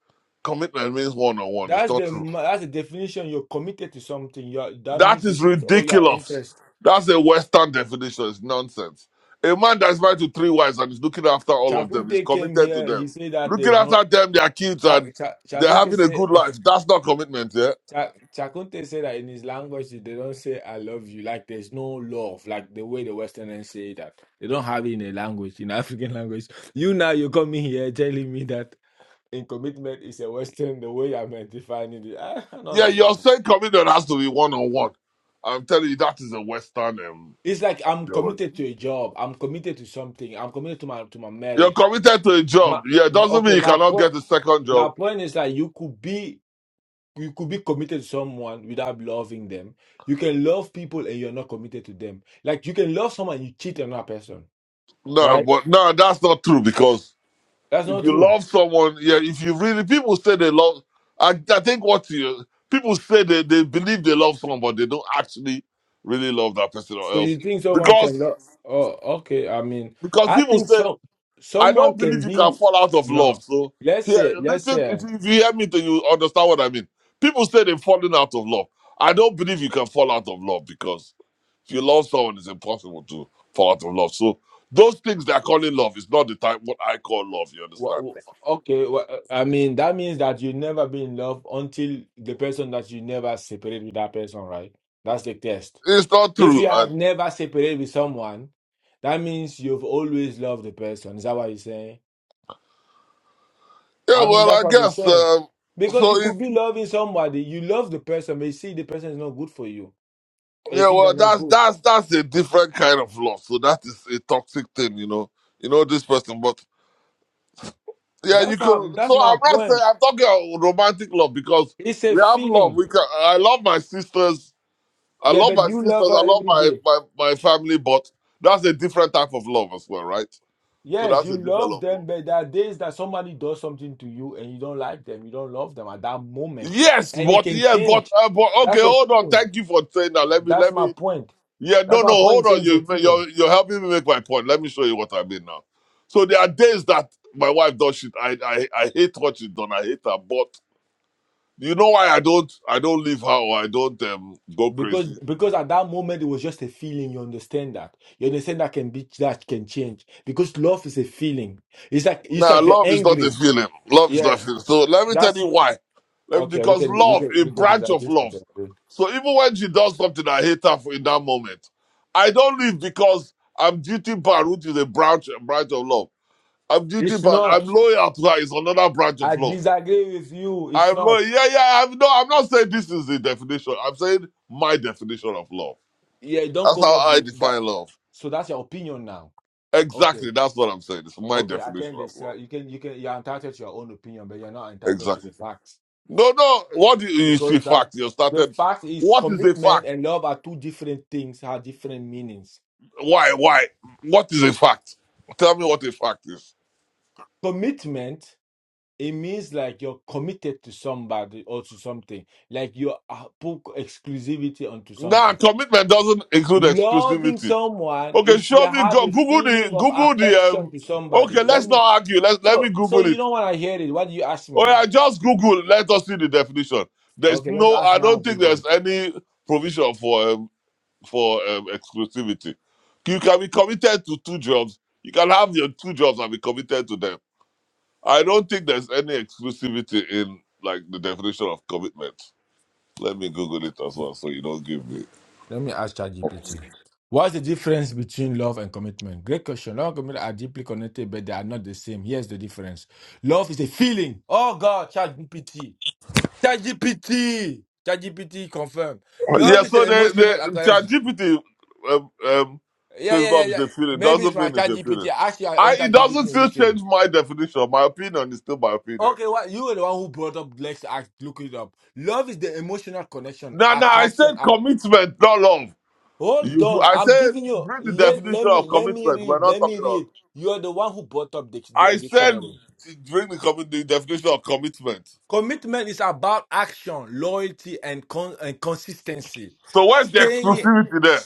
Speaker 26: commitment means one on one. It's
Speaker 7: That's
Speaker 26: not
Speaker 7: the
Speaker 26: true.
Speaker 7: ma- that's the definition. You're committed to something. You are, that
Speaker 26: That
Speaker 7: means you
Speaker 26: is
Speaker 7: put all your
Speaker 26: ridiculous.
Speaker 7: interest.
Speaker 26: That's a Western definition. It's nonsense. A man that's married to three wives and is looking after all of them is
Speaker 7: Chakunte came
Speaker 26: committed to
Speaker 7: here. He
Speaker 26: them.
Speaker 7: said that
Speaker 26: Looking
Speaker 7: there's
Speaker 26: after
Speaker 7: no.
Speaker 26: them, their kids,
Speaker 7: Cha-
Speaker 26: and
Speaker 7: Cha-
Speaker 26: they're
Speaker 7: Chakunte
Speaker 26: having a
Speaker 7: said.
Speaker 26: good
Speaker 7: <laughs>
Speaker 26: life. That's not commitment, yeah?
Speaker 7: Cha- Chakunte said that in his language they don't say "I love you." Like there's no love. Like the way the Westerners say that they don't have it in a language in African <laughs> language. You now you're coming here telling me that. in commitment is a Western, the way I'm uh, defining it. I, I don't
Speaker 26: Yeah, you're
Speaker 7: understand.
Speaker 26: saying commitment has to be one on one. I'm telling you, that is a Western um,
Speaker 7: It's like I'm
Speaker 26: theology.
Speaker 7: committed to a job. I'm committed to something. I'm committed to my to my
Speaker 26: You're
Speaker 7: marriage.
Speaker 26: committed to a
Speaker 7: My,
Speaker 26: job. Yeah, It doesn't
Speaker 7: okay,
Speaker 26: mean you
Speaker 7: my
Speaker 26: cannot
Speaker 7: point.
Speaker 26: get a second
Speaker 7: My
Speaker 26: job.
Speaker 7: point is that you could be you could be committed to someone without loving them. You can love people and you're not committed to them. Like you can love someone you cheat on that person,
Speaker 26: No,
Speaker 7: right?
Speaker 26: but no, that's not true because
Speaker 7: That's
Speaker 26: If
Speaker 7: not
Speaker 26: you
Speaker 7: true.
Speaker 26: love someone, yeah, if you really, people say they love, I, I think what you, people say they, they believe they love someone, but they don't actually really love that person or
Speaker 7: So
Speaker 26: else.
Speaker 7: you think someone can
Speaker 26: Because,
Speaker 7: love? Oh, okay. I mean,
Speaker 26: because
Speaker 7: I
Speaker 26: people
Speaker 7: think
Speaker 26: say,
Speaker 7: so.
Speaker 26: I
Speaker 7: Someone
Speaker 26: don't believe
Speaker 7: can
Speaker 26: you can
Speaker 7: be
Speaker 26: fall out of love.
Speaker 7: no.
Speaker 26: So
Speaker 7: Let's
Speaker 26: here,
Speaker 7: say, let's
Speaker 26: listen,
Speaker 7: say.
Speaker 26: if you if you hear me, then you understand what I mean. People say they're falling out of love. I don't believe you can fall out of love because if you love someone, it's impossible to fall out of love. So those things they're calling love is not the type what I call love, you
Speaker 7: Wha-
Speaker 26: understand?
Speaker 7: wha- Okay, wha- I mean that means that you never be in love until the person that you never separate with that person, right? That's the test.
Speaker 26: It's not
Speaker 7: If
Speaker 26: true.
Speaker 7: you
Speaker 26: I,
Speaker 7: have never separated with someone, that means you've always loved the person. Is that what you're saying?
Speaker 26: Yeah,
Speaker 7: I mean
Speaker 26: well,
Speaker 7: that's
Speaker 26: I
Speaker 7: what we're
Speaker 26: guess
Speaker 7: saying.
Speaker 26: um,
Speaker 7: Because you
Speaker 26: so.
Speaker 7: could
Speaker 26: If,
Speaker 7: be loving somebody, you love the person, but you see the person is not good for you. They
Speaker 26: yeah,
Speaker 7: think are
Speaker 26: well,
Speaker 7: not
Speaker 26: that's
Speaker 7: good.
Speaker 26: that's that's a different kind of love. So that is a toxic thing, you know. You know this person, but yeah, you
Speaker 7: That's how
Speaker 26: can.
Speaker 7: that's
Speaker 26: So
Speaker 7: my
Speaker 26: I'm not saying
Speaker 7: point.
Speaker 26: I'm talking about romantic love because
Speaker 7: It's a
Speaker 26: we have love.
Speaker 7: feeling.
Speaker 26: We can. I love my sisters. I
Speaker 7: Yeah,
Speaker 26: love
Speaker 7: but
Speaker 26: my
Speaker 7: you
Speaker 26: sisters.
Speaker 7: love
Speaker 26: I
Speaker 7: her
Speaker 26: love
Speaker 7: every
Speaker 26: my
Speaker 7: day.
Speaker 26: my my family, but that's a different type of love as well, right? So
Speaker 7: Yes,
Speaker 26: that's
Speaker 7: you
Speaker 26: a different
Speaker 7: love
Speaker 26: love.
Speaker 7: them,
Speaker 26: Though.
Speaker 7: but there are days that somebody does something to you and you don't like them, you don't love them at that moment,
Speaker 26: Yes,
Speaker 7: and it
Speaker 26: but
Speaker 7: can
Speaker 26: yes, but
Speaker 7: change.
Speaker 26: uh, but okay,
Speaker 7: That's a
Speaker 26: hold on.
Speaker 7: feeling.
Speaker 26: Thank you for saying that. Let me
Speaker 7: That's
Speaker 26: let
Speaker 7: my
Speaker 26: me
Speaker 7: point.
Speaker 26: Yeah,
Speaker 7: That's
Speaker 26: no, no,
Speaker 7: my point.
Speaker 26: hold
Speaker 7: Saying
Speaker 26: on.
Speaker 7: it's a
Speaker 26: You,
Speaker 7: feeling
Speaker 26: you're, you're helping me make my point. Let me show you what I mean now. So there are days that my wife does shit. I, I, I hate what she done. I hate her. But you know why I don't, I don't leave her or I don't um, go
Speaker 7: because
Speaker 26: crazy.
Speaker 7: because at that moment it was just a feeling. You understand that? You understand that can be that can change because love is a feeling. It's like it's
Speaker 26: Now,
Speaker 7: like you're
Speaker 26: love is not a
Speaker 7: angry.
Speaker 26: feeling. Love is not
Speaker 7: Yeah,
Speaker 26: a feeling. So let me tell
Speaker 7: that's
Speaker 26: you why. Let me-
Speaker 7: okay. We
Speaker 26: because
Speaker 7: can we
Speaker 26: love,
Speaker 7: can
Speaker 26: a
Speaker 7: we can
Speaker 26: branch of
Speaker 7: disagree.
Speaker 26: love. So even when she does something I hate her for in that moment, I don't leave because I'm duty bound, which is a branch, a branch of love. I'm duty
Speaker 7: It's
Speaker 26: bound.
Speaker 7: not.
Speaker 26: I'm lawyer applies another branch of
Speaker 7: I
Speaker 26: law.
Speaker 7: disagree with you. It's
Speaker 26: I'm
Speaker 7: not.
Speaker 26: lawyer. Yeah, yeah. I'm no. I'm not saying this is the definition. I'm saying my definition of love.
Speaker 7: Yeah, it don't
Speaker 26: That's
Speaker 7: come
Speaker 26: how
Speaker 7: up
Speaker 26: I
Speaker 7: with that.
Speaker 26: define love.
Speaker 7: So that's your opinion now. Okay.
Speaker 26: Exactly. That's what I'm saying. It's my
Speaker 7: Okay. I can
Speaker 26: definition of
Speaker 7: just uh,
Speaker 26: love.
Speaker 7: you can you can you're entitled to your own opinion, but you're not entitled to
Speaker 26: Exactly.
Speaker 7: the facts.
Speaker 26: No, no. What do you, you see?
Speaker 7: Because that
Speaker 26: Fact. You
Speaker 7: the
Speaker 26: started.
Speaker 7: fact is
Speaker 26: What is a
Speaker 7: commitment
Speaker 26: fact?
Speaker 7: and love are two different things, have different meanings.
Speaker 26: Why? Why? What is a fact? Tell me what a fact is.
Speaker 7: Commitment, it means like you're committed to somebody or to something. Like you uh, put exclusivity onto
Speaker 26: Nah,
Speaker 7: something.
Speaker 26: commitment doesn't include
Speaker 7: Loving
Speaker 26: exclusivity.
Speaker 7: someone
Speaker 26: Okay,
Speaker 7: is you
Speaker 26: show me.
Speaker 7: have
Speaker 26: Go,
Speaker 7: a
Speaker 26: Google the.
Speaker 7: feeling of
Speaker 26: Google the.
Speaker 7: affection
Speaker 26: Um,
Speaker 7: to somebody.
Speaker 26: okay,
Speaker 7: Let
Speaker 26: let's
Speaker 7: me
Speaker 26: not argue. Let's let
Speaker 7: So,
Speaker 26: me
Speaker 7: so
Speaker 26: Google it.
Speaker 7: you know when I hear it, what do you ask me
Speaker 26: Oh
Speaker 7: then?
Speaker 26: yeah, just Google. Let us see the definition. There's
Speaker 7: Okay, let's
Speaker 26: no.
Speaker 7: ask
Speaker 26: I
Speaker 7: now.
Speaker 26: don't
Speaker 7: We're
Speaker 26: think
Speaker 7: going.
Speaker 26: there's any provision for um, for um, exclusivity. You can be committed to two jobs. You can have your two jobs and be committed to them. I don't think there's any exclusivity in like the definition of commitment. Let me Google it as well, so you don't give me.
Speaker 7: Let me ask ChatGPT. What's the difference between love and commitment? Great question. Love and commitment are deeply connected, but they are not the same. Here's the difference. Love is a feeling. Oh God, ChatGPT. ChatGPT. ChatGPT confirm. Love
Speaker 26: Yeah.
Speaker 7: is an
Speaker 26: So the
Speaker 7: emotional
Speaker 26: the
Speaker 7: connection.
Speaker 26: ChatGPT um, um,
Speaker 7: Yeah,
Speaker 26: says
Speaker 7: yeah, yeah,
Speaker 26: love is
Speaker 7: yeah.
Speaker 26: a feeling.
Speaker 7: Maybe it's
Speaker 26: Doesn't
Speaker 7: my
Speaker 26: mean it's a
Speaker 7: ChatGPT.
Speaker 26: feeling.
Speaker 7: Ask your own
Speaker 26: I it
Speaker 7: ChatGPT
Speaker 26: doesn't
Speaker 7: and you
Speaker 26: still
Speaker 7: kill. him.
Speaker 26: change my definition. My opinion is still my opinion.
Speaker 7: Okay, what you were the one who brought up. Let's ask, look it up. Love is the emotional connection,
Speaker 26: No, no, I
Speaker 7: attraction.
Speaker 26: said commitment, not love.
Speaker 7: Hold
Speaker 26: You,
Speaker 7: on,
Speaker 26: I
Speaker 7: I'm
Speaker 26: said
Speaker 7: giving you.
Speaker 26: bring the
Speaker 7: Let,
Speaker 26: definition
Speaker 7: let
Speaker 26: of
Speaker 7: me let me
Speaker 26: commitment. We're
Speaker 7: read.
Speaker 26: not
Speaker 7: Let me
Speaker 26: talking of.
Speaker 7: read. You are the one who brought up the, the
Speaker 26: I said
Speaker 7: dictionary.
Speaker 26: bring the, commi- the definition of commitment.
Speaker 7: Commitment is about action, loyalty, and con, and consistency.
Speaker 26: So where's the
Speaker 7: Staying,
Speaker 26: exclusivity there?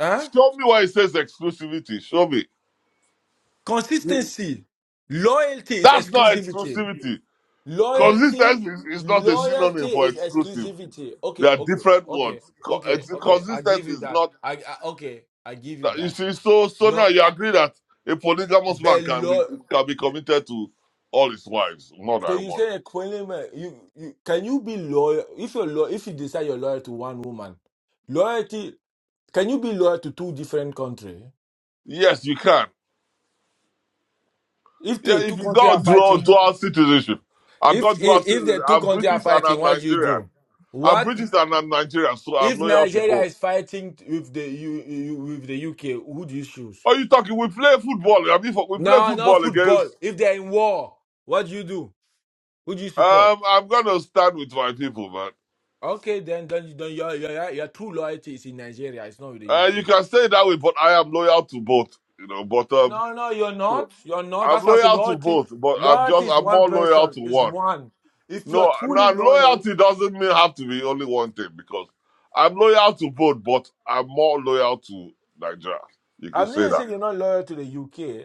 Speaker 7: huh?
Speaker 26: Show me where it says exclusivity. Show me.
Speaker 7: Consistency. Loyalty is
Speaker 26: That's not
Speaker 7: exclusivity.
Speaker 26: exclusivity.
Speaker 7: Loyalty,
Speaker 26: Consistency is, is not a
Speaker 7: loyalty
Speaker 26: synonym for
Speaker 7: is
Speaker 26: exclusive.
Speaker 7: exclusivity.
Speaker 26: They
Speaker 7: Okay,
Speaker 26: are
Speaker 7: okay,
Speaker 26: different
Speaker 7: okay,
Speaker 26: words. Co-
Speaker 7: okay,
Speaker 26: ex-
Speaker 7: okay. I give
Speaker 26: Consistency
Speaker 7: you
Speaker 26: is
Speaker 7: that.
Speaker 26: not.
Speaker 7: I, I okay. I give you
Speaker 26: that- You
Speaker 7: that.
Speaker 26: see, so so
Speaker 7: No,
Speaker 26: now you
Speaker 7: I,
Speaker 26: agree that a polygamous man
Speaker 7: but
Speaker 26: can be
Speaker 7: lo-
Speaker 26: can be committed to all his wives, more
Speaker 7: So
Speaker 26: than
Speaker 7: you
Speaker 26: one.
Speaker 7: say a Equanimous, you, you can you be loyal if you're lo- if you decide you're loyal to one woman, loyalty can you be loyal to two different countries?
Speaker 26: Yes, you can.
Speaker 7: If
Speaker 26: Yeah,
Speaker 7: the two
Speaker 26: if you
Speaker 7: countries are
Speaker 26: got dual
Speaker 7: fighting,
Speaker 26: dual citizenship, I've
Speaker 7: if,
Speaker 26: got dual
Speaker 7: if if the
Speaker 26: citizenship.
Speaker 7: two
Speaker 26: I'm
Speaker 7: countries are
Speaker 26: British and
Speaker 7: fighting,
Speaker 26: I'm
Speaker 7: what do you
Speaker 26: Nigerian.
Speaker 7: do?
Speaker 26: I'm
Speaker 7: What
Speaker 26: British and I'm Nigerian, so I'm
Speaker 7: if
Speaker 26: loyal to
Speaker 7: Nigeria
Speaker 26: both.
Speaker 7: is fighting with the you, you with the UK? Who do you choose?
Speaker 26: Are you talking? We play football. I mean, for- we play
Speaker 7: No, no
Speaker 26: football
Speaker 7: football.
Speaker 26: against.
Speaker 7: If they're in war, what do you do? Who do you support?
Speaker 26: Um, I'm gonna stand with my people, man.
Speaker 7: Okay, then then, then your, your your your true loyalty is in Nigeria. It's not with the
Speaker 26: Uh, you
Speaker 7: UK.
Speaker 26: can say it that way, but I am loyal to both. You know, but um,
Speaker 7: No, no, you're
Speaker 26: so
Speaker 7: not. You're not.
Speaker 26: I'm
Speaker 7: That's why I say
Speaker 26: loyal to
Speaker 7: loyalty.
Speaker 26: both, but I'm
Speaker 7: Loyalty
Speaker 26: just
Speaker 7: is
Speaker 26: I'm
Speaker 7: one
Speaker 26: more loyal
Speaker 7: person.
Speaker 26: to
Speaker 7: It's
Speaker 26: one.
Speaker 7: one. If you're
Speaker 26: No,
Speaker 7: truly
Speaker 26: now
Speaker 7: loyal,
Speaker 26: loyalty doesn't mean have to be only one thing because I'm loyal to both, but I'm more loyal to Nigeria. You could
Speaker 7: I'm not
Speaker 26: say
Speaker 7: even
Speaker 26: that.
Speaker 7: saying you're not loyal to the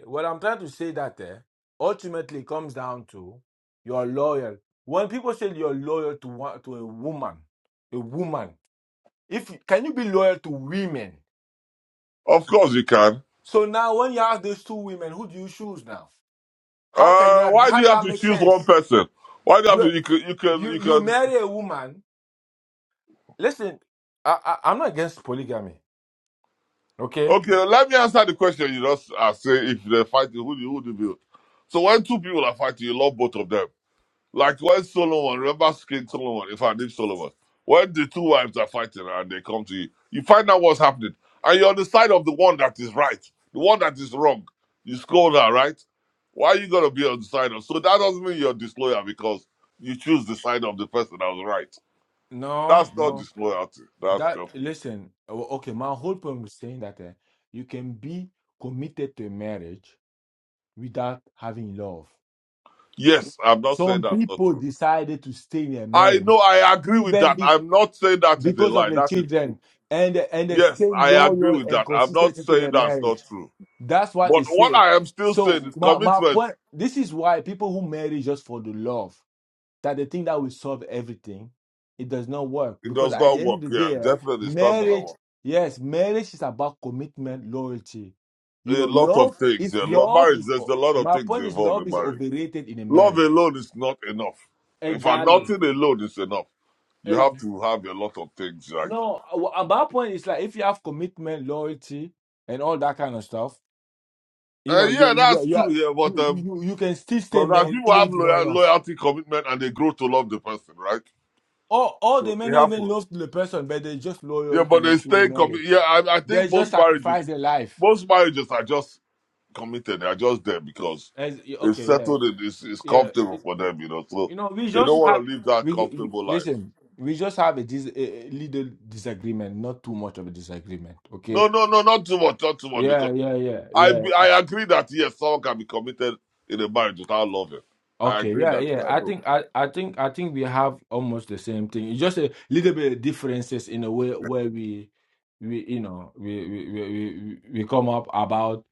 Speaker 7: UK. What I'm trying to say that eh, ultimately comes down to you're loyal. When people say you're loyal to one, to a woman, a woman, if can you be loyal to women?
Speaker 26: Of course, you can.
Speaker 7: So now when you have those two women, who do you choose now? How can you
Speaker 26: Uh,
Speaker 7: have,
Speaker 26: why do
Speaker 7: how
Speaker 26: you
Speaker 7: does
Speaker 26: have
Speaker 7: that
Speaker 26: to
Speaker 7: make
Speaker 26: choose one
Speaker 7: sense?
Speaker 26: person? Why do you have to?
Speaker 7: You
Speaker 26: You can. You can.
Speaker 7: you
Speaker 26: You
Speaker 7: you
Speaker 26: can.
Speaker 7: marry a woman. Listen, I, I I'm not against polygamy. Okay.
Speaker 26: Okay, let me answer the question you just asked. Say if they're fighting, who do you, who do you build? So when two people are fighting, you love both of them. Like when Solomon, remember skin Solomon, if I name Solomon, when the two wives are fighting and they come to you, you find out what's happening. And you're on the side of the one that is right, the one that is wrong. You scold her, right? Why are you going to be on the side of? So that doesn't mean you're disloyal because you choose the side of the person that was right.
Speaker 7: No,
Speaker 26: That's not
Speaker 7: no.
Speaker 26: disloyalty. That's
Speaker 7: That
Speaker 26: just.
Speaker 7: listen. o- Okay, my whole point was saying that eh, you can be committed to a marriage without having love.
Speaker 26: Yes, I'm not saying
Speaker 7: Some
Speaker 26: that's not
Speaker 7: people
Speaker 26: true.
Speaker 7: decided to stay in a
Speaker 26: I
Speaker 7: marriage
Speaker 26: know, I agree with
Speaker 7: even
Speaker 26: that.
Speaker 7: be,
Speaker 26: I'm not saying that is a
Speaker 7: because of
Speaker 26: lie.
Speaker 7: the
Speaker 26: That is
Speaker 7: children,
Speaker 26: true.
Speaker 7: and and they
Speaker 26: Yes,
Speaker 7: stay
Speaker 26: I agree
Speaker 7: loyal
Speaker 26: with
Speaker 7: and
Speaker 26: that. I'm not
Speaker 7: consistent to
Speaker 26: saying
Speaker 7: their
Speaker 26: that's not
Speaker 7: marriage.
Speaker 26: true.
Speaker 7: That's what
Speaker 26: But
Speaker 7: it
Speaker 26: what
Speaker 7: says.
Speaker 26: I am still saying
Speaker 7: So
Speaker 26: is
Speaker 7: my my
Speaker 26: commitment.
Speaker 7: point. This is why people who marry just for the love. that they think that will solve everything. It does not work
Speaker 26: It
Speaker 7: because
Speaker 26: does
Speaker 7: at the
Speaker 26: not
Speaker 7: end
Speaker 26: work.
Speaker 7: of the
Speaker 26: Yeah,
Speaker 7: day,
Speaker 26: definitely it's not gonna
Speaker 7: marriage,
Speaker 26: work.
Speaker 7: yes, marriage is about commitment, loyalty. You
Speaker 26: A
Speaker 7: know,
Speaker 26: lot of
Speaker 7: love
Speaker 26: things.
Speaker 7: is
Speaker 26: Yeah, lo-
Speaker 7: love
Speaker 26: marriage.
Speaker 7: is
Speaker 26: There's a lot of
Speaker 7: my
Speaker 26: things
Speaker 7: point is
Speaker 26: involved
Speaker 7: love
Speaker 26: in
Speaker 7: is
Speaker 26: marriage.
Speaker 7: overrated in a
Speaker 26: Love
Speaker 7: marriage.
Speaker 26: alone is not enough. In fact,
Speaker 7: Exactly.
Speaker 26: nothing alone is enough. You
Speaker 7: Eh,
Speaker 26: have to have a lot of things. Like,
Speaker 7: No, uh, at my point is like if you have commitment, loyalty, and all that kind of stuff, you
Speaker 26: uh,
Speaker 7: know, you
Speaker 26: yeah,
Speaker 7: you
Speaker 26: that's
Speaker 7: you,
Speaker 26: true.
Speaker 7: are-
Speaker 26: Yeah, but
Speaker 7: you,
Speaker 26: um,
Speaker 7: you, you can still stay
Speaker 26: because
Speaker 7: married
Speaker 26: people
Speaker 7: even
Speaker 26: have
Speaker 7: if you don't
Speaker 26: loyal,
Speaker 7: love.
Speaker 26: loyalty, commitment, and they grow to love the person, right?
Speaker 7: Or or they
Speaker 26: So
Speaker 7: may
Speaker 26: it
Speaker 7: not even
Speaker 26: happens.
Speaker 7: love the person, but they're just
Speaker 26: Yeah,
Speaker 7: loyal to,
Speaker 26: but they
Speaker 7: to the
Speaker 26: stay
Speaker 7: marriage.
Speaker 26: committed. Yeah, I, I think
Speaker 7: They just
Speaker 26: most marriages,
Speaker 7: sacrifice their life.
Speaker 26: most marriages are just committed. They are just there because
Speaker 7: As,
Speaker 26: they've
Speaker 7: okay, yeah,
Speaker 26: settled it. It's, it's
Speaker 7: yeah.
Speaker 26: comfortable
Speaker 7: It-
Speaker 26: for them, you know. So
Speaker 7: you know, we
Speaker 26: they
Speaker 7: just
Speaker 26: don't
Speaker 7: have
Speaker 26: want to live that
Speaker 7: we, we-
Speaker 26: comfortable life.
Speaker 7: listen. We just have a, dis, a a little disagreement, not too much of a disagreement.
Speaker 26: No,
Speaker 7: Okay.
Speaker 26: no, no, not too much, not too much.
Speaker 7: Yeah,
Speaker 26: Because
Speaker 7: yeah, yeah,
Speaker 26: I
Speaker 7: yeah.
Speaker 26: be, I agree that yes, someone can be committed in a marriage without loving. I
Speaker 7: Okay,
Speaker 26: agree
Speaker 7: yeah,
Speaker 26: that.
Speaker 7: yeah.
Speaker 26: Yeah, I
Speaker 7: I
Speaker 26: know.
Speaker 7: think I, I think I think we have almost the same thing. It's just a little bit of differences in a way where we we you know we we we, we, we come up about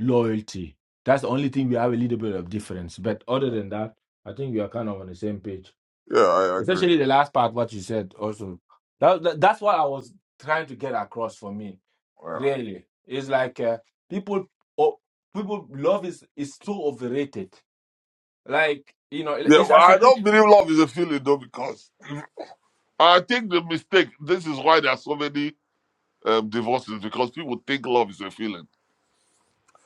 Speaker 7: loyalty. That's the only thing we have a little bit of difference. But other than that, I think we are kind of on the same page.
Speaker 26: Yeah, I agree.
Speaker 7: Especially the last part, what you said also. That, that- that's what I was trying to get across for me.
Speaker 26: Wow.
Speaker 7: Really, it's like uh, people, oh, people love is is so overrated. Like you know,
Speaker 26: Yeah,
Speaker 7: it's
Speaker 26: well,
Speaker 7: as
Speaker 26: I
Speaker 7: if peop-
Speaker 26: don't believe love is a feeling though, because I think the mistake. This is why there are so many um, divorces because people think love is a feeling,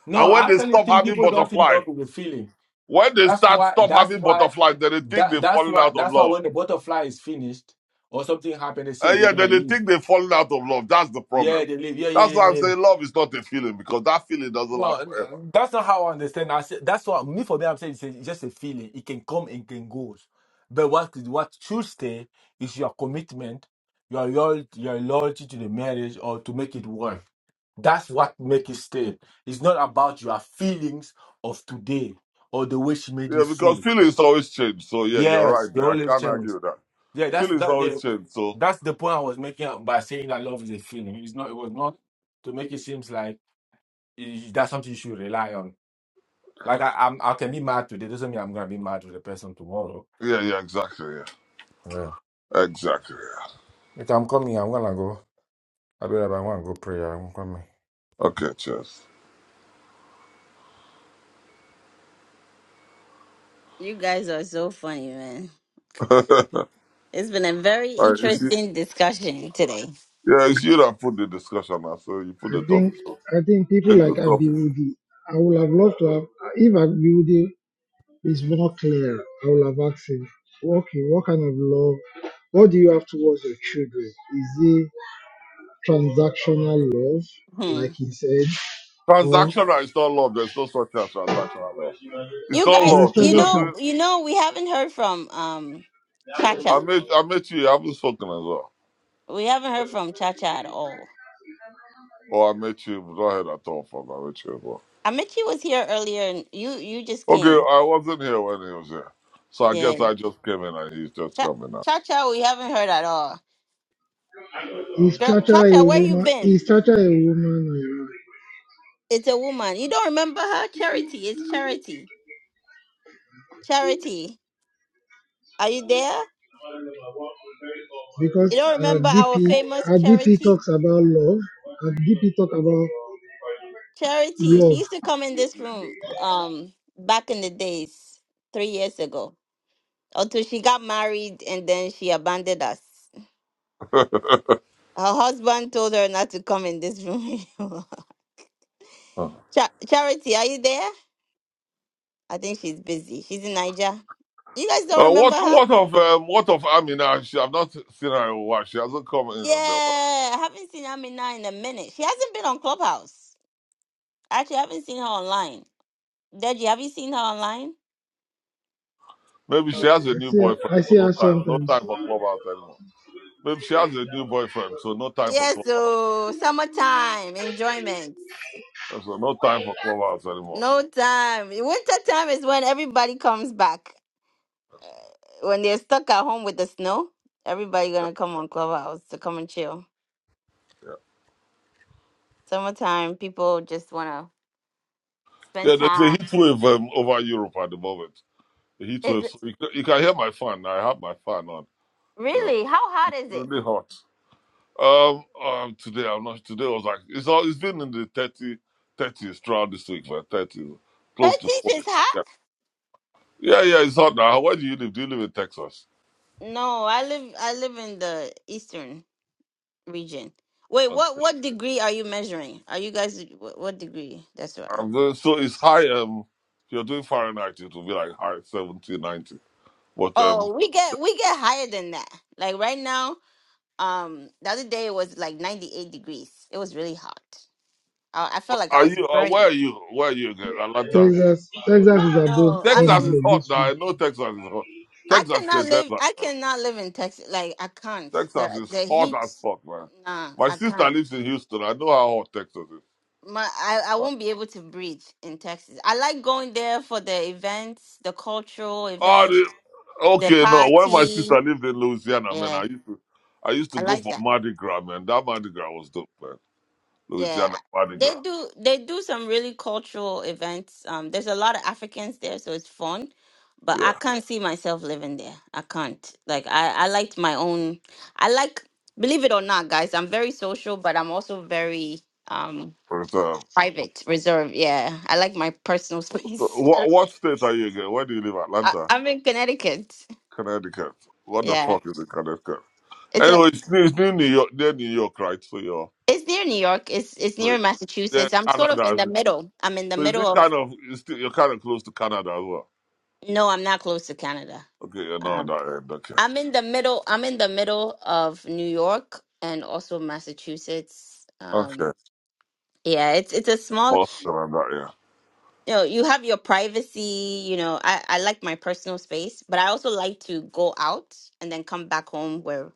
Speaker 7: no,
Speaker 26: and when
Speaker 7: I
Speaker 26: they
Speaker 7: actually
Speaker 26: stop
Speaker 7: think
Speaker 26: having
Speaker 7: people don't think
Speaker 26: butterflies.
Speaker 7: love is a feeling.
Speaker 26: When they
Speaker 7: That's
Speaker 26: start
Speaker 7: why.
Speaker 26: stop
Speaker 7: That's
Speaker 26: having
Speaker 7: why.
Speaker 26: butterflies, then they think
Speaker 7: That
Speaker 26: they've
Speaker 7: that's
Speaker 26: fallen
Speaker 7: why.
Speaker 26: out of
Speaker 7: That's why
Speaker 26: love.
Speaker 7: when the butterfly is finished or something happened, they say
Speaker 26: And
Speaker 7: they're
Speaker 26: yeah,
Speaker 7: gonna
Speaker 26: then they
Speaker 7: leave.
Speaker 26: think they've fallen out of love. That's the
Speaker 7: Yeah,
Speaker 26: problem.
Speaker 7: they leave. Yeah, yeah,
Speaker 26: That's
Speaker 7: yeah,
Speaker 26: why I'm
Speaker 7: yeah. yeah.
Speaker 26: saying love is not a feeling because that feeling doesn't
Speaker 7: Well,
Speaker 26: last forever.
Speaker 7: that's not how I understand. I said that's what me for me. I'm saying it's a- it's just a feeling. It can come and can go. But what what should stay is your commitment, your loyalty, your loyalty to the marriage or to make it work. That's what make it stay. It's not about your feelings of today or the way she made you
Speaker 26: Yeah, because
Speaker 7: feel.
Speaker 26: feelings always change. So yeah, you're
Speaker 7: Yes,
Speaker 26: right
Speaker 7: the
Speaker 26: there. I
Speaker 7: only
Speaker 26: can't argue
Speaker 7: change.
Speaker 26: with that.
Speaker 7: Yeah, that's
Speaker 26: Feelings
Speaker 7: that. Yeah,
Speaker 26: always change. So
Speaker 7: that's the point I was making up by saying that love is a feeling. It's not. It was not to make it seems like eh, that's something you should rely on. Like I, I'm, I can be mad today. Doesn't mean I'm gonna be mad with the person tomorrow.
Speaker 26: yeah, yeah, exactly. Yeah,
Speaker 7: Yeah.
Speaker 26: exactly. Yeah.
Speaker 7: If I'm coming, I'm gonna go. I'll be right I'm to go pray. I'm coming.
Speaker 26: Okay, cheers.
Speaker 1: You guys are so funny, man.
Speaker 26: <laughs> All
Speaker 1: It's been a very
Speaker 26: right, it's you,
Speaker 1: interesting discussion today.
Speaker 26: yeah, it's you that put the discussion now. So you put the
Speaker 3: I
Speaker 26: topic.
Speaker 3: think
Speaker 26: So
Speaker 3: I think people
Speaker 26: it's a
Speaker 3: like
Speaker 26: good topic.
Speaker 3: Abiudi, I would have loved to have if Abiudi Is more clear. I will have asked him, okay, what kind of love, what do you have towards your children? Is it transactional love,
Speaker 1: Hmm.
Speaker 3: like he said, or
Speaker 26: Transactional is not love. There's no such thing as transactional love. It's
Speaker 1: You
Speaker 26: not
Speaker 1: guys,
Speaker 3: there's
Speaker 26: love. If
Speaker 1: you
Speaker 26: you're
Speaker 3: transaction?
Speaker 1: know,
Speaker 26: doing
Speaker 1: you know, we haven't heard from um
Speaker 26: I
Speaker 1: Chacha.
Speaker 26: met I met you. I haven't spoken as well.
Speaker 1: We haven't heard from Chacha at all.
Speaker 26: Or I met you, but go ahead. I had that thought from I met you as well.
Speaker 1: Amici was here earlier, and you you just
Speaker 26: Okay,
Speaker 1: came.
Speaker 26: I wasn't here when he was here, so I guess
Speaker 1: Yeah,
Speaker 26: I just came in and he's just
Speaker 1: Cha-
Speaker 26: coming now.
Speaker 1: Chacha, we haven't heard at all.
Speaker 3: Is
Speaker 1: Girl,
Speaker 3: Chacha a
Speaker 1: Chacha, where you
Speaker 3: woman?
Speaker 1: been?
Speaker 3: Is Chacha a woman? uh,
Speaker 1: It's a woman. You don't remember her? Charity, it's Charity. Charity, are you there?
Speaker 3: Because
Speaker 1: You don't
Speaker 3: uh,
Speaker 1: remember our
Speaker 3: DP, uh,
Speaker 1: famous
Speaker 3: DP
Speaker 1: charity?
Speaker 3: talks about love, and DP talk about
Speaker 1: Charity.
Speaker 3: love.
Speaker 1: She used to come in this room um back in the days, three years ago. Until she got married and then she abandoned us. Her husband told her not to come in this room anymore.
Speaker 26: Huh.
Speaker 1: <laughs> Cha- charity, are you there? I think she's busy. She's in Niger. You guys don't
Speaker 26: Uh,
Speaker 1: remember
Speaker 26: what
Speaker 1: her?
Speaker 26: what of um, what of Amina? She, I've not seen her in a while. She hasn't come in
Speaker 1: Yeah,
Speaker 26: in the
Speaker 1: I haven't seen Amina in a minute. She hasn't been on Clubhouse. Actually, I haven't seen her online. Deji, have you seen her online?
Speaker 26: maybe she has a
Speaker 3: I
Speaker 26: new
Speaker 3: see, her-
Speaker 26: boyfriend,
Speaker 3: I
Speaker 26: so
Speaker 3: see
Speaker 26: no
Speaker 3: her
Speaker 26: time, no
Speaker 3: sometimes.
Speaker 26: time for clubhouse anymore. Maybe she has a new boyfriend, so no time for
Speaker 1: Yes,
Speaker 26: clubhouse.
Speaker 1: so summertime enjoyment.
Speaker 26: So no time for clubhouse anymore.
Speaker 1: No time. Winter time is when everybody comes back. Uh, When they're stuck at home with the snow, everybody
Speaker 26: Yeah,
Speaker 1: gonna come on Clubhouse to come and chill. Summertime, people just wanna
Speaker 26: yeah.
Speaker 1: spend
Speaker 26: yeah there's a
Speaker 1: time.
Speaker 26: heat wave um, over Europe at the moment. the heat
Speaker 1: Is
Speaker 26: wave.
Speaker 1: it
Speaker 26: So you, can- you can hear my fan. I have my fan on. You know,
Speaker 1: really? How hot is it?
Speaker 26: really hot. Um, um today I'm not. Today was like it's all. It's been in the 30, thirties throughout this week, man. Thirty, close to
Speaker 1: Thirties is
Speaker 26: forty.
Speaker 1: hot?
Speaker 26: Yeah, yeah, yeah. It's hot now. Where do you live? Do you live in Texas?
Speaker 1: No, I live I live in the eastern region. Wait,
Speaker 26: Okay.
Speaker 1: what what degree are you measuring? Are you guys what, what degree? That's what.
Speaker 26: I'm going, so it's high. Um, if you're doing Fahrenheit, it will be like high 70, 90. But um,
Speaker 1: Oh, we get we get higher than that. Like right now, um, the other day it was like 98 degrees. It was really hot. I, I felt like I
Speaker 26: are
Speaker 1: was
Speaker 26: you? Uh, where
Speaker 1: burning.
Speaker 26: are you? Where are you again? Atlanta.
Speaker 3: Texas, Texas is above
Speaker 1: No, I
Speaker 3: 100
Speaker 26: Texas
Speaker 1: mean
Speaker 26: is hot
Speaker 3: this
Speaker 26: now.
Speaker 3: week.
Speaker 26: I know Texas is hot.
Speaker 1: I
Speaker 26: Texas is a
Speaker 1: cannot live. I
Speaker 26: desert.
Speaker 1: cannot live in Texas. Like I can't.
Speaker 26: Texas
Speaker 1: The
Speaker 26: is
Speaker 1: the
Speaker 26: hot
Speaker 1: heat.
Speaker 26: as fuck, man.
Speaker 1: Nah,
Speaker 26: My
Speaker 1: I
Speaker 26: sister
Speaker 1: can't.
Speaker 26: lives in Houston. I know how hot Texas is.
Speaker 1: My I, I
Speaker 26: Right.
Speaker 1: won't be able to breathe in Texas. I like going there for the events, the cultural
Speaker 26: Oh,
Speaker 1: events,
Speaker 26: the,
Speaker 1: the
Speaker 26: okay, no. When my sister
Speaker 1: party.
Speaker 26: lived in Louisiana, man,
Speaker 1: Yeah,
Speaker 26: I used to, I used to
Speaker 1: I
Speaker 26: go
Speaker 1: like
Speaker 26: for
Speaker 1: that.
Speaker 26: Mardi Gras, man. That Mardi Gras was dope, man. Louisiana
Speaker 1: Yeah,
Speaker 26: Mardi Gras.
Speaker 1: they do. They do some really cultural events. Um, there's a lot of Africans there, so it's fun. But I
Speaker 26: Yeah.
Speaker 1: can't see myself living there. I can't. Like I, I liked my own. I like, believe it or not, guys. I'm very social, but I'm also very um
Speaker 26: But, uh,
Speaker 1: private, reserved. Yeah, I like my personal space.
Speaker 26: what,
Speaker 1: <laughs>
Speaker 26: what state are you again? Where do you live?
Speaker 1: I,
Speaker 26: Atlanta,
Speaker 1: I'm in Connecticut.
Speaker 26: Connecticut. What the
Speaker 1: Yeah,
Speaker 26: fuck is in Connecticut?
Speaker 1: it's a.
Speaker 26: Anyway, it's near, it's near New York. Near New York, right? So you're,
Speaker 1: It's near New York. It's it's near
Speaker 26: so you're
Speaker 1: Massachusetts. I'm sort of in
Speaker 26: Canada.
Speaker 1: the middle. I'm in the
Speaker 26: So is
Speaker 1: middle
Speaker 26: it
Speaker 1: of.
Speaker 26: kind of, it's still, you're kind of close to Canada as well.
Speaker 1: No, I'm not close to Canada.
Speaker 26: Okay, you're not on
Speaker 1: um,
Speaker 26: that end. Okay.
Speaker 1: I'm in the middle. I'm in the middle of New York and also Massachusetts.
Speaker 26: Okay.
Speaker 1: Um, yeah, it's it's a small.
Speaker 26: Most of them are not here.
Speaker 1: You know, you have your privacy. You know, I I like my personal space, but I also like to go out and then come back home where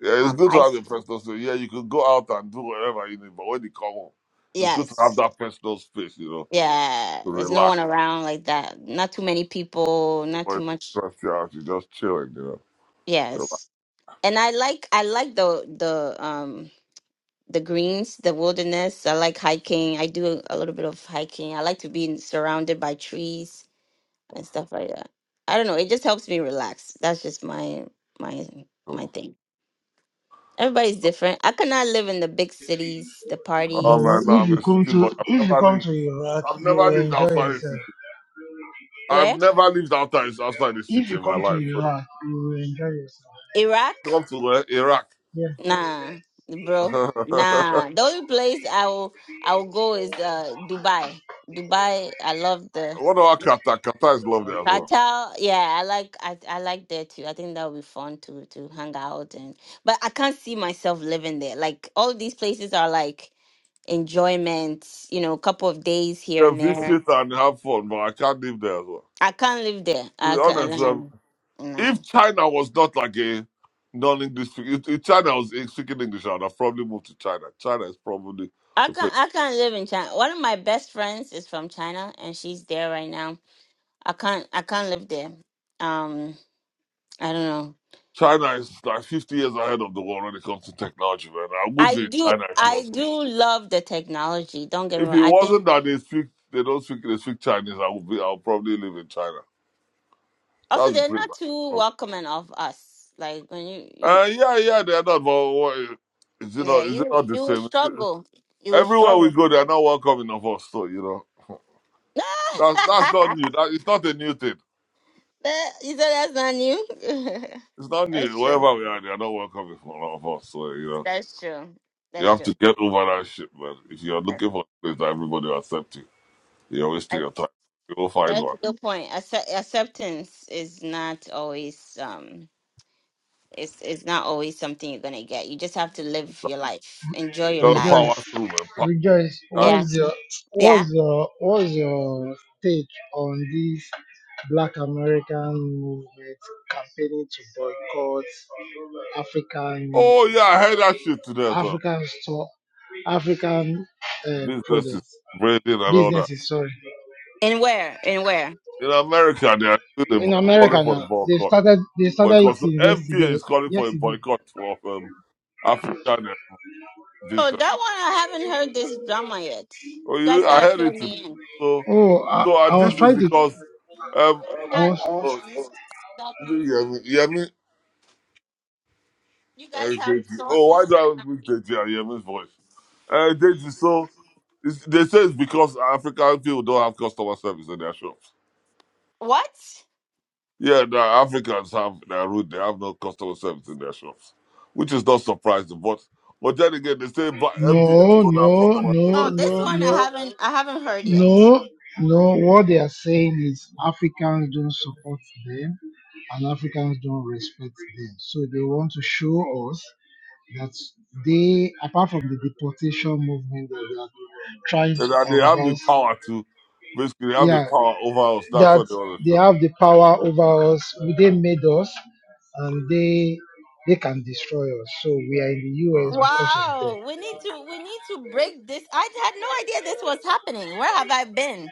Speaker 26: Yeah, it's
Speaker 1: um
Speaker 26: good to
Speaker 1: I
Speaker 26: have
Speaker 1: s-
Speaker 26: a personal space. Yeah, you can go out and do whatever you need, but when you come home, it's good to have
Speaker 1: yes
Speaker 26: that personal space, you know,
Speaker 1: yeah.
Speaker 26: to
Speaker 1: There's no
Speaker 26: relax.
Speaker 1: one around like that. Not too many people. Not too
Speaker 26: Nobody to
Speaker 1: much.
Speaker 26: stress you out. You're just chilling, you know. Relax.
Speaker 1: Yes, and I like I like the the um the greens, the wilderness. I like hiking. I do a little bit of hiking. I like to be surrounded by trees and stuff like that. I don't know. It just helps me relax. That's just my my my thing. Everybody's different. I could not live in the big cities, the
Speaker 26: Oh
Speaker 3: But
Speaker 26: man,
Speaker 1: parties.
Speaker 26: no, I'm a city boy.
Speaker 3: if,
Speaker 26: I've never lived
Speaker 3: if
Speaker 26: I've never lived outside the city. I've
Speaker 1: Where?
Speaker 26: never lived outside outside the city in my life. So
Speaker 1: Iraq?
Speaker 26: come to uh, Iraq.
Speaker 1: Nah,
Speaker 26: <laughs> what
Speaker 1: bro. Nah. The only place I will I will go is uh Dubai. Dubai. I love the
Speaker 26: about Qatar? Qatar is lovely as well.
Speaker 1: Cartel, yeah, I like I, I like there too. I think that would be fun to to hang out and but I can't see myself living there. Like all these places are like enjoyment, you know, a couple of days here
Speaker 26: Yeah,
Speaker 1: and there.
Speaker 26: visit and have fun, but I can't live there as well.
Speaker 1: I can't live there.
Speaker 26: To
Speaker 1: I
Speaker 26: be honest,
Speaker 1: can't
Speaker 26: um,
Speaker 1: nah. nah.
Speaker 26: if China was not like a non-English, if, if China was speaking English, I'd have probably moved to China. China is probably
Speaker 1: I
Speaker 26: the place.
Speaker 1: can't I can't live in China. One of my best friends is from China and she's there right now. I can't I can't live there. Um I don't know.
Speaker 26: China is like 50 years ahead of the world when it comes to technology, man. I would
Speaker 1: I
Speaker 26: be in
Speaker 1: do
Speaker 26: China if it
Speaker 1: I
Speaker 26: was.
Speaker 1: do love the technology. Don't get me
Speaker 26: If
Speaker 1: wrong.
Speaker 26: it
Speaker 1: I think
Speaker 26: wasn't that they speak, they don't speak, they speak Chinese, I would be. I'll probably live in China.
Speaker 1: Also,
Speaker 26: That's the
Speaker 1: they're
Speaker 26: place.
Speaker 1: not
Speaker 26: i
Speaker 1: too welcoming of us. Like when you, you
Speaker 26: Uh, yeah, yeah, they're not. But what, is it
Speaker 1: yeah,
Speaker 26: not? Is it
Speaker 1: you
Speaker 26: not the
Speaker 1: you will
Speaker 26: same?
Speaker 1: struggle. You will
Speaker 26: Everywhere we
Speaker 1: struggle. <laughs>
Speaker 26: go, they're not welcome enough of us. So you know, <laughs> that's that's not new. That it's not a new thing.
Speaker 1: That- you said that's not new. <laughs>
Speaker 26: It's not new.
Speaker 1: that's true.
Speaker 26: Wherever we are, they are not welcoming for coming A lot of us, so you know,
Speaker 1: That's true.
Speaker 26: you
Speaker 1: That's
Speaker 26: have
Speaker 1: true.
Speaker 26: to get over that shit, man. If you're
Speaker 1: I-
Speaker 26: looking for a place that everybody will accept you, you're wasting
Speaker 1: I-
Speaker 26: your time. You'll find
Speaker 1: That's a
Speaker 26: one.
Speaker 1: good point. Accept- acceptance is not always um. It's it's not always something you're gonna get. You just have to live your life, enjoy
Speaker 26: You
Speaker 1: your
Speaker 26: gotta
Speaker 1: life.
Speaker 26: power
Speaker 3: Rejoice,
Speaker 26: through, man. Power
Speaker 3: rejoice.
Speaker 26: down.
Speaker 1: Yeah,
Speaker 3: What's your
Speaker 1: yeah.
Speaker 3: what's your what's your take on this Black American movement campaigning to boycott African
Speaker 26: Oh yeah, I heard that shit today. So
Speaker 3: African store African uh,
Speaker 26: business is
Speaker 3: products
Speaker 26: breathing and all that.
Speaker 3: businesses? Sorry,
Speaker 1: And where? And where?
Speaker 26: In America, they are still the- boy-
Speaker 3: in
Speaker 26: calling
Speaker 3: America
Speaker 26: for a
Speaker 3: now they
Speaker 26: boycott.
Speaker 3: started they started it
Speaker 26: Boycott. So
Speaker 3: since
Speaker 26: FBA
Speaker 3: yesterday.
Speaker 26: is calling for a
Speaker 3: Yesterday.
Speaker 26: boycott of um, African uh,
Speaker 1: Oh, that one
Speaker 26: business.
Speaker 1: I haven't heard this drama yet.
Speaker 26: Oh,
Speaker 1: You
Speaker 26: you
Speaker 1: guys
Speaker 26: know, I
Speaker 1: gotta
Speaker 26: heard
Speaker 1: fill
Speaker 26: it today.
Speaker 1: me in.
Speaker 26: So,
Speaker 3: Oh, I,
Speaker 26: so uh,
Speaker 3: I was
Speaker 26: this is
Speaker 3: trying to
Speaker 26: because um,
Speaker 1: You
Speaker 3: I
Speaker 1: guys
Speaker 3: was
Speaker 1: got um,
Speaker 26: oh,
Speaker 1: that-
Speaker 26: Yemi, Yemi,
Speaker 1: you
Speaker 26: uh,
Speaker 1: guys have
Speaker 26: Deji. Oh, why
Speaker 1: sources.
Speaker 26: do I always mix Deji and Yemi's voice? Uh, Deji, so it's, they say it's because African people don't have customer service in their shops.
Speaker 1: What?
Speaker 26: Yeah, the Africans have their rude. They have no customer service in their shops, which is not surprising. But but then again, they say but MPs
Speaker 3: no
Speaker 26: don't have
Speaker 3: no
Speaker 26: customer service,
Speaker 3: no
Speaker 1: Oh, this
Speaker 3: no
Speaker 1: one I
Speaker 3: no.
Speaker 1: haven't I haven't heard yet.
Speaker 3: No, no, what they are saying is Africans don't support them and Africans don't respect them. So they want to show us that they, apart from the deportation movement that they are trying
Speaker 26: and
Speaker 3: to
Speaker 26: that they have the
Speaker 3: converse,
Speaker 26: power to basically they have the
Speaker 3: yeah,
Speaker 26: power over us. That's
Speaker 3: that
Speaker 26: what they want to
Speaker 3: they
Speaker 26: show.
Speaker 3: have the power over us. They made us, and they they can destroy us. So we are in the
Speaker 26: Uh,
Speaker 3: U.S. because of them.
Speaker 1: Wow, we need to we need to break this. I had no idea this was happening. Where have I been?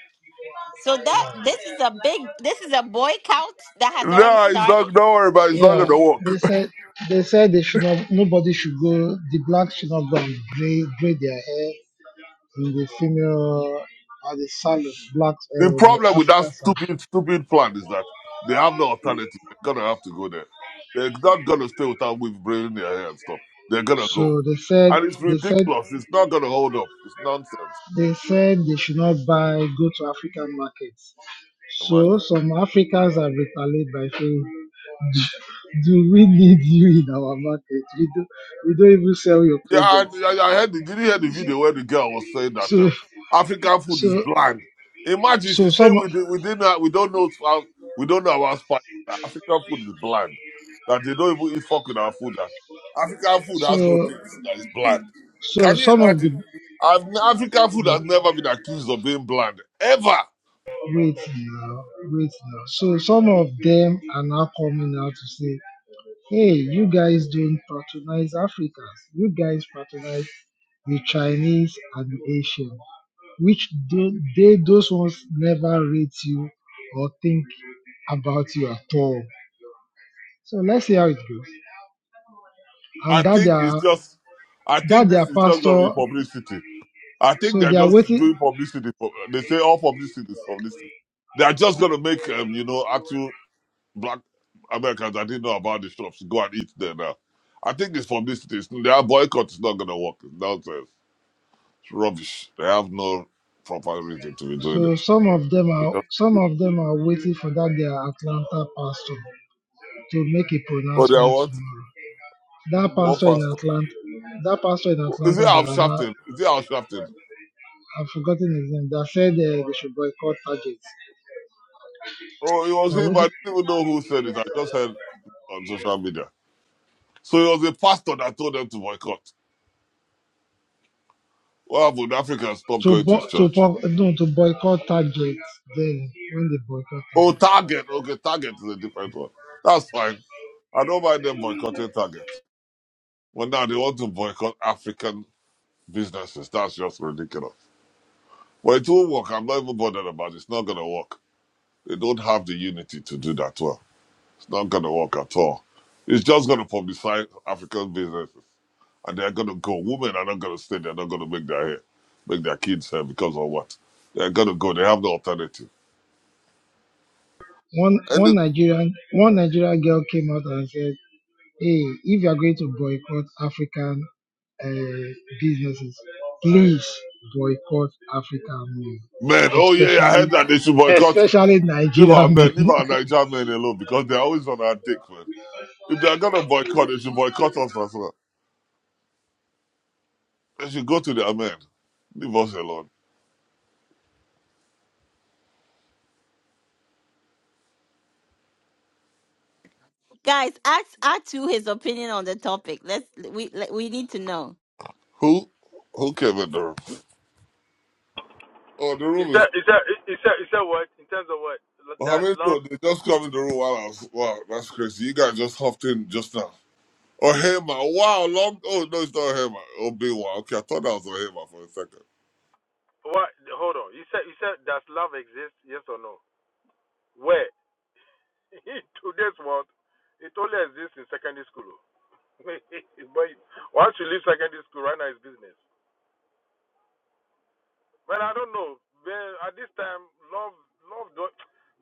Speaker 1: So that this is a big this is a boycott that has already
Speaker 26: no, it's
Speaker 1: started.
Speaker 26: not. Don't worry about. It. It's not
Speaker 3: Yeah,
Speaker 26: going to work.
Speaker 3: they said they said they should not. Nobody should go. The blacks should not go and braid, braid their hair in the female at the salon. Blacks,
Speaker 26: The
Speaker 3: uh, like
Speaker 26: problem with that
Speaker 3: African salon.
Speaker 26: stupid, stupid plan is that they have no alternative. They're gonna have to go there. They're not gonna stay without with brain in their hair and stuff. They're gonna go,
Speaker 3: So they said
Speaker 26: and it's
Speaker 3: they said
Speaker 26: ridiculous. It's not gonna hold up. It's nonsense.
Speaker 3: they said they should not buy go to African markets.
Speaker 26: Imagine.
Speaker 3: So some Africans have retaliated by saying, <laughs> "Do do we need you in our market? We do we don't even sell your
Speaker 26: Yeah, I,
Speaker 3: products."
Speaker 26: I, I heard. The, did you hear the video where the girl was saying that
Speaker 3: So
Speaker 26: um, African food is
Speaker 3: so
Speaker 26: bland? Imagine she
Speaker 3: so
Speaker 26: saying
Speaker 3: some
Speaker 26: we did, we did not we don't know how we don't know our spice. That African food is bland. That they don't even eat fuck with our food. That African food has no
Speaker 3: uh,
Speaker 26: taste. That is bland.
Speaker 3: so
Speaker 26: Can you
Speaker 3: some of the
Speaker 26: imagine? I've, n- African food has never been accused of being bland ever.
Speaker 3: wait now wait now. So some of them are now coming out to say, "Hey, you guys don't patronize Africans. You guys patronize the Chinese and the Asians." which they, they those ones never rate you or think about you at all. So let's see how it goes.
Speaker 26: I
Speaker 3: And that
Speaker 26: think
Speaker 3: their
Speaker 26: it's just. I
Speaker 3: that
Speaker 26: think this
Speaker 3: their
Speaker 26: is just going to be
Speaker 3: pastor,
Speaker 26: publicity. I think
Speaker 3: so
Speaker 26: they're
Speaker 3: they are
Speaker 26: just
Speaker 3: waiting.
Speaker 26: doing publicity. For, they say all publicity is publicity. They are just going to make, um, you know, actual black Americans that didn't know about the shops go and eat there now. I think it's publicity. It's, their boycott is not going to work. It's nonsense. It's rubbish. They have no proper reason to be doing
Speaker 3: So
Speaker 26: it.
Speaker 3: some of them
Speaker 26: It's
Speaker 3: are
Speaker 26: just-
Speaker 3: some of them are waiting for that their Atlanta pastor to make a
Speaker 26: Oh, they are
Speaker 3: pronouncement
Speaker 26: what?
Speaker 3: tomorrow. That
Speaker 26: What
Speaker 3: pastor in
Speaker 26: pastor?
Speaker 3: Atlanta, that pastor in
Speaker 26: Is it
Speaker 3: Atlanta, they
Speaker 26: Al
Speaker 3: are not.
Speaker 26: Sharpton? Is it Al Sharpton?
Speaker 3: I've forgotten his name. That said uh, they should boycott Target.
Speaker 26: Oh, it
Speaker 3: They
Speaker 26: was
Speaker 3: are
Speaker 26: him.
Speaker 3: waiting
Speaker 26: I didn't even know who said it. I just heard on social media. So it was a pastor that told them to boycott. Well, would Africa stop
Speaker 3: to
Speaker 26: going to his
Speaker 3: bo- to
Speaker 26: church?
Speaker 3: bo- no, to boycott Target. Then when they boycott targets.
Speaker 26: Oh, Target. Okay, Target is a different one. That's fine. I don't mind them boycotting Target. But now they want to boycott African businesses. That's just ridiculous. But it will work. I'm not even bothered about it. It's not going to work. They don't have the unity to do that well. It's not going to work at all. It's just going to publicize African businesses. And they're going to go. Women are not going to stay. They're not going to make their hair, make their kids hair because of what? They're going to go. They have no alternative.
Speaker 3: One
Speaker 26: and.
Speaker 3: one Nigerian one Nigerian girl came out and said, "Hey, if you are going to boycott African uh, businesses, please boycott African men,
Speaker 26: Man, oh yeah, yeah, I
Speaker 3: especially
Speaker 26: heard that they should boycott.
Speaker 3: especially
Speaker 26: Leave our
Speaker 3: Nigerian men."
Speaker 26: men, leave our Nigerian men alone because they're always on our dick, man. If they're gonna boycott, they should boycott us as well. They should go to their men. Leave us alone.
Speaker 1: Guys, ask Atu his opinion on the topic. Let's we we need to know.
Speaker 26: Who? Who came in the room? Oh, the
Speaker 27: You
Speaker 26: room
Speaker 27: said
Speaker 26: is.
Speaker 27: you said you said you said what in terms of what
Speaker 26: How
Speaker 27: does
Speaker 26: many
Speaker 27: love
Speaker 26: people? They just come in the room while I was. Wow, that's crazy. You guys just hopped in just now. Oh, Hema. Wow, long. Oh, no, it's not Hema. Oh, big wow. Okay, I thought that was Hema for a second.
Speaker 27: what hold on you said you said does love exist yes or no where <laughs> in today's world it only exists in secondary school <laughs> but once you leave secondary school right now it's business Well, I don't know man, at this time love love don't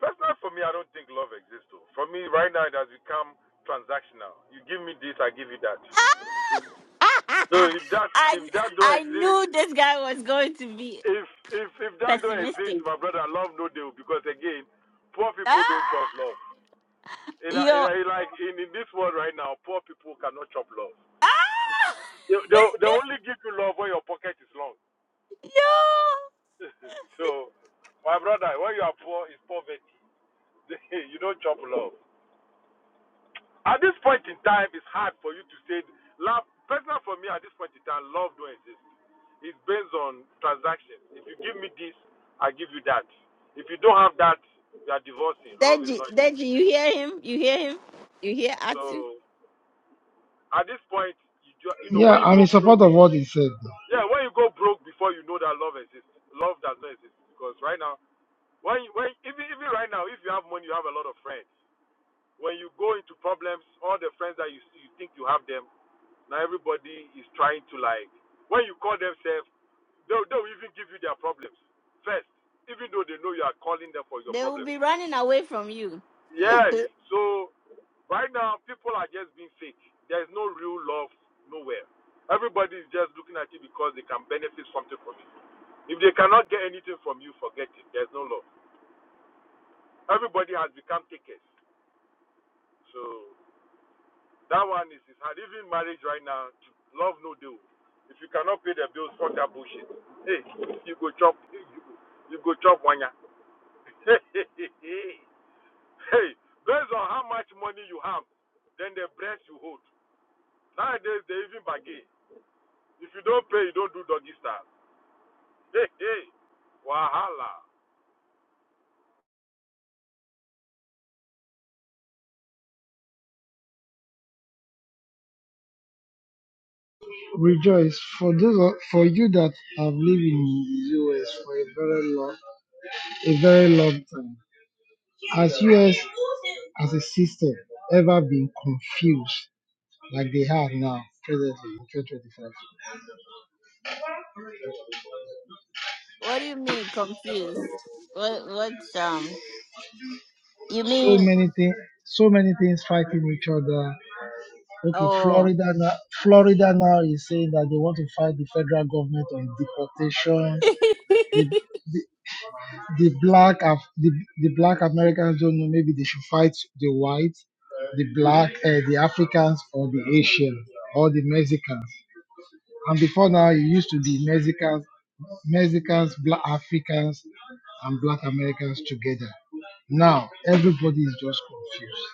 Speaker 27: personally for me I don't think love exists though for me right now it has become transactional you give me this I give you that so
Speaker 1: <laughs>
Speaker 27: if that if
Speaker 1: I
Speaker 27: that don't
Speaker 1: I
Speaker 27: exist
Speaker 1: knew this guy was going to be
Speaker 27: if if if that don't exist,
Speaker 1: pessimistic.
Speaker 27: my brother, love no deal because again, poor
Speaker 1: Ah,
Speaker 27: people don't chop love. In a, in
Speaker 1: yo,
Speaker 27: a, like in, in this world right now, poor people cannot chop love.
Speaker 1: ah, <laughs>
Speaker 27: They, they they only give you love when your pocket is long.
Speaker 1: yo,
Speaker 27: <laughs> so, my brother, when you are poor, it's poverty. <laughs> you don't chop love. At this point in time, it's hard for you to say love. Personal for me, at this point in time, love don't exist. It's based on transactions. If you give me this, I give you that. If you don't have that, you are divorcing. Love is
Speaker 1: Deji,
Speaker 27: not existing.
Speaker 1: Deji, you hear him? You hear him? You hear
Speaker 27: So
Speaker 1: Atu?
Speaker 27: at this point, you ju-
Speaker 3: <laughs>
Speaker 27: you know
Speaker 3: yeah,
Speaker 27: when you
Speaker 3: I'm in
Speaker 27: go
Speaker 3: support
Speaker 27: broke,
Speaker 3: of what he said.
Speaker 27: yeah, when you go broke before you know that love exists. Love does not exist because right now, when you, when even even right now, if you have money, you have a lot of friends. When you go into problems, all the friends that you you think you have them Now everybody is trying to like when you call themselves, they'll they'll even give you their problems first, even though they know you are calling them for your
Speaker 1: They will
Speaker 27: problems.
Speaker 1: be running away from you. <laughs>
Speaker 27: Yes. So right now people are just being fake. There's no real love nowhere. Everybody is just looking at you because they can benefit something from you. If they cannot get anything from you, forget it. There's no love. Everybody has become takers. So. That one is, is hard. Even marriage right now, love no deal. If you cannot pay the bills, fuck that bullshit. Hey, you go chop, hey, you, go- you go chop one ya. <laughs> hey, based on how much money you have, then the breast you hold. Nowadays, they even bargain. If you don't pay, you don't do doggy style. Hey, hey, wahala.
Speaker 3: Rejoice for those of- for you that have lived in US for a very long a very long time. Has US as a system ever been confused like they have now presently in 2025?
Speaker 1: what do you mean confused? What what um? You
Speaker 3: so
Speaker 1: mean
Speaker 3: many things so many things fighting each other okay
Speaker 1: oh? <laughs>
Speaker 3: florida now florida now is saying that they want to fight the federal government on deportation the the black Af- the, the black americans don't know maybe they should fight the whites the black uh, the africans or the asians or the mexicans and before now it used to be mexicans mexicans black africans and black americans together now everybody is just confused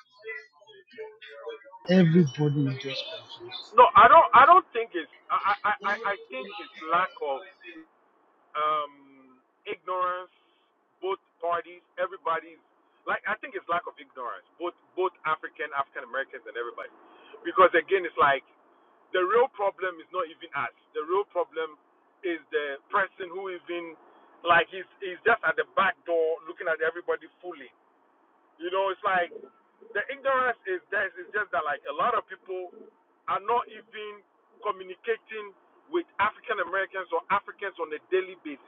Speaker 3: everybody is just confused
Speaker 27: No, I don't. I don't think it's. I, I, I, I think it's lack of um, ignorance, both parties, everybody's like I think it's lack of ignorance, both both African, African Americans, and everybody. Because again, it's like the real problem is not even us. The real problem is the person who even like he's he's just at the back door looking at everybody fully. You know, it's like the ignorance is there. It's just that like a lot of people are not even communicating with African Americans or Africans on a daily basis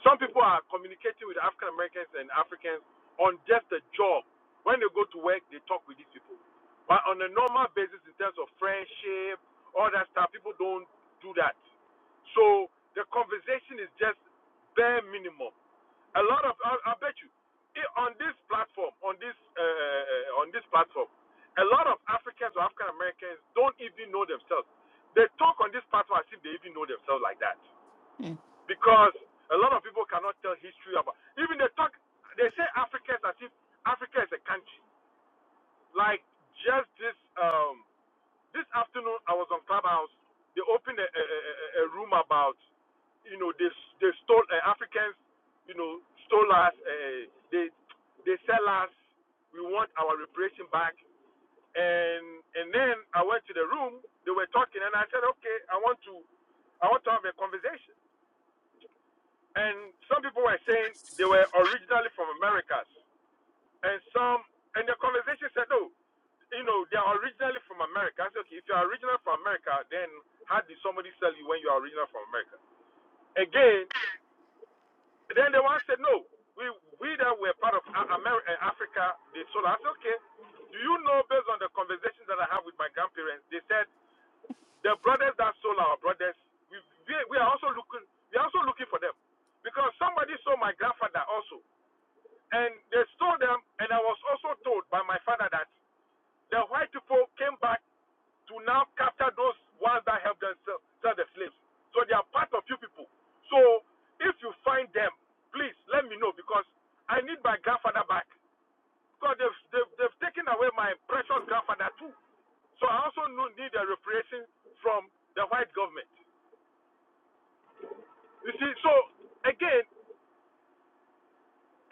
Speaker 27: some people are communicating with African Americans and Africans on just a job. When they go to work, they talk with these people. But on a normal basis, in terms of friendship, all that stuff, people don't do that. So the conversation is just bare minimum. A lot of, I, I bet you, i- on this platform, on this, uh, uh, uh, on this platform, a lot of Africans or African Americans don't even know themselves. They talk on this platform as if they even know themselves like that
Speaker 1: Hmm.
Speaker 27: because a lot of people cannot tell history about. Even they talk, they say Africa is as if Africa is a country. Like just this um this afternoon, I was on Clubhouse. They opened a, a, a, a room about you know they they stole uh, Africans, you know stole us. Uh, they they sell us. We want our reparation back. And and then I went to the room. They were talking, and I said, okay, I want to I want to have a conversation. And some people were saying they were originally from Americas. And some, and the conversation said, no, you know, they are originally from America. I said, okay, if you are original from America, then how did somebody sell you when you are original from America? Again, then the one said, no, we, we that were part of America, Africa, they sold. us." I said, okay, do you know based on the conversations that I have with my grandparents, they said, the brothers that sold our brothers, we, we, we are also looking, we are also looking for them. Because somebody sold my grandfather also. And they stole them, and I was also told by my father that the white people came back to now capture those ones that helped them sell, sell the slaves. So they are part of you people. So if you find them, please let me know because I need my grandfather back. Because they've, they've, they've taken away my precious grandfather too. So I also no- need a reparation from the white government. You see, so again,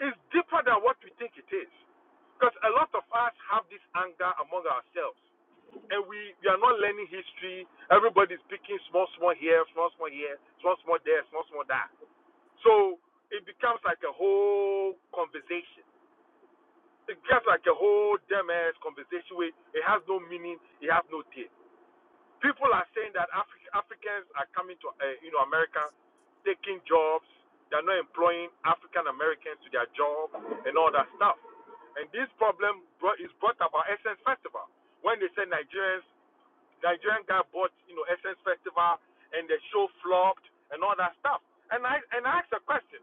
Speaker 27: it's deeper than what we think it is. Because a lot of us have this anger among ourselves and we, we are not learning history. Everybody's picking small, small here, small, small here, small, small there, small, small there. So it becomes like a whole conversation. It becomes like a whole damn ass conversation where it has no meaning, it has no taste. People are saying that Afri- Africans are coming to, uh, you know, America, taking jobs. They're not employing African Americans to their job and all that stuff. And this problem brought, is brought about Essence Festival when they say Nigerians Nigerian guy bought, you know, Essence Festival and the show flopped and all that stuff. And I and I asked a question.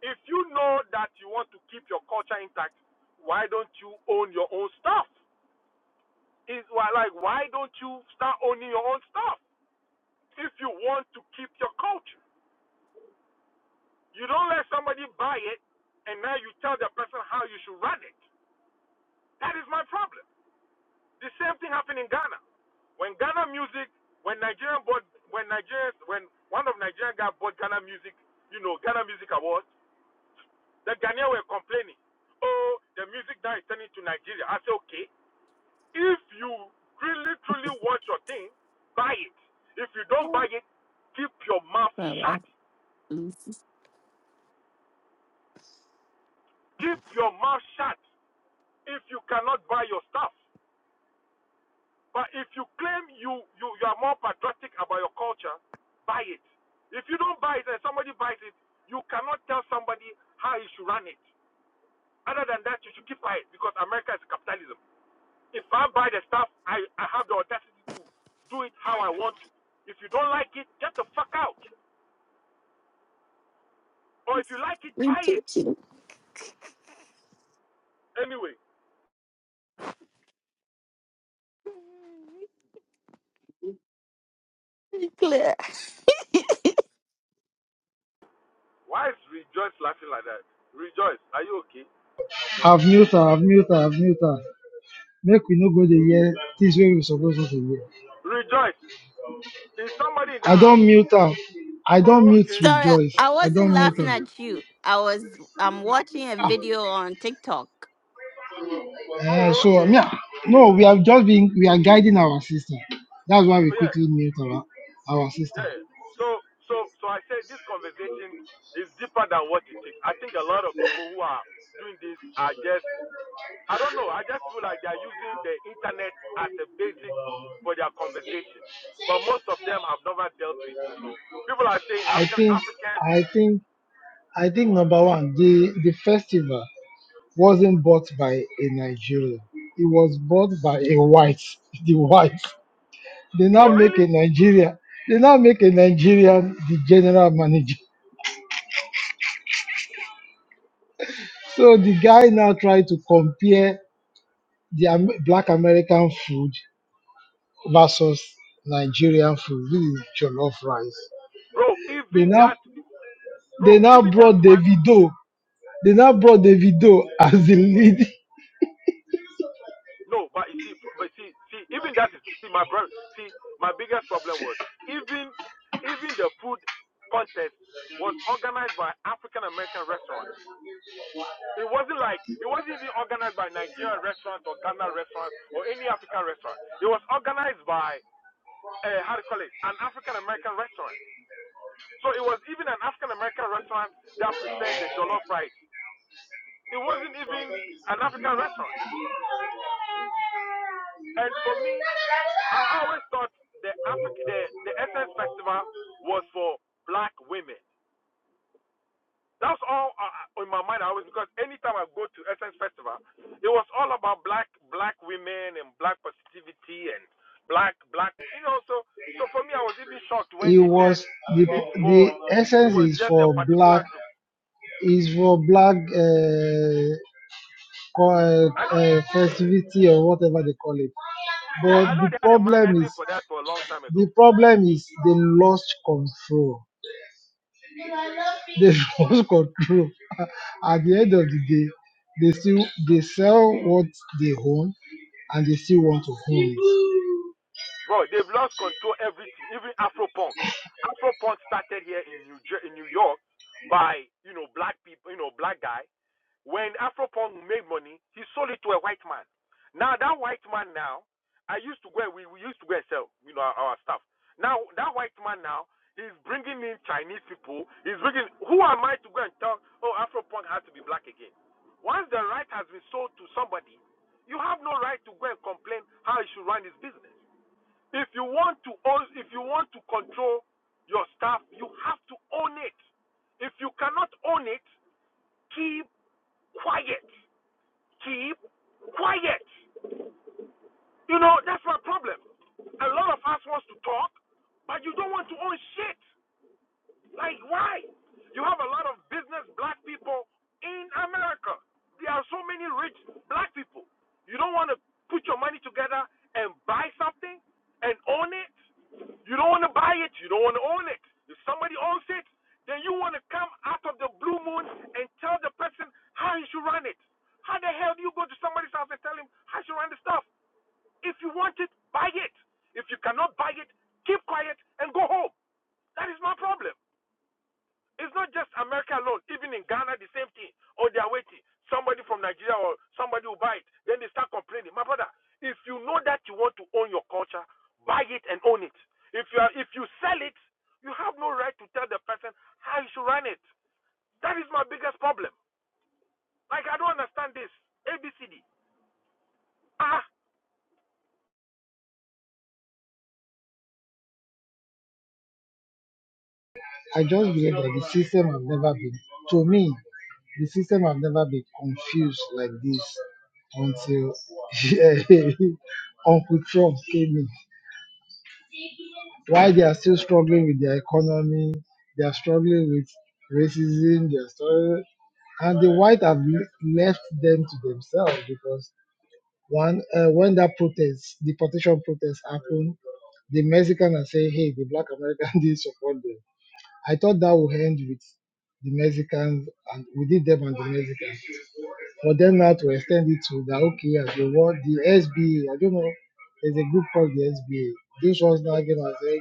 Speaker 27: If you know that you want to keep your culture intact, why don't you own your own stuff? Is why like why don't you start owning your own stuff if you want to keep your culture? You don't let somebody buy it and now you tell the person how you should run it. That is my problem. The same thing happened in Ghana. When Ghana music, when Nigerian bought, when Nigerians, when one of Nigerian guys bought Ghana music, you know, Ghana Music Awards, the Ghanaians were complaining. Oh, the music now is turning to Nigeria. I say, okay, if you really truly want your thing, buy it. If you don't buy
Speaker 1: Oh,
Speaker 27: it, keep your mouth
Speaker 1: My wife
Speaker 27: shut.
Speaker 1: is
Speaker 27: Keep your mouth shut. If you cannot buy your stuff, But if you claim you, you, you are more patriotic about your culture, buy it. If you don't buy it and somebody buys it, you cannot tell somebody how you should run it. Other than that, you should keep quiet because America is capitalism. If I buy the stuff, I, I have the audacity to do it how I want to. If you don't like it, get the fuck out. Or if you like it, buy it.
Speaker 1: repeating.
Speaker 27: Anyway,
Speaker 1: Clear.
Speaker 27: why is Rejoice laughing like that? Rejoice, are you okay?
Speaker 3: I've mute her, I've mute her, I've mute her. Make we no go the year things where we supposed not to hear.
Speaker 27: Rejoice, is somebody in the
Speaker 3: I
Speaker 27: house?
Speaker 3: don't mute her. I
Speaker 27: Oh,
Speaker 3: don't mute
Speaker 27: okay.
Speaker 1: Sorry, I
Speaker 3: rejoice.
Speaker 1: I
Speaker 3: I
Speaker 1: wasn't
Speaker 3: don't mute
Speaker 1: laughing
Speaker 3: her.
Speaker 1: at you. I was I'm watching a video on TikTok.
Speaker 3: Uh,
Speaker 27: Oh,
Speaker 3: so, I
Speaker 27: okay.
Speaker 3: mean, no, we have just been, we are guiding our sister. That's why we
Speaker 27: Oh, yeah.
Speaker 3: quickly mute our, our sister.
Speaker 27: Yeah. So so so I said this conversation is deeper than what it takes. I think a lot of people who are doing this are just I don't know, I just feel like they're using the internet as a basic for their conversation. But most of them have never dealt with, you know. People are saying
Speaker 3: I
Speaker 27: African
Speaker 3: think,
Speaker 27: Africans,
Speaker 3: I think, I think number one, the, the festival wasn't bought by a Nigerian. It was bought by a white. <laughs> The white. They now
Speaker 27: oh
Speaker 3: make a
Speaker 27: really?
Speaker 3: Nigerian. They now make a Nigerian the general manager. So the guy now tried to compare the Am- black American food versus Nigerian food, which is jollof rice.
Speaker 27: Bro,
Speaker 3: They
Speaker 27: even
Speaker 3: now
Speaker 27: that
Speaker 3: they
Speaker 27: bro,
Speaker 3: now
Speaker 27: even that
Speaker 3: brought
Speaker 27: one
Speaker 3: Davido. They now brought Davido <laughs> as the lead.
Speaker 27: No, but you see, but see, see, even that is see my brother. See, my biggest problem was even even the food contest was organized by African American restaurants. It wasn't like it wasn't even organized by Nigerian restaurants or Ghana restaurants or any African restaurant. It was organized by uh, how do you call it? An African American restaurant. So it was even an African American restaurant that prepared the jollof rice. It wasn't even an African restaurant. And for me, I always thought the Africa, the the Essence Festival was for black women. That's all uh, uh, in my mind. always because anytime I go to Essence Festival, it was all about black black women and black positivity and black black you know. So so for me, I was even shocked when
Speaker 3: It
Speaker 27: they said
Speaker 3: was the
Speaker 27: it's for
Speaker 3: the
Speaker 27: it
Speaker 3: essence
Speaker 27: was
Speaker 3: is
Speaker 27: just a
Speaker 3: for black
Speaker 27: particular group.
Speaker 3: is for black uh, or uh,
Speaker 27: I know
Speaker 3: uh, festivity or whatever they call it.
Speaker 27: yeah
Speaker 3: But
Speaker 27: I know
Speaker 3: the
Speaker 27: they had a
Speaker 3: problem is
Speaker 27: magazine for that for a long time ago.
Speaker 3: they <laughs> lost control. At the end of the day, they still they sell what they own and they still want to own it.
Speaker 27: Bro, they've lost control everything, even Afropunk. Afropunk started here in New Jer- in New York by, you know, black people, you know, black guy. When Afropunk made money, he sold it to a white man. Now that white man now, I used to go and we, we used to go and sell, you know, our, our stuff. Now that white man now, he's bringing in Chinese people. He's bringing. Who am I to go and tell? Oh, Afropunk has to be black again. Once the right has been sold to somebody, you have no right to go and complain how he should run his business. If you want to own, if you want to control your staff, you have to own it. If you cannot own it, keep quiet. Keep quiet. You know that's my problem. A lot of us wants to talk, but you don't want to own shit. Like why? You have a lot of business black people in America. There are so many rich black people. You don't want to put your money together and buy something and own it. You don't want to buy it. You don't want to own it. If somebody owns it, then you want to come out of the blue moon and tell the person how he should run it. How the hell do you go to somebody's house and tell him how he should run the stuff? If you want it, buy it. If you cannot buy it, keep quiet and go home. That is my problem. It's not just America alone. Even in Ghana, the same thing. Or they are waiting. Somebody from Nigeria or somebody will buy it. Then they start complaining. My brother, if you know that you want to own your culture, buy it and own it. If you are, if you sell it, you have no right to tell the person how you should run it. That is my biggest problem. Like I don't understand this. ABCD. Ah.
Speaker 3: I just believe that the system has never been to me, the system has never been confused like this until <laughs> Uncle Trump came in. Why they are still struggling with their economy, they are struggling with racism, they are struggling and the white have le- left them to themselves because one uh, when that protest deportation protest happened the mexican are saying hey the black american <laughs> didn't support them i thought that would end with the mexicans and we did them and the mexicans for them now to extend it to the okay as the want the sba i don't know there's a group called the sba this was now again as okay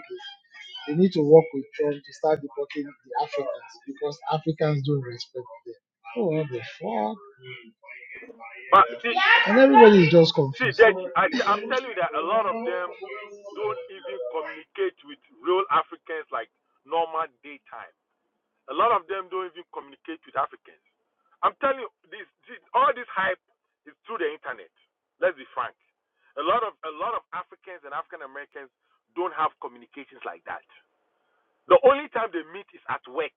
Speaker 3: they need to work with trump to start deporting the africans because africans don't respect them oh what the fuck
Speaker 27: But see,
Speaker 3: And everybody's just
Speaker 27: see,
Speaker 3: confused.
Speaker 27: Deji, I I'm telling you that a lot of them don't even communicate with real Africans like normal daytime. A lot of them don't even communicate with Africans. I'm telling you, this, this all this hype is through the internet. Let's be frank. A lot of a lot of Africans and African Americans don't have communications like that. The only time they meet is at work.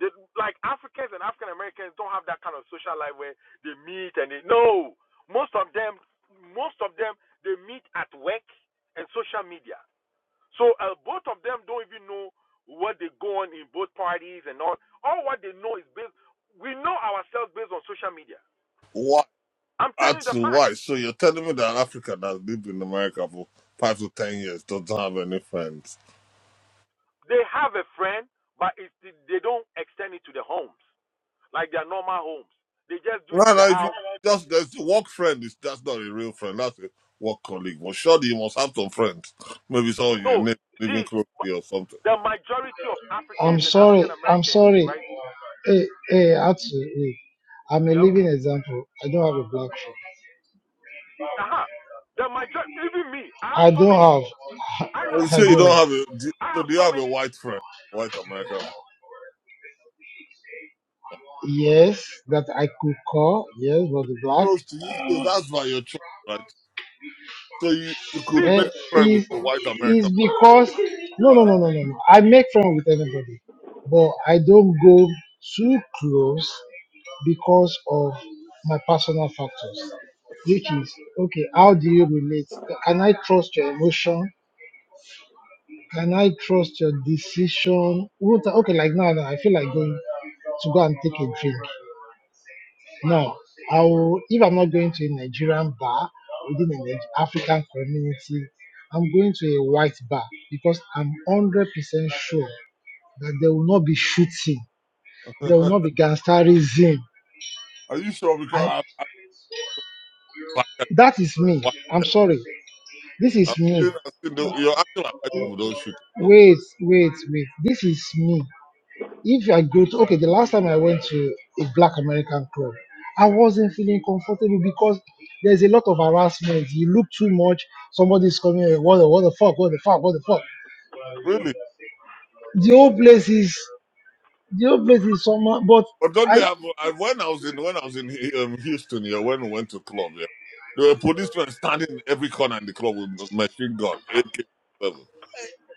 Speaker 27: They, like Africans and African Americans don't have that kind of social life where they meet and they no. Most of them, most of them, they meet at work and social media. So uh, both of them don't even know what they go on in both parties and all. All what they know is based. We know ourselves based on social media.
Speaker 26: Wow.
Speaker 27: I'm telling you the
Speaker 26: Atu,
Speaker 27: fact.
Speaker 26: why? So you're telling me that an African that lived in America for five to ten years doesn't have any friends?
Speaker 27: They have a friend, but it's, they don't extend it to the homes like their normal homes. They just do
Speaker 26: No,
Speaker 27: it in the
Speaker 26: no. If you
Speaker 27: house.
Speaker 26: just there's a work friend, is that's not a real friend. That's a work colleague. Well, surely you must have some friends. Maybe some of your
Speaker 27: No,
Speaker 26: neighbor living
Speaker 27: see,
Speaker 26: close to you or something.
Speaker 27: the majority of
Speaker 3: I'm
Speaker 27: Africans and
Speaker 3: sorry.
Speaker 27: African
Speaker 3: I'm
Speaker 27: Americans,
Speaker 3: sorry.
Speaker 27: right?
Speaker 3: Hey, hey, actually, hey, I'm a
Speaker 27: Yep.
Speaker 3: living example. I don't have a black phone.
Speaker 27: Aha. Uh-huh. The majority, even me. I have
Speaker 3: I
Speaker 27: so many.
Speaker 3: don't have.
Speaker 27: I have
Speaker 26: And you
Speaker 3: <laughs> I
Speaker 26: say you
Speaker 27: so
Speaker 3: don't
Speaker 26: don't
Speaker 3: have.
Speaker 27: many.
Speaker 26: have a. do-
Speaker 27: I
Speaker 26: So
Speaker 27: have
Speaker 26: do you
Speaker 27: so
Speaker 26: have a
Speaker 27: many.
Speaker 26: white friend, white American friend
Speaker 3: Yes, that I could call. Yes, but the black
Speaker 26: close to you? So that's by your choice, right? So you, you could
Speaker 27: See,
Speaker 26: make
Speaker 3: eh,
Speaker 26: friends with
Speaker 3: is
Speaker 26: a white
Speaker 3: is
Speaker 26: American.
Speaker 3: because no,
Speaker 26: black <laughs>
Speaker 3: no, no, no, no, no. I make friends with anybody, but I don't go too close because of my personal factors, which is okay. How do you relate? Can I trust your emotion? Can I trust your decision? Won't I- Okay, like now, now I feel like going to go and take a drink. Now, I will, if I'm not going to a Nigerian bar within an Nige- African community, I'm going to a white bar because I'm 100% sure that there will not be shooting, there will not be gangsterism.
Speaker 26: Are you sure?
Speaker 3: I,
Speaker 26: Because I'm, I'm black and
Speaker 3: that is me.
Speaker 26: white.
Speaker 3: I'm sorry. This
Speaker 26: I'm
Speaker 3: is me.
Speaker 26: saying, i am seen, I've seen the, you're acting like white people don't shoot. Bro.
Speaker 3: Wait, wait, wait. This is me. If I go to okay, the last time I went to a black American club, I wasn't feeling comfortable because there's a lot of harassment. You look too much, somebody's coming, "Hey, what the what the fuck, what the fuck, what the fuck.
Speaker 26: Really?
Speaker 3: The whole place is the whole place is somehow but
Speaker 26: But don't they
Speaker 3: I
Speaker 26: have? I, when I was in when I was in um, Houston, yeah, when we went to club, yeah, there were policemen standing in every corner in the club with a machine gun, AK-47.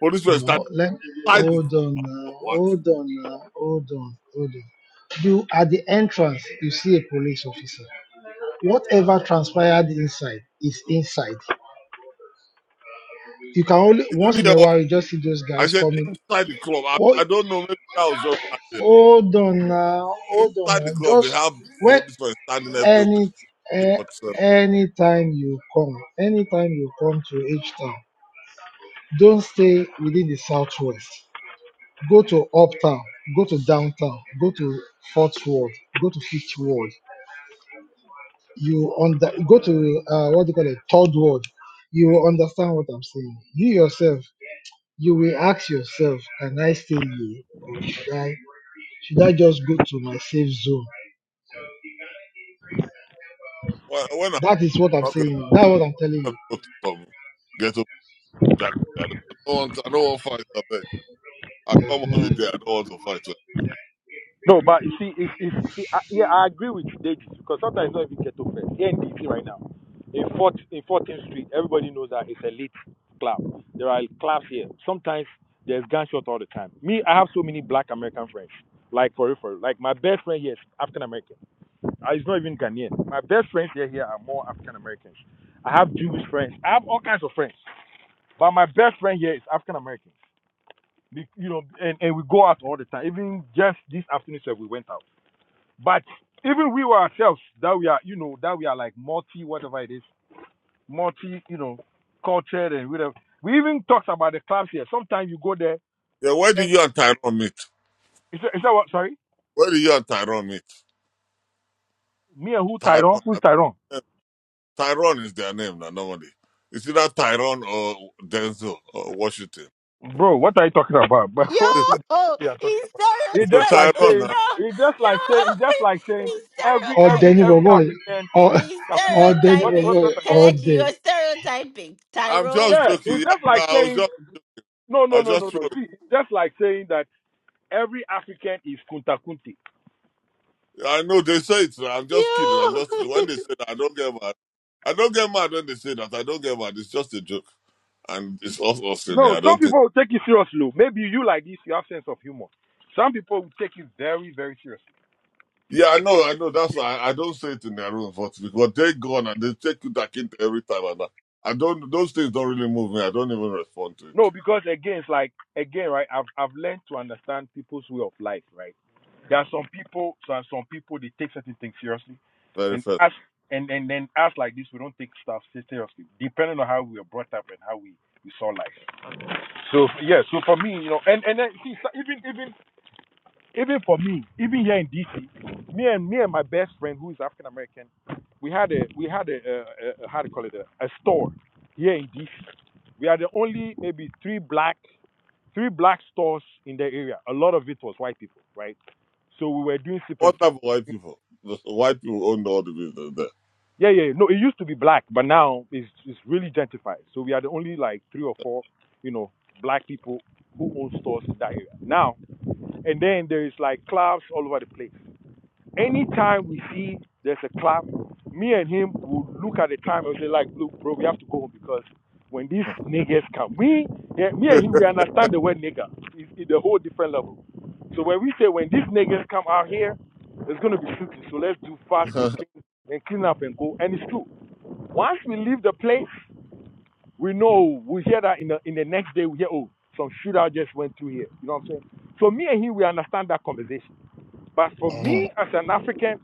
Speaker 26: Policemen standing
Speaker 3: no let
Speaker 26: inside the
Speaker 3: hold on
Speaker 26: club.
Speaker 3: now,
Speaker 26: What?
Speaker 3: hold on now, hold on, hold on. You at the entrance you see a police officer. Whatever transpired inside is inside you can only
Speaker 26: You
Speaker 3: once
Speaker 26: didn't
Speaker 3: in
Speaker 26: hear
Speaker 3: a
Speaker 26: what
Speaker 3: while you just see those
Speaker 26: I
Speaker 3: guys
Speaker 26: said?
Speaker 3: coming.
Speaker 26: Inside the club. I,
Speaker 3: Or
Speaker 26: I don't know. Maybe that was just that day.
Speaker 3: Hold on now, hold on
Speaker 26: Inside the
Speaker 3: now.
Speaker 26: club,
Speaker 3: Just
Speaker 26: they have
Speaker 3: when
Speaker 26: policemen standing
Speaker 3: any
Speaker 26: everywhere.
Speaker 3: eh,
Speaker 26: But um,
Speaker 3: anytime you come, anytime you come to H Town, don't stay within the southwest. Go to uptown, go to downtown, go to fourth ward, go to fifth ward. You under go to uh, what do you call it, third ward. You will understand what I'm saying. You yourself, you will ask yourself, can I stay here or should I should I just go to my safe zone?
Speaker 26: when when I'm
Speaker 3: That is what I'm
Speaker 26: not gonna
Speaker 3: saying. That's what I'm telling
Speaker 26: I'm gonna
Speaker 3: you.
Speaker 26: go to some ghetto jack, I don't I don't want I don't want fight. I come
Speaker 3: Uh-huh.
Speaker 26: holiday. I don't want to fight.
Speaker 27: No, but you see, if, if, see I, yeah, I agree with you, Davis, because sometimes it's not even ghetto first. Here in DC right now, in, 4th, in 14th Street, everybody knows that it's a elite club. There are clubs here. Sometimes there's gunshots all the time. Me, I have so many black American friends. Like, for real, for real. Like, my best friend here is African American. Uh, He's not even Ghanaian. My best friends here, here are more African Americans. I have Jewish friends. I have all kinds of friends. But my best friend here is African American. Be- You know, and, and we go out all the time. Even just this afternoon, sir, we went out. But even we ourselves, that we are, you know, that we are like multi, whatever it is, multi, you know, cultured and whatever. We even talked about the clubs here. Sometimes you go there
Speaker 26: Yeah, where did
Speaker 27: and
Speaker 26: you and Tyrone meet?
Speaker 27: is that, is that what? Sorry,
Speaker 26: Where did you and Tyrone meet?
Speaker 27: me and who Tyrone?
Speaker 26: Tyrone. I
Speaker 27: Who's Tyrone?
Speaker 26: mean, Tyrone is their name now, normally. It's either Tyrone or Denzel or Washington.
Speaker 27: Bro, what are you talking about? But <laughs>
Speaker 1: Yo,
Speaker 27: what you are talking?
Speaker 1: he's
Speaker 27: About? It's
Speaker 26: <laughs>
Speaker 27: just like
Speaker 26: Tyrone
Speaker 1: stereotyping.
Speaker 27: saying,
Speaker 26: now.
Speaker 1: Yo,
Speaker 27: it's just like saying, it's just like
Speaker 1: yo, <laughs>
Speaker 27: saying
Speaker 1: he's
Speaker 27: every
Speaker 3: All day,
Speaker 27: every
Speaker 3: neighbor
Speaker 27: every
Speaker 1: stereotyping.
Speaker 3: boy.
Speaker 27: African
Speaker 3: All,
Speaker 27: is
Speaker 1: He's
Speaker 3: <laughs> all
Speaker 27: Takunti.
Speaker 3: day,
Speaker 27: What
Speaker 3: neighbor
Speaker 27: what
Speaker 1: stereotyping.
Speaker 3: boy.
Speaker 27: what?
Speaker 3: All
Speaker 1: Kalechi,
Speaker 3: day.
Speaker 1: you're stereotyping.
Speaker 26: I'm
Speaker 1: Tyrone.
Speaker 26: just
Speaker 27: Yeah,
Speaker 26: joking.
Speaker 27: it's
Speaker 26: Yeah,
Speaker 27: just
Speaker 26: no,
Speaker 27: like
Speaker 26: I was
Speaker 27: saying
Speaker 26: just
Speaker 27: no
Speaker 26: I
Speaker 27: no
Speaker 26: was
Speaker 27: no
Speaker 26: just
Speaker 27: no no.
Speaker 26: trolling.
Speaker 27: See, it's just like saying that every African is Kunta Kunti.
Speaker 26: I know they say it. so I'm just kidding. I'm
Speaker 1: Yo,
Speaker 26: just
Speaker 1: <laughs>
Speaker 26: when they say that I don't get mad. I don't get mad when they say that. I don't get mad. It's just a joke. And it's off often here.
Speaker 27: No,
Speaker 26: I
Speaker 27: some
Speaker 26: don't think
Speaker 27: people will take it seriously. oh. Maybe you like this, you have sense of humor. Some people will take it very, very seriously.
Speaker 26: Yeah, I know, I know. That's why I, I don't say it in their room, but because they're gone and they take you back into every time. And I, I don't, those things don't really move me. I don't even respond to
Speaker 27: No,
Speaker 26: it.
Speaker 27: because again, it's like again, right? I've I've learned to understand people's way of life, right? There are some people, some some people they take certain things seriously,
Speaker 26: Very
Speaker 27: and
Speaker 26: first.
Speaker 27: us, and and then us like this, we don't take stuff seriously, depending on how we were brought up and how we we saw life. So yeah, so for me, you know, and and then see, so- even even even for me, even here in DC, me and me and my best friend who is African American, we had a we had a, a, a how do you call it a, a store here in DC. We are the only maybe three black three black stores in the area. A lot of it was white people, right? So we were doing sip and
Speaker 26: What
Speaker 27: pay.
Speaker 26: type of white people? The white people own all the business
Speaker 27: Yeah, yeah. yeah. No, it used to be black, but now it's it's really gentrified. So we are the only like three or four, you know, black people who own stores in that area now. And then there is like clubs all over the place. Anytime we see there's a clap, me and him will look at the time and say, like, look, bro, we have to go home because when these niggas come, we, yeah, me and him, we understand the word nigga. It's, it's a whole different level. So when we say, when these niggas come out here, it's going to be shooting. So let's do
Speaker 26: there.
Speaker 27: fast and
Speaker 26: <laughs>
Speaker 27: clean, and clean up and go. And it's true. Once we leave the place, we know, we hear that in the, in the next day, we hear, oh, some shootout just went through here. You know what I'm saying? So me and him, we understand that conversation. But for me as an African,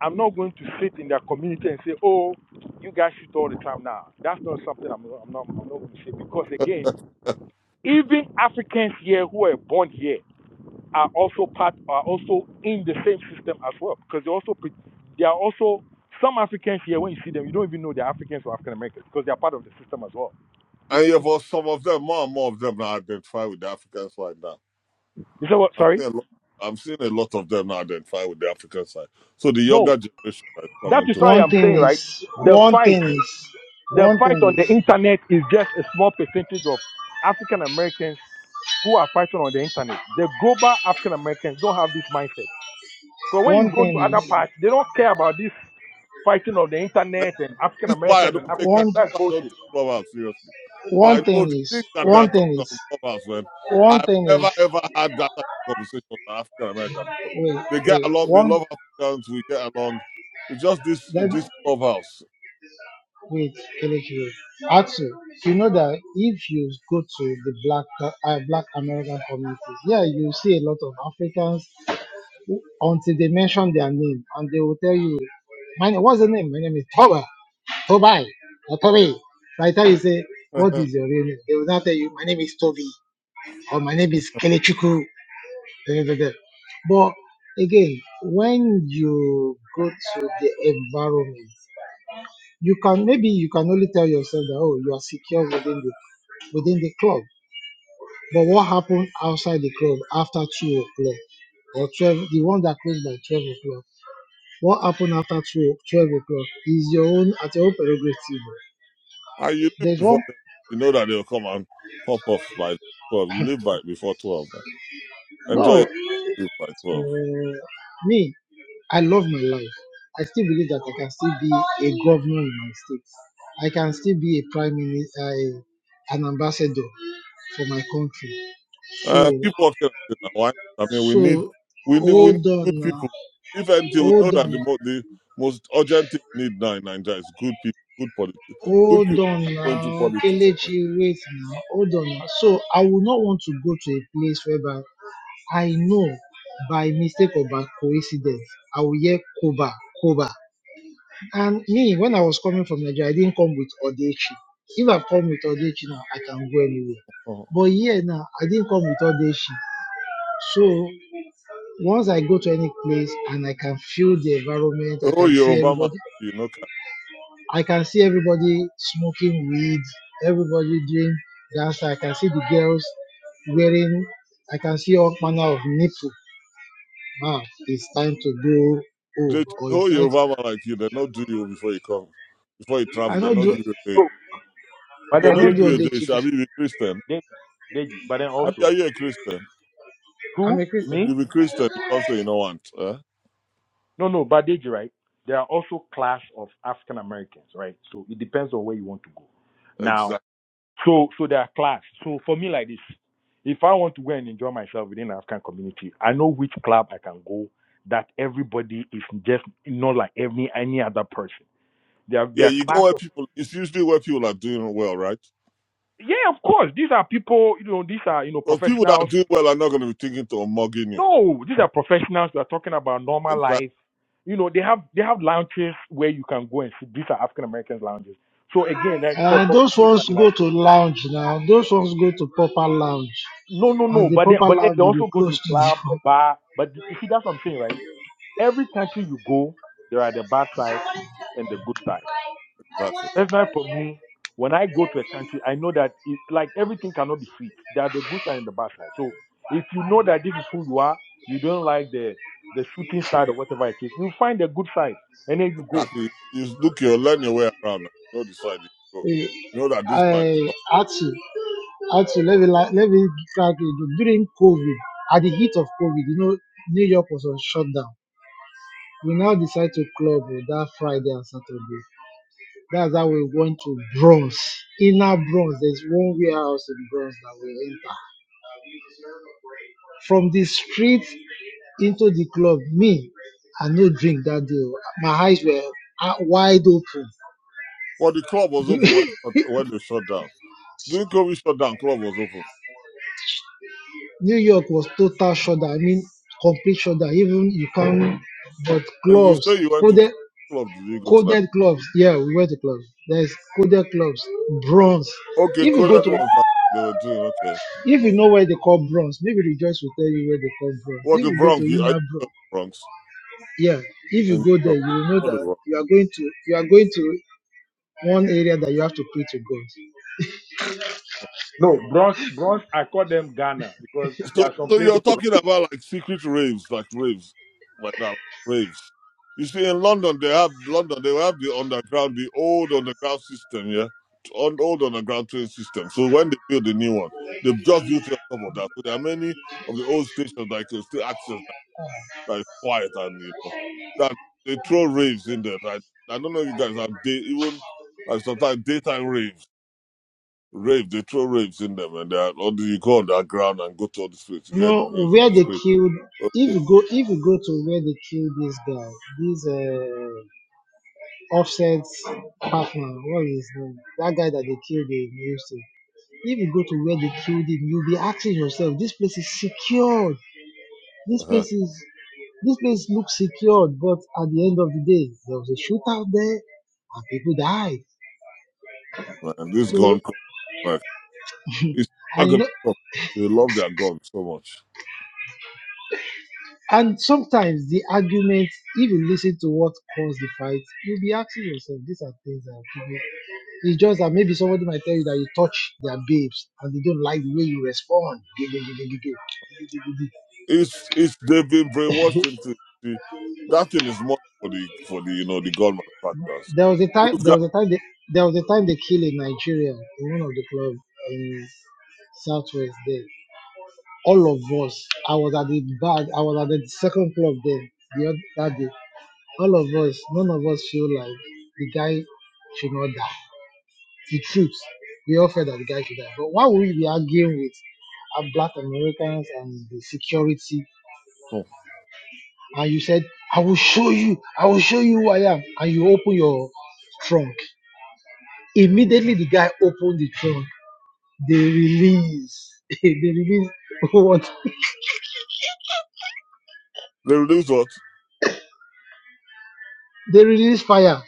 Speaker 27: I'm not going to sit in their community and say, "Oh, you guys shoot all the time." Now, that's not something I'm, not, I'm not. I'm not going to say because again, even Africans here who are born here are also part are also in the same system as well because they also they are also some Africans here when you see them, you don't even know they're Africans or African Americans because they are part of the system as well.
Speaker 26: and yeah, for some of them, more and more of them now identify with the African side now.
Speaker 27: You say what?
Speaker 26: I'm
Speaker 27: Sorry?
Speaker 26: seeing a lot, I'm seeing a lot of them now identify with the African side. So the
Speaker 27: No,
Speaker 26: younger generation that is
Speaker 27: that
Speaker 26: coming
Speaker 27: is
Speaker 26: too.
Speaker 27: why
Speaker 3: One
Speaker 27: I'm
Speaker 3: thing
Speaker 27: saying
Speaker 3: is,
Speaker 27: right. The
Speaker 3: one
Speaker 27: fight,
Speaker 3: thing is,
Speaker 27: the
Speaker 3: one
Speaker 27: fight
Speaker 3: thing
Speaker 27: on
Speaker 3: is,
Speaker 27: the internet is just a small percentage of African Americans who are fighting on the internet. The global African Americans don't have this mindset. Because when you
Speaker 3: one
Speaker 27: go
Speaker 3: thing
Speaker 27: to other
Speaker 3: is,
Speaker 27: parts, they don't care about this fighting on the internet and African
Speaker 26: This is why I
Speaker 27: Americans and
Speaker 26: don't take that.
Speaker 27: Africans.
Speaker 3: one,
Speaker 26: That's
Speaker 27: That's
Speaker 26: why I don't
Speaker 27: bullshit.
Speaker 26: take Clubhouse seriously. So I
Speaker 3: one
Speaker 26: know
Speaker 3: thing
Speaker 26: the
Speaker 3: is,
Speaker 26: things that they are
Speaker 3: one
Speaker 26: talking
Speaker 3: thing is,
Speaker 26: about on Clubhouse, man.
Speaker 3: one
Speaker 26: I've
Speaker 3: thing is,
Speaker 26: never ever had that type of conversation with an African American before.
Speaker 3: wait,
Speaker 26: They get
Speaker 3: wait,
Speaker 26: along. They
Speaker 3: one,
Speaker 26: love Africans. We get along. It's just this
Speaker 3: let,
Speaker 26: this Clubhouse.
Speaker 3: Wait, Kelechi. Atsu, you know that if you go to the black uh, black American communities, yeah, you see a lot of Africans who- until they mention their name and they will tell you, my name, what's the name? My name is Toba, Tobai, or Toby. By the time you say,
Speaker 26: <laughs> and
Speaker 3: what is your real name? They will not tell you, my name is Toby or my name is Kelechuku. da, da, da, da. But again, when you go to the environment, you can maybe you can only tell yourself that oh you are secure within the within the club. But what happened outside the club after two o'clock or twelve the one that closed by twelve o'clock? What happened after two twelve o'clock is your own at your own prerogative.
Speaker 26: you live
Speaker 3: There's
Speaker 26: before
Speaker 3: one
Speaker 26: them. You know that they'll come and pop off by twelve. You live by before twelve. Man. Enjoy
Speaker 3: no
Speaker 26: your sleep by twelve.
Speaker 3: uh, me, I love my life. I still believe that I can still be a governor in my state. I can still be a prime minister, a, an ambassador for my country.
Speaker 26: Uh,
Speaker 3: So
Speaker 26: keep working at it now. Why not? I mean, we need,
Speaker 3: So
Speaker 26: we need, we need
Speaker 3: hold on
Speaker 26: good
Speaker 3: now,
Speaker 26: people. If until we know
Speaker 3: hold
Speaker 26: that
Speaker 3: on,
Speaker 26: the, most the most urgent thing we need now in Nigeria is good people, good politics, good
Speaker 3: hold
Speaker 26: people that
Speaker 3: on
Speaker 26: are going to
Speaker 3: now,
Speaker 26: politics.
Speaker 3: Kelechi. now. Also, I will be back. No, yes, yeah, Koba, Koba. I was called shit.
Speaker 26: Uh-huh.
Speaker 3: But yeah, now I didn't come with all this shit. So once I go to any place and I can feel the environment,
Speaker 26: The
Speaker 3: I
Speaker 26: whole
Speaker 3: can see
Speaker 26: Yoruba man, like
Speaker 3: everybody.
Speaker 26: you know, can-
Speaker 3: I can see everybody smoking weed, everybody doing dance. I can see the girls wearing. I can see all manner of nipple. Now it's time to go. Oh,
Speaker 26: the
Speaker 3: or
Speaker 26: the
Speaker 3: it's
Speaker 26: whole
Speaker 3: time
Speaker 26: Yoruba man like you, they not do you before you come, before you travel.
Speaker 3: I
Speaker 26: They
Speaker 3: don't
Speaker 26: not
Speaker 3: do
Speaker 26: give you a day.
Speaker 27: So, but
Speaker 26: They
Speaker 3: I
Speaker 27: then
Speaker 3: don't
Speaker 26: not
Speaker 3: do
Speaker 26: give
Speaker 27: Deji,
Speaker 26: you a
Speaker 27: though.
Speaker 26: day.
Speaker 3: Odechi before.
Speaker 26: Shall we be Christian?
Speaker 27: Deji, Deji. But then
Speaker 3: I-
Speaker 26: Abi, Are
Speaker 27: also,
Speaker 26: you a Christian?
Speaker 3: I'm
Speaker 27: who?
Speaker 3: a Christian.
Speaker 27: Me?
Speaker 26: You be Christian, you can't say you don't want. Huh?
Speaker 27: No, no, but Deji, right? There are also class of African Americans, right? So it depends on where you want to go. Now,
Speaker 26: Exactly.
Speaker 27: So so they are class. So for me like this, if I want to go and enjoy myself within the African community, I know which club I can go that everybody is just not like every any other person. They are they
Speaker 26: Yeah,
Speaker 27: are
Speaker 26: you go
Speaker 27: class
Speaker 26: where
Speaker 27: of
Speaker 26: people. It's usually where people are doing well, right?
Speaker 27: yeah, of course. These are people, you know, these are, you know,
Speaker 26: Because people that
Speaker 27: professionals.
Speaker 26: do well are not going to be thinking to mugging you.
Speaker 27: No, these are professionals that are talking about normal
Speaker 26: Exactly,
Speaker 27: life. You know, they have they have lounges where you can go and sit. These are African Americans lounges. So again, that's for,
Speaker 3: Uh,
Speaker 27: for me
Speaker 3: those ones
Speaker 27: personally,
Speaker 3: go
Speaker 27: like
Speaker 3: to lounge now. Those ones go to proper lounge,
Speaker 27: no, no, no.
Speaker 3: and the
Speaker 27: But then
Speaker 3: proper
Speaker 27: but then
Speaker 3: lounge
Speaker 27: they
Speaker 3: will be
Speaker 27: also go
Speaker 3: close
Speaker 27: to
Speaker 3: to
Speaker 27: club, the bar. But you see that's what I'm saying, right? Every country you go, there are the bad side and the good side.
Speaker 26: exactly,
Speaker 27: Personally, for me, when I go to a country, I know that it's like everything cannot be sweet. There are the good side and the bad side. So if you know that this is who you are, you don't like the the shooting side or whatever it is, you find the good side and then you go.
Speaker 26: exactly. You look, you learn your way around. You know the side you go.
Speaker 3: the. <laughs>
Speaker 26: You know that
Speaker 3: Uh,
Speaker 26: this side.
Speaker 3: I actually, actually, let me la- let me crack it. During COVID, at the heat of COVID, you know, New York was on shutdown. We now decide to club on that Friday and Saturday. That's how we went to Bronx. Inner Bronx, there's one warehouse in Bronx that we enter. From the street into the club. Me, I no drink that day. oh. My eyes were ah, wide open.
Speaker 26: Well, the club was open when, shut- when they shut down. During COVID shut down, club was open.
Speaker 3: New York was total shutdown. I mean, complete shutdown. Even you can't. But
Speaker 26: And you
Speaker 3: clubs,
Speaker 26: say you went to
Speaker 3: coded,
Speaker 26: club, club did you go to that?
Speaker 3: coded clubs. Yeah, we went to clubs. There's coded clubs, bronze.
Speaker 26: Okay,
Speaker 3: If you go
Speaker 26: coded
Speaker 3: to,
Speaker 26: was that they were doing. Okay.
Speaker 3: if you know where they call bronze, maybe Rejoice will tell you where they call bronze.
Speaker 26: What
Speaker 3: If
Speaker 26: the
Speaker 3: you go to
Speaker 26: Bronx? You, are you
Speaker 3: Una
Speaker 26: from the
Speaker 3: Bronze,
Speaker 26: Bronx?
Speaker 3: yeah, if
Speaker 26: And
Speaker 3: you
Speaker 26: you
Speaker 3: go
Speaker 26: know,
Speaker 3: there, you
Speaker 26: yeah,
Speaker 3: will know
Speaker 26: I know the
Speaker 3: that
Speaker 26: Bronx.
Speaker 3: you are going to, you are going to one area that you have to pray to God.
Speaker 27: No, Bronx, Bronx, I call them Ghana because
Speaker 26: So,
Speaker 27: there are some
Speaker 26: so
Speaker 27: places.
Speaker 26: you're talking about like secret raves, like raves, like that, raves. You see, in London, they have London, they have the underground, the old underground system, yeah, on old underground train system. So when they build the new one, they've just built it on top of that. So there are many of the old stations that you can still access that, that is quiet and you know that they throw raves in there. Like, I don't know if you guys have day even like sometimes daytime raves. Rave, they throw raves in them, and they are, or do you go on that ground and go to all the streets? you hear the
Speaker 3: No,
Speaker 26: music,
Speaker 3: where
Speaker 26: it's
Speaker 3: they
Speaker 26: crazy.
Speaker 3: killed. If
Speaker 26: Okay.
Speaker 3: you go, if you go to where they killed this guy, this uh, offset partner, what is his name? That guy that they killed in Houston. If you go to where they killed him, you'll be asking yourself, this place is secured. This
Speaker 26: Uh-huh.
Speaker 3: place is, this place looks secured. But at the end of the day, there was a shootout there, and people died.
Speaker 26: Man, this
Speaker 3: So,
Speaker 26: gun, culture, like, it's not
Speaker 3: and you
Speaker 26: gonna
Speaker 3: know,
Speaker 26: stop. They love their gun so much.
Speaker 3: and sometimes the argument, if you listen to what caused the fight, you'll be asking yourself, these are things that people It's just that maybe somebody might tell you that you touch their babes and they don't like the way you respond.
Speaker 26: It's it's they've been brainwashed into the, that thing is money for the for the you know the gun manufacturers.
Speaker 3: There was a time.
Speaker 26: Those
Speaker 3: There
Speaker 26: guys,
Speaker 3: was a time. They, there was a time they killed a Nigerian in one of the clubs in Southwest. There, all of us. I was at the bar. I was at the second club there the other that day. Like, I, but why would we be arguing with the security?
Speaker 26: oh,
Speaker 3: And you said, "I will show you. I will show you who I am." And you open your trunk. Immediately, the guy opened the trunk They release. <laughs> they release <laughs> what?
Speaker 26: they release what
Speaker 3: They release fire.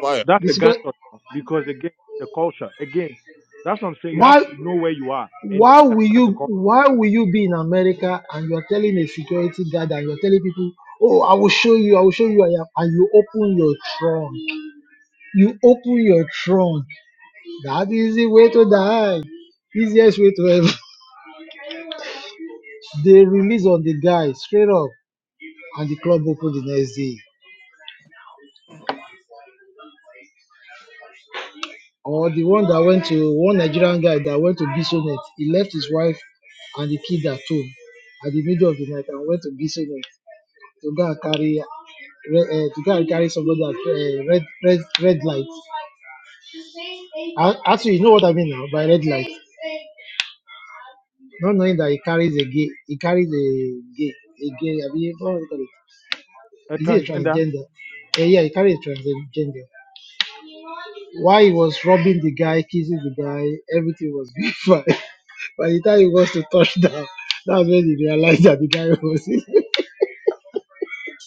Speaker 26: fire.
Speaker 27: That's
Speaker 3: The
Speaker 27: a Ghana
Speaker 3: security.
Speaker 27: because again, the culture. Again, that's what I'm saying. You have
Speaker 3: Why?
Speaker 27: to know where you are and
Speaker 3: Why will
Speaker 27: understand the
Speaker 3: you?
Speaker 27: culture.
Speaker 3: Why will you be in America and you are telling a security guard and you are telling people, "Oh, I will show you. I will show you." I am, and you open your trunk. You open your trunk. That is the way to die. Easiest way to heaven. <laughs> they release on the guy straight up, and the club opened the next day or the one that went to one Nigerian guy that went to Bisonet. He left his wife and him. I Like I went to Bison to go and, uh, to go and carry somebody at uh, red red red light. I, actually, you know what I mean now, by not knowing that he carries a gay, he carries a gay, a gay. I mean, what do you call it?
Speaker 27: A
Speaker 3: Is he a
Speaker 27: transgender.
Speaker 3: transgender? Eh, yeah, he carries a transgender. Why he was robbing the guy, kissing the guy, everything was <laughs> fine. By the time he was to touch down, that's when he realized that the guy was.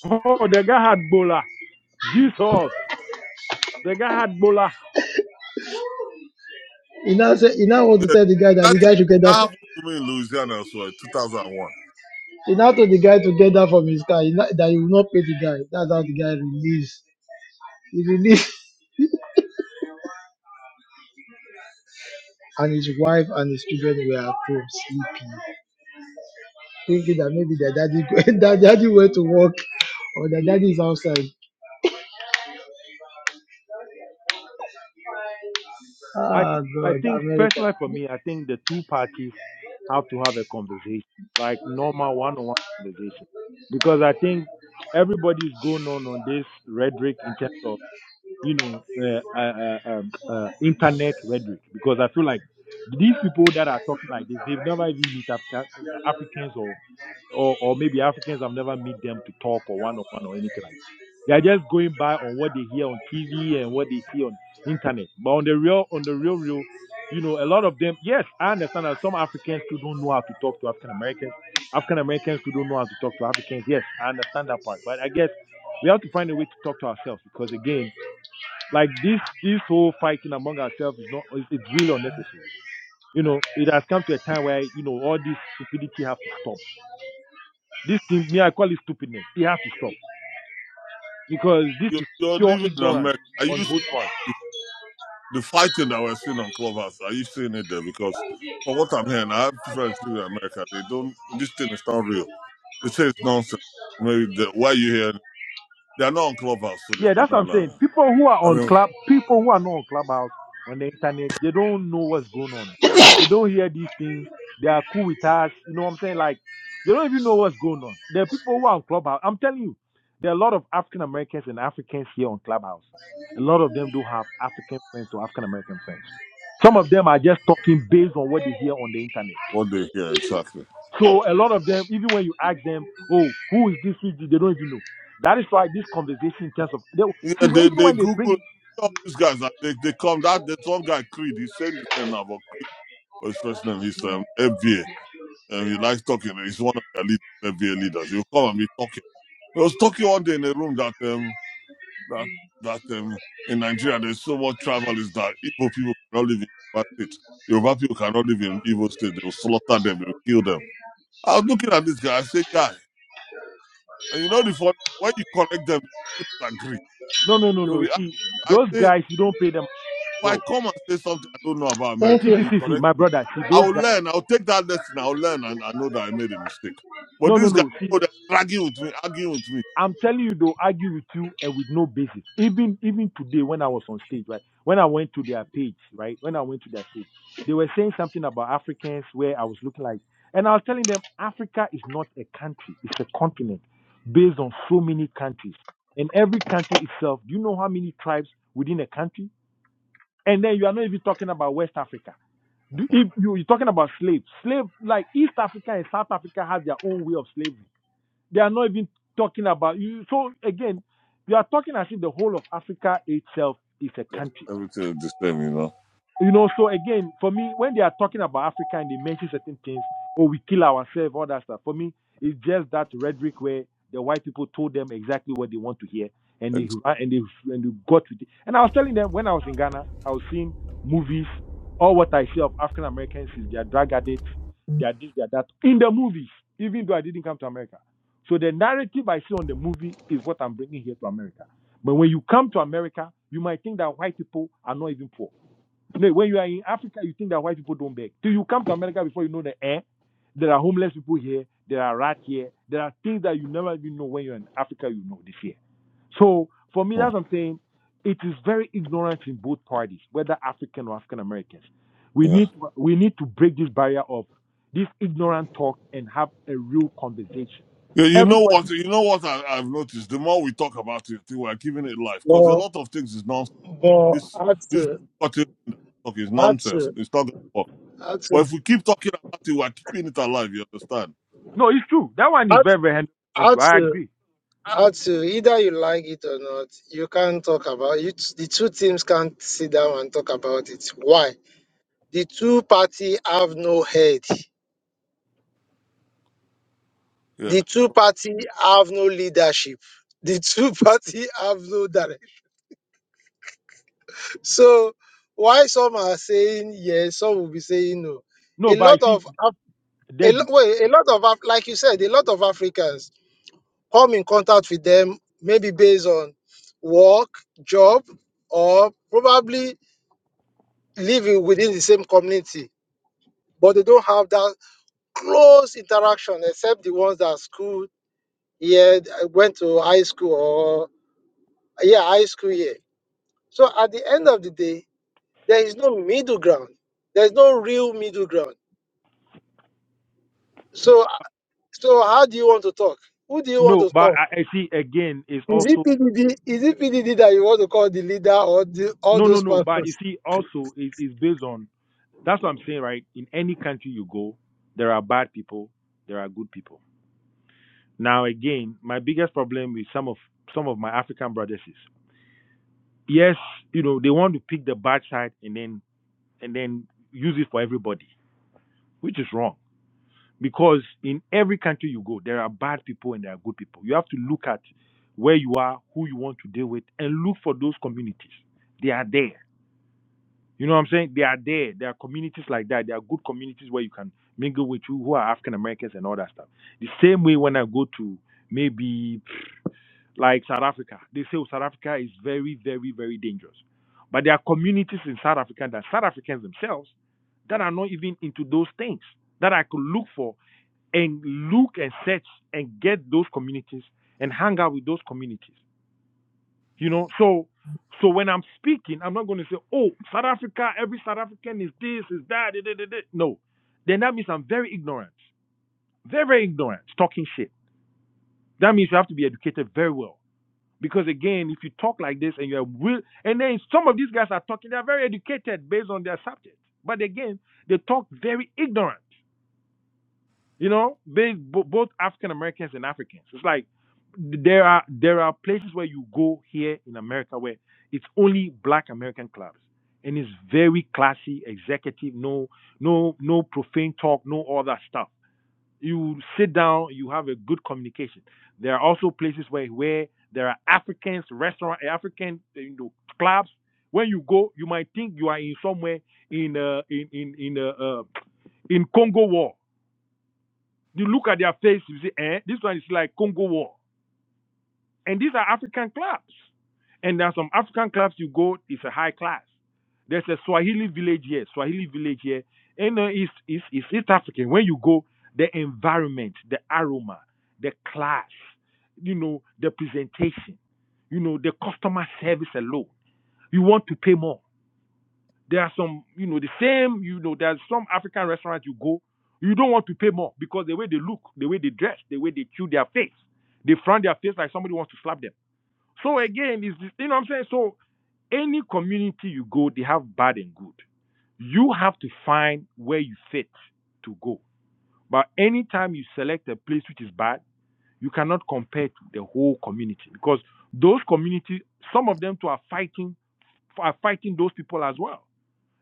Speaker 27: Oh, the guy had Bola. Jesus, the guy had Bola.
Speaker 3: <laughs> he now said, he now wants to
Speaker 26: Yeah,
Speaker 3: tell the guy that
Speaker 26: that
Speaker 3: the guy
Speaker 26: thing-
Speaker 3: should get
Speaker 26: that
Speaker 3: that.
Speaker 26: happened to me in Louisiana as well, two thousand and one.
Speaker 3: He now told the guy to get that from his car. He now, that he will not pay the guy. That's how the guy released. Released. <laughs> And his wife and his Thinking that daddy, <laughs> that daddy went to work on this outside.
Speaker 27: I think,
Speaker 3: And
Speaker 27: I think personally for me, I think the two parties have to have a conversation, like normal one-on-one conversation, because I think everybody's going on on this rhetoric in terms of you know uh, uh, uh, um, uh, internet rhetoric, because I feel like these people that are talking like this, they've never even met Africa, uh, Africans or or or maybe Africans have never met them to talk or one on one or anything like that. They are just going by on what they hear on TV and what they see on internet. But on the real on the real real, you know, a lot of them yes, I understand that some Africans too don't know how to talk to African Americans. African Americans too don't know how to talk to Africans. Yes, I understand that part. But I guess we have to find a way to talk to ourselves because again, like this this whole fighting among ourselves is not it's it's really unnecessary. You know, it has come to a time where, you know, all this stupidity has to stop this thing, me, I call it stupidness. It has to stop because this
Speaker 26: You,
Speaker 27: is
Speaker 26: you're
Speaker 27: pure
Speaker 26: living in
Speaker 27: ignorance
Speaker 26: America. Are
Speaker 27: on
Speaker 26: you?
Speaker 27: both parts.
Speaker 26: the fighting that we're seeing on Clubhouse, are you seeing it there? Because from what I'm hearing, I have friends living in America. They don't. This thing is not real. They say it's nonsense. Maybe the, why you hearing? They're not on Clubhouse, so they
Speaker 27: Yeah,
Speaker 26: say
Speaker 27: that's what
Speaker 26: no,
Speaker 27: I'm
Speaker 26: no,
Speaker 27: saying.
Speaker 26: no.
Speaker 27: People who are
Speaker 26: I
Speaker 27: on
Speaker 26: mean,
Speaker 27: club, people who are not on clubhouse on the internet, they don't know what's going on. They don't hear these things. They are cool with us. You know what I'm saying? Like they don't even know what's going on. There are people who are on clubhouse. I'm telling you, there are a lot of African Americans and Africans here on clubhouse. A lot of them do have African friends or African American friends. Some of them are just talking based on what they hear on the internet.
Speaker 26: what they hear exactly?
Speaker 27: So a lot of them, even when you ask them, oh, who is this CG, they don't even know. That is why this conversation in terms of they
Speaker 26: Yeah,
Speaker 27: see
Speaker 26: they
Speaker 27: even
Speaker 26: they
Speaker 27: when they bring
Speaker 26: Google
Speaker 27: in-
Speaker 26: all these guys. That they they come that there's one guy Creed. He's saying this thing about Creed. But his first name is um, FBA, and he likes talking. He's one of the lead, FBA leaders. He'll come and be talking. He was talking one day in a room that um, that that um, in Nigeria there's so much travel is that Igbo people cannot live in Yoruba state. Yoruba people cannot live in Igbo state. They will slaughter them. They will kill them. I was looking at this guy. I say, guy, and you know the fun when you correct them, they disagree.
Speaker 27: no no no
Speaker 26: They will
Speaker 27: no
Speaker 26: be. ask-
Speaker 27: see
Speaker 26: I
Speaker 27: those
Speaker 26: say, if
Speaker 27: guys you don't pay them
Speaker 26: I
Speaker 27: bro.
Speaker 26: come and say something I don't know about
Speaker 3: thank
Speaker 26: America,
Speaker 27: See
Speaker 3: you.
Speaker 27: see
Speaker 26: and you
Speaker 27: see see
Speaker 26: correct
Speaker 27: my
Speaker 26: me,
Speaker 27: brother see
Speaker 26: I
Speaker 27: those
Speaker 26: will
Speaker 27: guys
Speaker 26: learn. I will take that lesson. I will learn, and I know that I made a mistake. But
Speaker 27: no no
Speaker 26: this guy,
Speaker 27: no see
Speaker 26: oh, they're dragging with me, arguing with me.
Speaker 27: I'm telling you, they'll argue with you and with no basis. Even even today, when I was on stage, right? When I went to their page, right? When I went to their stage, they were saying something about Africans where I was looking like, and I was telling them, Africa is not a country; it's a continent based on so many countries, and every country itself. Do you know how many tribes within a country? And then you are not even talking about West Africa. Do,
Speaker 26: <laughs>
Speaker 27: if you, you're talking about slaves, slave like East Africa and South Africa have their own way of slavery they are not even talking about you. So again, we are talking as if the whole of Africa itself is a
Speaker 26: Just
Speaker 27: country
Speaker 26: everything is the same, you know.
Speaker 27: you know, so again, for me, when they are talking about Africa and they mention certain things, oh, we kill ourselves, all that stuff. For me, it's just that rhetoric where the white people told them exactly what they want to hear, and they and they and they got with it. And I was telling them when I was in Ghana, I was seeing movies. All what I see of African Americans is they are drug addicts, they are this, they are that in the movies. Even though I didn't come to America, so the narrative I see on the movie is what I'm bringing here to America. But when you come to America, you might think that white people are not even poor no, when you are in Africa, you think that white people don't beg. Till you come to America before you know the air, there are homeless people here, there are rats here, there are things that you never even know when you're in Africa, you know the fear. So for me, that's
Speaker 26: Exactly.
Speaker 27: what I'm saying. It is very ignorant in both parties, whether African or African Americans. We
Speaker 26: Yeah.
Speaker 27: need we need to break this barrier of this ignorant talk and have a real conversation.
Speaker 26: Yeah, you know
Speaker 27: Everybody,
Speaker 26: what? You know what I, I've noticed. The more we talk about it, we are giving it life because a
Speaker 3: But
Speaker 26: lot of things is nonsense.
Speaker 3: but
Speaker 26: This
Speaker 3: how
Speaker 26: this
Speaker 3: to,
Speaker 26: boycotting and talk is
Speaker 3: how
Speaker 26: nonsense.
Speaker 3: to,
Speaker 26: It's not going to work.
Speaker 3: how
Speaker 26: But
Speaker 3: to.
Speaker 26: if we keep talking about it, we are keeping it alive. You understand?
Speaker 27: no, it's true. That one
Speaker 3: how
Speaker 27: is
Speaker 3: to
Speaker 27: very very one hundred percent
Speaker 3: how
Speaker 27: true. I
Speaker 3: to
Speaker 27: agree.
Speaker 3: how to either you like it or not, you can't talk about it. The two teams can't sit down and talk about it. Why? The two party have no head.
Speaker 26: Yeah.
Speaker 3: the two party have no leadership. The two <laughs> party have no direction. So why some are saying yes, some will be saying no.
Speaker 27: No,
Speaker 3: A
Speaker 27: but I
Speaker 3: lot
Speaker 27: see
Speaker 3: of Af- a
Speaker 27: that
Speaker 3: lot, well, a lot of Af- like you said, a lot of Africans come in contact with them maybe based on work, job, or probably living within the same community, but they don't have that close interaction except the ones that school here, went to high school or yeah, high school here So at the end of the day, there is no middle ground. There's no real middle ground. So so how do you want to talk? Who do you want
Speaker 27: no,
Speaker 3: to
Speaker 27: but
Speaker 3: call?
Speaker 27: I, I see again is
Speaker 3: Is
Speaker 27: also
Speaker 3: it PDD? Is it PDD that you want to call the leader or the, all
Speaker 27: No, no,
Speaker 3: those
Speaker 27: no. But you
Speaker 3: pastors?
Speaker 27: see, also is is based on that's what I'm saying, right? In any country you go, there are bad people, there are good people. Now again, my biggest problem with some of some of my African brothers is yes, you know, they want to pick the bad side and then and then use it for everybody, which is wrong. Because in every country you go, there are bad people and there are good people. You have to look at where you are, who you want to deal with, and look for those communities. They are there You know what I'm saying? They are there. There are communities like that. There are good communities where you can mingle with you who are African Americans and all that stuff. The same way when I go to maybe like South Africa, they say oh, South Africa is very, very, very dangerous. But there are communities in South Africa that South Africans themselves that are not even into those things that I could look for and look and search and get those communities and hang out with those communities. You know, so so when I'm speaking, I'm not going to say, "Oh, South Africa, every South African is this, is that." da, da, da, da." No, then that means I'm very ignorant, very very ignorant, talking shit. That means you have to be educated very well, because again, if you talk like this and you're real, and then some of these guys are talking, they're very educated based on their subject, but again, they talk very ignorant. You know, they bo- both African Americans and Africans. It's like there are there are places where you go here in America where it's only black American clubs and it's very classy, executive, no no no profane talk, no all that stuff. You sit down, you have a good communication. There are also places where where there are Africans, restaurant eh, African eh, you know, clubs. When you go, you might think you are in somewhere in uh, in in in uh, uh, in Congo War you look at their face, you say, eh, this one is like Congo War. And these are African clubs. And there are some African clubs you go, it's a high class. There's a Swahili village here, Swahili village here. And uh, it's, it's, it's East African. When you go, the environment, the aroma, the class, you know, the presentation, you know, the customer service alone. You want to pay more. There are some, you know, the same, you know, there's some African restaurants you go, you don't want to pay more because the way they look, the way they dress, the way they chew their face, they frown their face like somebody wants to slap them. So again, is you know what I'm saying? So any community you go, they have bad and good. You have to find where you fit to go. But anytime you select a place which is bad, you cannot compare to the whole community because those communities, some of them too are fighting are fighting those people as well.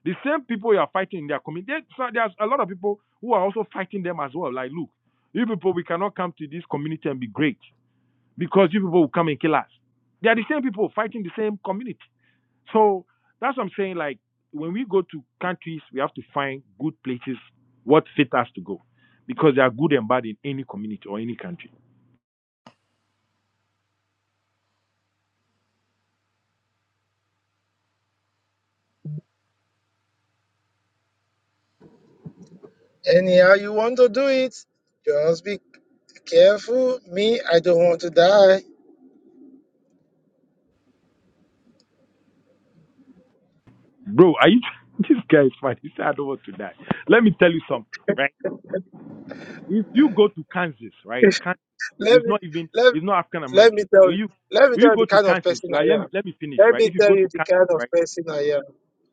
Speaker 27: The same people you are fighting, they are coming. There, so there's a lot of people who are also fighting them as well. Like, look, you people, we cannot come to this community and be great because you people will come and kill us. They are the same people fighting the same community. So that's what I'm saying. Like, when we go to countries, we have to find good places what fit us to go because they are good and bad in any community or any country.
Speaker 3: Anyhow, you want to do it. Just be careful. Me, I don't want to die.
Speaker 27: Bro, are you? <laughs> this guy is funny. He said, I don't want to die. Let me do something, right? If you go to Kansas, right?
Speaker 3: <laughs> let
Speaker 27: It's
Speaker 3: me
Speaker 27: not even
Speaker 3: let
Speaker 27: it's not African
Speaker 3: let me
Speaker 27: Americans.
Speaker 3: tell
Speaker 27: When you
Speaker 3: let me
Speaker 27: when
Speaker 3: tell
Speaker 27: you
Speaker 3: you
Speaker 27: go
Speaker 3: the
Speaker 27: to
Speaker 3: kind of
Speaker 27: Kansas,
Speaker 3: person
Speaker 27: right? Let
Speaker 3: I am.
Speaker 27: me let me finish,
Speaker 3: Let
Speaker 27: right?
Speaker 3: me
Speaker 27: If you
Speaker 3: tell
Speaker 27: go
Speaker 3: you
Speaker 27: to
Speaker 3: the
Speaker 27: Kansas,
Speaker 3: kind of
Speaker 27: right?
Speaker 3: person I am.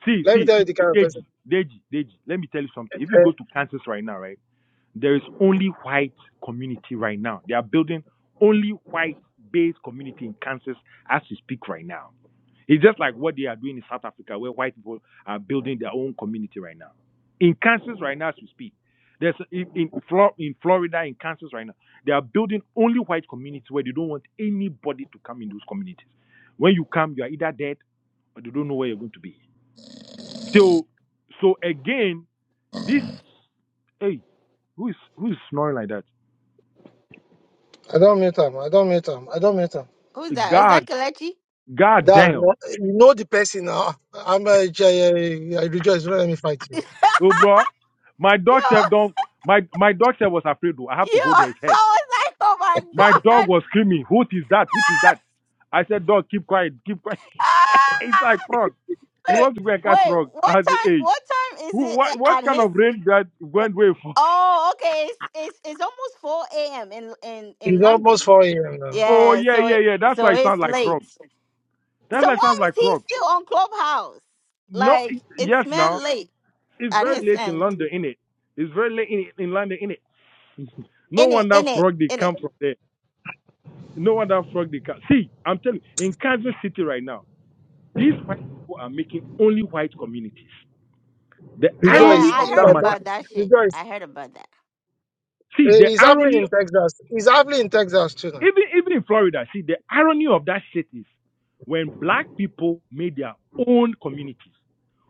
Speaker 27: See,
Speaker 3: Let me
Speaker 27: see,
Speaker 3: tell you
Speaker 27: see,
Speaker 3: the kind of person.
Speaker 27: Deji, Deji, Deji. Let me tell you something.
Speaker 3: Eh,
Speaker 27: If you go to Kansas right now, right? There is only white community right now. They are building only white based community in Kansas as we speak right now. It's just like what they are doing in South Africa, where white people are building their own community right now. In Kansas, right now, as we speak, there's in in in Florida, in Kansas, right now, they are building only white communities where they don't want anybody to come in those communities. When you come, you are either dead or they don't know where you're going to be. So, so again, this hey, who is who is snoring like that?
Speaker 3: eh, I don't meet 'em.
Speaker 1: who's that? Is that
Speaker 27: God,
Speaker 1: Kalechi?
Speaker 27: God
Speaker 3: That's
Speaker 27: damn,
Speaker 3: not, you know the person now. I'm a, I, I rejoice. Don't let me fight
Speaker 1: Yo,
Speaker 3: you.
Speaker 27: oh bro, my dog self
Speaker 1: yo,
Speaker 27: don't. My my dog self was afraid. Though I have to hold his
Speaker 1: <laughs>
Speaker 27: head
Speaker 1: I was like, oh my
Speaker 27: My dog
Speaker 1: god. <laughs>
Speaker 27: was screaming, What is that? What is that? I said, Dog, keep quiet, keep quiet. <laughs> It's like
Speaker 1: Ah!
Speaker 27: frog. He
Speaker 1: Wait,
Speaker 27: wants to go and catch
Speaker 1: wait,
Speaker 27: frog
Speaker 1: what
Speaker 27: at the
Speaker 1: time?
Speaker 27: age.
Speaker 1: What time is
Speaker 27: Who, what,
Speaker 1: it
Speaker 27: what
Speaker 1: at
Speaker 27: kind
Speaker 1: his
Speaker 27: of rain that went way for? <laughs>
Speaker 1: Oh, okay. It's it's it's almost four a.m. in in in
Speaker 3: It's almost
Speaker 1: London.
Speaker 3: 4 a.m. now.
Speaker 27: Oh,
Speaker 1: Yeah,
Speaker 27: yeah,
Speaker 1: so
Speaker 27: yeah,
Speaker 1: it,
Speaker 27: yeah. That's why
Speaker 1: so
Speaker 27: it sounds
Speaker 1: it's
Speaker 27: like frog.
Speaker 1: late.
Speaker 27: That's
Speaker 1: So
Speaker 27: why it
Speaker 1: why
Speaker 27: sounds
Speaker 1: is
Speaker 27: like
Speaker 1: he
Speaker 27: frog.
Speaker 1: still on Clubhouse?
Speaker 27: No,
Speaker 1: Like
Speaker 27: it,
Speaker 1: it's
Speaker 27: yes,
Speaker 1: man
Speaker 27: now.
Speaker 1: late
Speaker 27: It's
Speaker 1: at
Speaker 27: very
Speaker 1: his
Speaker 27: late in
Speaker 1: end.
Speaker 27: London, innit? It's very late in, in London, innit? <laughs> no
Speaker 1: In it,
Speaker 27: wonder
Speaker 1: in it,
Speaker 27: frog they
Speaker 1: in it.
Speaker 27: come from there. No wonder frog they come. See, I'm telling you, in Kansas City right now, these white people are making only white communities. The
Speaker 1: Yeah,
Speaker 3: Rejoice.
Speaker 27: irony
Speaker 1: I
Speaker 27: of
Speaker 3: If
Speaker 27: that
Speaker 1: heard
Speaker 3: I
Speaker 27: matter
Speaker 3: don't,
Speaker 1: about that shit.
Speaker 3: rejoice.
Speaker 1: I heard about that.
Speaker 27: See, the
Speaker 3: Eh, It's happening
Speaker 27: irony,
Speaker 3: in Texas. It's happening in Texas too now.
Speaker 27: even even in Florida, see the irony of that shit is when black people made their own communities,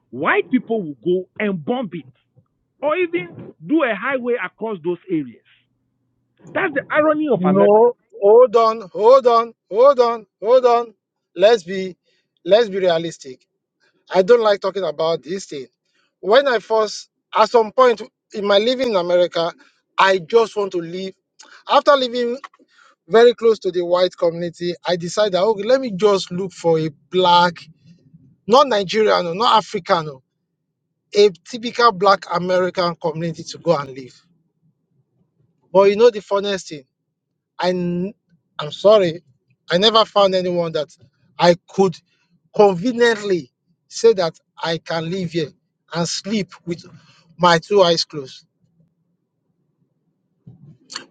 Speaker 27: white people will go and bomb it or even do a highway across those areas. That's the irony of America.
Speaker 3: No, hold on, hold on, hold on, hold on. Let's be, let's be realistic. I don't like talking about this thing. When I first, at some point in my living in America, I just want to leave. After leaving very close to the white community, I decided, okay, let me just look for a black, not Nigerian, or not African, oh, a typical black American community to go and live. But you know the funniest thing, I, n- I'm sorry, I never found anyone that I could conveniently say that I can live here and sleep with my two eyes closed.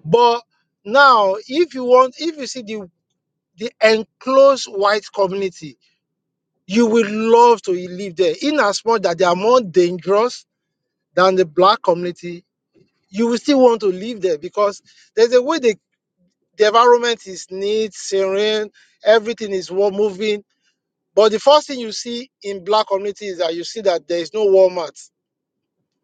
Speaker 3: But now, if you want, if you see the the enclosed white community, you will love to live there. In as much that they are more dangerous than the black community, you will still want to live there because there's a way the, the environment is neat, serene, everything is well moving. But the first thing you see in black community is that you see that there is no Walmart,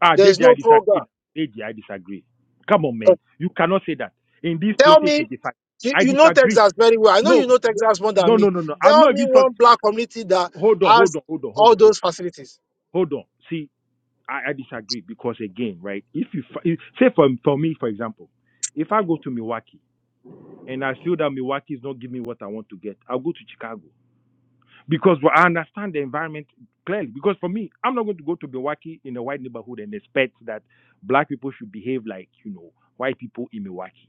Speaker 27: Ah,
Speaker 3: there is
Speaker 27: Deji, I
Speaker 3: no Kroger.
Speaker 27: disagree. Deji, I disagree. Come on,
Speaker 3: Uh,
Speaker 27: man. You cannot say that in this
Speaker 3: Tell me,
Speaker 27: 2025.
Speaker 3: you,
Speaker 27: I
Speaker 3: you know
Speaker 27: disagree.
Speaker 3: Texas very well. I know you
Speaker 27: No,
Speaker 3: know Texas more than
Speaker 27: no,
Speaker 3: me.
Speaker 27: no, no, no. I'm
Speaker 3: Tell
Speaker 27: not
Speaker 3: me
Speaker 27: even
Speaker 3: one
Speaker 27: talking.
Speaker 3: black community that
Speaker 27: Hold
Speaker 3: has
Speaker 27: on, hold on, hold
Speaker 3: all
Speaker 27: on, hold on.
Speaker 3: those facilities.
Speaker 27: Hold on. See. I, I disagree because again, right? If you if, say for for me, for example, if I go to Milwaukee and I feel that Milwaukee is not giving me what I want to get, I'll go to Chicago because well, I understand the environment clearly. Because for me, I'm not going to go to Milwaukee in a white neighborhood and expect that black people should behave like you know white people in Milwaukee.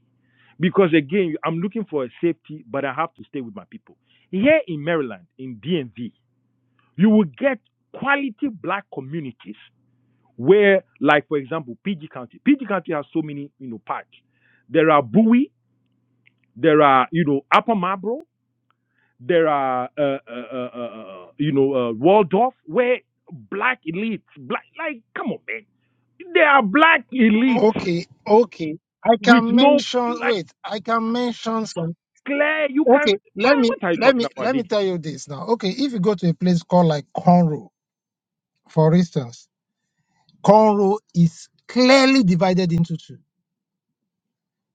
Speaker 27: Because again, I'm looking for a safety, but I have to stay with my people. Here in Maryland, in DMV, you will get quality black communities where, like for example, PG County. PG County has so many, you know, parks. There are Bowie, there are, you know, Upper Marlboro, there are, uh, uh, uh, uh, uh, you know, uh, Waldorf, where black elites, black, like, come on, man, there are black elites
Speaker 3: Okay, okay. I
Speaker 27: with
Speaker 3: can
Speaker 27: no,
Speaker 3: mention,
Speaker 27: like,
Speaker 3: wait, I can mention some.
Speaker 27: Claire, you can,
Speaker 3: Okay, let
Speaker 27: man,
Speaker 3: me
Speaker 27: what are you
Speaker 3: let
Speaker 27: talking
Speaker 3: me
Speaker 27: about,
Speaker 3: let me
Speaker 27: Deji?
Speaker 3: tell you this now. Okay, if you go to a place called like Conroe, for instance, Conroe is clearly divided into two.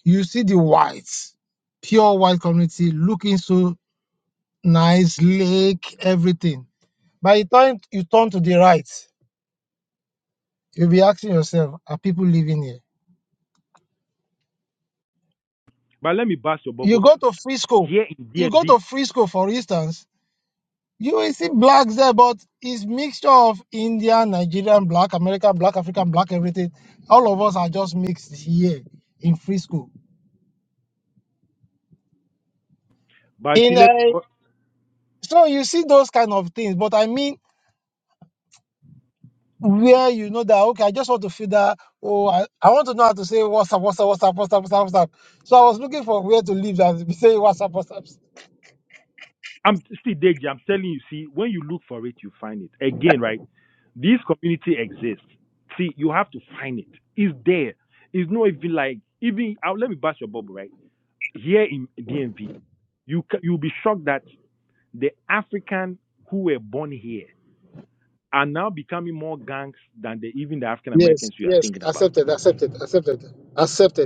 Speaker 3: You see the whites, pure white community looking so nice, lake, everything. By the time you turn to the right, you'll be asking yourself, are people living here?
Speaker 27: But let me bust you
Speaker 3: You go to Frisco,
Speaker 27: here in
Speaker 3: you go
Speaker 27: DMV.
Speaker 3: to Frisco, for instance. You will see blacks there, but it's mixture of Indian, Nigerian, black, American, black, African, black, everything. All of us are just mixed here in Frisco.
Speaker 27: But see,
Speaker 3: In
Speaker 27: let,
Speaker 3: uh, so you see those kind of things, but I mean where you know that okay, I just want to feel that oh I, I want to know how to say what's up, what's up, what's up, what's up, what's up, what's up. So I was looking for where to live that say <laughs> what's up, what's up.
Speaker 27: I'm still Deji. I'm telling you, see, when you look for it, you find it. Again, right? This community exists. See, you have to find it. It's there. It's not even like even. Uh, let me bust your bubble, right? Here in DMV, you you'll be shocked that the African who were born here are now becoming more gangs than the, even the African
Speaker 3: Yes,
Speaker 27: Americans you are
Speaker 3: yes,
Speaker 27: thinking about.
Speaker 3: accepted, accepted, accepted, accepted.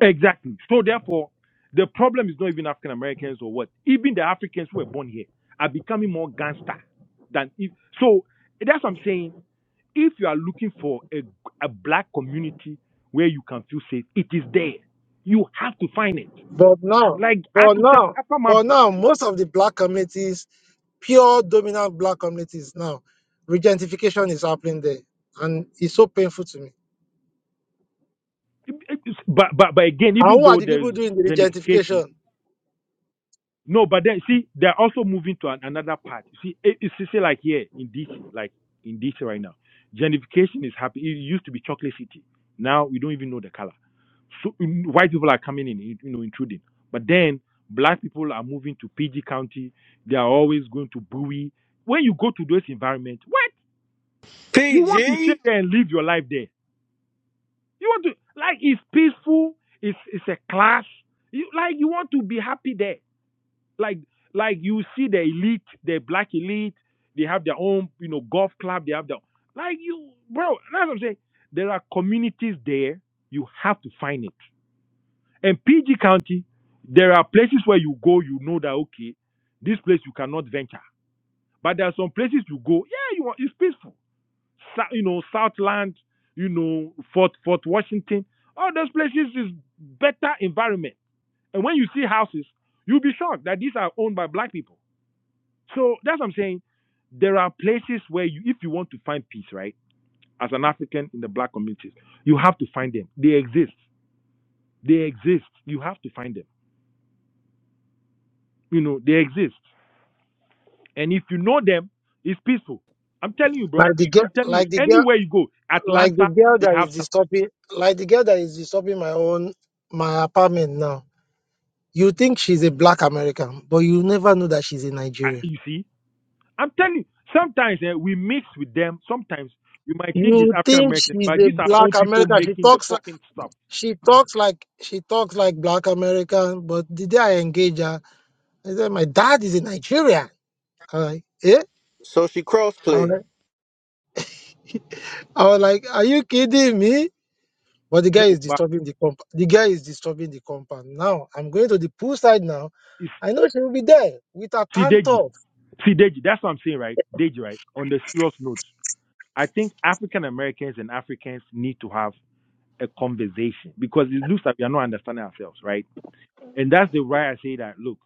Speaker 27: Exactly. So therefore, the problem is not even African Americans or what. Even the Africans who were born here are becoming more gangster than if. So that's what I'm saying If you are looking for a, a black community where you can feel safe, it is there. You have to find it.
Speaker 3: But now,
Speaker 27: Like I
Speaker 3: but
Speaker 27: could tell,
Speaker 3: now,
Speaker 27: I After my,
Speaker 3: but now, most of the black communities, pure dominant black communities now, regentification is happening there. And it's so painful to me.
Speaker 27: it- it's- but but but again,
Speaker 3: And
Speaker 27: even
Speaker 3: who are
Speaker 27: though
Speaker 3: the
Speaker 27: there's
Speaker 3: people doing the
Speaker 27: gentrification,
Speaker 3: regentification?
Speaker 27: no, but then see, they're also moving to an, another part. You See, it, it's it's like here in DC, like in DC right now, gentrification is happening. It used to be chocolate city. Now we don't even know the color. so mm, white people are coming in, you know, intruding. But then black people are moving to PG County. They are always going to Bowie. When you go to those environments, what you want to stay there and live your life there? You want to like it's peaceful. It's it's a class. You like you want to be happy there. Like like you see the elite, the black elite. They have their own you know golf club. They have their like you bro. That's what I'm saying. There are communities there. You have to find it. In PG County, there are places where you go, you know that okay, this place you cannot venture. But there are some places you go, yeah, you are, it's peaceful. Sa- you know, Southland, you know, Fort Fort Washington, all those places is better environment. And when you see houses, you'll be shocked that these are owned by black people. So that's what I'm saying. There are places where you, if you want to find peace, right, as an African in the black communities, you have to find them. They exist. They exist. You have to find them. You know, they exist. And if you know them, it's peaceful. I'm telling you, bro.
Speaker 3: Like the girl,
Speaker 27: I'm telling you,
Speaker 3: like the girl,
Speaker 27: anywhere you go,
Speaker 3: like the
Speaker 27: Atlanta,
Speaker 3: girl
Speaker 27: they
Speaker 3: that
Speaker 27: have
Speaker 3: is
Speaker 27: some.
Speaker 3: disturbing, like the girl that is disturbing my own, my apartment now. You think she's a black American, but you never know that she's a
Speaker 27: uh,
Speaker 3: Nigerian.
Speaker 27: You see, I'm telling you, sometimes eh, we mix with them. Sometimes you might think
Speaker 3: You
Speaker 27: it's African
Speaker 3: think
Speaker 27: American,
Speaker 3: she's
Speaker 27: but
Speaker 3: a
Speaker 27: these are
Speaker 3: black
Speaker 27: own people
Speaker 3: American. She
Speaker 27: making the
Speaker 3: talks
Speaker 27: fucking stuff.
Speaker 3: She talks like she talks like black American, but the day I engage her, I said, My dad is a Nigerian. I'm like, eh?
Speaker 16: Social
Speaker 3: I was
Speaker 16: crossplay.
Speaker 3: like, I was like, Are you kidding me? But the
Speaker 27: No,
Speaker 3: guy is
Speaker 27: but
Speaker 3: disturbing the comp the guy is disturbing the compound. Now I'm going to the poolside now.
Speaker 27: it's
Speaker 3: I know she will be there with her pant
Speaker 27: Sideji.
Speaker 3: off.
Speaker 27: Sideji, that's what I'm saying, right? Deji, right? On the serious note, I think African Americans and Africans need to have a conversation because it looks like we are not understanding ourselves, right? And that's the why I say that, look,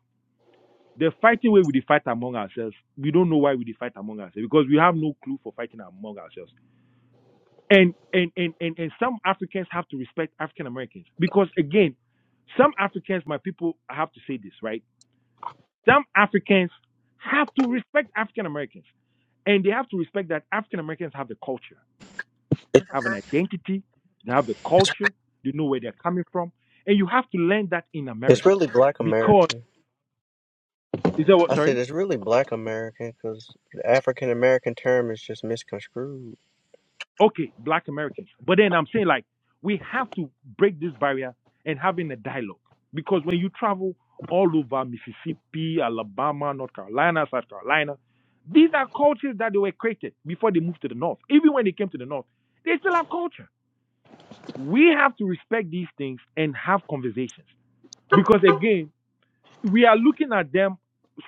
Speaker 27: The fighting way we dey fight among ourselves, we don't know why we dey fight among ourselves because we have no clue for fighting among ourselves. And and and and, and some Africans have to respect African Americans because again, some Africans, my people, I have to say this right. Some Africans have to respect African Americans, and they have to respect that African Americans have the culture,
Speaker 16: It,
Speaker 27: have an identity, they have the culture, they know where they're coming from, and you have to learn that in
Speaker 16: it's
Speaker 27: America
Speaker 16: really black
Speaker 27: because
Speaker 16: American.
Speaker 27: is that what?
Speaker 16: I
Speaker 27: Sorry.
Speaker 16: said it's really black American because the African American term is just misconstrued.
Speaker 27: Okay, black Americans. But then I'm saying like we have to break this barrier and having a dialogue. Because when you travel all over Mississippi, Alabama, North Carolina, South Carolina, these are cultures that they were created before they moved to the north. Even when they came to the north, they still have culture. We have to respect these things and have conversations. Because again, we are looking at them.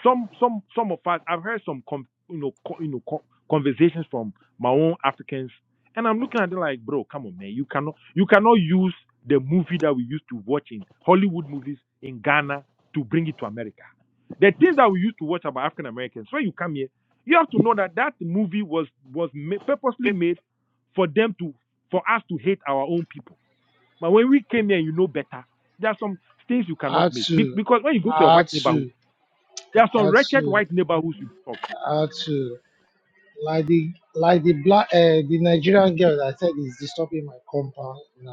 Speaker 27: Some some some of us. I've heard some com, you know co, you know co, conversations from my own Africans, and I'm looking at them like, bro, come on, man. You cannot you cannot use the movie that we used to watch in Hollywood movies in Ghana to bring it to America. The things that we used to watch about African Americans. When you come here, you have to know that that movie was was ma- purposely made for them to for us to hate our own people. But when we came here, you know better. There are some things you cannot make Be-
Speaker 3: Atu,
Speaker 27: because when you go to a white neighborhood,
Speaker 3: Atu,
Speaker 27: there are some wretched
Speaker 3: Atu,
Speaker 27: white neighborhoods you talk.
Speaker 3: Atu. Like the like the black uh, the Nigerian girl that I said is disturbing my compound now.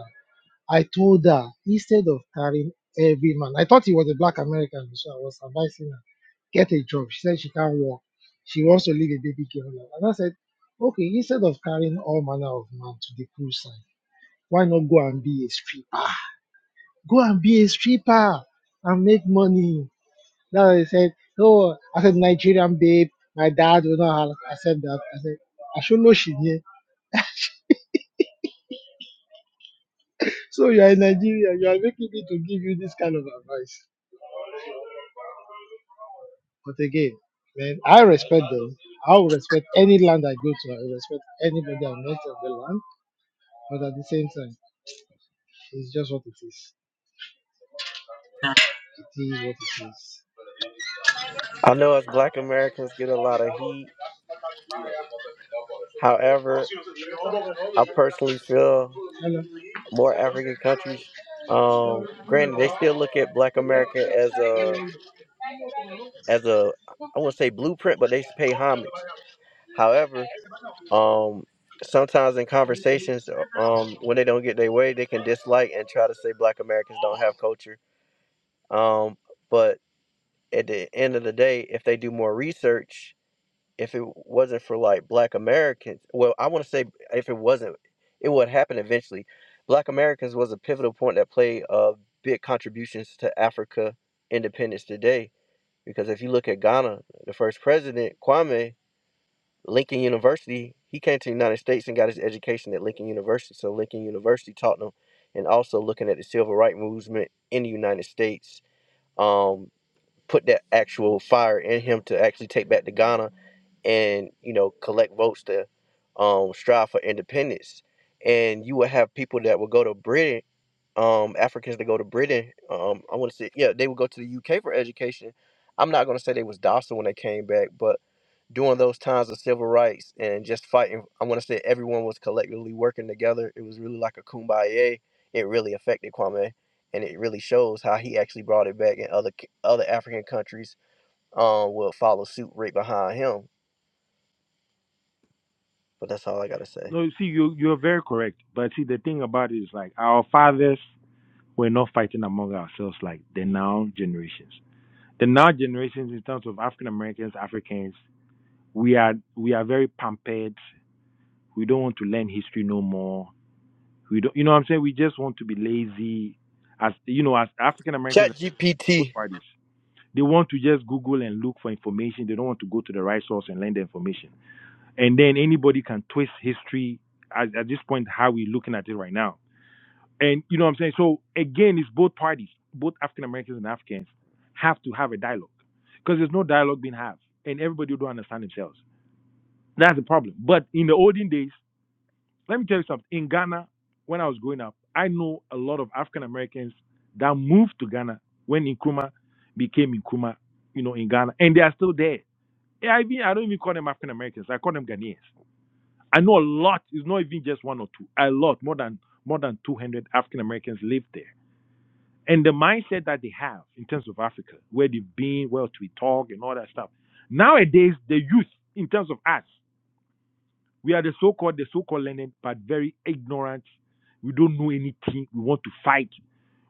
Speaker 3: I told her instead of carrying every man, I thought he was a black American, so I was advising her get a job. She said she can't work. She wants to leave a baby girl. I said, okay, instead of carrying all manner of man to the poolside, why not you go out? I mean, now they said, oh, I said Nigerian babe. My dad will not accept that. I said, I should know she knew. So you are in Nigeria. You are making me to give you this kind of advice. But again, man, I respect them. I will respect any land I go to. I will respect anybody I met on the land. But at the same time, it's just what it is. It is what it
Speaker 16: I know us black Americans get a lot
Speaker 3: is.
Speaker 16: of heat.
Speaker 3: Hello.
Speaker 16: However, I personally feel more African countries, um, granted, they still look at black America as a, as a, I wouldn't say blueprint, but they pay homage. However. Um, sometimes in conversations, um, when they don't get their way, they can dislike and try to say Black Americans don't have culture. Um, but at the end of the day, if they do more research, if it wasn't for like Black Americans, well, I want to say if it wasn't, it would happen eventually. Black Americans was a pivotal point that played uh, big contributions to Africa independence today. Because if you look at Ghana, the first president, Kwame, Lincoln University, he came to the United States and got his education at Lincoln University. So Lincoln University taught him, and also looking at the civil rights movement in the United States, um, put that actual fire in him to actually take back to Ghana and you know collect votes to um, strive for independence. And you would have people that would go to Britain, um, Africans that go to Britain. Um, I want to say, yeah, they would go to the UK for education. I'm not going to say they was docile when they came back, but during those times of civil rights and just fighting. I want to say everyone was collectively working together. It was really like a kumbaya. It really affected Kwame, and it really shows how he actually brought it back, and other c- other African countries um will follow suit right behind him. But that's all I gotta say.
Speaker 27: No, you see, you you're very correct. But see, the thing about it is like our fathers were not fighting among ourselves like the now generations. The now generations, in terms of African Americans, Africans, we are we are very pampered. We don't want to learn history no more. We don't, you know, what I'm saying we just want to be lazy. As you know, as African
Speaker 16: Chat
Speaker 27: Americans, both
Speaker 16: GPT.
Speaker 27: parties. They want to just Google and look for information. They don't want to go to the right source and learn the information. And then anybody can twist history at, at this point, how we're looking at it right now. And you know what I'm saying? So again, it's both parties, both African Americans and Africans have to have a dialogue because there's no dialogue being had and everybody don't understand themselves. That's the problem. But in the olden days, let me tell you something. In Ghana, when I was growing up, I know a lot of African Americans that moved to Ghana when Nkrumah became Nkrumah, you know, in Ghana, and they are still there. Yeah, I mean, I don't even call them African Americans. I call them Ghanaians. I know a lot. It's not even just one or two. A lot, more than more than 200 African Americans live there. And the mindset that they have in terms of Africa, where they've been, where we talk, and all that stuff. Nowadays, the youth, in terms of us. We are the so-called, the so-called learned, but very ignorant. We don't know anything. We want to fight.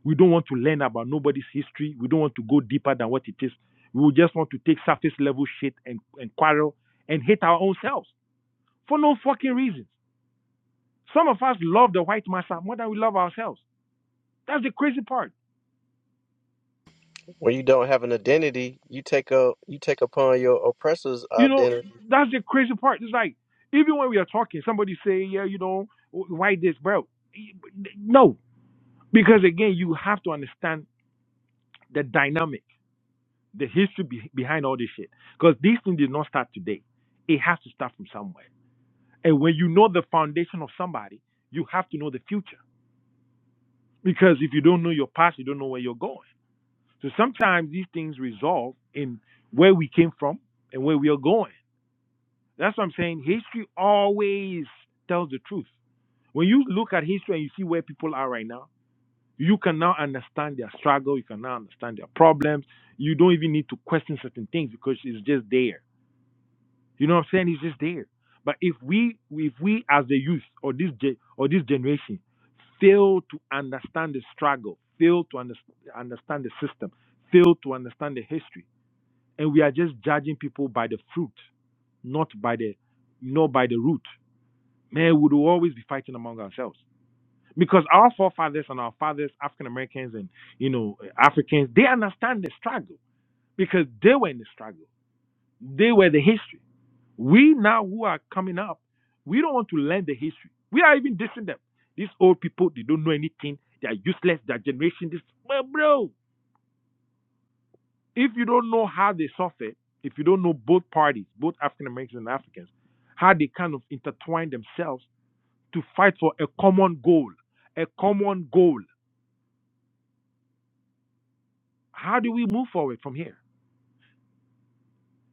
Speaker 27: We don't want to learn about nobody's history. We don't want to go deeper than what it is. We just want to take surface level shit and, and quarrel and hate our own selves for no fucking reason. Some of us love the white massa more than we love ourselves. That's the crazy part.
Speaker 16: When you don't have an identity, you take a you take upon your oppressor's
Speaker 27: You know,
Speaker 16: identity.
Speaker 27: that's the crazy part. It's like even when we are talking, somebody say, "Yeah, you know, why this, bro?" No, because again, you have to understand the dynamic. the history be- behind all this shit. Because these things did not start today. It has to start from somewhere. And when you know the foundation of somebody, you have to know the future. Because if you don't know your past, you don't know where you're going. So sometimes these things resolve in where we came from and where we are going. That's what I'm saying. History always tells the truth. When you look at history and you see where people are right now, you can now understand their struggle. You can now understand their problems. You don't even need to question certain things because it's just there You know what I'm saying? He's just there. But if we if we as the youth or this ge- or this generation fail to understand the struggle, fail to under, understand the system, fail to understand the history, and we are just judging people by the fruit, not by the not by the root, man, we will always be fighting among ourselves. Because our forefathers and our fathers, African Americans and you know Africans, they understand the struggle because they were in the struggle. They were the history. We now who are coming up, we don't want to learn the history. We are even dissing them. These old people, they don't know anything. They are useless. Their generation, this well, bro. If you don't know how they suffered, if you don't know both parties, both African Americans and Africans, how they kind of intertwine themselves to fight for a common goal, a common goal. How do we move forward from here?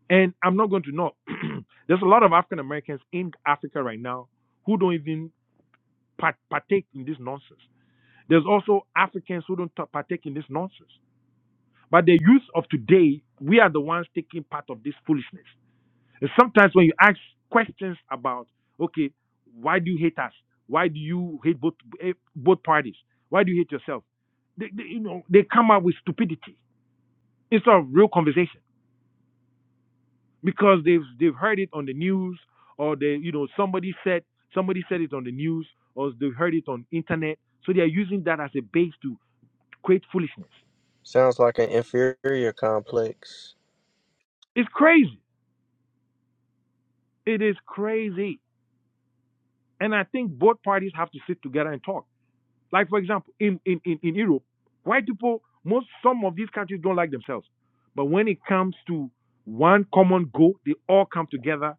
Speaker 27: And I'm not going to know. <clears throat> There's a lot of African Americans in Africa right now who don't even part- partake in this nonsense There's also Africans who don't ta- partake in this nonsense. But the youth of today, we are the ones taking part of this foolishness. And sometimes when you ask questions about, okay, why do you hate us? Why do you hate both eh, both parties? Why do you hate yourself? They, they, you know, they come up with stupidity instead of real conversation because they've they've heard it on the news or they you know somebody said somebody said it on the news or they heard it on internet. So they are using that as a base to create foolishness.
Speaker 16: Sounds like an inferior complex.
Speaker 27: It's crazy. It is crazy. And I think both parties have to sit together and talk. Like, for example, in, in, in, in Europe, white people, most some of these countries don't like themselves. But when it comes to one common goal, they all come together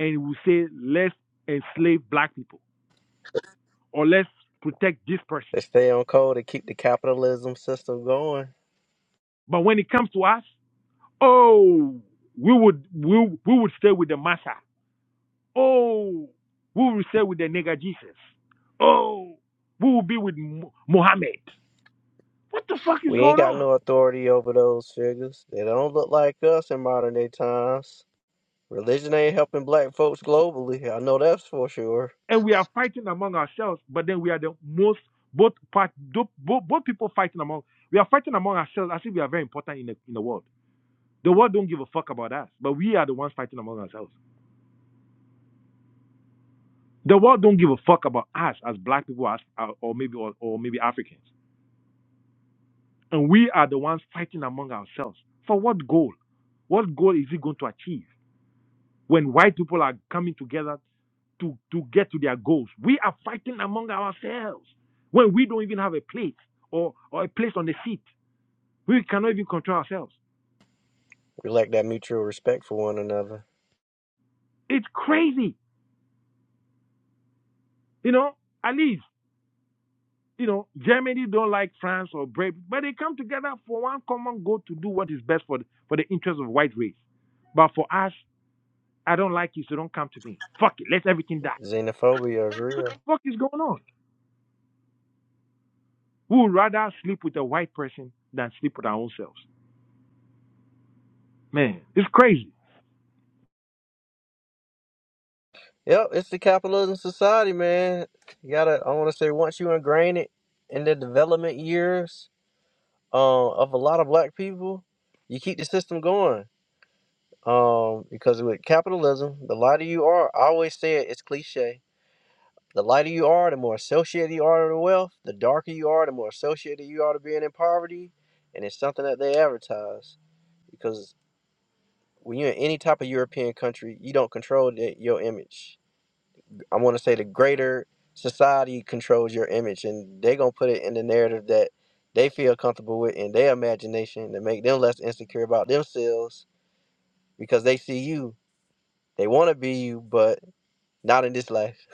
Speaker 27: and will say, let's enslave black people or let's protect this person.
Speaker 16: They stay on code to keep the capitalism system going.
Speaker 27: But when it comes to us, oh, we would we, we would stay with the massa. Oh, we will stay with the nigger Jesus. Oh, we will be with Mo- Mohammed. What the fuck is
Speaker 16: We ain't
Speaker 27: going
Speaker 16: got
Speaker 27: on?
Speaker 16: no authority over those figures. They don't look like us in modern day times. Religion ain't helping black folks globally. I know that's for sure.
Speaker 27: And we are fighting among ourselves, but then we are the most both part both, both people fighting among we are fighting among ourselves as if we are very important in the in the world. The world don't give a fuck about us, but we are the ones fighting among ourselves. The world don't give a fuck about us as black people, as uh, or maybe or, or maybe Africans, and we are the ones fighting among ourselves. For what goal? What goal is it going to achieve? when white people are coming together to, to get to their goals. We are fighting among ourselves when we don't even have a plate or, or a place on the seat. We cannot even control ourselves.
Speaker 16: We lack that mutual respect for one another.
Speaker 27: It's crazy. You know, at least, you know, Germany don't like France or Brave, but they come together for one common goal to do what is best for the, for the interest of white race. But for us, I don't like you, so don't come to me. Fuck it, let everything die.
Speaker 16: Xenophobia is
Speaker 27: What
Speaker 16: real.
Speaker 27: the fuck is going on? We would rather sleep with a white person than sleep with our own selves. Man, it's crazy.
Speaker 16: Yep, it's the capitalism society, man. You gotta, I wanna say, once you ingrain it in the development years uh, of a lot of black people, you keep the system going. Um, because with capitalism, the lighter you are, I always say it, it's cliche The lighter you are, the more associated you are to wealth. The darker you are, the more associated you are to being in poverty. And it's something that they advertise because when you're in any type of European country, you don't control the, your image. I want to say the greater society controls your image, and they're gonna put it in the narrative that they feel comfortable with in their imagination to make them less insecure about themselves because they see you. They want to be you, but not in this life.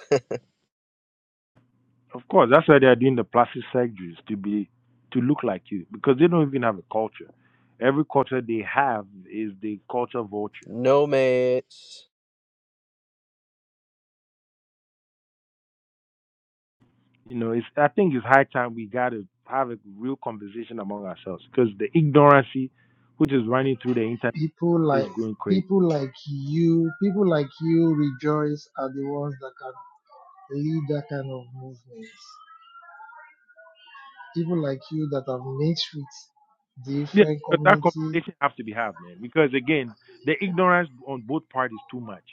Speaker 27: Of course, that's why they are doing the plastic surgeries to be to look like you because they don't even have a culture. Every culture they have is the culture vulture.
Speaker 16: Nomads.
Speaker 27: You know, it's I think it's high time we got to have a real conversation among ourselves because the ignorancy which is running through the internet
Speaker 3: My
Speaker 27: is going
Speaker 3: pe-
Speaker 27: crazy.
Speaker 3: people, Boys are the ones that can
Speaker 27: Yeah, because that conversation has to be had, man. Because again, the ignorance on both parties too much.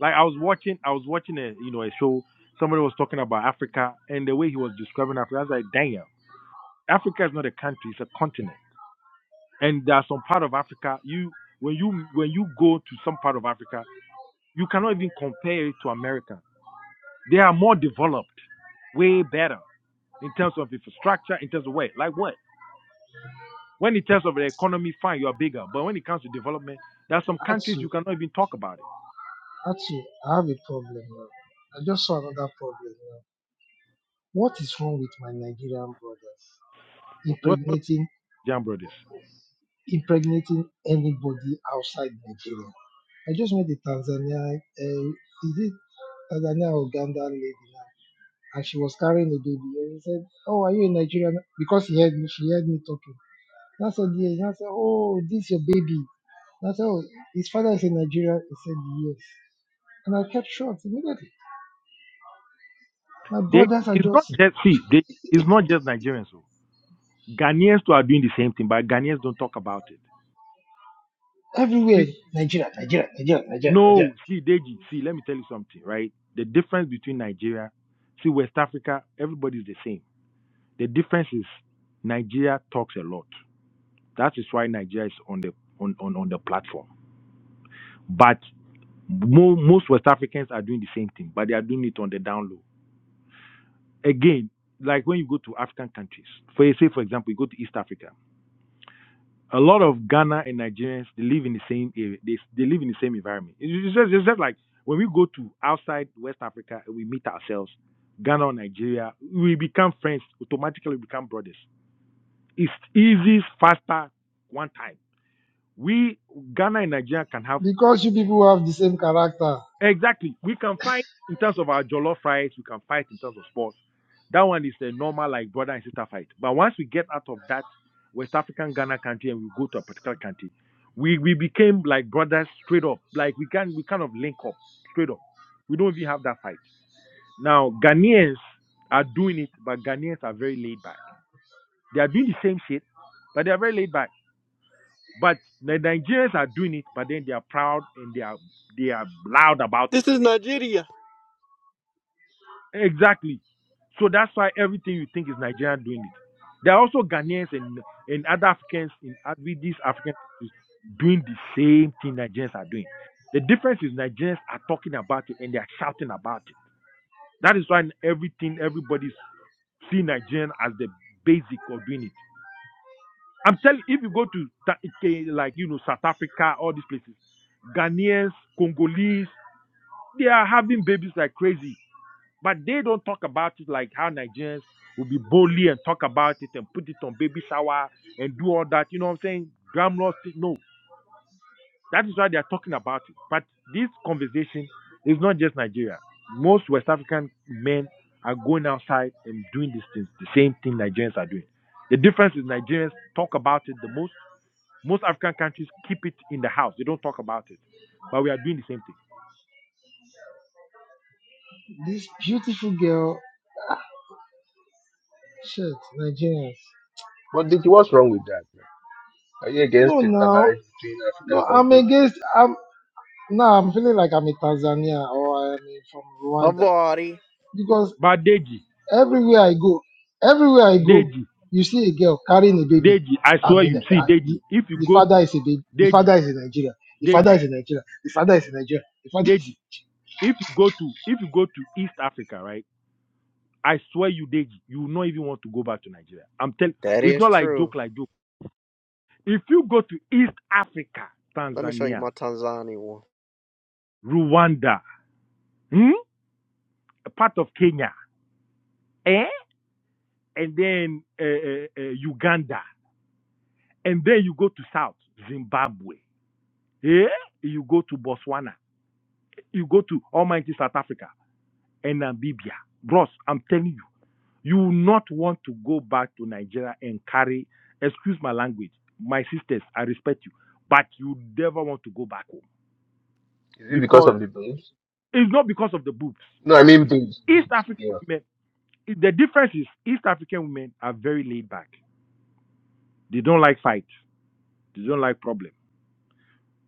Speaker 27: Like I was watching, I was watching a you know a show. Somebody was talking about Africa and the way he was describing Africa, I was like, damn. Africa is not a country; it's a continent. And there are some part of Africa you when you when you go to some part of Africa, you cannot even compare it to America. They are more developed, way better in terms of infrastructure, in terms of what, like what. When in terms of the economy, fine, you are bigger. But when it comes to development, there are some countries
Speaker 3: Atu,
Speaker 27: you cannot even talk about it.
Speaker 3: Atu, I have a problem now. I just saw another problem now. What is wrong with my Nigerian brothers
Speaker 27: What, what, what
Speaker 3: impregnating
Speaker 27: Jam Brothers?
Speaker 3: impregnating anybody outside Nigeria? I just met a Tanzania, uh, is it Tanzania or Uganda lady now, and she was carrying a baby. And he said, "Oh, are you a Nigerian?" Because he heard me, she heard me talking. And I said, "Yes." And I said, "Oh, this your baby." And I said, "Oh, his father is a Nigerian." He said, "Yes." And I kept short immediately. My
Speaker 27: They
Speaker 3: brothers are
Speaker 27: it's
Speaker 3: just
Speaker 27: not just see, they, it's not just Nigerians. oh. Ghanaians too are doing the same thing, but Ghanaians don't talk about it.
Speaker 3: everywhere. Nigeria, Nigeria, Nigeria, Nigeria, Nigeria.
Speaker 27: No, see, Deji, see, let me tell you something, right? The difference between Nigeria, see, West Africa, everybody's the same. The difference is Nigeria talks a lot. That is why Nigeria is on the on, on, on the platform. But mo- most West Africans are doing the same thing, but they are doing it on the down low. Again, like when you go to African countries, for say, for example, you go to East Africa. a lot of Ghana and Nigerians they live in the same area. They, they live in the same environment. It's just, it's just like when we go to outside West Africa and we meet ourselves, Ghana or Nigeria, we become friends automatically. We become brothers. It's easy, faster, one time. We Ghana and Nigeria can have
Speaker 3: Because you people have the same character.
Speaker 27: Exactly. We can fight in terms of our jollof rights. We can fight in terms of sports. That one is a normal, like brother and sister fight. But once we get out of that West African Ghana country and we go to a particular country, we, we became like brothers straight up. Like we can we kind of link up straight up. We don't even have that fight. Now Ghanaians are doing it, but Ghanaians are very laid back. They are doing the same shit, but they are very laid back. But the Nigerians are doing it, but then they are proud and they are they are loud about it.
Speaker 16: This is Nigeria.
Speaker 27: Exactly. So that's why everything you think is Nigerian doing it. There are also Ghanaians and, and other Africans in oth- with these African countries doing the same thing Nigerians are doing. The difference is Nigerians are talking about it and they are shouting about it. That is why everything everybody see Nigerian as the basic of doing it. I'm telling if you go to Ta- K- like you know South Africa, all these places, Ghanaians, Congolese, they are having babies like crazy but they don't talk about it like how Nigerians will be boldly and talk about it and put it on baby shower and do all that. You know what I'm saying? Glamorous. No, that is why they are talking about it. But this conversation is not just Nigeria. Most West African men are going outside and doing these things, the same thing Nigerians are doing. The difference is Nigerians talk about it the most. Most African countries keep it in the house. They don't talk about it. But we are doing the same thing.
Speaker 3: This beautiful girl, shit, Nigerians.
Speaker 28: But Dickie, what's wrong with that? man? Are you
Speaker 3: No,
Speaker 28: against
Speaker 3: now,
Speaker 28: intermarriage between African
Speaker 3: no, I'm
Speaker 28: countries?
Speaker 3: against. I'm now. I'm feeling like I'm in Tanzania or I'm in- from Rwanda
Speaker 16: Havarti.
Speaker 3: because
Speaker 27: But Deji,
Speaker 3: everywhere I go, everywhere I go,
Speaker 27: Deji,
Speaker 3: you see a girl carrying a baby.
Speaker 27: Deji, I
Speaker 3: I
Speaker 27: swear
Speaker 3: mean,
Speaker 27: you, see,
Speaker 3: uh, the,
Speaker 27: Deji, if you
Speaker 3: the
Speaker 27: go
Speaker 3: father is a baby. The
Speaker 27: Deji,
Speaker 3: father is in Nigeria. The father
Speaker 27: Deji,
Speaker 3: is in Nigeria. The father is in Nigeria. The father
Speaker 27: Deji.
Speaker 3: is
Speaker 27: If you go to if you go to East Africa, right? I swear you, Deji, you will not even want to go back to Nigeria. I'm telling.
Speaker 16: That
Speaker 27: It's
Speaker 16: is
Speaker 27: not like joke,
Speaker 16: true.
Speaker 27: like joke. If you go to East Africa,
Speaker 16: Let me show you
Speaker 27: Tanzania,
Speaker 16: my Tanzania one.
Speaker 27: Rwanda, hmm? a part of Kenya, eh? and then uh, uh, uh, Uganda, and then you go to South Zimbabwe, eh? you go to Botswana, you go to Almighty South Africa and Namibia. Bros, I'm telling you. You will not want to go back to Nigeria and carry, excuse my language, my sisters, I respect you, but you never want to go back home
Speaker 28: Is it because
Speaker 27: because
Speaker 28: of the babes?
Speaker 27: it's not because of the boobs.
Speaker 28: No, I mean babes,
Speaker 27: East
Speaker 28: babes,
Speaker 27: African
Speaker 28: yeah.
Speaker 27: women, the difference is East African women are very laid back. They don't like fight. They don't like problem.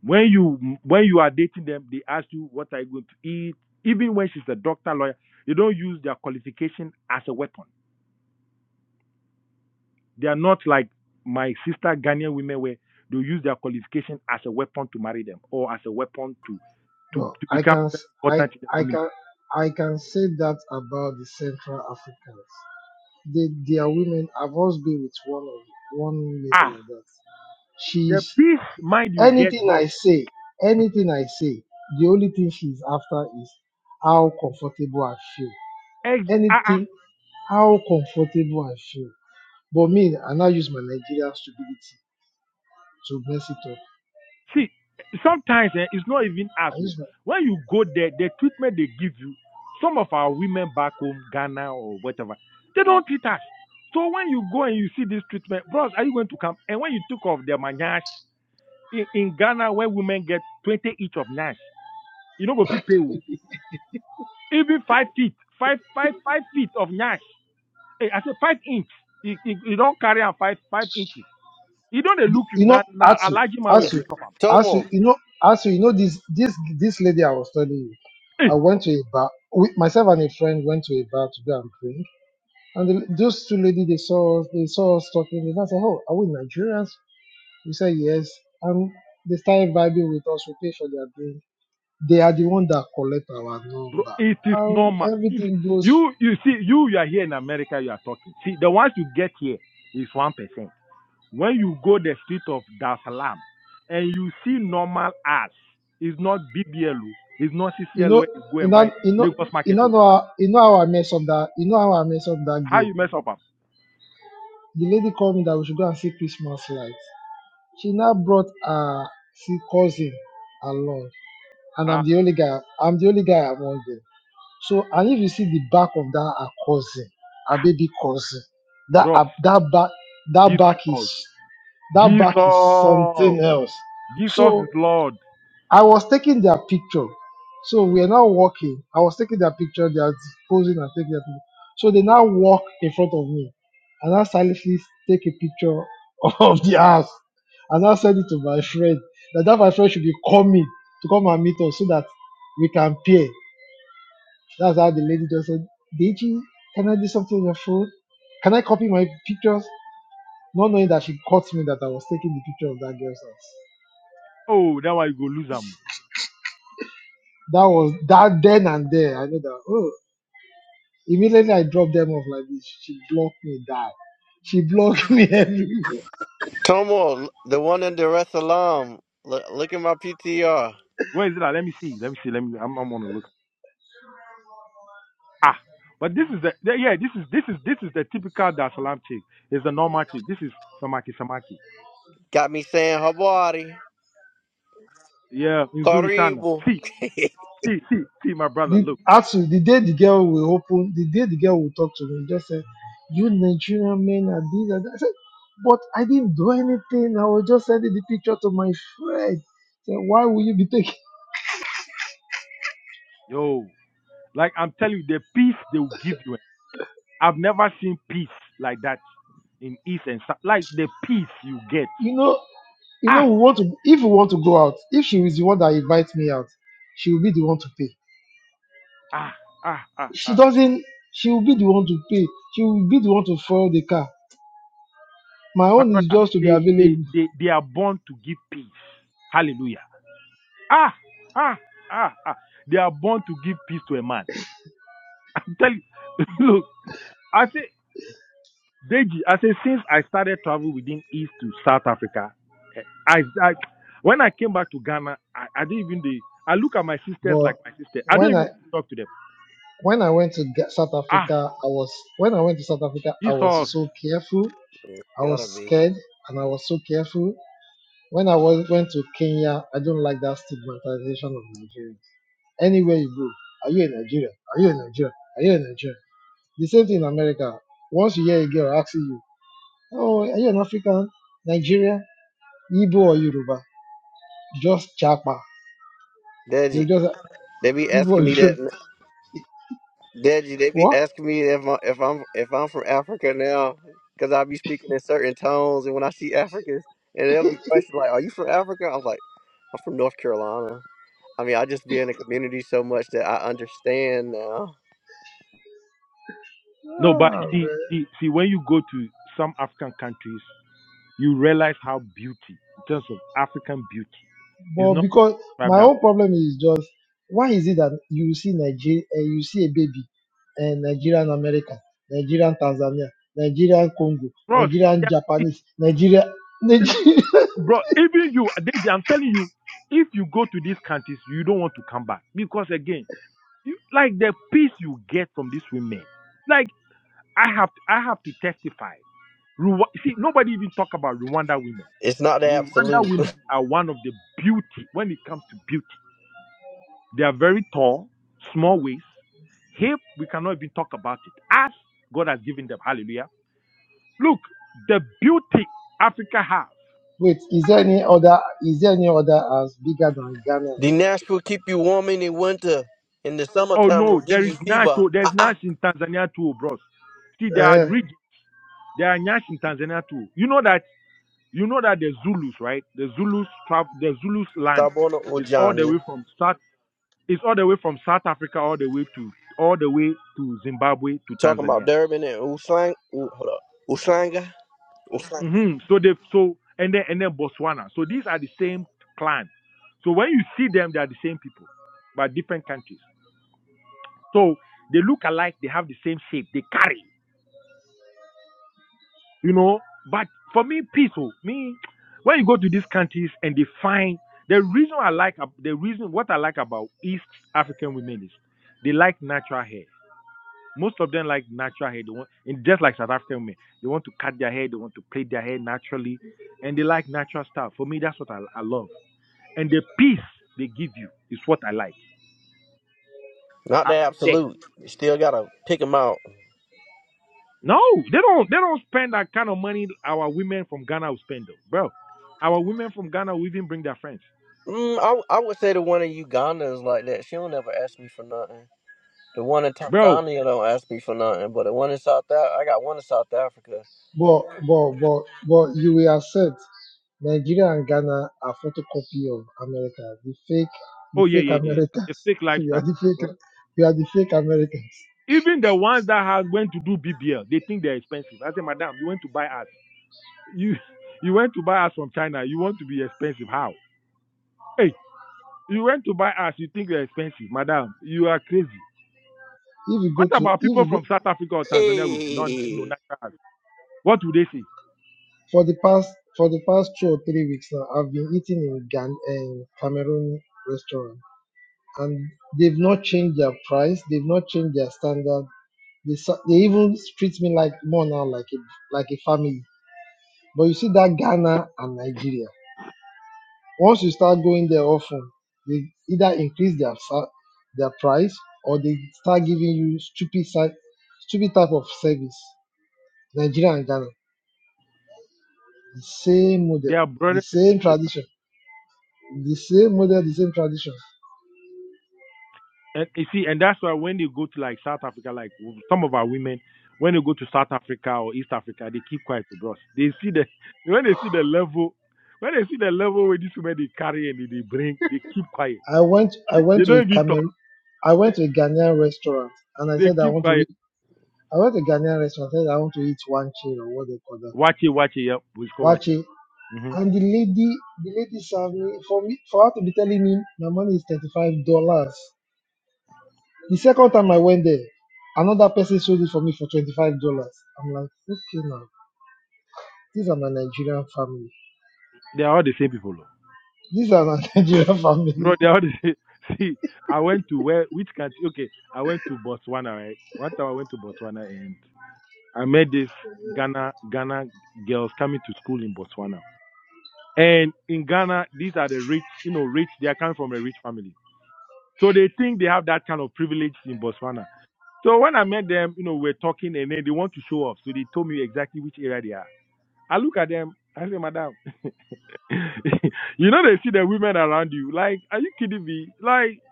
Speaker 27: When you when you are dating them, they ask you what are you going to eat. Even when she's a doctor lawyer, they don't use their qualification as a weapon. They are not like my sister Ghanaian women where they use their qualification as a weapon to marry them or as a weapon to to, to become very important in the community.
Speaker 3: <laughs> one lady
Speaker 27: Ah,
Speaker 3: like that.
Speaker 27: the
Speaker 3: She's
Speaker 27: peace mind you get,
Speaker 3: Anything
Speaker 27: bro.
Speaker 3: I say, anything I say, the only thing she's after is how comfortable I feel.
Speaker 27: Ex- ah, ah.
Speaker 3: Anything, how comfortable I feel. But me, I now use my Nigerian stupidity to mess it up.
Speaker 27: See, sometimes eh, it's not even us.
Speaker 3: I
Speaker 27: oh.
Speaker 3: use my,
Speaker 27: When you go there, the treatment they give you, some of our women back home, Ghana or whatever, they don't treat us. So when you go and you see this treatment, bros, are you going to come? And when you took off the manash in, in Ghana, where women get 20 each of nash, you no go fit pay o even five feet five five five feet of nyash Hey, i say five inch e e don't carry am five five inches e don dey look you
Speaker 3: you know,
Speaker 27: now. Now a
Speaker 3: Atu,
Speaker 27: large man wey go
Speaker 3: Atu,
Speaker 27: chop him.
Speaker 16: Tomo,
Speaker 3: Atu, you know, Atu, you know this this this lady I was telling you. I
Speaker 27: Hey,
Speaker 3: went to a bar. With myself and a friend went to a bar to go and drink. And the, those two ladies, they saw us, they saw us talking. They now said, "Oh, are we Nigerians? We said yes, and they started vibing with us. We paid for their drink. They are the one that collect our
Speaker 27: bro
Speaker 3: number,
Speaker 27: it is
Speaker 3: and
Speaker 27: normal If
Speaker 3: everything goes.
Speaker 27: you you see you you are here in america you are talking see the ones you get here is one percent when you go the street of dar es salaam and you see normal ass is not bbl o is not
Speaker 3: You
Speaker 27: ccl
Speaker 3: know,
Speaker 27: wey you go
Speaker 3: you
Speaker 27: and buy
Speaker 3: know, you know,
Speaker 27: lagos
Speaker 3: you
Speaker 27: market
Speaker 3: know,
Speaker 27: o
Speaker 3: how- you know how I mess up that. You know how I mess up that
Speaker 27: how
Speaker 3: game.
Speaker 27: you mess up am
Speaker 3: The lady called me that we should go and see Christmas lights. She now brought her see cousin along, and
Speaker 27: ah
Speaker 3: I'm the only guy. I'm the only guy among them. So, and if you see the back of that her cousin, her baby cousin, that
Speaker 27: bros
Speaker 3: her- that back that back
Speaker 27: jesus
Speaker 3: is That back is
Speaker 27: else.
Speaker 3: something else.
Speaker 27: Jesus is
Speaker 3: So
Speaker 27: Lord.
Speaker 3: I was taking their picture. So we are now walking. I was taking their picture. They are posing and taking their picture. So they now walk in front of me. And I silently take a picture <laughs> of the house. And I send it to my friend. That, that my friend should be coming to come and meet us so that we can pay. That's how the lady just said, Deji, can I do something on your phone? Can I copy my pictures? Not knowing that she caught me that I was taking the picture of that girl's house.
Speaker 27: Oh, that why you go lose him.
Speaker 3: That was that then and there. I know that. Oh, immediately I dropped them off like this. She blocked me. Die. She blocked <laughs> me everywhere.
Speaker 16: Tomo, the one in Dar es Salaam. Look, look at my PTR.
Speaker 27: Where is it? at? Let me see. Let me see. Let me. I'm. I'm gonna look. Ah, but this is the. the- Yeah, this is this is this is the typical Dar es Salaam chick. It's the normal chick. This is Samaki Samaki.
Speaker 16: Got me saying Habari,
Speaker 27: Yeah, Nzuri Sana.
Speaker 16: Karibu.
Speaker 27: See,
Speaker 16: <laughs> it's
Speaker 27: see, see, see, my brother.
Speaker 3: The,
Speaker 27: Look,
Speaker 3: actually, the day the girl will open, the day the girl will talk to me, just said, "You Nigerian men are these and that." I said, "But I didn't do anything. I was just sending the picture to my friend." Said, "Why will you be taking?" <laughs>
Speaker 27: yo, like I'm telling you, the peace they will give you. I've never seen peace like that in East and South. Like the peace you get.
Speaker 3: You know, you know,
Speaker 27: Ah,
Speaker 3: we want to. If we want to go out, if she is the one that invites me out, she will be the one to pay
Speaker 27: ah, ah, ah,
Speaker 3: she
Speaker 27: ah.
Speaker 3: doesn't she will be the one to pay she will be the one to follow the car my
Speaker 27: My
Speaker 3: own is
Speaker 27: brother,
Speaker 3: just to be
Speaker 27: they, they,
Speaker 3: available
Speaker 27: they, they are born to give peace. Hallelujah. Ah, ah, ah, ah. They are born to give peace to a man. <laughs> I'm telling you. <laughs> Look, I say, Deji, I say, since I started travel within East to South Africa, eh, I, I when I came back to Ghana, I, I didn't even, the. I look at my sisters
Speaker 3: But
Speaker 27: like my sister. I don't
Speaker 3: when
Speaker 27: even
Speaker 3: I
Speaker 27: want to talk to them.
Speaker 3: when I went to Ga- South
Speaker 27: Ah,
Speaker 3: Africa, I was when I went to South Africa, I was
Speaker 27: Jesus.
Speaker 3: so careful. I
Speaker 16: gotta
Speaker 3: was
Speaker 16: be.
Speaker 3: scared, and I was so careful. When I was, went to Kenya, I don't like that stigmatization of Nigerians. Anywhere you go, are you a Nigerian? Are you a Nigerian? Are you a Nigerian? The same thing in America. Once you hear a girl asking you, "Oh, are you an African, Nigerian, Igbo, or Yoruba?" just chapa. They
Speaker 16: Deji,
Speaker 3: just
Speaker 16: they be
Speaker 3: even
Speaker 16: asking
Speaker 3: <laughs>
Speaker 16: me
Speaker 3: you
Speaker 16: that. Deji, they be
Speaker 3: what?
Speaker 16: asking me if I'm if I'm if I'm from Africa now, because I be speaking in certain tones, and when I see Africans, and they'll be questioning like, "Are you from Africa?" I'm like, "I'm from North Carolina." I mean, I just be in the community so much that I understand now.
Speaker 27: No, but
Speaker 3: Ah,
Speaker 27: see, see, see, when you go to some African countries, you realize how beauty, in terms of African beauty, is
Speaker 3: But
Speaker 27: not
Speaker 3: because
Speaker 27: described
Speaker 3: my
Speaker 27: that.
Speaker 3: own problem is just why is it that you see Nigeria, uh, you see a baby, and Nigerian American, Nigerian Tanzania, Nigerian Congo,
Speaker 27: Bros,
Speaker 3: Nigerian Japanese, Nigeria, Nigeria.
Speaker 27: Bro, even you, David, I'm telling you, if you go to these countries, you don't want to come back because again, you like the peace you get from these women. Like I have, to, I have to testify. Rwa- See, nobody even talk about Rwanda women.
Speaker 16: It's not the
Speaker 27: Rwanda
Speaker 16: absolute. <laughs>
Speaker 27: women are one of the beauty when it comes to beauty. They are very tall, small waist, hip. We cannot even talk about it. As God has given them, Hallelujah. Look, the beauty Africa has.
Speaker 3: <laughs> Wait, is there any other? Is there any other as bigger than Ghana and
Speaker 16: The
Speaker 3: South
Speaker 16: Nash will keep you warm in the winter. In the
Speaker 27: Oh
Speaker 16: summertime, it will
Speaker 27: no,
Speaker 16: give
Speaker 27: there
Speaker 16: you
Speaker 27: is Nash.
Speaker 16: fever.
Speaker 27: oh, There's Nash in Tanzania too, bros. See,
Speaker 3: Africa?
Speaker 27: there are
Speaker 3: Eh,
Speaker 27: region, there are Nash in Tanzania too. You know that you know that the Zulus, right? The Zulus travel the Zulus land
Speaker 16: Sabona
Speaker 27: is all the
Speaker 16: Ujani.
Speaker 27: way from South it's all the way from South Africa all the way to all the way to Zimbabwe to
Speaker 16: Talking about
Speaker 27: Tanzania.
Speaker 16: Durbin and Uslang, U- hold up, Uslanga, Uslanga.
Speaker 27: hmm So they so and then and then Botswana. So these are the same clan. So when you see them, they are the same people, but different countries. So they look alike. They have the same shape. They carry. you know. But for me, peaceful. Me, when you go to these countries and they find the reason I like the reason what I like about East African women is they like natural hair. Most of them like natural hair. They want, and just like South African women, they want to cut their hair, they want to plait their hair naturally, and they like natural stuff. For me, that's what I, I love. And the peace they give you is what I like.
Speaker 16: Not the
Speaker 27: I'll be there.
Speaker 16: absolute. You still gotta pick them out.
Speaker 27: No, they don't. They don't spend that kind of money. Our women from Ghana will spend, though, bro. Our women from Ghana will even bring their friends.
Speaker 16: Mm, I, w- I would say the one in Uganda is like that. She don't ever ask me for nothing. The one in
Speaker 27: bro.
Speaker 16: Tanzania don't ask me for nothing, but the one in South Africa, I got one in South Africa.
Speaker 3: but but but but you will accept. Nigeria and Ghana are photocopy of America. The fake, the
Speaker 27: Oh yeah,
Speaker 3: fake
Speaker 27: yeah, yeah. The
Speaker 3: Americas.
Speaker 27: fake
Speaker 3: <laughs> We are
Speaker 27: lifestyle.
Speaker 3: the
Speaker 27: Bro.
Speaker 3: fake, we are the fake America.
Speaker 27: Even the ones that has went to do BBL, they think they're expensive. I say, madam, you went to buy us. You <laughs> you went to buy us from China. You want to be expensive? How? Hey, you went to buy us. You think they're expensive, madam? You are crazy.
Speaker 3: If you go
Speaker 27: What
Speaker 3: to,
Speaker 27: about
Speaker 3: if
Speaker 27: people
Speaker 3: you go
Speaker 27: from South Africa or Tanzania with non, you know,
Speaker 16: Hey.
Speaker 27: natural? What would they say?
Speaker 3: for the past, for the past two or three weeks now, I've been eating in Gan and Cameroon restaurant, and they've not changed their price. They've not changed their standard. They, sa- they even treat me like more now, like a, like a family. But you see that Ghana and Nigeria. Once you start going there often, they either increase their sa- their price or they start giving you stupid si- stupid type of service. Nigeria and Ghana, the same model,
Speaker 27: Their brother.
Speaker 3: the same tradition, the same model, the same tradition.
Speaker 27: And you see, and that's why when they go to like South Africa, like some of our women, when they go to South Africa or East Africa, they keep quiet to bros. They see the <laughs> when they see the level, when they see the level where these women they carry and they they bring, they keep quiet.
Speaker 3: I went I went
Speaker 27: They
Speaker 3: to
Speaker 27: don't
Speaker 3: a
Speaker 27: even talk.
Speaker 3: Cameroon, I went to a Ghanaian restaurant and I
Speaker 27: They
Speaker 3: said I
Speaker 27: keep
Speaker 3: want to
Speaker 27: quiet.
Speaker 3: eat. I went to a Ghanaian restaurant. I said I want to eat wanche or what they call that.
Speaker 27: Watch it, watch it. Yep, we score watch it.
Speaker 3: Wanche.
Speaker 27: hmm
Speaker 3: And the lady, the lady served me for me for her to be telling me my money is thirty five dollars. The second time I went there, another person sold it for me for $25. I'm like, okay now, these are my Nigerian family.
Speaker 27: They are all the same people, though.
Speaker 3: These are my <laughs> Nigerian family.
Speaker 27: bro. They are all the same. <laughs> See, I went to where which country? Okay, I went to Botswana. Right, one time I went to Botswana and I met this Ghana Ghana girls coming to school in Botswana And in Ghana, these are the rich, you know, rich, they are coming from a rich family. So they think they have that kind of privilege in Botswana. So when I met them, you know, we are talking and then they want to show off. So they told me exactly which area they are. I look at them, I say, Madam, <laughs> you know, they see the women around you. Like, are you kidding me? Like,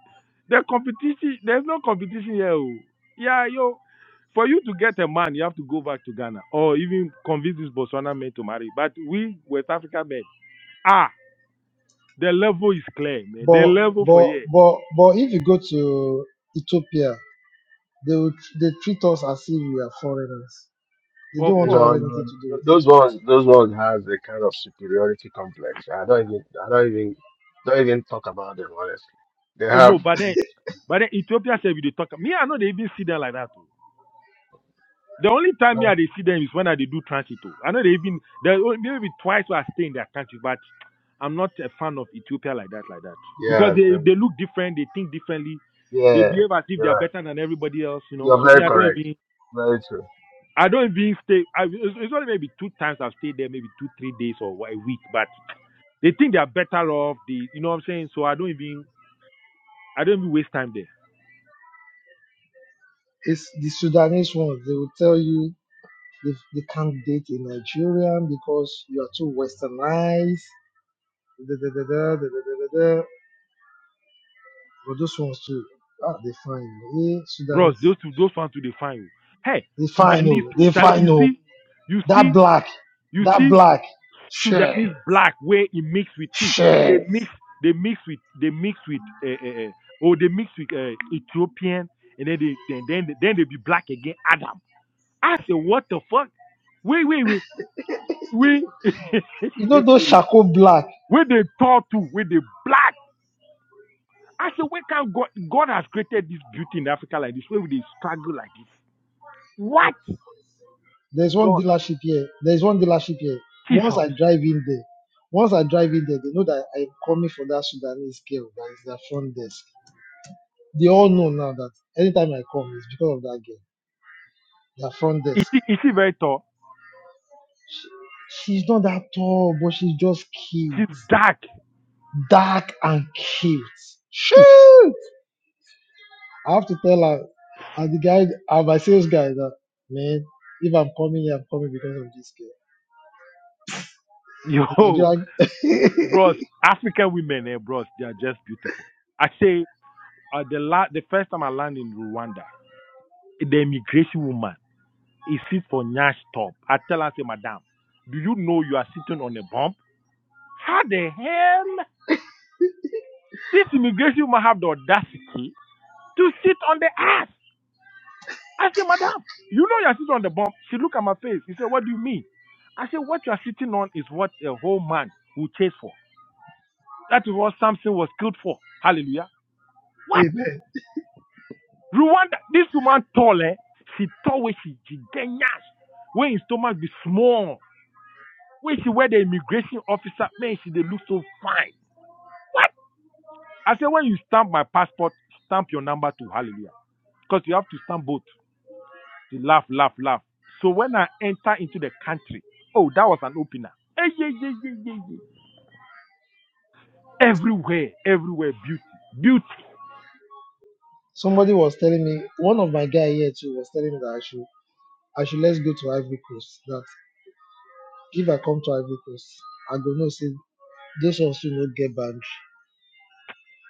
Speaker 27: the competition, there's no competition here. oh. Yeah, yo, for you to get a man, you have to go back to Ghana or even convince this Botswana man to marry. But we, West African men, ah. The level is clear, man. The
Speaker 3: But
Speaker 27: level for
Speaker 3: but
Speaker 27: here,
Speaker 3: but but if you go to Ethiopia, they will they treat us as if we are foreigners. They
Speaker 27: of
Speaker 3: don't want to
Speaker 27: course.
Speaker 3: have
Speaker 28: No, no,
Speaker 3: anything
Speaker 28: no,
Speaker 3: to do
Speaker 28: no.
Speaker 3: with it.
Speaker 28: Those ones, those ones has a kind of superiority complex. I don't even, I don't even, don't even talk about them honestly. They
Speaker 27: Oh no,
Speaker 28: have,
Speaker 27: but then, but then Ethiopia said we dey talk. Me, I know they even see them like that. Too. The only time me I dey see them is when I dey do transit. Too. I know they even there maybe twice I stay in their country, but I'm not a fan of Ethiopia like that, like that. Because
Speaker 28: yeah,
Speaker 27: they
Speaker 28: so,
Speaker 27: they look different, they think differently, they
Speaker 28: yeah.
Speaker 27: behave as if they
Speaker 28: You're
Speaker 27: are
Speaker 28: right.
Speaker 27: better than everybody else, you know.
Speaker 28: You're
Speaker 27: So me,
Speaker 28: very
Speaker 27: I don't
Speaker 28: correct.
Speaker 27: even
Speaker 28: Very true.
Speaker 27: I don't even stay. I, it's it's only maybe two times I've stayed there, maybe two, three days or a week. But they think they are better off. They, you know what I'm saying? So I don't even. I don't even waste time there.
Speaker 3: They will tell you if they can't date a Nigerian because you are too westernized. Da, da, da, da, da, da, da, da, But those ones too, ah, they fine. Hey,
Speaker 27: Bros,
Speaker 3: Sudanese,
Speaker 27: those two, those ones to define you. Hey,
Speaker 3: they fine.
Speaker 27: Sudanese
Speaker 3: Oh,
Speaker 27: too.
Speaker 3: they
Speaker 27: Sale-
Speaker 3: fine.
Speaker 27: You
Speaker 3: Oh.
Speaker 27: see, you
Speaker 3: That
Speaker 27: see,
Speaker 3: black,
Speaker 27: you
Speaker 3: that
Speaker 27: see
Speaker 3: black. Shit,
Speaker 27: Sudanese black where it mix with tea. They
Speaker 3: shit.
Speaker 27: mix, they mix with, they mix with, uh, uh, uh, oh, they mix with uh, Ethiopian, and then they, then, then, then they be black again. Adam. I said, what the fuck? Wait, wait, wait, wait.
Speaker 3: You know
Speaker 27: <laughs>
Speaker 3: those charcoal black.
Speaker 27: where they talk to, where they black. I said, where can God, God has created this beauty in Africa like this, where we they struggle like this? What?
Speaker 3: There's one
Speaker 27: Bro,
Speaker 3: dealership here. There's one dealership here.
Speaker 27: Jesus
Speaker 3: Once I drive in there, once I drive in there, they know that I'm coming for that Sudanese girl that is their front desk. They all know now that anytime I come, it's because of that girl. Their front
Speaker 27: Is
Speaker 3: desk.
Speaker 27: she is she very tall?
Speaker 3: She's not that tall, but she's just cute,
Speaker 27: She's dark. <laughs>
Speaker 3: dark and cute. Shit. I have to tell her, and the guy, and my sales guy, that man, if I'm coming here, I'm coming because of this girl. The
Speaker 27: Yo,
Speaker 3: Nigerian, <laughs>
Speaker 27: bros, African women, eh, bros, they are just beautiful. I say uh, the la- the first time I land in Rwanda, the immigration woman is sit for Nyash top. I tell her, say, Madam, do you know you are sitting on a bump? How the hell this immigration woman have the audacity to sit on the ass? I say, Madam, you know you are sitting on the bump. She look at my face. She said, What do you mean? I said, What you are sitting on is what a whole man will chase for. That is what Samson was killed for. Hallelujah. What? Rwanda, this woman tall, eh? She tall where she gigantic. When his stomach be small. When she wear the immigration officer, man, she they look so fine. What? I said, when you stamp my passport, stamp your number too. Hallelujah. Because you have to stamp both. She laugh, laugh, laugh. So when I enter into the country, oh, that was an opener. Eh, yeah. Everywhere, everywhere, beauty, beauty.
Speaker 3: somebody was telling me, one of my guy here too was telling me that I should, I should let's go to Ivory Coast. That if I come to Ivory Coast, I go know see those of you not get banned.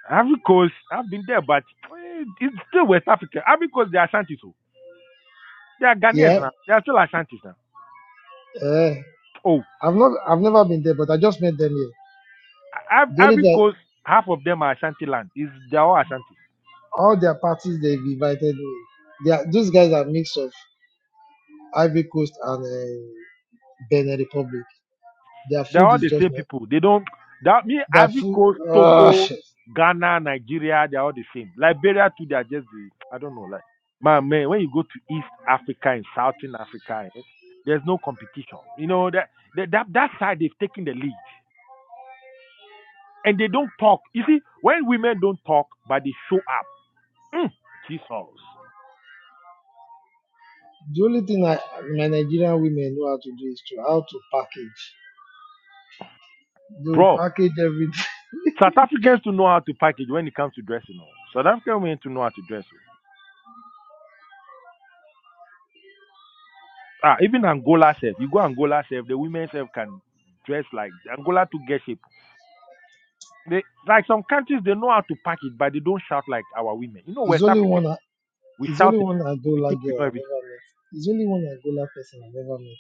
Speaker 27: Africa, I've been there, but eh, it's still West Africa. Africa, they are Ashanti, so. They are Ghanaians
Speaker 3: Yeah,
Speaker 27: now. They are still Ashantis now.
Speaker 3: eh.
Speaker 27: Oh,
Speaker 3: I've not, I've never been there, but I just met them here.
Speaker 27: Iv-
Speaker 3: The only
Speaker 27: Ivory
Speaker 3: thing,
Speaker 27: Coast, half of them are Ashanti land. Is they are all Ashantis.
Speaker 3: all their parties they've invited me. They are, those guys are mix of Ivory Coast and uh, Benin Republic. Their
Speaker 27: They
Speaker 3: food
Speaker 27: are all
Speaker 3: is
Speaker 27: the
Speaker 3: just
Speaker 27: same people. They don't. That me
Speaker 3: The
Speaker 27: Ivory
Speaker 3: food,
Speaker 27: Coast,
Speaker 3: uh,
Speaker 27: Togo,
Speaker 3: the
Speaker 27: Ghana, Nigeria, they are all the same. Liberia too, they are just the I don't know. Like my man, when you go to East Africa and Southern Africa, eh, there's no competition. You know that that that, that side they've taken the lead and they don't talk. You see, when women don't talk but they show up, mm, Jesus,
Speaker 3: only thing I, my Nigerian women know how to do is to how to package. They will
Speaker 27: bro.
Speaker 3: package everything.
Speaker 27: South Africans to know how to package when it comes to dressing. oh. South African women to know how to dress. oh. Ah, even Angola self. You go Angola self, the women self can dress like Angola to get shape. They like some countries they know how to package, but they don't shout like our women. You know,
Speaker 3: It's
Speaker 27: West
Speaker 3: only
Speaker 27: Africans
Speaker 3: one.
Speaker 27: we
Speaker 3: It's
Speaker 27: shout
Speaker 3: only
Speaker 27: a
Speaker 3: one
Speaker 27: so we
Speaker 3: Angola
Speaker 27: think we
Speaker 3: girl
Speaker 27: know
Speaker 3: I've
Speaker 27: everything.
Speaker 3: ever met. It's only one Angola person I've ever met.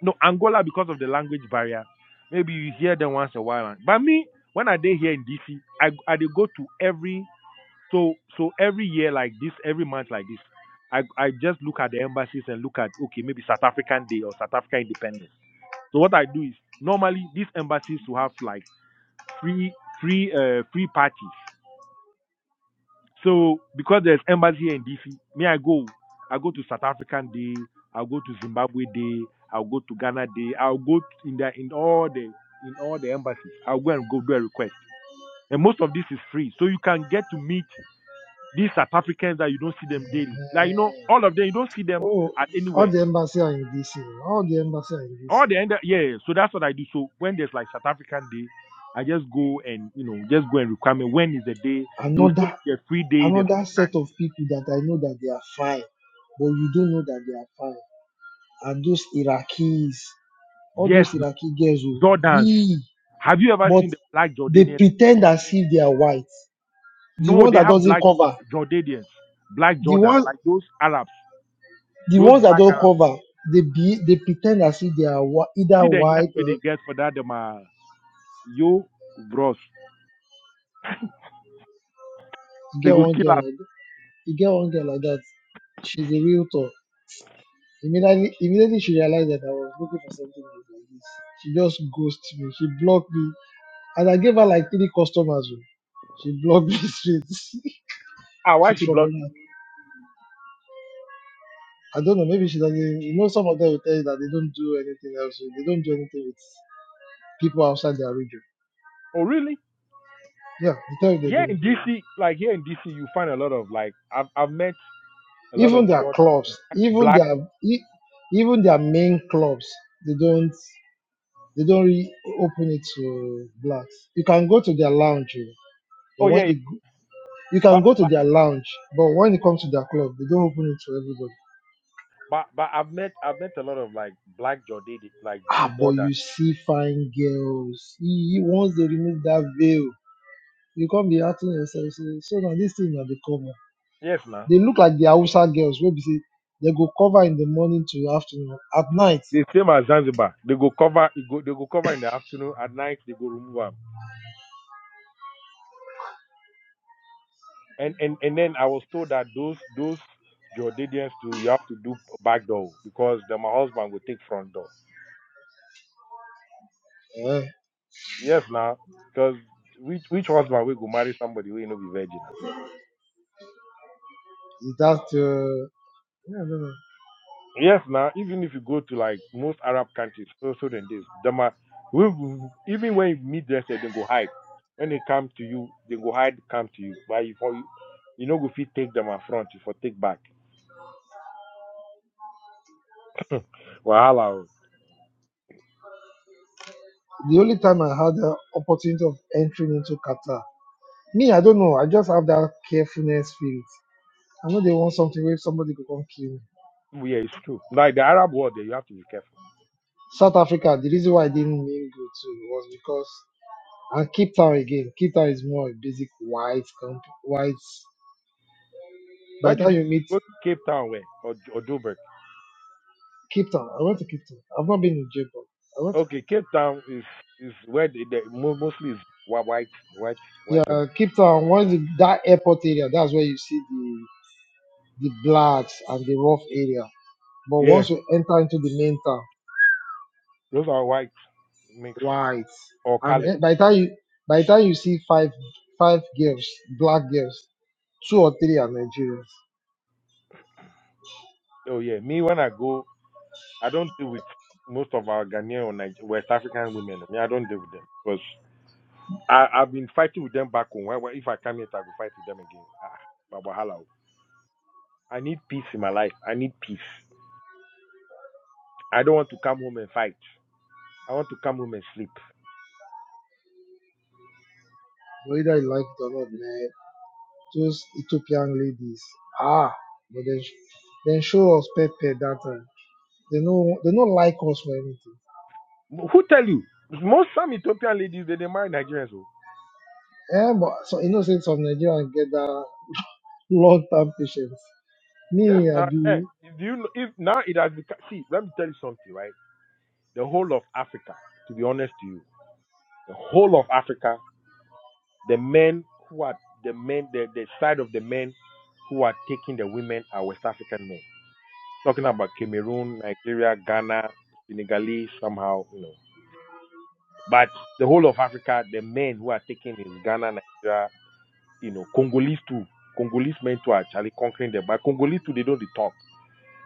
Speaker 27: No, Angola because of the language barrier. Maybe you hear them once a while. But me, when I day here in DC, I I they go to every So so every year like this, every month like this, I I just look at the embassies and look at okay maybe South African Day or South African Independence. So what I do is normally these embassies will have like free free uh free parties. So because there's embassy here in DC, me I go I go to South African Day, I'll go to Zimbabwe Day, I'll go to Ghana Day, I'll go t- in the in all the in all the embassies. I'll go and go do a request. And most of this is free. So you can get to meet These South Africans that you don't see them daily. Like you know, all of them you don't see them
Speaker 3: Oh,
Speaker 27: at
Speaker 3: all
Speaker 27: anywhere.
Speaker 3: the embassy are in DC. All the embassy are in DC.
Speaker 27: All the end yeah, yeah. so that's what I do. So when there's like South African Day, I just go and you know, just go and require me. when is the day. They'll show
Speaker 3: Another,
Speaker 27: you the free day, the
Speaker 3: another
Speaker 27: free
Speaker 3: set of people that I know that they are fine. Know that they are fine. Although,
Speaker 27: Yes, na- Jordans.
Speaker 3: the
Speaker 27: Have you ever seen the black
Speaker 3: they
Speaker 27: Jordanians?
Speaker 3: fight.
Speaker 27: No, they have black Jor- Jordanians, black
Speaker 3: The
Speaker 27: Jordans,
Speaker 3: one,
Speaker 27: like those Arabs,
Speaker 3: the
Speaker 27: those black Arabs.
Speaker 3: one that
Speaker 27: See the
Speaker 3: white.
Speaker 27: nyanwe
Speaker 3: Uh,
Speaker 27: they get for that them uh, you bros.
Speaker 3: you
Speaker 27: They
Speaker 3: get,
Speaker 27: go kill us.
Speaker 3: you get. you mean, either
Speaker 27: Ah, wha-
Speaker 3: I don't know. Maybe she doesn't. You know, some of them will tell you that they don't do anything else. so They don't do anything with people.
Speaker 27: Oh really?
Speaker 3: Yeah, they tell you they
Speaker 27: Here
Speaker 3: don't
Speaker 27: in
Speaker 3: do. It.
Speaker 27: DC, like here in DC, you find a lot of like I've I've met a lot
Speaker 3: Even
Speaker 27: of
Speaker 3: their
Speaker 27: Jordan
Speaker 3: clubs,
Speaker 27: black
Speaker 3: even
Speaker 27: black.
Speaker 3: their e- even their main clubs, they don't they don't really open it to blacks. You can go to their lounge, oh, but
Speaker 27: Oh yeah,
Speaker 3: when
Speaker 27: yeah.
Speaker 3: they go, you can
Speaker 27: but
Speaker 3: go to
Speaker 27: but
Speaker 3: their lounge, but when it comes to their club, they don't open it to everybody.
Speaker 27: but but I've met I've met a lot of like black Jordan like
Speaker 3: Ah, but
Speaker 27: Jordan.
Speaker 3: you see fine girls. E- e- Once they remove that veil, you can't be acting yourself. So, so now this thing now they cover.
Speaker 27: Yes, man.
Speaker 3: They look like the Hausa girls wey be say they go cover in the morning to afternoon. At night,
Speaker 27: The same as Zanzibar. They go cover it go they go cover in the afternoon. At night they go remove them. And and and then I was told that those those Jordanians too, you have to do back door because then my husband will take front door.
Speaker 3: eh,
Speaker 27: Yes, now because which which husband will go marry somebody who ain't no be virgin?
Speaker 3: is that uh,
Speaker 27: Yes, now even if you go to like most Arab countries, also than this, them are, we, even when you meet them, say they go hide. When they come to you, they go hide, come to you. But if you, you know, go you take them up front, you for take back. <laughs> Well, oh.
Speaker 3: the only time I had the opportunity of entering into Qatar. Me, I don't know. I just have that carefulness spirit. I know they want something where somebody could come kill me.
Speaker 27: Yeah, it's true. Like the Arab world, there you have to be careful.
Speaker 3: South Africa, the reason why I didn't really go to was because and Cape Town again. Cape Town is more a basic white camp white. By
Speaker 27: Where
Speaker 3: the
Speaker 27: did
Speaker 3: time
Speaker 27: you
Speaker 3: you meet
Speaker 27: go? To Cape Town, where or or Joburg?
Speaker 3: Cape Town, I went to Cape Town. I've not been in Japan. I went to Cape Town.
Speaker 27: Okay, Cape Town is is where the, the mo- mostly is whi- white, white,
Speaker 3: Yeah,
Speaker 27: white. and-
Speaker 3: Cape Town, once the, that airport area, that's where you see the the blacks and the rough area. But
Speaker 27: Yeah,
Speaker 3: once you enter into the main town,
Speaker 27: those are white mix
Speaker 3: right,
Speaker 27: or
Speaker 3: and
Speaker 27: colored.
Speaker 3: eh, by the time you by the time you see five five girls, black girls, two or three are Nigerians.
Speaker 27: Oh yeah, me when I go I don't deal with most of our Ghanaian or Niger- West African women. I, mean, I don't deal with them because I, I've been fighting with them back home. Why, why- if I come here, I will fight with them again. Ah, Baba Hala. I need peace in my life. I need peace. I don't want to come home and fight. I want to come home and sleep.
Speaker 3: Whether you like it or not, man, those Ethiopian ladies, ah, but then then show us pepper that time. They no they don't like us for anything.
Speaker 27: Who tell you? Most some Ethiopian ladies they, they marry Nigerians. Oh.
Speaker 3: Love me
Speaker 27: Yes, now, eh, do you know, if now it has become see, let me tell you something, right? The whole of Africa, to be honest to you, the whole of Africa The men who are the men, the, the side of the men who are taking the women are West African men. Talking about Cameroon, Nigeria, Ghana, Senegalese, somehow, you know. But the whole of Africa, the men who are taking is Ghana, Nigeria, you know, Congolese too. Congolese men too are actually conquering them. But Congolese too, they don't they talk.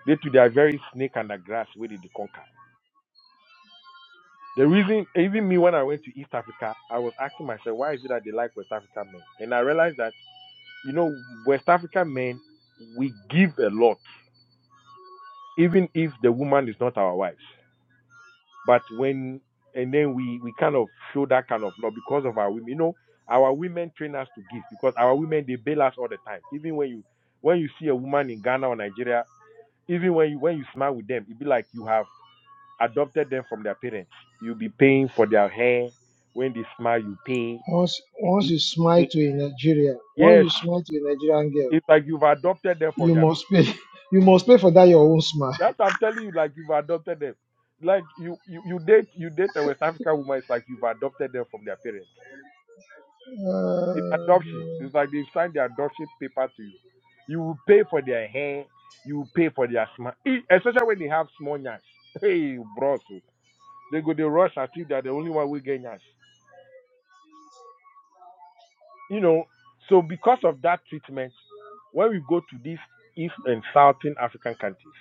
Speaker 27: They too, they are very snake under grass where they, they conquer. The reason, even me when I went to East Africa, I was asking myself, why is it that they like West African men? And I realized that You know, West African men, we give a lot, even if the woman is not our wives. But when, and then we, we kind of show that kind of love because of our women. You know, our women train us to give because our women, they bail us all the time. Even when you, when you see a woman in Ghana or Nigeria, even when you, when you smile with them, it be like you have adopted them from their parents. You'll be paying for their hair. When they smile, you pay.
Speaker 3: once
Speaker 27: They
Speaker 3: once
Speaker 27: eat.
Speaker 3: you
Speaker 27: you
Speaker 3: smile
Speaker 27: pay.
Speaker 3: to a Nigeria, once
Speaker 27: Yes,
Speaker 3: you smile to a Nigerian girl.
Speaker 27: it's like you've adopted them from
Speaker 3: you
Speaker 27: their parents.
Speaker 3: must pay <laughs> you must pay for that your own smile
Speaker 27: That's I'm telling you, like you've adopted them. Like you, you, you date you date a West African woman, it's like you've adopted them from their parents. It's
Speaker 3: uh,
Speaker 27: adoption. It's like they've signed their adoption paper to you. You will pay for their hair, you will pay for their smile. E, Especially when they have small nyash. <laughs> Hey bros. oh. They go they rush as if they're the only one who get nyash. You know, so because of that treatment, when we go to these East and Southern African countries,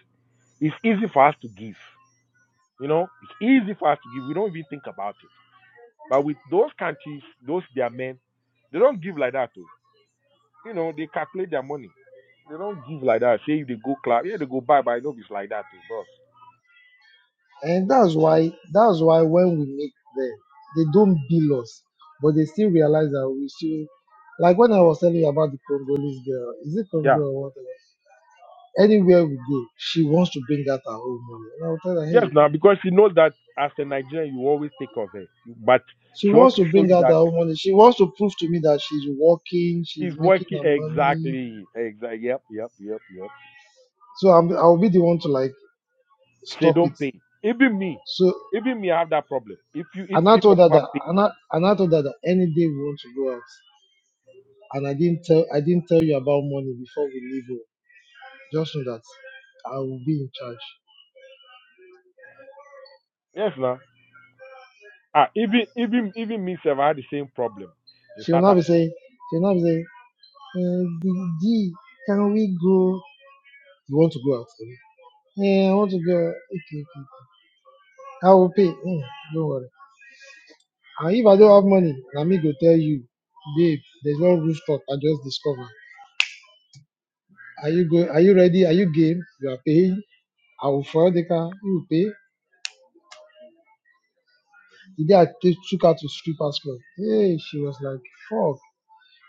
Speaker 27: it's easy for us to give. You know, it's easy for us to give. We don't even think about it But with those countries, those their men, they don't give like that too. You know, they calculate their money. They don't give like that. Say if they go club, yeah, they go buy, but I know it's like that too, bros.
Speaker 3: and
Speaker 27: What?
Speaker 3: that's why that's why when we meet them they don't bill us but they still realize that we still like when i was telling you about the congolese girl is it
Speaker 27: Yeah.
Speaker 3: congo or what anywhere we go she wants to bring out her own money and i will tell her
Speaker 27: Yes,
Speaker 3: hey
Speaker 27: now because she knows that as a Nigerian, you always take of her. But
Speaker 3: she
Speaker 27: she wants
Speaker 3: wants
Speaker 27: to
Speaker 3: to
Speaker 27: show
Speaker 3: bring
Speaker 27: you
Speaker 3: out her
Speaker 27: that
Speaker 3: own money she wants to prove to me that she's working she's
Speaker 27: she's
Speaker 3: making
Speaker 27: working
Speaker 3: her money
Speaker 27: exactly. Exactly. Yep. Yep. Yep. Yep.
Speaker 3: so I'm, i'll be the one to like
Speaker 27: Say
Speaker 3: stop it
Speaker 27: don't pay. Even me,
Speaker 3: So.
Speaker 27: even me, I have that problem. If you, if
Speaker 3: And I
Speaker 27: if
Speaker 3: told her
Speaker 27: I
Speaker 3: that
Speaker 27: pay,
Speaker 3: and I, and I told her that any day we want to go out. And I didn't tell I didn't tell you about money before we leave home. Just know that I will be in charge.
Speaker 27: yes, now. Ah, even if problem.
Speaker 3: She will not be saying she will not be saying, uh, G, G, can we go? You want to go out? Abi? Yeah, I want to go. Okay, okay. I will pay. Mm, don't worry. And if I don't have money, na me go tell you, babe. There's one rooftop I just discovered. Are you going? Are you ready? Are you game? You are paying. I will fire the car. You will pay. The day I t- took her to strippers club, hey, she was like, "Fuck,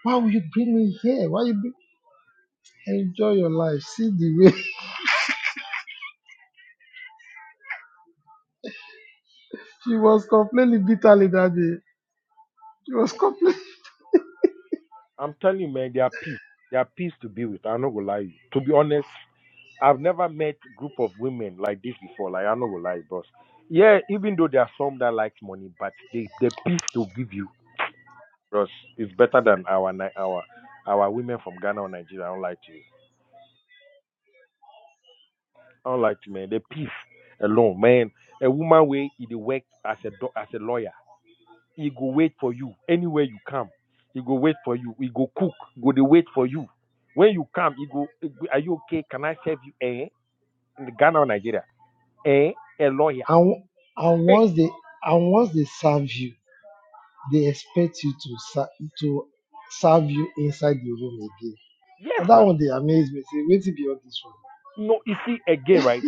Speaker 3: why would you bring me here? Why you bring- enjoy your life? See the way <laughs> she was complaining bitterly that day. She was complaining.
Speaker 27: I'm telling you, man, they are peace. They are peace to be with. I'm not gonna lie. You. To be honest, I've never met group of women like this before. Like I'm not gonna lie, bros. Yeah, even though there are some that like money, but they the peace to give you, bros, is better than our Ni- our our women from Ghana or Nigeria. I don't like to you. I don't like to man. The peace alone, man. A woman way it work as a do- as a lawyer. He go wait for you anywhere you come. He go wait for you. He go cook. Go dey wait for you. When you come, he go. Are you okay? Can I serve you? Eh? In Ghana or Nigeria? Eh? A lawyer?
Speaker 3: And and
Speaker 27: Hey,
Speaker 3: once they and once they serve you, they expect you to ser- to serve you inside the room again.
Speaker 27: yes,
Speaker 3: And that
Speaker 27: now.
Speaker 3: one they amazed me. Say, wait to be on this one.
Speaker 27: No, you see again, right?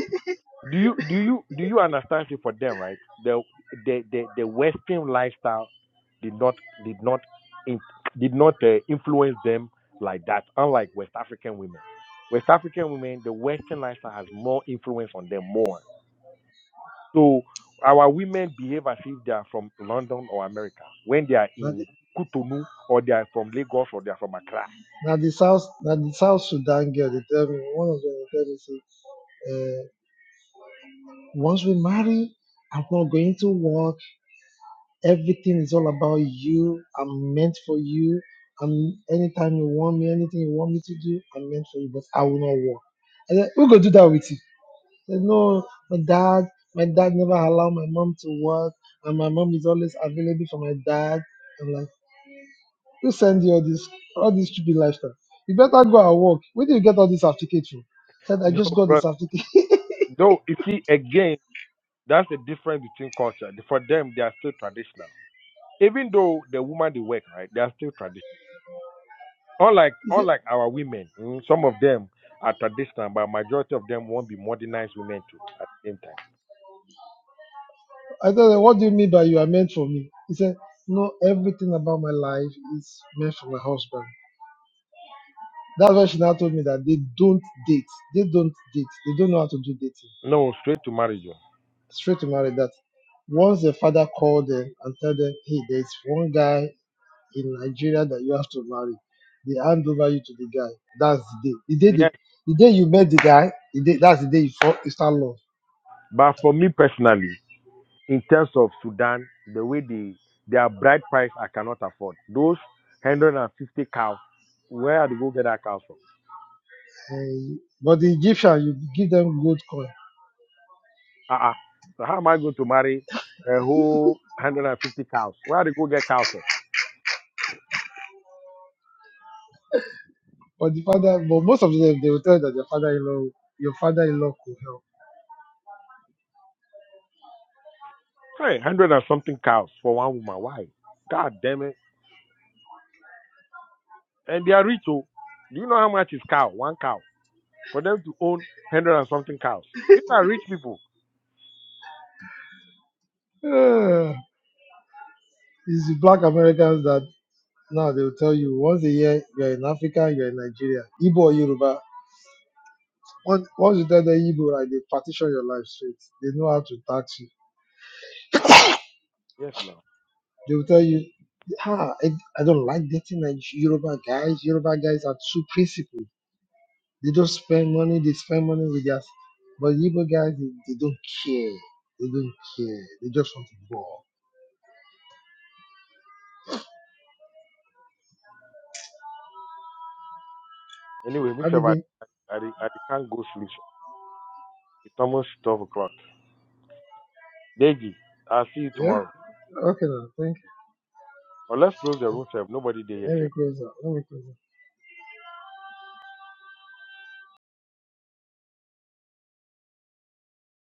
Speaker 27: Do you do you do you understand? it for them, right? The the the, the Western lifestyle did not did not did not uh, influence them like that. Unlike West African women, West African women, the Western lifestyle has more influence on them more. So our women behave as if they are from London or America when they are in Cotonou or they are from Lagos or they are from Accra.
Speaker 3: I'm not going to work. Everything is all about you. I'm meant for you. I'm anytime you want me, anything you want me to do, I'm meant for you, but I will not work. I said, Who go do that with you? He said, no, my dad, my dad never allowed my mom to work, and my mom is always available for my dad. I'm like, who send you all this all this stupid lifestyle? You better go and work. Where do you get all this certificate from? I said,
Speaker 27: <laughs>
Speaker 3: I
Speaker 27: No,
Speaker 3: just got the
Speaker 27: but
Speaker 3: certificate.
Speaker 27: no, you see, again, that's the difference between culture. For them, they are still traditional. Even though the woman they work, right, they are still traditional. Unlike
Speaker 3: <laughs> He said,
Speaker 27: unlike our women, mm, some of them are traditional, but majority of them won't be modernized women too at the same time.
Speaker 3: I told him, what do you mean by you are meant for me? He said, no, everything about my life is meant for my husband. That's why she now told me that they don't date. They don't date. They don't know how to do dating.
Speaker 27: No, straight to marriage. oh.
Speaker 3: Straight to marriage that. Once the father called them and tell them, hey, there's one guy in Nigeria that you have to marry. They hand over you to the guy. That's the day. The day, they,
Speaker 27: Yes.
Speaker 3: the day you met the guy, the day, that's the day you, fall, you start love.
Speaker 27: But for me personally, in terms of Sudan, the way they their bride price I cannot afford. Those one hundred and fifty cows, where do you go get that cows from?
Speaker 3: And, but the Egyptian, you give them gold coin.
Speaker 27: Uh-uh. So how am I going to marry a whole one hundred and fifty cows? Where do you go get cows from?
Speaker 3: But the father, but most of them, they will tell you that their father-in-law, your father-in-law could help. <sighs>
Speaker 27: Hey, one hundred and something cows for one woman. Why? God damn it. And they are rich oh. Do you know how much is cow? One cow. For them to own one hundred and something cows. These are rich people.
Speaker 3: Uh, it's the black Americans that Now they will tell you once a year you're in Africa, you're in Nigeria, Igbo or Yoruba. Once, once you tell the Igbo, right, they partition your life straight. They know how to tax you.
Speaker 27: Yes now.
Speaker 3: They will tell you, ah, I, I don't like dating Nige- Yoruba guys. Yoruba guys are too principled. They don't spend money. They spend money with us But Igbo guys, they, they don't care. They don't care. They just want to go.
Speaker 27: Anyway,
Speaker 3: How
Speaker 27: Mr.
Speaker 3: did
Speaker 27: Vadi,
Speaker 3: they?
Speaker 27: I, I, I can't go sleep. It's almost twelve o'clock. Deji, I'll see you
Speaker 3: Yeah.
Speaker 27: tomorrow.
Speaker 3: Okay. Now, thank you.
Speaker 27: Or let's close the room, sir. Nobody there yet,
Speaker 3: Let
Speaker 27: sir.
Speaker 3: me close up. Let me close. up.